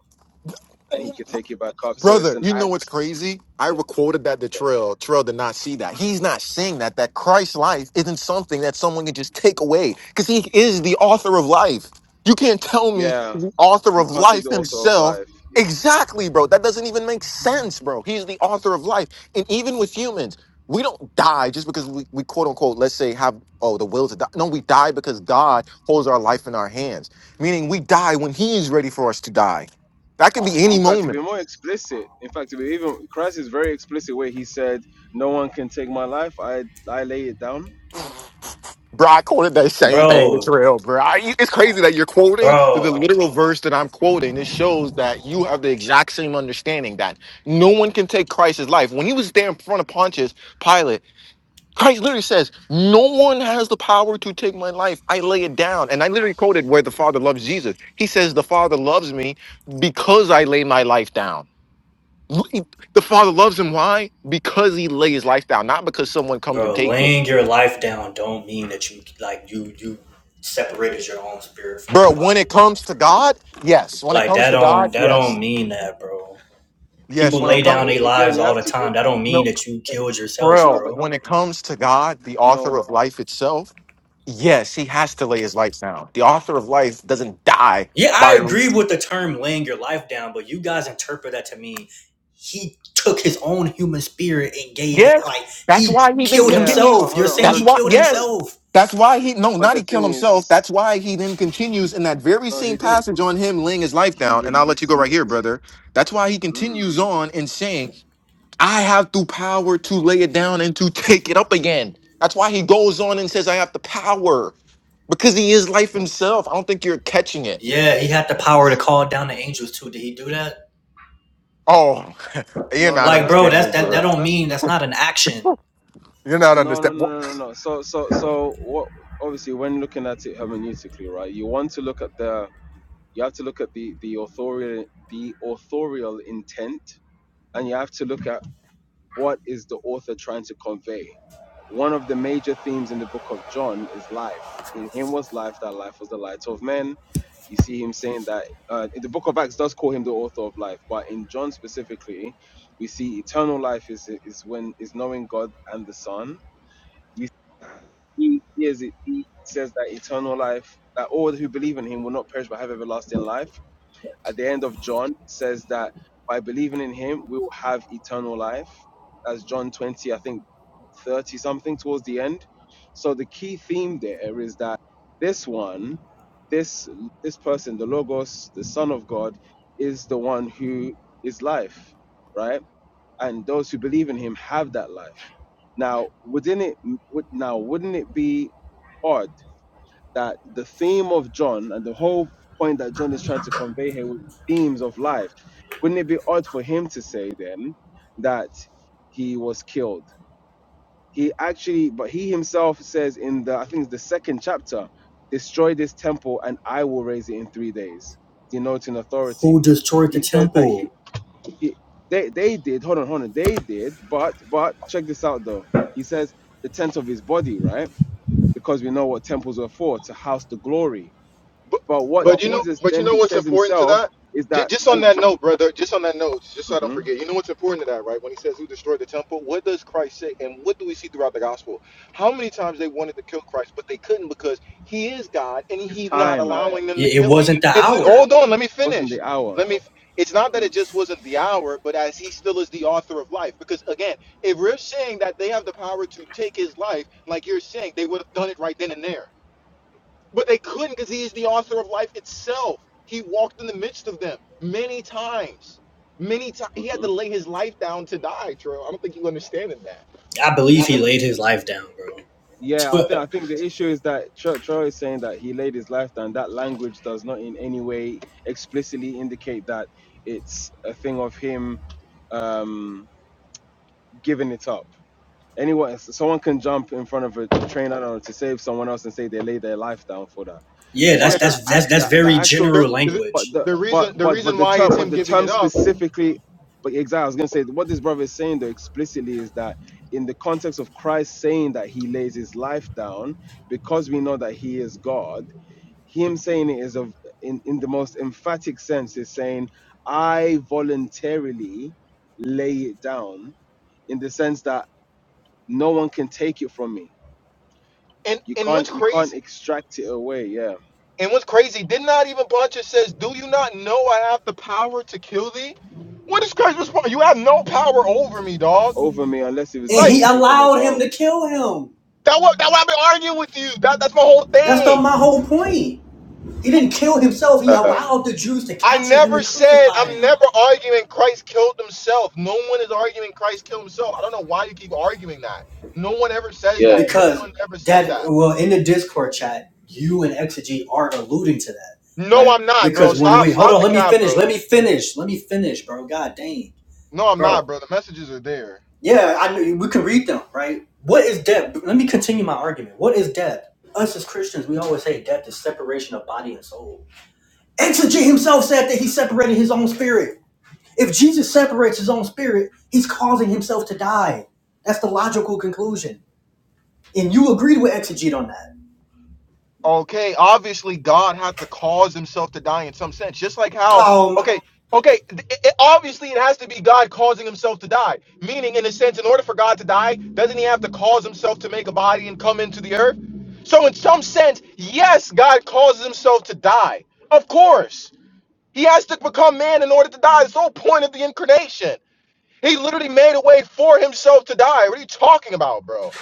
M: and he could take it back up. So it's
A: Brother,
M: an
A: you know
M: act.
A: what's crazy? I recorded that to Trill. Trill did not see that. He's not seeing that. That Christ's life isn't something that someone can just take away because he is the author of life. You can't tell me
M: Yeah,
A: the author
M: you
A: of
M: can't take
A: life
M: the author of
A: himself.
M: life. yeah.
A: Exactly, bro. That doesn't even make sense, bro. He's the author of life. And even with humans, we don't die just because we, we quote unquote, let's say, have, oh, the will to die. No, we die because God holds our life in our hands, meaning we die when he is ready for us to die. That can be any
M: In fact, to
A: moment.
M: be more explicit, in fact, to be even Christ is very explicit where he said, "No one can take my life. I I lay it down."
A: Bro, I quoted that same thing to
B: bro,
A: Trail, bro. I, it's crazy that you're quoting the
B: bro.
A: literal verse that I'm quoting. It shows that you have the exact same understanding that no one can take Christ's life. When he was there in front of Pontius Pilate, Christ literally says, No one has the power to take my life. I lay it down. And I literally quoted where the Father loves Jesus. He says, The Father loves me because I lay my life down. The Father loves him. Why? Because he lays his life down, not because someone comes and
B: Bro,
A: takes it.
B: laying your life down don't mean that you like you you separated your own spirit from
A: Bro,
B: your
A: when
B: body,
A: it
B: bro.
A: comes to God, yes. When it
B: Like
A: comes
B: that
A: to God,
B: don't that don't
A: yes.
B: mean that, bro. People
A: Yes, when
M: No,
A: it
B: lay
M: but
B: down
A: comes
B: their
M: a- again,
B: lives
M: you
B: all
M: have
B: the
M: to. It,
B: time. That don't mean
A: no
B: that you
M: it-
B: killed yourself,
M: no,
A: bro,
M: but
B: bro.
A: when it comes to God, the author
M: no,
A: of life itself, yes, he has to lay his life down. The author of life doesn't die
B: Yeah, I
A: by
B: agree with the term laying your life down, but you guys interpret that to mean he took his own human spirit and gave it
A: Yes.
B: like
A: That's
B: he
A: why he then
B: killed
M: yeah,
A: continues.
M: but
B: himself.
M: hold
B: You're
M: on, hold
B: saying
A: That's
B: he
M: on.
A: why
B: killed
M: But but
A: yes.
B: himself.
A: That's why he no,
M: but
A: not
M: the
A: he killed
M: thing
A: himself. That's
M: is,
A: why he then continues in that very
M: no, he
A: same
M: didn't.
A: passage on him laying his life
M: He
A: down. And I'll let you
M: released
A: go right
M: it.
A: here, brother. That's why he
M: Mm.
A: continues on in saying. I have the power to lay it down and to take it up again. That's why he goes on and says, I have the power because he is life himself. I don't think you're catching it.
B: Yeah, he had the power to
M: S-
B: call down the angels too. Did he do that?
A: Oh, [laughs] you're
M: No, no,
A: not
B: Like,
M: that's
B: bro,
M: that's
B: that's
A: understanding,
M: no,
B: that that
A: bro.
M: that's
B: don't
M: that's
B: mean
M: no,
B: that's not an action.
A: You're not
M: no, no,
A: understanding.
M: no, no, no. So so so what? Obviously, when looking at it hermeneutically, right, you want to look at the you have to look at the the authorial the authorial intent and you have to look at what is the author trying to convey. One of the major themes in the book of John is life. In him was life, that life was the light of men. You see him saying that uh, in the book of Acts does call him the author of life, but in John specifically, we see eternal life is is when is knowing God and the Son. You see, he, is, he says that eternal life, that all who believe in him will not perish but have everlasting life at the end of John says that by believing in him, we will have eternal life. That's John 20, I think 30 something towards the end. So the key theme there is that this one, this this person, the Logos, the Son of God, is the one who is life, right? And those who believe in him have that life. Now, wouldn't it would now wouldn't it be odd that the theme of John and the whole point that John is trying to convey here with themes of life, wouldn't it be odd for him to say then that he was killed? He actually, but he himself says in the, I think it's the second chapter, destroy this temple and I will raise it in three days, denoting
B: Who
M: authority.
B: destroyed the
M: He says that he,
B: temple?
M: he they, they did, hold on, hold on, they did, but, but check this out though. He says the tent of his body, right? Because we know what temples were for, to house the glory
A: But,
M: but what
A: but you know,
M: Jesus
A: but you
M: then
A: know
M: he
A: what's
M: says
A: important to
M: himself
A: that?
M: is
A: Just,
M: that
A: just on
M: G-
A: that
M: G-
A: note, brother. Just on that note, just so I don't
M: Mhm.
A: forget. You know what's important to that, right? When he says, "Who destroyed the temple?" What does Christ say, and what do we see throughout the gospel? How many times they wanted to kill Christ, but they couldn't because He is God, and
M: it's
A: He's not Right.
M: time.
A: allowing them to
B: It,
A: kill Him.
B: wasn't the
A: And li-
B: hour.
A: hold on, let me
M: It wasn't
A: finish.
M: the hour.
A: Let me. It's not that it just wasn't the hour, but as He still is the author of life. Because again, if we're saying that they have the power to take His life, like you're saying, they would have done it right then and there. But they couldn't because he is the author of life itself. He walked in the midst of them many times. Many times. He had to
M: Mhm.
A: lay his life down to die, Troy. I don't think you understand that.
B: I believe he laid his life down,
M: Yeah, I
B: bro.
M: think I think the issue is that Tro Troy is saying that he laid his life down. That language does not in any way explicitly indicate that it's a thing of him um, giving it up. Anyone, someone can jump in front of a train, I don't know, to save someone else and say they laid their life down for that.
B: [laughs] yeah, that's
A: Yeah,
M: But
A: the,
M: the
B: that's
M: act,
B: that's that's
M: the, the
B: very
M: actual
A: the,
B: general
A: the
M: but
B: language.
M: the
A: the
M: but
A: reason the
M: but but
A: reason
M: the
A: why
M: term
A: it's
M: but
A: him
M: the
A: giving
M: term
A: it up.
M: specifically but exactly I was gonna say what this brother is saying though explicitly is that in the context of Christ saying that he lays his life down because we know that he is God, him saying it is of in, in the most emphatic sense is saying, I voluntarily lay it down in the sense that no one can take it from me.
A: And
M: You
A: and
M: can't
A: what's
M: you can't
A: crazy
M: extract it away, yeah.
A: and what's crazy, did not even Buncher says, Do you not know I have the power to kill thee? What is Christ's response? You have no power over me, dog.
M: Over me unless it was
B: And
A: Like
M: given
B: he
M: to you from
B: allowed him
M: above.
B: to kill him.
A: that what that why I've been arguing with you. That that's my whole
B: That's the,
A: thing.
B: my whole point. He didn't kill himself. He
M: [laughs]
B: allowed the Jews to
A: I
B: capture him
A: never
B: and
A: said
B: crucify
A: I'm
B: him.
A: never arguing Christ killed himself. No one is arguing Christ killed himself. I don't know why you keep arguing that. No one ever says
M: yeah,
A: that. No
B: Because
A: one ever said
B: that,
A: that.
B: well, in the Discord chat, you and Exegete are alluding to that,
A: No,
B: right?
A: I'm not, bro.
B: Because when we,
A: Stop,
B: hold
A: stop
B: on,
A: the
B: let me
A: cap,
B: finish, let
A: bro.
B: me finish, let me finish, bro. God dang.
A: No, I'm not,
B: bro.
A: bro. The messages are there.
B: Yeah, I knew we can read them, right? What is death? Let me continue my argument. What is death? Us as Christians, we always say death is separation of body and soul. Exegete himself said that he separated his own spirit. If Jesus separates his own spirit, he's causing himself to die. That's the logical conclusion. And you agreed with Exegete on that.
A: Okay, obviously God had to cause himself to die in some sense. Just like how
B: Um,
A: okay, okay, th- it, it- obviously it has to be God causing himself to die. Meaning in a sense in order for God to die, doesn't he have to cause himself to make a body and come into the earth? So in some sense, yes, God causes himself to die. Of course. He has to become man in order to die. That's the whole point of the incarnation. He literally made a way for himself to die. What are you talking about, bro?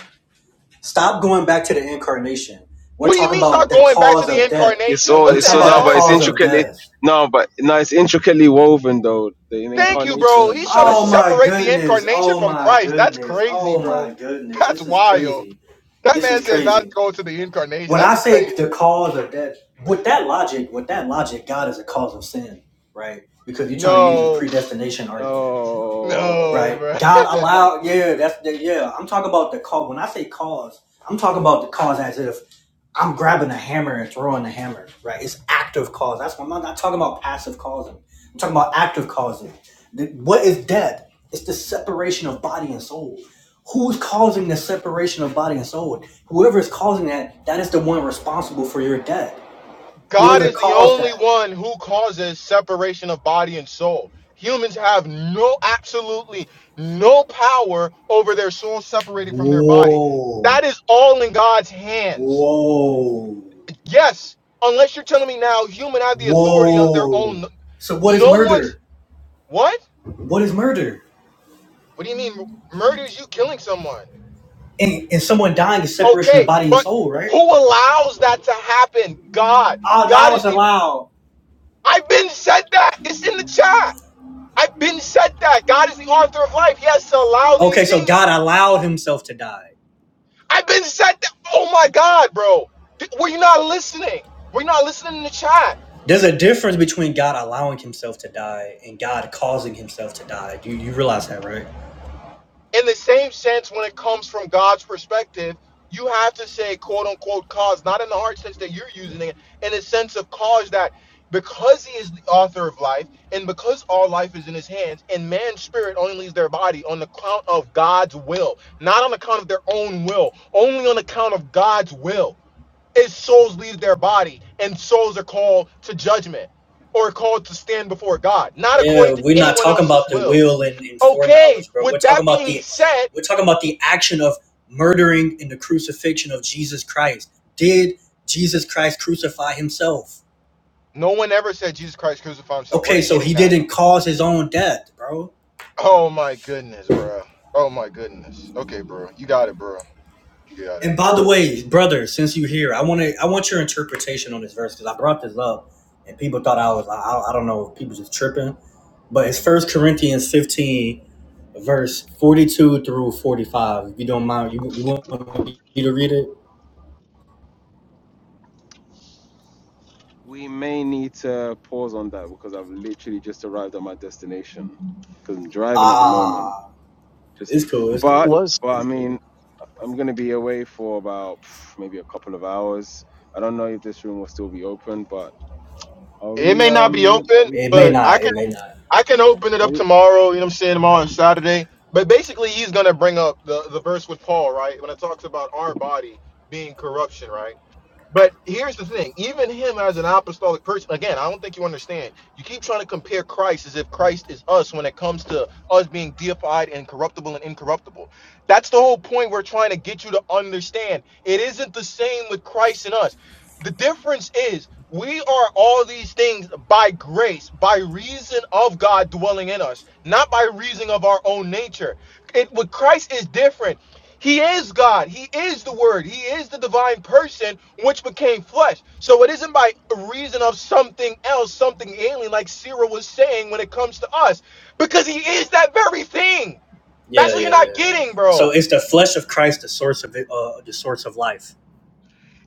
B: stop going back to the incarnation. We're
A: What do you
B: talking
A: mean
B: about
A: start
B: the
A: going back to
B: cause
A: the
B: of death.
M: It's
A: incarnation?
M: so
B: We're
A: What
M: it's
A: the
M: so
B: talking about
M: no,
B: the
M: but
A: hell?
M: it's
B: cause of
M: intricately
B: death.
M: no, but no, it's intricately woven though the
A: Thank you,
M: incarnation
A: bro.
M: and
A: He's
M: the
A: trying to
B: Oh my
M: purpose.
A: separate the
B: goodness.
A: incarnation
B: Oh
A: from
B: my
A: Christ. That's
B: goodness.
A: crazy,
B: Oh my
A: bro.
B: goodness.
A: That's
B: This is
A: wild.
B: crazy.
A: That
B: This is
A: man said not
B: crazy.
A: go to the incarnation.
B: When
A: That
B: I
A: is crazy.
B: say the cause of that, with that logic, with that logic, God is a cause of sin, right? Because you're trying to use this
A: No,
B: predestination argument,
A: no,
M: No,
B: right?
A: bro. [laughs]
B: God allowed, yeah, that's the, yeah. I'm talking about the cause. When I say cause, I'm talking about the cause as if I'm grabbing a hammer and throwing the hammer, right? It's active cause. That's why I'm not talking about passive causing. I'm talking about active causing. The- What is death? It's the separation of body and soul. Who's causing the separation of body and soul? Whoever is causing that, that is the one responsible for your death.
A: God
B: Whoever
A: is the
B: caused
A: only
B: that.
A: one who causes separation of body and soul. Humans have no, absolutely no power over their soul separated from their body.
B: Whoa,
A: That is all in God's hands.
B: whoa,
A: Yes, unless you're telling me now human have the authority of their own.
B: whoa. So what is
A: No one's
B: murder?
A: what?
B: What is murder?
A: What do you mean m- murder is you killing someone?
B: And, and someone dying is separation of
A: Okay,
B: body and
A: but
B: soul, right?
A: who allows that to happen? God.
B: Oh,
A: God
B: now
A: is
B: it's
A: the
B: allowed.
A: I've been said that. It's in the chat. I've been said that. God is the author of life. He has to allow these
B: Okay, so
A: things.
B: God allowed himself to die.
A: I've been said that. Oh my God, bro. Th- Were you not listening? Were you not listening in the chat?
B: There's a difference between God allowing himself to die and God causing himself to die. Do you, you realize that, right?
A: in the same sense, when it comes from God's perspective, you have to say quote unquote cause, not in the hard sense that you're using it, in the sense of cause that because he is the author of life and because all life is in his hands and man's spirit only leaves their body on the count of God's will, not on account of their own will, only on account of God's will. His souls leave their body and souls are called to judgment or called to stand before God, not
B: Yeah,
A: according to
B: we're not
A: anyone
B: talking
A: else's
B: about the
A: will.
B: will and, and
A: Okay,
B: foreknowledge, bro. We're
A: with
B: talking
A: that
B: about
A: being
B: the
A: said,
B: we're talking about the action of murdering and the crucifixion of Jesus Christ. Did Jesus Christ crucify himself?
A: No one ever said Jesus Christ crucified himself. Where are
B: Okay,
A: you
B: so
A: getting
B: he
A: that?
B: didn't cause his own death, bro.
A: Oh my goodness, bro. Oh my goodness. Okay, bro. You got it, bro. You got it.
B: And by the way, brother, since you're here, I want to I want your interpretation on this verse because I brought this up and people thought I was I, I don't know if people just tripping, but it's First Corinthians 15 verse 42 through 45. If you don't mind, you you want me to read it?
M: we may need to pause on that because I've literally just arrived at my destination because I'm driving at the moment.
B: Ah,
M: Just,
B: it's cool. It's
M: but
B: cool.
N: Let's.
M: but I mean, I'm gonna be away for about pff, maybe a couple of hours. I don't know if this room will still be open, but are
A: It
M: we
A: may not be
M: um
A: open,
M: are we
B: It may
M: following?
A: but I
B: not.
A: can
B: It may not.
A: I can open it
M: Are
A: up
M: we?
A: tomorrow. You know what I'm saying? Tomorrow is Saturday. But basically he's gonna bring up the, the verse with Paul, right? When it talks about our body being corruption, right? But here's the thing: even him as an apostolic person, again, I don't think you understand. You keep trying to compare Christ as if Christ is us when it comes to us being deified and corruptible and incorruptible. That's the whole point we're trying to get you to understand. It isn't the same with Christ and us. The difference is we are all these things by grace, by reason of God dwelling in us, not by reason of our own nature. It, with Christ is different. He is God. He is the Word. He is the divine person which became flesh. So it isn't by reason of something else, something alien, like Cyril was saying when it comes to us, because He is that very thing. That's
B: Yeah,
A: what you're
B: yeah,
A: not
B: yeah.
A: getting,
B: So
A: bro.
B: it's the flesh of Christ, the source of it, uh, the source of life.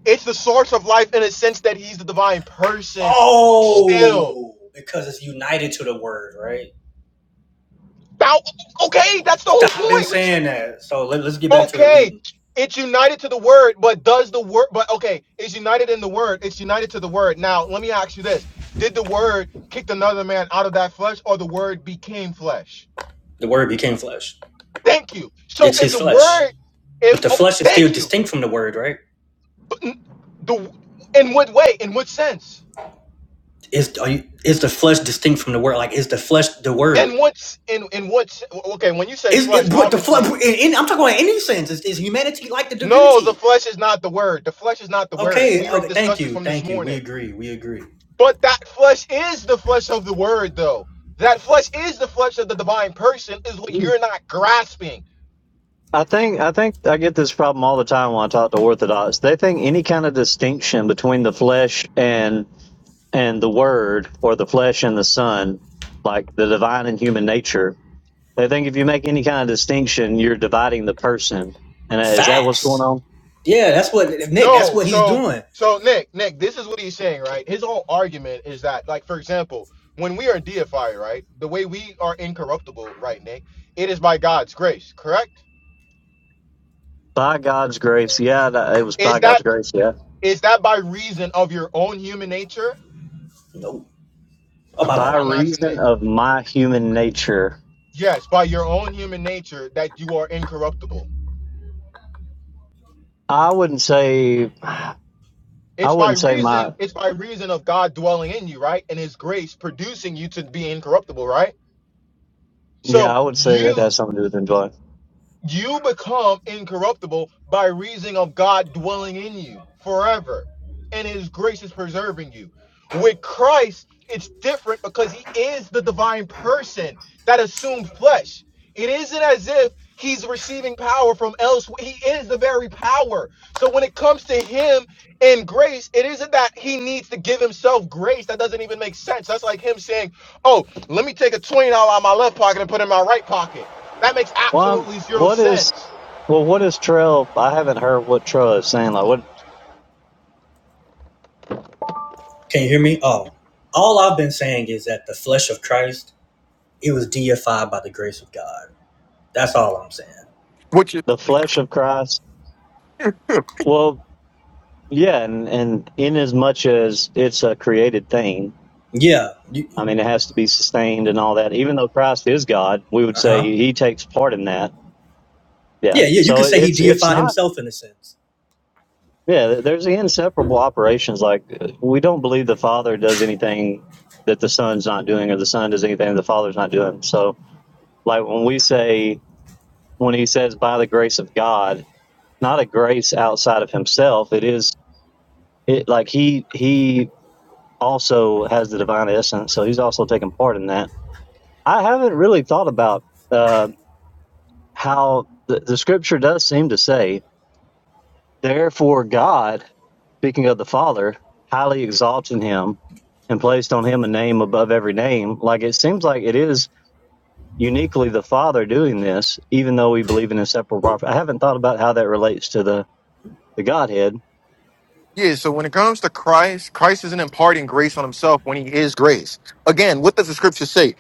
A: It's the source of life in a sense that He's the divine person still.
B: Oh, because it's united to the word, right?
A: Now, okay, that's the whole
B: Stop been
A: point. We
B: saying that. So let, us get back to the
A: Okay,
B: reading.
A: it's united to the word, but does the word? But okay, it's united in the word. It's united to the word. Now, let me ask you this: Did the word kick another man out of that flesh, or the word became flesh?
B: The word became flesh.
A: Thank you. So,
B: It's
A: if
B: his
A: the
B: flesh.
A: word,
B: But
A: if
B: the
A: oh,
B: flesh is still
A: thank you,
B: distinct from the word, right?
A: But n- the in what way? In what sense?
B: Is are you, is the flesh distinct from the word? Like is the flesh the
A: And
B: word?
A: what's in in what's okay? When you say
B: Is
A: flesh,
B: it what the flesh?
A: obviously,
B: In, in- I'm talking about any sense. Is, is humanity like the
A: no, the
B: divinity?
A: flesh is not the word. The flesh is not the word.
B: Okay,
A: We already
B: okay. Thank
A: discussed this
B: you,
A: from this
B: thank you.
A: morning.
B: We agree. We agree.
A: But that flesh is the flesh of the word, though. That flesh is the flesh of the divine person, is what you're not grasping.
N: I think I think I get this problem all the time when I talk to Orthodox. They think any kind of distinction between the flesh and and the Word, or the flesh and the Son, like the divine and human nature. They think if you make any kind of distinction, you're dividing the person. And uh, is that what's going
B: Facts.
N: on?
B: Yeah, that's what Nick. That's
A: No,
B: what he's
A: so
B: doing.
A: so Nick, Nick, this is what he's saying, right? His whole argument is that, like, for example, when we are deified, right, the way we are incorruptible, right, Nick, it is by God's grace, correct?
N: By God's grace, yeah, that- it was by
A: Is
N: God's
A: that
N: grace, yeah.
A: is that by reason of your own human nature?
B: Oh
A: No,
N: By
B: my
A: I'm
B: bad.
A: asking
N: reason
A: Nick.
N: of my human nature,
A: Yes, by your own human nature that you are incorruptible.
N: I wouldn't say, I
A: It's by
N: wouldn't say
A: reason,
N: my,
A: it's by reason of God dwelling in you, right? And his grace producing you to be incorruptible, right?
N: yeah,
A: So
N: I would say that
A: you
N: has something to do with enjoyment.
A: you become incorruptible by reason of God dwelling in you forever and his grace is preserving you. With Christ, it's different because he is the divine person that assumed flesh. It isn't as if he's receiving power from elsewhere. He is the very power. So when it comes to him and grace, it isn't that he needs to give himself grace. That doesn't even make sense. That's like him saying, Oh, let me take a $20 out of my left pocket and put it in my right pocket. That makes
N: Well, I'm-
A: absolutely zero
N: what is
A: sense.
N: well, what is trail? I haven't heard what trail is saying. Like what
B: Can you hear me? Oh, all I've been saying is that the flesh of Christ it was deified by the grace of God That's all I'm saying.
N: the flesh of Christ? Well, yeah, and and in as much as it's a created thing,
B: Yeah. You,
N: I mean, it has to be sustained and all that. Even though Christ is God, we would say
B: uh-huh.
N: He takes part in that. Yeah,
B: Yeah, yeah, you
N: so
B: could
N: it-
B: say he
N: it's it's
B: deified
N: not.
B: himself in a sense.
N: Yeah, there's the inseparable operations. Like uh, we don't believe the Father does anything that the Son's not doing, or the Son does anything the Father's not doing. So, like when we say when He says by the grace of God not a grace outside of himself. It is it like he he also has the divine essence, so he's also taking part in that. I haven't really thought about uh, how the, the scripture does seem to say, therefore God, speaking of the Father, highly exalted him and placed on him a name above every name. Like it seems like it is uniquely the Father doing this, even though we believe in inseparable property. I haven't thought about how that relates to the the Godhead.
A: Yeah, so when it comes to Christ, Christ isn't imparting grace on himself when he is grace. Again, what does the scripture say?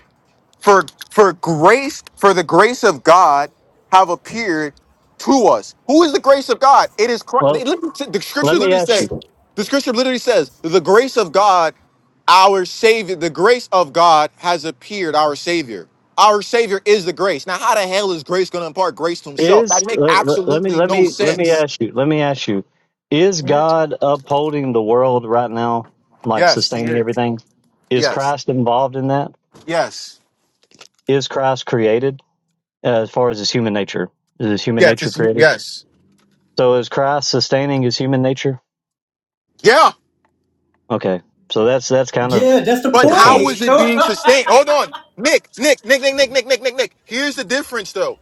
A: For for grace, for the grace of God have appeared to us. Who is the grace of God? It is Christ.
N: Well,
A: It literally sa- The scripture
N: let me
A: literally
N: ask you.
A: says, the scripture literally says, the grace of God, our Savior, the grace of God has appeared, our Savior. Our Savior is the grace. Now, how the hell is grace going to impart grace to himself?
N: is
A: That makes
N: let, let let me
A: absolutely
N: let
A: no
N: me let me
A: sense.
N: ask you let me ask you is god upholding the world right now like
A: Yes.
N: sustaining
A: Yes.
N: everything is
A: Yes.
N: christ involved in that
A: Yes.
N: is christ created uh, as far as his human nature is his human
A: Yes.
N: nature
A: it's-
N: created
A: yes.
N: so is christ sustaining his human nature
A: Yeah.
N: okay so that's that's kind of
B: Yeah, that's the
N: to
A: But
N: the
B: point.
A: how
N: point
A: is
B: [laughs]
A: it
B: Yo,
A: being sustained? Hold on. Nick, Nick, Nick, Nick, Nick, Nick, Nick, Nick, Nick. Here's the difference though.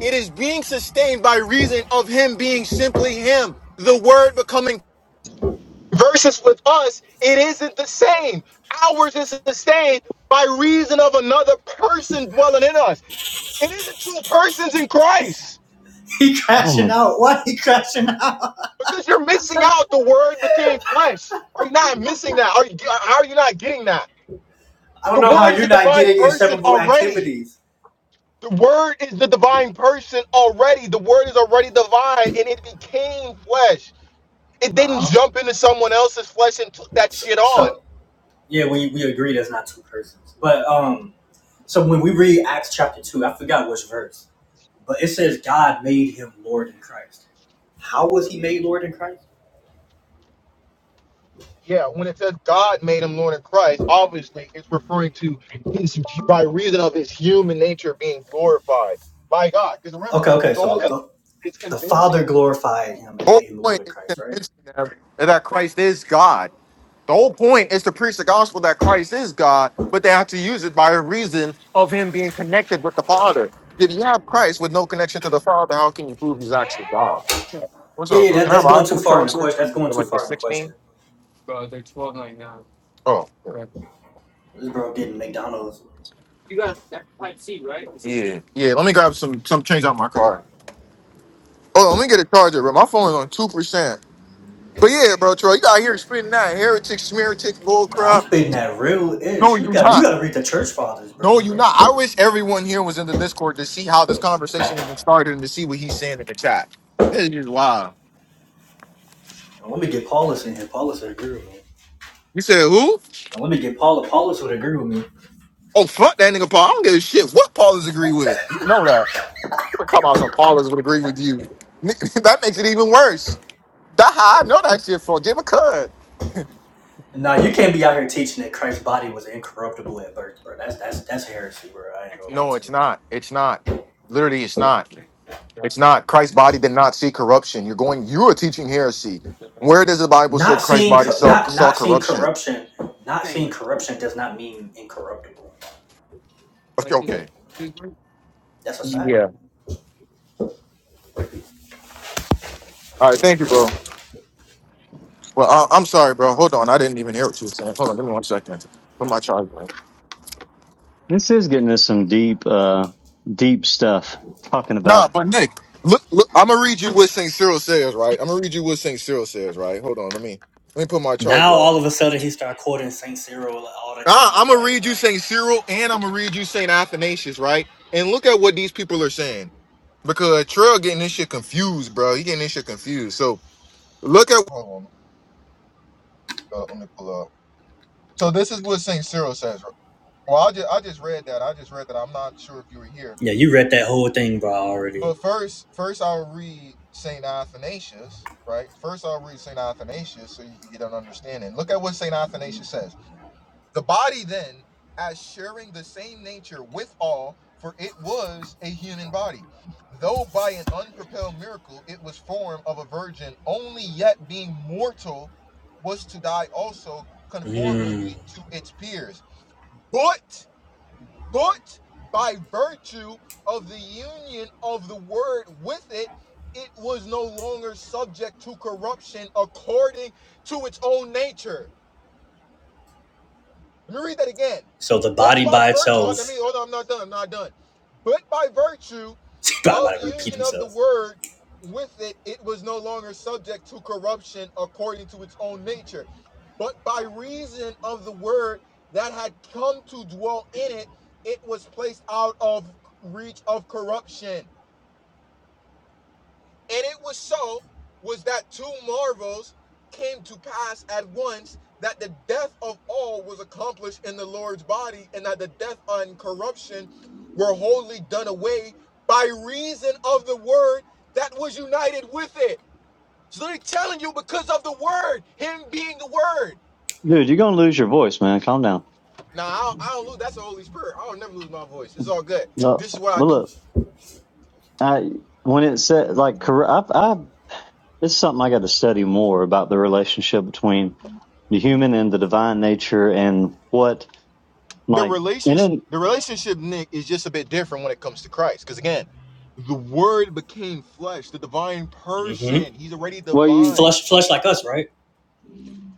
A: It is being sustained by reason of him being simply him. The word becoming versus with us, it isn't the same. Ours is sustained by reason of another person dwelling in us. It isn't two persons in Christ.
B: he
N: oh
B: crashing
N: my
B: out. Why he crashing out?
A: Because you're missing out. The word became flesh. Are you not missing that? Are you, are you not getting that?
B: I don't
A: The
B: know how
A: word is
B: you're
A: the
B: not
A: divine
B: getting
A: person
B: inseparable
A: already.
B: activities.
A: The word is the divine person already. The word is already divine and it became flesh. It
B: Uh
A: didn't
B: huh.
A: jump into someone else's flesh and took that
B: So,
A: shit on.
B: so yeah, we, we agree that's not two persons. But um, so when we read Acts chapter two, I forgot which verse, but it says God made him Lord in Christ. How was he made Lord in Christ?
A: Yeah, when it says God made him Lord of Christ, obviously it's referring to his by reason of his human nature being glorified by God. Because remember,
B: Okay, okay.
A: the whole
B: So the
A: it's
B: the Father
A: convincing that
B: glorified him and
A: Whole
B: made him
A: point
B: Lord in
A: is
B: Christ, right?
A: convincing them that Christ is God. The whole point is to preach the gospel that Christ is God, but they have to use it by a reason of him being connected with the Father. If you have Christ with no connection to the Father, how can you prove he's actually God? What's
B: Yeah,
A: up,
B: yeah,
A: bro?
B: that,
A: Can I have
B: that's
A: an
B: going too
A: iPhone
B: far in the
A: charger?
B: question. That's going
A: They're
B: too
A: like the
B: far in the question.
A: 16? Oh.
B: This bro getting McDonald's.
A: yeah. Yeah. Yeah, let me grab some some change out my car. Oh, let me get a charger, bro. My phone is on two percent. But yeah, bro, Troy, you out here spitting that heretic, smear tick bull
B: Nah, I'm
A: crap.
B: spitting that real
A: No,
B: ish. You
A: you
B: got you
A: not.
B: got to read the church fathers,
A: No,
B: bro.
A: you're
B: They-
A: not. I wish everyone here was in the Discord to see how this conversation even started and to see what he's saying in the chat. This is just wild.
B: Let me get Paulus in here. Paulus would agree with me.
A: You said who?
B: Now, let me get Paula. Paulus would agree with me.
A: Oh, fuck that nigga Paul. I don't give a shit what Paulus agree with. You know what I'm talking about. So Paulus would agree with you. [laughs] that makes it even worse. That how I know that shit for. Give a cut.
B: Nah, you can't be out here teaching that Christ's body was incorruptible at birth, bro. That's that's that's heresy, bro. I ain't gonna lie
A: No,
B: to
A: it's
B: you.
A: it's not. Christ's body did not see corruption. You are teaching heresy. Where?
B: Not seeing co- not not seeing
A: Okay,
B: corruption, not seeing corruption does not mean incorruptible.
A: okay.
B: That's a fact.
A: Yeah. All right, bro. Well, I, I'm sorry, bro. Hold on. I didn't even hear what you were saying. Hold on. Give me one second. Put my charger in.
N: this is getting us some deep uh deep stuff talking
A: Nah,
N: about
A: but Nick, look, look I'm gonna read you what says, right? I'm gonna read you what Saint Cyril says, right? Hold on, let me let me put my
B: Now
A: charger. Up.
B: all of a sudden he start quoting Saint Cyril all the
A: Ah,
B: time,
A: I'm gonna
B: like.
A: read
B: Man,
A: you Saint Cyril, and I'm gonna read you Saint Athanasius, right? And look at what these people are saying, because Trail getting this shit confused, bro. He getting this shit confused. So look at. Hold on, let me, uh, let me pull up. So this is what Saint Cyril says. Right? Well, I just I just read that. I just read that. I'm not sure if you were here.
B: Yeah, you read that whole thing, bro, already.
A: But first, first I'll read Saint Athanasius, right? First I'll read Saint Athanasius so you can get an understanding. Look at what Saint Athanasius says. The body then, as sharing the same nature with all, for it was a human body. Though by an unpropelled miracle it was formed of a virgin, only yet being mortal was to die also conformably
B: Mm.
A: to its peers. But but by virtue of the union of the word with it, it was no longer subject to corruption according to its own nature. Let me read that again.
B: So the
A: But
B: body
A: by
B: by
A: virtue, oh, let me,
B: itself,
A: hold on, I'm not done, I'm not done. But by virtue
B: [laughs] God, I'm
A: of
B: repeat
A: union of the
B: himself.
A: word with it it was no longer subject to corruption according to its own nature but by reason of the word that had come to dwell in it it was placed out of reach of corruption and it was so was that two marvels came to pass at once that the death of all was accomplished in the Lord's body and that the death and corruption were wholly done away by reason of the word that was united with it. It's literally telling you because of the word, him being the word.
N: dude you're gonna lose your voice man calm down
A: Now I don't, I don't lose. That's the Holy Spirit. I don't never lose my voice. It's all good.
N: no
A: This is what I
N: but
A: do.
N: look I when it said like corru- I've, I've it's something I got to study more about the relationship between the human and the divine nature and what
A: the
N: like and
A: relationship
N: then
A: the relationship nick is just a bit different when it comes to christ because again the word became flesh the divine
B: hmm
A: person he's already
N: well you
A: divine
B: Flush, flush like us, right?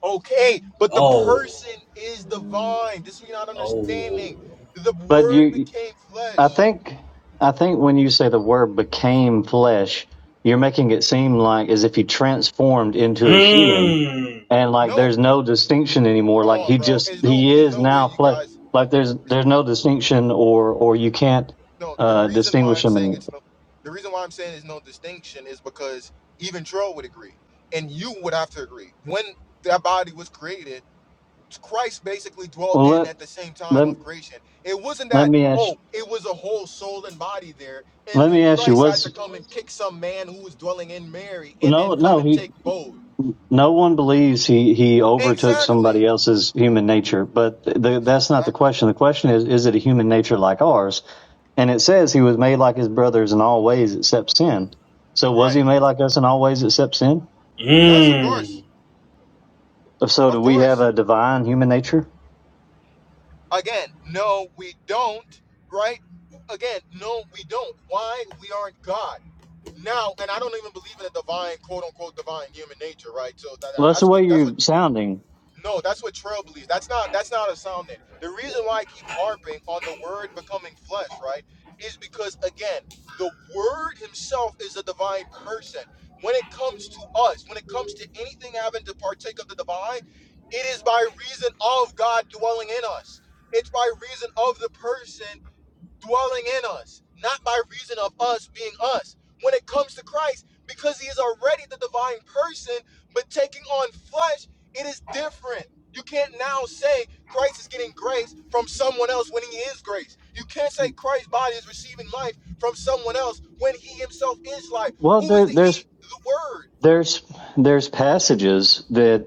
A: okay but the
B: Oh,
A: person is divine this we're not
B: oh.
A: understanding the
N: but
A: word
N: you
A: became
N: I
A: flesh
N: think I think when you say the word became flesh you're making it seem like as if he transformed into a human
B: Hmm.
N: and like
A: no
N: there's no distinction anymore
A: come
N: like
A: on
N: he
A: bro
N: just
A: there's no
N: he
A: there's
N: is
A: no way
N: now
A: you
N: flesh
A: guys
N: like there's
A: it's-
N: there's no distinction or or you can't
A: no the
N: uh
A: reason why
N: distinguish
A: i'm saying
N: him
A: it's no the reason why i'm saying there's no distinction is because even troll would agree and you would have to agree when that body was created Christ basically dwelt
N: Well,
A: in
N: let
A: at the same time
N: let
A: of creation. It wasn't
N: let
A: that,
N: me ask
A: oh, it was a whole soul and body there, and,
N: let me
A: and
N: ask you
A: Christ had
N: was
A: to come and kick some man who was dwelling in Mary and then
N: no
A: come
N: no
A: and
N: he
A: take bold.
N: no one believes he he overtook
A: Exactly.
N: somebody else's human nature, but the, that's not the
A: Exactly.
N: question. The question is is it a human nature like ours? And it says he was made like his brothers in all ways except sin. So was
A: Right.
N: he made like us in all ways except sin?
A: Yes, of
B: Hmm.
A: course.
N: So do
A: Of
N: we have
A: course.
N: a divine human nature?
A: Again, no, we don't, right? Again, no, we don't. Why? We aren't God. Now, and I don't even believe in a divine, quote unquote, divine human nature, right? So that,
N: Well, that's the
A: that's what
N: way
A: that's what
N: you're sounding.
A: No, that's what Trail believes. That's not that's not a sound name. The reason why I keep harping on the word becoming flesh, right, is because again, the word himself is a divine person. When it comes to us, when it comes to anything having to partake of the divine, it is by reason of God dwelling in us. It's by reason of the person dwelling in us, not by reason of us being us. When it comes to Christ, because he is already the divine person, but taking on flesh, it is different. You can't now say Christ is getting grace from someone else when he is grace. You can't say Christ's body is receiving life from someone else when he himself is life.
N: Well,
A: Who is
N: there
A: the he?
N: there's
A: The word.
N: there's there's passages that.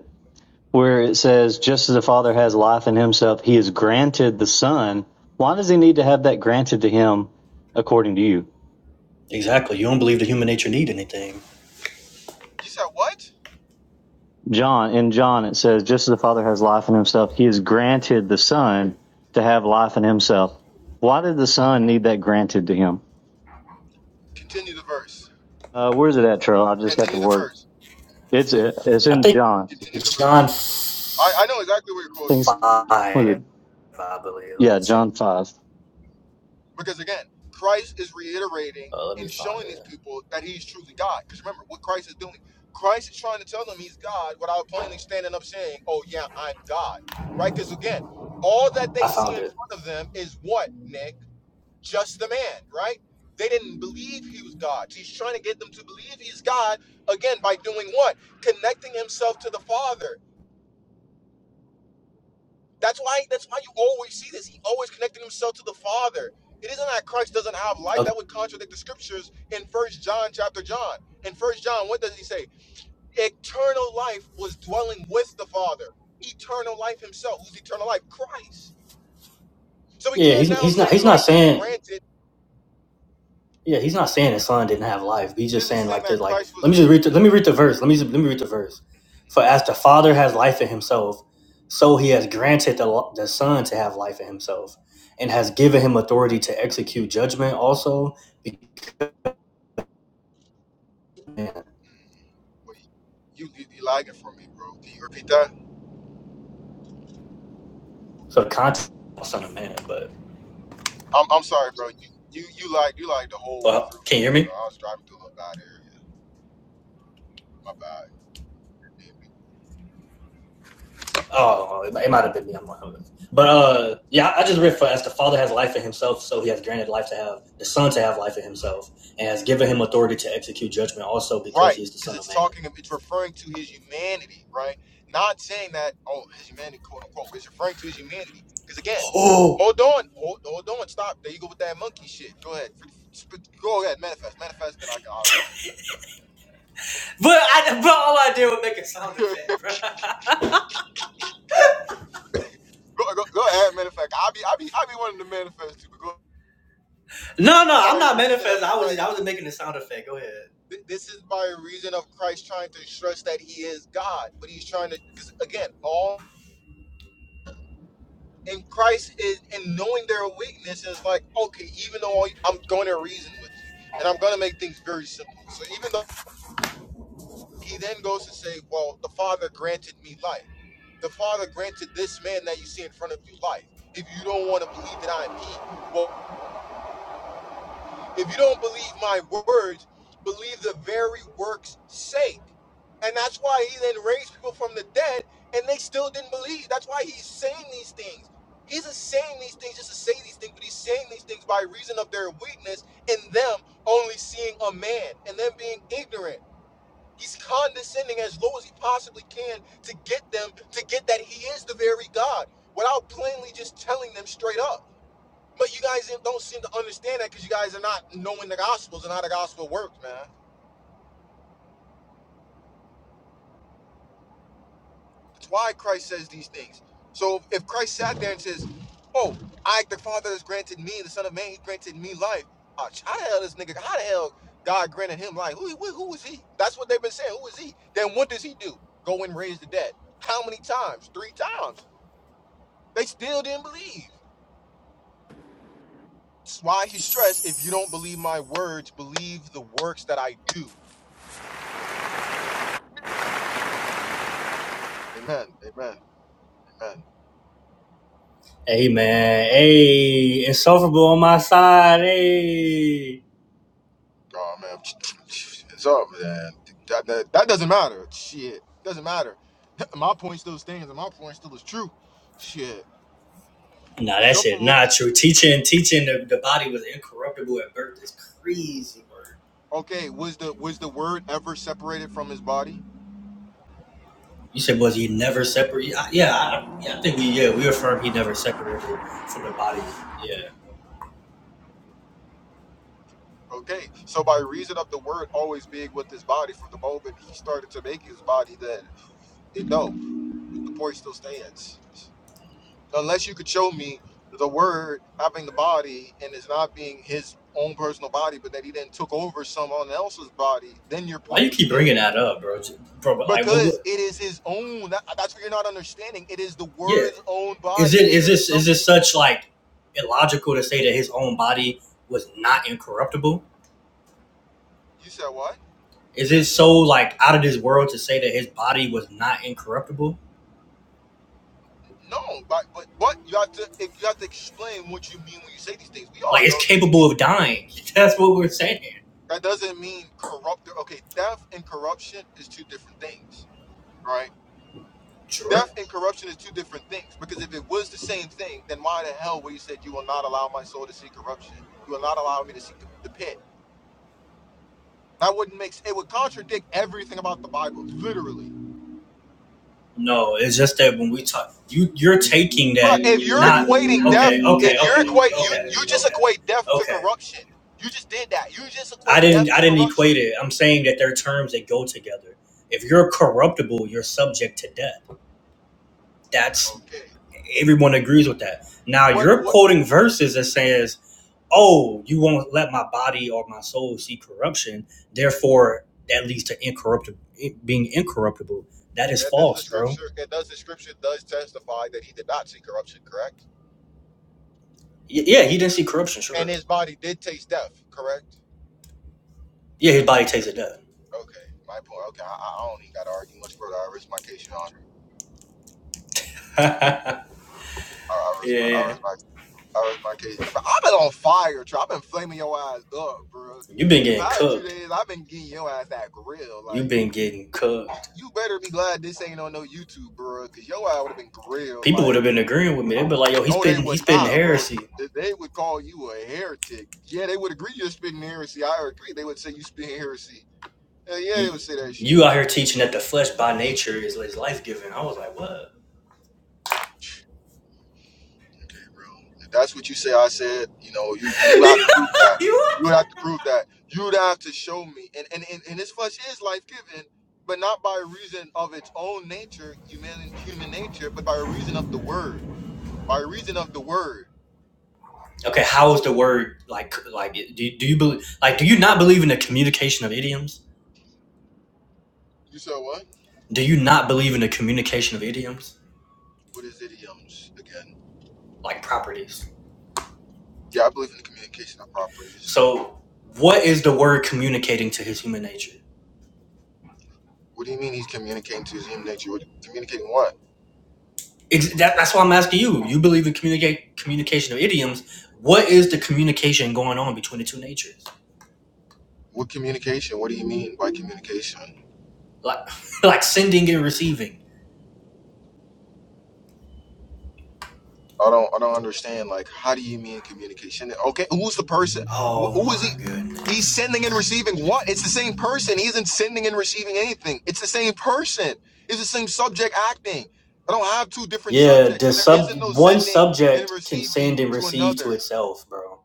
N: where it says, just as the Father has life in himself, he has granted the Son. Why does he need to have that granted to him according to you?
B: Exactly. You don't believe the human nature need anything.
A: You said what?
N: John, in John, it says, just as the Father has life in himself, he has granted the Son to have life in himself. Why did the Son need that granted to him?
A: Continue the verse.
N: Uh, where's it at, Charles? I just got the
A: Continue the
N: word.
A: verse.
N: It's it's
B: I
N: in
B: think
N: John.
A: Continue the
B: John
A: verse. I, I know exactly where you're quoting.
N: I think it's, was it?
B: five, I believe. Let me
N: Yeah,
B: check.
N: John 5.
A: Because again, Christ is reiterating
B: Uh, let me
A: and
B: find
A: showing these
B: it.
A: people that he's truly God. Because remember what Christ is doing. Christ is trying to tell them he's God without plainly standing up saying, Oh yeah, I'm God. Right? Because again, all that they
B: I
A: see
B: found
A: in
B: it.
A: front of them is what, Nick? Just the man, right? They didn't believe he was God. He's trying to get them to believe he's God again by doing what? Connecting himself to the Father. That's why. That's why you always see this. He always connected himself to the Father. It isn't that Christ doesn't have life.
B: Okay.
A: That would contradict the scriptures in First John chapter John. In First John, what does he say? Eternal life was dwelling with the Father. Eternal life Himself. Who's eternal life? Christ. So we
B: Yeah, he's
A: can't now
B: he's not
A: say
B: he's not
A: Christ was
B: saying
A: granted.
B: Yeah, he's not saying his son didn't have life. He's
A: It
B: just
A: isn't
B: saying
A: saying
B: like
A: that
B: there's like
A: Christ
B: let
A: was.
B: me just read the, let me read the verse. Let me just, let me read the verse. For as the Father has life in Himself, so He has granted the the Son to have life in Himself, and has given Him authority to execute judgment also. because man.
A: Wait, you you, you lagging for me, bro. Can you repeat that?
B: So the context of Son of Man, but
A: I'm, I'm sorry, bro. You you you lied you lied the whole way
B: well,
A: through
B: can
A: for
B: you hear
A: me,
B: me?
A: bro. I was driving through a bad area. My bad. Yeah.
B: Oh, it, it might have been me. I'm not sure. But uh, yeah, I just read for as the Father has life in Himself, so He has granted life to have the Son to have life in Himself, and has given Him authority to execute judgment, also because
A: Right,
B: He is the
A: because
B: Son of
A: it's
B: Man.
A: talking, it's referring to his humanity, right? Not saying that, oh, his humanity, quote unquote, it's referring to his humanity. Because again,
B: Oh,
A: hold on, hold, hold on, stop. There you go with that monkey shit. Go ahead, F- f- go ahead, manifest, manifest. Then I can, I'll continue.
B: but I, but all I did was make a sound
A: [laughs]
B: effect, bro. [laughs]
A: go, go, go ahead, manifest. I be, I be, I be wanting to manifest too. But go
B: No, no, I'm
A: by
B: not
A: reason of
B: manifesting. I was just, I
A: Christ.
B: was just making a sound effect. Go ahead.
A: th- This is by reason of Christ trying to stress that he is God, but he's trying to, because again, all And Christ is and knowing their weakness is like, okay, even though I- am going to reason with you, and I'm going to make things very simple. So even though he then goes to say, well, the Father granted me life. The Father granted this man that you see in front of you life. If you don't want to believe that I am he, well. If you don't believe my words, believe the very works sake. And that's why he then raised people from the dead and they still didn't believe. That's why he's saying these things. He isn't saying these things just to say these things, but he's saying these things by reason of their weakness and them only seeing a man and them being ignorant. He's condescending as low as he possibly can to get them to get that he is the very God without plainly just telling them straight up. But you guys don't seem to understand that because you guys are not knowing the gospels and how the gospel works, man. That's why Christ says these things. So if Christ sat there and says, "Oh, I, the Father, has granted me, the Son of Man, He granted me life," uh, how the hell this nigga? How the hell God granted him life? Who, who, who is he? That's what they've been saying. Who is he? Then what does he do? Go and raise the dead. How many times? Three times. They still didn't believe. That's why he stressed, "If you don't believe my words, believe the works that I do." Amen. Amen. Amen.
B: Hey man, hey, insufferable on my side, hey.
A: Oh man, it's up, man. That, that, that doesn't matter. Shit, doesn't matter. [laughs] My point still stands, and my point still is true. Shit,
B: Nah, that shit
A: insufferable.
B: not true. Teaching, teaching the, the body was incorruptible at birth It's crazy, bro.
A: Okay, was the was the word ever separated from his body?
B: You said was he never separate? Yeah, I, yeah, I think we yeah we affirm he never separated from the body. Yeah.
A: Okay, so by reason of the word always being with his body from the moment he started to make his body, then it, no, the point still stands. So unless you could show me the word having the body and it's not being his own personal body, but that he then took over someone else's body, then your
B: Why
A: point
B: you
A: would
B: keep
A: stand.
B: bringing that up, bro? J- Bro, but like what?
A: Because
B: what
A: it is his own. That, that's what you're not understanding. It is the
B: yeah.
A: word's own
B: Is
A: body.
B: it
A: It
B: is
A: isn't
B: this is this
A: something.
B: such like illogical to say that his own body was not incorruptible?
A: You said what?
B: Is it so like out of this world to say that his body was not incorruptible?
A: No, but but, but you have to you have to explain what you mean when you say these things. We
B: Like
A: all
B: it's
A: know this.
B: capable of dying. [laughs] That's what we're saying.
A: That doesn't mean corrupt. Okay, theft and corruption is two different things, right?
B: Sure.
A: Theft and corruption is two different things because if it was the same thing, then why the hell would he said, You will not allow my soul to see corruption? You will not allow me to see the pit. That wouldn't make sense. it would contradict everything about the Bible, literally.
B: No, it's just that when we talk, you you're taking
A: Bruh,
B: that
A: if you're
B: not
A: equating death,
B: okay, okay,
A: if you're
B: okay,
A: equate you
B: okay,
A: you just
B: okay.
A: equate death to
B: Okay.
A: corruption. You just did that. You just
B: I
A: equate
B: didn't
A: death
B: I
A: to
B: didn't
A: corruption.
B: equate it. I'm saying that they're terms that go together. If you're corruptible, you're subject to death. That's
A: Okay.
B: everyone agrees with that. Now
A: What
B: you're
A: what
B: quoting verses that says, Oh, you won't let my body or my soul see corruption, therefore that leads to incorruptible being incorruptible. That is
A: and does the
B: false, bro.
A: scripture and does the scripture does testify that he did not see corruption, correct?
B: Y- yeah, he didn't see corruption,
A: And
B: sure.
A: his body did taste death, correct?
B: Yeah, his body tasted death.
A: Okay, my point. Okay, I, I don't even got to argue much further. I rest my case, Your Honor.
B: [laughs] yeah,
A: I, I rest my, I
B: yeah.
A: rest my, I rest my case. Bro, I've been on fire, bro. I've been flaming your ass up, bro.
B: You've been
A: The
B: getting
A: past two
B: cooked.
A: days, I've been getting your ass that grill.
B: You've
A: Like
B: been getting cooked.
A: you, you better be glad this ain't on no YouTube, bro, because your ass would have been grilled.
B: people would
A: Like,
B: have been agreeing with me. They'd be like, "Yo, he's
A: oh, they
B: spitting, he's
A: would
B: spitting
A: not, bro.
B: heresy.
A: They they would call you a heretic. Yeah, they would agree you're spitting heresy. I agree. They would say you spitting heresy. Hell yeah, they would
B: You,
A: say that shit.
B: you out here teaching that the flesh by nature is, is life giving." I was like, "What?"
A: Gabriel. If that's what you say, I said, you know, you you have
B: [laughs]
A: to prove that.
B: You
A: You would
B: what?
A: have to prove that. You would have to show me. And and, and, and this flesh is life given, but not by reason of its own nature, human human nature, but by reason of the word. By reason of the word.
B: okay, how is the word like? Like, do do you believe? Like, do you not believe in the communication of idioms?
A: You said what?
B: Do you not believe in the communication of idioms,
A: What is idioms again?
B: like properties?
A: Yeah, I believe in the communication of properties.
B: So, what is the word communicating to his human nature?
A: What do you mean he's communicating to his human nature? What, communicating what?
B: Ex- that, that's why I'm asking you. You believe in communicate communication of idioms. What is the communication going on between the two natures?
A: What communication? What do you mean by communication?
B: like [laughs] like sending and receiving.
A: I don't I don't understand. Like, how do you mean communication? Okay, who's the person? Wh-
B: Oh
A: Who is
B: my
A: he? He's
B: goodness.
A: sending and receiving what? It's the same person. He isn't sending and receiving anything. It's the same person. It's the same subject acting. I don't have two different
B: Yeah,
A: subjects,
B: the
A: so there isn't no
B: sub one
A: sending and
B: subject can
A: receiving
B: send and
A: to
B: receive to
A: another.
B: itself, bro.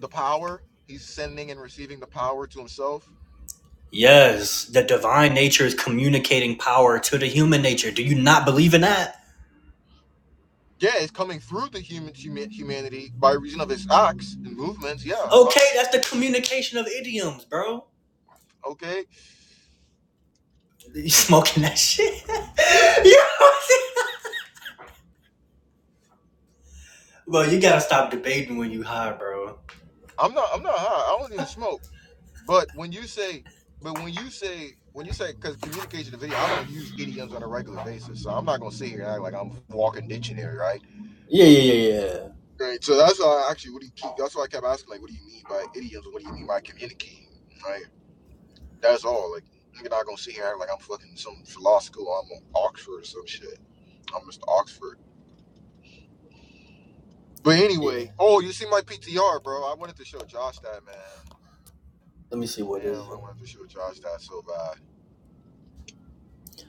A: The power. He's sending and receiving the power to himself.
B: Yes, the divine nature is communicating power to the human nature. Do you not believe in that?
A: Yeah, it's coming through the human huma- humanity by reason of his acts and movements. Yeah,
B: Okay,
A: fine.
B: that's the communication of idioms, bro. [laughs]
A: Okay,
B: You smoking that shit? [laughs] yeah. Bro, you gotta stop debating when you high, bro.
A: I'm not. I'm not high. I don't even smoke. But when you say, but when you say, when you say, because communication and video, I don't use idioms on a regular basis, so I'm not gonna sit here and act like I'm a walking dictionary, right?
B: Yeah, yeah, yeah, yeah.
A: Right. So that's why I actually, what do you keep? That's why I kept asking, like, what do you mean by idioms? What do you mean by communicating? Right. That's all. Like, you're not gonna sit here and act like I'm fucking some philosopher. I'm on Oxford or some shit. I'm Mr. Oxford. But
B: Yeah.
A: anyway, oh, you see my PTR, bro. I wanted to show Josh that, man.
B: Let me see what is
A: Damn,
B: it.
A: I wanted to show Josh that so bad.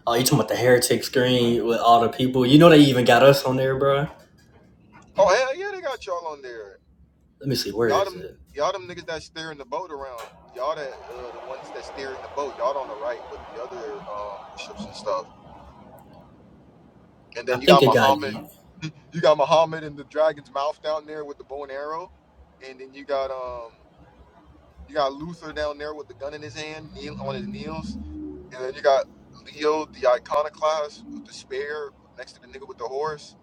B: Oh, you talking about the heretic screen with all the people? You know they even got us on there, bro.
A: Oh, hell yeah, they got y'all on there.
B: Let me see, where
A: Y'all
B: is
A: them
B: it?
A: y'all them niggas that steering the boat around. Y'all that uh, the ones that steering the boat. Y'all on the right with the other um, bishops and stuff. And
B: I
A: then you
B: think
A: got
B: they got
A: Muhammad.
B: you.
A: You got Muhammad in the dragon's mouth down there with the bow and arrow. And then you got um you got Luther down there with the gun in his hand, kneel on his knees. And then you got Leo the iconoclast with the spear next to the nigga with the horse.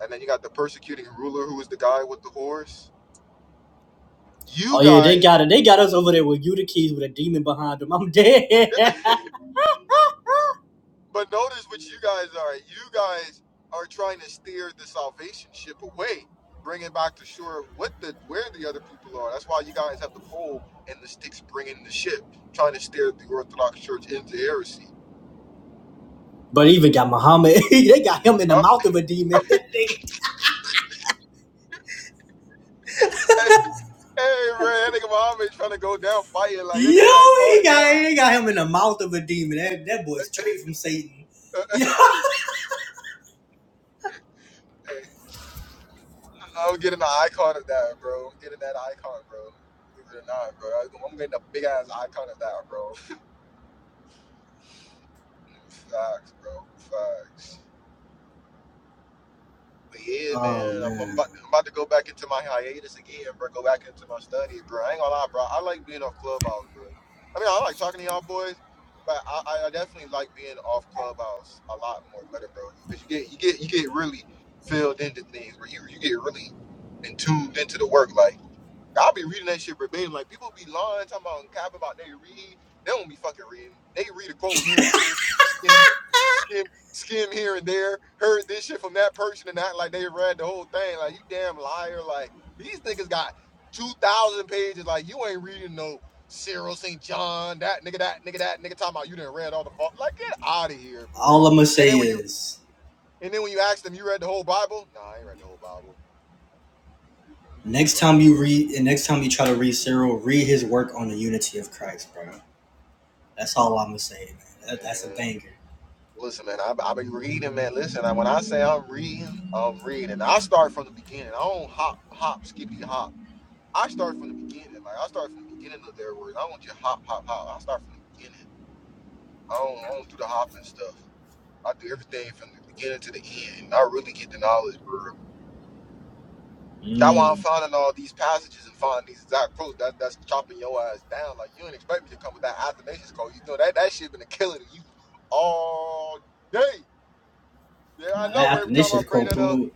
A: And then you got the persecuting ruler who is the guy with the horse.
B: Oh
A: You
B: yeah, they
A: guys
B: got it. They got us over there with Eutyches with a demon behind them. I'm dead.
A: But notice what you guys are. You guys are trying to steer the salvation ship away, bring it back to shore of what the where the other people are. That's why you guys have the pole and the sticks bringing the ship, trying to steer the Orthodox Church into heresy.
B: [laughs] but even got Muhammad. [laughs] they got him in the
A: Uh,
B: mouth of a demon. [laughs] That nigga-
A: [laughs] hey, hey, man, that nigga Muhammad trying to go down fighting
B: Yo,
A: like that nigga like
B: he
A: fighting
B: got they
A: down.
B: got him in the mouth of a demon. That that boy straight from Satan. [laughs]
A: [laughs]
B: Yeah.
A: Hey, I'm getting an icon of that, bro. I'm getting that icon, bro. Believe it or not, bro. I'm getting a big ass icon of that, bro. [laughs] Facts, bro. Facts. But yeah,
B: Oh
A: man, I'm, I'm,
B: man.
A: about, I'm about to go back into my hiatus again, bro. Go back into my study, bro. I ain't gonna lie, bro. I like being off clubhouse, bro. I mean, I like talking to y'all boys, but I, I I definitely like being off clubhouse a lot more better, bro. Because you get you get you get really filled into things, where you you get really in tuned into the work. Like. I'll be reading that shit verbatim. Like people be lying, talking about and capping about they read. They don't be fucking reading. They read a quote here and there, skim, skim, skim here and there. Heard this shit from that person and act like they read the whole thing. Like you damn liar. Like these niggas got two thousand pages. Like you ain't reading no Cyril St. John. That nigga, that nigga, that nigga talking about you didn't read all the fuck. Like get out of here, bruh.
B: All I'm gonna
A: And
B: say
A: then when you
B: is
A: and then when you ask them, you read the whole Bible? Nah, I ain't read the whole Bible.
B: next
A: Like
B: time
A: bruh,
B: you read and next time you try to read Cyril, read his work on the unity of Christ, bro. That's all I'm gonna say, man. That, that's a
A: man.
B: banger.
A: Listen, man, I've, i been reading, man. Listen, I, when I say I'm reading, I'm reading. I start from the beginning. I don't hop, hop, skippy, hop. I start from the beginning. Like, I start from the beginning of their words. I don't just hop, hop, hop. I start from the beginning. I don't, I don't do the hopping stuff. I do everything from the beginning to the end. I really get the knowledge, bro. That's why I'm
B: Mm.
A: finding all these passages and finding these exact quotes. That, that's chopping your ass down. Like, you didn't expect me to come with that Athanasius quote. You know, that, that shit been a killer to you all day. Yeah, I
B: Now
A: know.
B: that I
A: Every
B: think this
A: time I
B: shit's
A: bring
B: called
A: that up,
B: Peru.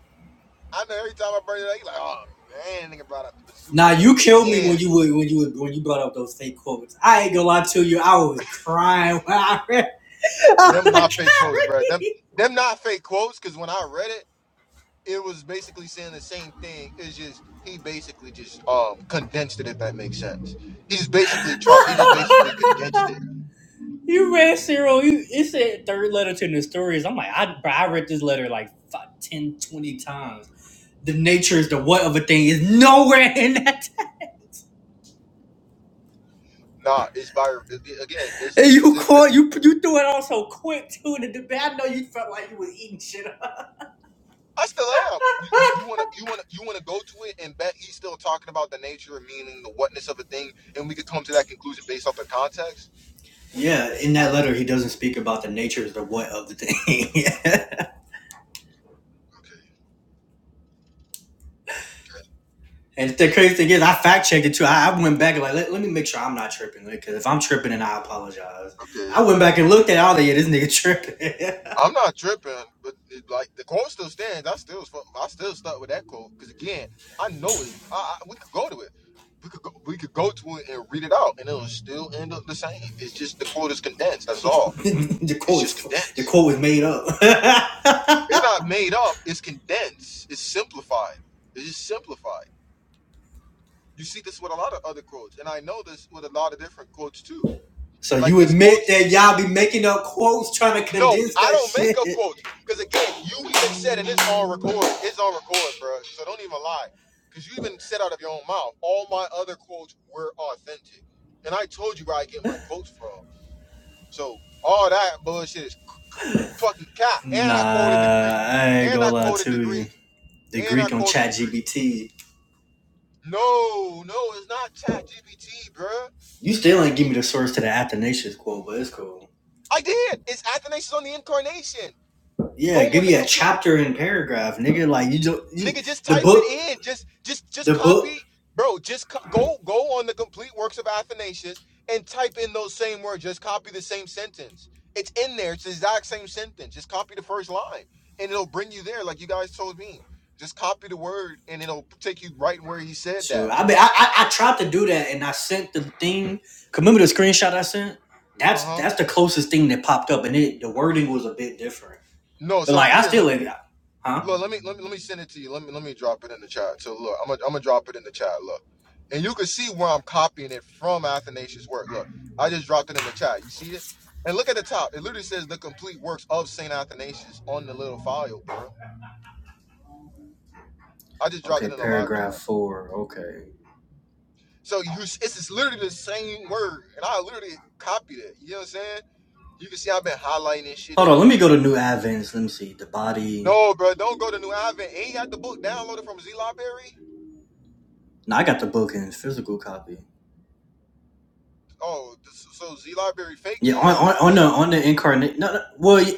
A: I know every time I bring it up, you like, oh man, nigga brought up the
B: Now
A: bazookas
B: you killed me when
A: again.
B: you would when you would when you brought up those fake quotes. I ain't gonna lie to you, I was crying [laughs] when I read. I
A: Them
B: was like,
A: not fake quotes, bro. Them
B: "Kyrie,
A: them not fake quotes, cause when I read it, it was basically saying the same thing. It's just he basically just um condensed it if that makes sense. He just basically tried he just basically condensed it.
B: [laughs] you read Cyril. You it said third letter to the stories. I'm like, I bro, I read this letter like five, ten, twenty times. The nature is the what of a thing is nowhere in that. [laughs]
A: Nah, it's by it- it- again, this
B: And
A: this is
B: you
A: it.
B: caught you you threw it on so quick too. And the I know you felt like you was eating shit
A: I still am. You you want to you want to you want to go to it and bet he's still talking about the nature, and meaning, the whatness of a thing, and we could come to that conclusion based off the context.
B: Yeah, in that letter, he doesn't speak about the nature of the what of the thing.
A: Okay,
B: [laughs] and the crazy thing is, I fact checked it too. I, I went back and like, let, let me make sure I'm not tripping. Because if I'm tripping, then I apologize.
A: okay.
B: I went back and looked at all the yeah, this nigga tripping.
A: I'm not tripping, but it, like the quote still stands. I still I still stuck with that quote because again, I know it. I, I, we could go to it. We could go, we could go to it and read it out, and it'll still end up the same. It's just the quote is condensed. That's
B: [laughs]
A: all.
B: the
A: It's
B: quote
A: just
B: is the
A: condensed.
B: quote was made up. [laughs]
A: It's not made up. It's condensed. It's simplified. It's just simplified. You see this with a lot of other quotes, and I know this with a lot of different quotes too.
B: so
A: Like
B: you
A: it's
B: admit
A: quotes.
B: that y'all be making up quotes trying to
A: No,
B: condense
A: I
B: that
A: don't make up
B: shit?
A: quotes because again, you even said, and it's on record. It's on record, bro. So don't even lie, because you even said out of your own mouth. All my other quotes were authentic, and I told you where I get my quotes from. So all that bullshit is fucking cap. And I quoted the Greek.
B: Nah, I ain't
A: And
B: gonna
A: I
B: lie
A: quoted the
B: to you.
A: Greek.
B: The
A: And I
B: Greek on
A: quoted the
B: ChatGPT.
A: Greek. No, no, it's not Chat GBT, bruh.
B: You still ain't give me the source to the Athanasius quote, but it's cool.
A: I did. It's Athanasius on the incarnation. Go
B: Yeah, give
A: on the
B: me a
A: complete
B: chapter and paragraph, nigga. Like you don't you-
A: nigga. Just
B: the
A: type it
B: book,
A: in. Just just just
B: the book.
A: copy, bro. Just co- go go on the complete works of Athanasius and type in those same words. Just copy the same sentence. It's in there. It's the exact same sentence. Just copy the first line, and it'll bring you there. Like you guys told me. Just copy the word, and it'll take you right where he said
B: So
A: that.
B: I mean, I, I I tried to do that, and I sent the thing. Remember the screenshot I sent?
A: Uh
B: That's
A: huh.
B: that's the closest thing that popped up, and it the wording was a bit different.
A: No.
B: But
A: So
B: like I
A: here, let me.
B: still, huh?
A: Look, let me let me let me send it to you. Let me let me drop it in the chat. So look, I'm gonna I'm gonna drop it in the chat. Look, and you can see where I'm copying it from Athanasius' work. Look, I just dropped it in the chat. You see it? And look at the top. It literally says the complete works of Saint Athanasius on the little file, bro. I just dropped
B: Okay,
A: it in the live chat.
B: paragraph four. Okay,
A: So you, it's it's literally the same word, and I literally copied it. You know what I'm saying? You can see I've been highlighting this shit
B: hold
A: in
B: on. Let
A: it
B: me go
A: too.
B: to New Advents. Let me see the body.
A: No, bro, don't go to New Advent. Ain't got the book downloaded from Z Library.
B: No, I got the book in physical copy.
A: Oh, this- so Z Library fake
B: Yeah, on on, on
A: then?
B: the on the incarnate. No, no, well,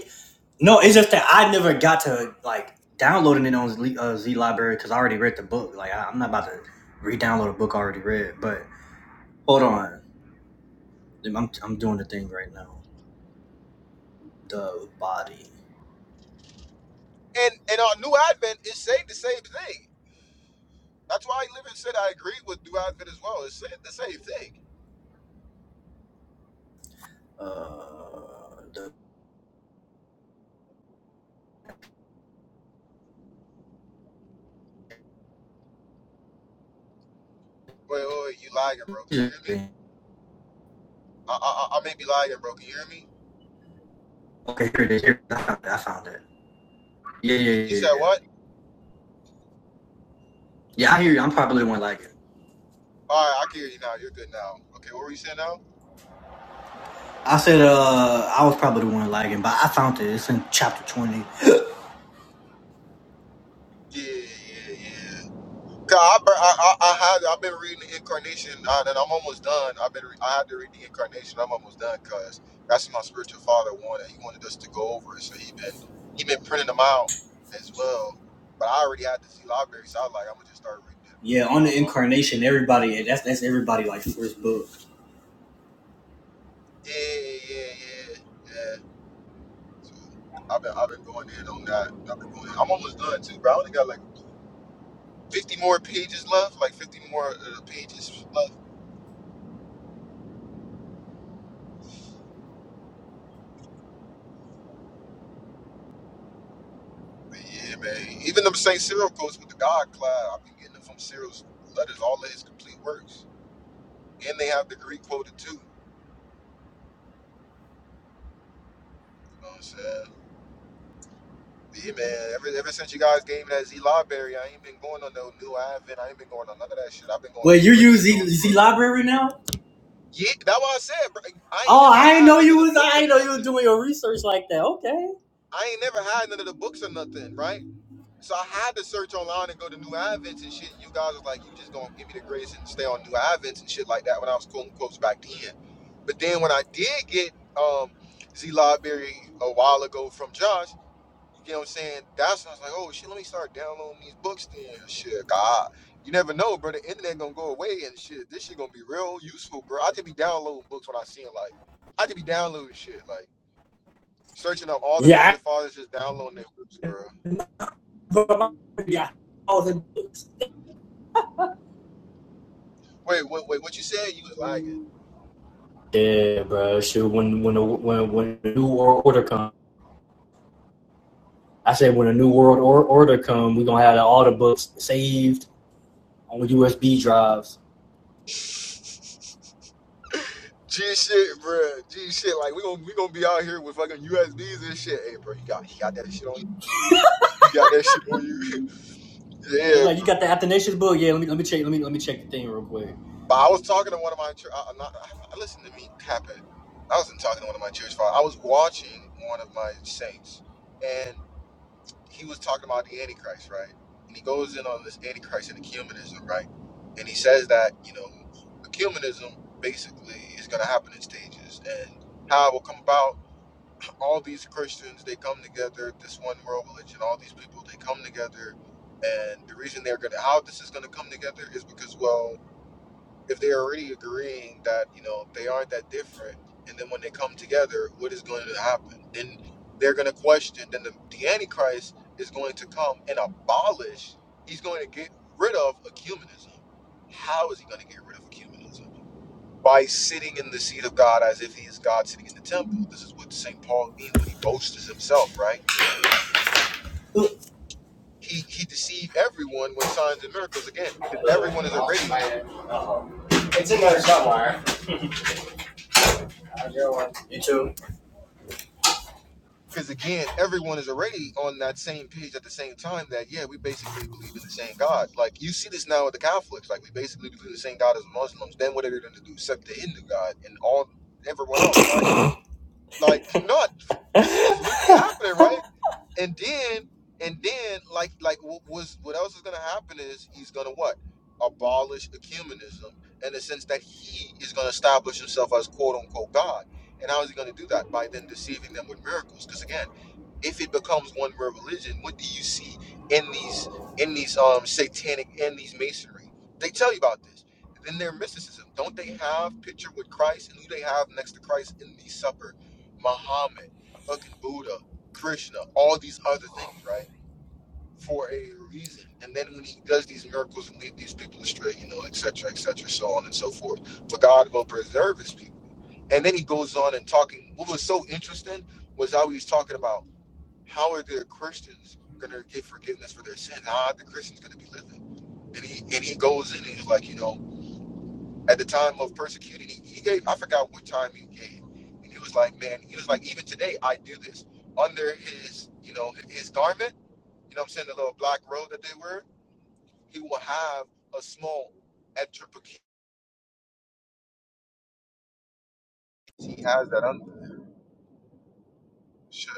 B: No, it's just that I never got to like downloading it on Z, uh, Z Library because I already read the book. Like I, I'm not about to re-download a book I already read. But hold on, I'm I'm doing the thing right now. The body.
A: And and our new advent is saying the same thing. That's why Living said I agree with new advent as well. It's saying the same thing.
B: Uh,
A: Wait, wait, wait, you lying, bro? Can you hear me? I I, I I may be lying, bro. Can you hear me?
B: okay, here it is. Here, I found it. I found it. Yeah, yeah,
A: You, you
B: yeah,
A: said
B: yeah.
A: what?
B: Yeah, I hear you. I'm probably the one lagging.
A: All right, I can hear you now. You're good now. Okay, what were you saying now?
B: I said uh I was probably the one lagging, but I found it. It's in chapter twenty.
A: Yeah, yeah, yeah. yeah. 'Cause I, bur- I, I, I had I've been reading the incarnation uh, and I'm almost done. I've been re- I had to read the incarnation. I'm almost done because that's what my spiritual father wanted. He wanted us to go over it, so he been he been printing them out as well. But I already had the Z library, so I was like, I'm gonna just start reading it
B: Yeah,
A: from
B: on
A: my
B: the
A: phone.
B: incarnation, everybody that's that's everybody like first book.
A: Yeah, yeah, yeah, yeah. So I've been I've been going in on that. I've been going. In. I'm almost done too, but I only got like 50 more pages left, like 50 more uh, pages left. But yeah, man. Even them St. Cyril quotes with the God cloud, I've been getting them from Cyril's letters, all of his complete works. And they have the Greek quoted too. You know what I'm saying? But yeah, man. Ever, ever since you guys gave me that Z Library, I ain't been going on no new Advent. I ain't been going on none of that shit. I've been
B: Well,
A: going
B: you
A: straight
B: use
A: to
B: Z,
A: those
B: Z
A: books.
B: Library now?
A: Yeah, that's what I said. Bro. I ain't
B: Oh,
A: never
B: I didn't
A: had
B: know
A: none of
B: you
A: the
B: was.
A: books
B: I
A: or
B: didn't know you was
A: nothing.
B: doing your research like that. Okay.
A: I ain't never had none of the books or nothing, right? So I had to search online and go to New Advents and shit. You guys was like, you just gonna give me the grace and stay on New Advents and shit like that when I was quoting quotes back then. But then when I did get um, Z Library a while ago from Josh, you know what I'm saying? That's when I was like, oh shit, let me start downloading these books then. Shit, God. You never know, bro. The internet gonna go away and shit. This shit gonna be real useful, bro. I could be downloading books when I see them. Like, I could be downloading shit. Like, searching up all the
B: Yeah,
A: major fathers, just downloading their books, bro.
B: yeah, all the books.
A: Wait, wait, wait. What you said? You was lagging.
B: Yeah, bro. Shoot, when when the, when when the new world order come, I said when the new world order come, we are gonna have all the books saved on USB drives.
A: G shit, bro. G shit. Like we gonna we gonna be out here with fucking USBs and shit. Hey, bro, you got you got that shit on you. You got that shit on you. [laughs]
B: Just
A: yeah,
B: like you
A: bro.
B: got the Athanasius book. Yeah, let me let me check. Let me let me check the thing real quick.
A: But I was talking to one of my. chur- I, I'm not, I, I listened to me happen. I wasn't talking to one of my church fathers. I was watching one of my saints, and he was talking about the Antichrist, right? And he goes in on this Antichrist and ecumenism, right? And he says that you know, ecumenism basically is gonna happen in stages, and how it will come about all these Christians, they come together, this one world religion, all these people, they come together. And the reason they're going to, how this is going to come together is because, well, if they're already agreeing that, you know, they aren't that different, and then when they come together, what is going to happen? Then they're going to question, then the, the Antichrist is going to come and abolish, he's going to get rid of ecumenism. How is he going to get rid of ecumenism? by sitting in the seat of God as if he is God sitting in the temple. This is what St. Paul means when he boasts himself, right? He he deceived everyone with signs and miracles again. Because everyone is already
B: It's in there somewhere. You too.
A: because again, everyone is already on that same page at the same time that yeah, we basically believe in the same God. Like you see this now with the Catholics. Like we basically believe in the same God as Muslims. Then what are they gonna do? Accept the Hindu God and all everyone else, right? Like, no, this is what's literally happening, right? And then, and then, like, like what was what else is gonna happen is he's gonna what abolish ecumenism in the sense that he is gonna establish himself as quote unquote God. And how is he gonna do that by then deceiving them with miracles? Because again if it becomes one world religion, what do you see in these in these um satanic and these masonry? They tell you about this. Then their mysticism. Don't they have picture with Christ and who they have next to Christ in the supper? Muhammad, fucking Buddha, Krishna, all these other things, right? For a reason. And then when he does these miracles and lead these people astray, you know, etc., etc., so on and so forth. For God will preserve his people. And then he goes on and talking. What was so interesting was how he was talking about how are the Christians going to get forgiveness for their sins? How are the Christians going to be living? and he and he goes in and he's like, you know, at the time of persecuting, he, he gave I forgot what time he gave, and he was like, man, he was like, even today I do this under his, you know, his garment, you know, what I'm saying the little black robe that they wear, he will have a small etriplicate. He has that under. Should